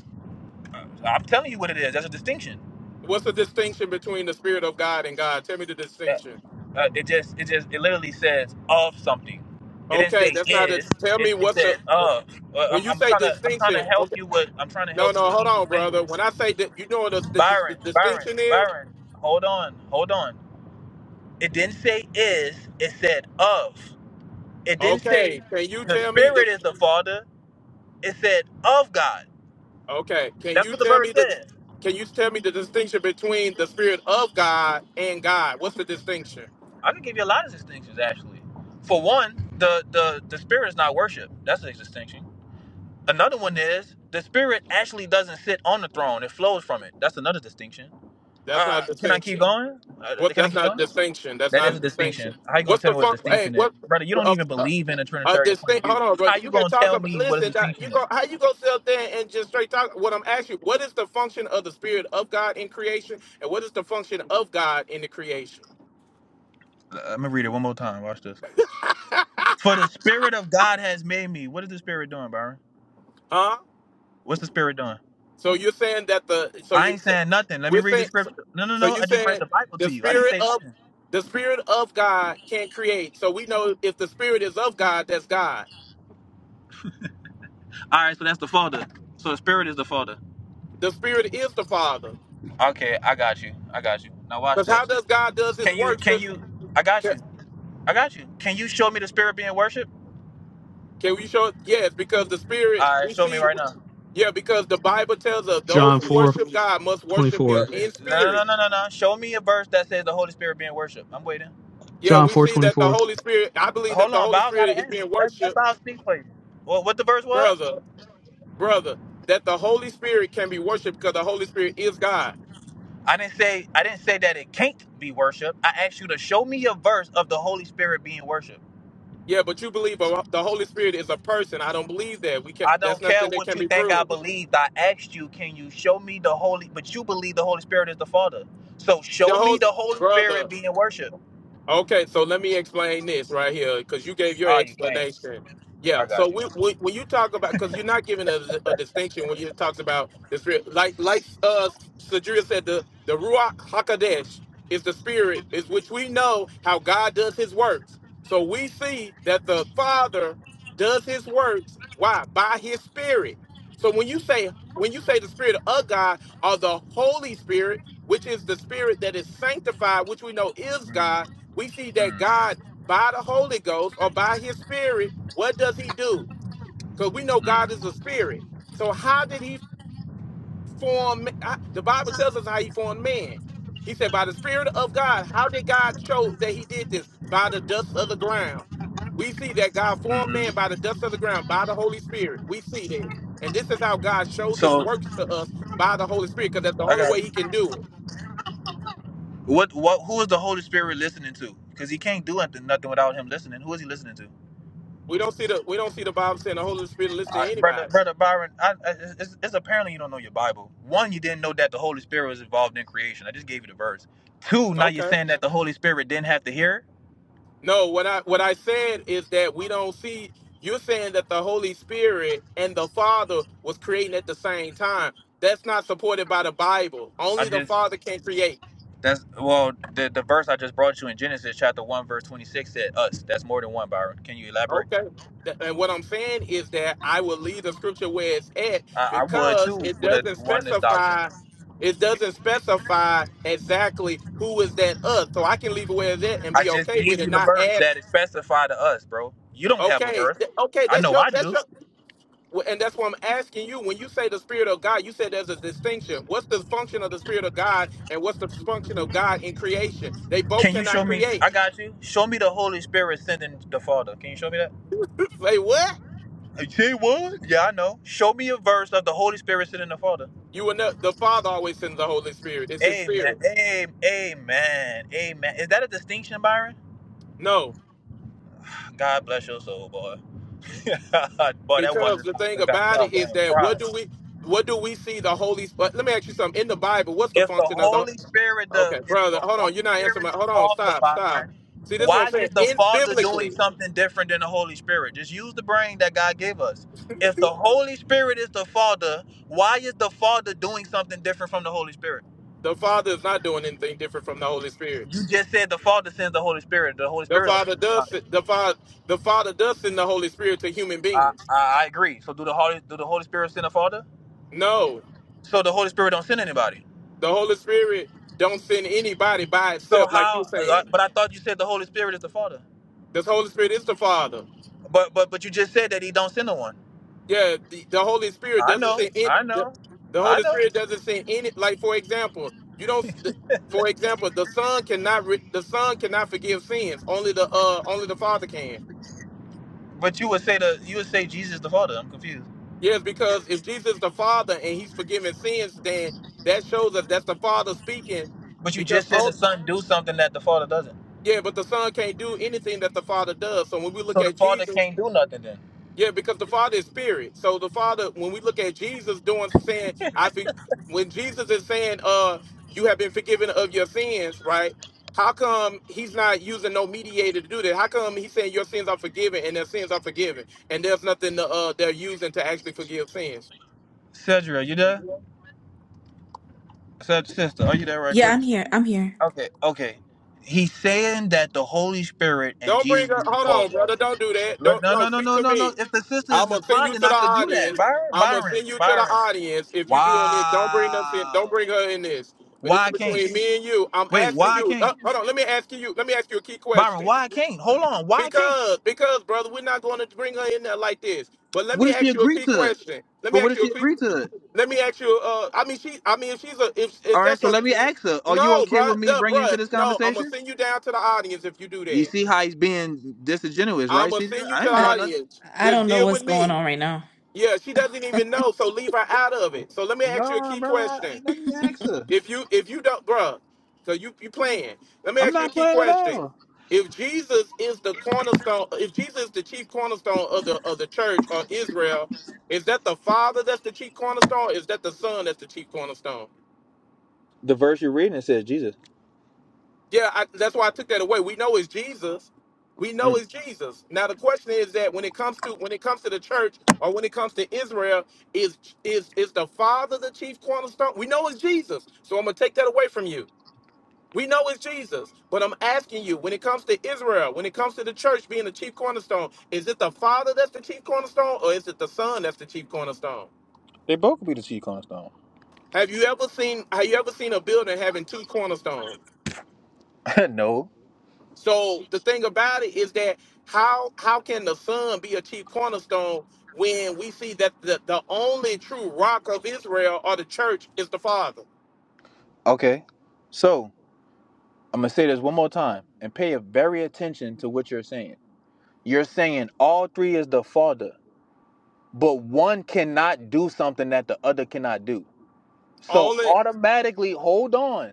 U: I'm telling you what it is. That's a distinction.
A: What's the distinction between the spirit of God and God? Tell me the
U: Yeah.
A: distinction.
U: Uh, it just, it just, it literally says of something. It didn't
A: Okay,
U: say
A: that's not a.
U: is.
A: Tell
U: It,
A: me
U: it
A: what's the.
U: said of. Uh,
A: When
U: I'm,
A: you
U: I'm
A: say
U: trying to, I'm trying to
A: distinction,
U: help
A: okay,
U: you with, I'm trying to
A: no,
U: help you
A: no,
U: with
A: hold
U: English
A: on, brother. When
U: language.
A: I say that, you know what the, the, the
U: Byron, Byron,
A: distinction is.
U: Byron. Hold on, hold on. It didn't say is. It said of. It didn't say
A: Okay, can you
U: the
A: tell me the?
U: Spirit is the Father. It said of God.
A: Okay, can
U: That's
A: you
U: what the
A: tell me
U: verse
A: the?
U: says.
A: Can you tell me the distinction between the spirit of God and God? What's the distinction?
U: I can give you a lot of distinctions actually. For one, the the the Spirit is not worship. That's a distinction Another one is the spirit actually doesn't sit on the throne; it flows from it. That's another distinction.
A: That's not a
U: Uh, can I keep
A: distinction.
U: going? Uh,
A: What?
U: can I
A: That's
U: keep
A: not a
U: going?
A: distinction. That's
U: That
A: not a
U: is a
A: distinction.
U: distinction. How you gonna
A: What's
U: tell
A: the
U: me what
A: fun?
U: a
A: Hey,
U: distinction is,
A: what?
U: brother? You don't
A: A,
U: even
A: a,
U: believe in a
A: a
U: trinitarian point of
A: distinct.
U: view.
A: Hold on, bro.
U: How you
A: You can
U: gonna
A: talk
U: tell
A: about.
U: me what a
A: Listen, Doc, you
U: distinction is?
A: go. How you go sit up there and just straight talk? What I'm asking you. What is the function of the spirit of God in creation, and what is the function of God in the creation?
U: Uh, Let me read it one more time. Watch this. For the spirit of God has made me. What is the spirit doing, Byron?
A: Huh?
U: What's the spirit doing?
A: So you're saying that the. So
U: I
A: you.
U: ain't
A: So
U: saying nothing. Let me
A: we're
U: read the
A: saying. So,
U: scripture. No, no,
A: so
U: no.
A: you're
U: I just read
A: saying
U: the Bible
A: the
U: to you. I didn't
A: spirit
U: say
A: of.
U: nothing.
A: The spirit of God can create. So we know if the spirit is of God, that's God.
U: All right, so that's the father. So the spirit is the father.
A: The spirit is the Father.
U: Okay, I got you. I got you. Now watch
A: Because how
U: this.
A: does God does His
U: Can you
A: works?
U: can you I got
A: Can,
U: you. I got you. Can you show me the spirit being worshiped?
A: can we show? Yes, because the spirit.
U: All right, show me right now.
A: Yeah, because the Bible tells us those
D: John
A: who
D: four
A: worship God must
D: twenty
A: worship
U: Uh,
A: Him
U: uh,
D: four.
A: in
U: No, no, no,
A: spirit.
U: no, no, no. Show me a verse that says the Holy Spirit being worshipped. I'm waiting.
A: Yeah,
D: John
A: we
D: four
A: see
D: twenty
A: that the
D: four.
A: Holy Spirit. I believe that
U: Hold
A: the
U: on,
A: Holy
U: Bao got
A: Spirit is
U: an answer.
A: being
U: Let, let
A: worshipped,
U: Bao speak for you. Well, what the verse was?
A: brother, brother. That the Holy Spirit can be worshipped because the Holy Spirit is God.
U: I didn't say I didn't say that it can't be worshipped. I asked you to show me a verse of the Holy Spirit being worshipped.
A: Yeah, but you believe a- the Holy Spirit is a person. I don't believe that. We
U: I
A: can't.
U: don't
A: That's
U: care
A: nothing that
U: what
A: can
U: you
A: be
U: think I
A: proved.
U: believed. I asked you, can you show me the Holy? But you believe the Holy Spirit is the Father. So
A: The
U: show
A: whole
U: me the Holy
A: brother,
U: Spirit being worshipped.
A: Okay, so let me explain this right here because you gave your
U: Oh, you can't.
A: explanation. Yeah,
U: I
A: so
U: got you.
A: we, we, when you talk about, because you're not giving a, a distinction when you talks about the spirit, like like uh Sadria said, the the ruach hakodesh is the spirit, is which we know how God does His works. So we see that the Father does His works. Why? By His Spirit. So when you say when you say the Spirit of God or the Holy Spirit, which is the Spirit that is sanctified, which we know is God we see that God, by the Holy Ghost or by his spirit, what does he do? Because we know God is a spirit. So how did he form I- the Bible tells us how he formed man. He said, by the Spirit of God, how did God show that he did this? By the dust of the ground. We see that God formed
U: Mm-hmm.
A: man by the dust of the ground, by the Holy Spirit. We see that. And this is how God shows his
U: So
A: works to us by the Holy Spirit, because that's the
U: I
A: only
U: got
A: way he can do it.
U: what? What? Who is the Holy Spirit listening to? Because he can't do nothing, nothing without him listening. Who is he listening to?
A: We don't see the we don't see the Bible saying the Holy Spirit listen to
U: I, brother,
A: anybody.
U: brother Byron, I, I, it's, it's apparently you don't know your Bible. One, you didn't know that the Holy Spirit was involved in creation. I just gave you the verse. Two, now you're
A: Okay.
U: saying that the Holy Spirit didn't have to hear.
A: No, what I what I said is that we don't see you're saying that the Holy Spirit and the Father was creating at the same time. That's not supported by the Bible.
U: I
A: Only the
U: just
A: Father can create.
U: that's well the the verse I just brought you in Genesis chapter one verse twenty six said us. That's more than one, Byron. Can you elaborate?
A: Okay. Th- And what I'm saying is that I will leave the scripture where it's at
U: I, I would too
A: because it
U: with a
A: doesn't
U: oneness doctrine.
A: specify it doesn't specify exactly who is that us. So I can leave it where it's at and
U: I
A: be
U: just
A: okay with
U: gave
A: it,
U: you the
A: not
U: verse
A: add
U: that is specified to us, bro. You don't have a
A: okay,
U: verse.
A: th- okay,
U: I
A: that's
U: know
A: your
U: I
A: that's your
U: do.
A: Well, And that's what I'm asking you. When you say the Spirit of God, you said there's a distinction. What's the function of the Spirit of God and what's the function of God in creation? They both
U: Can you show
A: cannot
U: me?
A: create.
U: I got you. Show me the Holy Spirit sending the Father. Can you show me that?
A: Say what?
U: You say what? Yeah, I know. Show me a verse of the Holy Spirit sending the Father.
A: You will know the Father always sends the Holy Spirit. It's his
U: Amen.
A: spirit.
U: Amen. Amen. Amen. Is that a distinction, Byron?
A: No.
U: God bless your soul, boy. boy, that one
A: Because the thing
U: just got
A: about
U: your
A: it is
U: brain
A: that what
U: fried.
A: do we what do we see the Holy Spirit? Let me ask you something. In the Bible, what's the
U: If the
A: function of the
U: Holy Spirit the
A: Okay,
U: if
A: brother,
U: the
A: hold on. You're
U: Holy
A: not answering
U: Spirit
A: my
U: the
A: hold on,
U: Father,
A: stop, stop.
U: Byron,
A: See, this is what I'm
U: why
A: saying.
U: is the
A: In
U: Father doing
A: biblically,
U: something different than the Holy Spirit? Just use the brain that God gave us. If the Holy Spirit is the Father, why is the Father doing something different from the Holy Spirit?
A: the Father is not doing anything different from the Holy Spirit.
U: You just said the Father sends the Holy Spirit. The Holy
A: The
U: Spirit don't
A: Father
U: send
A: does
U: nobody.
A: the Father the Father does send the Holy Spirit to human
U: I,
A: beings.
U: I, I agree. So do the Holy do the Holy Spirit send the Father?
A: No,
U: So the Holy Spirit don't send anybody.
A: the Holy Spirit don't send anybody by
U: So
A: itself, like you're
U: how? uh,
A: saying.
U: But I thought you said the Holy Spirit is the Father.
A: The Holy Spirit is the Father.
U: But but but you just said that He don't send no one.
A: Yeah, the, the Holy Spirit
U: I
A: doesn't
U: know,
A: send it.
U: I
A: The,
U: know,
A: the
U: I
A: Holy
U: know.
A: Spirit doesn't send any. Like for example, you don't. The, for example, the Son cannot re, the Son cannot forgive sins. Only the uh only the Father can.
U: But you would say the you would say Jesus the Father. I'm confused.
A: Yes, because if Jesus is the Father and He's forgiving sins, then that shows us that's the Father speaking
U: But you
A: because
U: just said
A: all.
U: the Son do something that the Father doesn't.
A: Yeah, but the son can't do anything that the father does. So when we look
U: So the
A: at
U: Father
A: Jesus,
U: can't do nothing then.
A: yeah, because the father is spirit. So the father, when we look at Jesus doing saying, I think when Jesus is saying, uh, you have been forgiven of your sins, right? How come he's not using no mediator to do that? How come he's saying your sins are forgiven and their sins are forgiven and there's nothing to, uh they're using to actually forgive sins?
U: Cedra, you there? Ced- sister, are you there right
T: Yeah,
U: quick?
T: I'm here. I'm here.
U: Okay, okay. He's saying that the Holy Spirit and
A: Don't
U: Jesus
A: bring up.
U: is the
A: Hold on,
U: Father.
A: brother. Don't do that.
U: Look,
A: Don't
U: No,
A: no.
U: no, no,
A: Speak
U: no,
A: to
U: no,
A: me.
U: no. If the sister
A: I'm
U: is
A: gonna send you
U: responding,
A: to the
U: I could do that.
A: audience.
U: Byron,
A: I'm gonna
U: Byron,
A: send you to the
U: Byron.
A: audience. If you doing this, don't bring us in. Don't
U: Wow.
A: bring her in this. But this
U: Why
A: is
U: I can't?
A: between me and you. I'm
U: Wait,
A: asking
U: why I
A: you. Uh,
U: can't?
A: hold on. Let me ask you. Let me ask you a key
U: Byron,
A: question.
U: why I can't? Hold on, why I can't?
A: Because, because, brother, we're not going to bring her in there like this. But let
U: What
A: me
U: if she
A: ask you a
U: agreed
A: key
U: to it?
A: question. Let me
U: But what
A: ask
U: if
A: you
U: she
A: a quick.
U: agreed to it?
A: Let me ask you. Uh, I mean, she. I mean, if she's a, if,
U: All
A: if
U: right,
A: that's
U: so
A: a,
U: let me ask her. Are you
A: no,
U: okay
A: bro,
U: with me
A: no, bro,
U: bringing into this
A: no. I'm gonna
U: conversation?
A: send you down to the audience if you do
U: You
A: that.
U: see how he's being disingenuous,
A: I'm
U: right,
A: gonna
U: CJ?
A: send you to
U: I
A: the
U: ain't
T: Uh,
U: doing nothing.
A: audience.
T: I
A: Just
T: don't know
A: deal
T: what's
A: with
T: going
A: me.
T: on right now.
A: Yeah, she doesn't even know, so leave her out of it. So let me ask you a
U: No,
A: key
U: bro. I-
A: question.
U: Let me ask her.
A: If you if you don't, bruh, so you you playing. Let me
U: I'm
A: ask you a
U: not
A: key
U: playing at
A: question.
U: all.
A: If Jesus is the cornerstone, if Jesus is the chief cornerstone of the of the church or Israel, is that the Father that's the chief cornerstone? Or Is that the Son that's the chief cornerstone?
U: The verse you're reading it says Jesus.
A: Yeah, I, that's why I took that away. We know it's Jesus. We know
U: Mm,
A: it's Jesus. Now the question is that when it comes to when it comes to the church or when it comes to Israel, is is is the Father the chief cornerstone? We know it's Jesus. So I'm gonna take that away from you. We know it's Jesus, but I'm asking you, when it comes to Israel, when it comes to the church being the chief cornerstone, is it the Father that's the chief cornerstone, or is it the Son that's the chief cornerstone? Have you ever seen Have you ever seen a building having two cornerstones? So the thing about it is that how how can the sun be a chief cornerstone when we see that the, the only true rock of Israel or the church is the Father?
U: okay, so I'm gonna say this one more time and pay a very attention to what you're saying. You're saying all three is the Father, but one cannot do something that the other cannot do. So
A: Only
U: automatically, hold on.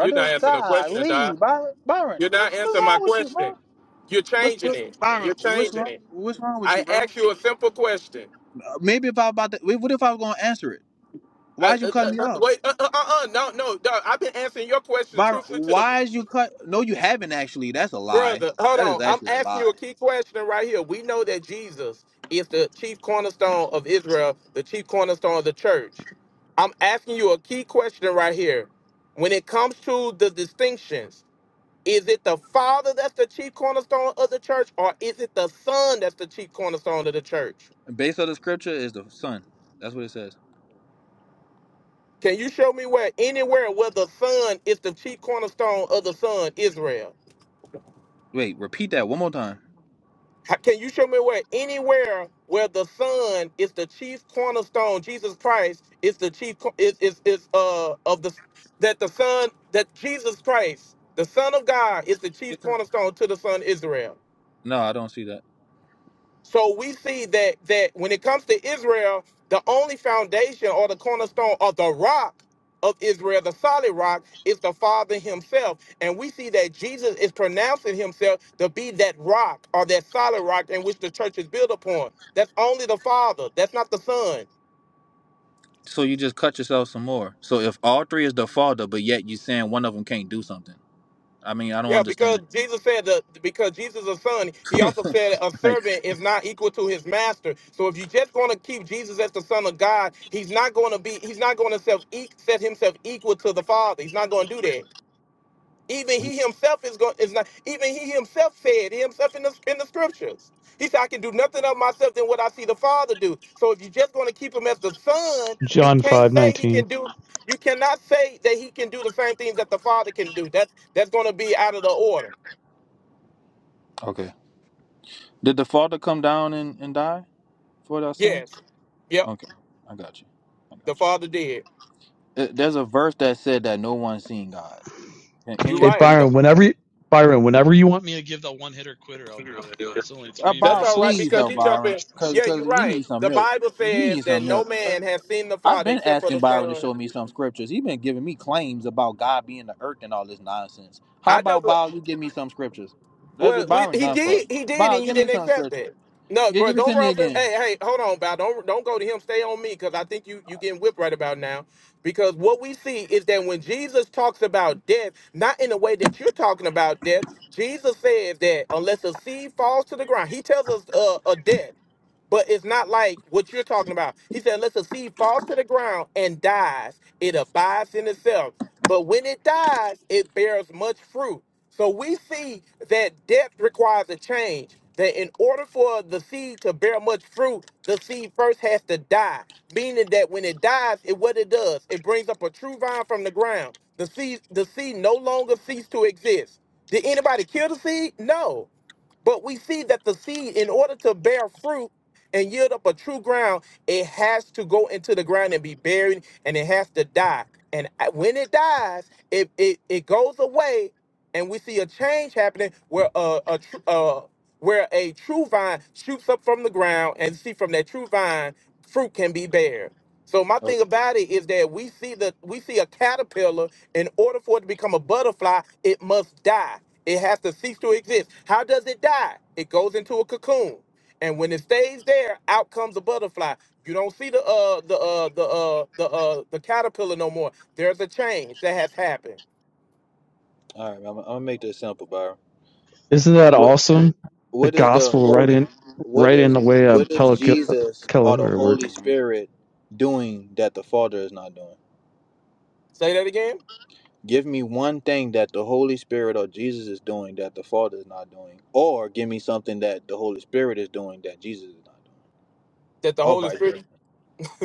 A: you're not answering the question,
U: Golly,
A: Doc.
U: Byron, Byron,
A: You're not
U: what's what's
A: answering my
U: wrong with you,
A: question.
U: bro?
A: You're
U: What's
A: changing
U: what,
A: it.
U: Byron?
A: You're
U: What's
A: changing
U: wrong?
A: it.
U: What's wrong with
A: I
U: you, bro?
A: asked you a simple question.
U: Uh, maybe if I about to, wait, what if I was gonna answer it?
A: I,
U: Why'd you
A: uh,
U: cut
A: uh,
U: me
A: uh,
U: off,
A: wait, uh, uh, uh, uh, no, no, Doc. I've been answering your question
U: Byron?
A: truthfully to the
U: Why'd you cut? No, you haven't actually. That's a lie.
A: Brother, hold
U: That
A: on.
U: is
A: I'm
U: actually a
A: asking you a
U: lie.
A: key question right here. We know that Jesus is the chief cornerstone of Israel, the chief cornerstone of the church. I'm asking you a key question right here. When it comes to the distinctions, is it the Father that's the chief cornerstone of the church, or is it the Son that's the chief cornerstone of the church?
U: Based on the scripture is the son. That's what it says.
A: Can you show me where anywhere where the Son is the chief cornerstone of the Son, Israel?
U: Wait, repeat that one more time.
A: How- Can you show me where anywhere where the Son is the chief cornerstone, Jesus Christ is the chief co- is is, is uh of the that the Son that Jesus Christ, the Son of God, is the
U: Take
A: chief
U: your time.
A: cornerstone to the Son Israel.
U: No, I don't see that.
A: So we see that that when it comes to Israel, the only foundation or the cornerstone or the rock of Israel, the solid rock, is the Father Himself. And we see that Jesus is pronouncing Himself to be that rock or that solid rock in which the church is built upon. That's only the Father. That's not the Son.
U: So you just cut yourself some more. So if all three is the father, but yet you saying one of them can't do something. I mean, I don't
A: Yeah, because
U: understand.
A: Jesus said that because Jesus is a son, he also said a
U: Like,
A: servant is not equal to his master. So if you just going to keep Jesus as the son of God, he's not going to be he's not going to self e- set himself equal to the Father. He's not going to do that. Even he himself is going is not even he himself said himself in the in the scriptures. He said, I can do nothing of myself than what I see the Father do. So if you just going to keep him as the son, you
D: john
A: can't say he
D: 5:19
A: can do you cannot say that he can do the same things that the Father can do. That's that's going to be out of the order.
U: okay. Did the Father come down and, and die for our sins?
A: Yes. Yep.
U: Okay, I got you. I got
A: The
U: you.
A: father did.
U: Uh, There's a verse that said that no one's seen God. Can, can
A: You're
U: you
D: Hey
A: right.
U: explain
A: No,
D: Byron,
U: that?
D: whenever you, Byron, whenever you want me to give the one hitter quitter, I'll do it. It's only
U: Uh,
D: three
A: that's
U: Bob,
A: all right
D: verses
U: please
A: because
U: help
A: he
D: and three
A: jumped
U: Byron,
A: in.
D: questions.
U: cause
A: Yeah,
U: cause
A: you're
U: he
A: right.
U: needs some
A: The
U: milk.
A: Bible
U: He
A: says
U: needs
A: that
U: some
A: no
U: milk. Uh,
A: man has seen the
U: I've
A: father
U: been
A: except for
U: asking
A: the
U: Byron to
A: son.
U: show me some scriptures. He's been giving me claims about God being the earth and all this nonsense. How
A: I don't.
U: about Bob? You give me some scriptures. That's
A: Well,
U: what
A: we,
U: Byron
A: he
U: done for.
A: did. He did, and
U: Bob,
A: you
U: give me
A: didn't
U: some
A: accept
U: scriptures.
A: it. No,
U: Gi-
A: bro.
U: Give it
A: Don't
U: to me
A: run. From,
U: again.
A: hey, hey. Hold on, Bow. Don't don't go to him. Stay on me because I think you you getting whipped right about now. Because what we see is that when Jesus talks about death, not in the way that you're talking about death, Jesus says that unless a seed falls to the ground, he tells us uh, a death. But it's not like what you're talking about. He said, unless a seed falls to the ground and dies, it abides in itself. But when it dies, it bears much fruit. So we see that death requires a change. That in order for the seed to bear much fruit, the seed first has to die. Meaning that when it dies, it what it does, it brings up a true vine from the ground. The seed, the seed no longer cease to exist. Did anybody kill the seed? No. But we see that the seed, in order to bear fruit and yield up a true ground, it has to go into the ground and be buried and it has to die. And I- when it dies, it, it, it goes away and we see a change happening where a, a, tr- uh, where a true vine shoots up from the ground and see from that true vine, fruit can be bared. So my thing
U: Okay.
A: about it is that we see the we see a caterpillar in order for it to become a butterfly, it must die. It has to cease to exist. How does it die? It goes into a cocoon, and when it stays there, out comes a butterfly. You don't see the uh the uh the uh the uh the caterpillar no more. There's a change that has happened.
U: All right, I'm, I'm gonna make this simple, Byron.
D: Isn't that
U: What?
D: awesome? The
U: what is the
D: gospel right
U: holy
D: in
U: what
D: right in
U: is
D: the way of
U: what is
D: Pelican
U: jesus or the
D: work.
U: holy spirit doing that the father is not doing
A: Say that again.
U: give me one thing that the holy spirit or jesus is doing that the father is not doing or give me something that the holy spirit is doing that jesus is not doing
A: That the
U: or
A: Holy
U: vice versa
A: Spirit.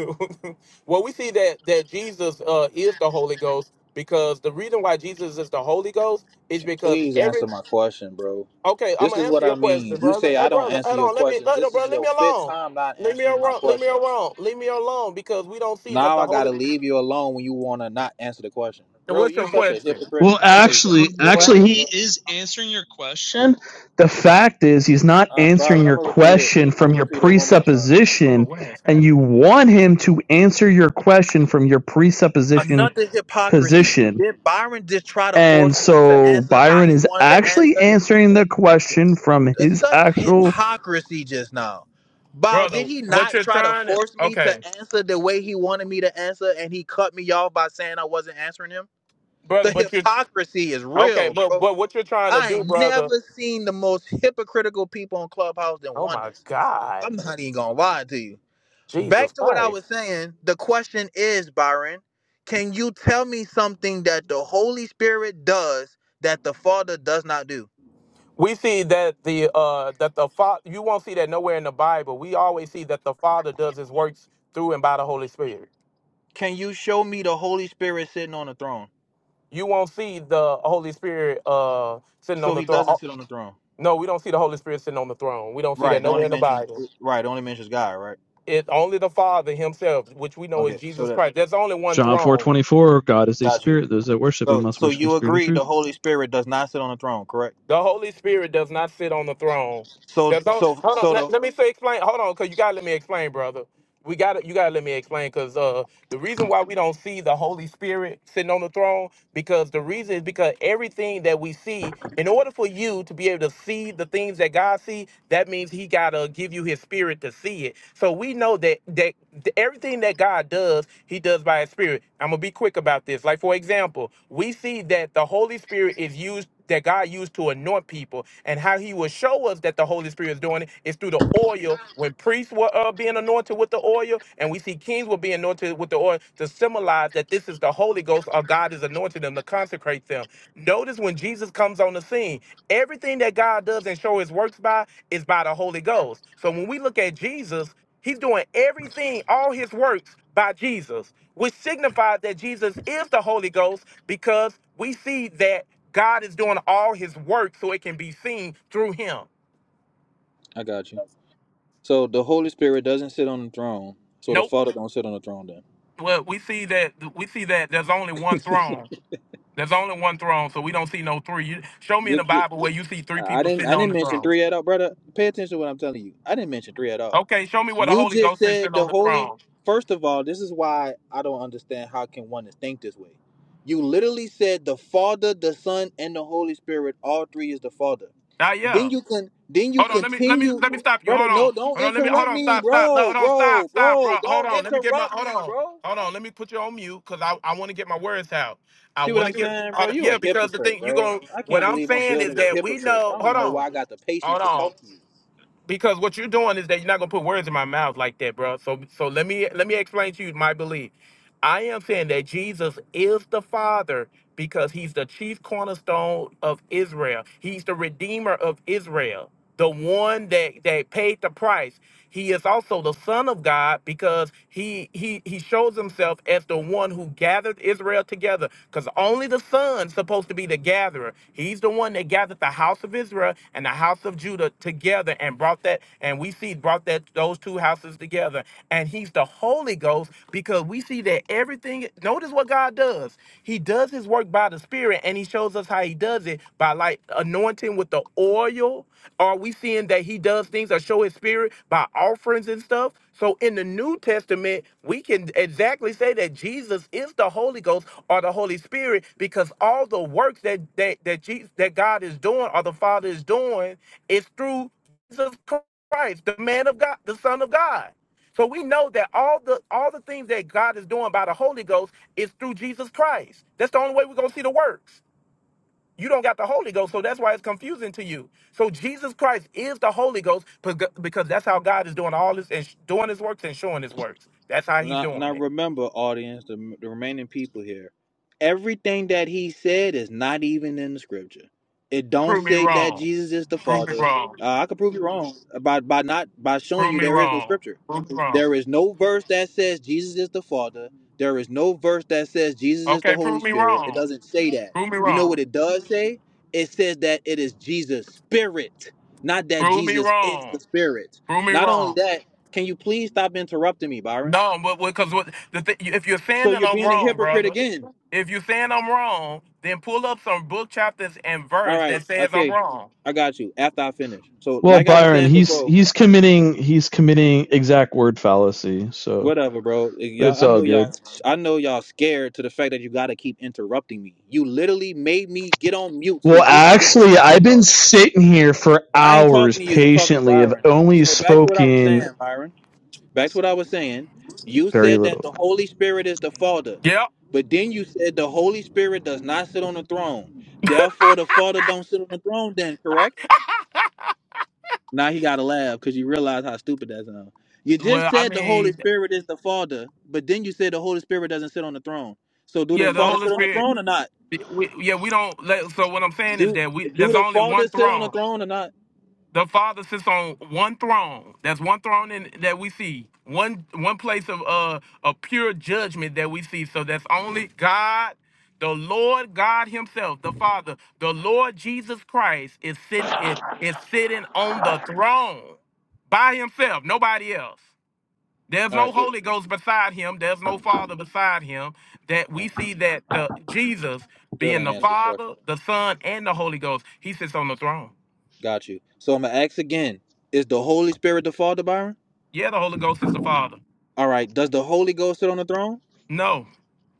A: well, we see that that Jesus uh is the Holy Ghost because the reason why Jesus is the Holy Ghost is
U: Can-
A: because
U: please
A: every.
U: answer my question bro
A: Okay, I'm
U: this
A: gonna
U: is
A: answer
U: what i
A: your
U: mean
A: question,
U: you
A: brother.
U: say
A: Hey,
U: i don't
A: brother,
U: answer
A: hold
U: your
A: on. Let me,
U: questions
A: hold
U: this is
A: brother. Leave
U: your
A: me
U: fifth
A: alone.
U: time not
A: Leave me
U: answering my
A: alone. Leave me
U: question
A: alone. Leave me alone because we don't see that
U: Now
A: the
U: I
A: Holy.
U: gotta leave you alone when you wanna not answer the question.
A: And
U: Bro,
A: what's
U: you
A: your
U: such a
A: question?
U: hypocrite.
D: Well,
U: That is
D: actually,
U: a
C: What?
D: actually,
U: hypocrite,
D: he
U: bro.
D: is answering your question. The fact is he's not
U: Uh, Byron,
D: answering
U: I'm
D: your
U: gonna repeat it.
D: question
U: I'm
D: from
U: gonna
D: your
U: repeat it one more time.
A: Lord,
D: presupposition
A: what has
D: and you
A: happened,
D: want him to answer your question from your presupposition
U: Another hypocrisy.
D: position.
U: Did Byron just try to
D: And
U: force me to
D: so
U: answer how
D: Byron
U: he
D: is
U: wanted to
D: actually
U: answer?
D: answering the question from
U: That's
D: his
U: such
D: actual
U: hypocrisy just now. Bow,
A: brother?
U: did he
A: What
U: not
A: you're
U: try to
A: trying to?
U: force me to
A: Okay,
U: answer the way he wanted me to answer and he cut me off by saying I wasn't answering him?
A: brother,
U: The
A: but you.
U: hypocrisy is
A: Okay,
U: real,
A: but
U: bro.
A: but what you're trying to
U: I
A: do,
U: ain't
A: brother?
U: never seen the most hypocritical people on Clubhouse than
A: Oh my
U: oneness.
A: God,
U: I'm not even gonna lie to you.
A: Jesus
U: Back to what I
A: Christ!
U: was saying, the question is, Byron, can you tell me something that the Holy Spirit does that the Father does not do?
A: We see that the uh that the father. You won't see that nowhere in the Bible. We always see that the Father does His works through and by the Holy Spirit.
U: Can you show me the Holy Spirit sitting on the throne?
A: you won't see the Holy Spirit uh sitting on
U: So
A: the
U: he
A: throne.
U: doesn't
A: Oh,
U: sit on the throne.
A: No, we don't see the Holy Spirit sitting on the throne. We don't see that
U: Right. The
A: nowhere
U: only
A: in the
U: mention
A: Bible.
U: right, the only mentions God, right?
A: It's only the Father Himself, which we know is
U: Okay, so
A: Jesus
U: that
A: Christ. There's only one
D: John four
A: throne.
D: twenty four. God is a
U: got you.
D: spirit. Those that worship him
U: So
D: must
U: so
D: worship in
U: you
D: spirit and
U: agree the
D: truth.
U: Holy Spirit does not sit on the throne, correct?
A: The Holy Spirit does not sit on the throne.
U: So
A: There's no
U: so
A: hold on.
U: so
A: Let,
U: the
A: let me say explain. Hold on, cause you gotta let me explain, brother. We gotta you gotta let me explain, cause uh the reason why we don't see the Holy Spirit sitting on the throne because the reason is because everything that we see, in order for you to be able to see the things that God see, that means He gotta give you His Spirit to see it. So we know that that th- everything that God does, He does by His Spirit. I'm gonna be quick about this. Like for example, we see that the Holy Spirit is used that God used to anoint people, and how He will show us that the Holy Spirit is doing it is through the oil. When priests were uh, being anointed with the oil, and we see kings were being anointed with the oil to symbolize that this is the Holy Ghost or God is anointing them to consecrate them. Notice when Jesus comes on the scene, everything that God does and show His works by is by the Holy Ghost. So when we look at Jesus, He's doing everything, all his works by Jesus, which signifies that Jesus is the Holy Ghost because we see that God is doing all his work so it can be seen through him.
U: I got you. So the Holy Spirit doesn't sit on the throne. So the
A: Nope.
U: Father don't sit on the throne. Then
A: Well, we see that we see that there's only one throne. There's only one throne, so we don't see no three. You, show me in
U: Th-
A: the
U: th-
A: Bible where you see three
U: I
A: people
U: didn't. I
A: sitting on
U: didn't
A: the
U: mention
A: throne.
U: three at all, brother. Pay attention to what I'm telling you. I didn't mention three at all.
A: Okay, show me where the
U: You
A: Holy
U: just
A: Ghost is
U: said
A: sitting on
U: the
A: the
U: Holy.
A: throne.
U: First of all, this is why I don't understand how can one is think this way. You literally said the Father, the Son, and the Holy Spirit. All three is the Father.
A: Ah, yeah.
U: Then you can. Then you
A: Hold on, let me let me
U: continue,
A: let me stop you.
U: brother.
A: Hold on.
U: No, don't
A: Hold on, let me hold
U: interrupt
A: on,
U: me,
A: stop, stop. No,
U: bro,
A: hold on, stop,
U: bro,
A: stop,
U: bro.
A: bro. Hold
U: Don't
A: on. Let me get my
U: interrupt
A: hold
U: me,
A: on.
U: bro.
A: Hold on, let me put you on mute because I, I want to get my words out. I
U: See what
A: want to
U: I'm
A: get
U: saying,
A: hold
U: bro?
A: on.
U: You
A: yeah,
U: a
A: because the
U: hypocrite,
A: thing you
U: bro.
A: going
U: I
A: what
U: can't
A: I'm
U: believe I'm
A: saying is
U: building with
A: that we know
U: hypocrites. I
A: hold
U: don't even know
A: on,
U: why I got the patience
A: hold
U: to
A: on.
U: talk to you.
A: Because what you're doing is that you're not gonna put words in my mouth like that, bro. So so let me let me explain to you my belief. I am saying that Jesus is the Father because he's the chief cornerstone of Israel. He's the redeemer of Israel, the one that, that paid the price. He is also the Son of God because he he he shows himself as the one who gathered Israel together. Because only the Son's supposed to be the gatherer. He's the one that gathered the house of Israel and the house of Judah together and brought that, and we see brought that those two houses together. And he's the Holy Ghost because we see that everything notice what God does. He does his work by the spirit and he shows us how he does it by like anointing with the oil. Are we seeing that he does things or show his spirit by offerings and stuff? So in the New Testament, we can exactly say that Jesus is the Holy Ghost or the Holy Spirit because all the works that that that, Jesus, that God is doing or the Father is doing is through Jesus Christ, the man of God, the Son of God. So we know that all the all the things that God is doing by the Holy Ghost is through Jesus Christ. That's the only way we're gonna see the works. You don't got the Holy Ghost, so that's why it's confusing to you. So Jesus Christ is the Holy Ghost beca- because that's how God is doing all this and sh- doing His works and showing His works. That's how He's
U: Now,
A: doing
U: now
A: it.
U: remember, audience, the, the remaining people here, everything that he said is not even in the scripture. It don't
A: Prove me
U: say that
A: wrong.
U: Jesus is the
A: Prove me
U: Father.
A: wrong.
U: Uh, I could prove you wrong by by not by showing
A: Prove
U: you
A: me
U: there is no
A: wrong.
U: scripture.
A: Prove me wrong.
U: There is no verse that says Jesus is the Father. There is no verse that says Jesus is the
A: Okay,
U: Holy
A: prove me
U: Spirit. It
A: wrong.
U: doesn't say that.
A: Prove me
U: You know
A: wrong.
U: what it does say? It says that it is Jesus' Spirit, not that
A: Prove me
U: Jesus is
A: wrong.
U: the Spirit.
A: Prove me
U: Not only
A: wrong.
U: that, can you please stop interrupting me, Byron?
A: No, but because what the th- if you're saying
U: So
A: that
U: you're
A: I'm
U: being a
A: wrong,
U: hypocrite
A: brother,
U: again.
A: if you're saying I'm wrong, then pull up some book chapters and
U: All
A: verse
U: right.
A: that says I'm
U: Okay.
A: wrong.
U: I got you. After I finish. So
D: Well,
U: like I was
D: Byron,
U: saying
D: he's
U: before,
D: he's committing he's committing exact word fallacy. So,
U: whatever, bro. eh,
D: but it's
U: Y'all I
D: all
U: know y'all
D: good.
U: I know y'all scared to the fact that you gotta keep interrupting me. You literally made me get on mute so
D: Well,
U: you could get your
D: actually,
U: point
D: I've been
U: across.
D: sitting here for
U: I ain't
D: hours
U: talking to you, I'm talking to
D: patiently. I've
U: Byron.
D: only
U: So back to what I was
D: spoken
U: saying, Byron. Back to what I was saying. You
D: very
U: said that the
D: little.
U: Holy Spirit is the Father,
A: Yep.
U: but then you said the Holy Spirit does not sit on the throne. Therefore the Father don't sit on the throne then, correct? Now he got to laugh because you realize how stupid that sounds. You just
A: Well, I
U: said the Holy
A: mean,
U: Spirit is the Father, but then you said the Holy Spirit doesn't sit on the throne. So do the
A: yeah, the
C: Yeah,
U: Father
C: that
A: Holy
U: sit on the
A: Spirit.
U: throne or not?
A: We, yeah, we don't. Let, so what I'm saying is
U: Do
A: that we
U: do
A: there's
U: the
A: only
U: Father
A: one
U: sit on
A: throne.
U: the throne or not?
A: the Father sits on one throne. That's one throne in, that we see. One one place of uh of pure judgment that we see. So that's only God, the Lord God Himself, the Father, the Lord Jesus Christ is sitting is, is sitting on the throne by Himself, nobody else. There's
U: All
A: no
U: right,
A: Holy Ghost beside Him. There's no Father beside Him. That
U: uh
A: we see that the Jesus
U: still
A: being
U: ain't
A: the
U: answered the question.
A: Father, the Son, and the Holy Ghost, He sits on the throne.
U: Got you. So I'm gonna ask again: Is the Holy Spirit the Father, Byron?
A: Yeah, the Holy Ghost is the Father.
U: All right. Does the Holy Ghost sit on the throne?
A: No,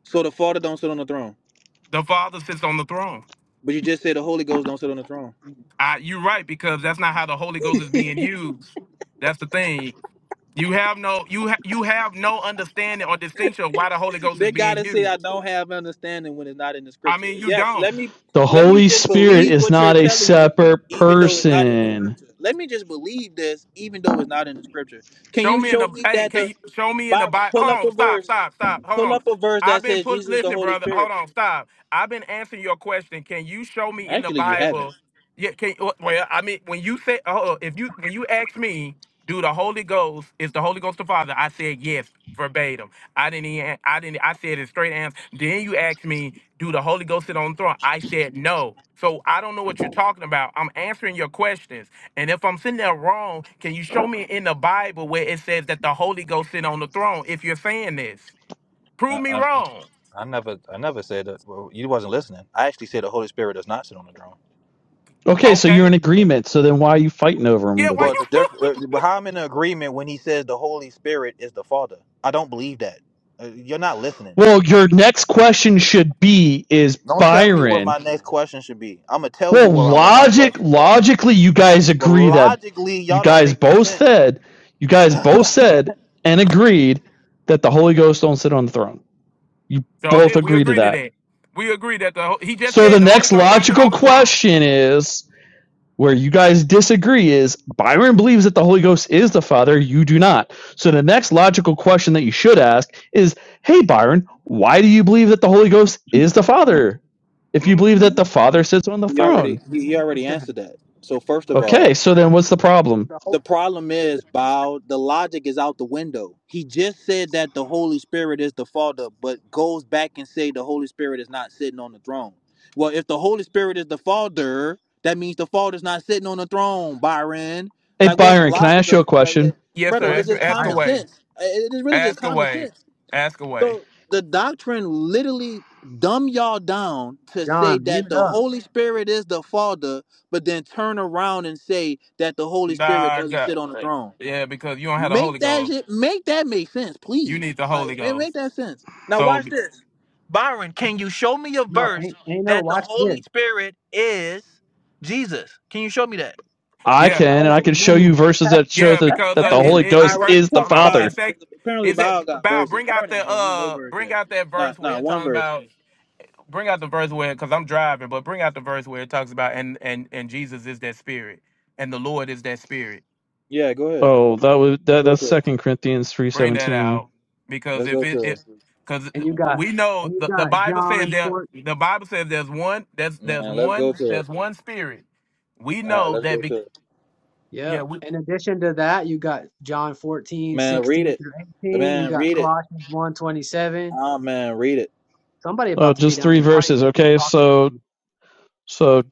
U: So the Father don't sit on the throne,
A: the Father sits on the throne.
U: but you just said the Holy Ghost don't sit on the throne.
A: I, you're right because that's not how the Holy Ghost is being used. That's the thing. You have no you ha, you have no understanding or distinction of why the Holy Ghost is
U: They
A: being
U: gotta say I
A: used.
U: don't have understanding when it's not in the
A: I
U: scripture.
A: mean, you
U: Yes,
A: don't.
U: let me
D: The
U: let me
D: Holy
U: just
D: Spirit
U: believe
D: is
U: what you're
D: not a
U: telling me,
D: separate
U: even though it's not in the
D: person.
U: scripture. Let me just believe this, even though it's not in the scripture. Can
A: Show
U: you
A: me in
U: show
A: the
U: me
A: hey,
U: that
A: can
U: the
A: you show me in the
U: Byron
A: Bible?
U: pull
A: Hold
U: up
A: on,
U: a
A: stop,
U: verse,
A: stop, stop. Hold
U: pull
A: on.
U: up a verse
A: I've
U: that
A: been
U: says
A: put
U: Jesus is the
A: listen,
U: Holy
A: brother. Hold
U: Spirit?
A: on, stop. I've been answering your question. Can you show me in the
U: Actually, you haven't.
A: Bible? Yeah, can uh, well, I mean, when you say oh, if you when you ask me, do the Holy Ghost is the Holy Ghost the Father? I said yes, verbatim. I didn't even I didn't I said it straight answer. Then you asked me, do the Holy Ghost sit on the throne? I said no. So I don't know what you're talking about. I'm answering your questions. And if I'm sitting there wrong, can you show me in the Bible where it says that the Holy Ghost sit on the throne if you're saying this? Prove me wrong.
U: I never, I never said that. Well, you wasn't listening. I actually said the Holy Spirit does not sit on the throne.
D: Okay, so you're
A: Okay.
D: in agreement. So then why are you fighting over him
A: Yeah,
D: with
A: why
D: it?
U: Well, the
A: you
U: diff- but how I'm in agreement when he says the Holy Spirit is the Father. I don't believe that. Uh, You're not listening.
D: Well, your next question should be is
U: Don't tell me what
D: Byron.
U: my next question should be. I'm gonna tell you
D: Well,
U: what I want my
D: logic
U: questions are.
D: logically you guys
U: But
D: agree that
U: logically,
D: you
U: y'all don't
D: guys
U: make no
D: both
U: sense.
D: said you guys both said and agreed that the Holy Ghost don't sit on the throne. You
A: So
D: both
A: did we
D: agree to
A: agree to
D: that.
A: that. We agree that the Ho- he just
D: So
A: said
D: the
A: the Holy
D: next
A: Ghost don't sit on
D: logical
A: the throne.
D: question is Where you guys disagree is Byron believes that the Holy Ghost is the Father, you do not. So the next logical question that you should ask is Hey, Byron, why do you believe that the Holy Ghost is the Father? If you
A: Mm.
D: believe that the Father sits on the
U: You already
D: throne.
U: you you already
C: percent.
U: answered that. So first of all,
D: Okay, so then what's the problem?
U: the problem is Bow, the logic is out the window. He just said that the Holy Spirit is the Father, but goes back and say the Holy Spirit is not sitting on the throne. Well, if the Holy Spirit is the Father, that means the Father's not sitting on the throne, Byron.
D: Hey,
U: Like, what's the
D: Byron, can I
U: logic
D: ask
U: of
D: you a
U: that? like
D: question?
U: that?
A: Yes, sir.
U: Brother,
C: What a
U: it's
A: Ask,
U: just
A: ask
U: common
C: child.
A: away.
U: sense. It it is really just
A: Ask
U: common
A: away.
U: sense.
A: Ask away.
U: So the doctrine literally dumb y'all down to say
C: John, mute
U: that the
C: up.
U: Holy Spirit is the Father, but then turn around and say that the Holy Spirit
A: Nah, I
U: doesn't sit
A: got.
U: on the throne.
A: Yeah, because you don't have the Holy
U: Make that
A: Ghost.
U: shit, make that make sense,
A: You
U: please.
A: need the
U: Like
A: Holy
U: ma- make
A: Ghost.
U: that sense. Now
A: So
U: watch this. Byron, can you show me a
C: No,
U: verse
C: ain't ain't no
U: that the
C: watch this.
U: Holy Spirit is Jesus? Can you show me that?
D: I
A: yeah,
D: can, and I
C: Oh
D: can show
C: man,
D: you verses that show
A: Yeah,
D: that,
C: that's
A: because
D: that
A: uh,
D: the
C: everywhere.
A: it,
D: Holy
A: it,
U: All
A: it
D: Ghost
U: right, well, let
A: first,
U: me
D: is
A: I
D: the
A: don't
U: talk
A: know. In
D: Father.
U: about
A: fact,
U: apparently
A: is it
U: Bao got
A: about
U: verses.
A: bring out
U: Byron didn't
A: the
U: bring me no
A: uh,
U: verse
A: bring
U: yet.
A: out that verse
U: Not
A: where
U: not
A: it's
U: one
A: talking
U: verse.
A: about bring out the verse where because I'm driving, but bring out the verse where it talks about and and and Jesus is that spirit and the Lord is that spirit.
U: Yeah, go ahead.
D: Oh, that was
U: Let's
D: that,
U: go
D: that's
U: to it.
D: Second Corinthians three
A: Bring that
D: seventeen.
A: out because
U: Let's
A: if
U: go
A: it
U: to
A: it
U: it,
A: because
C: and you got
A: we know
C: and you
A: the, the
C: got
A: Bible says
C: John
A: there
C: 4
A: the Bible says there's one there's there's
U: man. Let's go
A: one
U: to it.
A: there's one spirit. We
U: All right,
A: know
U: let's
A: that
U: go
A: be,
U: to it,
A: yeah
C: yep
A: we
C: in addition to that you got John 14
U: man. Read
C: 16
U: it,
C: through 18 you
U: man.
C: got
U: Read it.
C: Colossians one 27.
U: Oh man, read it.
C: somebody
D: Oh,
C: about to be
D: just
C: down in
D: three
C: the audience
D: verses.
C: you keep
D: Okay,
C: talking
D: so
C: over me
D: So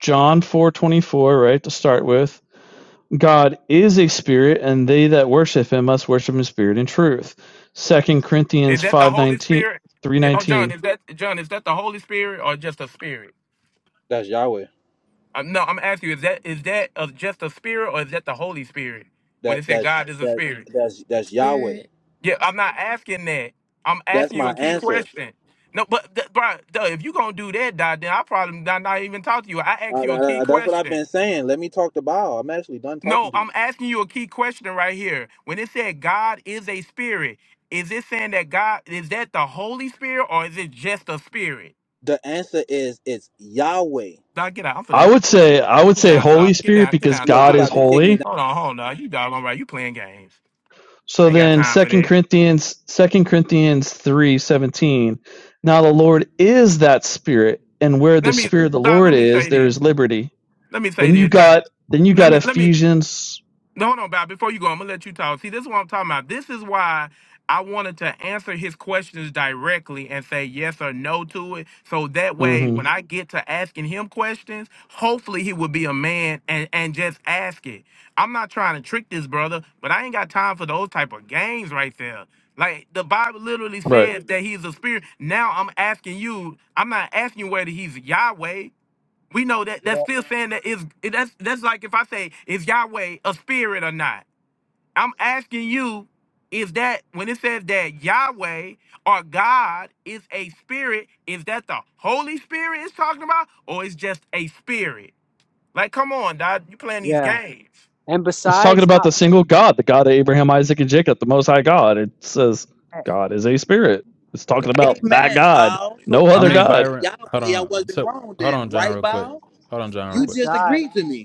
D: John 4:24, right, to start with. God is a spirit and they that worship him must worship in spirit and truth. Second Corinthians
A: is that the
D: five
A: Holy
D: nineteen
A: Spirit.
D: three
A: Eh, Oh John,
D: nineteen.
A: is that John? Is that the Holy Spirit or just a spirit?
U: That's Yahweh.
A: Um, no, I'm asking you, is that is that uh, just a spirit or is that the Holy Spirit? When
U: That
A: it said
U: that's
A: God is a
U: that
A: spirit.
U: that's that's Yahweh.
T: Spirit
A: Yeah, I'm not asking that. I'm
U: That's
A: asking you
U: my
A: a key
U: answer.
A: question. No, but th- bro, duh, if you gonna do that, dog, then I probably not, not even talk to you. I
U: Uh,
A: asked you a
U: uh,
A: key
U: uh, that's what I've
A: question.
U: been saying. Let me talk to Baal. I'm actually done
A: No,
U: talking to
A: I'm
U: you.
A: asking you a key question right here. When it said God is a spirit, is it saying that God is that the Holy Spirit or is it just a spirit?
U: The answer is it's Yahweh.
A: Dog, get out. I'm
D: I
A: finna
D: would
A: get,
D: say I would
A: get
D: say
A: down to the
D: Holy
A: get
D: Spirit
A: down get
D: because
A: down to the
U: Look, he
D: God is
U: about
A: audience.
U: to kick me
D: holy
U: down.
A: Hold on, hold on. You dog, all right? You playing games? I
D: So
A: ain't got
D: then
A: time for
D: Second
A: that.
D: Corinthians Second Corinthians 3:17 Now the Lord is that spirit and where the
A: Let me,
D: spirit of the
A: Doc, let
D: Lord
A: me
D: is
A: say
D: there
A: this.
D: is liberty.
A: Let me say
D: Then you
A: this. 'cause-
D: got then you
A: Let
D: got
A: me, let me,
D: Ephesians
A: no, hold on, Bob. Before you go, I'm going to let you talk. See, this is what I'm talking about. This is why I wanted to answer his questions directly and say yes or no to it. So that way,
D: mhm
A: when I get to asking him questions, hopefully he will be a man and, and just ask it. I'm not trying to trick this brother, but I ain't got time for those type of games right there. Like the Bible literally
D: right.
A: says that he's a spirit. Now I'm asking you, I'm not asking you whether he's Yahweh. We know that that's
C: yeah
A: still saying that is that's that's like if I say is Yahweh a spirit or not. I'm asking you, is that when it says that Yahweh or God is a spirit, is that the Holy Spirit is talking about, or is just a spirit? Like, come on, dog, you playing these
C: yeah
A: games?
C: and
D: It's talking
C: besides
D: about
C: not
D: the
C: being
D: single
C: able to
D: God, the God of Abraham, Isaac and Jacob, the most high God. It says
C: connect
D: God is a spirit. It's talking
C: yeah
D: about that
C: exactly
U: Amen,
D: God,
U: Baal. So
D: no
V: I
U: when
D: other
U: I
V: mean,
D: god.
U: say
V: Byron, hold
U: Yahweh, I
V: on.
U: wasn't
V: So
U: wrong
V: hold
U: then,
V: on, John,
U: right,
V: real quick.
U: Baal?
V: Hold on, John, real
U: You
V: quick.
U: just
C: aside
U: agreed to me.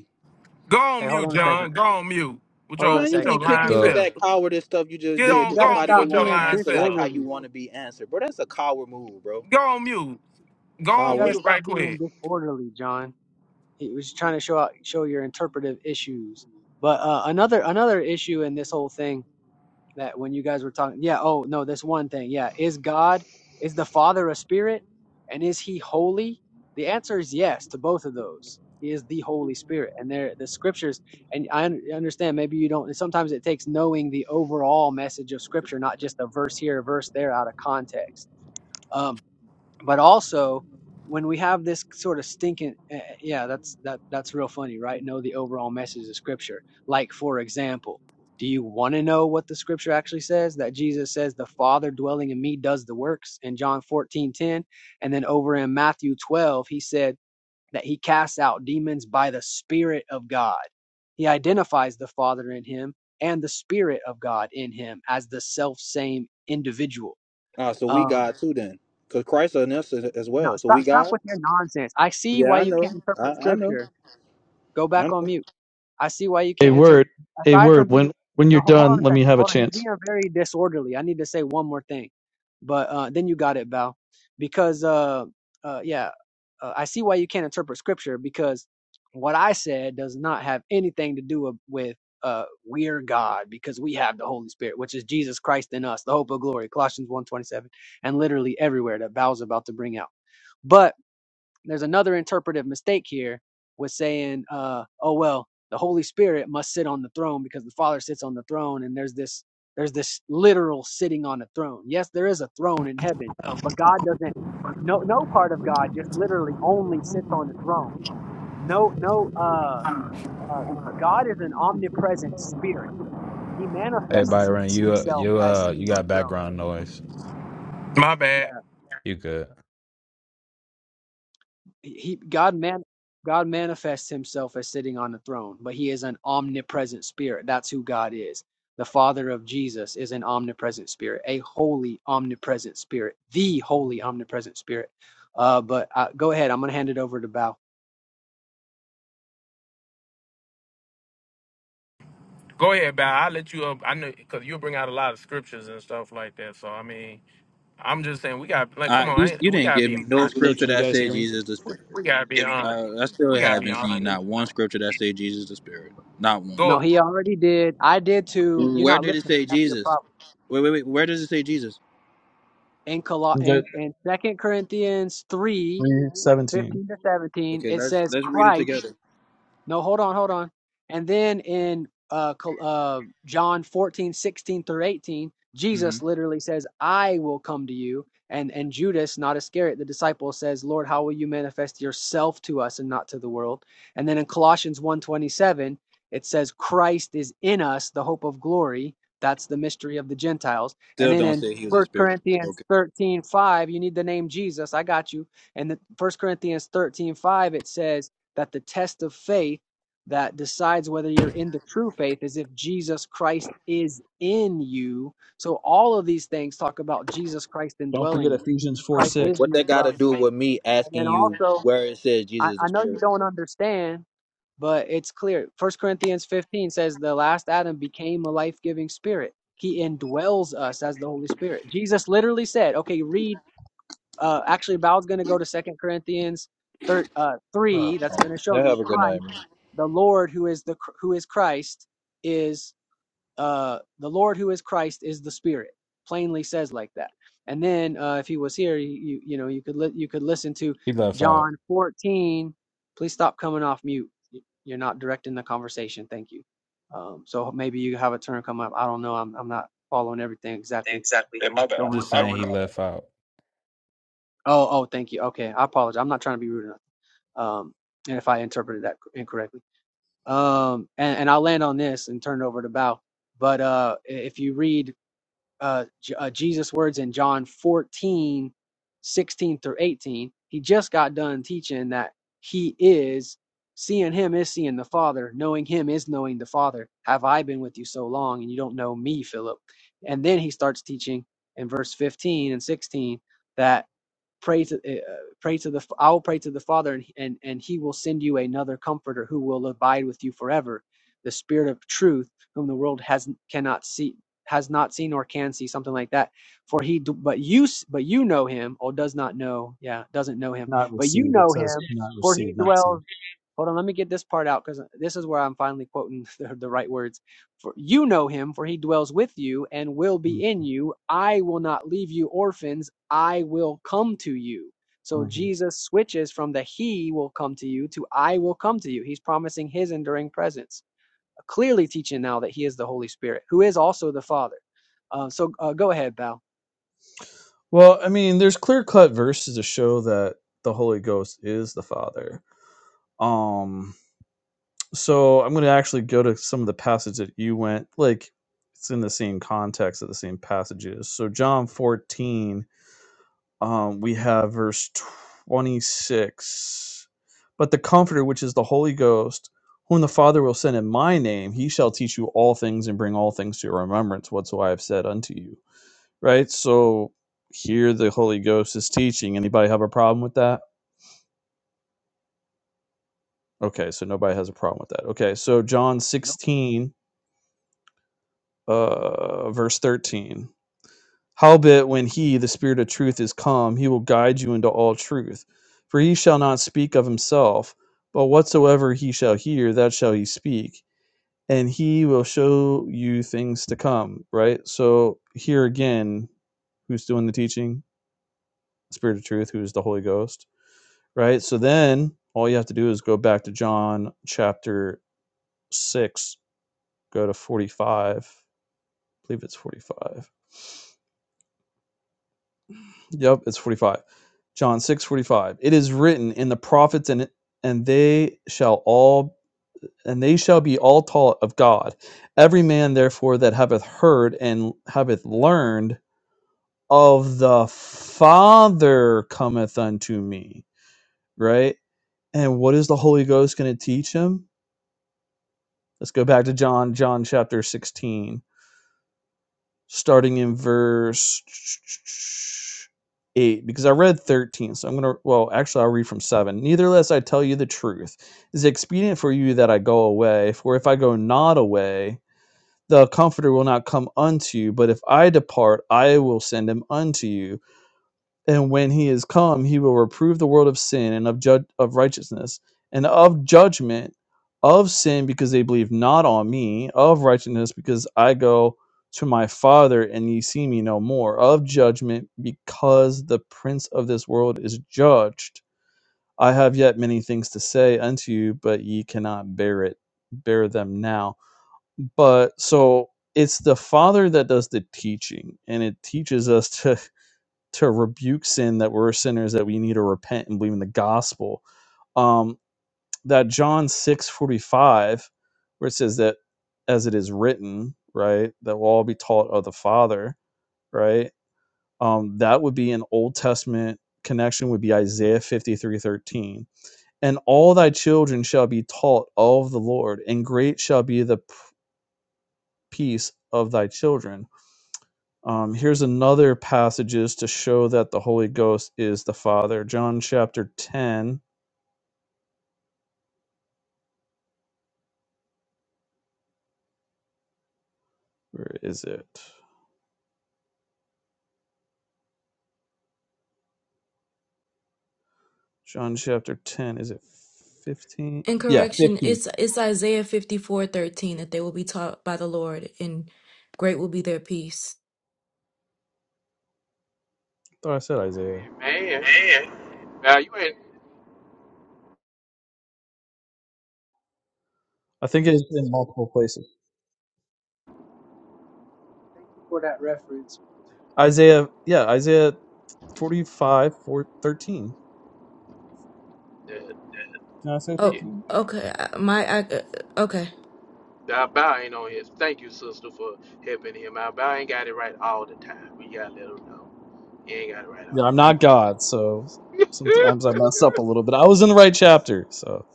A: Go on
C: hey hold
A: mute,
C: on a second
A: John. Go on mute with
C: hold on
A: your
C: a
U: Man, you
A: with
C: second
A: your
U: didn't kick
C: yeah
A: lying
U: me with
V: So,
A: self.
U: that cowardice stuff you just
A: Get
C: you,
U: did
A: on,
C: you
U: because
A: go
C: got to
A: on
U: somebody
A: mute
U: didn't
C: stop
A: with your
U: want to
C: being
A: lying
U: answer like
A: self.
U: how you
C: disorderly
U: want to be answered. Bro, that's a coward move, bro.
A: Go on mute. Go
C: you
A: on
C: got to
U: Coward.
A: mute
C: stop
A: right quick.
C: being disorderly John he was trying to show out show your interpretive issues but uh, another another issue in this whole thing that when you guys were talking yeah oh no this one thing yeah is god is the father a spirit and is he holy the answer is yes to both of those he is the holy spirit and there the scriptures and i un- understand maybe you don't sometimes it takes knowing the overall message of scripture not just a verse here a verse there out of context Um, but also when we have this sort of stinking eh, eh, yeah that's that that's real funny right know the overall message of scripture like for example do you want to know what the scripture actually says that jesus says the father dwelling in me does the works in john fourteen ten, and then over in matthew 12 he said that he casts out demons by the spirit of god he identifies the father in him and the spirit of god in him as the self same individual
U: Ah, so we
C: Um,
U: God too then. Because Christ on us as as
C: no,
U: well. So
C: stop
U: we
C: stop
U: God?
C: with your nonsense. I see
U: Yeah,
C: why
U: I
C: you
U: know.
C: can't
U: I,
C: interpret
U: I know.
C: scripture. Go
U: I
C: back on
U: know.
C: mute. I see why you
D: A
C: can't interpret
D: word, a
C: aside from
D: word
C: being
D: when when
C: no
D: you're
C: ho- hold on
D: done,
C: a
D: let me
C: second.
D: have a
C: Hold on. He's
D: chance.
C: being very disorderly. I need to say one more thing. But uh then you got it, Val. Because uh uh yeah, uh, I see why you can't interpret scripture because what I said does not have anything to do with, with uh we're God because we have the Holy Spirit, which is Jesus Christ in us, the hope of glory, Colossians one twenty-seven, and literally everywhere that Val's about to bring out. But there's another interpretive mistake here with saying, uh, oh well, the Holy Spirit must sit on the throne because the Father sits on the throne, and there's this there's this literal sitting on a throne. Yes, there is a throne in heaven, but God doesn't. No, no part of God just literally only sits on the throne. No, no. Uh, uh, God is an omnipresent spirit. He
V: hey,
C: manifests
V: Byron, you uh,
C: himself
V: you
C: as
V: uh,
C: sitting
V: you
C: on
V: got
C: a throne.
V: background noise.
C: Yeah.
V: You good?
C: he God man God manifests himself as sitting on the throne, but he is an omnipresent spirit. That's who God is. The Father of Jesus is an omnipresent spirit, a holy omnipresent spirit, the holy omnipresent spirit. Uh, but uh, go ahead, I'm gonna hand it over to Bao.
A: Go ahead, Bow. I'll let you up. I know because you'll bring out a lot of scriptures and stuff like that. So I mean, I'm just saying we got like,
U: Ah,
A: come on,
U: you
A: I ain't, we
U: didn't
A: gotta
U: give
A: be
U: me no
A: honest.
D: Hey,
U: scripture
D: can you
U: that
D: guys hear
U: said
D: me?
U: Jesus the Spirit.
A: We gotta be
D: Yep.
A: honest.
U: Uh, I still
A: We gotta be
U: haven't seen
A: honest.
U: not one scripture that say Jesus the Spirit. Not one.
C: No,
A: Go.
C: he already did. I did too. You're
U: Where
C: not
U: did it
C: listening.
U: say
C: That's your
U: Jesus?
C: problem.
U: Wait, wait, wait. Where does it say Jesus?
C: In Col-
D: You got
C: in, in Second Corinthians three, like
D: 3:17.
C: fifteen to seventeen,
U: Okay,
C: it
U: let's
C: says
U: let's read it
C: Christ.
U: together.
C: No, hold on, hold on. And then in uh, uh, John 14 16 through 18,
U: hmm
C: Jesus literally says, I will come to you. And, and Judas, not Iscariot, the disciple, says, Lord, how will you manifest yourself to us and not to the world? And then in Colossians one twenty seven, it says, Christ is in us, the hope of glory. That's the mystery of the Gentiles. And
U: Still
C: then in First Corinthians 13 5, you need the name Jesus. I got you. And the First Corinthians 13 5, it says, that the test of faith that decides whether you're in the true faith is if Jesus Christ is in you. So all of these things talk about Jesus Christ
D: Don't forget
C: indwelling us.
D: Ephesians
C: Jesus
D: 4
C: Christ is
D: 6.
U: What
C: the
U: that got to
C: indwelling.
U: do with me
C: And
U: asking
C: then
U: you
C: also,
U: where it says
C: I,
U: Jesus
C: I
U: the
C: know you
U: Spirit?
C: don't understand, but it's clear. First Corinthians 15 says the last Adam became a life-giving spirit. He indwells us as the Holy Spirit. Jesus literally said, okay, read uh, actually, Val's going to go to Second Corinthians thir- uh, three. That's going to show
U: Yeah,
C: you
U: Have a good night.
C: Christ, the Lord who is the who is Christ is uh, the Lord who is Christ is the Spirit. Plainly says like that. And then uh, if he was here, you you, you know you could li- you could listen to
V: He left out.
C: John fourteen. Please stop coming off mute. You're not directing the conversation. Thank you. Um, so maybe you have a turn come up. I don't know. I'm I'm not following everything exactly.
D: Exactly. Yeah, my
C: What's
D: bad.
C: going on?
V: Just
D: My bad.
V: saying, he left out.
C: Oh, oh, thank you. Okay, I apologize. I'm not trying to be rude enough. Um, and if I interpreted that incorrectly, um, and, and I'll land on this and turn it over to Bao. But uh, if you read uh, J- uh, Jesus' words in John 14, 16 through 18, he just got done teaching that he is seeing him is seeing the Father, knowing him is knowing the Father. Have I been with you so long and you don't know me, Philip? And then he starts teaching in verse 15 and 16 that pray to eh, uh, pray to the I will pray to the Father and, and and he will send you another comforter who will abide with you forever the spirit of truth whom the world has cannot see has not seen or can see something like that for he d- but you s- but you know him or does not know yeah doesn't know him
D: Not
C: but you
D: receive. It
C: know
D: says
C: him
D: not
C: for He
D: receive, not
C: dwells.
D: see.
C: Hold on, let me get this part out because this is where I'm finally quoting the, the right words. For you know him, for he dwells with you and will be in you. I will not leave you orphans. I will come to you. So
D: hmm
C: Jesus switches from the he will come to you to I will come to you. He's promising his enduring presence, clearly teaching now that he is the Holy Spirit, who is also the Father. Uh, so uh, go ahead, Val.
D: Well, I mean, there's clear cut verses to show that the Holy Ghost is the Father. Um, so I'm going to actually go to some of the passages that you went like. It's in the same context of the same passages. So John 14. um, we have verse 26 but the comforter which is the holy ghost whom the father will send in my name he shall teach you all things and bring all things to your remembrance whatsoever i have said unto you right so here the holy ghost is teaching anybody have a problem with that okay so nobody has a problem with that okay so john
C: No,
D: 16 uh verse 13 Howbeit, when he, the Spirit of truth, is come, he will guide you into all truth. For he shall not speak of himself, but whatsoever he shall hear, that shall he speak, and he will show you things to come. Right? So, here again, who's doing the teaching? The Spirit of truth, who is the Holy Ghost. Right? So, then all you have to do is go back to John chapter 6, go to 45. I believe it's 45 Yep, it's 45. John 6 45. It is written in the prophets and and they shall all and they shall be all taught of God. Every man therefore that hath heard and hath learned of the Father cometh unto me. Right? And what is the Holy Ghost going to teach him? Let's go back to John, John chapter 16. starting in verse 8 because i read 13 so i'm going to well actually i'll read from 7 Neither nevertheless i tell you the truth it is expedient for you that i go away for if i go not away the comforter will not come unto you but if i depart i will send him unto you and when he is come, he will reprove the world of sin and of judge of righteousness and of judgment, of sin because they believe not on me, of righteousness because I go to my Father and ye see me no more, of judgment because the prince of this world is judged. I have yet many things to say unto you, but ye cannot bear it, bear them now. But so it's the Father that does the teaching, and it teaches us to to rebuke sin that we're sinners that we need to repent and believe in the gospel um that john 6 45, where it says that as it is written right that we'll all be taught of the father right um that would be an old testament connection would be isaiah 53 13, and all thy children shall be taught of the lord and great shall be the p- peace of thy children Um, here's another passages to show that the Holy Ghost is the Father. John chapter 10. Where is it? John chapter 10. Is it 15?
T: and
D: Yeah,
T: correction.
D: 15.
T: It's it's Isaiah 54 13 that they will be taught by the Lord and great will be their peace.
D: I thought I said Isaiah.
A: Man,
D: Man.
A: now you ain't.
D: I think it's in multiple places.
C: thank you for that reference.
D: Isaiah, yeah, Isaiah 45, 4, 13.
A: Uh,
D: Did I say
T: Oh,
A: shit.
D: 13?
T: okay. I- My I, uh, okay.
A: Now, Bow ain't on his. Thank you, sister, for helping him out. Bow ain't got it right all the time. We gotta let him know. He ain't got it right
D: Yeah, I'm
A: all.
D: not God, so sometimes I mess up a little bit. I was in the right chapter, so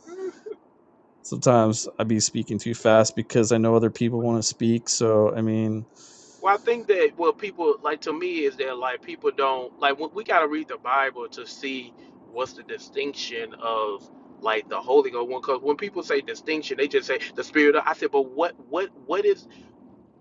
D: sometimes I be speaking too fast because I know other people want to speak. So, I mean,
A: Well, I think that what people like to me is that like people don't like we, we got to read the Bible to see what's the distinction of like the Holy Ghost one. Because when people say distinction, they just say the Spirit. Of, I said, but what what what is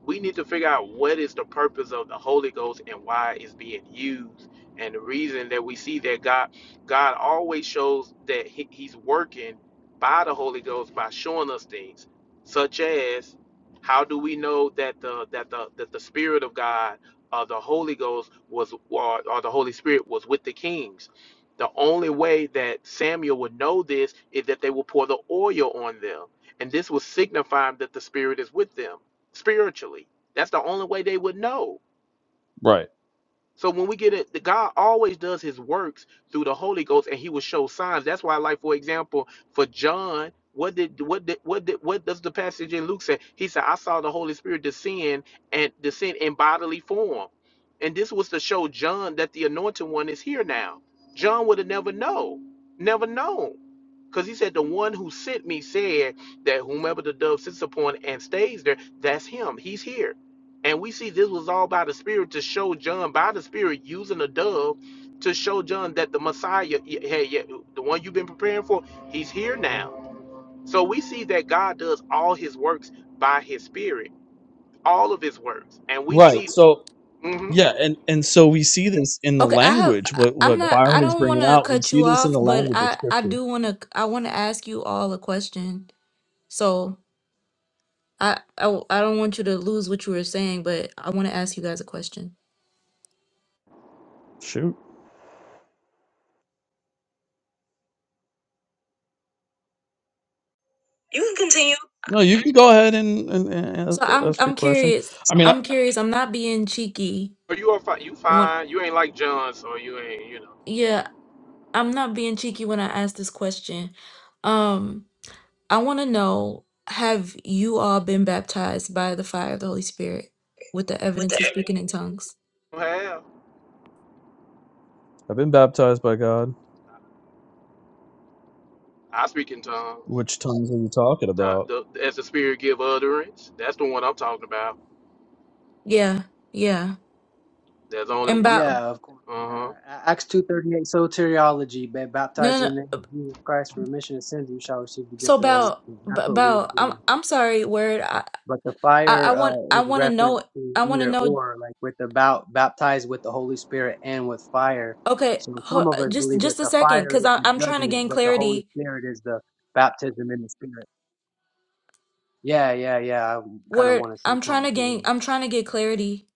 A: we need to figure out what is the purpose of the Holy Ghost and why it's being used. And the reason that we see that God God always shows that he, He's working by the Holy Ghost by showing us things, such as how do we know that the that the that the Spirit of God or the Holy Ghost was or, or the Holy Spirit was with the kings. The only way that Samuel would know this is that they will pour the oil on them. And this will signify that the Spirit is with them spiritually. That's the only way they would know.
D: Right.
A: So when we get it, the God always does his works through the Holy Ghost and he will show signs. That's why, like, for example, for John, what did what did what did what does the passage in Luke say? He said, I saw the Holy Spirit descend and descend in bodily form. And this was to show John that the anointed one is here now. John would have never know, never known. Because he said, The one who sent me said that whomever the dove sits upon and stays there, that's him. He's here. And we see this was all by the Spirit to show John, by the Spirit, using a dove to show John that the Messiah, hey, yeah, the one you've been preparing for, he's here now. So we see that God does all his works by his Spirit, all of his works. And we
D: Right.
A: see,
D: So
A: mm-hmm.
D: yeah, and and so we see this in the
T: Okay, I have
D: language.
T: I-
D: What
T: am
D: what
T: not I
D: Byron is
T: don't want
D: bringing
T: to
D: out, we
T: cut
D: see
T: you
D: this in
T: off,
D: the
T: but
D: language of
T: I I
D: Scripture.
T: do want to I want to ask you all a question. So, I I I I w- I don't want you to lose what you were saying, but I want to ask you guys a question.
D: Shoot. You can continue. No, you can go ahead and, and, and ask,
T: So, I'm
D: ask your
T: I'm
D: question.
T: curious.
D: I mean, I,
T: I'm curious. I'm not being cheeky
A: Or You are fine. You
T: when
A: fine. You ain't like John, so you ain't, you know.
T: yeah, I'm not being cheeky when I ask this question. Um, I want to know, have you all been baptized by the fire of the Holy Spirit with the
D: With
T: evidence
D: the-
T: of speaking in tongues?
A: Well,
D: I've been baptized by God.
A: I speak in tongues.
D: Which tongues are you talking about?
A: The, the, as the Spirit give utterance. That's the one I'm talking about.
T: Yeah. Yeah.
A: There's only
T: and
A: one.
T: by
C: Yeah, of course.
A: Uh huh.
C: Yeah. A- Acts 2.38, soteriology, ba-
T: No,
C: baptized
T: no, no.
C: in the name of Jesus Christ for remission of sins, you shall receive the
T: So
C: gift of the Holy
T: Belle,
C: Spirit.
T: B-
C: That's what we
T: Belle, I'm
C: do.
T: I'm sorry, Word. I
C: But the
T: I, I
C: fire uh,
T: want I
C: is
T: want to
C: reference
T: know.
C: to
T: I want to
C: either
T: know.
C: or, like with the bout, baptized with the Holy Spirit and with fire.
T: Okay,
C: So
T: ho
C: some of us
T: just
C: believe that
T: just a
C: the
T: second,
C: fire
T: cause
C: is
T: I
C: the
T: I'm trying to
C: judgment,
T: gain
C: but the Holy
T: clarity.
C: Spirit is the baptism in the Spirit. Yeah, yeah, yeah. I kind of
T: Word,
C: want to say
T: I'm trying
C: something
T: to
C: to
T: gain.
C: you.
T: I'm trying to get clarity.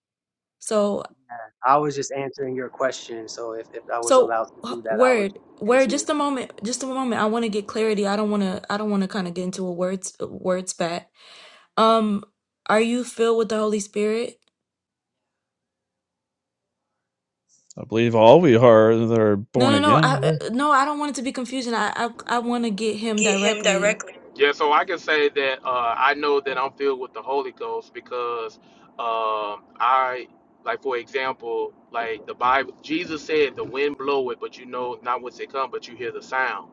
T: So
C: Yeah. I was just answering your question. So if, if I was
T: so
C: allowed to
T: h-
C: do that, I was
T: Word,
C: just
T: Word.
C: answering your
T: Just a
C: question.
T: moment. Just a moment. I want to get clarity. I don't want to. I don't want to kind of get into a words word spat. Um, are you filled with the Holy Spirit?
D: I believe all we are that are
T: No,
D: born
T: no, no. I
D: again.
T: uh, no. I don't want it to be confusion. I I I want to get him
D: Get him
T: directly.
D: directly.
A: Yeah, so I can say that uh, I know that I'm filled with the Holy Ghost because um, I, like for example, like the Bible, Jesus said, "The wind blow it, but you know not whence it come, but you hear the sound."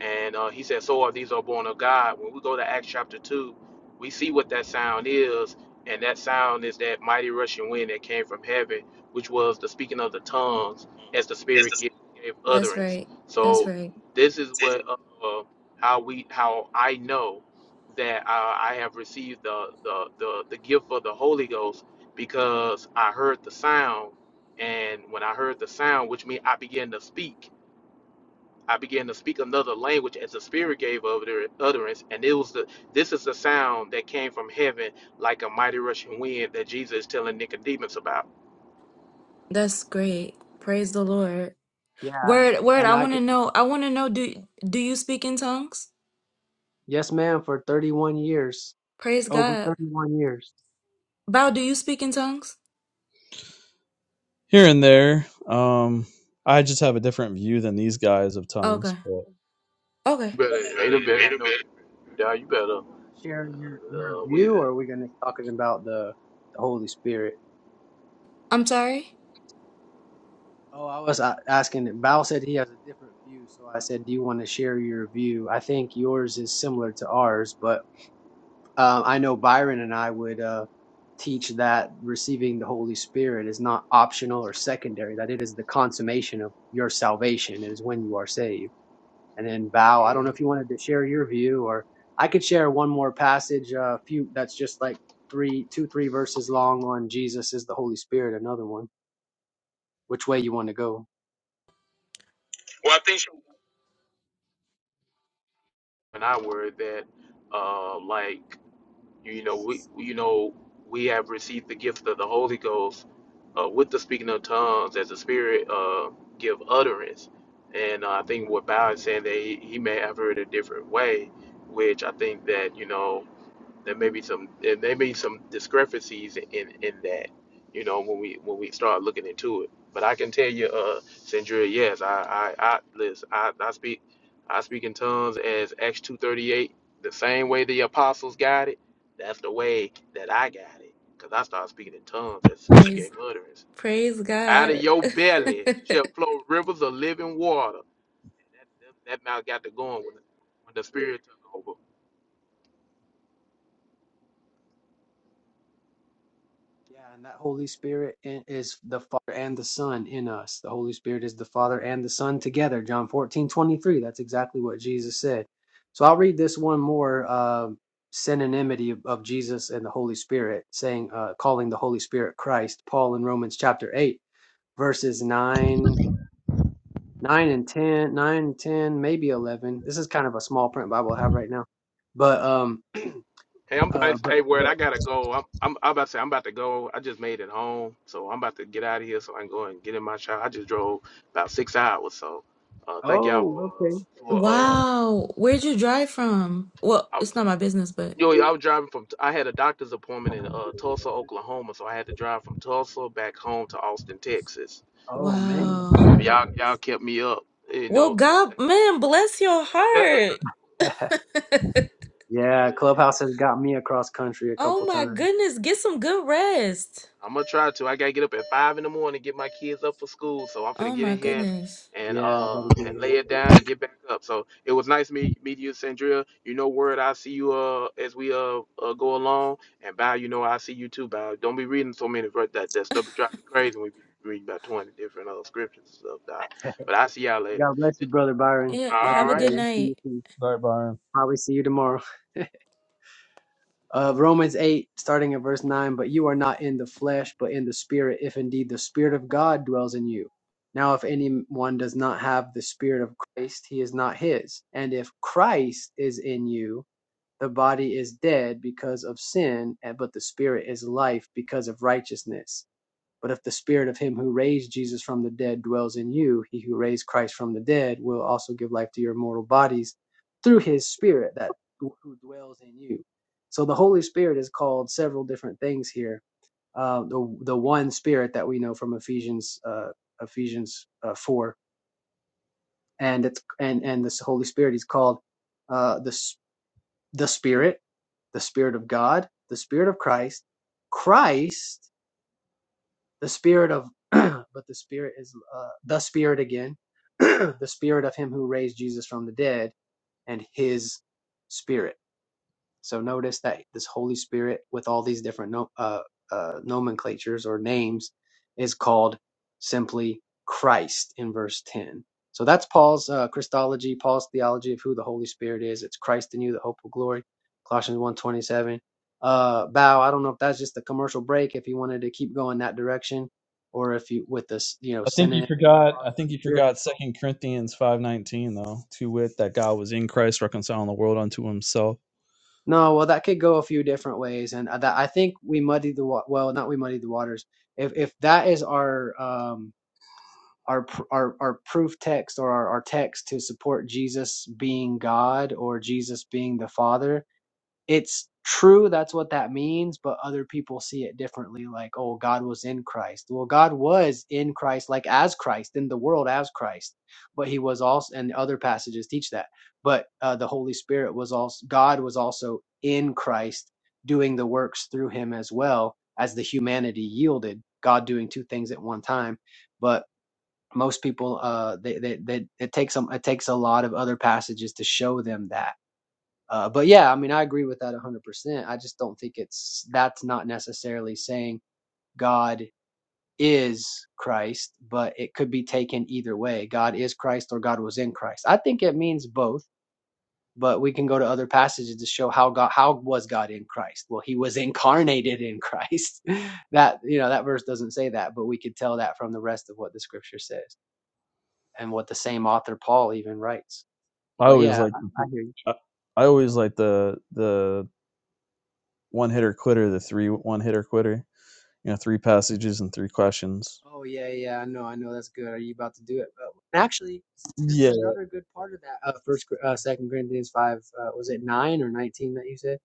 A: And uh, he said, "So are these are born of God." When we go to Acts chapter two, we see what that sound is, and that sound is that mighty rushing wind that came from heaven, which was the speaking of the tongues as the
D: Yes,
A: Spirit gave, gave
T: That's
A: utterance.
T: right. That's
A: So
T: right.
A: this is
D: that's it.
A: what. Uh, how we how I know that uh, I have received the, the the the gift of the Holy Ghost because I heard the sound, and when I heard the sound, which means I began to speak. I began to speak another language as the Spirit gave utter- utterance, and it was the this is the sound that came from heaven like a mighty rushing wind that Jesus is telling Nicodemus about.
T: That's great. Praise the Lord.
C: Yeah,
T: Word, word,
C: and
T: I
C: I
T: want to
C: can,
T: know. I want to know do do you speak in tongues?
C: yes, ma'am, for 31 years,
T: Praise
C: over
T: God.
C: 31 years.
T: Bow, do you speak in tongues?
D: Here and there. Um, I just have a different view than these guys of tongues.
T: Okay.
D: But. Okay.
A: You
T: Okay.
A: better ain't a better
D: Wait
A: ain't
D: a
A: no
D: bit.
A: yeah, you better
C: You want to share your, your
A: uh, we
C: view, or are we going to talking about the, the Holy Spirit?
T: I'm sorry.
C: Oh, I was uh, asking. Bao said he has a different view, so I said, "Do you want to share your view?" I think yours is similar to ours, but um, I know Byron and I would uh, teach that receiving the Holy Spirit is not optional or secondary; that it is the consummation of your salvation. It is when you are saved. And then Val, I don't know
A: mm,
C: if you wanted to share your view, or I could share one more passage, a few that's just like three, two, three verses long on Jesus is the Holy Spirit. Another one. Which way you want to go?
D: Well, I think.
A: and I word that uh like You know, we you know we have received the gift of the Holy Ghost uh, with the speaking of tongues as the Spirit uh, give utterance. And uh, I think what Bow is saying that he, he may have heard a different way, which I think that you know there may be some there may be some discrepancies in in that you know when we when we start looking into it but i can tell you uh Sandria, yes i i i listen i i speak i speak in tongues as acts 238 the same way the apostles got it that's the way that i got it because i started speaking in tongues as the spirit
T: Praise
A: gave utterance
T: praise
A: out of
T: God.
A: your belly shall flow rivers of living water that, that, that mouth got to going when, when the spirit took over
C: Yeah, and that Holy Spirit i- is the Father and the Son in us. The Holy Spirit is the Father and the Son together. John fourteen twenty three. That's exactly what Jesus said. So I'll read this one more uh, synonymity of, of Jesus and the Holy Spirit, saying, uh, calling the Holy Spirit Christ. Paul in Romans chapter 8, verses 9 nine and ten, nine and ten, maybe eleven. This is kind of a small print Bible I have right now, but um,
A: Hey, I'm I,
C: uh, but
A: hey word.
C: but
A: I gotta go. I'm, I'm I'm about to say I'm about to go. I just made it home, so I'm about to get out of here so I can go and get in my shower. I just drove about six hours, so uh, thank y'all
C: oh, okay,
A: for for uh
T: wow. Where'd you drive from? Well,
A: I
T: it's
A: was
T: not my business, but
A: yo I was driving from I had a doctor's appointment in uh Tulsa, Oklahoma, so I had to drive from Tulsa back home to Austin, Texas.
C: oh man,
T: wow.
A: So y'all y'all kept me up, you
T: Well,
A: know. Through,
T: God, man, bless your heart.
C: yeah, Clubhouse has got me across country a
T: oh
C: couple
T: my
C: times.
T: goodness, get some good rest.
A: I'm gonna try to. I gotta get up at five in the morning, get my kids up for school. So I'm finna
T: Oh
A: get
T: my
A: in here
T: goodness.
A: and
C: Yeah, I better
A: uh
C: get
A: and lay
C: it.
A: it down and get back up. So it was nice meet meeting you, Sandria. You know, word. I see you uh as we uh, uh go along. And Bow, you know, I see you too, Bow. Don't be reading so many verse that that stuff be driving me crazy when we be reading about 20 different uh scriptures and stuff, Doc. But I see y'all later.
C: God bless you, brother Byron.
T: Yeah,
C: Love
A: All
T: have
C: you,
T: a
A: right.
T: good
C: brother. See you
T: night.
C: soon.
D: Sorry, Byron.
C: Probably see you tomorrow. of Romans 8, starting at verse 9. But you are not in the flesh, but in the spirit, if indeed the spirit of God dwells in you. Now, if anyone does not have the spirit of Christ, he is not his. And if Christ is in you, the body is dead because of sin, and- but the spirit is life because of righteousness. But if the spirit of him who raised Jesus from the dead dwells in you, he who raised Christ from the dead will also give life to your mortal bodies through his spirit that who dwells in you. So the Holy Spirit is called several different things here. Uh, the the one Spirit that we know from Ephesians uh, Ephesians uh, four, and it's and and this Holy Spirit is called uh, the the Spirit, the Spirit of God, the Spirit of Christ, Christ, the spirit of but the spirit is uh, the spirit again the spirit of him who raised jesus from the dead and his spirit so notice that this Holy Spirit, with all these different no, uh, uh, nomenclatures or names, is called simply Christ in verse 10. So that's Paul's uh, Christology, Paul's theology of who the Holy Spirit is. It's Christ in you, the hope of glory. Colossians one twenty-seven. Uh, Bow, I don't know if that's just a commercial break, if you wanted to keep going that direction, or if you, with this, you know,
D: I think you
C: synonym
D: forgot. I think you forgot Second Corinthians five nineteen though. To wit, that God was in Christ reconciling the world unto Himself.
C: No, well, that could go a few different ways, and uh, that I think we muddied the wa- well, not we muddied the waters. If if that is our um our pr- our our proof text or our, our text to support Jesus being God or Jesus being the Father, it's true that's what that means but other people see it differently like oh god was in christ well god was in christ like as christ in the world as christ but he was also and other passages teach that but uh, the holy spirit was also god was also in christ doing the works through him as well as the humanity yielded god doing two things at one time but most people uh they, they, they it takes them it takes a lot of other passages to show them that uh, but yeah, I mean, I agree with that 100%. I just don't think it's that's not necessarily saying God is Christ, but it could be taken either way. God is Christ or God was in Christ. I think it means both, but we can go to other passages to show how God how was God in Christ? Well, he was incarnated in Christ. that, you know, that verse doesn't say that, but we could tell that from the rest of what the scripture says and what the same author Paul even writes.
D: I
C: But
D: always
C: yeah,
D: like.
C: I I hear you.
D: I, I always like the the one hitter quitter, the three one hitter quitter. You know, three passages and three questions.
C: Oh yeah, yeah, I know, I know. That's good. Are you about to do it? But actually, there's
D: Yeah,
C: another good part of that. Uh, First, Cor- uh, Second Corinthians five. Uh, was it nine or nineteen that you said?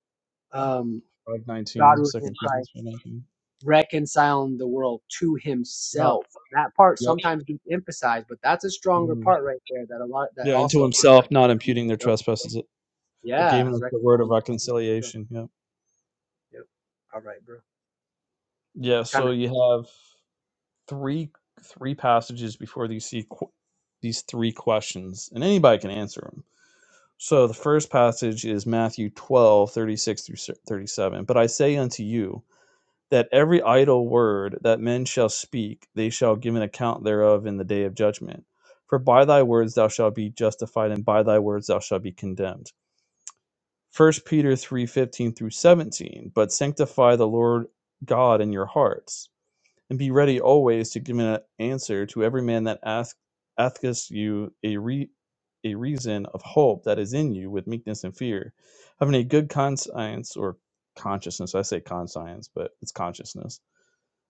C: Um,
D: five
C: God
D: nineteen,
C: was in
D: Second
C: Christ,
D: Corinthians five nineteen.
C: reconciling the world to
D: Not.
C: Himself. That part
D: Yep.
C: sometimes gets emphasized, but that's a stronger
D: mhm.
C: part right there. That a lot. That
D: Yeah, unto
C: also a lot. Of
D: Himself,
C: times
D: not
C: gets missed.
D: imputing their
C: so,
D: trespasses, but
C: yeah,
D: gave us the word of
C: reconciling the world to Himself.
D: reconciliation. Yeah.
C: Yep. All right, bro.
D: Yeah.
C: Kind
D: So
C: of.
D: you have three three passages before you see qu- these three questions, and anybody can answer them. So the first passage is Matthew 12 36 through 37. But I say unto you that every idle word that men shall speak, they shall give an account thereof in the day of judgment. For by thy words thou shalt be justified, and by thy words thou shalt be condemned. First Peter 3 15 through 17. But sanctify the Lord God in your hearts and be ready always to give an answer to every man that ask, asketh you a, re, a reason of hope that is in you with meekness and fear, having a good conscience or consciousness. I say conscience, but it's consciousness.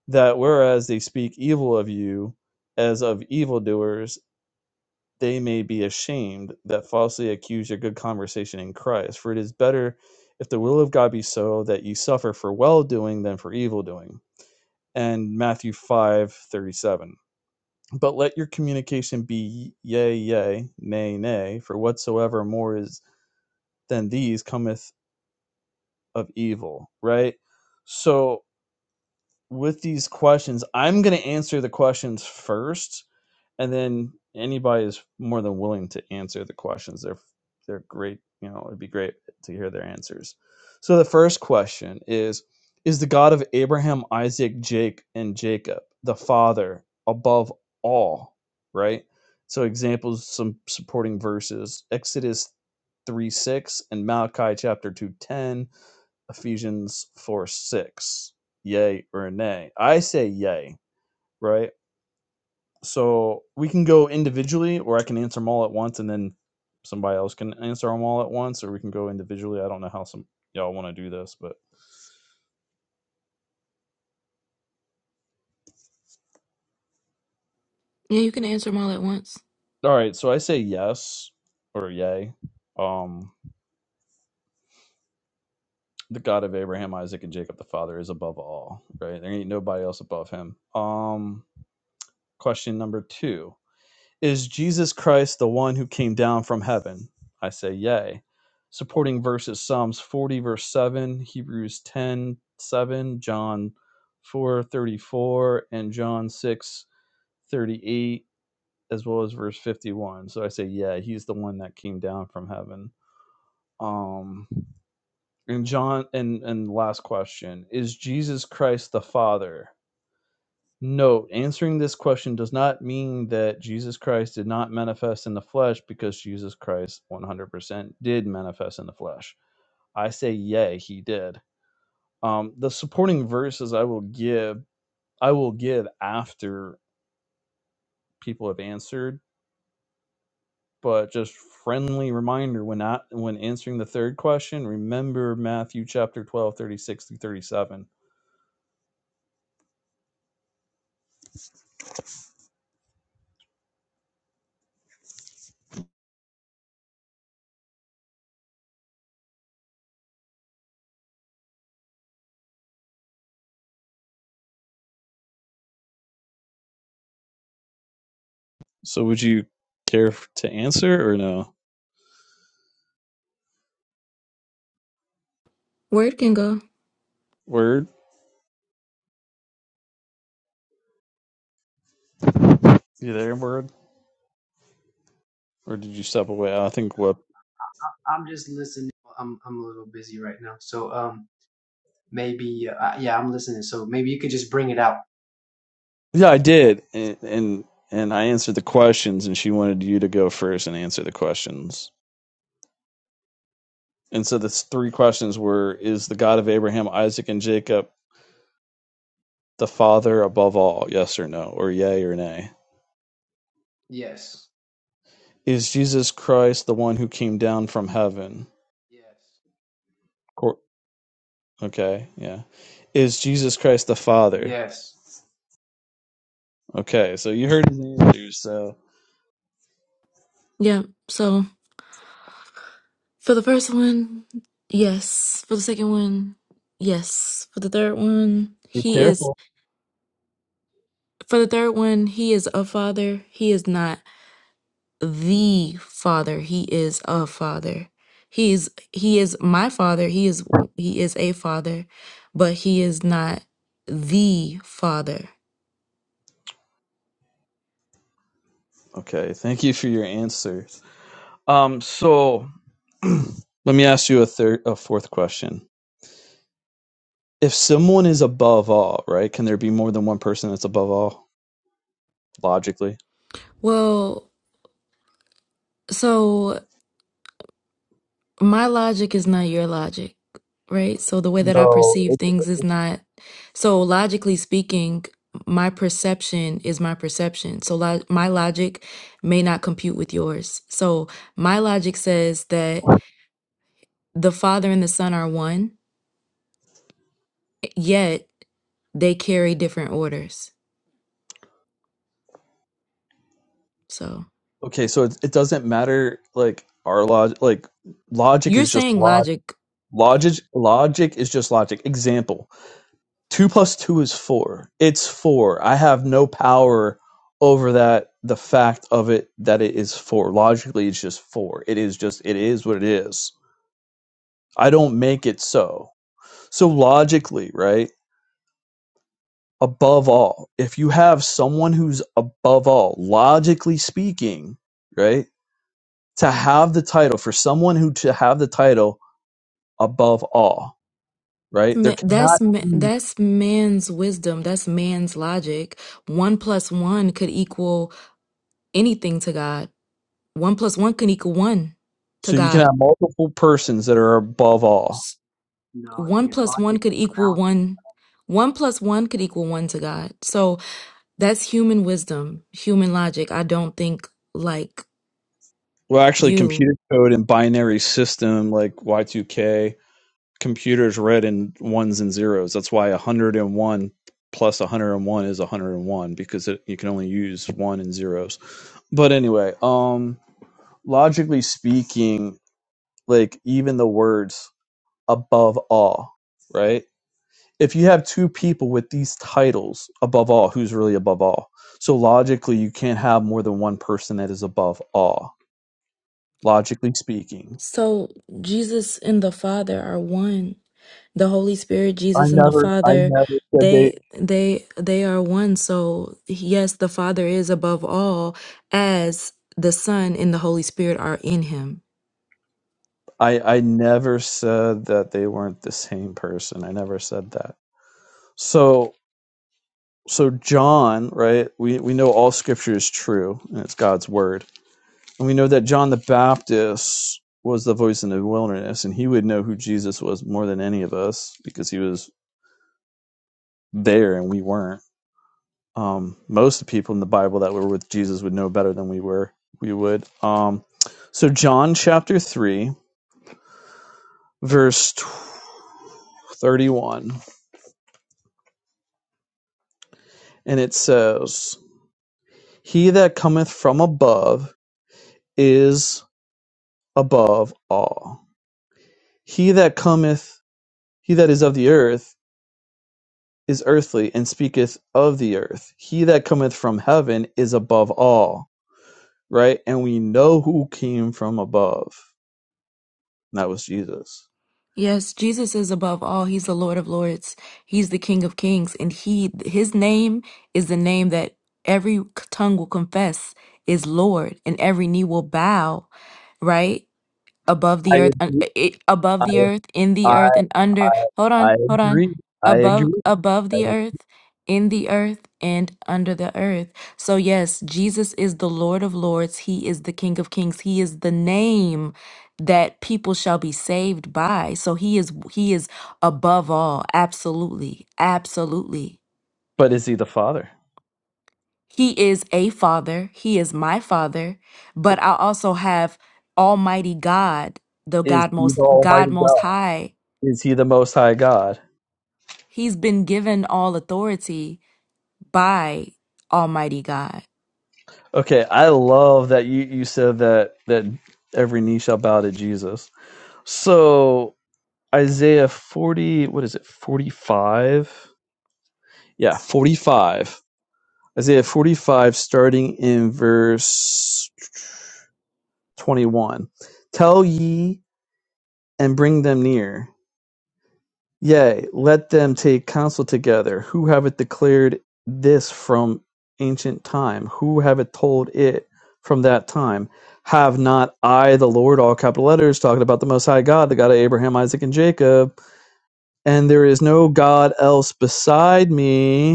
D: That whereas they speak evil of you as of evildoers, they may be ashamed that falsely accuse your good conversation in Christ. For it is better if the will of God be so that ye suffer for well doing than for evil doing and Matthew five thirty seven. But let your communication be yea, yea, nay, nay, for whatsoever more is than these cometh of evil, right? So with these questions, I'm going to answer the questions first and then anybody is more than willing to answer the questions they're they're great you know it'd be great to hear their answers so the first question is is the god of abraham isaac jake and jacob the father above all right so examples some supporting verses exodus 3 6 and malachi chapter 2 10, ephesians 4 6 yay or nay i say yay right so we can go individually, or I can answer them all at once, and then somebody else can answer them all at once, or we can go individually. I don't know how some y'all want to do this, but
T: Yeah, you can answer them all at once.
D: all right. So I say yes or yay. Um, the God of Abraham, Isaac, and Jacob, the Father, is above all. Right? There ain't nobody else above him. Um, question number two. Is Jesus Christ the one who came down from heaven? I say, Yea. Supporting verses Psalms 40, verse 7, Hebrews 10 7, John 4 34, and John 6 38, as well as verse 51. So I say, Yeah, he's the one that came down from heaven. Um, and John, and, and last question Is Jesus Christ the Father? Note: Answering this question does not mean that Jesus Christ did not manifest in the flesh, because Jesus Christ 100% did manifest in the flesh. I say, yay, he did. Um, the supporting verses I will give, I will give after people have answered, but just friendly reminder when not when answering the third question, remember Matthew chapter 12 36 through 37. So, would you care f- to answer or no?
T: Word can go.
D: Word, you there, word? or did you step away? I
C: Yeah.
D: think what?
C: I'm just listening. I'm I'm a little busy right now, so um. Maybe, uh, yeah, I'm listening. So maybe you could just bring it out.
D: Yeah, I did, and and, and I answered the questions, and she wanted you to go first and answer the questions. And so the three questions were: Is the God of Abraham, Isaac, and Jacob the Father above all? Yes or no, or yay or nay?
C: Yes.
D: Is Jesus Christ the one who came down from heaven?
C: Yes.
D: Cor- Okay, yeah. Is Jesus Christ the Father?
C: Yes.
D: Okay, so you heard his answers, so
T: Yeah, so for the first one, yes. For the second one, yes. For the third one,
D: be
T: he is.
D: careful.
T: For the third one, he is a father. He is not the father. He is a father. He is he is my father. He is he is a father, but he is not the father.
D: Okay, thank you for your answer. Um, so let me ask you a third, a fourth question. If someone is above all, right? Can there be more than one person that's above all logically?
T: Well, so my logic is not your logic, right? So the way that I
D: No,
T: perceive things is not so logically speaking, my perception is my perception. So lo- my logic may not compute with yours. So my logic says that the Father and the Son are one, yet they carry different orders. So
D: Okay, so it, it doesn't matter. Like our log, like logic
T: you're
D: is just
T: saying
D: log.
T: logic
D: Logic, logic is just logic. Example: two plus two is four. It's four. I have no power over that. The fact of it that it is four. Logically, it's just four. It is just. It is what it is. I don't make it so. So logically, right? Above all, if you have someone who's above all, logically speaking, right? To have the title for someone who to have the title above all, right? There
T: ma- that's
D: cannot
T: ma-
D: be
T: that's man's wisdom that's man's logic one plus one could equal anything to god one plus one can equal one to
D: so you can
T: God.
D: have multiple persons that are above all.
C: No, it
T: One
C: can't.
T: plus
C: Logic
T: one could
C: is
T: equal
C: ground.
T: one. One plus one could equal one to God. So that's human wisdom, human logic. I don't think like
D: Well, actually,
T: you.
D: computer code and binary system like Y2K computers read in ones and zeros. That's why 101 plus 101 is 101 because it, you can only use one and zeros. But anyway, um logically speaking, like even the words above all, right? If you have two people with these titles, above all, who's really above all? So logically, you can't have more than one person that is above all, logically speaking.
T: So Jesus and the Father are one. The Holy Spirit,
D: I
T: Jesus and the
D: never, I
T: Father,
D: never said they.
T: they they they are one. So yes, the Father is above all as the Son and the Holy Spirit are in him.
D: I I never said that they weren't the same person. I never said that. So so John, right? We we know all scripture is true and it's God's word. And we know that John the Baptist was the voice in the wilderness and he would know who Jesus was more than any of us because he was there and we weren't. Um most of the people in the Bible that were with Jesus would know better than we were we would. Um so John chapter 3 verse 31 and it says He that cometh from above is above all: he that cometh, he that is of the earth is earthly, and speaketh of the earth: he that cometh from heaven is above all. Right? And we know who came from above. and that was Jesus.
T: Yes, Jesus is above all. He's the Lord of Lords. He's the King of Kings, and he his name is the name that every tongue will confess is Lord, and every knee will bow, right? above the earth un- i- above the earth in the
D: I
T: earth and under hold on hold on
D: agree. I,
T: above above the earth in the earth and under the earth so yes jesus is the lord of lords he is the king of kings he is the name that people shall be saved by so he is he is above all absolutely absolutely
D: but is he the Father?
T: he is a father. He is my father. But I also have Almighty God, the
D: Is
T: God
D: he
T: most
D: the
T: God
D: Almighty
T: most
D: God?
T: high.
D: Is he the Most High God?
T: He's been given all authority by Almighty God.
D: Okay, I love that you, you said that that every knee shall bow to Jesus. So Isaiah 40, what is it, 45? Yeah, 45. Isaiah 45, starting in verse 21. Tell ye and bring them near. Yea, let them take counsel together. Who hath declared this from ancient time? Who hath told it from that time? Have not I, the Lord, all capital letters, talking about the Most High God, the God of Abraham, Isaac, and Jacob? And there is no God else beside me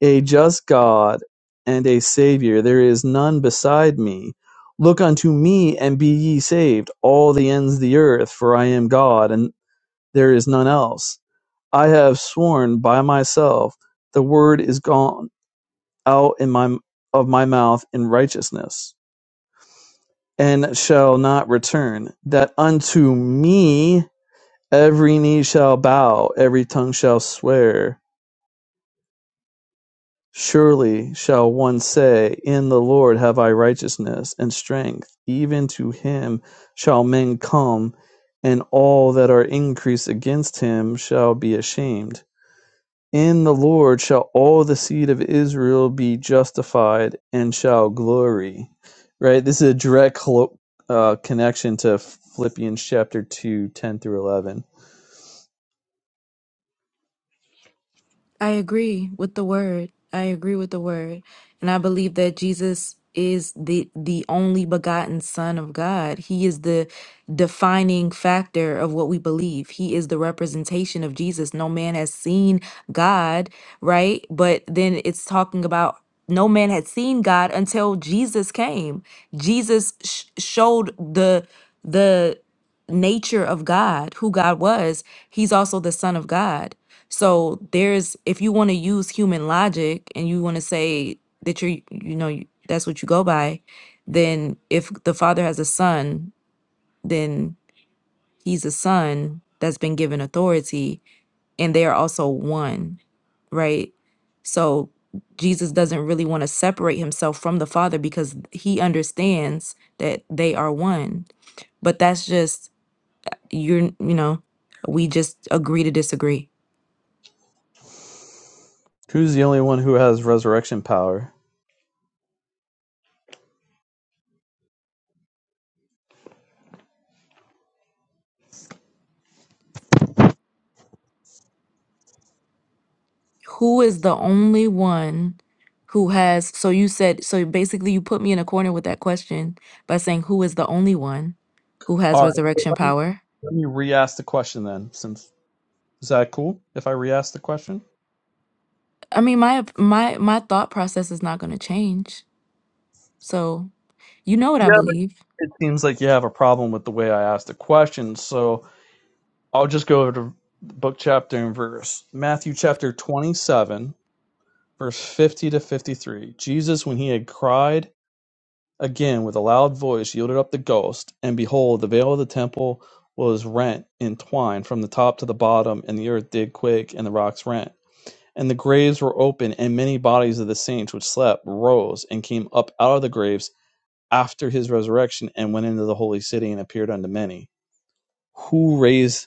D: A just God and a Saviour, there is none beside me. Look unto me and be ye saved, all the ends of the earth, for I am God and there is none else. I have sworn by myself, the word is gone out in my of my mouth in righteousness, and shall not return, that unto me every knee shall bow, every tongue shall swear. Surely shall one say, In the Lord have I righteousness and strength; even to him shall men come, and all that are increased against him shall be ashamed. In the Lord shall all the seed of Israel be justified and shall glory. Right? This is a direct uh, connection to Philippians chapter two, ten through 11.
T: I agree with the word. I agree with the word. And I believe that Jesus is the the only begotten son of God. He is the defining factor of what we believe. He is the representation of Jesus. No man has seen God, right? But then it's talking about no man had seen God until Jesus came. Jesus sh- showed the the nature of God, who God was, he's also the son of God. So there's if you want to use human logic and you want to say that you're you know you- that's what you go by, then if the father has a son, then he's a son that's been given authority and they are also one, right? So Jesus doesn't really want to separate himself from the father because he understands that they are one. But that's just you're, you know, we just agree to disagree.
D: Who's the only one who has resurrection power?
T: Who is the only one who has, so you said, so basically you put me in a corner with that question by saying who is the only one who has
D: All right, so
T: resurrection
D: let me,
T: power?
D: let me re-ask the question then. Since is that cool if I re-ask the question?
T: I mean, my op- my my thought process is not going to change. So, you know what I
D: Yeah, but
T: believe.
D: it seems like you have a problem with the way I asked the question. So I'll just go over to the book chapter and verse. Matthew chapter twenty-seven, verse fifty to fifty-three. Jesus, when he had cried again with a loud voice, yielded up the ghost, and behold, the veil of the temple was rent in twine from the top to the bottom, and the earth did quake, and the rocks rent And the graves were open, and many bodies of the saints which slept rose and came up out of the graves after his resurrection and went into the holy city and appeared unto many. Who raised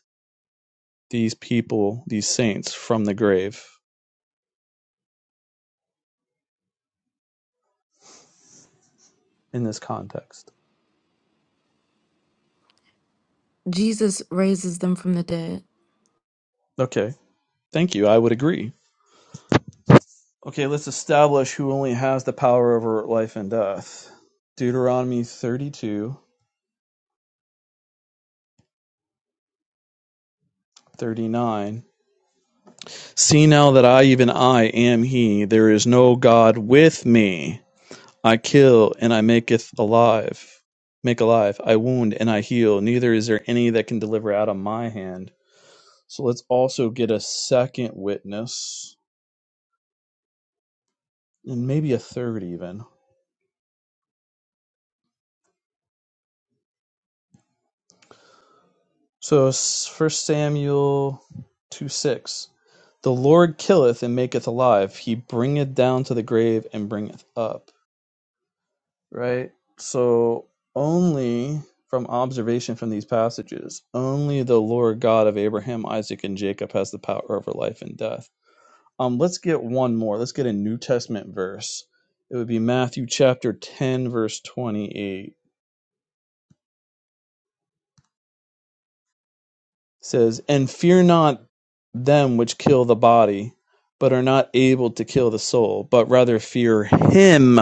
D: these people, these saints, from the grave in this context?
T: Jesus raises them from the dead.
D: Okay, thank you. I would agree. Okay, let's establish who only has the power over life and death. Deuteronomy 32:39. 39. See now that I, even I, am He, there is no God with me I kill and I maketh alive, make alive. I wound and I heal. Neither is there any that can deliver out of my hand. So let's also get a second witness and maybe a third even. So First Samuel 2 6. The Lord killeth and maketh alive. He bringeth down to the grave and bringeth up. right? So only from observation from these passages, only the Lord God of Abraham, Isaac, and Jacob has the power over life and death. Um, let's get one more. Let's get a New Testament verse. It would be Matthew chapter 10, verse 28. It says, And fear not them which kill the body, but are not able to kill the soul, but rather fear him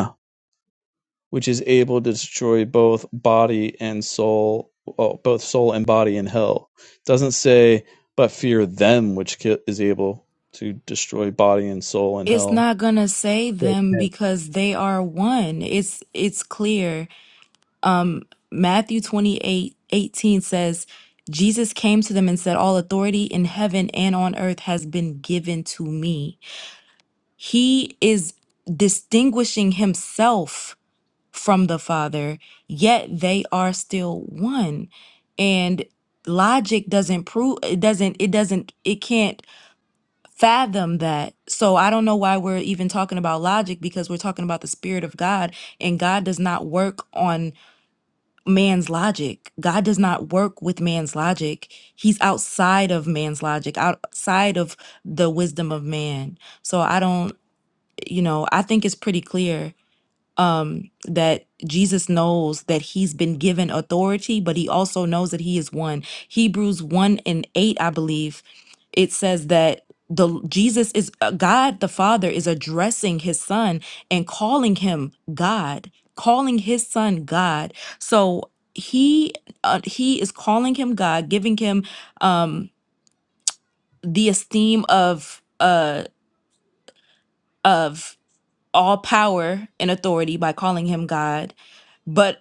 D: which is able to destroy both body and soul, oh, both soul and body in hell. It doesn't say, but fear them, which is able to destroy body and soul in
T: It's
D: hell.
T: not going to save them because they are one. It's it's clear Matthew 28 18 says, Jesus came to them and said, All authority in heaven and on earth has been given to me. He is distinguishing himself from the Father, yet they are still one. And logic doesn't prove it doesn't it doesn't it can't fathom that so i don't know why we're even talking about logic because we're talking about the spirit of god and god does not work on man's logic. God does not work with man's logic. He's outside of man's logic, outside of the wisdom of man. So I don't, you know, I think it's pretty clear um that Jesus knows that he's been given authority but he also knows that he is one. Hebrews 1 and 8 I believe it says that the Jesus is uh, God the Father is addressing his son and calling him God, calling his son God. So he uh, he is calling him God, giving him um the esteem of uh of all power and authority by calling him God. But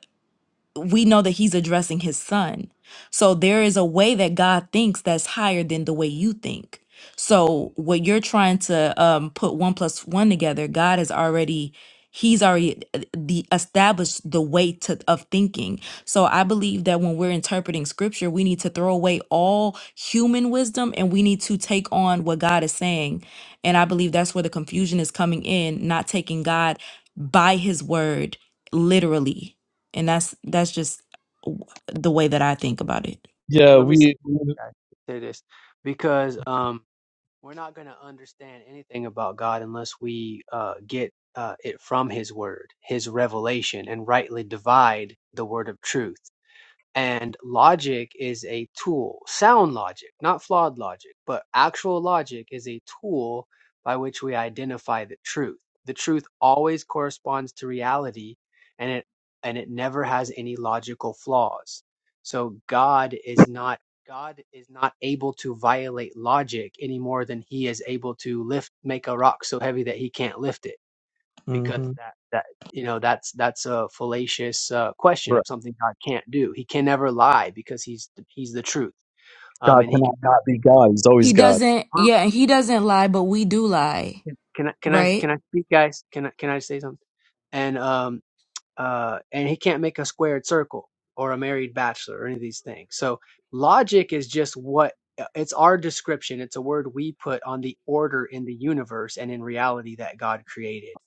T: we know that he's addressing his son. So there is a way that God thinks that's higher than the way you think. So what you're trying to um, put one plus one together, God has already he's already uh, the established the way to of thinking so i believe that when we're interpreting scripture we need to throw away all human wisdom and we need to take on what god is saying and i believe that's where the confusion is coming in not taking god by his word literally and that's that's just w- the way that I think about it.
C: Well,
D: Yeah,
C: Let me say,
D: we.
C: guys, say this because um, we're not going to understand anything about God unless we uh, get uh, it from His Word, His revelation, and rightly divide the Word of truth. and logic is a tool sound logic not flawed logic but actual logic is a tool by which we identify the truth the truth always corresponds to reality and it and it never has any logical flaws so god is not god is not able to violate logic any more than he is able to lift make a rock so heavy that he can't lift it because
D: hmm
C: that that you know that's that's a fallacious uh, question
D: Right.
C: of something God can't do. He can never lie because he's he's the truth, um,
D: God
C: and he
D: cannot
C: can
D: not
C: never
D: be
C: make us
D: God. He's always
T: He
D: God.
T: doesn't,
C: prove.
T: yeah, he doesn't lie, but we do lie,
C: Can, can I can I can
T: right?
C: I speak, guys? Can I can I say something? And um uh and he can't make a squared circle or a married bachelor or any of these things. So logic is just what uh, it's our description. It's a word we put on the order in the universe and in reality that God created.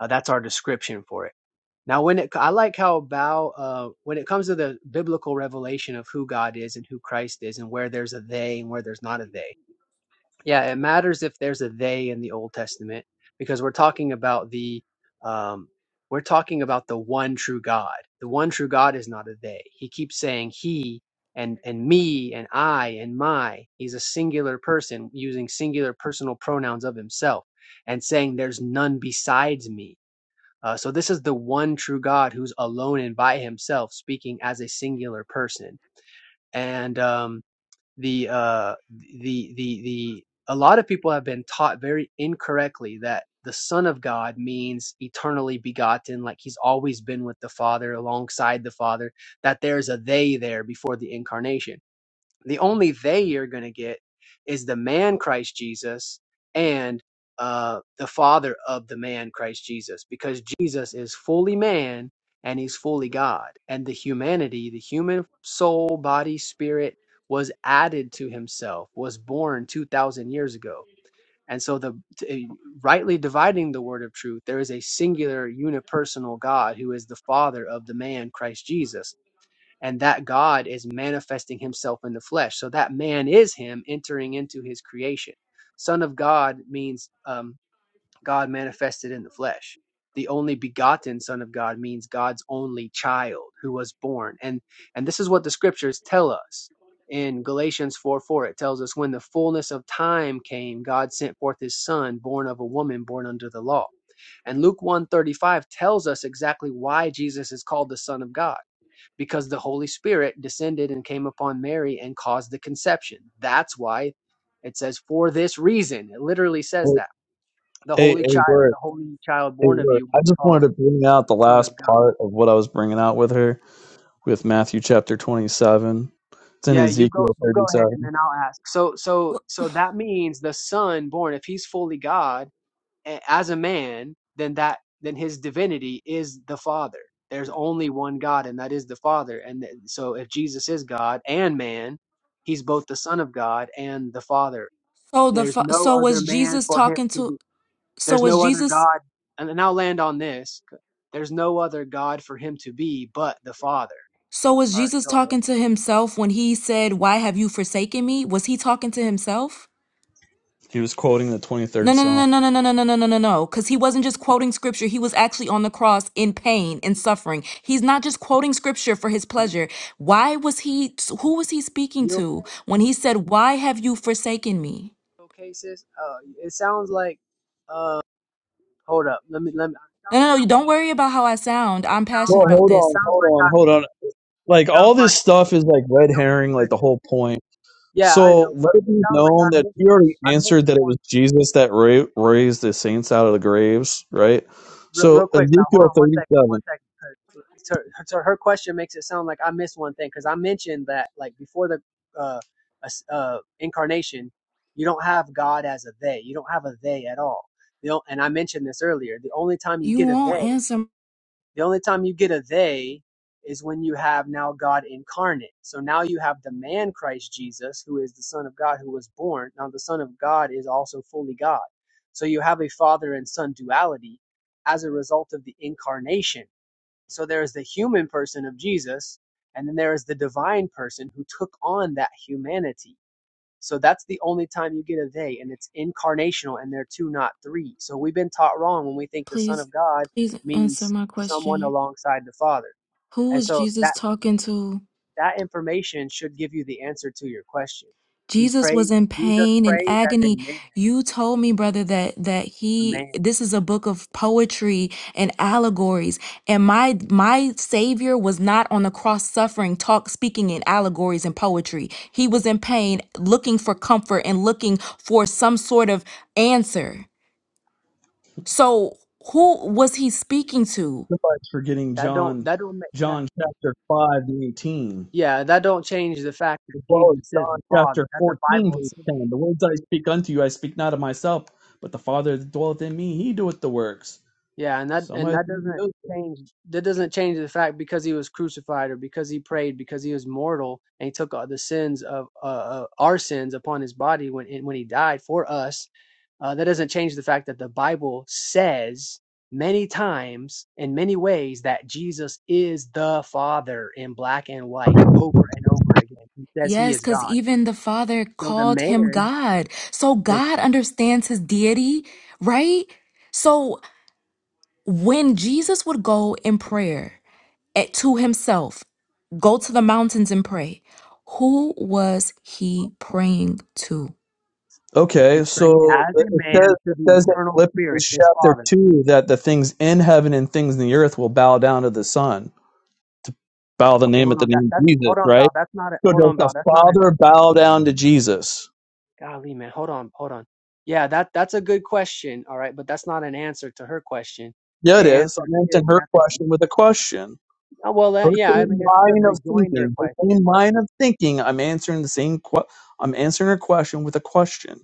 C: Uh, that's our description for it Now, when it, I like how Bao, uh, when it comes to the biblical revelation of who God is and who Christ is and where there's a they and where there's not a they. Yeah, it matters if there's a they in the Old Testament because we're talking about the, um, we're talking about the one true God. The one true God is not a they. He keeps saying he and, and me and I and my. He's a singular person using singular personal pronouns of himself and saying there's none besides me uh, so this is the one true God who's alone and by himself, speaking as a singular person. And um, the uh, the the the a lot of people have been taught very incorrectly that the Son of God means eternally begotten, like he's always been with the Father, alongside the Father. That there's a they there before the incarnation. The only they you're going to get is the man Christ Jesus and uh, the father of the man Christ Jesus, because Jesus is fully man and he's fully God. And the humanity, the human soul, body, spirit was added to himself, was born 2,000 years ago. And so, the t- eh, rightly dividing the word of truth, there is a singular unipersonal God who is the Father of the man Christ Jesus and that God is manifesting himself in the flesh. So that man is him entering into his creation. Son of God means um, God manifested in the flesh. The only begotten Son of God means God's only child who was born. And and this is what the scriptures tell us. In Galatians 4 4, it tells us when the fullness of time came, God sent forth his son, born of a woman, born under the law. And Luke 135 tells us exactly why Jesus is called the Son of God because the Holy Spirit descended and came upon Mary and caused the conception. That's why it says, for this reason. It literally says
D: A,
C: that. The
D: a
C: holy
D: a
C: child,
D: word.
C: the holy child
D: A
C: born of
D: word.
C: you will
D: I
C: be
D: just
C: called
D: wanted to bring out the
C: Son of
D: last
C: God.
D: part of what I was bringing out with her with Matthew chapter 27. It's in
C: Yeah, you go
D: Ezekiel
C: you go ahead
D: 37.
C: and then I'll ask. So so
T: Wh-
C: so that means the son born, if he's fully God a- as a man, then that then his divinity is the Father. There's only one God, and that is the Father. And th- so if Jesus is God and man, he's both the Son of God and the Father
T: So the
C: There's
T: fa-
C: no
T: so
C: other
T: was
C: man
T: Jesus
C: for him
T: talking
C: to
T: to
C: be.
T: so
C: There's
T: was
C: no other
T: Jesus
C: God. And then I'll land on this. There's no other God for him to be but the Father.
T: so was
C: All right,
T: Jesus
C: go ahead.
T: talking to himself when he said, "Why have you forsaken me?" Was he talking to himself?
D: He was quoting the
T: No,
D: 23rd
T: no,
D: Psalm.
T: no, no, no, no, no, no, no, no, no, no. Because he wasn't just quoting scripture. He was actually on the cross in pain and suffering. He's not just quoting scripture for his pleasure. Why was he, who was he speaking
C: You
T: to when he said, Why have you forsaken me?
C: okay, sis? Uh, it sounds like. Uh, hold up. Let me. Let me. It
T: No,
C: sounds
T: no, no.
C: like i
T: You don't
C: missed.
T: worry about how I sound.
C: It
T: I'm
C: sounds
T: passionate
D: Well,
C: like.
T: about
D: hold
C: It
T: this.
D: on,
C: sounds
D: hold
C: like
D: on,
C: I
D: hold on.
C: missed. It
D: Like all
C: sounds
D: this
C: like.
D: stuff is like
C: Yeah,
D: red
C: don't get
D: herring, like the
C: triggered.
D: whole point.
C: Yeah, I
D: So
C: know, but
D: let it
C: it
D: be
C: sounds like I
D: known that
C: missed.
D: he already
C: I missed
D: answered
C: the
D: that it was
C: one.
D: Jesus that ra- raised the saints out of the graves, right?
C: real, real
D: So
C: quick now hold
D: Ezekiel
C: on one second one
D: thirty-seven,
C: second 'cause so her, so her question makes it sound like i missed one thing because i mentioned that like before the uh, as- uh incarnation you don't have god as a they you don't have a they at all the, o- and i mentioned this earlier the only time you
T: You
C: get a they
T: won't answer.
C: the only time you get a they is when you have now God incarnate. So now you have the man Christ Jesus, who is the Son of God, who was born. Now the Son of God is also fully God. So you have a father and son duality as a result of the incarnation. So there is the human person of Jesus, and then there is the divine person who took on that humanity. So that's the only time you get a they, and it's incarnational, and they're two, not three. So we've been taught wrong when we think the Son
T: Please,
C: of God
T: please answer
C: means
T: my
C: someone
T: question.
C: alongside the Father.
T: Who
C: And
T: was
C: so
T: Jesus
C: that
T: talking to
C: that information should give you the answer to your question. He
T: Jesus
C: prayed.
T: was in
C: Jesus
T: pain and
C: prayed as a
T: agony.
C: man,
T: You told me, brother, that that
C: a
T: he
C: man.
T: this is a book of poetry and allegories. And my my savior was not on the cross suffering, talk speaking in allegories and poetry. He was in pain, looking for comfort and looking for some sort of answer. So who was he speaking to?
D: somebody's forgetting
C: That don't
D: John,
C: that don't make that.
D: John chapter five to eighteen,
C: Yeah, that don't change the fact that
D: as well as
C: Jesus is the
D: John
C: Father.
D: chapter
C: That the
D: fourteen
C: Bible
D: verse
C: says.
D: ten. The words I speak unto you, I speak not of myself, but the Father that dwelleth in me, He doeth the works.
C: Yeah, and that and
D: Somebody.
C: that doesn't change that doesn't change the fact because he was crucified or because he prayed because he was mortal and he took all the sins of uh, uh, our sins upon his body when when he died for us. Uh, that doesn't change the fact that the Bible says many times in many ways that Jesus is the Father in black and white over and over again. He says he
T: Yes,
C: is
T: because
C: God.
T: even the Father
C: So the
T: called him
C: man
T: God. So
C: that
T: God understands his deity, right? So When Jesus would go in prayer at, to himself, go to the mountains and pray, who was he praying to?
C: he
D: Okay,
C: prayed
D: so
C: as
D: it
C: a
D: says,
C: man to
D: it
C: the
D: says in
C: eternal spirit,
D: Philippians
C: his
D: chapter
C: father.
D: 2 that the things in heaven and things in the earth will bow down to the Son, to bow the
C: Okay,
D: name
C: hold
D: at the
C: on. That
D: name of
C: that's
D: Jesus,
C: hold on,
D: right?
C: Val. That's not a
D: So
C: hold
D: does
C: on, Val.
D: the
C: That's not an
D: Father bow down to Jesus?
C: golly, man. Hold on, hold on. Yeah, that that's a good question. All right, but that's not an answer to her question.
D: Yeah,
C: The
D: it is.
C: answer
D: I'm answering
C: is
D: her
C: that the
D: question with a question.
C: oh, well,
D: Her
C: that, yeah. I mean,
D: same
C: it's a good
D: line of
C: rejoinder
D: thinking, her same
C: question, but
D: line of thinking, I'm answering the same que- I'm answering her question with a question.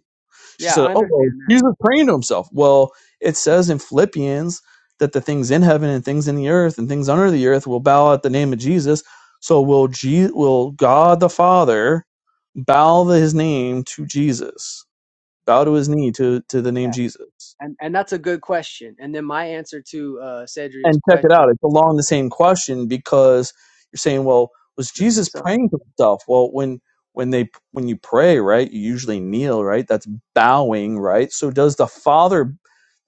D: She
C: yeah,
D: said,
C: I
D: Oh, well,
C: understand that.
D: Jesus praying to himself. Well, it says in Philippians that the things in heaven and things in the earth and things under the earth will bow at the name of Jesus. So will Je- will God the Father bow the, his name to Jesus, bow to his knee to, to the name
C: Yeah,
D: Jesus?
C: and and that's a good question. And then my answer to uh Cedria's
D: And check it out.
C: question,
D: It's along the same question because you're saying, well, was
C: the
D: Jesus
C: son,
D: praying to himself? Well, when when they when you pray, right, you usually kneel, right? That's bowing, right? So does the Father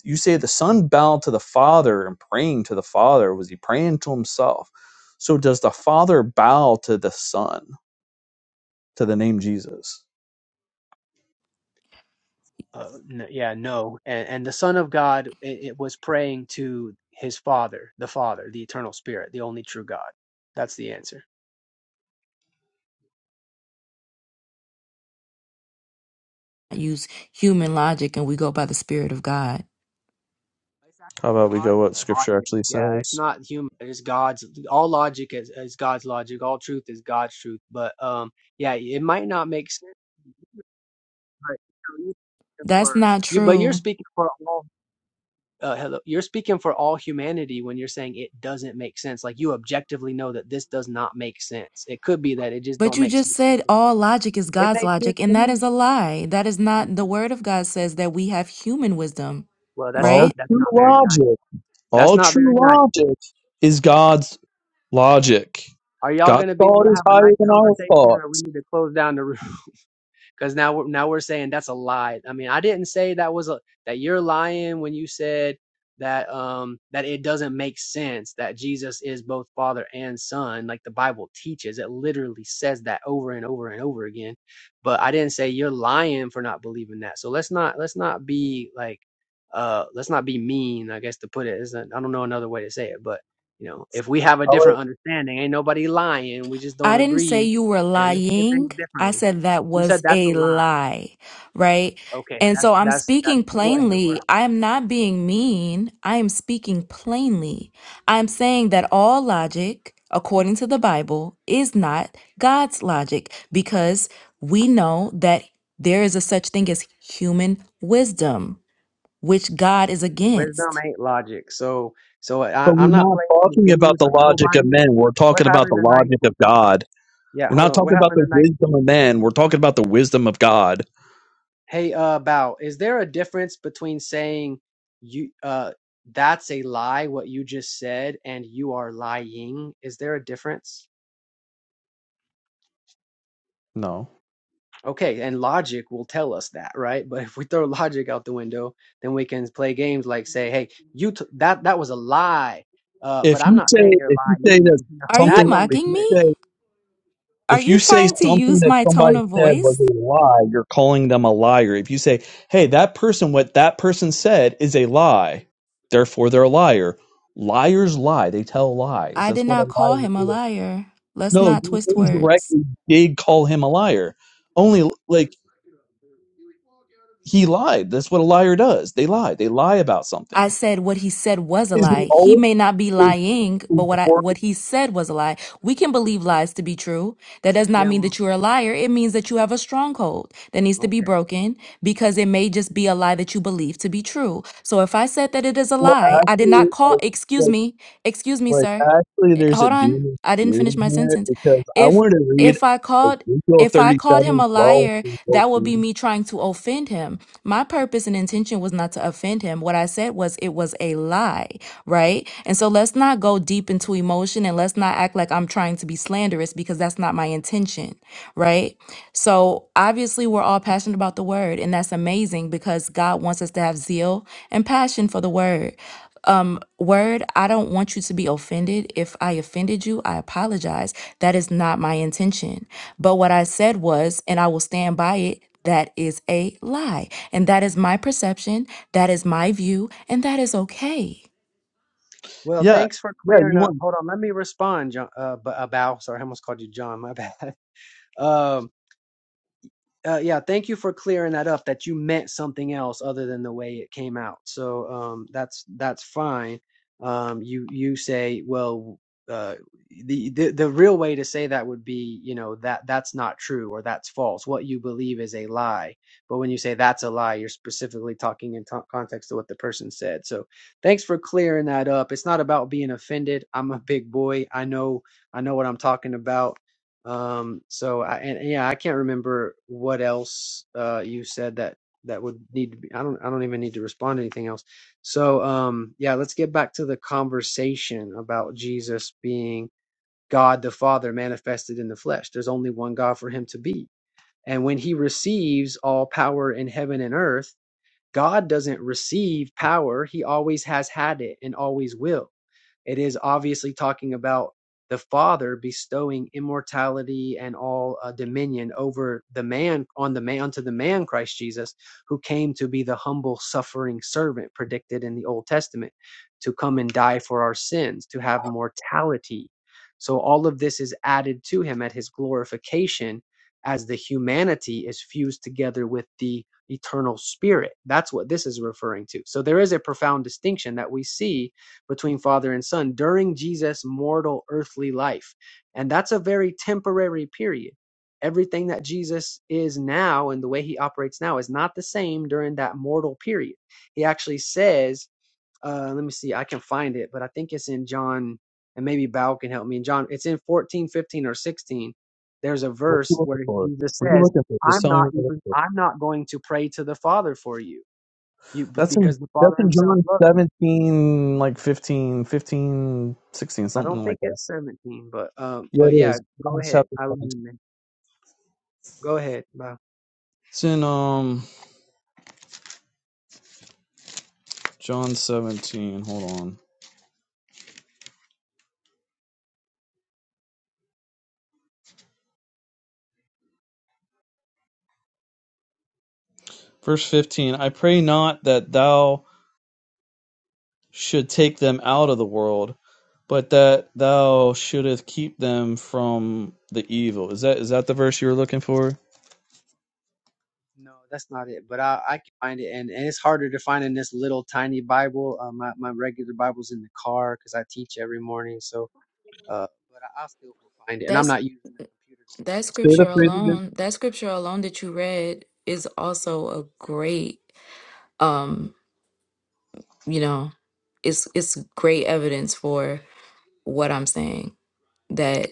D: you say the son bowed to the father and praying to the father was he praying to himself so does the father bow to the son to the name jesus
C: uh, n- yeah, no, and and the Son of God, it, it was praying to his Father, the Father, the Eternal Spirit, the only true God. That's the answer.
T: I use human logic and we go by the Spirit of God.
C: It's
D: how
C: actually
D: about we
C: God
D: go what scripture
C: logic.
D: actually
C: Yeah, it's
D: says
C: not human. It's God's. All logic is, is God's logic. All truth is God's truth. But um, yeah, it might not make sense. But you, know, you
T: That's
C: for
T: not
C: you, but you're
T: true.
C: speaking for all. Uh, hello, you're speaking for all humanity when you're saying it doesn't make sense. Like you objectively know that this does not make sense. It could be that it just
T: But
C: don't
T: you
C: make sense.
T: just
C: to
T: said
C: you.
T: all logic is
C: It
T: God's
C: makes sense
T: logic,
C: to
T: and that
C: me.
T: is a lie. That is not the Word of God says that we have human wisdom,
C: Well, that's
T: right?
C: not
D: all
C: that's
D: true
C: not very nice.
D: logic
C: That's
D: all
C: not very
D: true
C: nice.
D: logic is god's logic
C: Are y'all
D: god's
C: gonna be able
D: thought
C: to
D: is
C: have a
D: higher
C: nice
D: than our
C: conversation,
D: thought
C: or we need to close down the room? because now we're now we're saying that's a lie. I mean, I didn't say that was a that you're lying when you said that um that it doesn't make sense that Jesus is both Father and Son, like the Bible teaches. It literally says that over and over and over again. But I didn't say you're lying for not believing that. So let's not let's not be like uh let's not be mean, I guess to put it. It's not, I don't know another way to say it, but you know, if we have a
D: all right
C: different understanding, ain't nobody lying. We just don't
T: I didn't say
C: agree
T: you were
C: and we see things
T: lying. I
C: differently.
T: said that
C: You said
T: was
C: that's a
T: a
C: lie.
T: lie, right?
C: Okay,
T: And
C: that's
T: so I'm
C: that's that.
T: speaking
C: What in the world?
T: plainly. I am not being mean. I am speaking plainly. I'm saying that all logic, according to the Bible, is not God's logic because we know that there is a such thing as human wisdom, which God is
C: Wisdom
T: against.
C: ain't logic. So so I,
D: but
C: I'm
D: we're
C: not
D: not
C: playing these
D: talking
C: games
D: about the
C: with
D: logic of
C: nobody.
D: men we're
C: We're
D: talking about
C: having
D: the
C: a nice.
D: logic of god
C: Yeah,
D: We're
C: hold
D: not
C: on. We're
D: talking about
C: having a
D: the
C: nice.
D: wisdom of men. We're talking about the wisdom of God.
C: Hey, uh, Bao, is there a difference between saying you uh that's a lie what you just said and you are lying? Is there a difference?
D: No.
C: Okay, and logic will tell us that, right? But if we throw logic out the window, then we can play games like say, "Hey, you t- that that was a lie," uh, but
D: If
C: I'm
D: you
C: not
D: say
C: saying you're
D: if you
C: lying.
D: say that
C: You
T: Are you
C: that
D: something
C: don't
D: if
C: make
T: mocking
D: you
C: sense.
T: me?
D: say
T: Are
D: If
T: you
D: you say
T: trying to
D: something
T: use
D: that
T: my tone
D: somebody
T: of
D: said was
T: voice?
D: a lie, you're calling them a liar. If you say, hey, that person, what that person said is a lie, therefore they're a liar. Liars lie. They tell lies.
T: I
D: That's
T: did
D: what a
T: not call
D: liar
T: him a
D: is.
T: liar. Let's
D: No,
T: not
D: you
T: twist words.
D: indirectly did call him a liar. Only, like, he lied. That's what a liar does. They lie. They lie about
T: I
D: something.
T: said what he said was a
D: Is he
T: lie. He
D: always
T: may not be
D: is,
T: lying,
D: is
T: but
D: the
T: what I
D: word
T: what he said was a lie. We can believe lies to be true. That does not
C: Yeah.
T: mean
C: Well,
T: that you're a liar. It means that you have a stronghold that needs to be
C: okay.
T: broken because it may just be a lie that you believe to be true. So if I said that it is a
D: more
T: lie, I did not call
D: accurate?
T: excuse me. Excuse me,
D: Like,
T: sir.
D: actually, there's a
T: hold on
D: demon
T: i didn't
D: spirit
T: finish
D: in
T: my
D: here
T: sentence
D: because I
T: if
D: wanted to read
T: if i called
D: Ezekiel
T: if i called him
D: 37,
T: a
D: twelve
T: liar
D: through
T: that would be
D: 14.
T: me trying to offend him my purpose and intention was not to offend him what i said was it was a lie right and so let's not go deep into emotion and let's not act like i'm trying to be slanderous because that's not my intention right so obviously we're all passionate about the word and that's amazing because god wants us to have zeal and passion for the word um word i don't want you to be offended if i offended you i apologize that is not my intention but what i said was and i will stand by it that is a lie and that is my perception that is my view and that is okay
C: Well,
D: Yeah,
C: thanks for
D: yeah,
C: clearing
D: you
C: up.
D: want
C: Hold on, let me respond, John. Uh, b- uh, Bow. Sorry, I almost called you John. My bad. Um, uh, yeah, thank you for clearing that up. That you meant something else other than the way it came out. So um, that's that's fine. Um, you you say well, uh, the, the the real way to say that would be you know that that's not true or that's false. What you believe is a lie. But when you say that's a lie, you're specifically talking in to- context to what the person said. So thanks for clearing that up. It's not about being offended. I'm a big boy. I know I know what I'm talking about um, so I and, and yeah, I can't remember what else uh you said that that would need to be. I don't I don't even need to respond to anything else. So um yeah, let's get back to the conversation about Jesus being God the Father manifested in the flesh. There's only one God for him to be. And when he receives all power in heaven and earth, God doesn't receive power. He always has had it and always will it is obviously talking about the Father bestowing immortality and all uh, dominion over the man on the man unto the man Christ Jesus, who came to be the humble suffering servant predicted in the Old Testament, to come and die for our sins, to have mortality. So all of this is added to him at his glorification as the humanity is fused together with the eternal spirit. That's what this is referring to. So there is a profound distinction that we see between father and son during Jesus' mortal earthly life. And that's a very temporary period. Everything that Jesus is now and the way he operates now is not the same during that mortal period. He actually says, uh, let me see, I can find it, but I think it's in John, and maybe Bao can help me. In John, it's in 14, 15, or 16. There's a
D: what you
C: verse where
D: looking for?
C: Jesus
D: What are you
C: says,
D: looking for? Just
C: I'm
D: tell me
C: not
D: what you're
C: even,
D: looking for.
C: I'm not going to pray to the Father for you, you
D: That's in
C: because the
D: that's
C: Father
D: in
C: himself
D: John
C: loves you
D: 17, like 15, 15, 16,
C: I don't
D: something like
C: think
D: that.
C: it's 17, but um,
D: Yeah,
C: but
D: it
C: yeah,
D: is.
C: go
D: John
C: ahead.
D: chapter
C: I will
D: 17.
C: mean, man. Go ahead. Bye.
D: It's in um John 17. Hold on. Verse 15. I pray not that thou should take them out of the world, but that thou shouldest keep them from the evil. Is that is that the verse you were looking for? Say
C: No, that's not it. But I I can find it, and and it's harder to find in this little tiny Bible. Uh, my my regular Bible's in the car because I teach every morning. So uh, but I, I still will find it, and I'm
T: that's
C: not using the computer
T: that
C: to look it up.
T: scripture
D: the phrase again.
T: alone that scripture alone that you read is also a great um you know it's it's great evidence for what i'm saying that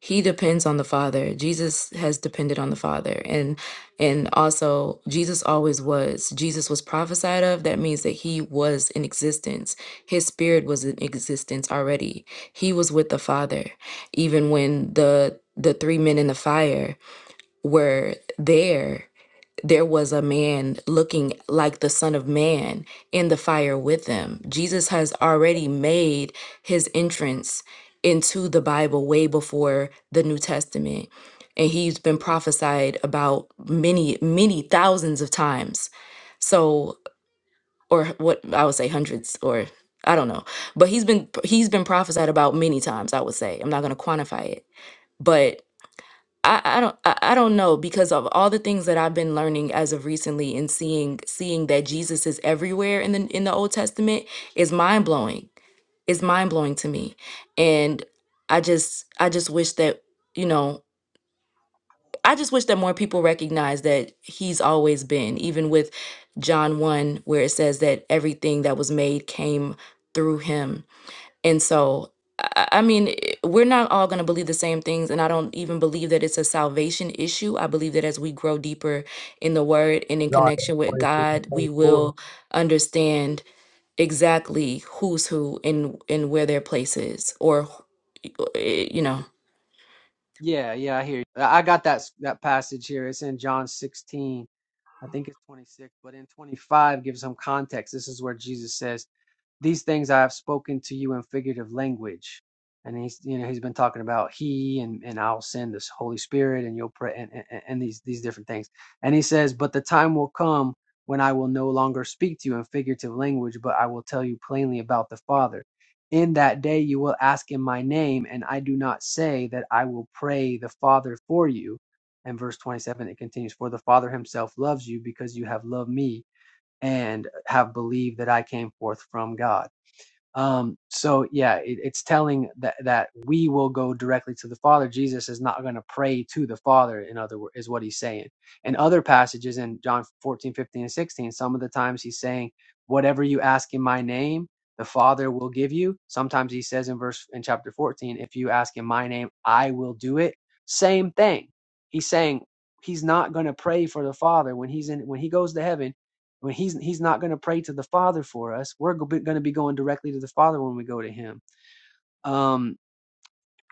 T: he depends on the father jesus has depended on the father and and also jesus always was jesus was prophesied of that means that he was in existence his spirit was in existence already he was with the father even when the the three men in the fire were there, there was a man looking like the Son of Man in the fire with them. Jesus has already made his entrance into the Bible way before the New Testament. And he's been prophesied about many, many thousands of times. So, or what I would say hundreds or I don't know. But he's been he's been prophesied about many times, I would say. I'm not gonna quantify it. But I, I don't I, I don't know because of all the things that I've been learning as of recently and seeing seeing that Jesus is everywhere in the in the Old Testament is mind blowing. It's mind blowing to me. And I just I just wish that, you know, I just wish that more people recognize that he's always been, even with John 1, where it says that everything that was made came through him and so, I I mean, i- we're not all going to believe the same things. And I don't even believe that it's a salvation issue. I believe that as we grow deeper in the word and in
D: John
T: connection with
D: 23 and
T: God, we
D: 24,
T: will understand exactly who's who and, and where their place is or, wh- eh, you know.
C: Yeah, yeah, I hear. You. I I got that s- that passage here. It's in John 16. I think it's 26, but in 25 gives some context. This is where Jesus says. these things I have spoken to you in figurative language. And he's, you know, he's been talking about he and, and I'll send this Holy Spirit and you'll pray and, and, and these, these different things. And he says, but the time will come when I will no longer speak to you in figurative language, but I will tell you plainly about the Father. In that day you will ask in my name, and I do not say that I will pray the Father for you. And verse 27, it continues, For the Father himself loves you because you have loved me and have believed that I came forth from God um, so yeah, it, it's telling that that we will go directly to the Father. Jesus is not going to pray to the Father. In other words, is what he's saying. In other passages in John 14:15 and 16, some of the times he's saying, "Whatever you ask in my name, the Father will give you." Sometimes he says in verse in chapter 14, "If you ask in my name, I will do it." Same thing. He's saying he's not going to pray for the Father when he's in when he goes to heaven when he's he's not going to pray to the father for us we're going to be going directly to the father when we go to him um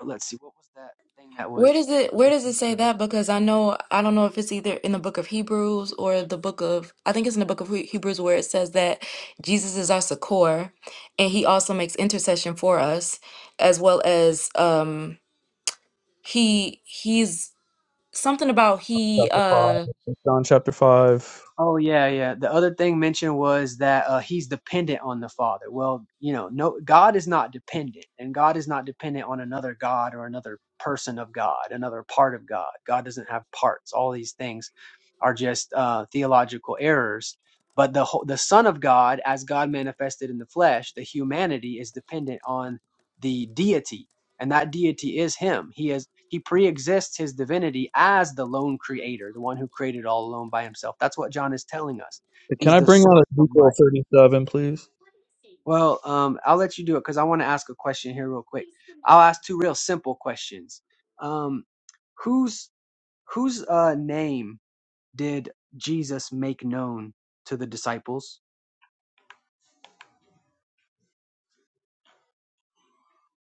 C: let's see what was that thing that
T: Where
C: was
T: does it where
C: What
T: does it say
C: was
T: that? Because I know I don't know if it's either in the book of Hebrews or the book of I think it's in the book of He- Hebrews where it says that Jesus is our succor and he also makes intercession for us as well as um he he's something about he
D: chapter 5.
T: uh
D: John chapter five.
C: Oh yeah, yeah. The other thing mentioned was that uh, he's dependent on the Father. Well, you know, no, God is not dependent, and God is not dependent on another God or another person of God, another part of God. God doesn't have parts. All these things are just uh, theological errors. But the whole, the Son of God, as God manifested in the flesh, the humanity is dependent on the deity and that deity is him he is he pre-exists his divinity as the lone creator the one who created all alone by himself that's what john is telling us
D: Can
C: he's
D: I
C: the
D: bring out
C: source of
D: Ezekiel
C: life
D: thirty seven, please?
C: well um i'll let you do it because i want to ask a question here real quick i'll ask two real simple questions um whose whose uh name did jesus make known to the disciples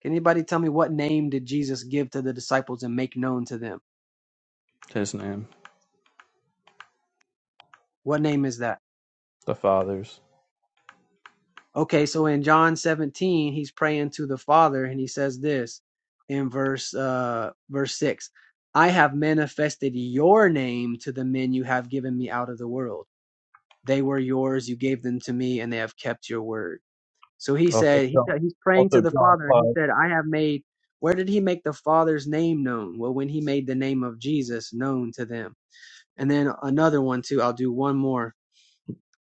C: can anybody tell me what name did jesus give to the disciples and make known to them
D: His name.
C: what name is that
D: The Father's.
C: Okay, so in John 17, he's praying to the Father and he says this in verse uh verse 6. I have manifested your name to the men you have given me out of the world. They were yours, you gave them to me and they have kept your word. So he
D: also
C: said he
D: John,
C: said- he's praying to
D: also
C: the
D: John
C: Father and
D: 5.
C: he said I have made where did he make the Father's name known? Well, when he made the name of Jesus known to them. And then another one too. I'll do one more.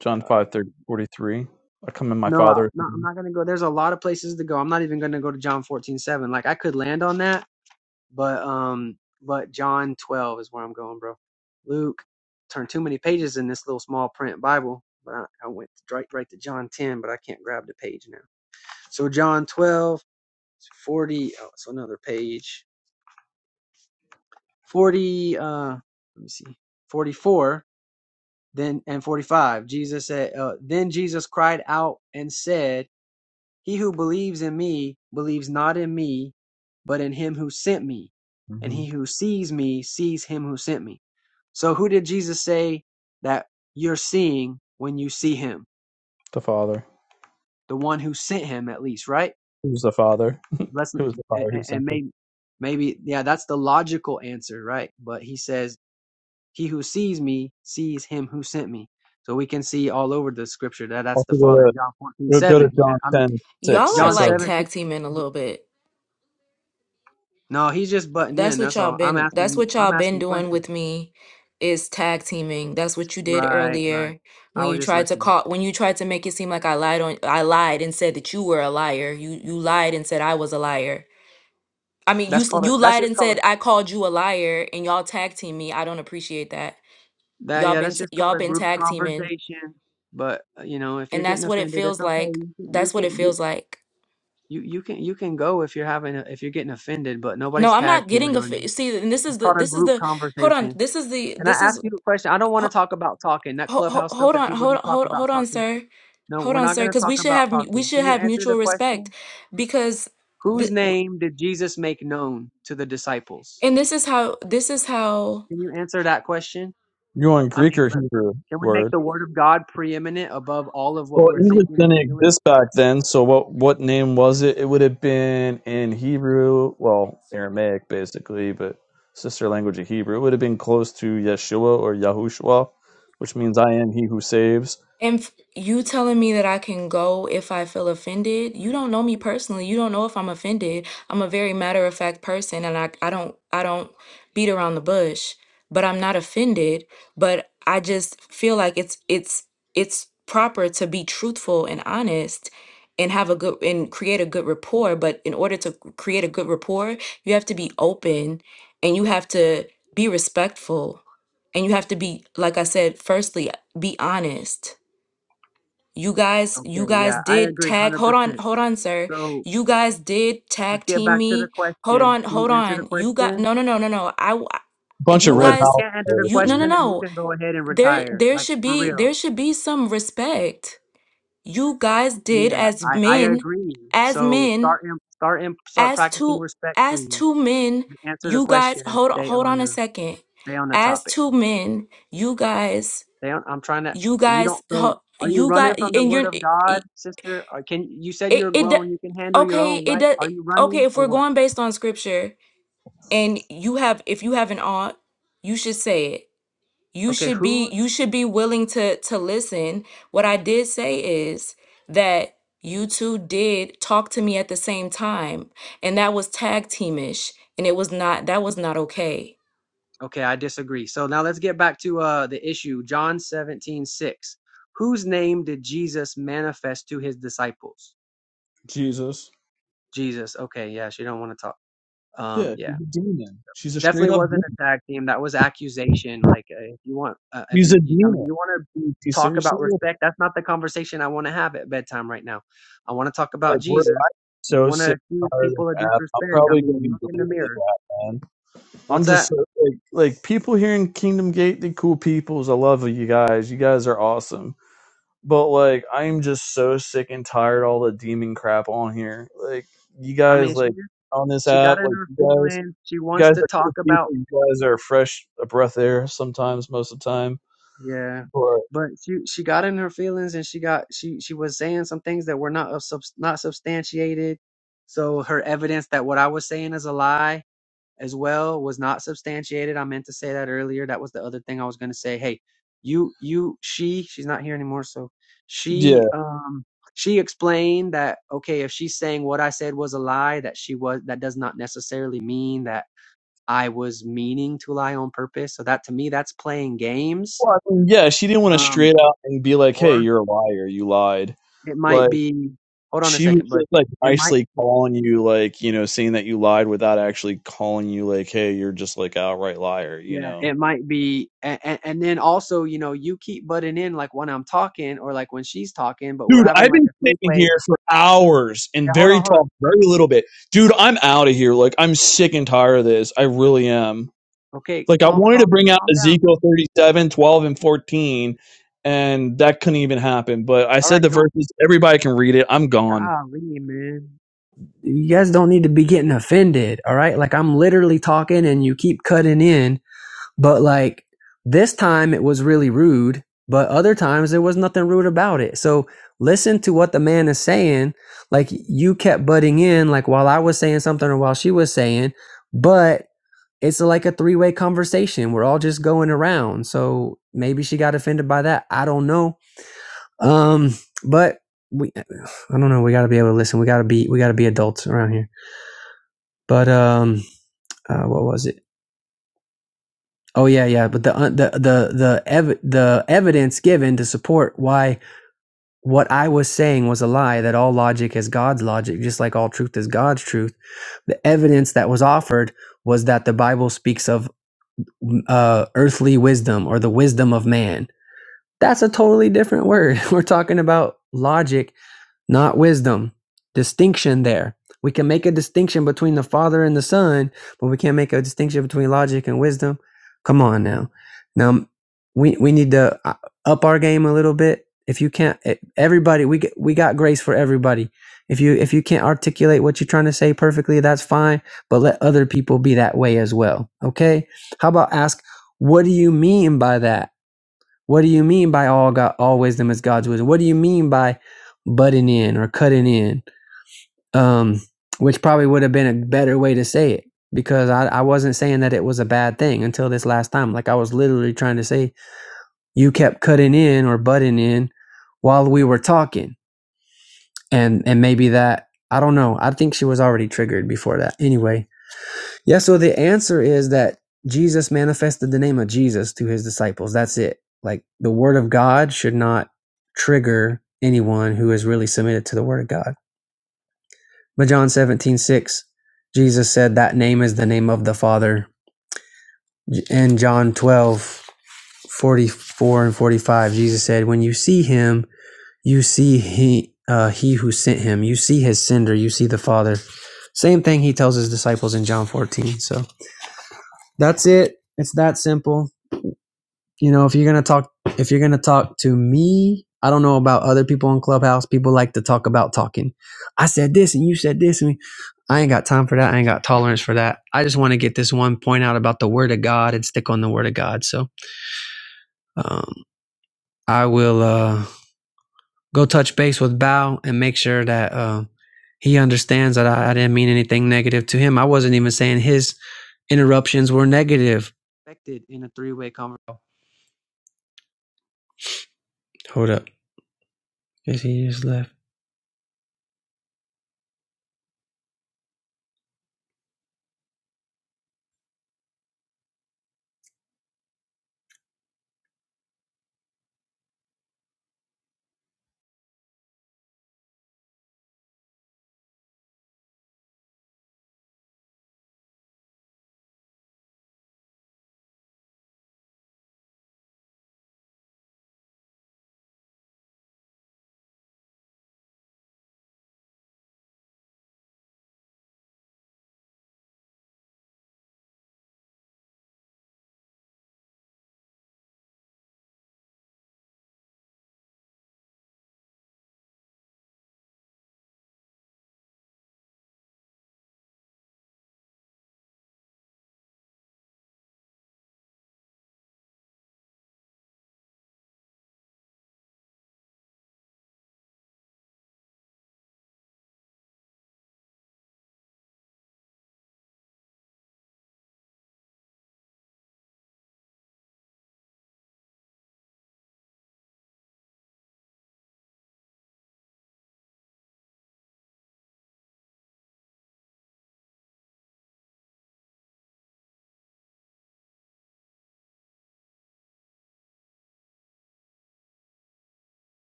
D: John
C: uh,
D: five thirty forty three. I come in my
C: No, I-
D: father.
C: no, I'm not gonna go. There's a lot of places to go. I'm not even gonna go to John 14 7. Like I could land on that, but um, but John 12 is where I'm going, bro. Luke turned too many pages in this little small print Bible, but I, I went right right to John 10, but I can't grab the page now. So John twelve so 40. Oh, it's another page. 40. Uh, let me see. 44. Then and 45. Jesus said. Uh, then Jesus cried out and said He who believes in me believes not in me, but in him who sent me. And he
D: Mhm.
C: who sees me sees him who sent me. So who did Jesus say that you're seeing when you see him?
D: The Father.
C: The one who sent him, at least, right?
D: Who's the Father?
C: Let's
D: Who's the
C: and,
D: Father who sent
C: and
D: him?
C: maybe maybe yeah, that's the logical answer, right? But he says, "He who sees me sees him who sent me." So we can see all over the scripture that that's the
D: Also me?
C: Father in John fourteen
D: We'll go to
C: seven.
D: John
C: I mean
D: 10 6
T: y'all are
D: and
C: John
D: 7.
T: like
C: 17.
T: tag teaming a little bit.
C: No, he's just butting in.
T: That's what
C: That's
T: y'all
C: all. I'm
T: been that's
C: asking.
T: what
C: I'm
T: y'all been
C: asking
T: doing
C: questions.
T: with me is tag teaming. That's what you did
C: Right, right.
T: earlier
C: I
T: when
C: was
T: you
C: just
T: tried to
C: listening.
T: call when you tried to make it seem like I lied on I lied and said that you were a liar. You you lied and said I was a liar. I mean, you
C: That's
T: s-
C: called. A,
T: you
C: that's
T: lied
C: just
T: and
C: called.
T: said I called you a liar and y'all tag team me. I don't appreciate that.
C: That
T: Y'all
C: yeah.
T: been
C: That's
T: t-
C: just called
T: y'all
C: a
T: been
C: group
T: tag teaming
C: conversation. But uh, you know, if you're
T: and
C: getting
T: that's what it
C: offended, it's
T: feels
C: okay.
T: like.
C: You can. You
T: That's what
C: can.
T: it
C: You.
T: feels like.
C: You, you can you can go if you're having a, if you're getting offended, but
T: No,
C: nobody's
T: I'm
C: tag
T: not
C: teaming
T: getting a
C: on you.
T: see and this is
C: It's
T: the
C: called a
T: this is
C: group
T: the hold on.
C: conversation.
T: This is the
C: Can I
T: this
C: ask
T: is
C: you a question? I don't want to talk about talking that
T: Hold,
C: clubhouse stuff
T: hold
C: that
T: on,
C: people do
T: hold,
C: talk
T: hold,
C: about
T: hold on,
C: talking.
T: sir.
C: No,
T: Hold
C: we're
T: on,
C: not
T: sir,
C: going to
T: because
C: talk
T: we should
C: about
T: have mu- we
C: talking.
T: should
C: Can you
T: have
C: answer the
T: mutual respect,
C: question?
T: because
C: Whose
T: the, w-
C: name did Jesus make known to the disciples?
T: and this is how this is how
C: Can you answer that question?
D: You want
C: I
D: Greek
C: mean,
D: or Hebrew
C: can we make
D: word?
C: the word of God preeminent above all of what
D: Well,
C: we're
D: English
C: thinking and
D: didn't
C: feeling?
D: exist back then, so what what name was it? It would have been in Hebrew, well, Aramaic basically, but sister language of Hebrew. It would have been close to Yeshua or Yahushua, which means I am he who saves.
T: And f- you telling me that I can go if I feel offended? You don't know me personally. You don't know if I'm offended. I'm a very matter of fact person and I, I don't I don't beat around the bush, but I'm not offended, but I just feel like it's it's it's proper to be truthful and honest and have a good and create a good rapport, but in order to create a good rapport, you have to be open and you have to be respectful and you have to be like I said, firstly, be honest you guys, you
C: Okay,
T: guys
C: yeah, I
T: did
C: agree
T: tag.
C: 100%.
T: Hold on, hold on, sir.
C: So
T: You guys did
C: let's
T: tag
C: get
T: team
C: back to the
T: me.
C: question.
T: Hold
C: Can
T: on,
C: you
T: hold
C: answer the
T: on. You got
C: question?
T: no, no, no, no, no. I, w-
D: Bunch
T: you
D: of
C: Oh, well,
D: red
C: if you
T: guys,
C: can't answer the
T: you no, no,
D: houses.
C: question, then you
T: no.
C: can go ahead and
T: There,
C: retire.
T: there
C: Like,
T: should
C: for
T: be,
C: real.
T: there should be some respect. You guys did
C: Yeah,
T: as
C: I, I
T: men,
C: agree.
T: as
C: So
T: men,
C: start in, start in, start
T: as
C: practicing
T: two,
C: respect,
T: as
C: please.
T: two men.
C: Answer the
T: You guys,
C: question and
T: hold on,
C: stay
T: hold
C: on
T: on a
C: the,
T: second.
C: stay on the
T: As
C: topic.
T: two men, you guys,
C: Damn, I'm trying to.
T: you
C: You
T: guys,
C: don't. So,
T: ho-
C: are you
T: you
C: running
T: guys,
C: from the
T: and
C: word
T: you're.
C: of God, sister? Or can you said you're
T: it it do-
C: grown? You can handle your
T: okay
C: own,
T: it
C: right?
T: does
C: Are you
T: okay
C: running
T: if
C: or
T: we're
C: what?
T: going based on scripture and you have if you have an aunt you should say it you
C: Okay,
T: should be
C: who's?
T: you should be willing to to listen what i did say is that you two did talk to me at the same time and that was tag teamish and it was not that was not okay
C: Okay, I disagree. So now let's get back to uh the issue. John 17 6. Whose name did Jesus manifest to his disciples?
D: Jesus.
C: Jesus. Okay, yeah, she don't want to talk. Um,
D: Yeah,
C: yeah.
D: she's a demon. She's a straight
C: Definitely
D: up
C: wasn't
D: demon.
C: a tag team. That was accusation. Like, uh, if you want, uh, if
D: She's
C: you,
D: a
C: I mean,
D: demon.
C: you want to
D: She's
C: talk about
D: seriously? a
C: respect. That's not the conversation I want to have at bedtime right now. I want to talk about
D: Like, we're
C: Jesus.
D: I'm
C: You
D: so
C: want to
D: sick and
C: accuse
D: tired of
C: people of
D: this app. I'm
C: disrespect? I
D: probably gonna
C: mean,
D: be
C: look in the
D: deleting this
C: mirror.
D: app, man. I'm
C: What's
D: just
C: that?
D: so, like, like people here in Kingdom Gate, the cool peoples. I love you guys. You guys are awesome. But like, I am just so sick and tired of all the demon crap on here. Like, you
C: I mean,
D: guys,
C: she
D: like
C: just,
D: on this
C: she got
D: app,
C: in
D: like
C: her
D: you guys,
C: feelings. She
D: you
C: wants
D: guys
C: to
D: are
C: talk
D: cool people.
C: about,
D: You guys are fresh, a breath of air sometimes, most of the time.
C: yeah,
D: But
C: but she she got in her feelings and she got she she was saying some things that were not of subs not substantiated. So her evidence that what I was saying is a lie as well was not substantiated. I meant to say that earlier. That was the other thing I was going to say. Hey, you, you, she, she's not here anymore. So she,
D: yeah,
C: um, she explained that, okay, if she's saying what I said was a lie, that she was, that does not necessarily mean that I was meaning to lie on purpose. So that to me, that's playing games.
D: well, I mean, yeah, she didn't want to
C: Um,
D: straight out and be like, "Hey,
C: or
D: you're a liar. You lied."
C: it might
D: like
C: be, hold on a
D: she was
C: second, bud.
D: just like
C: It might
D: nicely calling you like you know saying that you lied without actually calling you like hey you're just like an outright liar you
C: Yeah,
D: know
C: it might be, and, and then also, you know, you keep butting in like when I'm talking or like when she's talking, but we're
D: dude
C: having
D: i've
C: like
D: been
C: a three
D: sitting
C: way.
D: here for hours
C: Yeah,
D: and
C: hold on,
D: very
C: hold on.
D: talk very little bit dude i'm out of here like i'm sick and tired of this i really am
C: Okay,
D: like i
C: calm,
D: wanted to
C: calm,
D: bring out
C: calm down,
D: ezekiel
C: man.
D: 37 12 and 14 and that couldn't even happen but i
C: All
D: said
C: right,
D: the
C: don't.
D: verses everybody can read it i'm gone
C: Golly, man. You guys don't need to be getting offended, all right? Like I'm literally talking and you keep cutting in But like this time it was really rude, but other times there was nothing rude about it. So listen to what the man is saying. Like you kept butting in, like while I was saying something or while she was saying, but it's like a three way conversation. We're all just going around. So maybe she got offended by that. I don't know. Um, but we, I don't know. We got to be able to listen. We got to be, we got to be adults around here. But um, uh, what was it? Oh yeah, yeah. But the uh, the the the ev- the evidence given to support why what I was saying was a lie that all logic is God's logic, just like all truth is God's truth. The evidence that was offered was that the Bible speaks of uh, earthly wisdom or the wisdom of man. That's a totally different word. We're talking about logic, not wisdom. Distinction there. We can make a distinction between the Father and the Son, but we can't make a distinction between logic and wisdom. Come on now. Now we we need to uh, up our game a little bit. If you can't, eh, everybody, we get, we got grace for everybody. If you if you can't articulate what you're trying to say perfectly, that's fine. But let other people be that way as well. Okay? How about ask, what do you mean by that? What do you mean by all God, all wisdom is God's wisdom? What do you mean by butting in or cutting in? Um, which probably would have been a better way to say it because I, I wasn't saying that it was a bad thing until this last time. Like I was literally trying to say you kept cutting in or butting in while we were talking, and and maybe that I don't know. I think she was already triggered before that. Anyway, yeah, so the answer is that Jesus manifested the name of Jesus to his disciples. That's it. Like the word of God should not trigger anyone who is really submitted to the word of God. But John 17 6, Jesus said that name is the name of the Father. And John 12 44 and 45, Jesus said, When you see him, you see he uh, he who sent him. You see his sender, you see the Father. Same thing he tells his disciples in John 14. So that's it. It's that simple you know if you're gonna talk if you're gonna talk to me i don't know about other people on clubhouse people like to talk about talking i said this and you said this and i ain't got time for that i ain't got tolerance for that i just want to get this one point out about the word of god and stick on the word of god so um, i will uh, go touch base with bao and make sure that uh, he understands that I, I didn't mean anything negative to him i wasn't even saying his interruptions were negative Expected in a three-way conversation hold up is he just left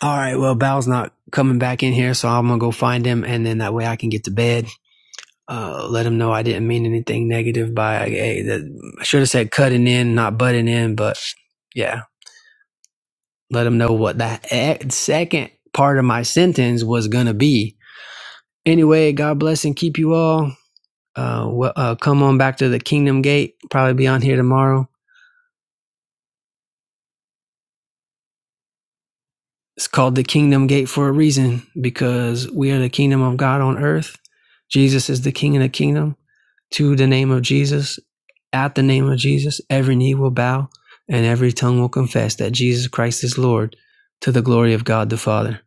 C: all right, well, Bal's not coming back in here, so I'm gonna go find him, and then that way I can get to bed. Uh, let him know I didn't mean anything negative by hey, that, I should have said cutting in, not butting in, but yeah, let him know what that e- second part of my sentence was gonna be. Anyway, God bless and keep you all. Uh, well, uh, come on back to the Kingdom Gate. Probably be on here tomorrow. It's called the kingdom gate for a reason because we are the kingdom of God on earth. Jesus is the king of the kingdom. To the name of Jesus, at the name of Jesus, every knee will bow and every tongue will confess that Jesus Christ is Lord to the glory of God the Father.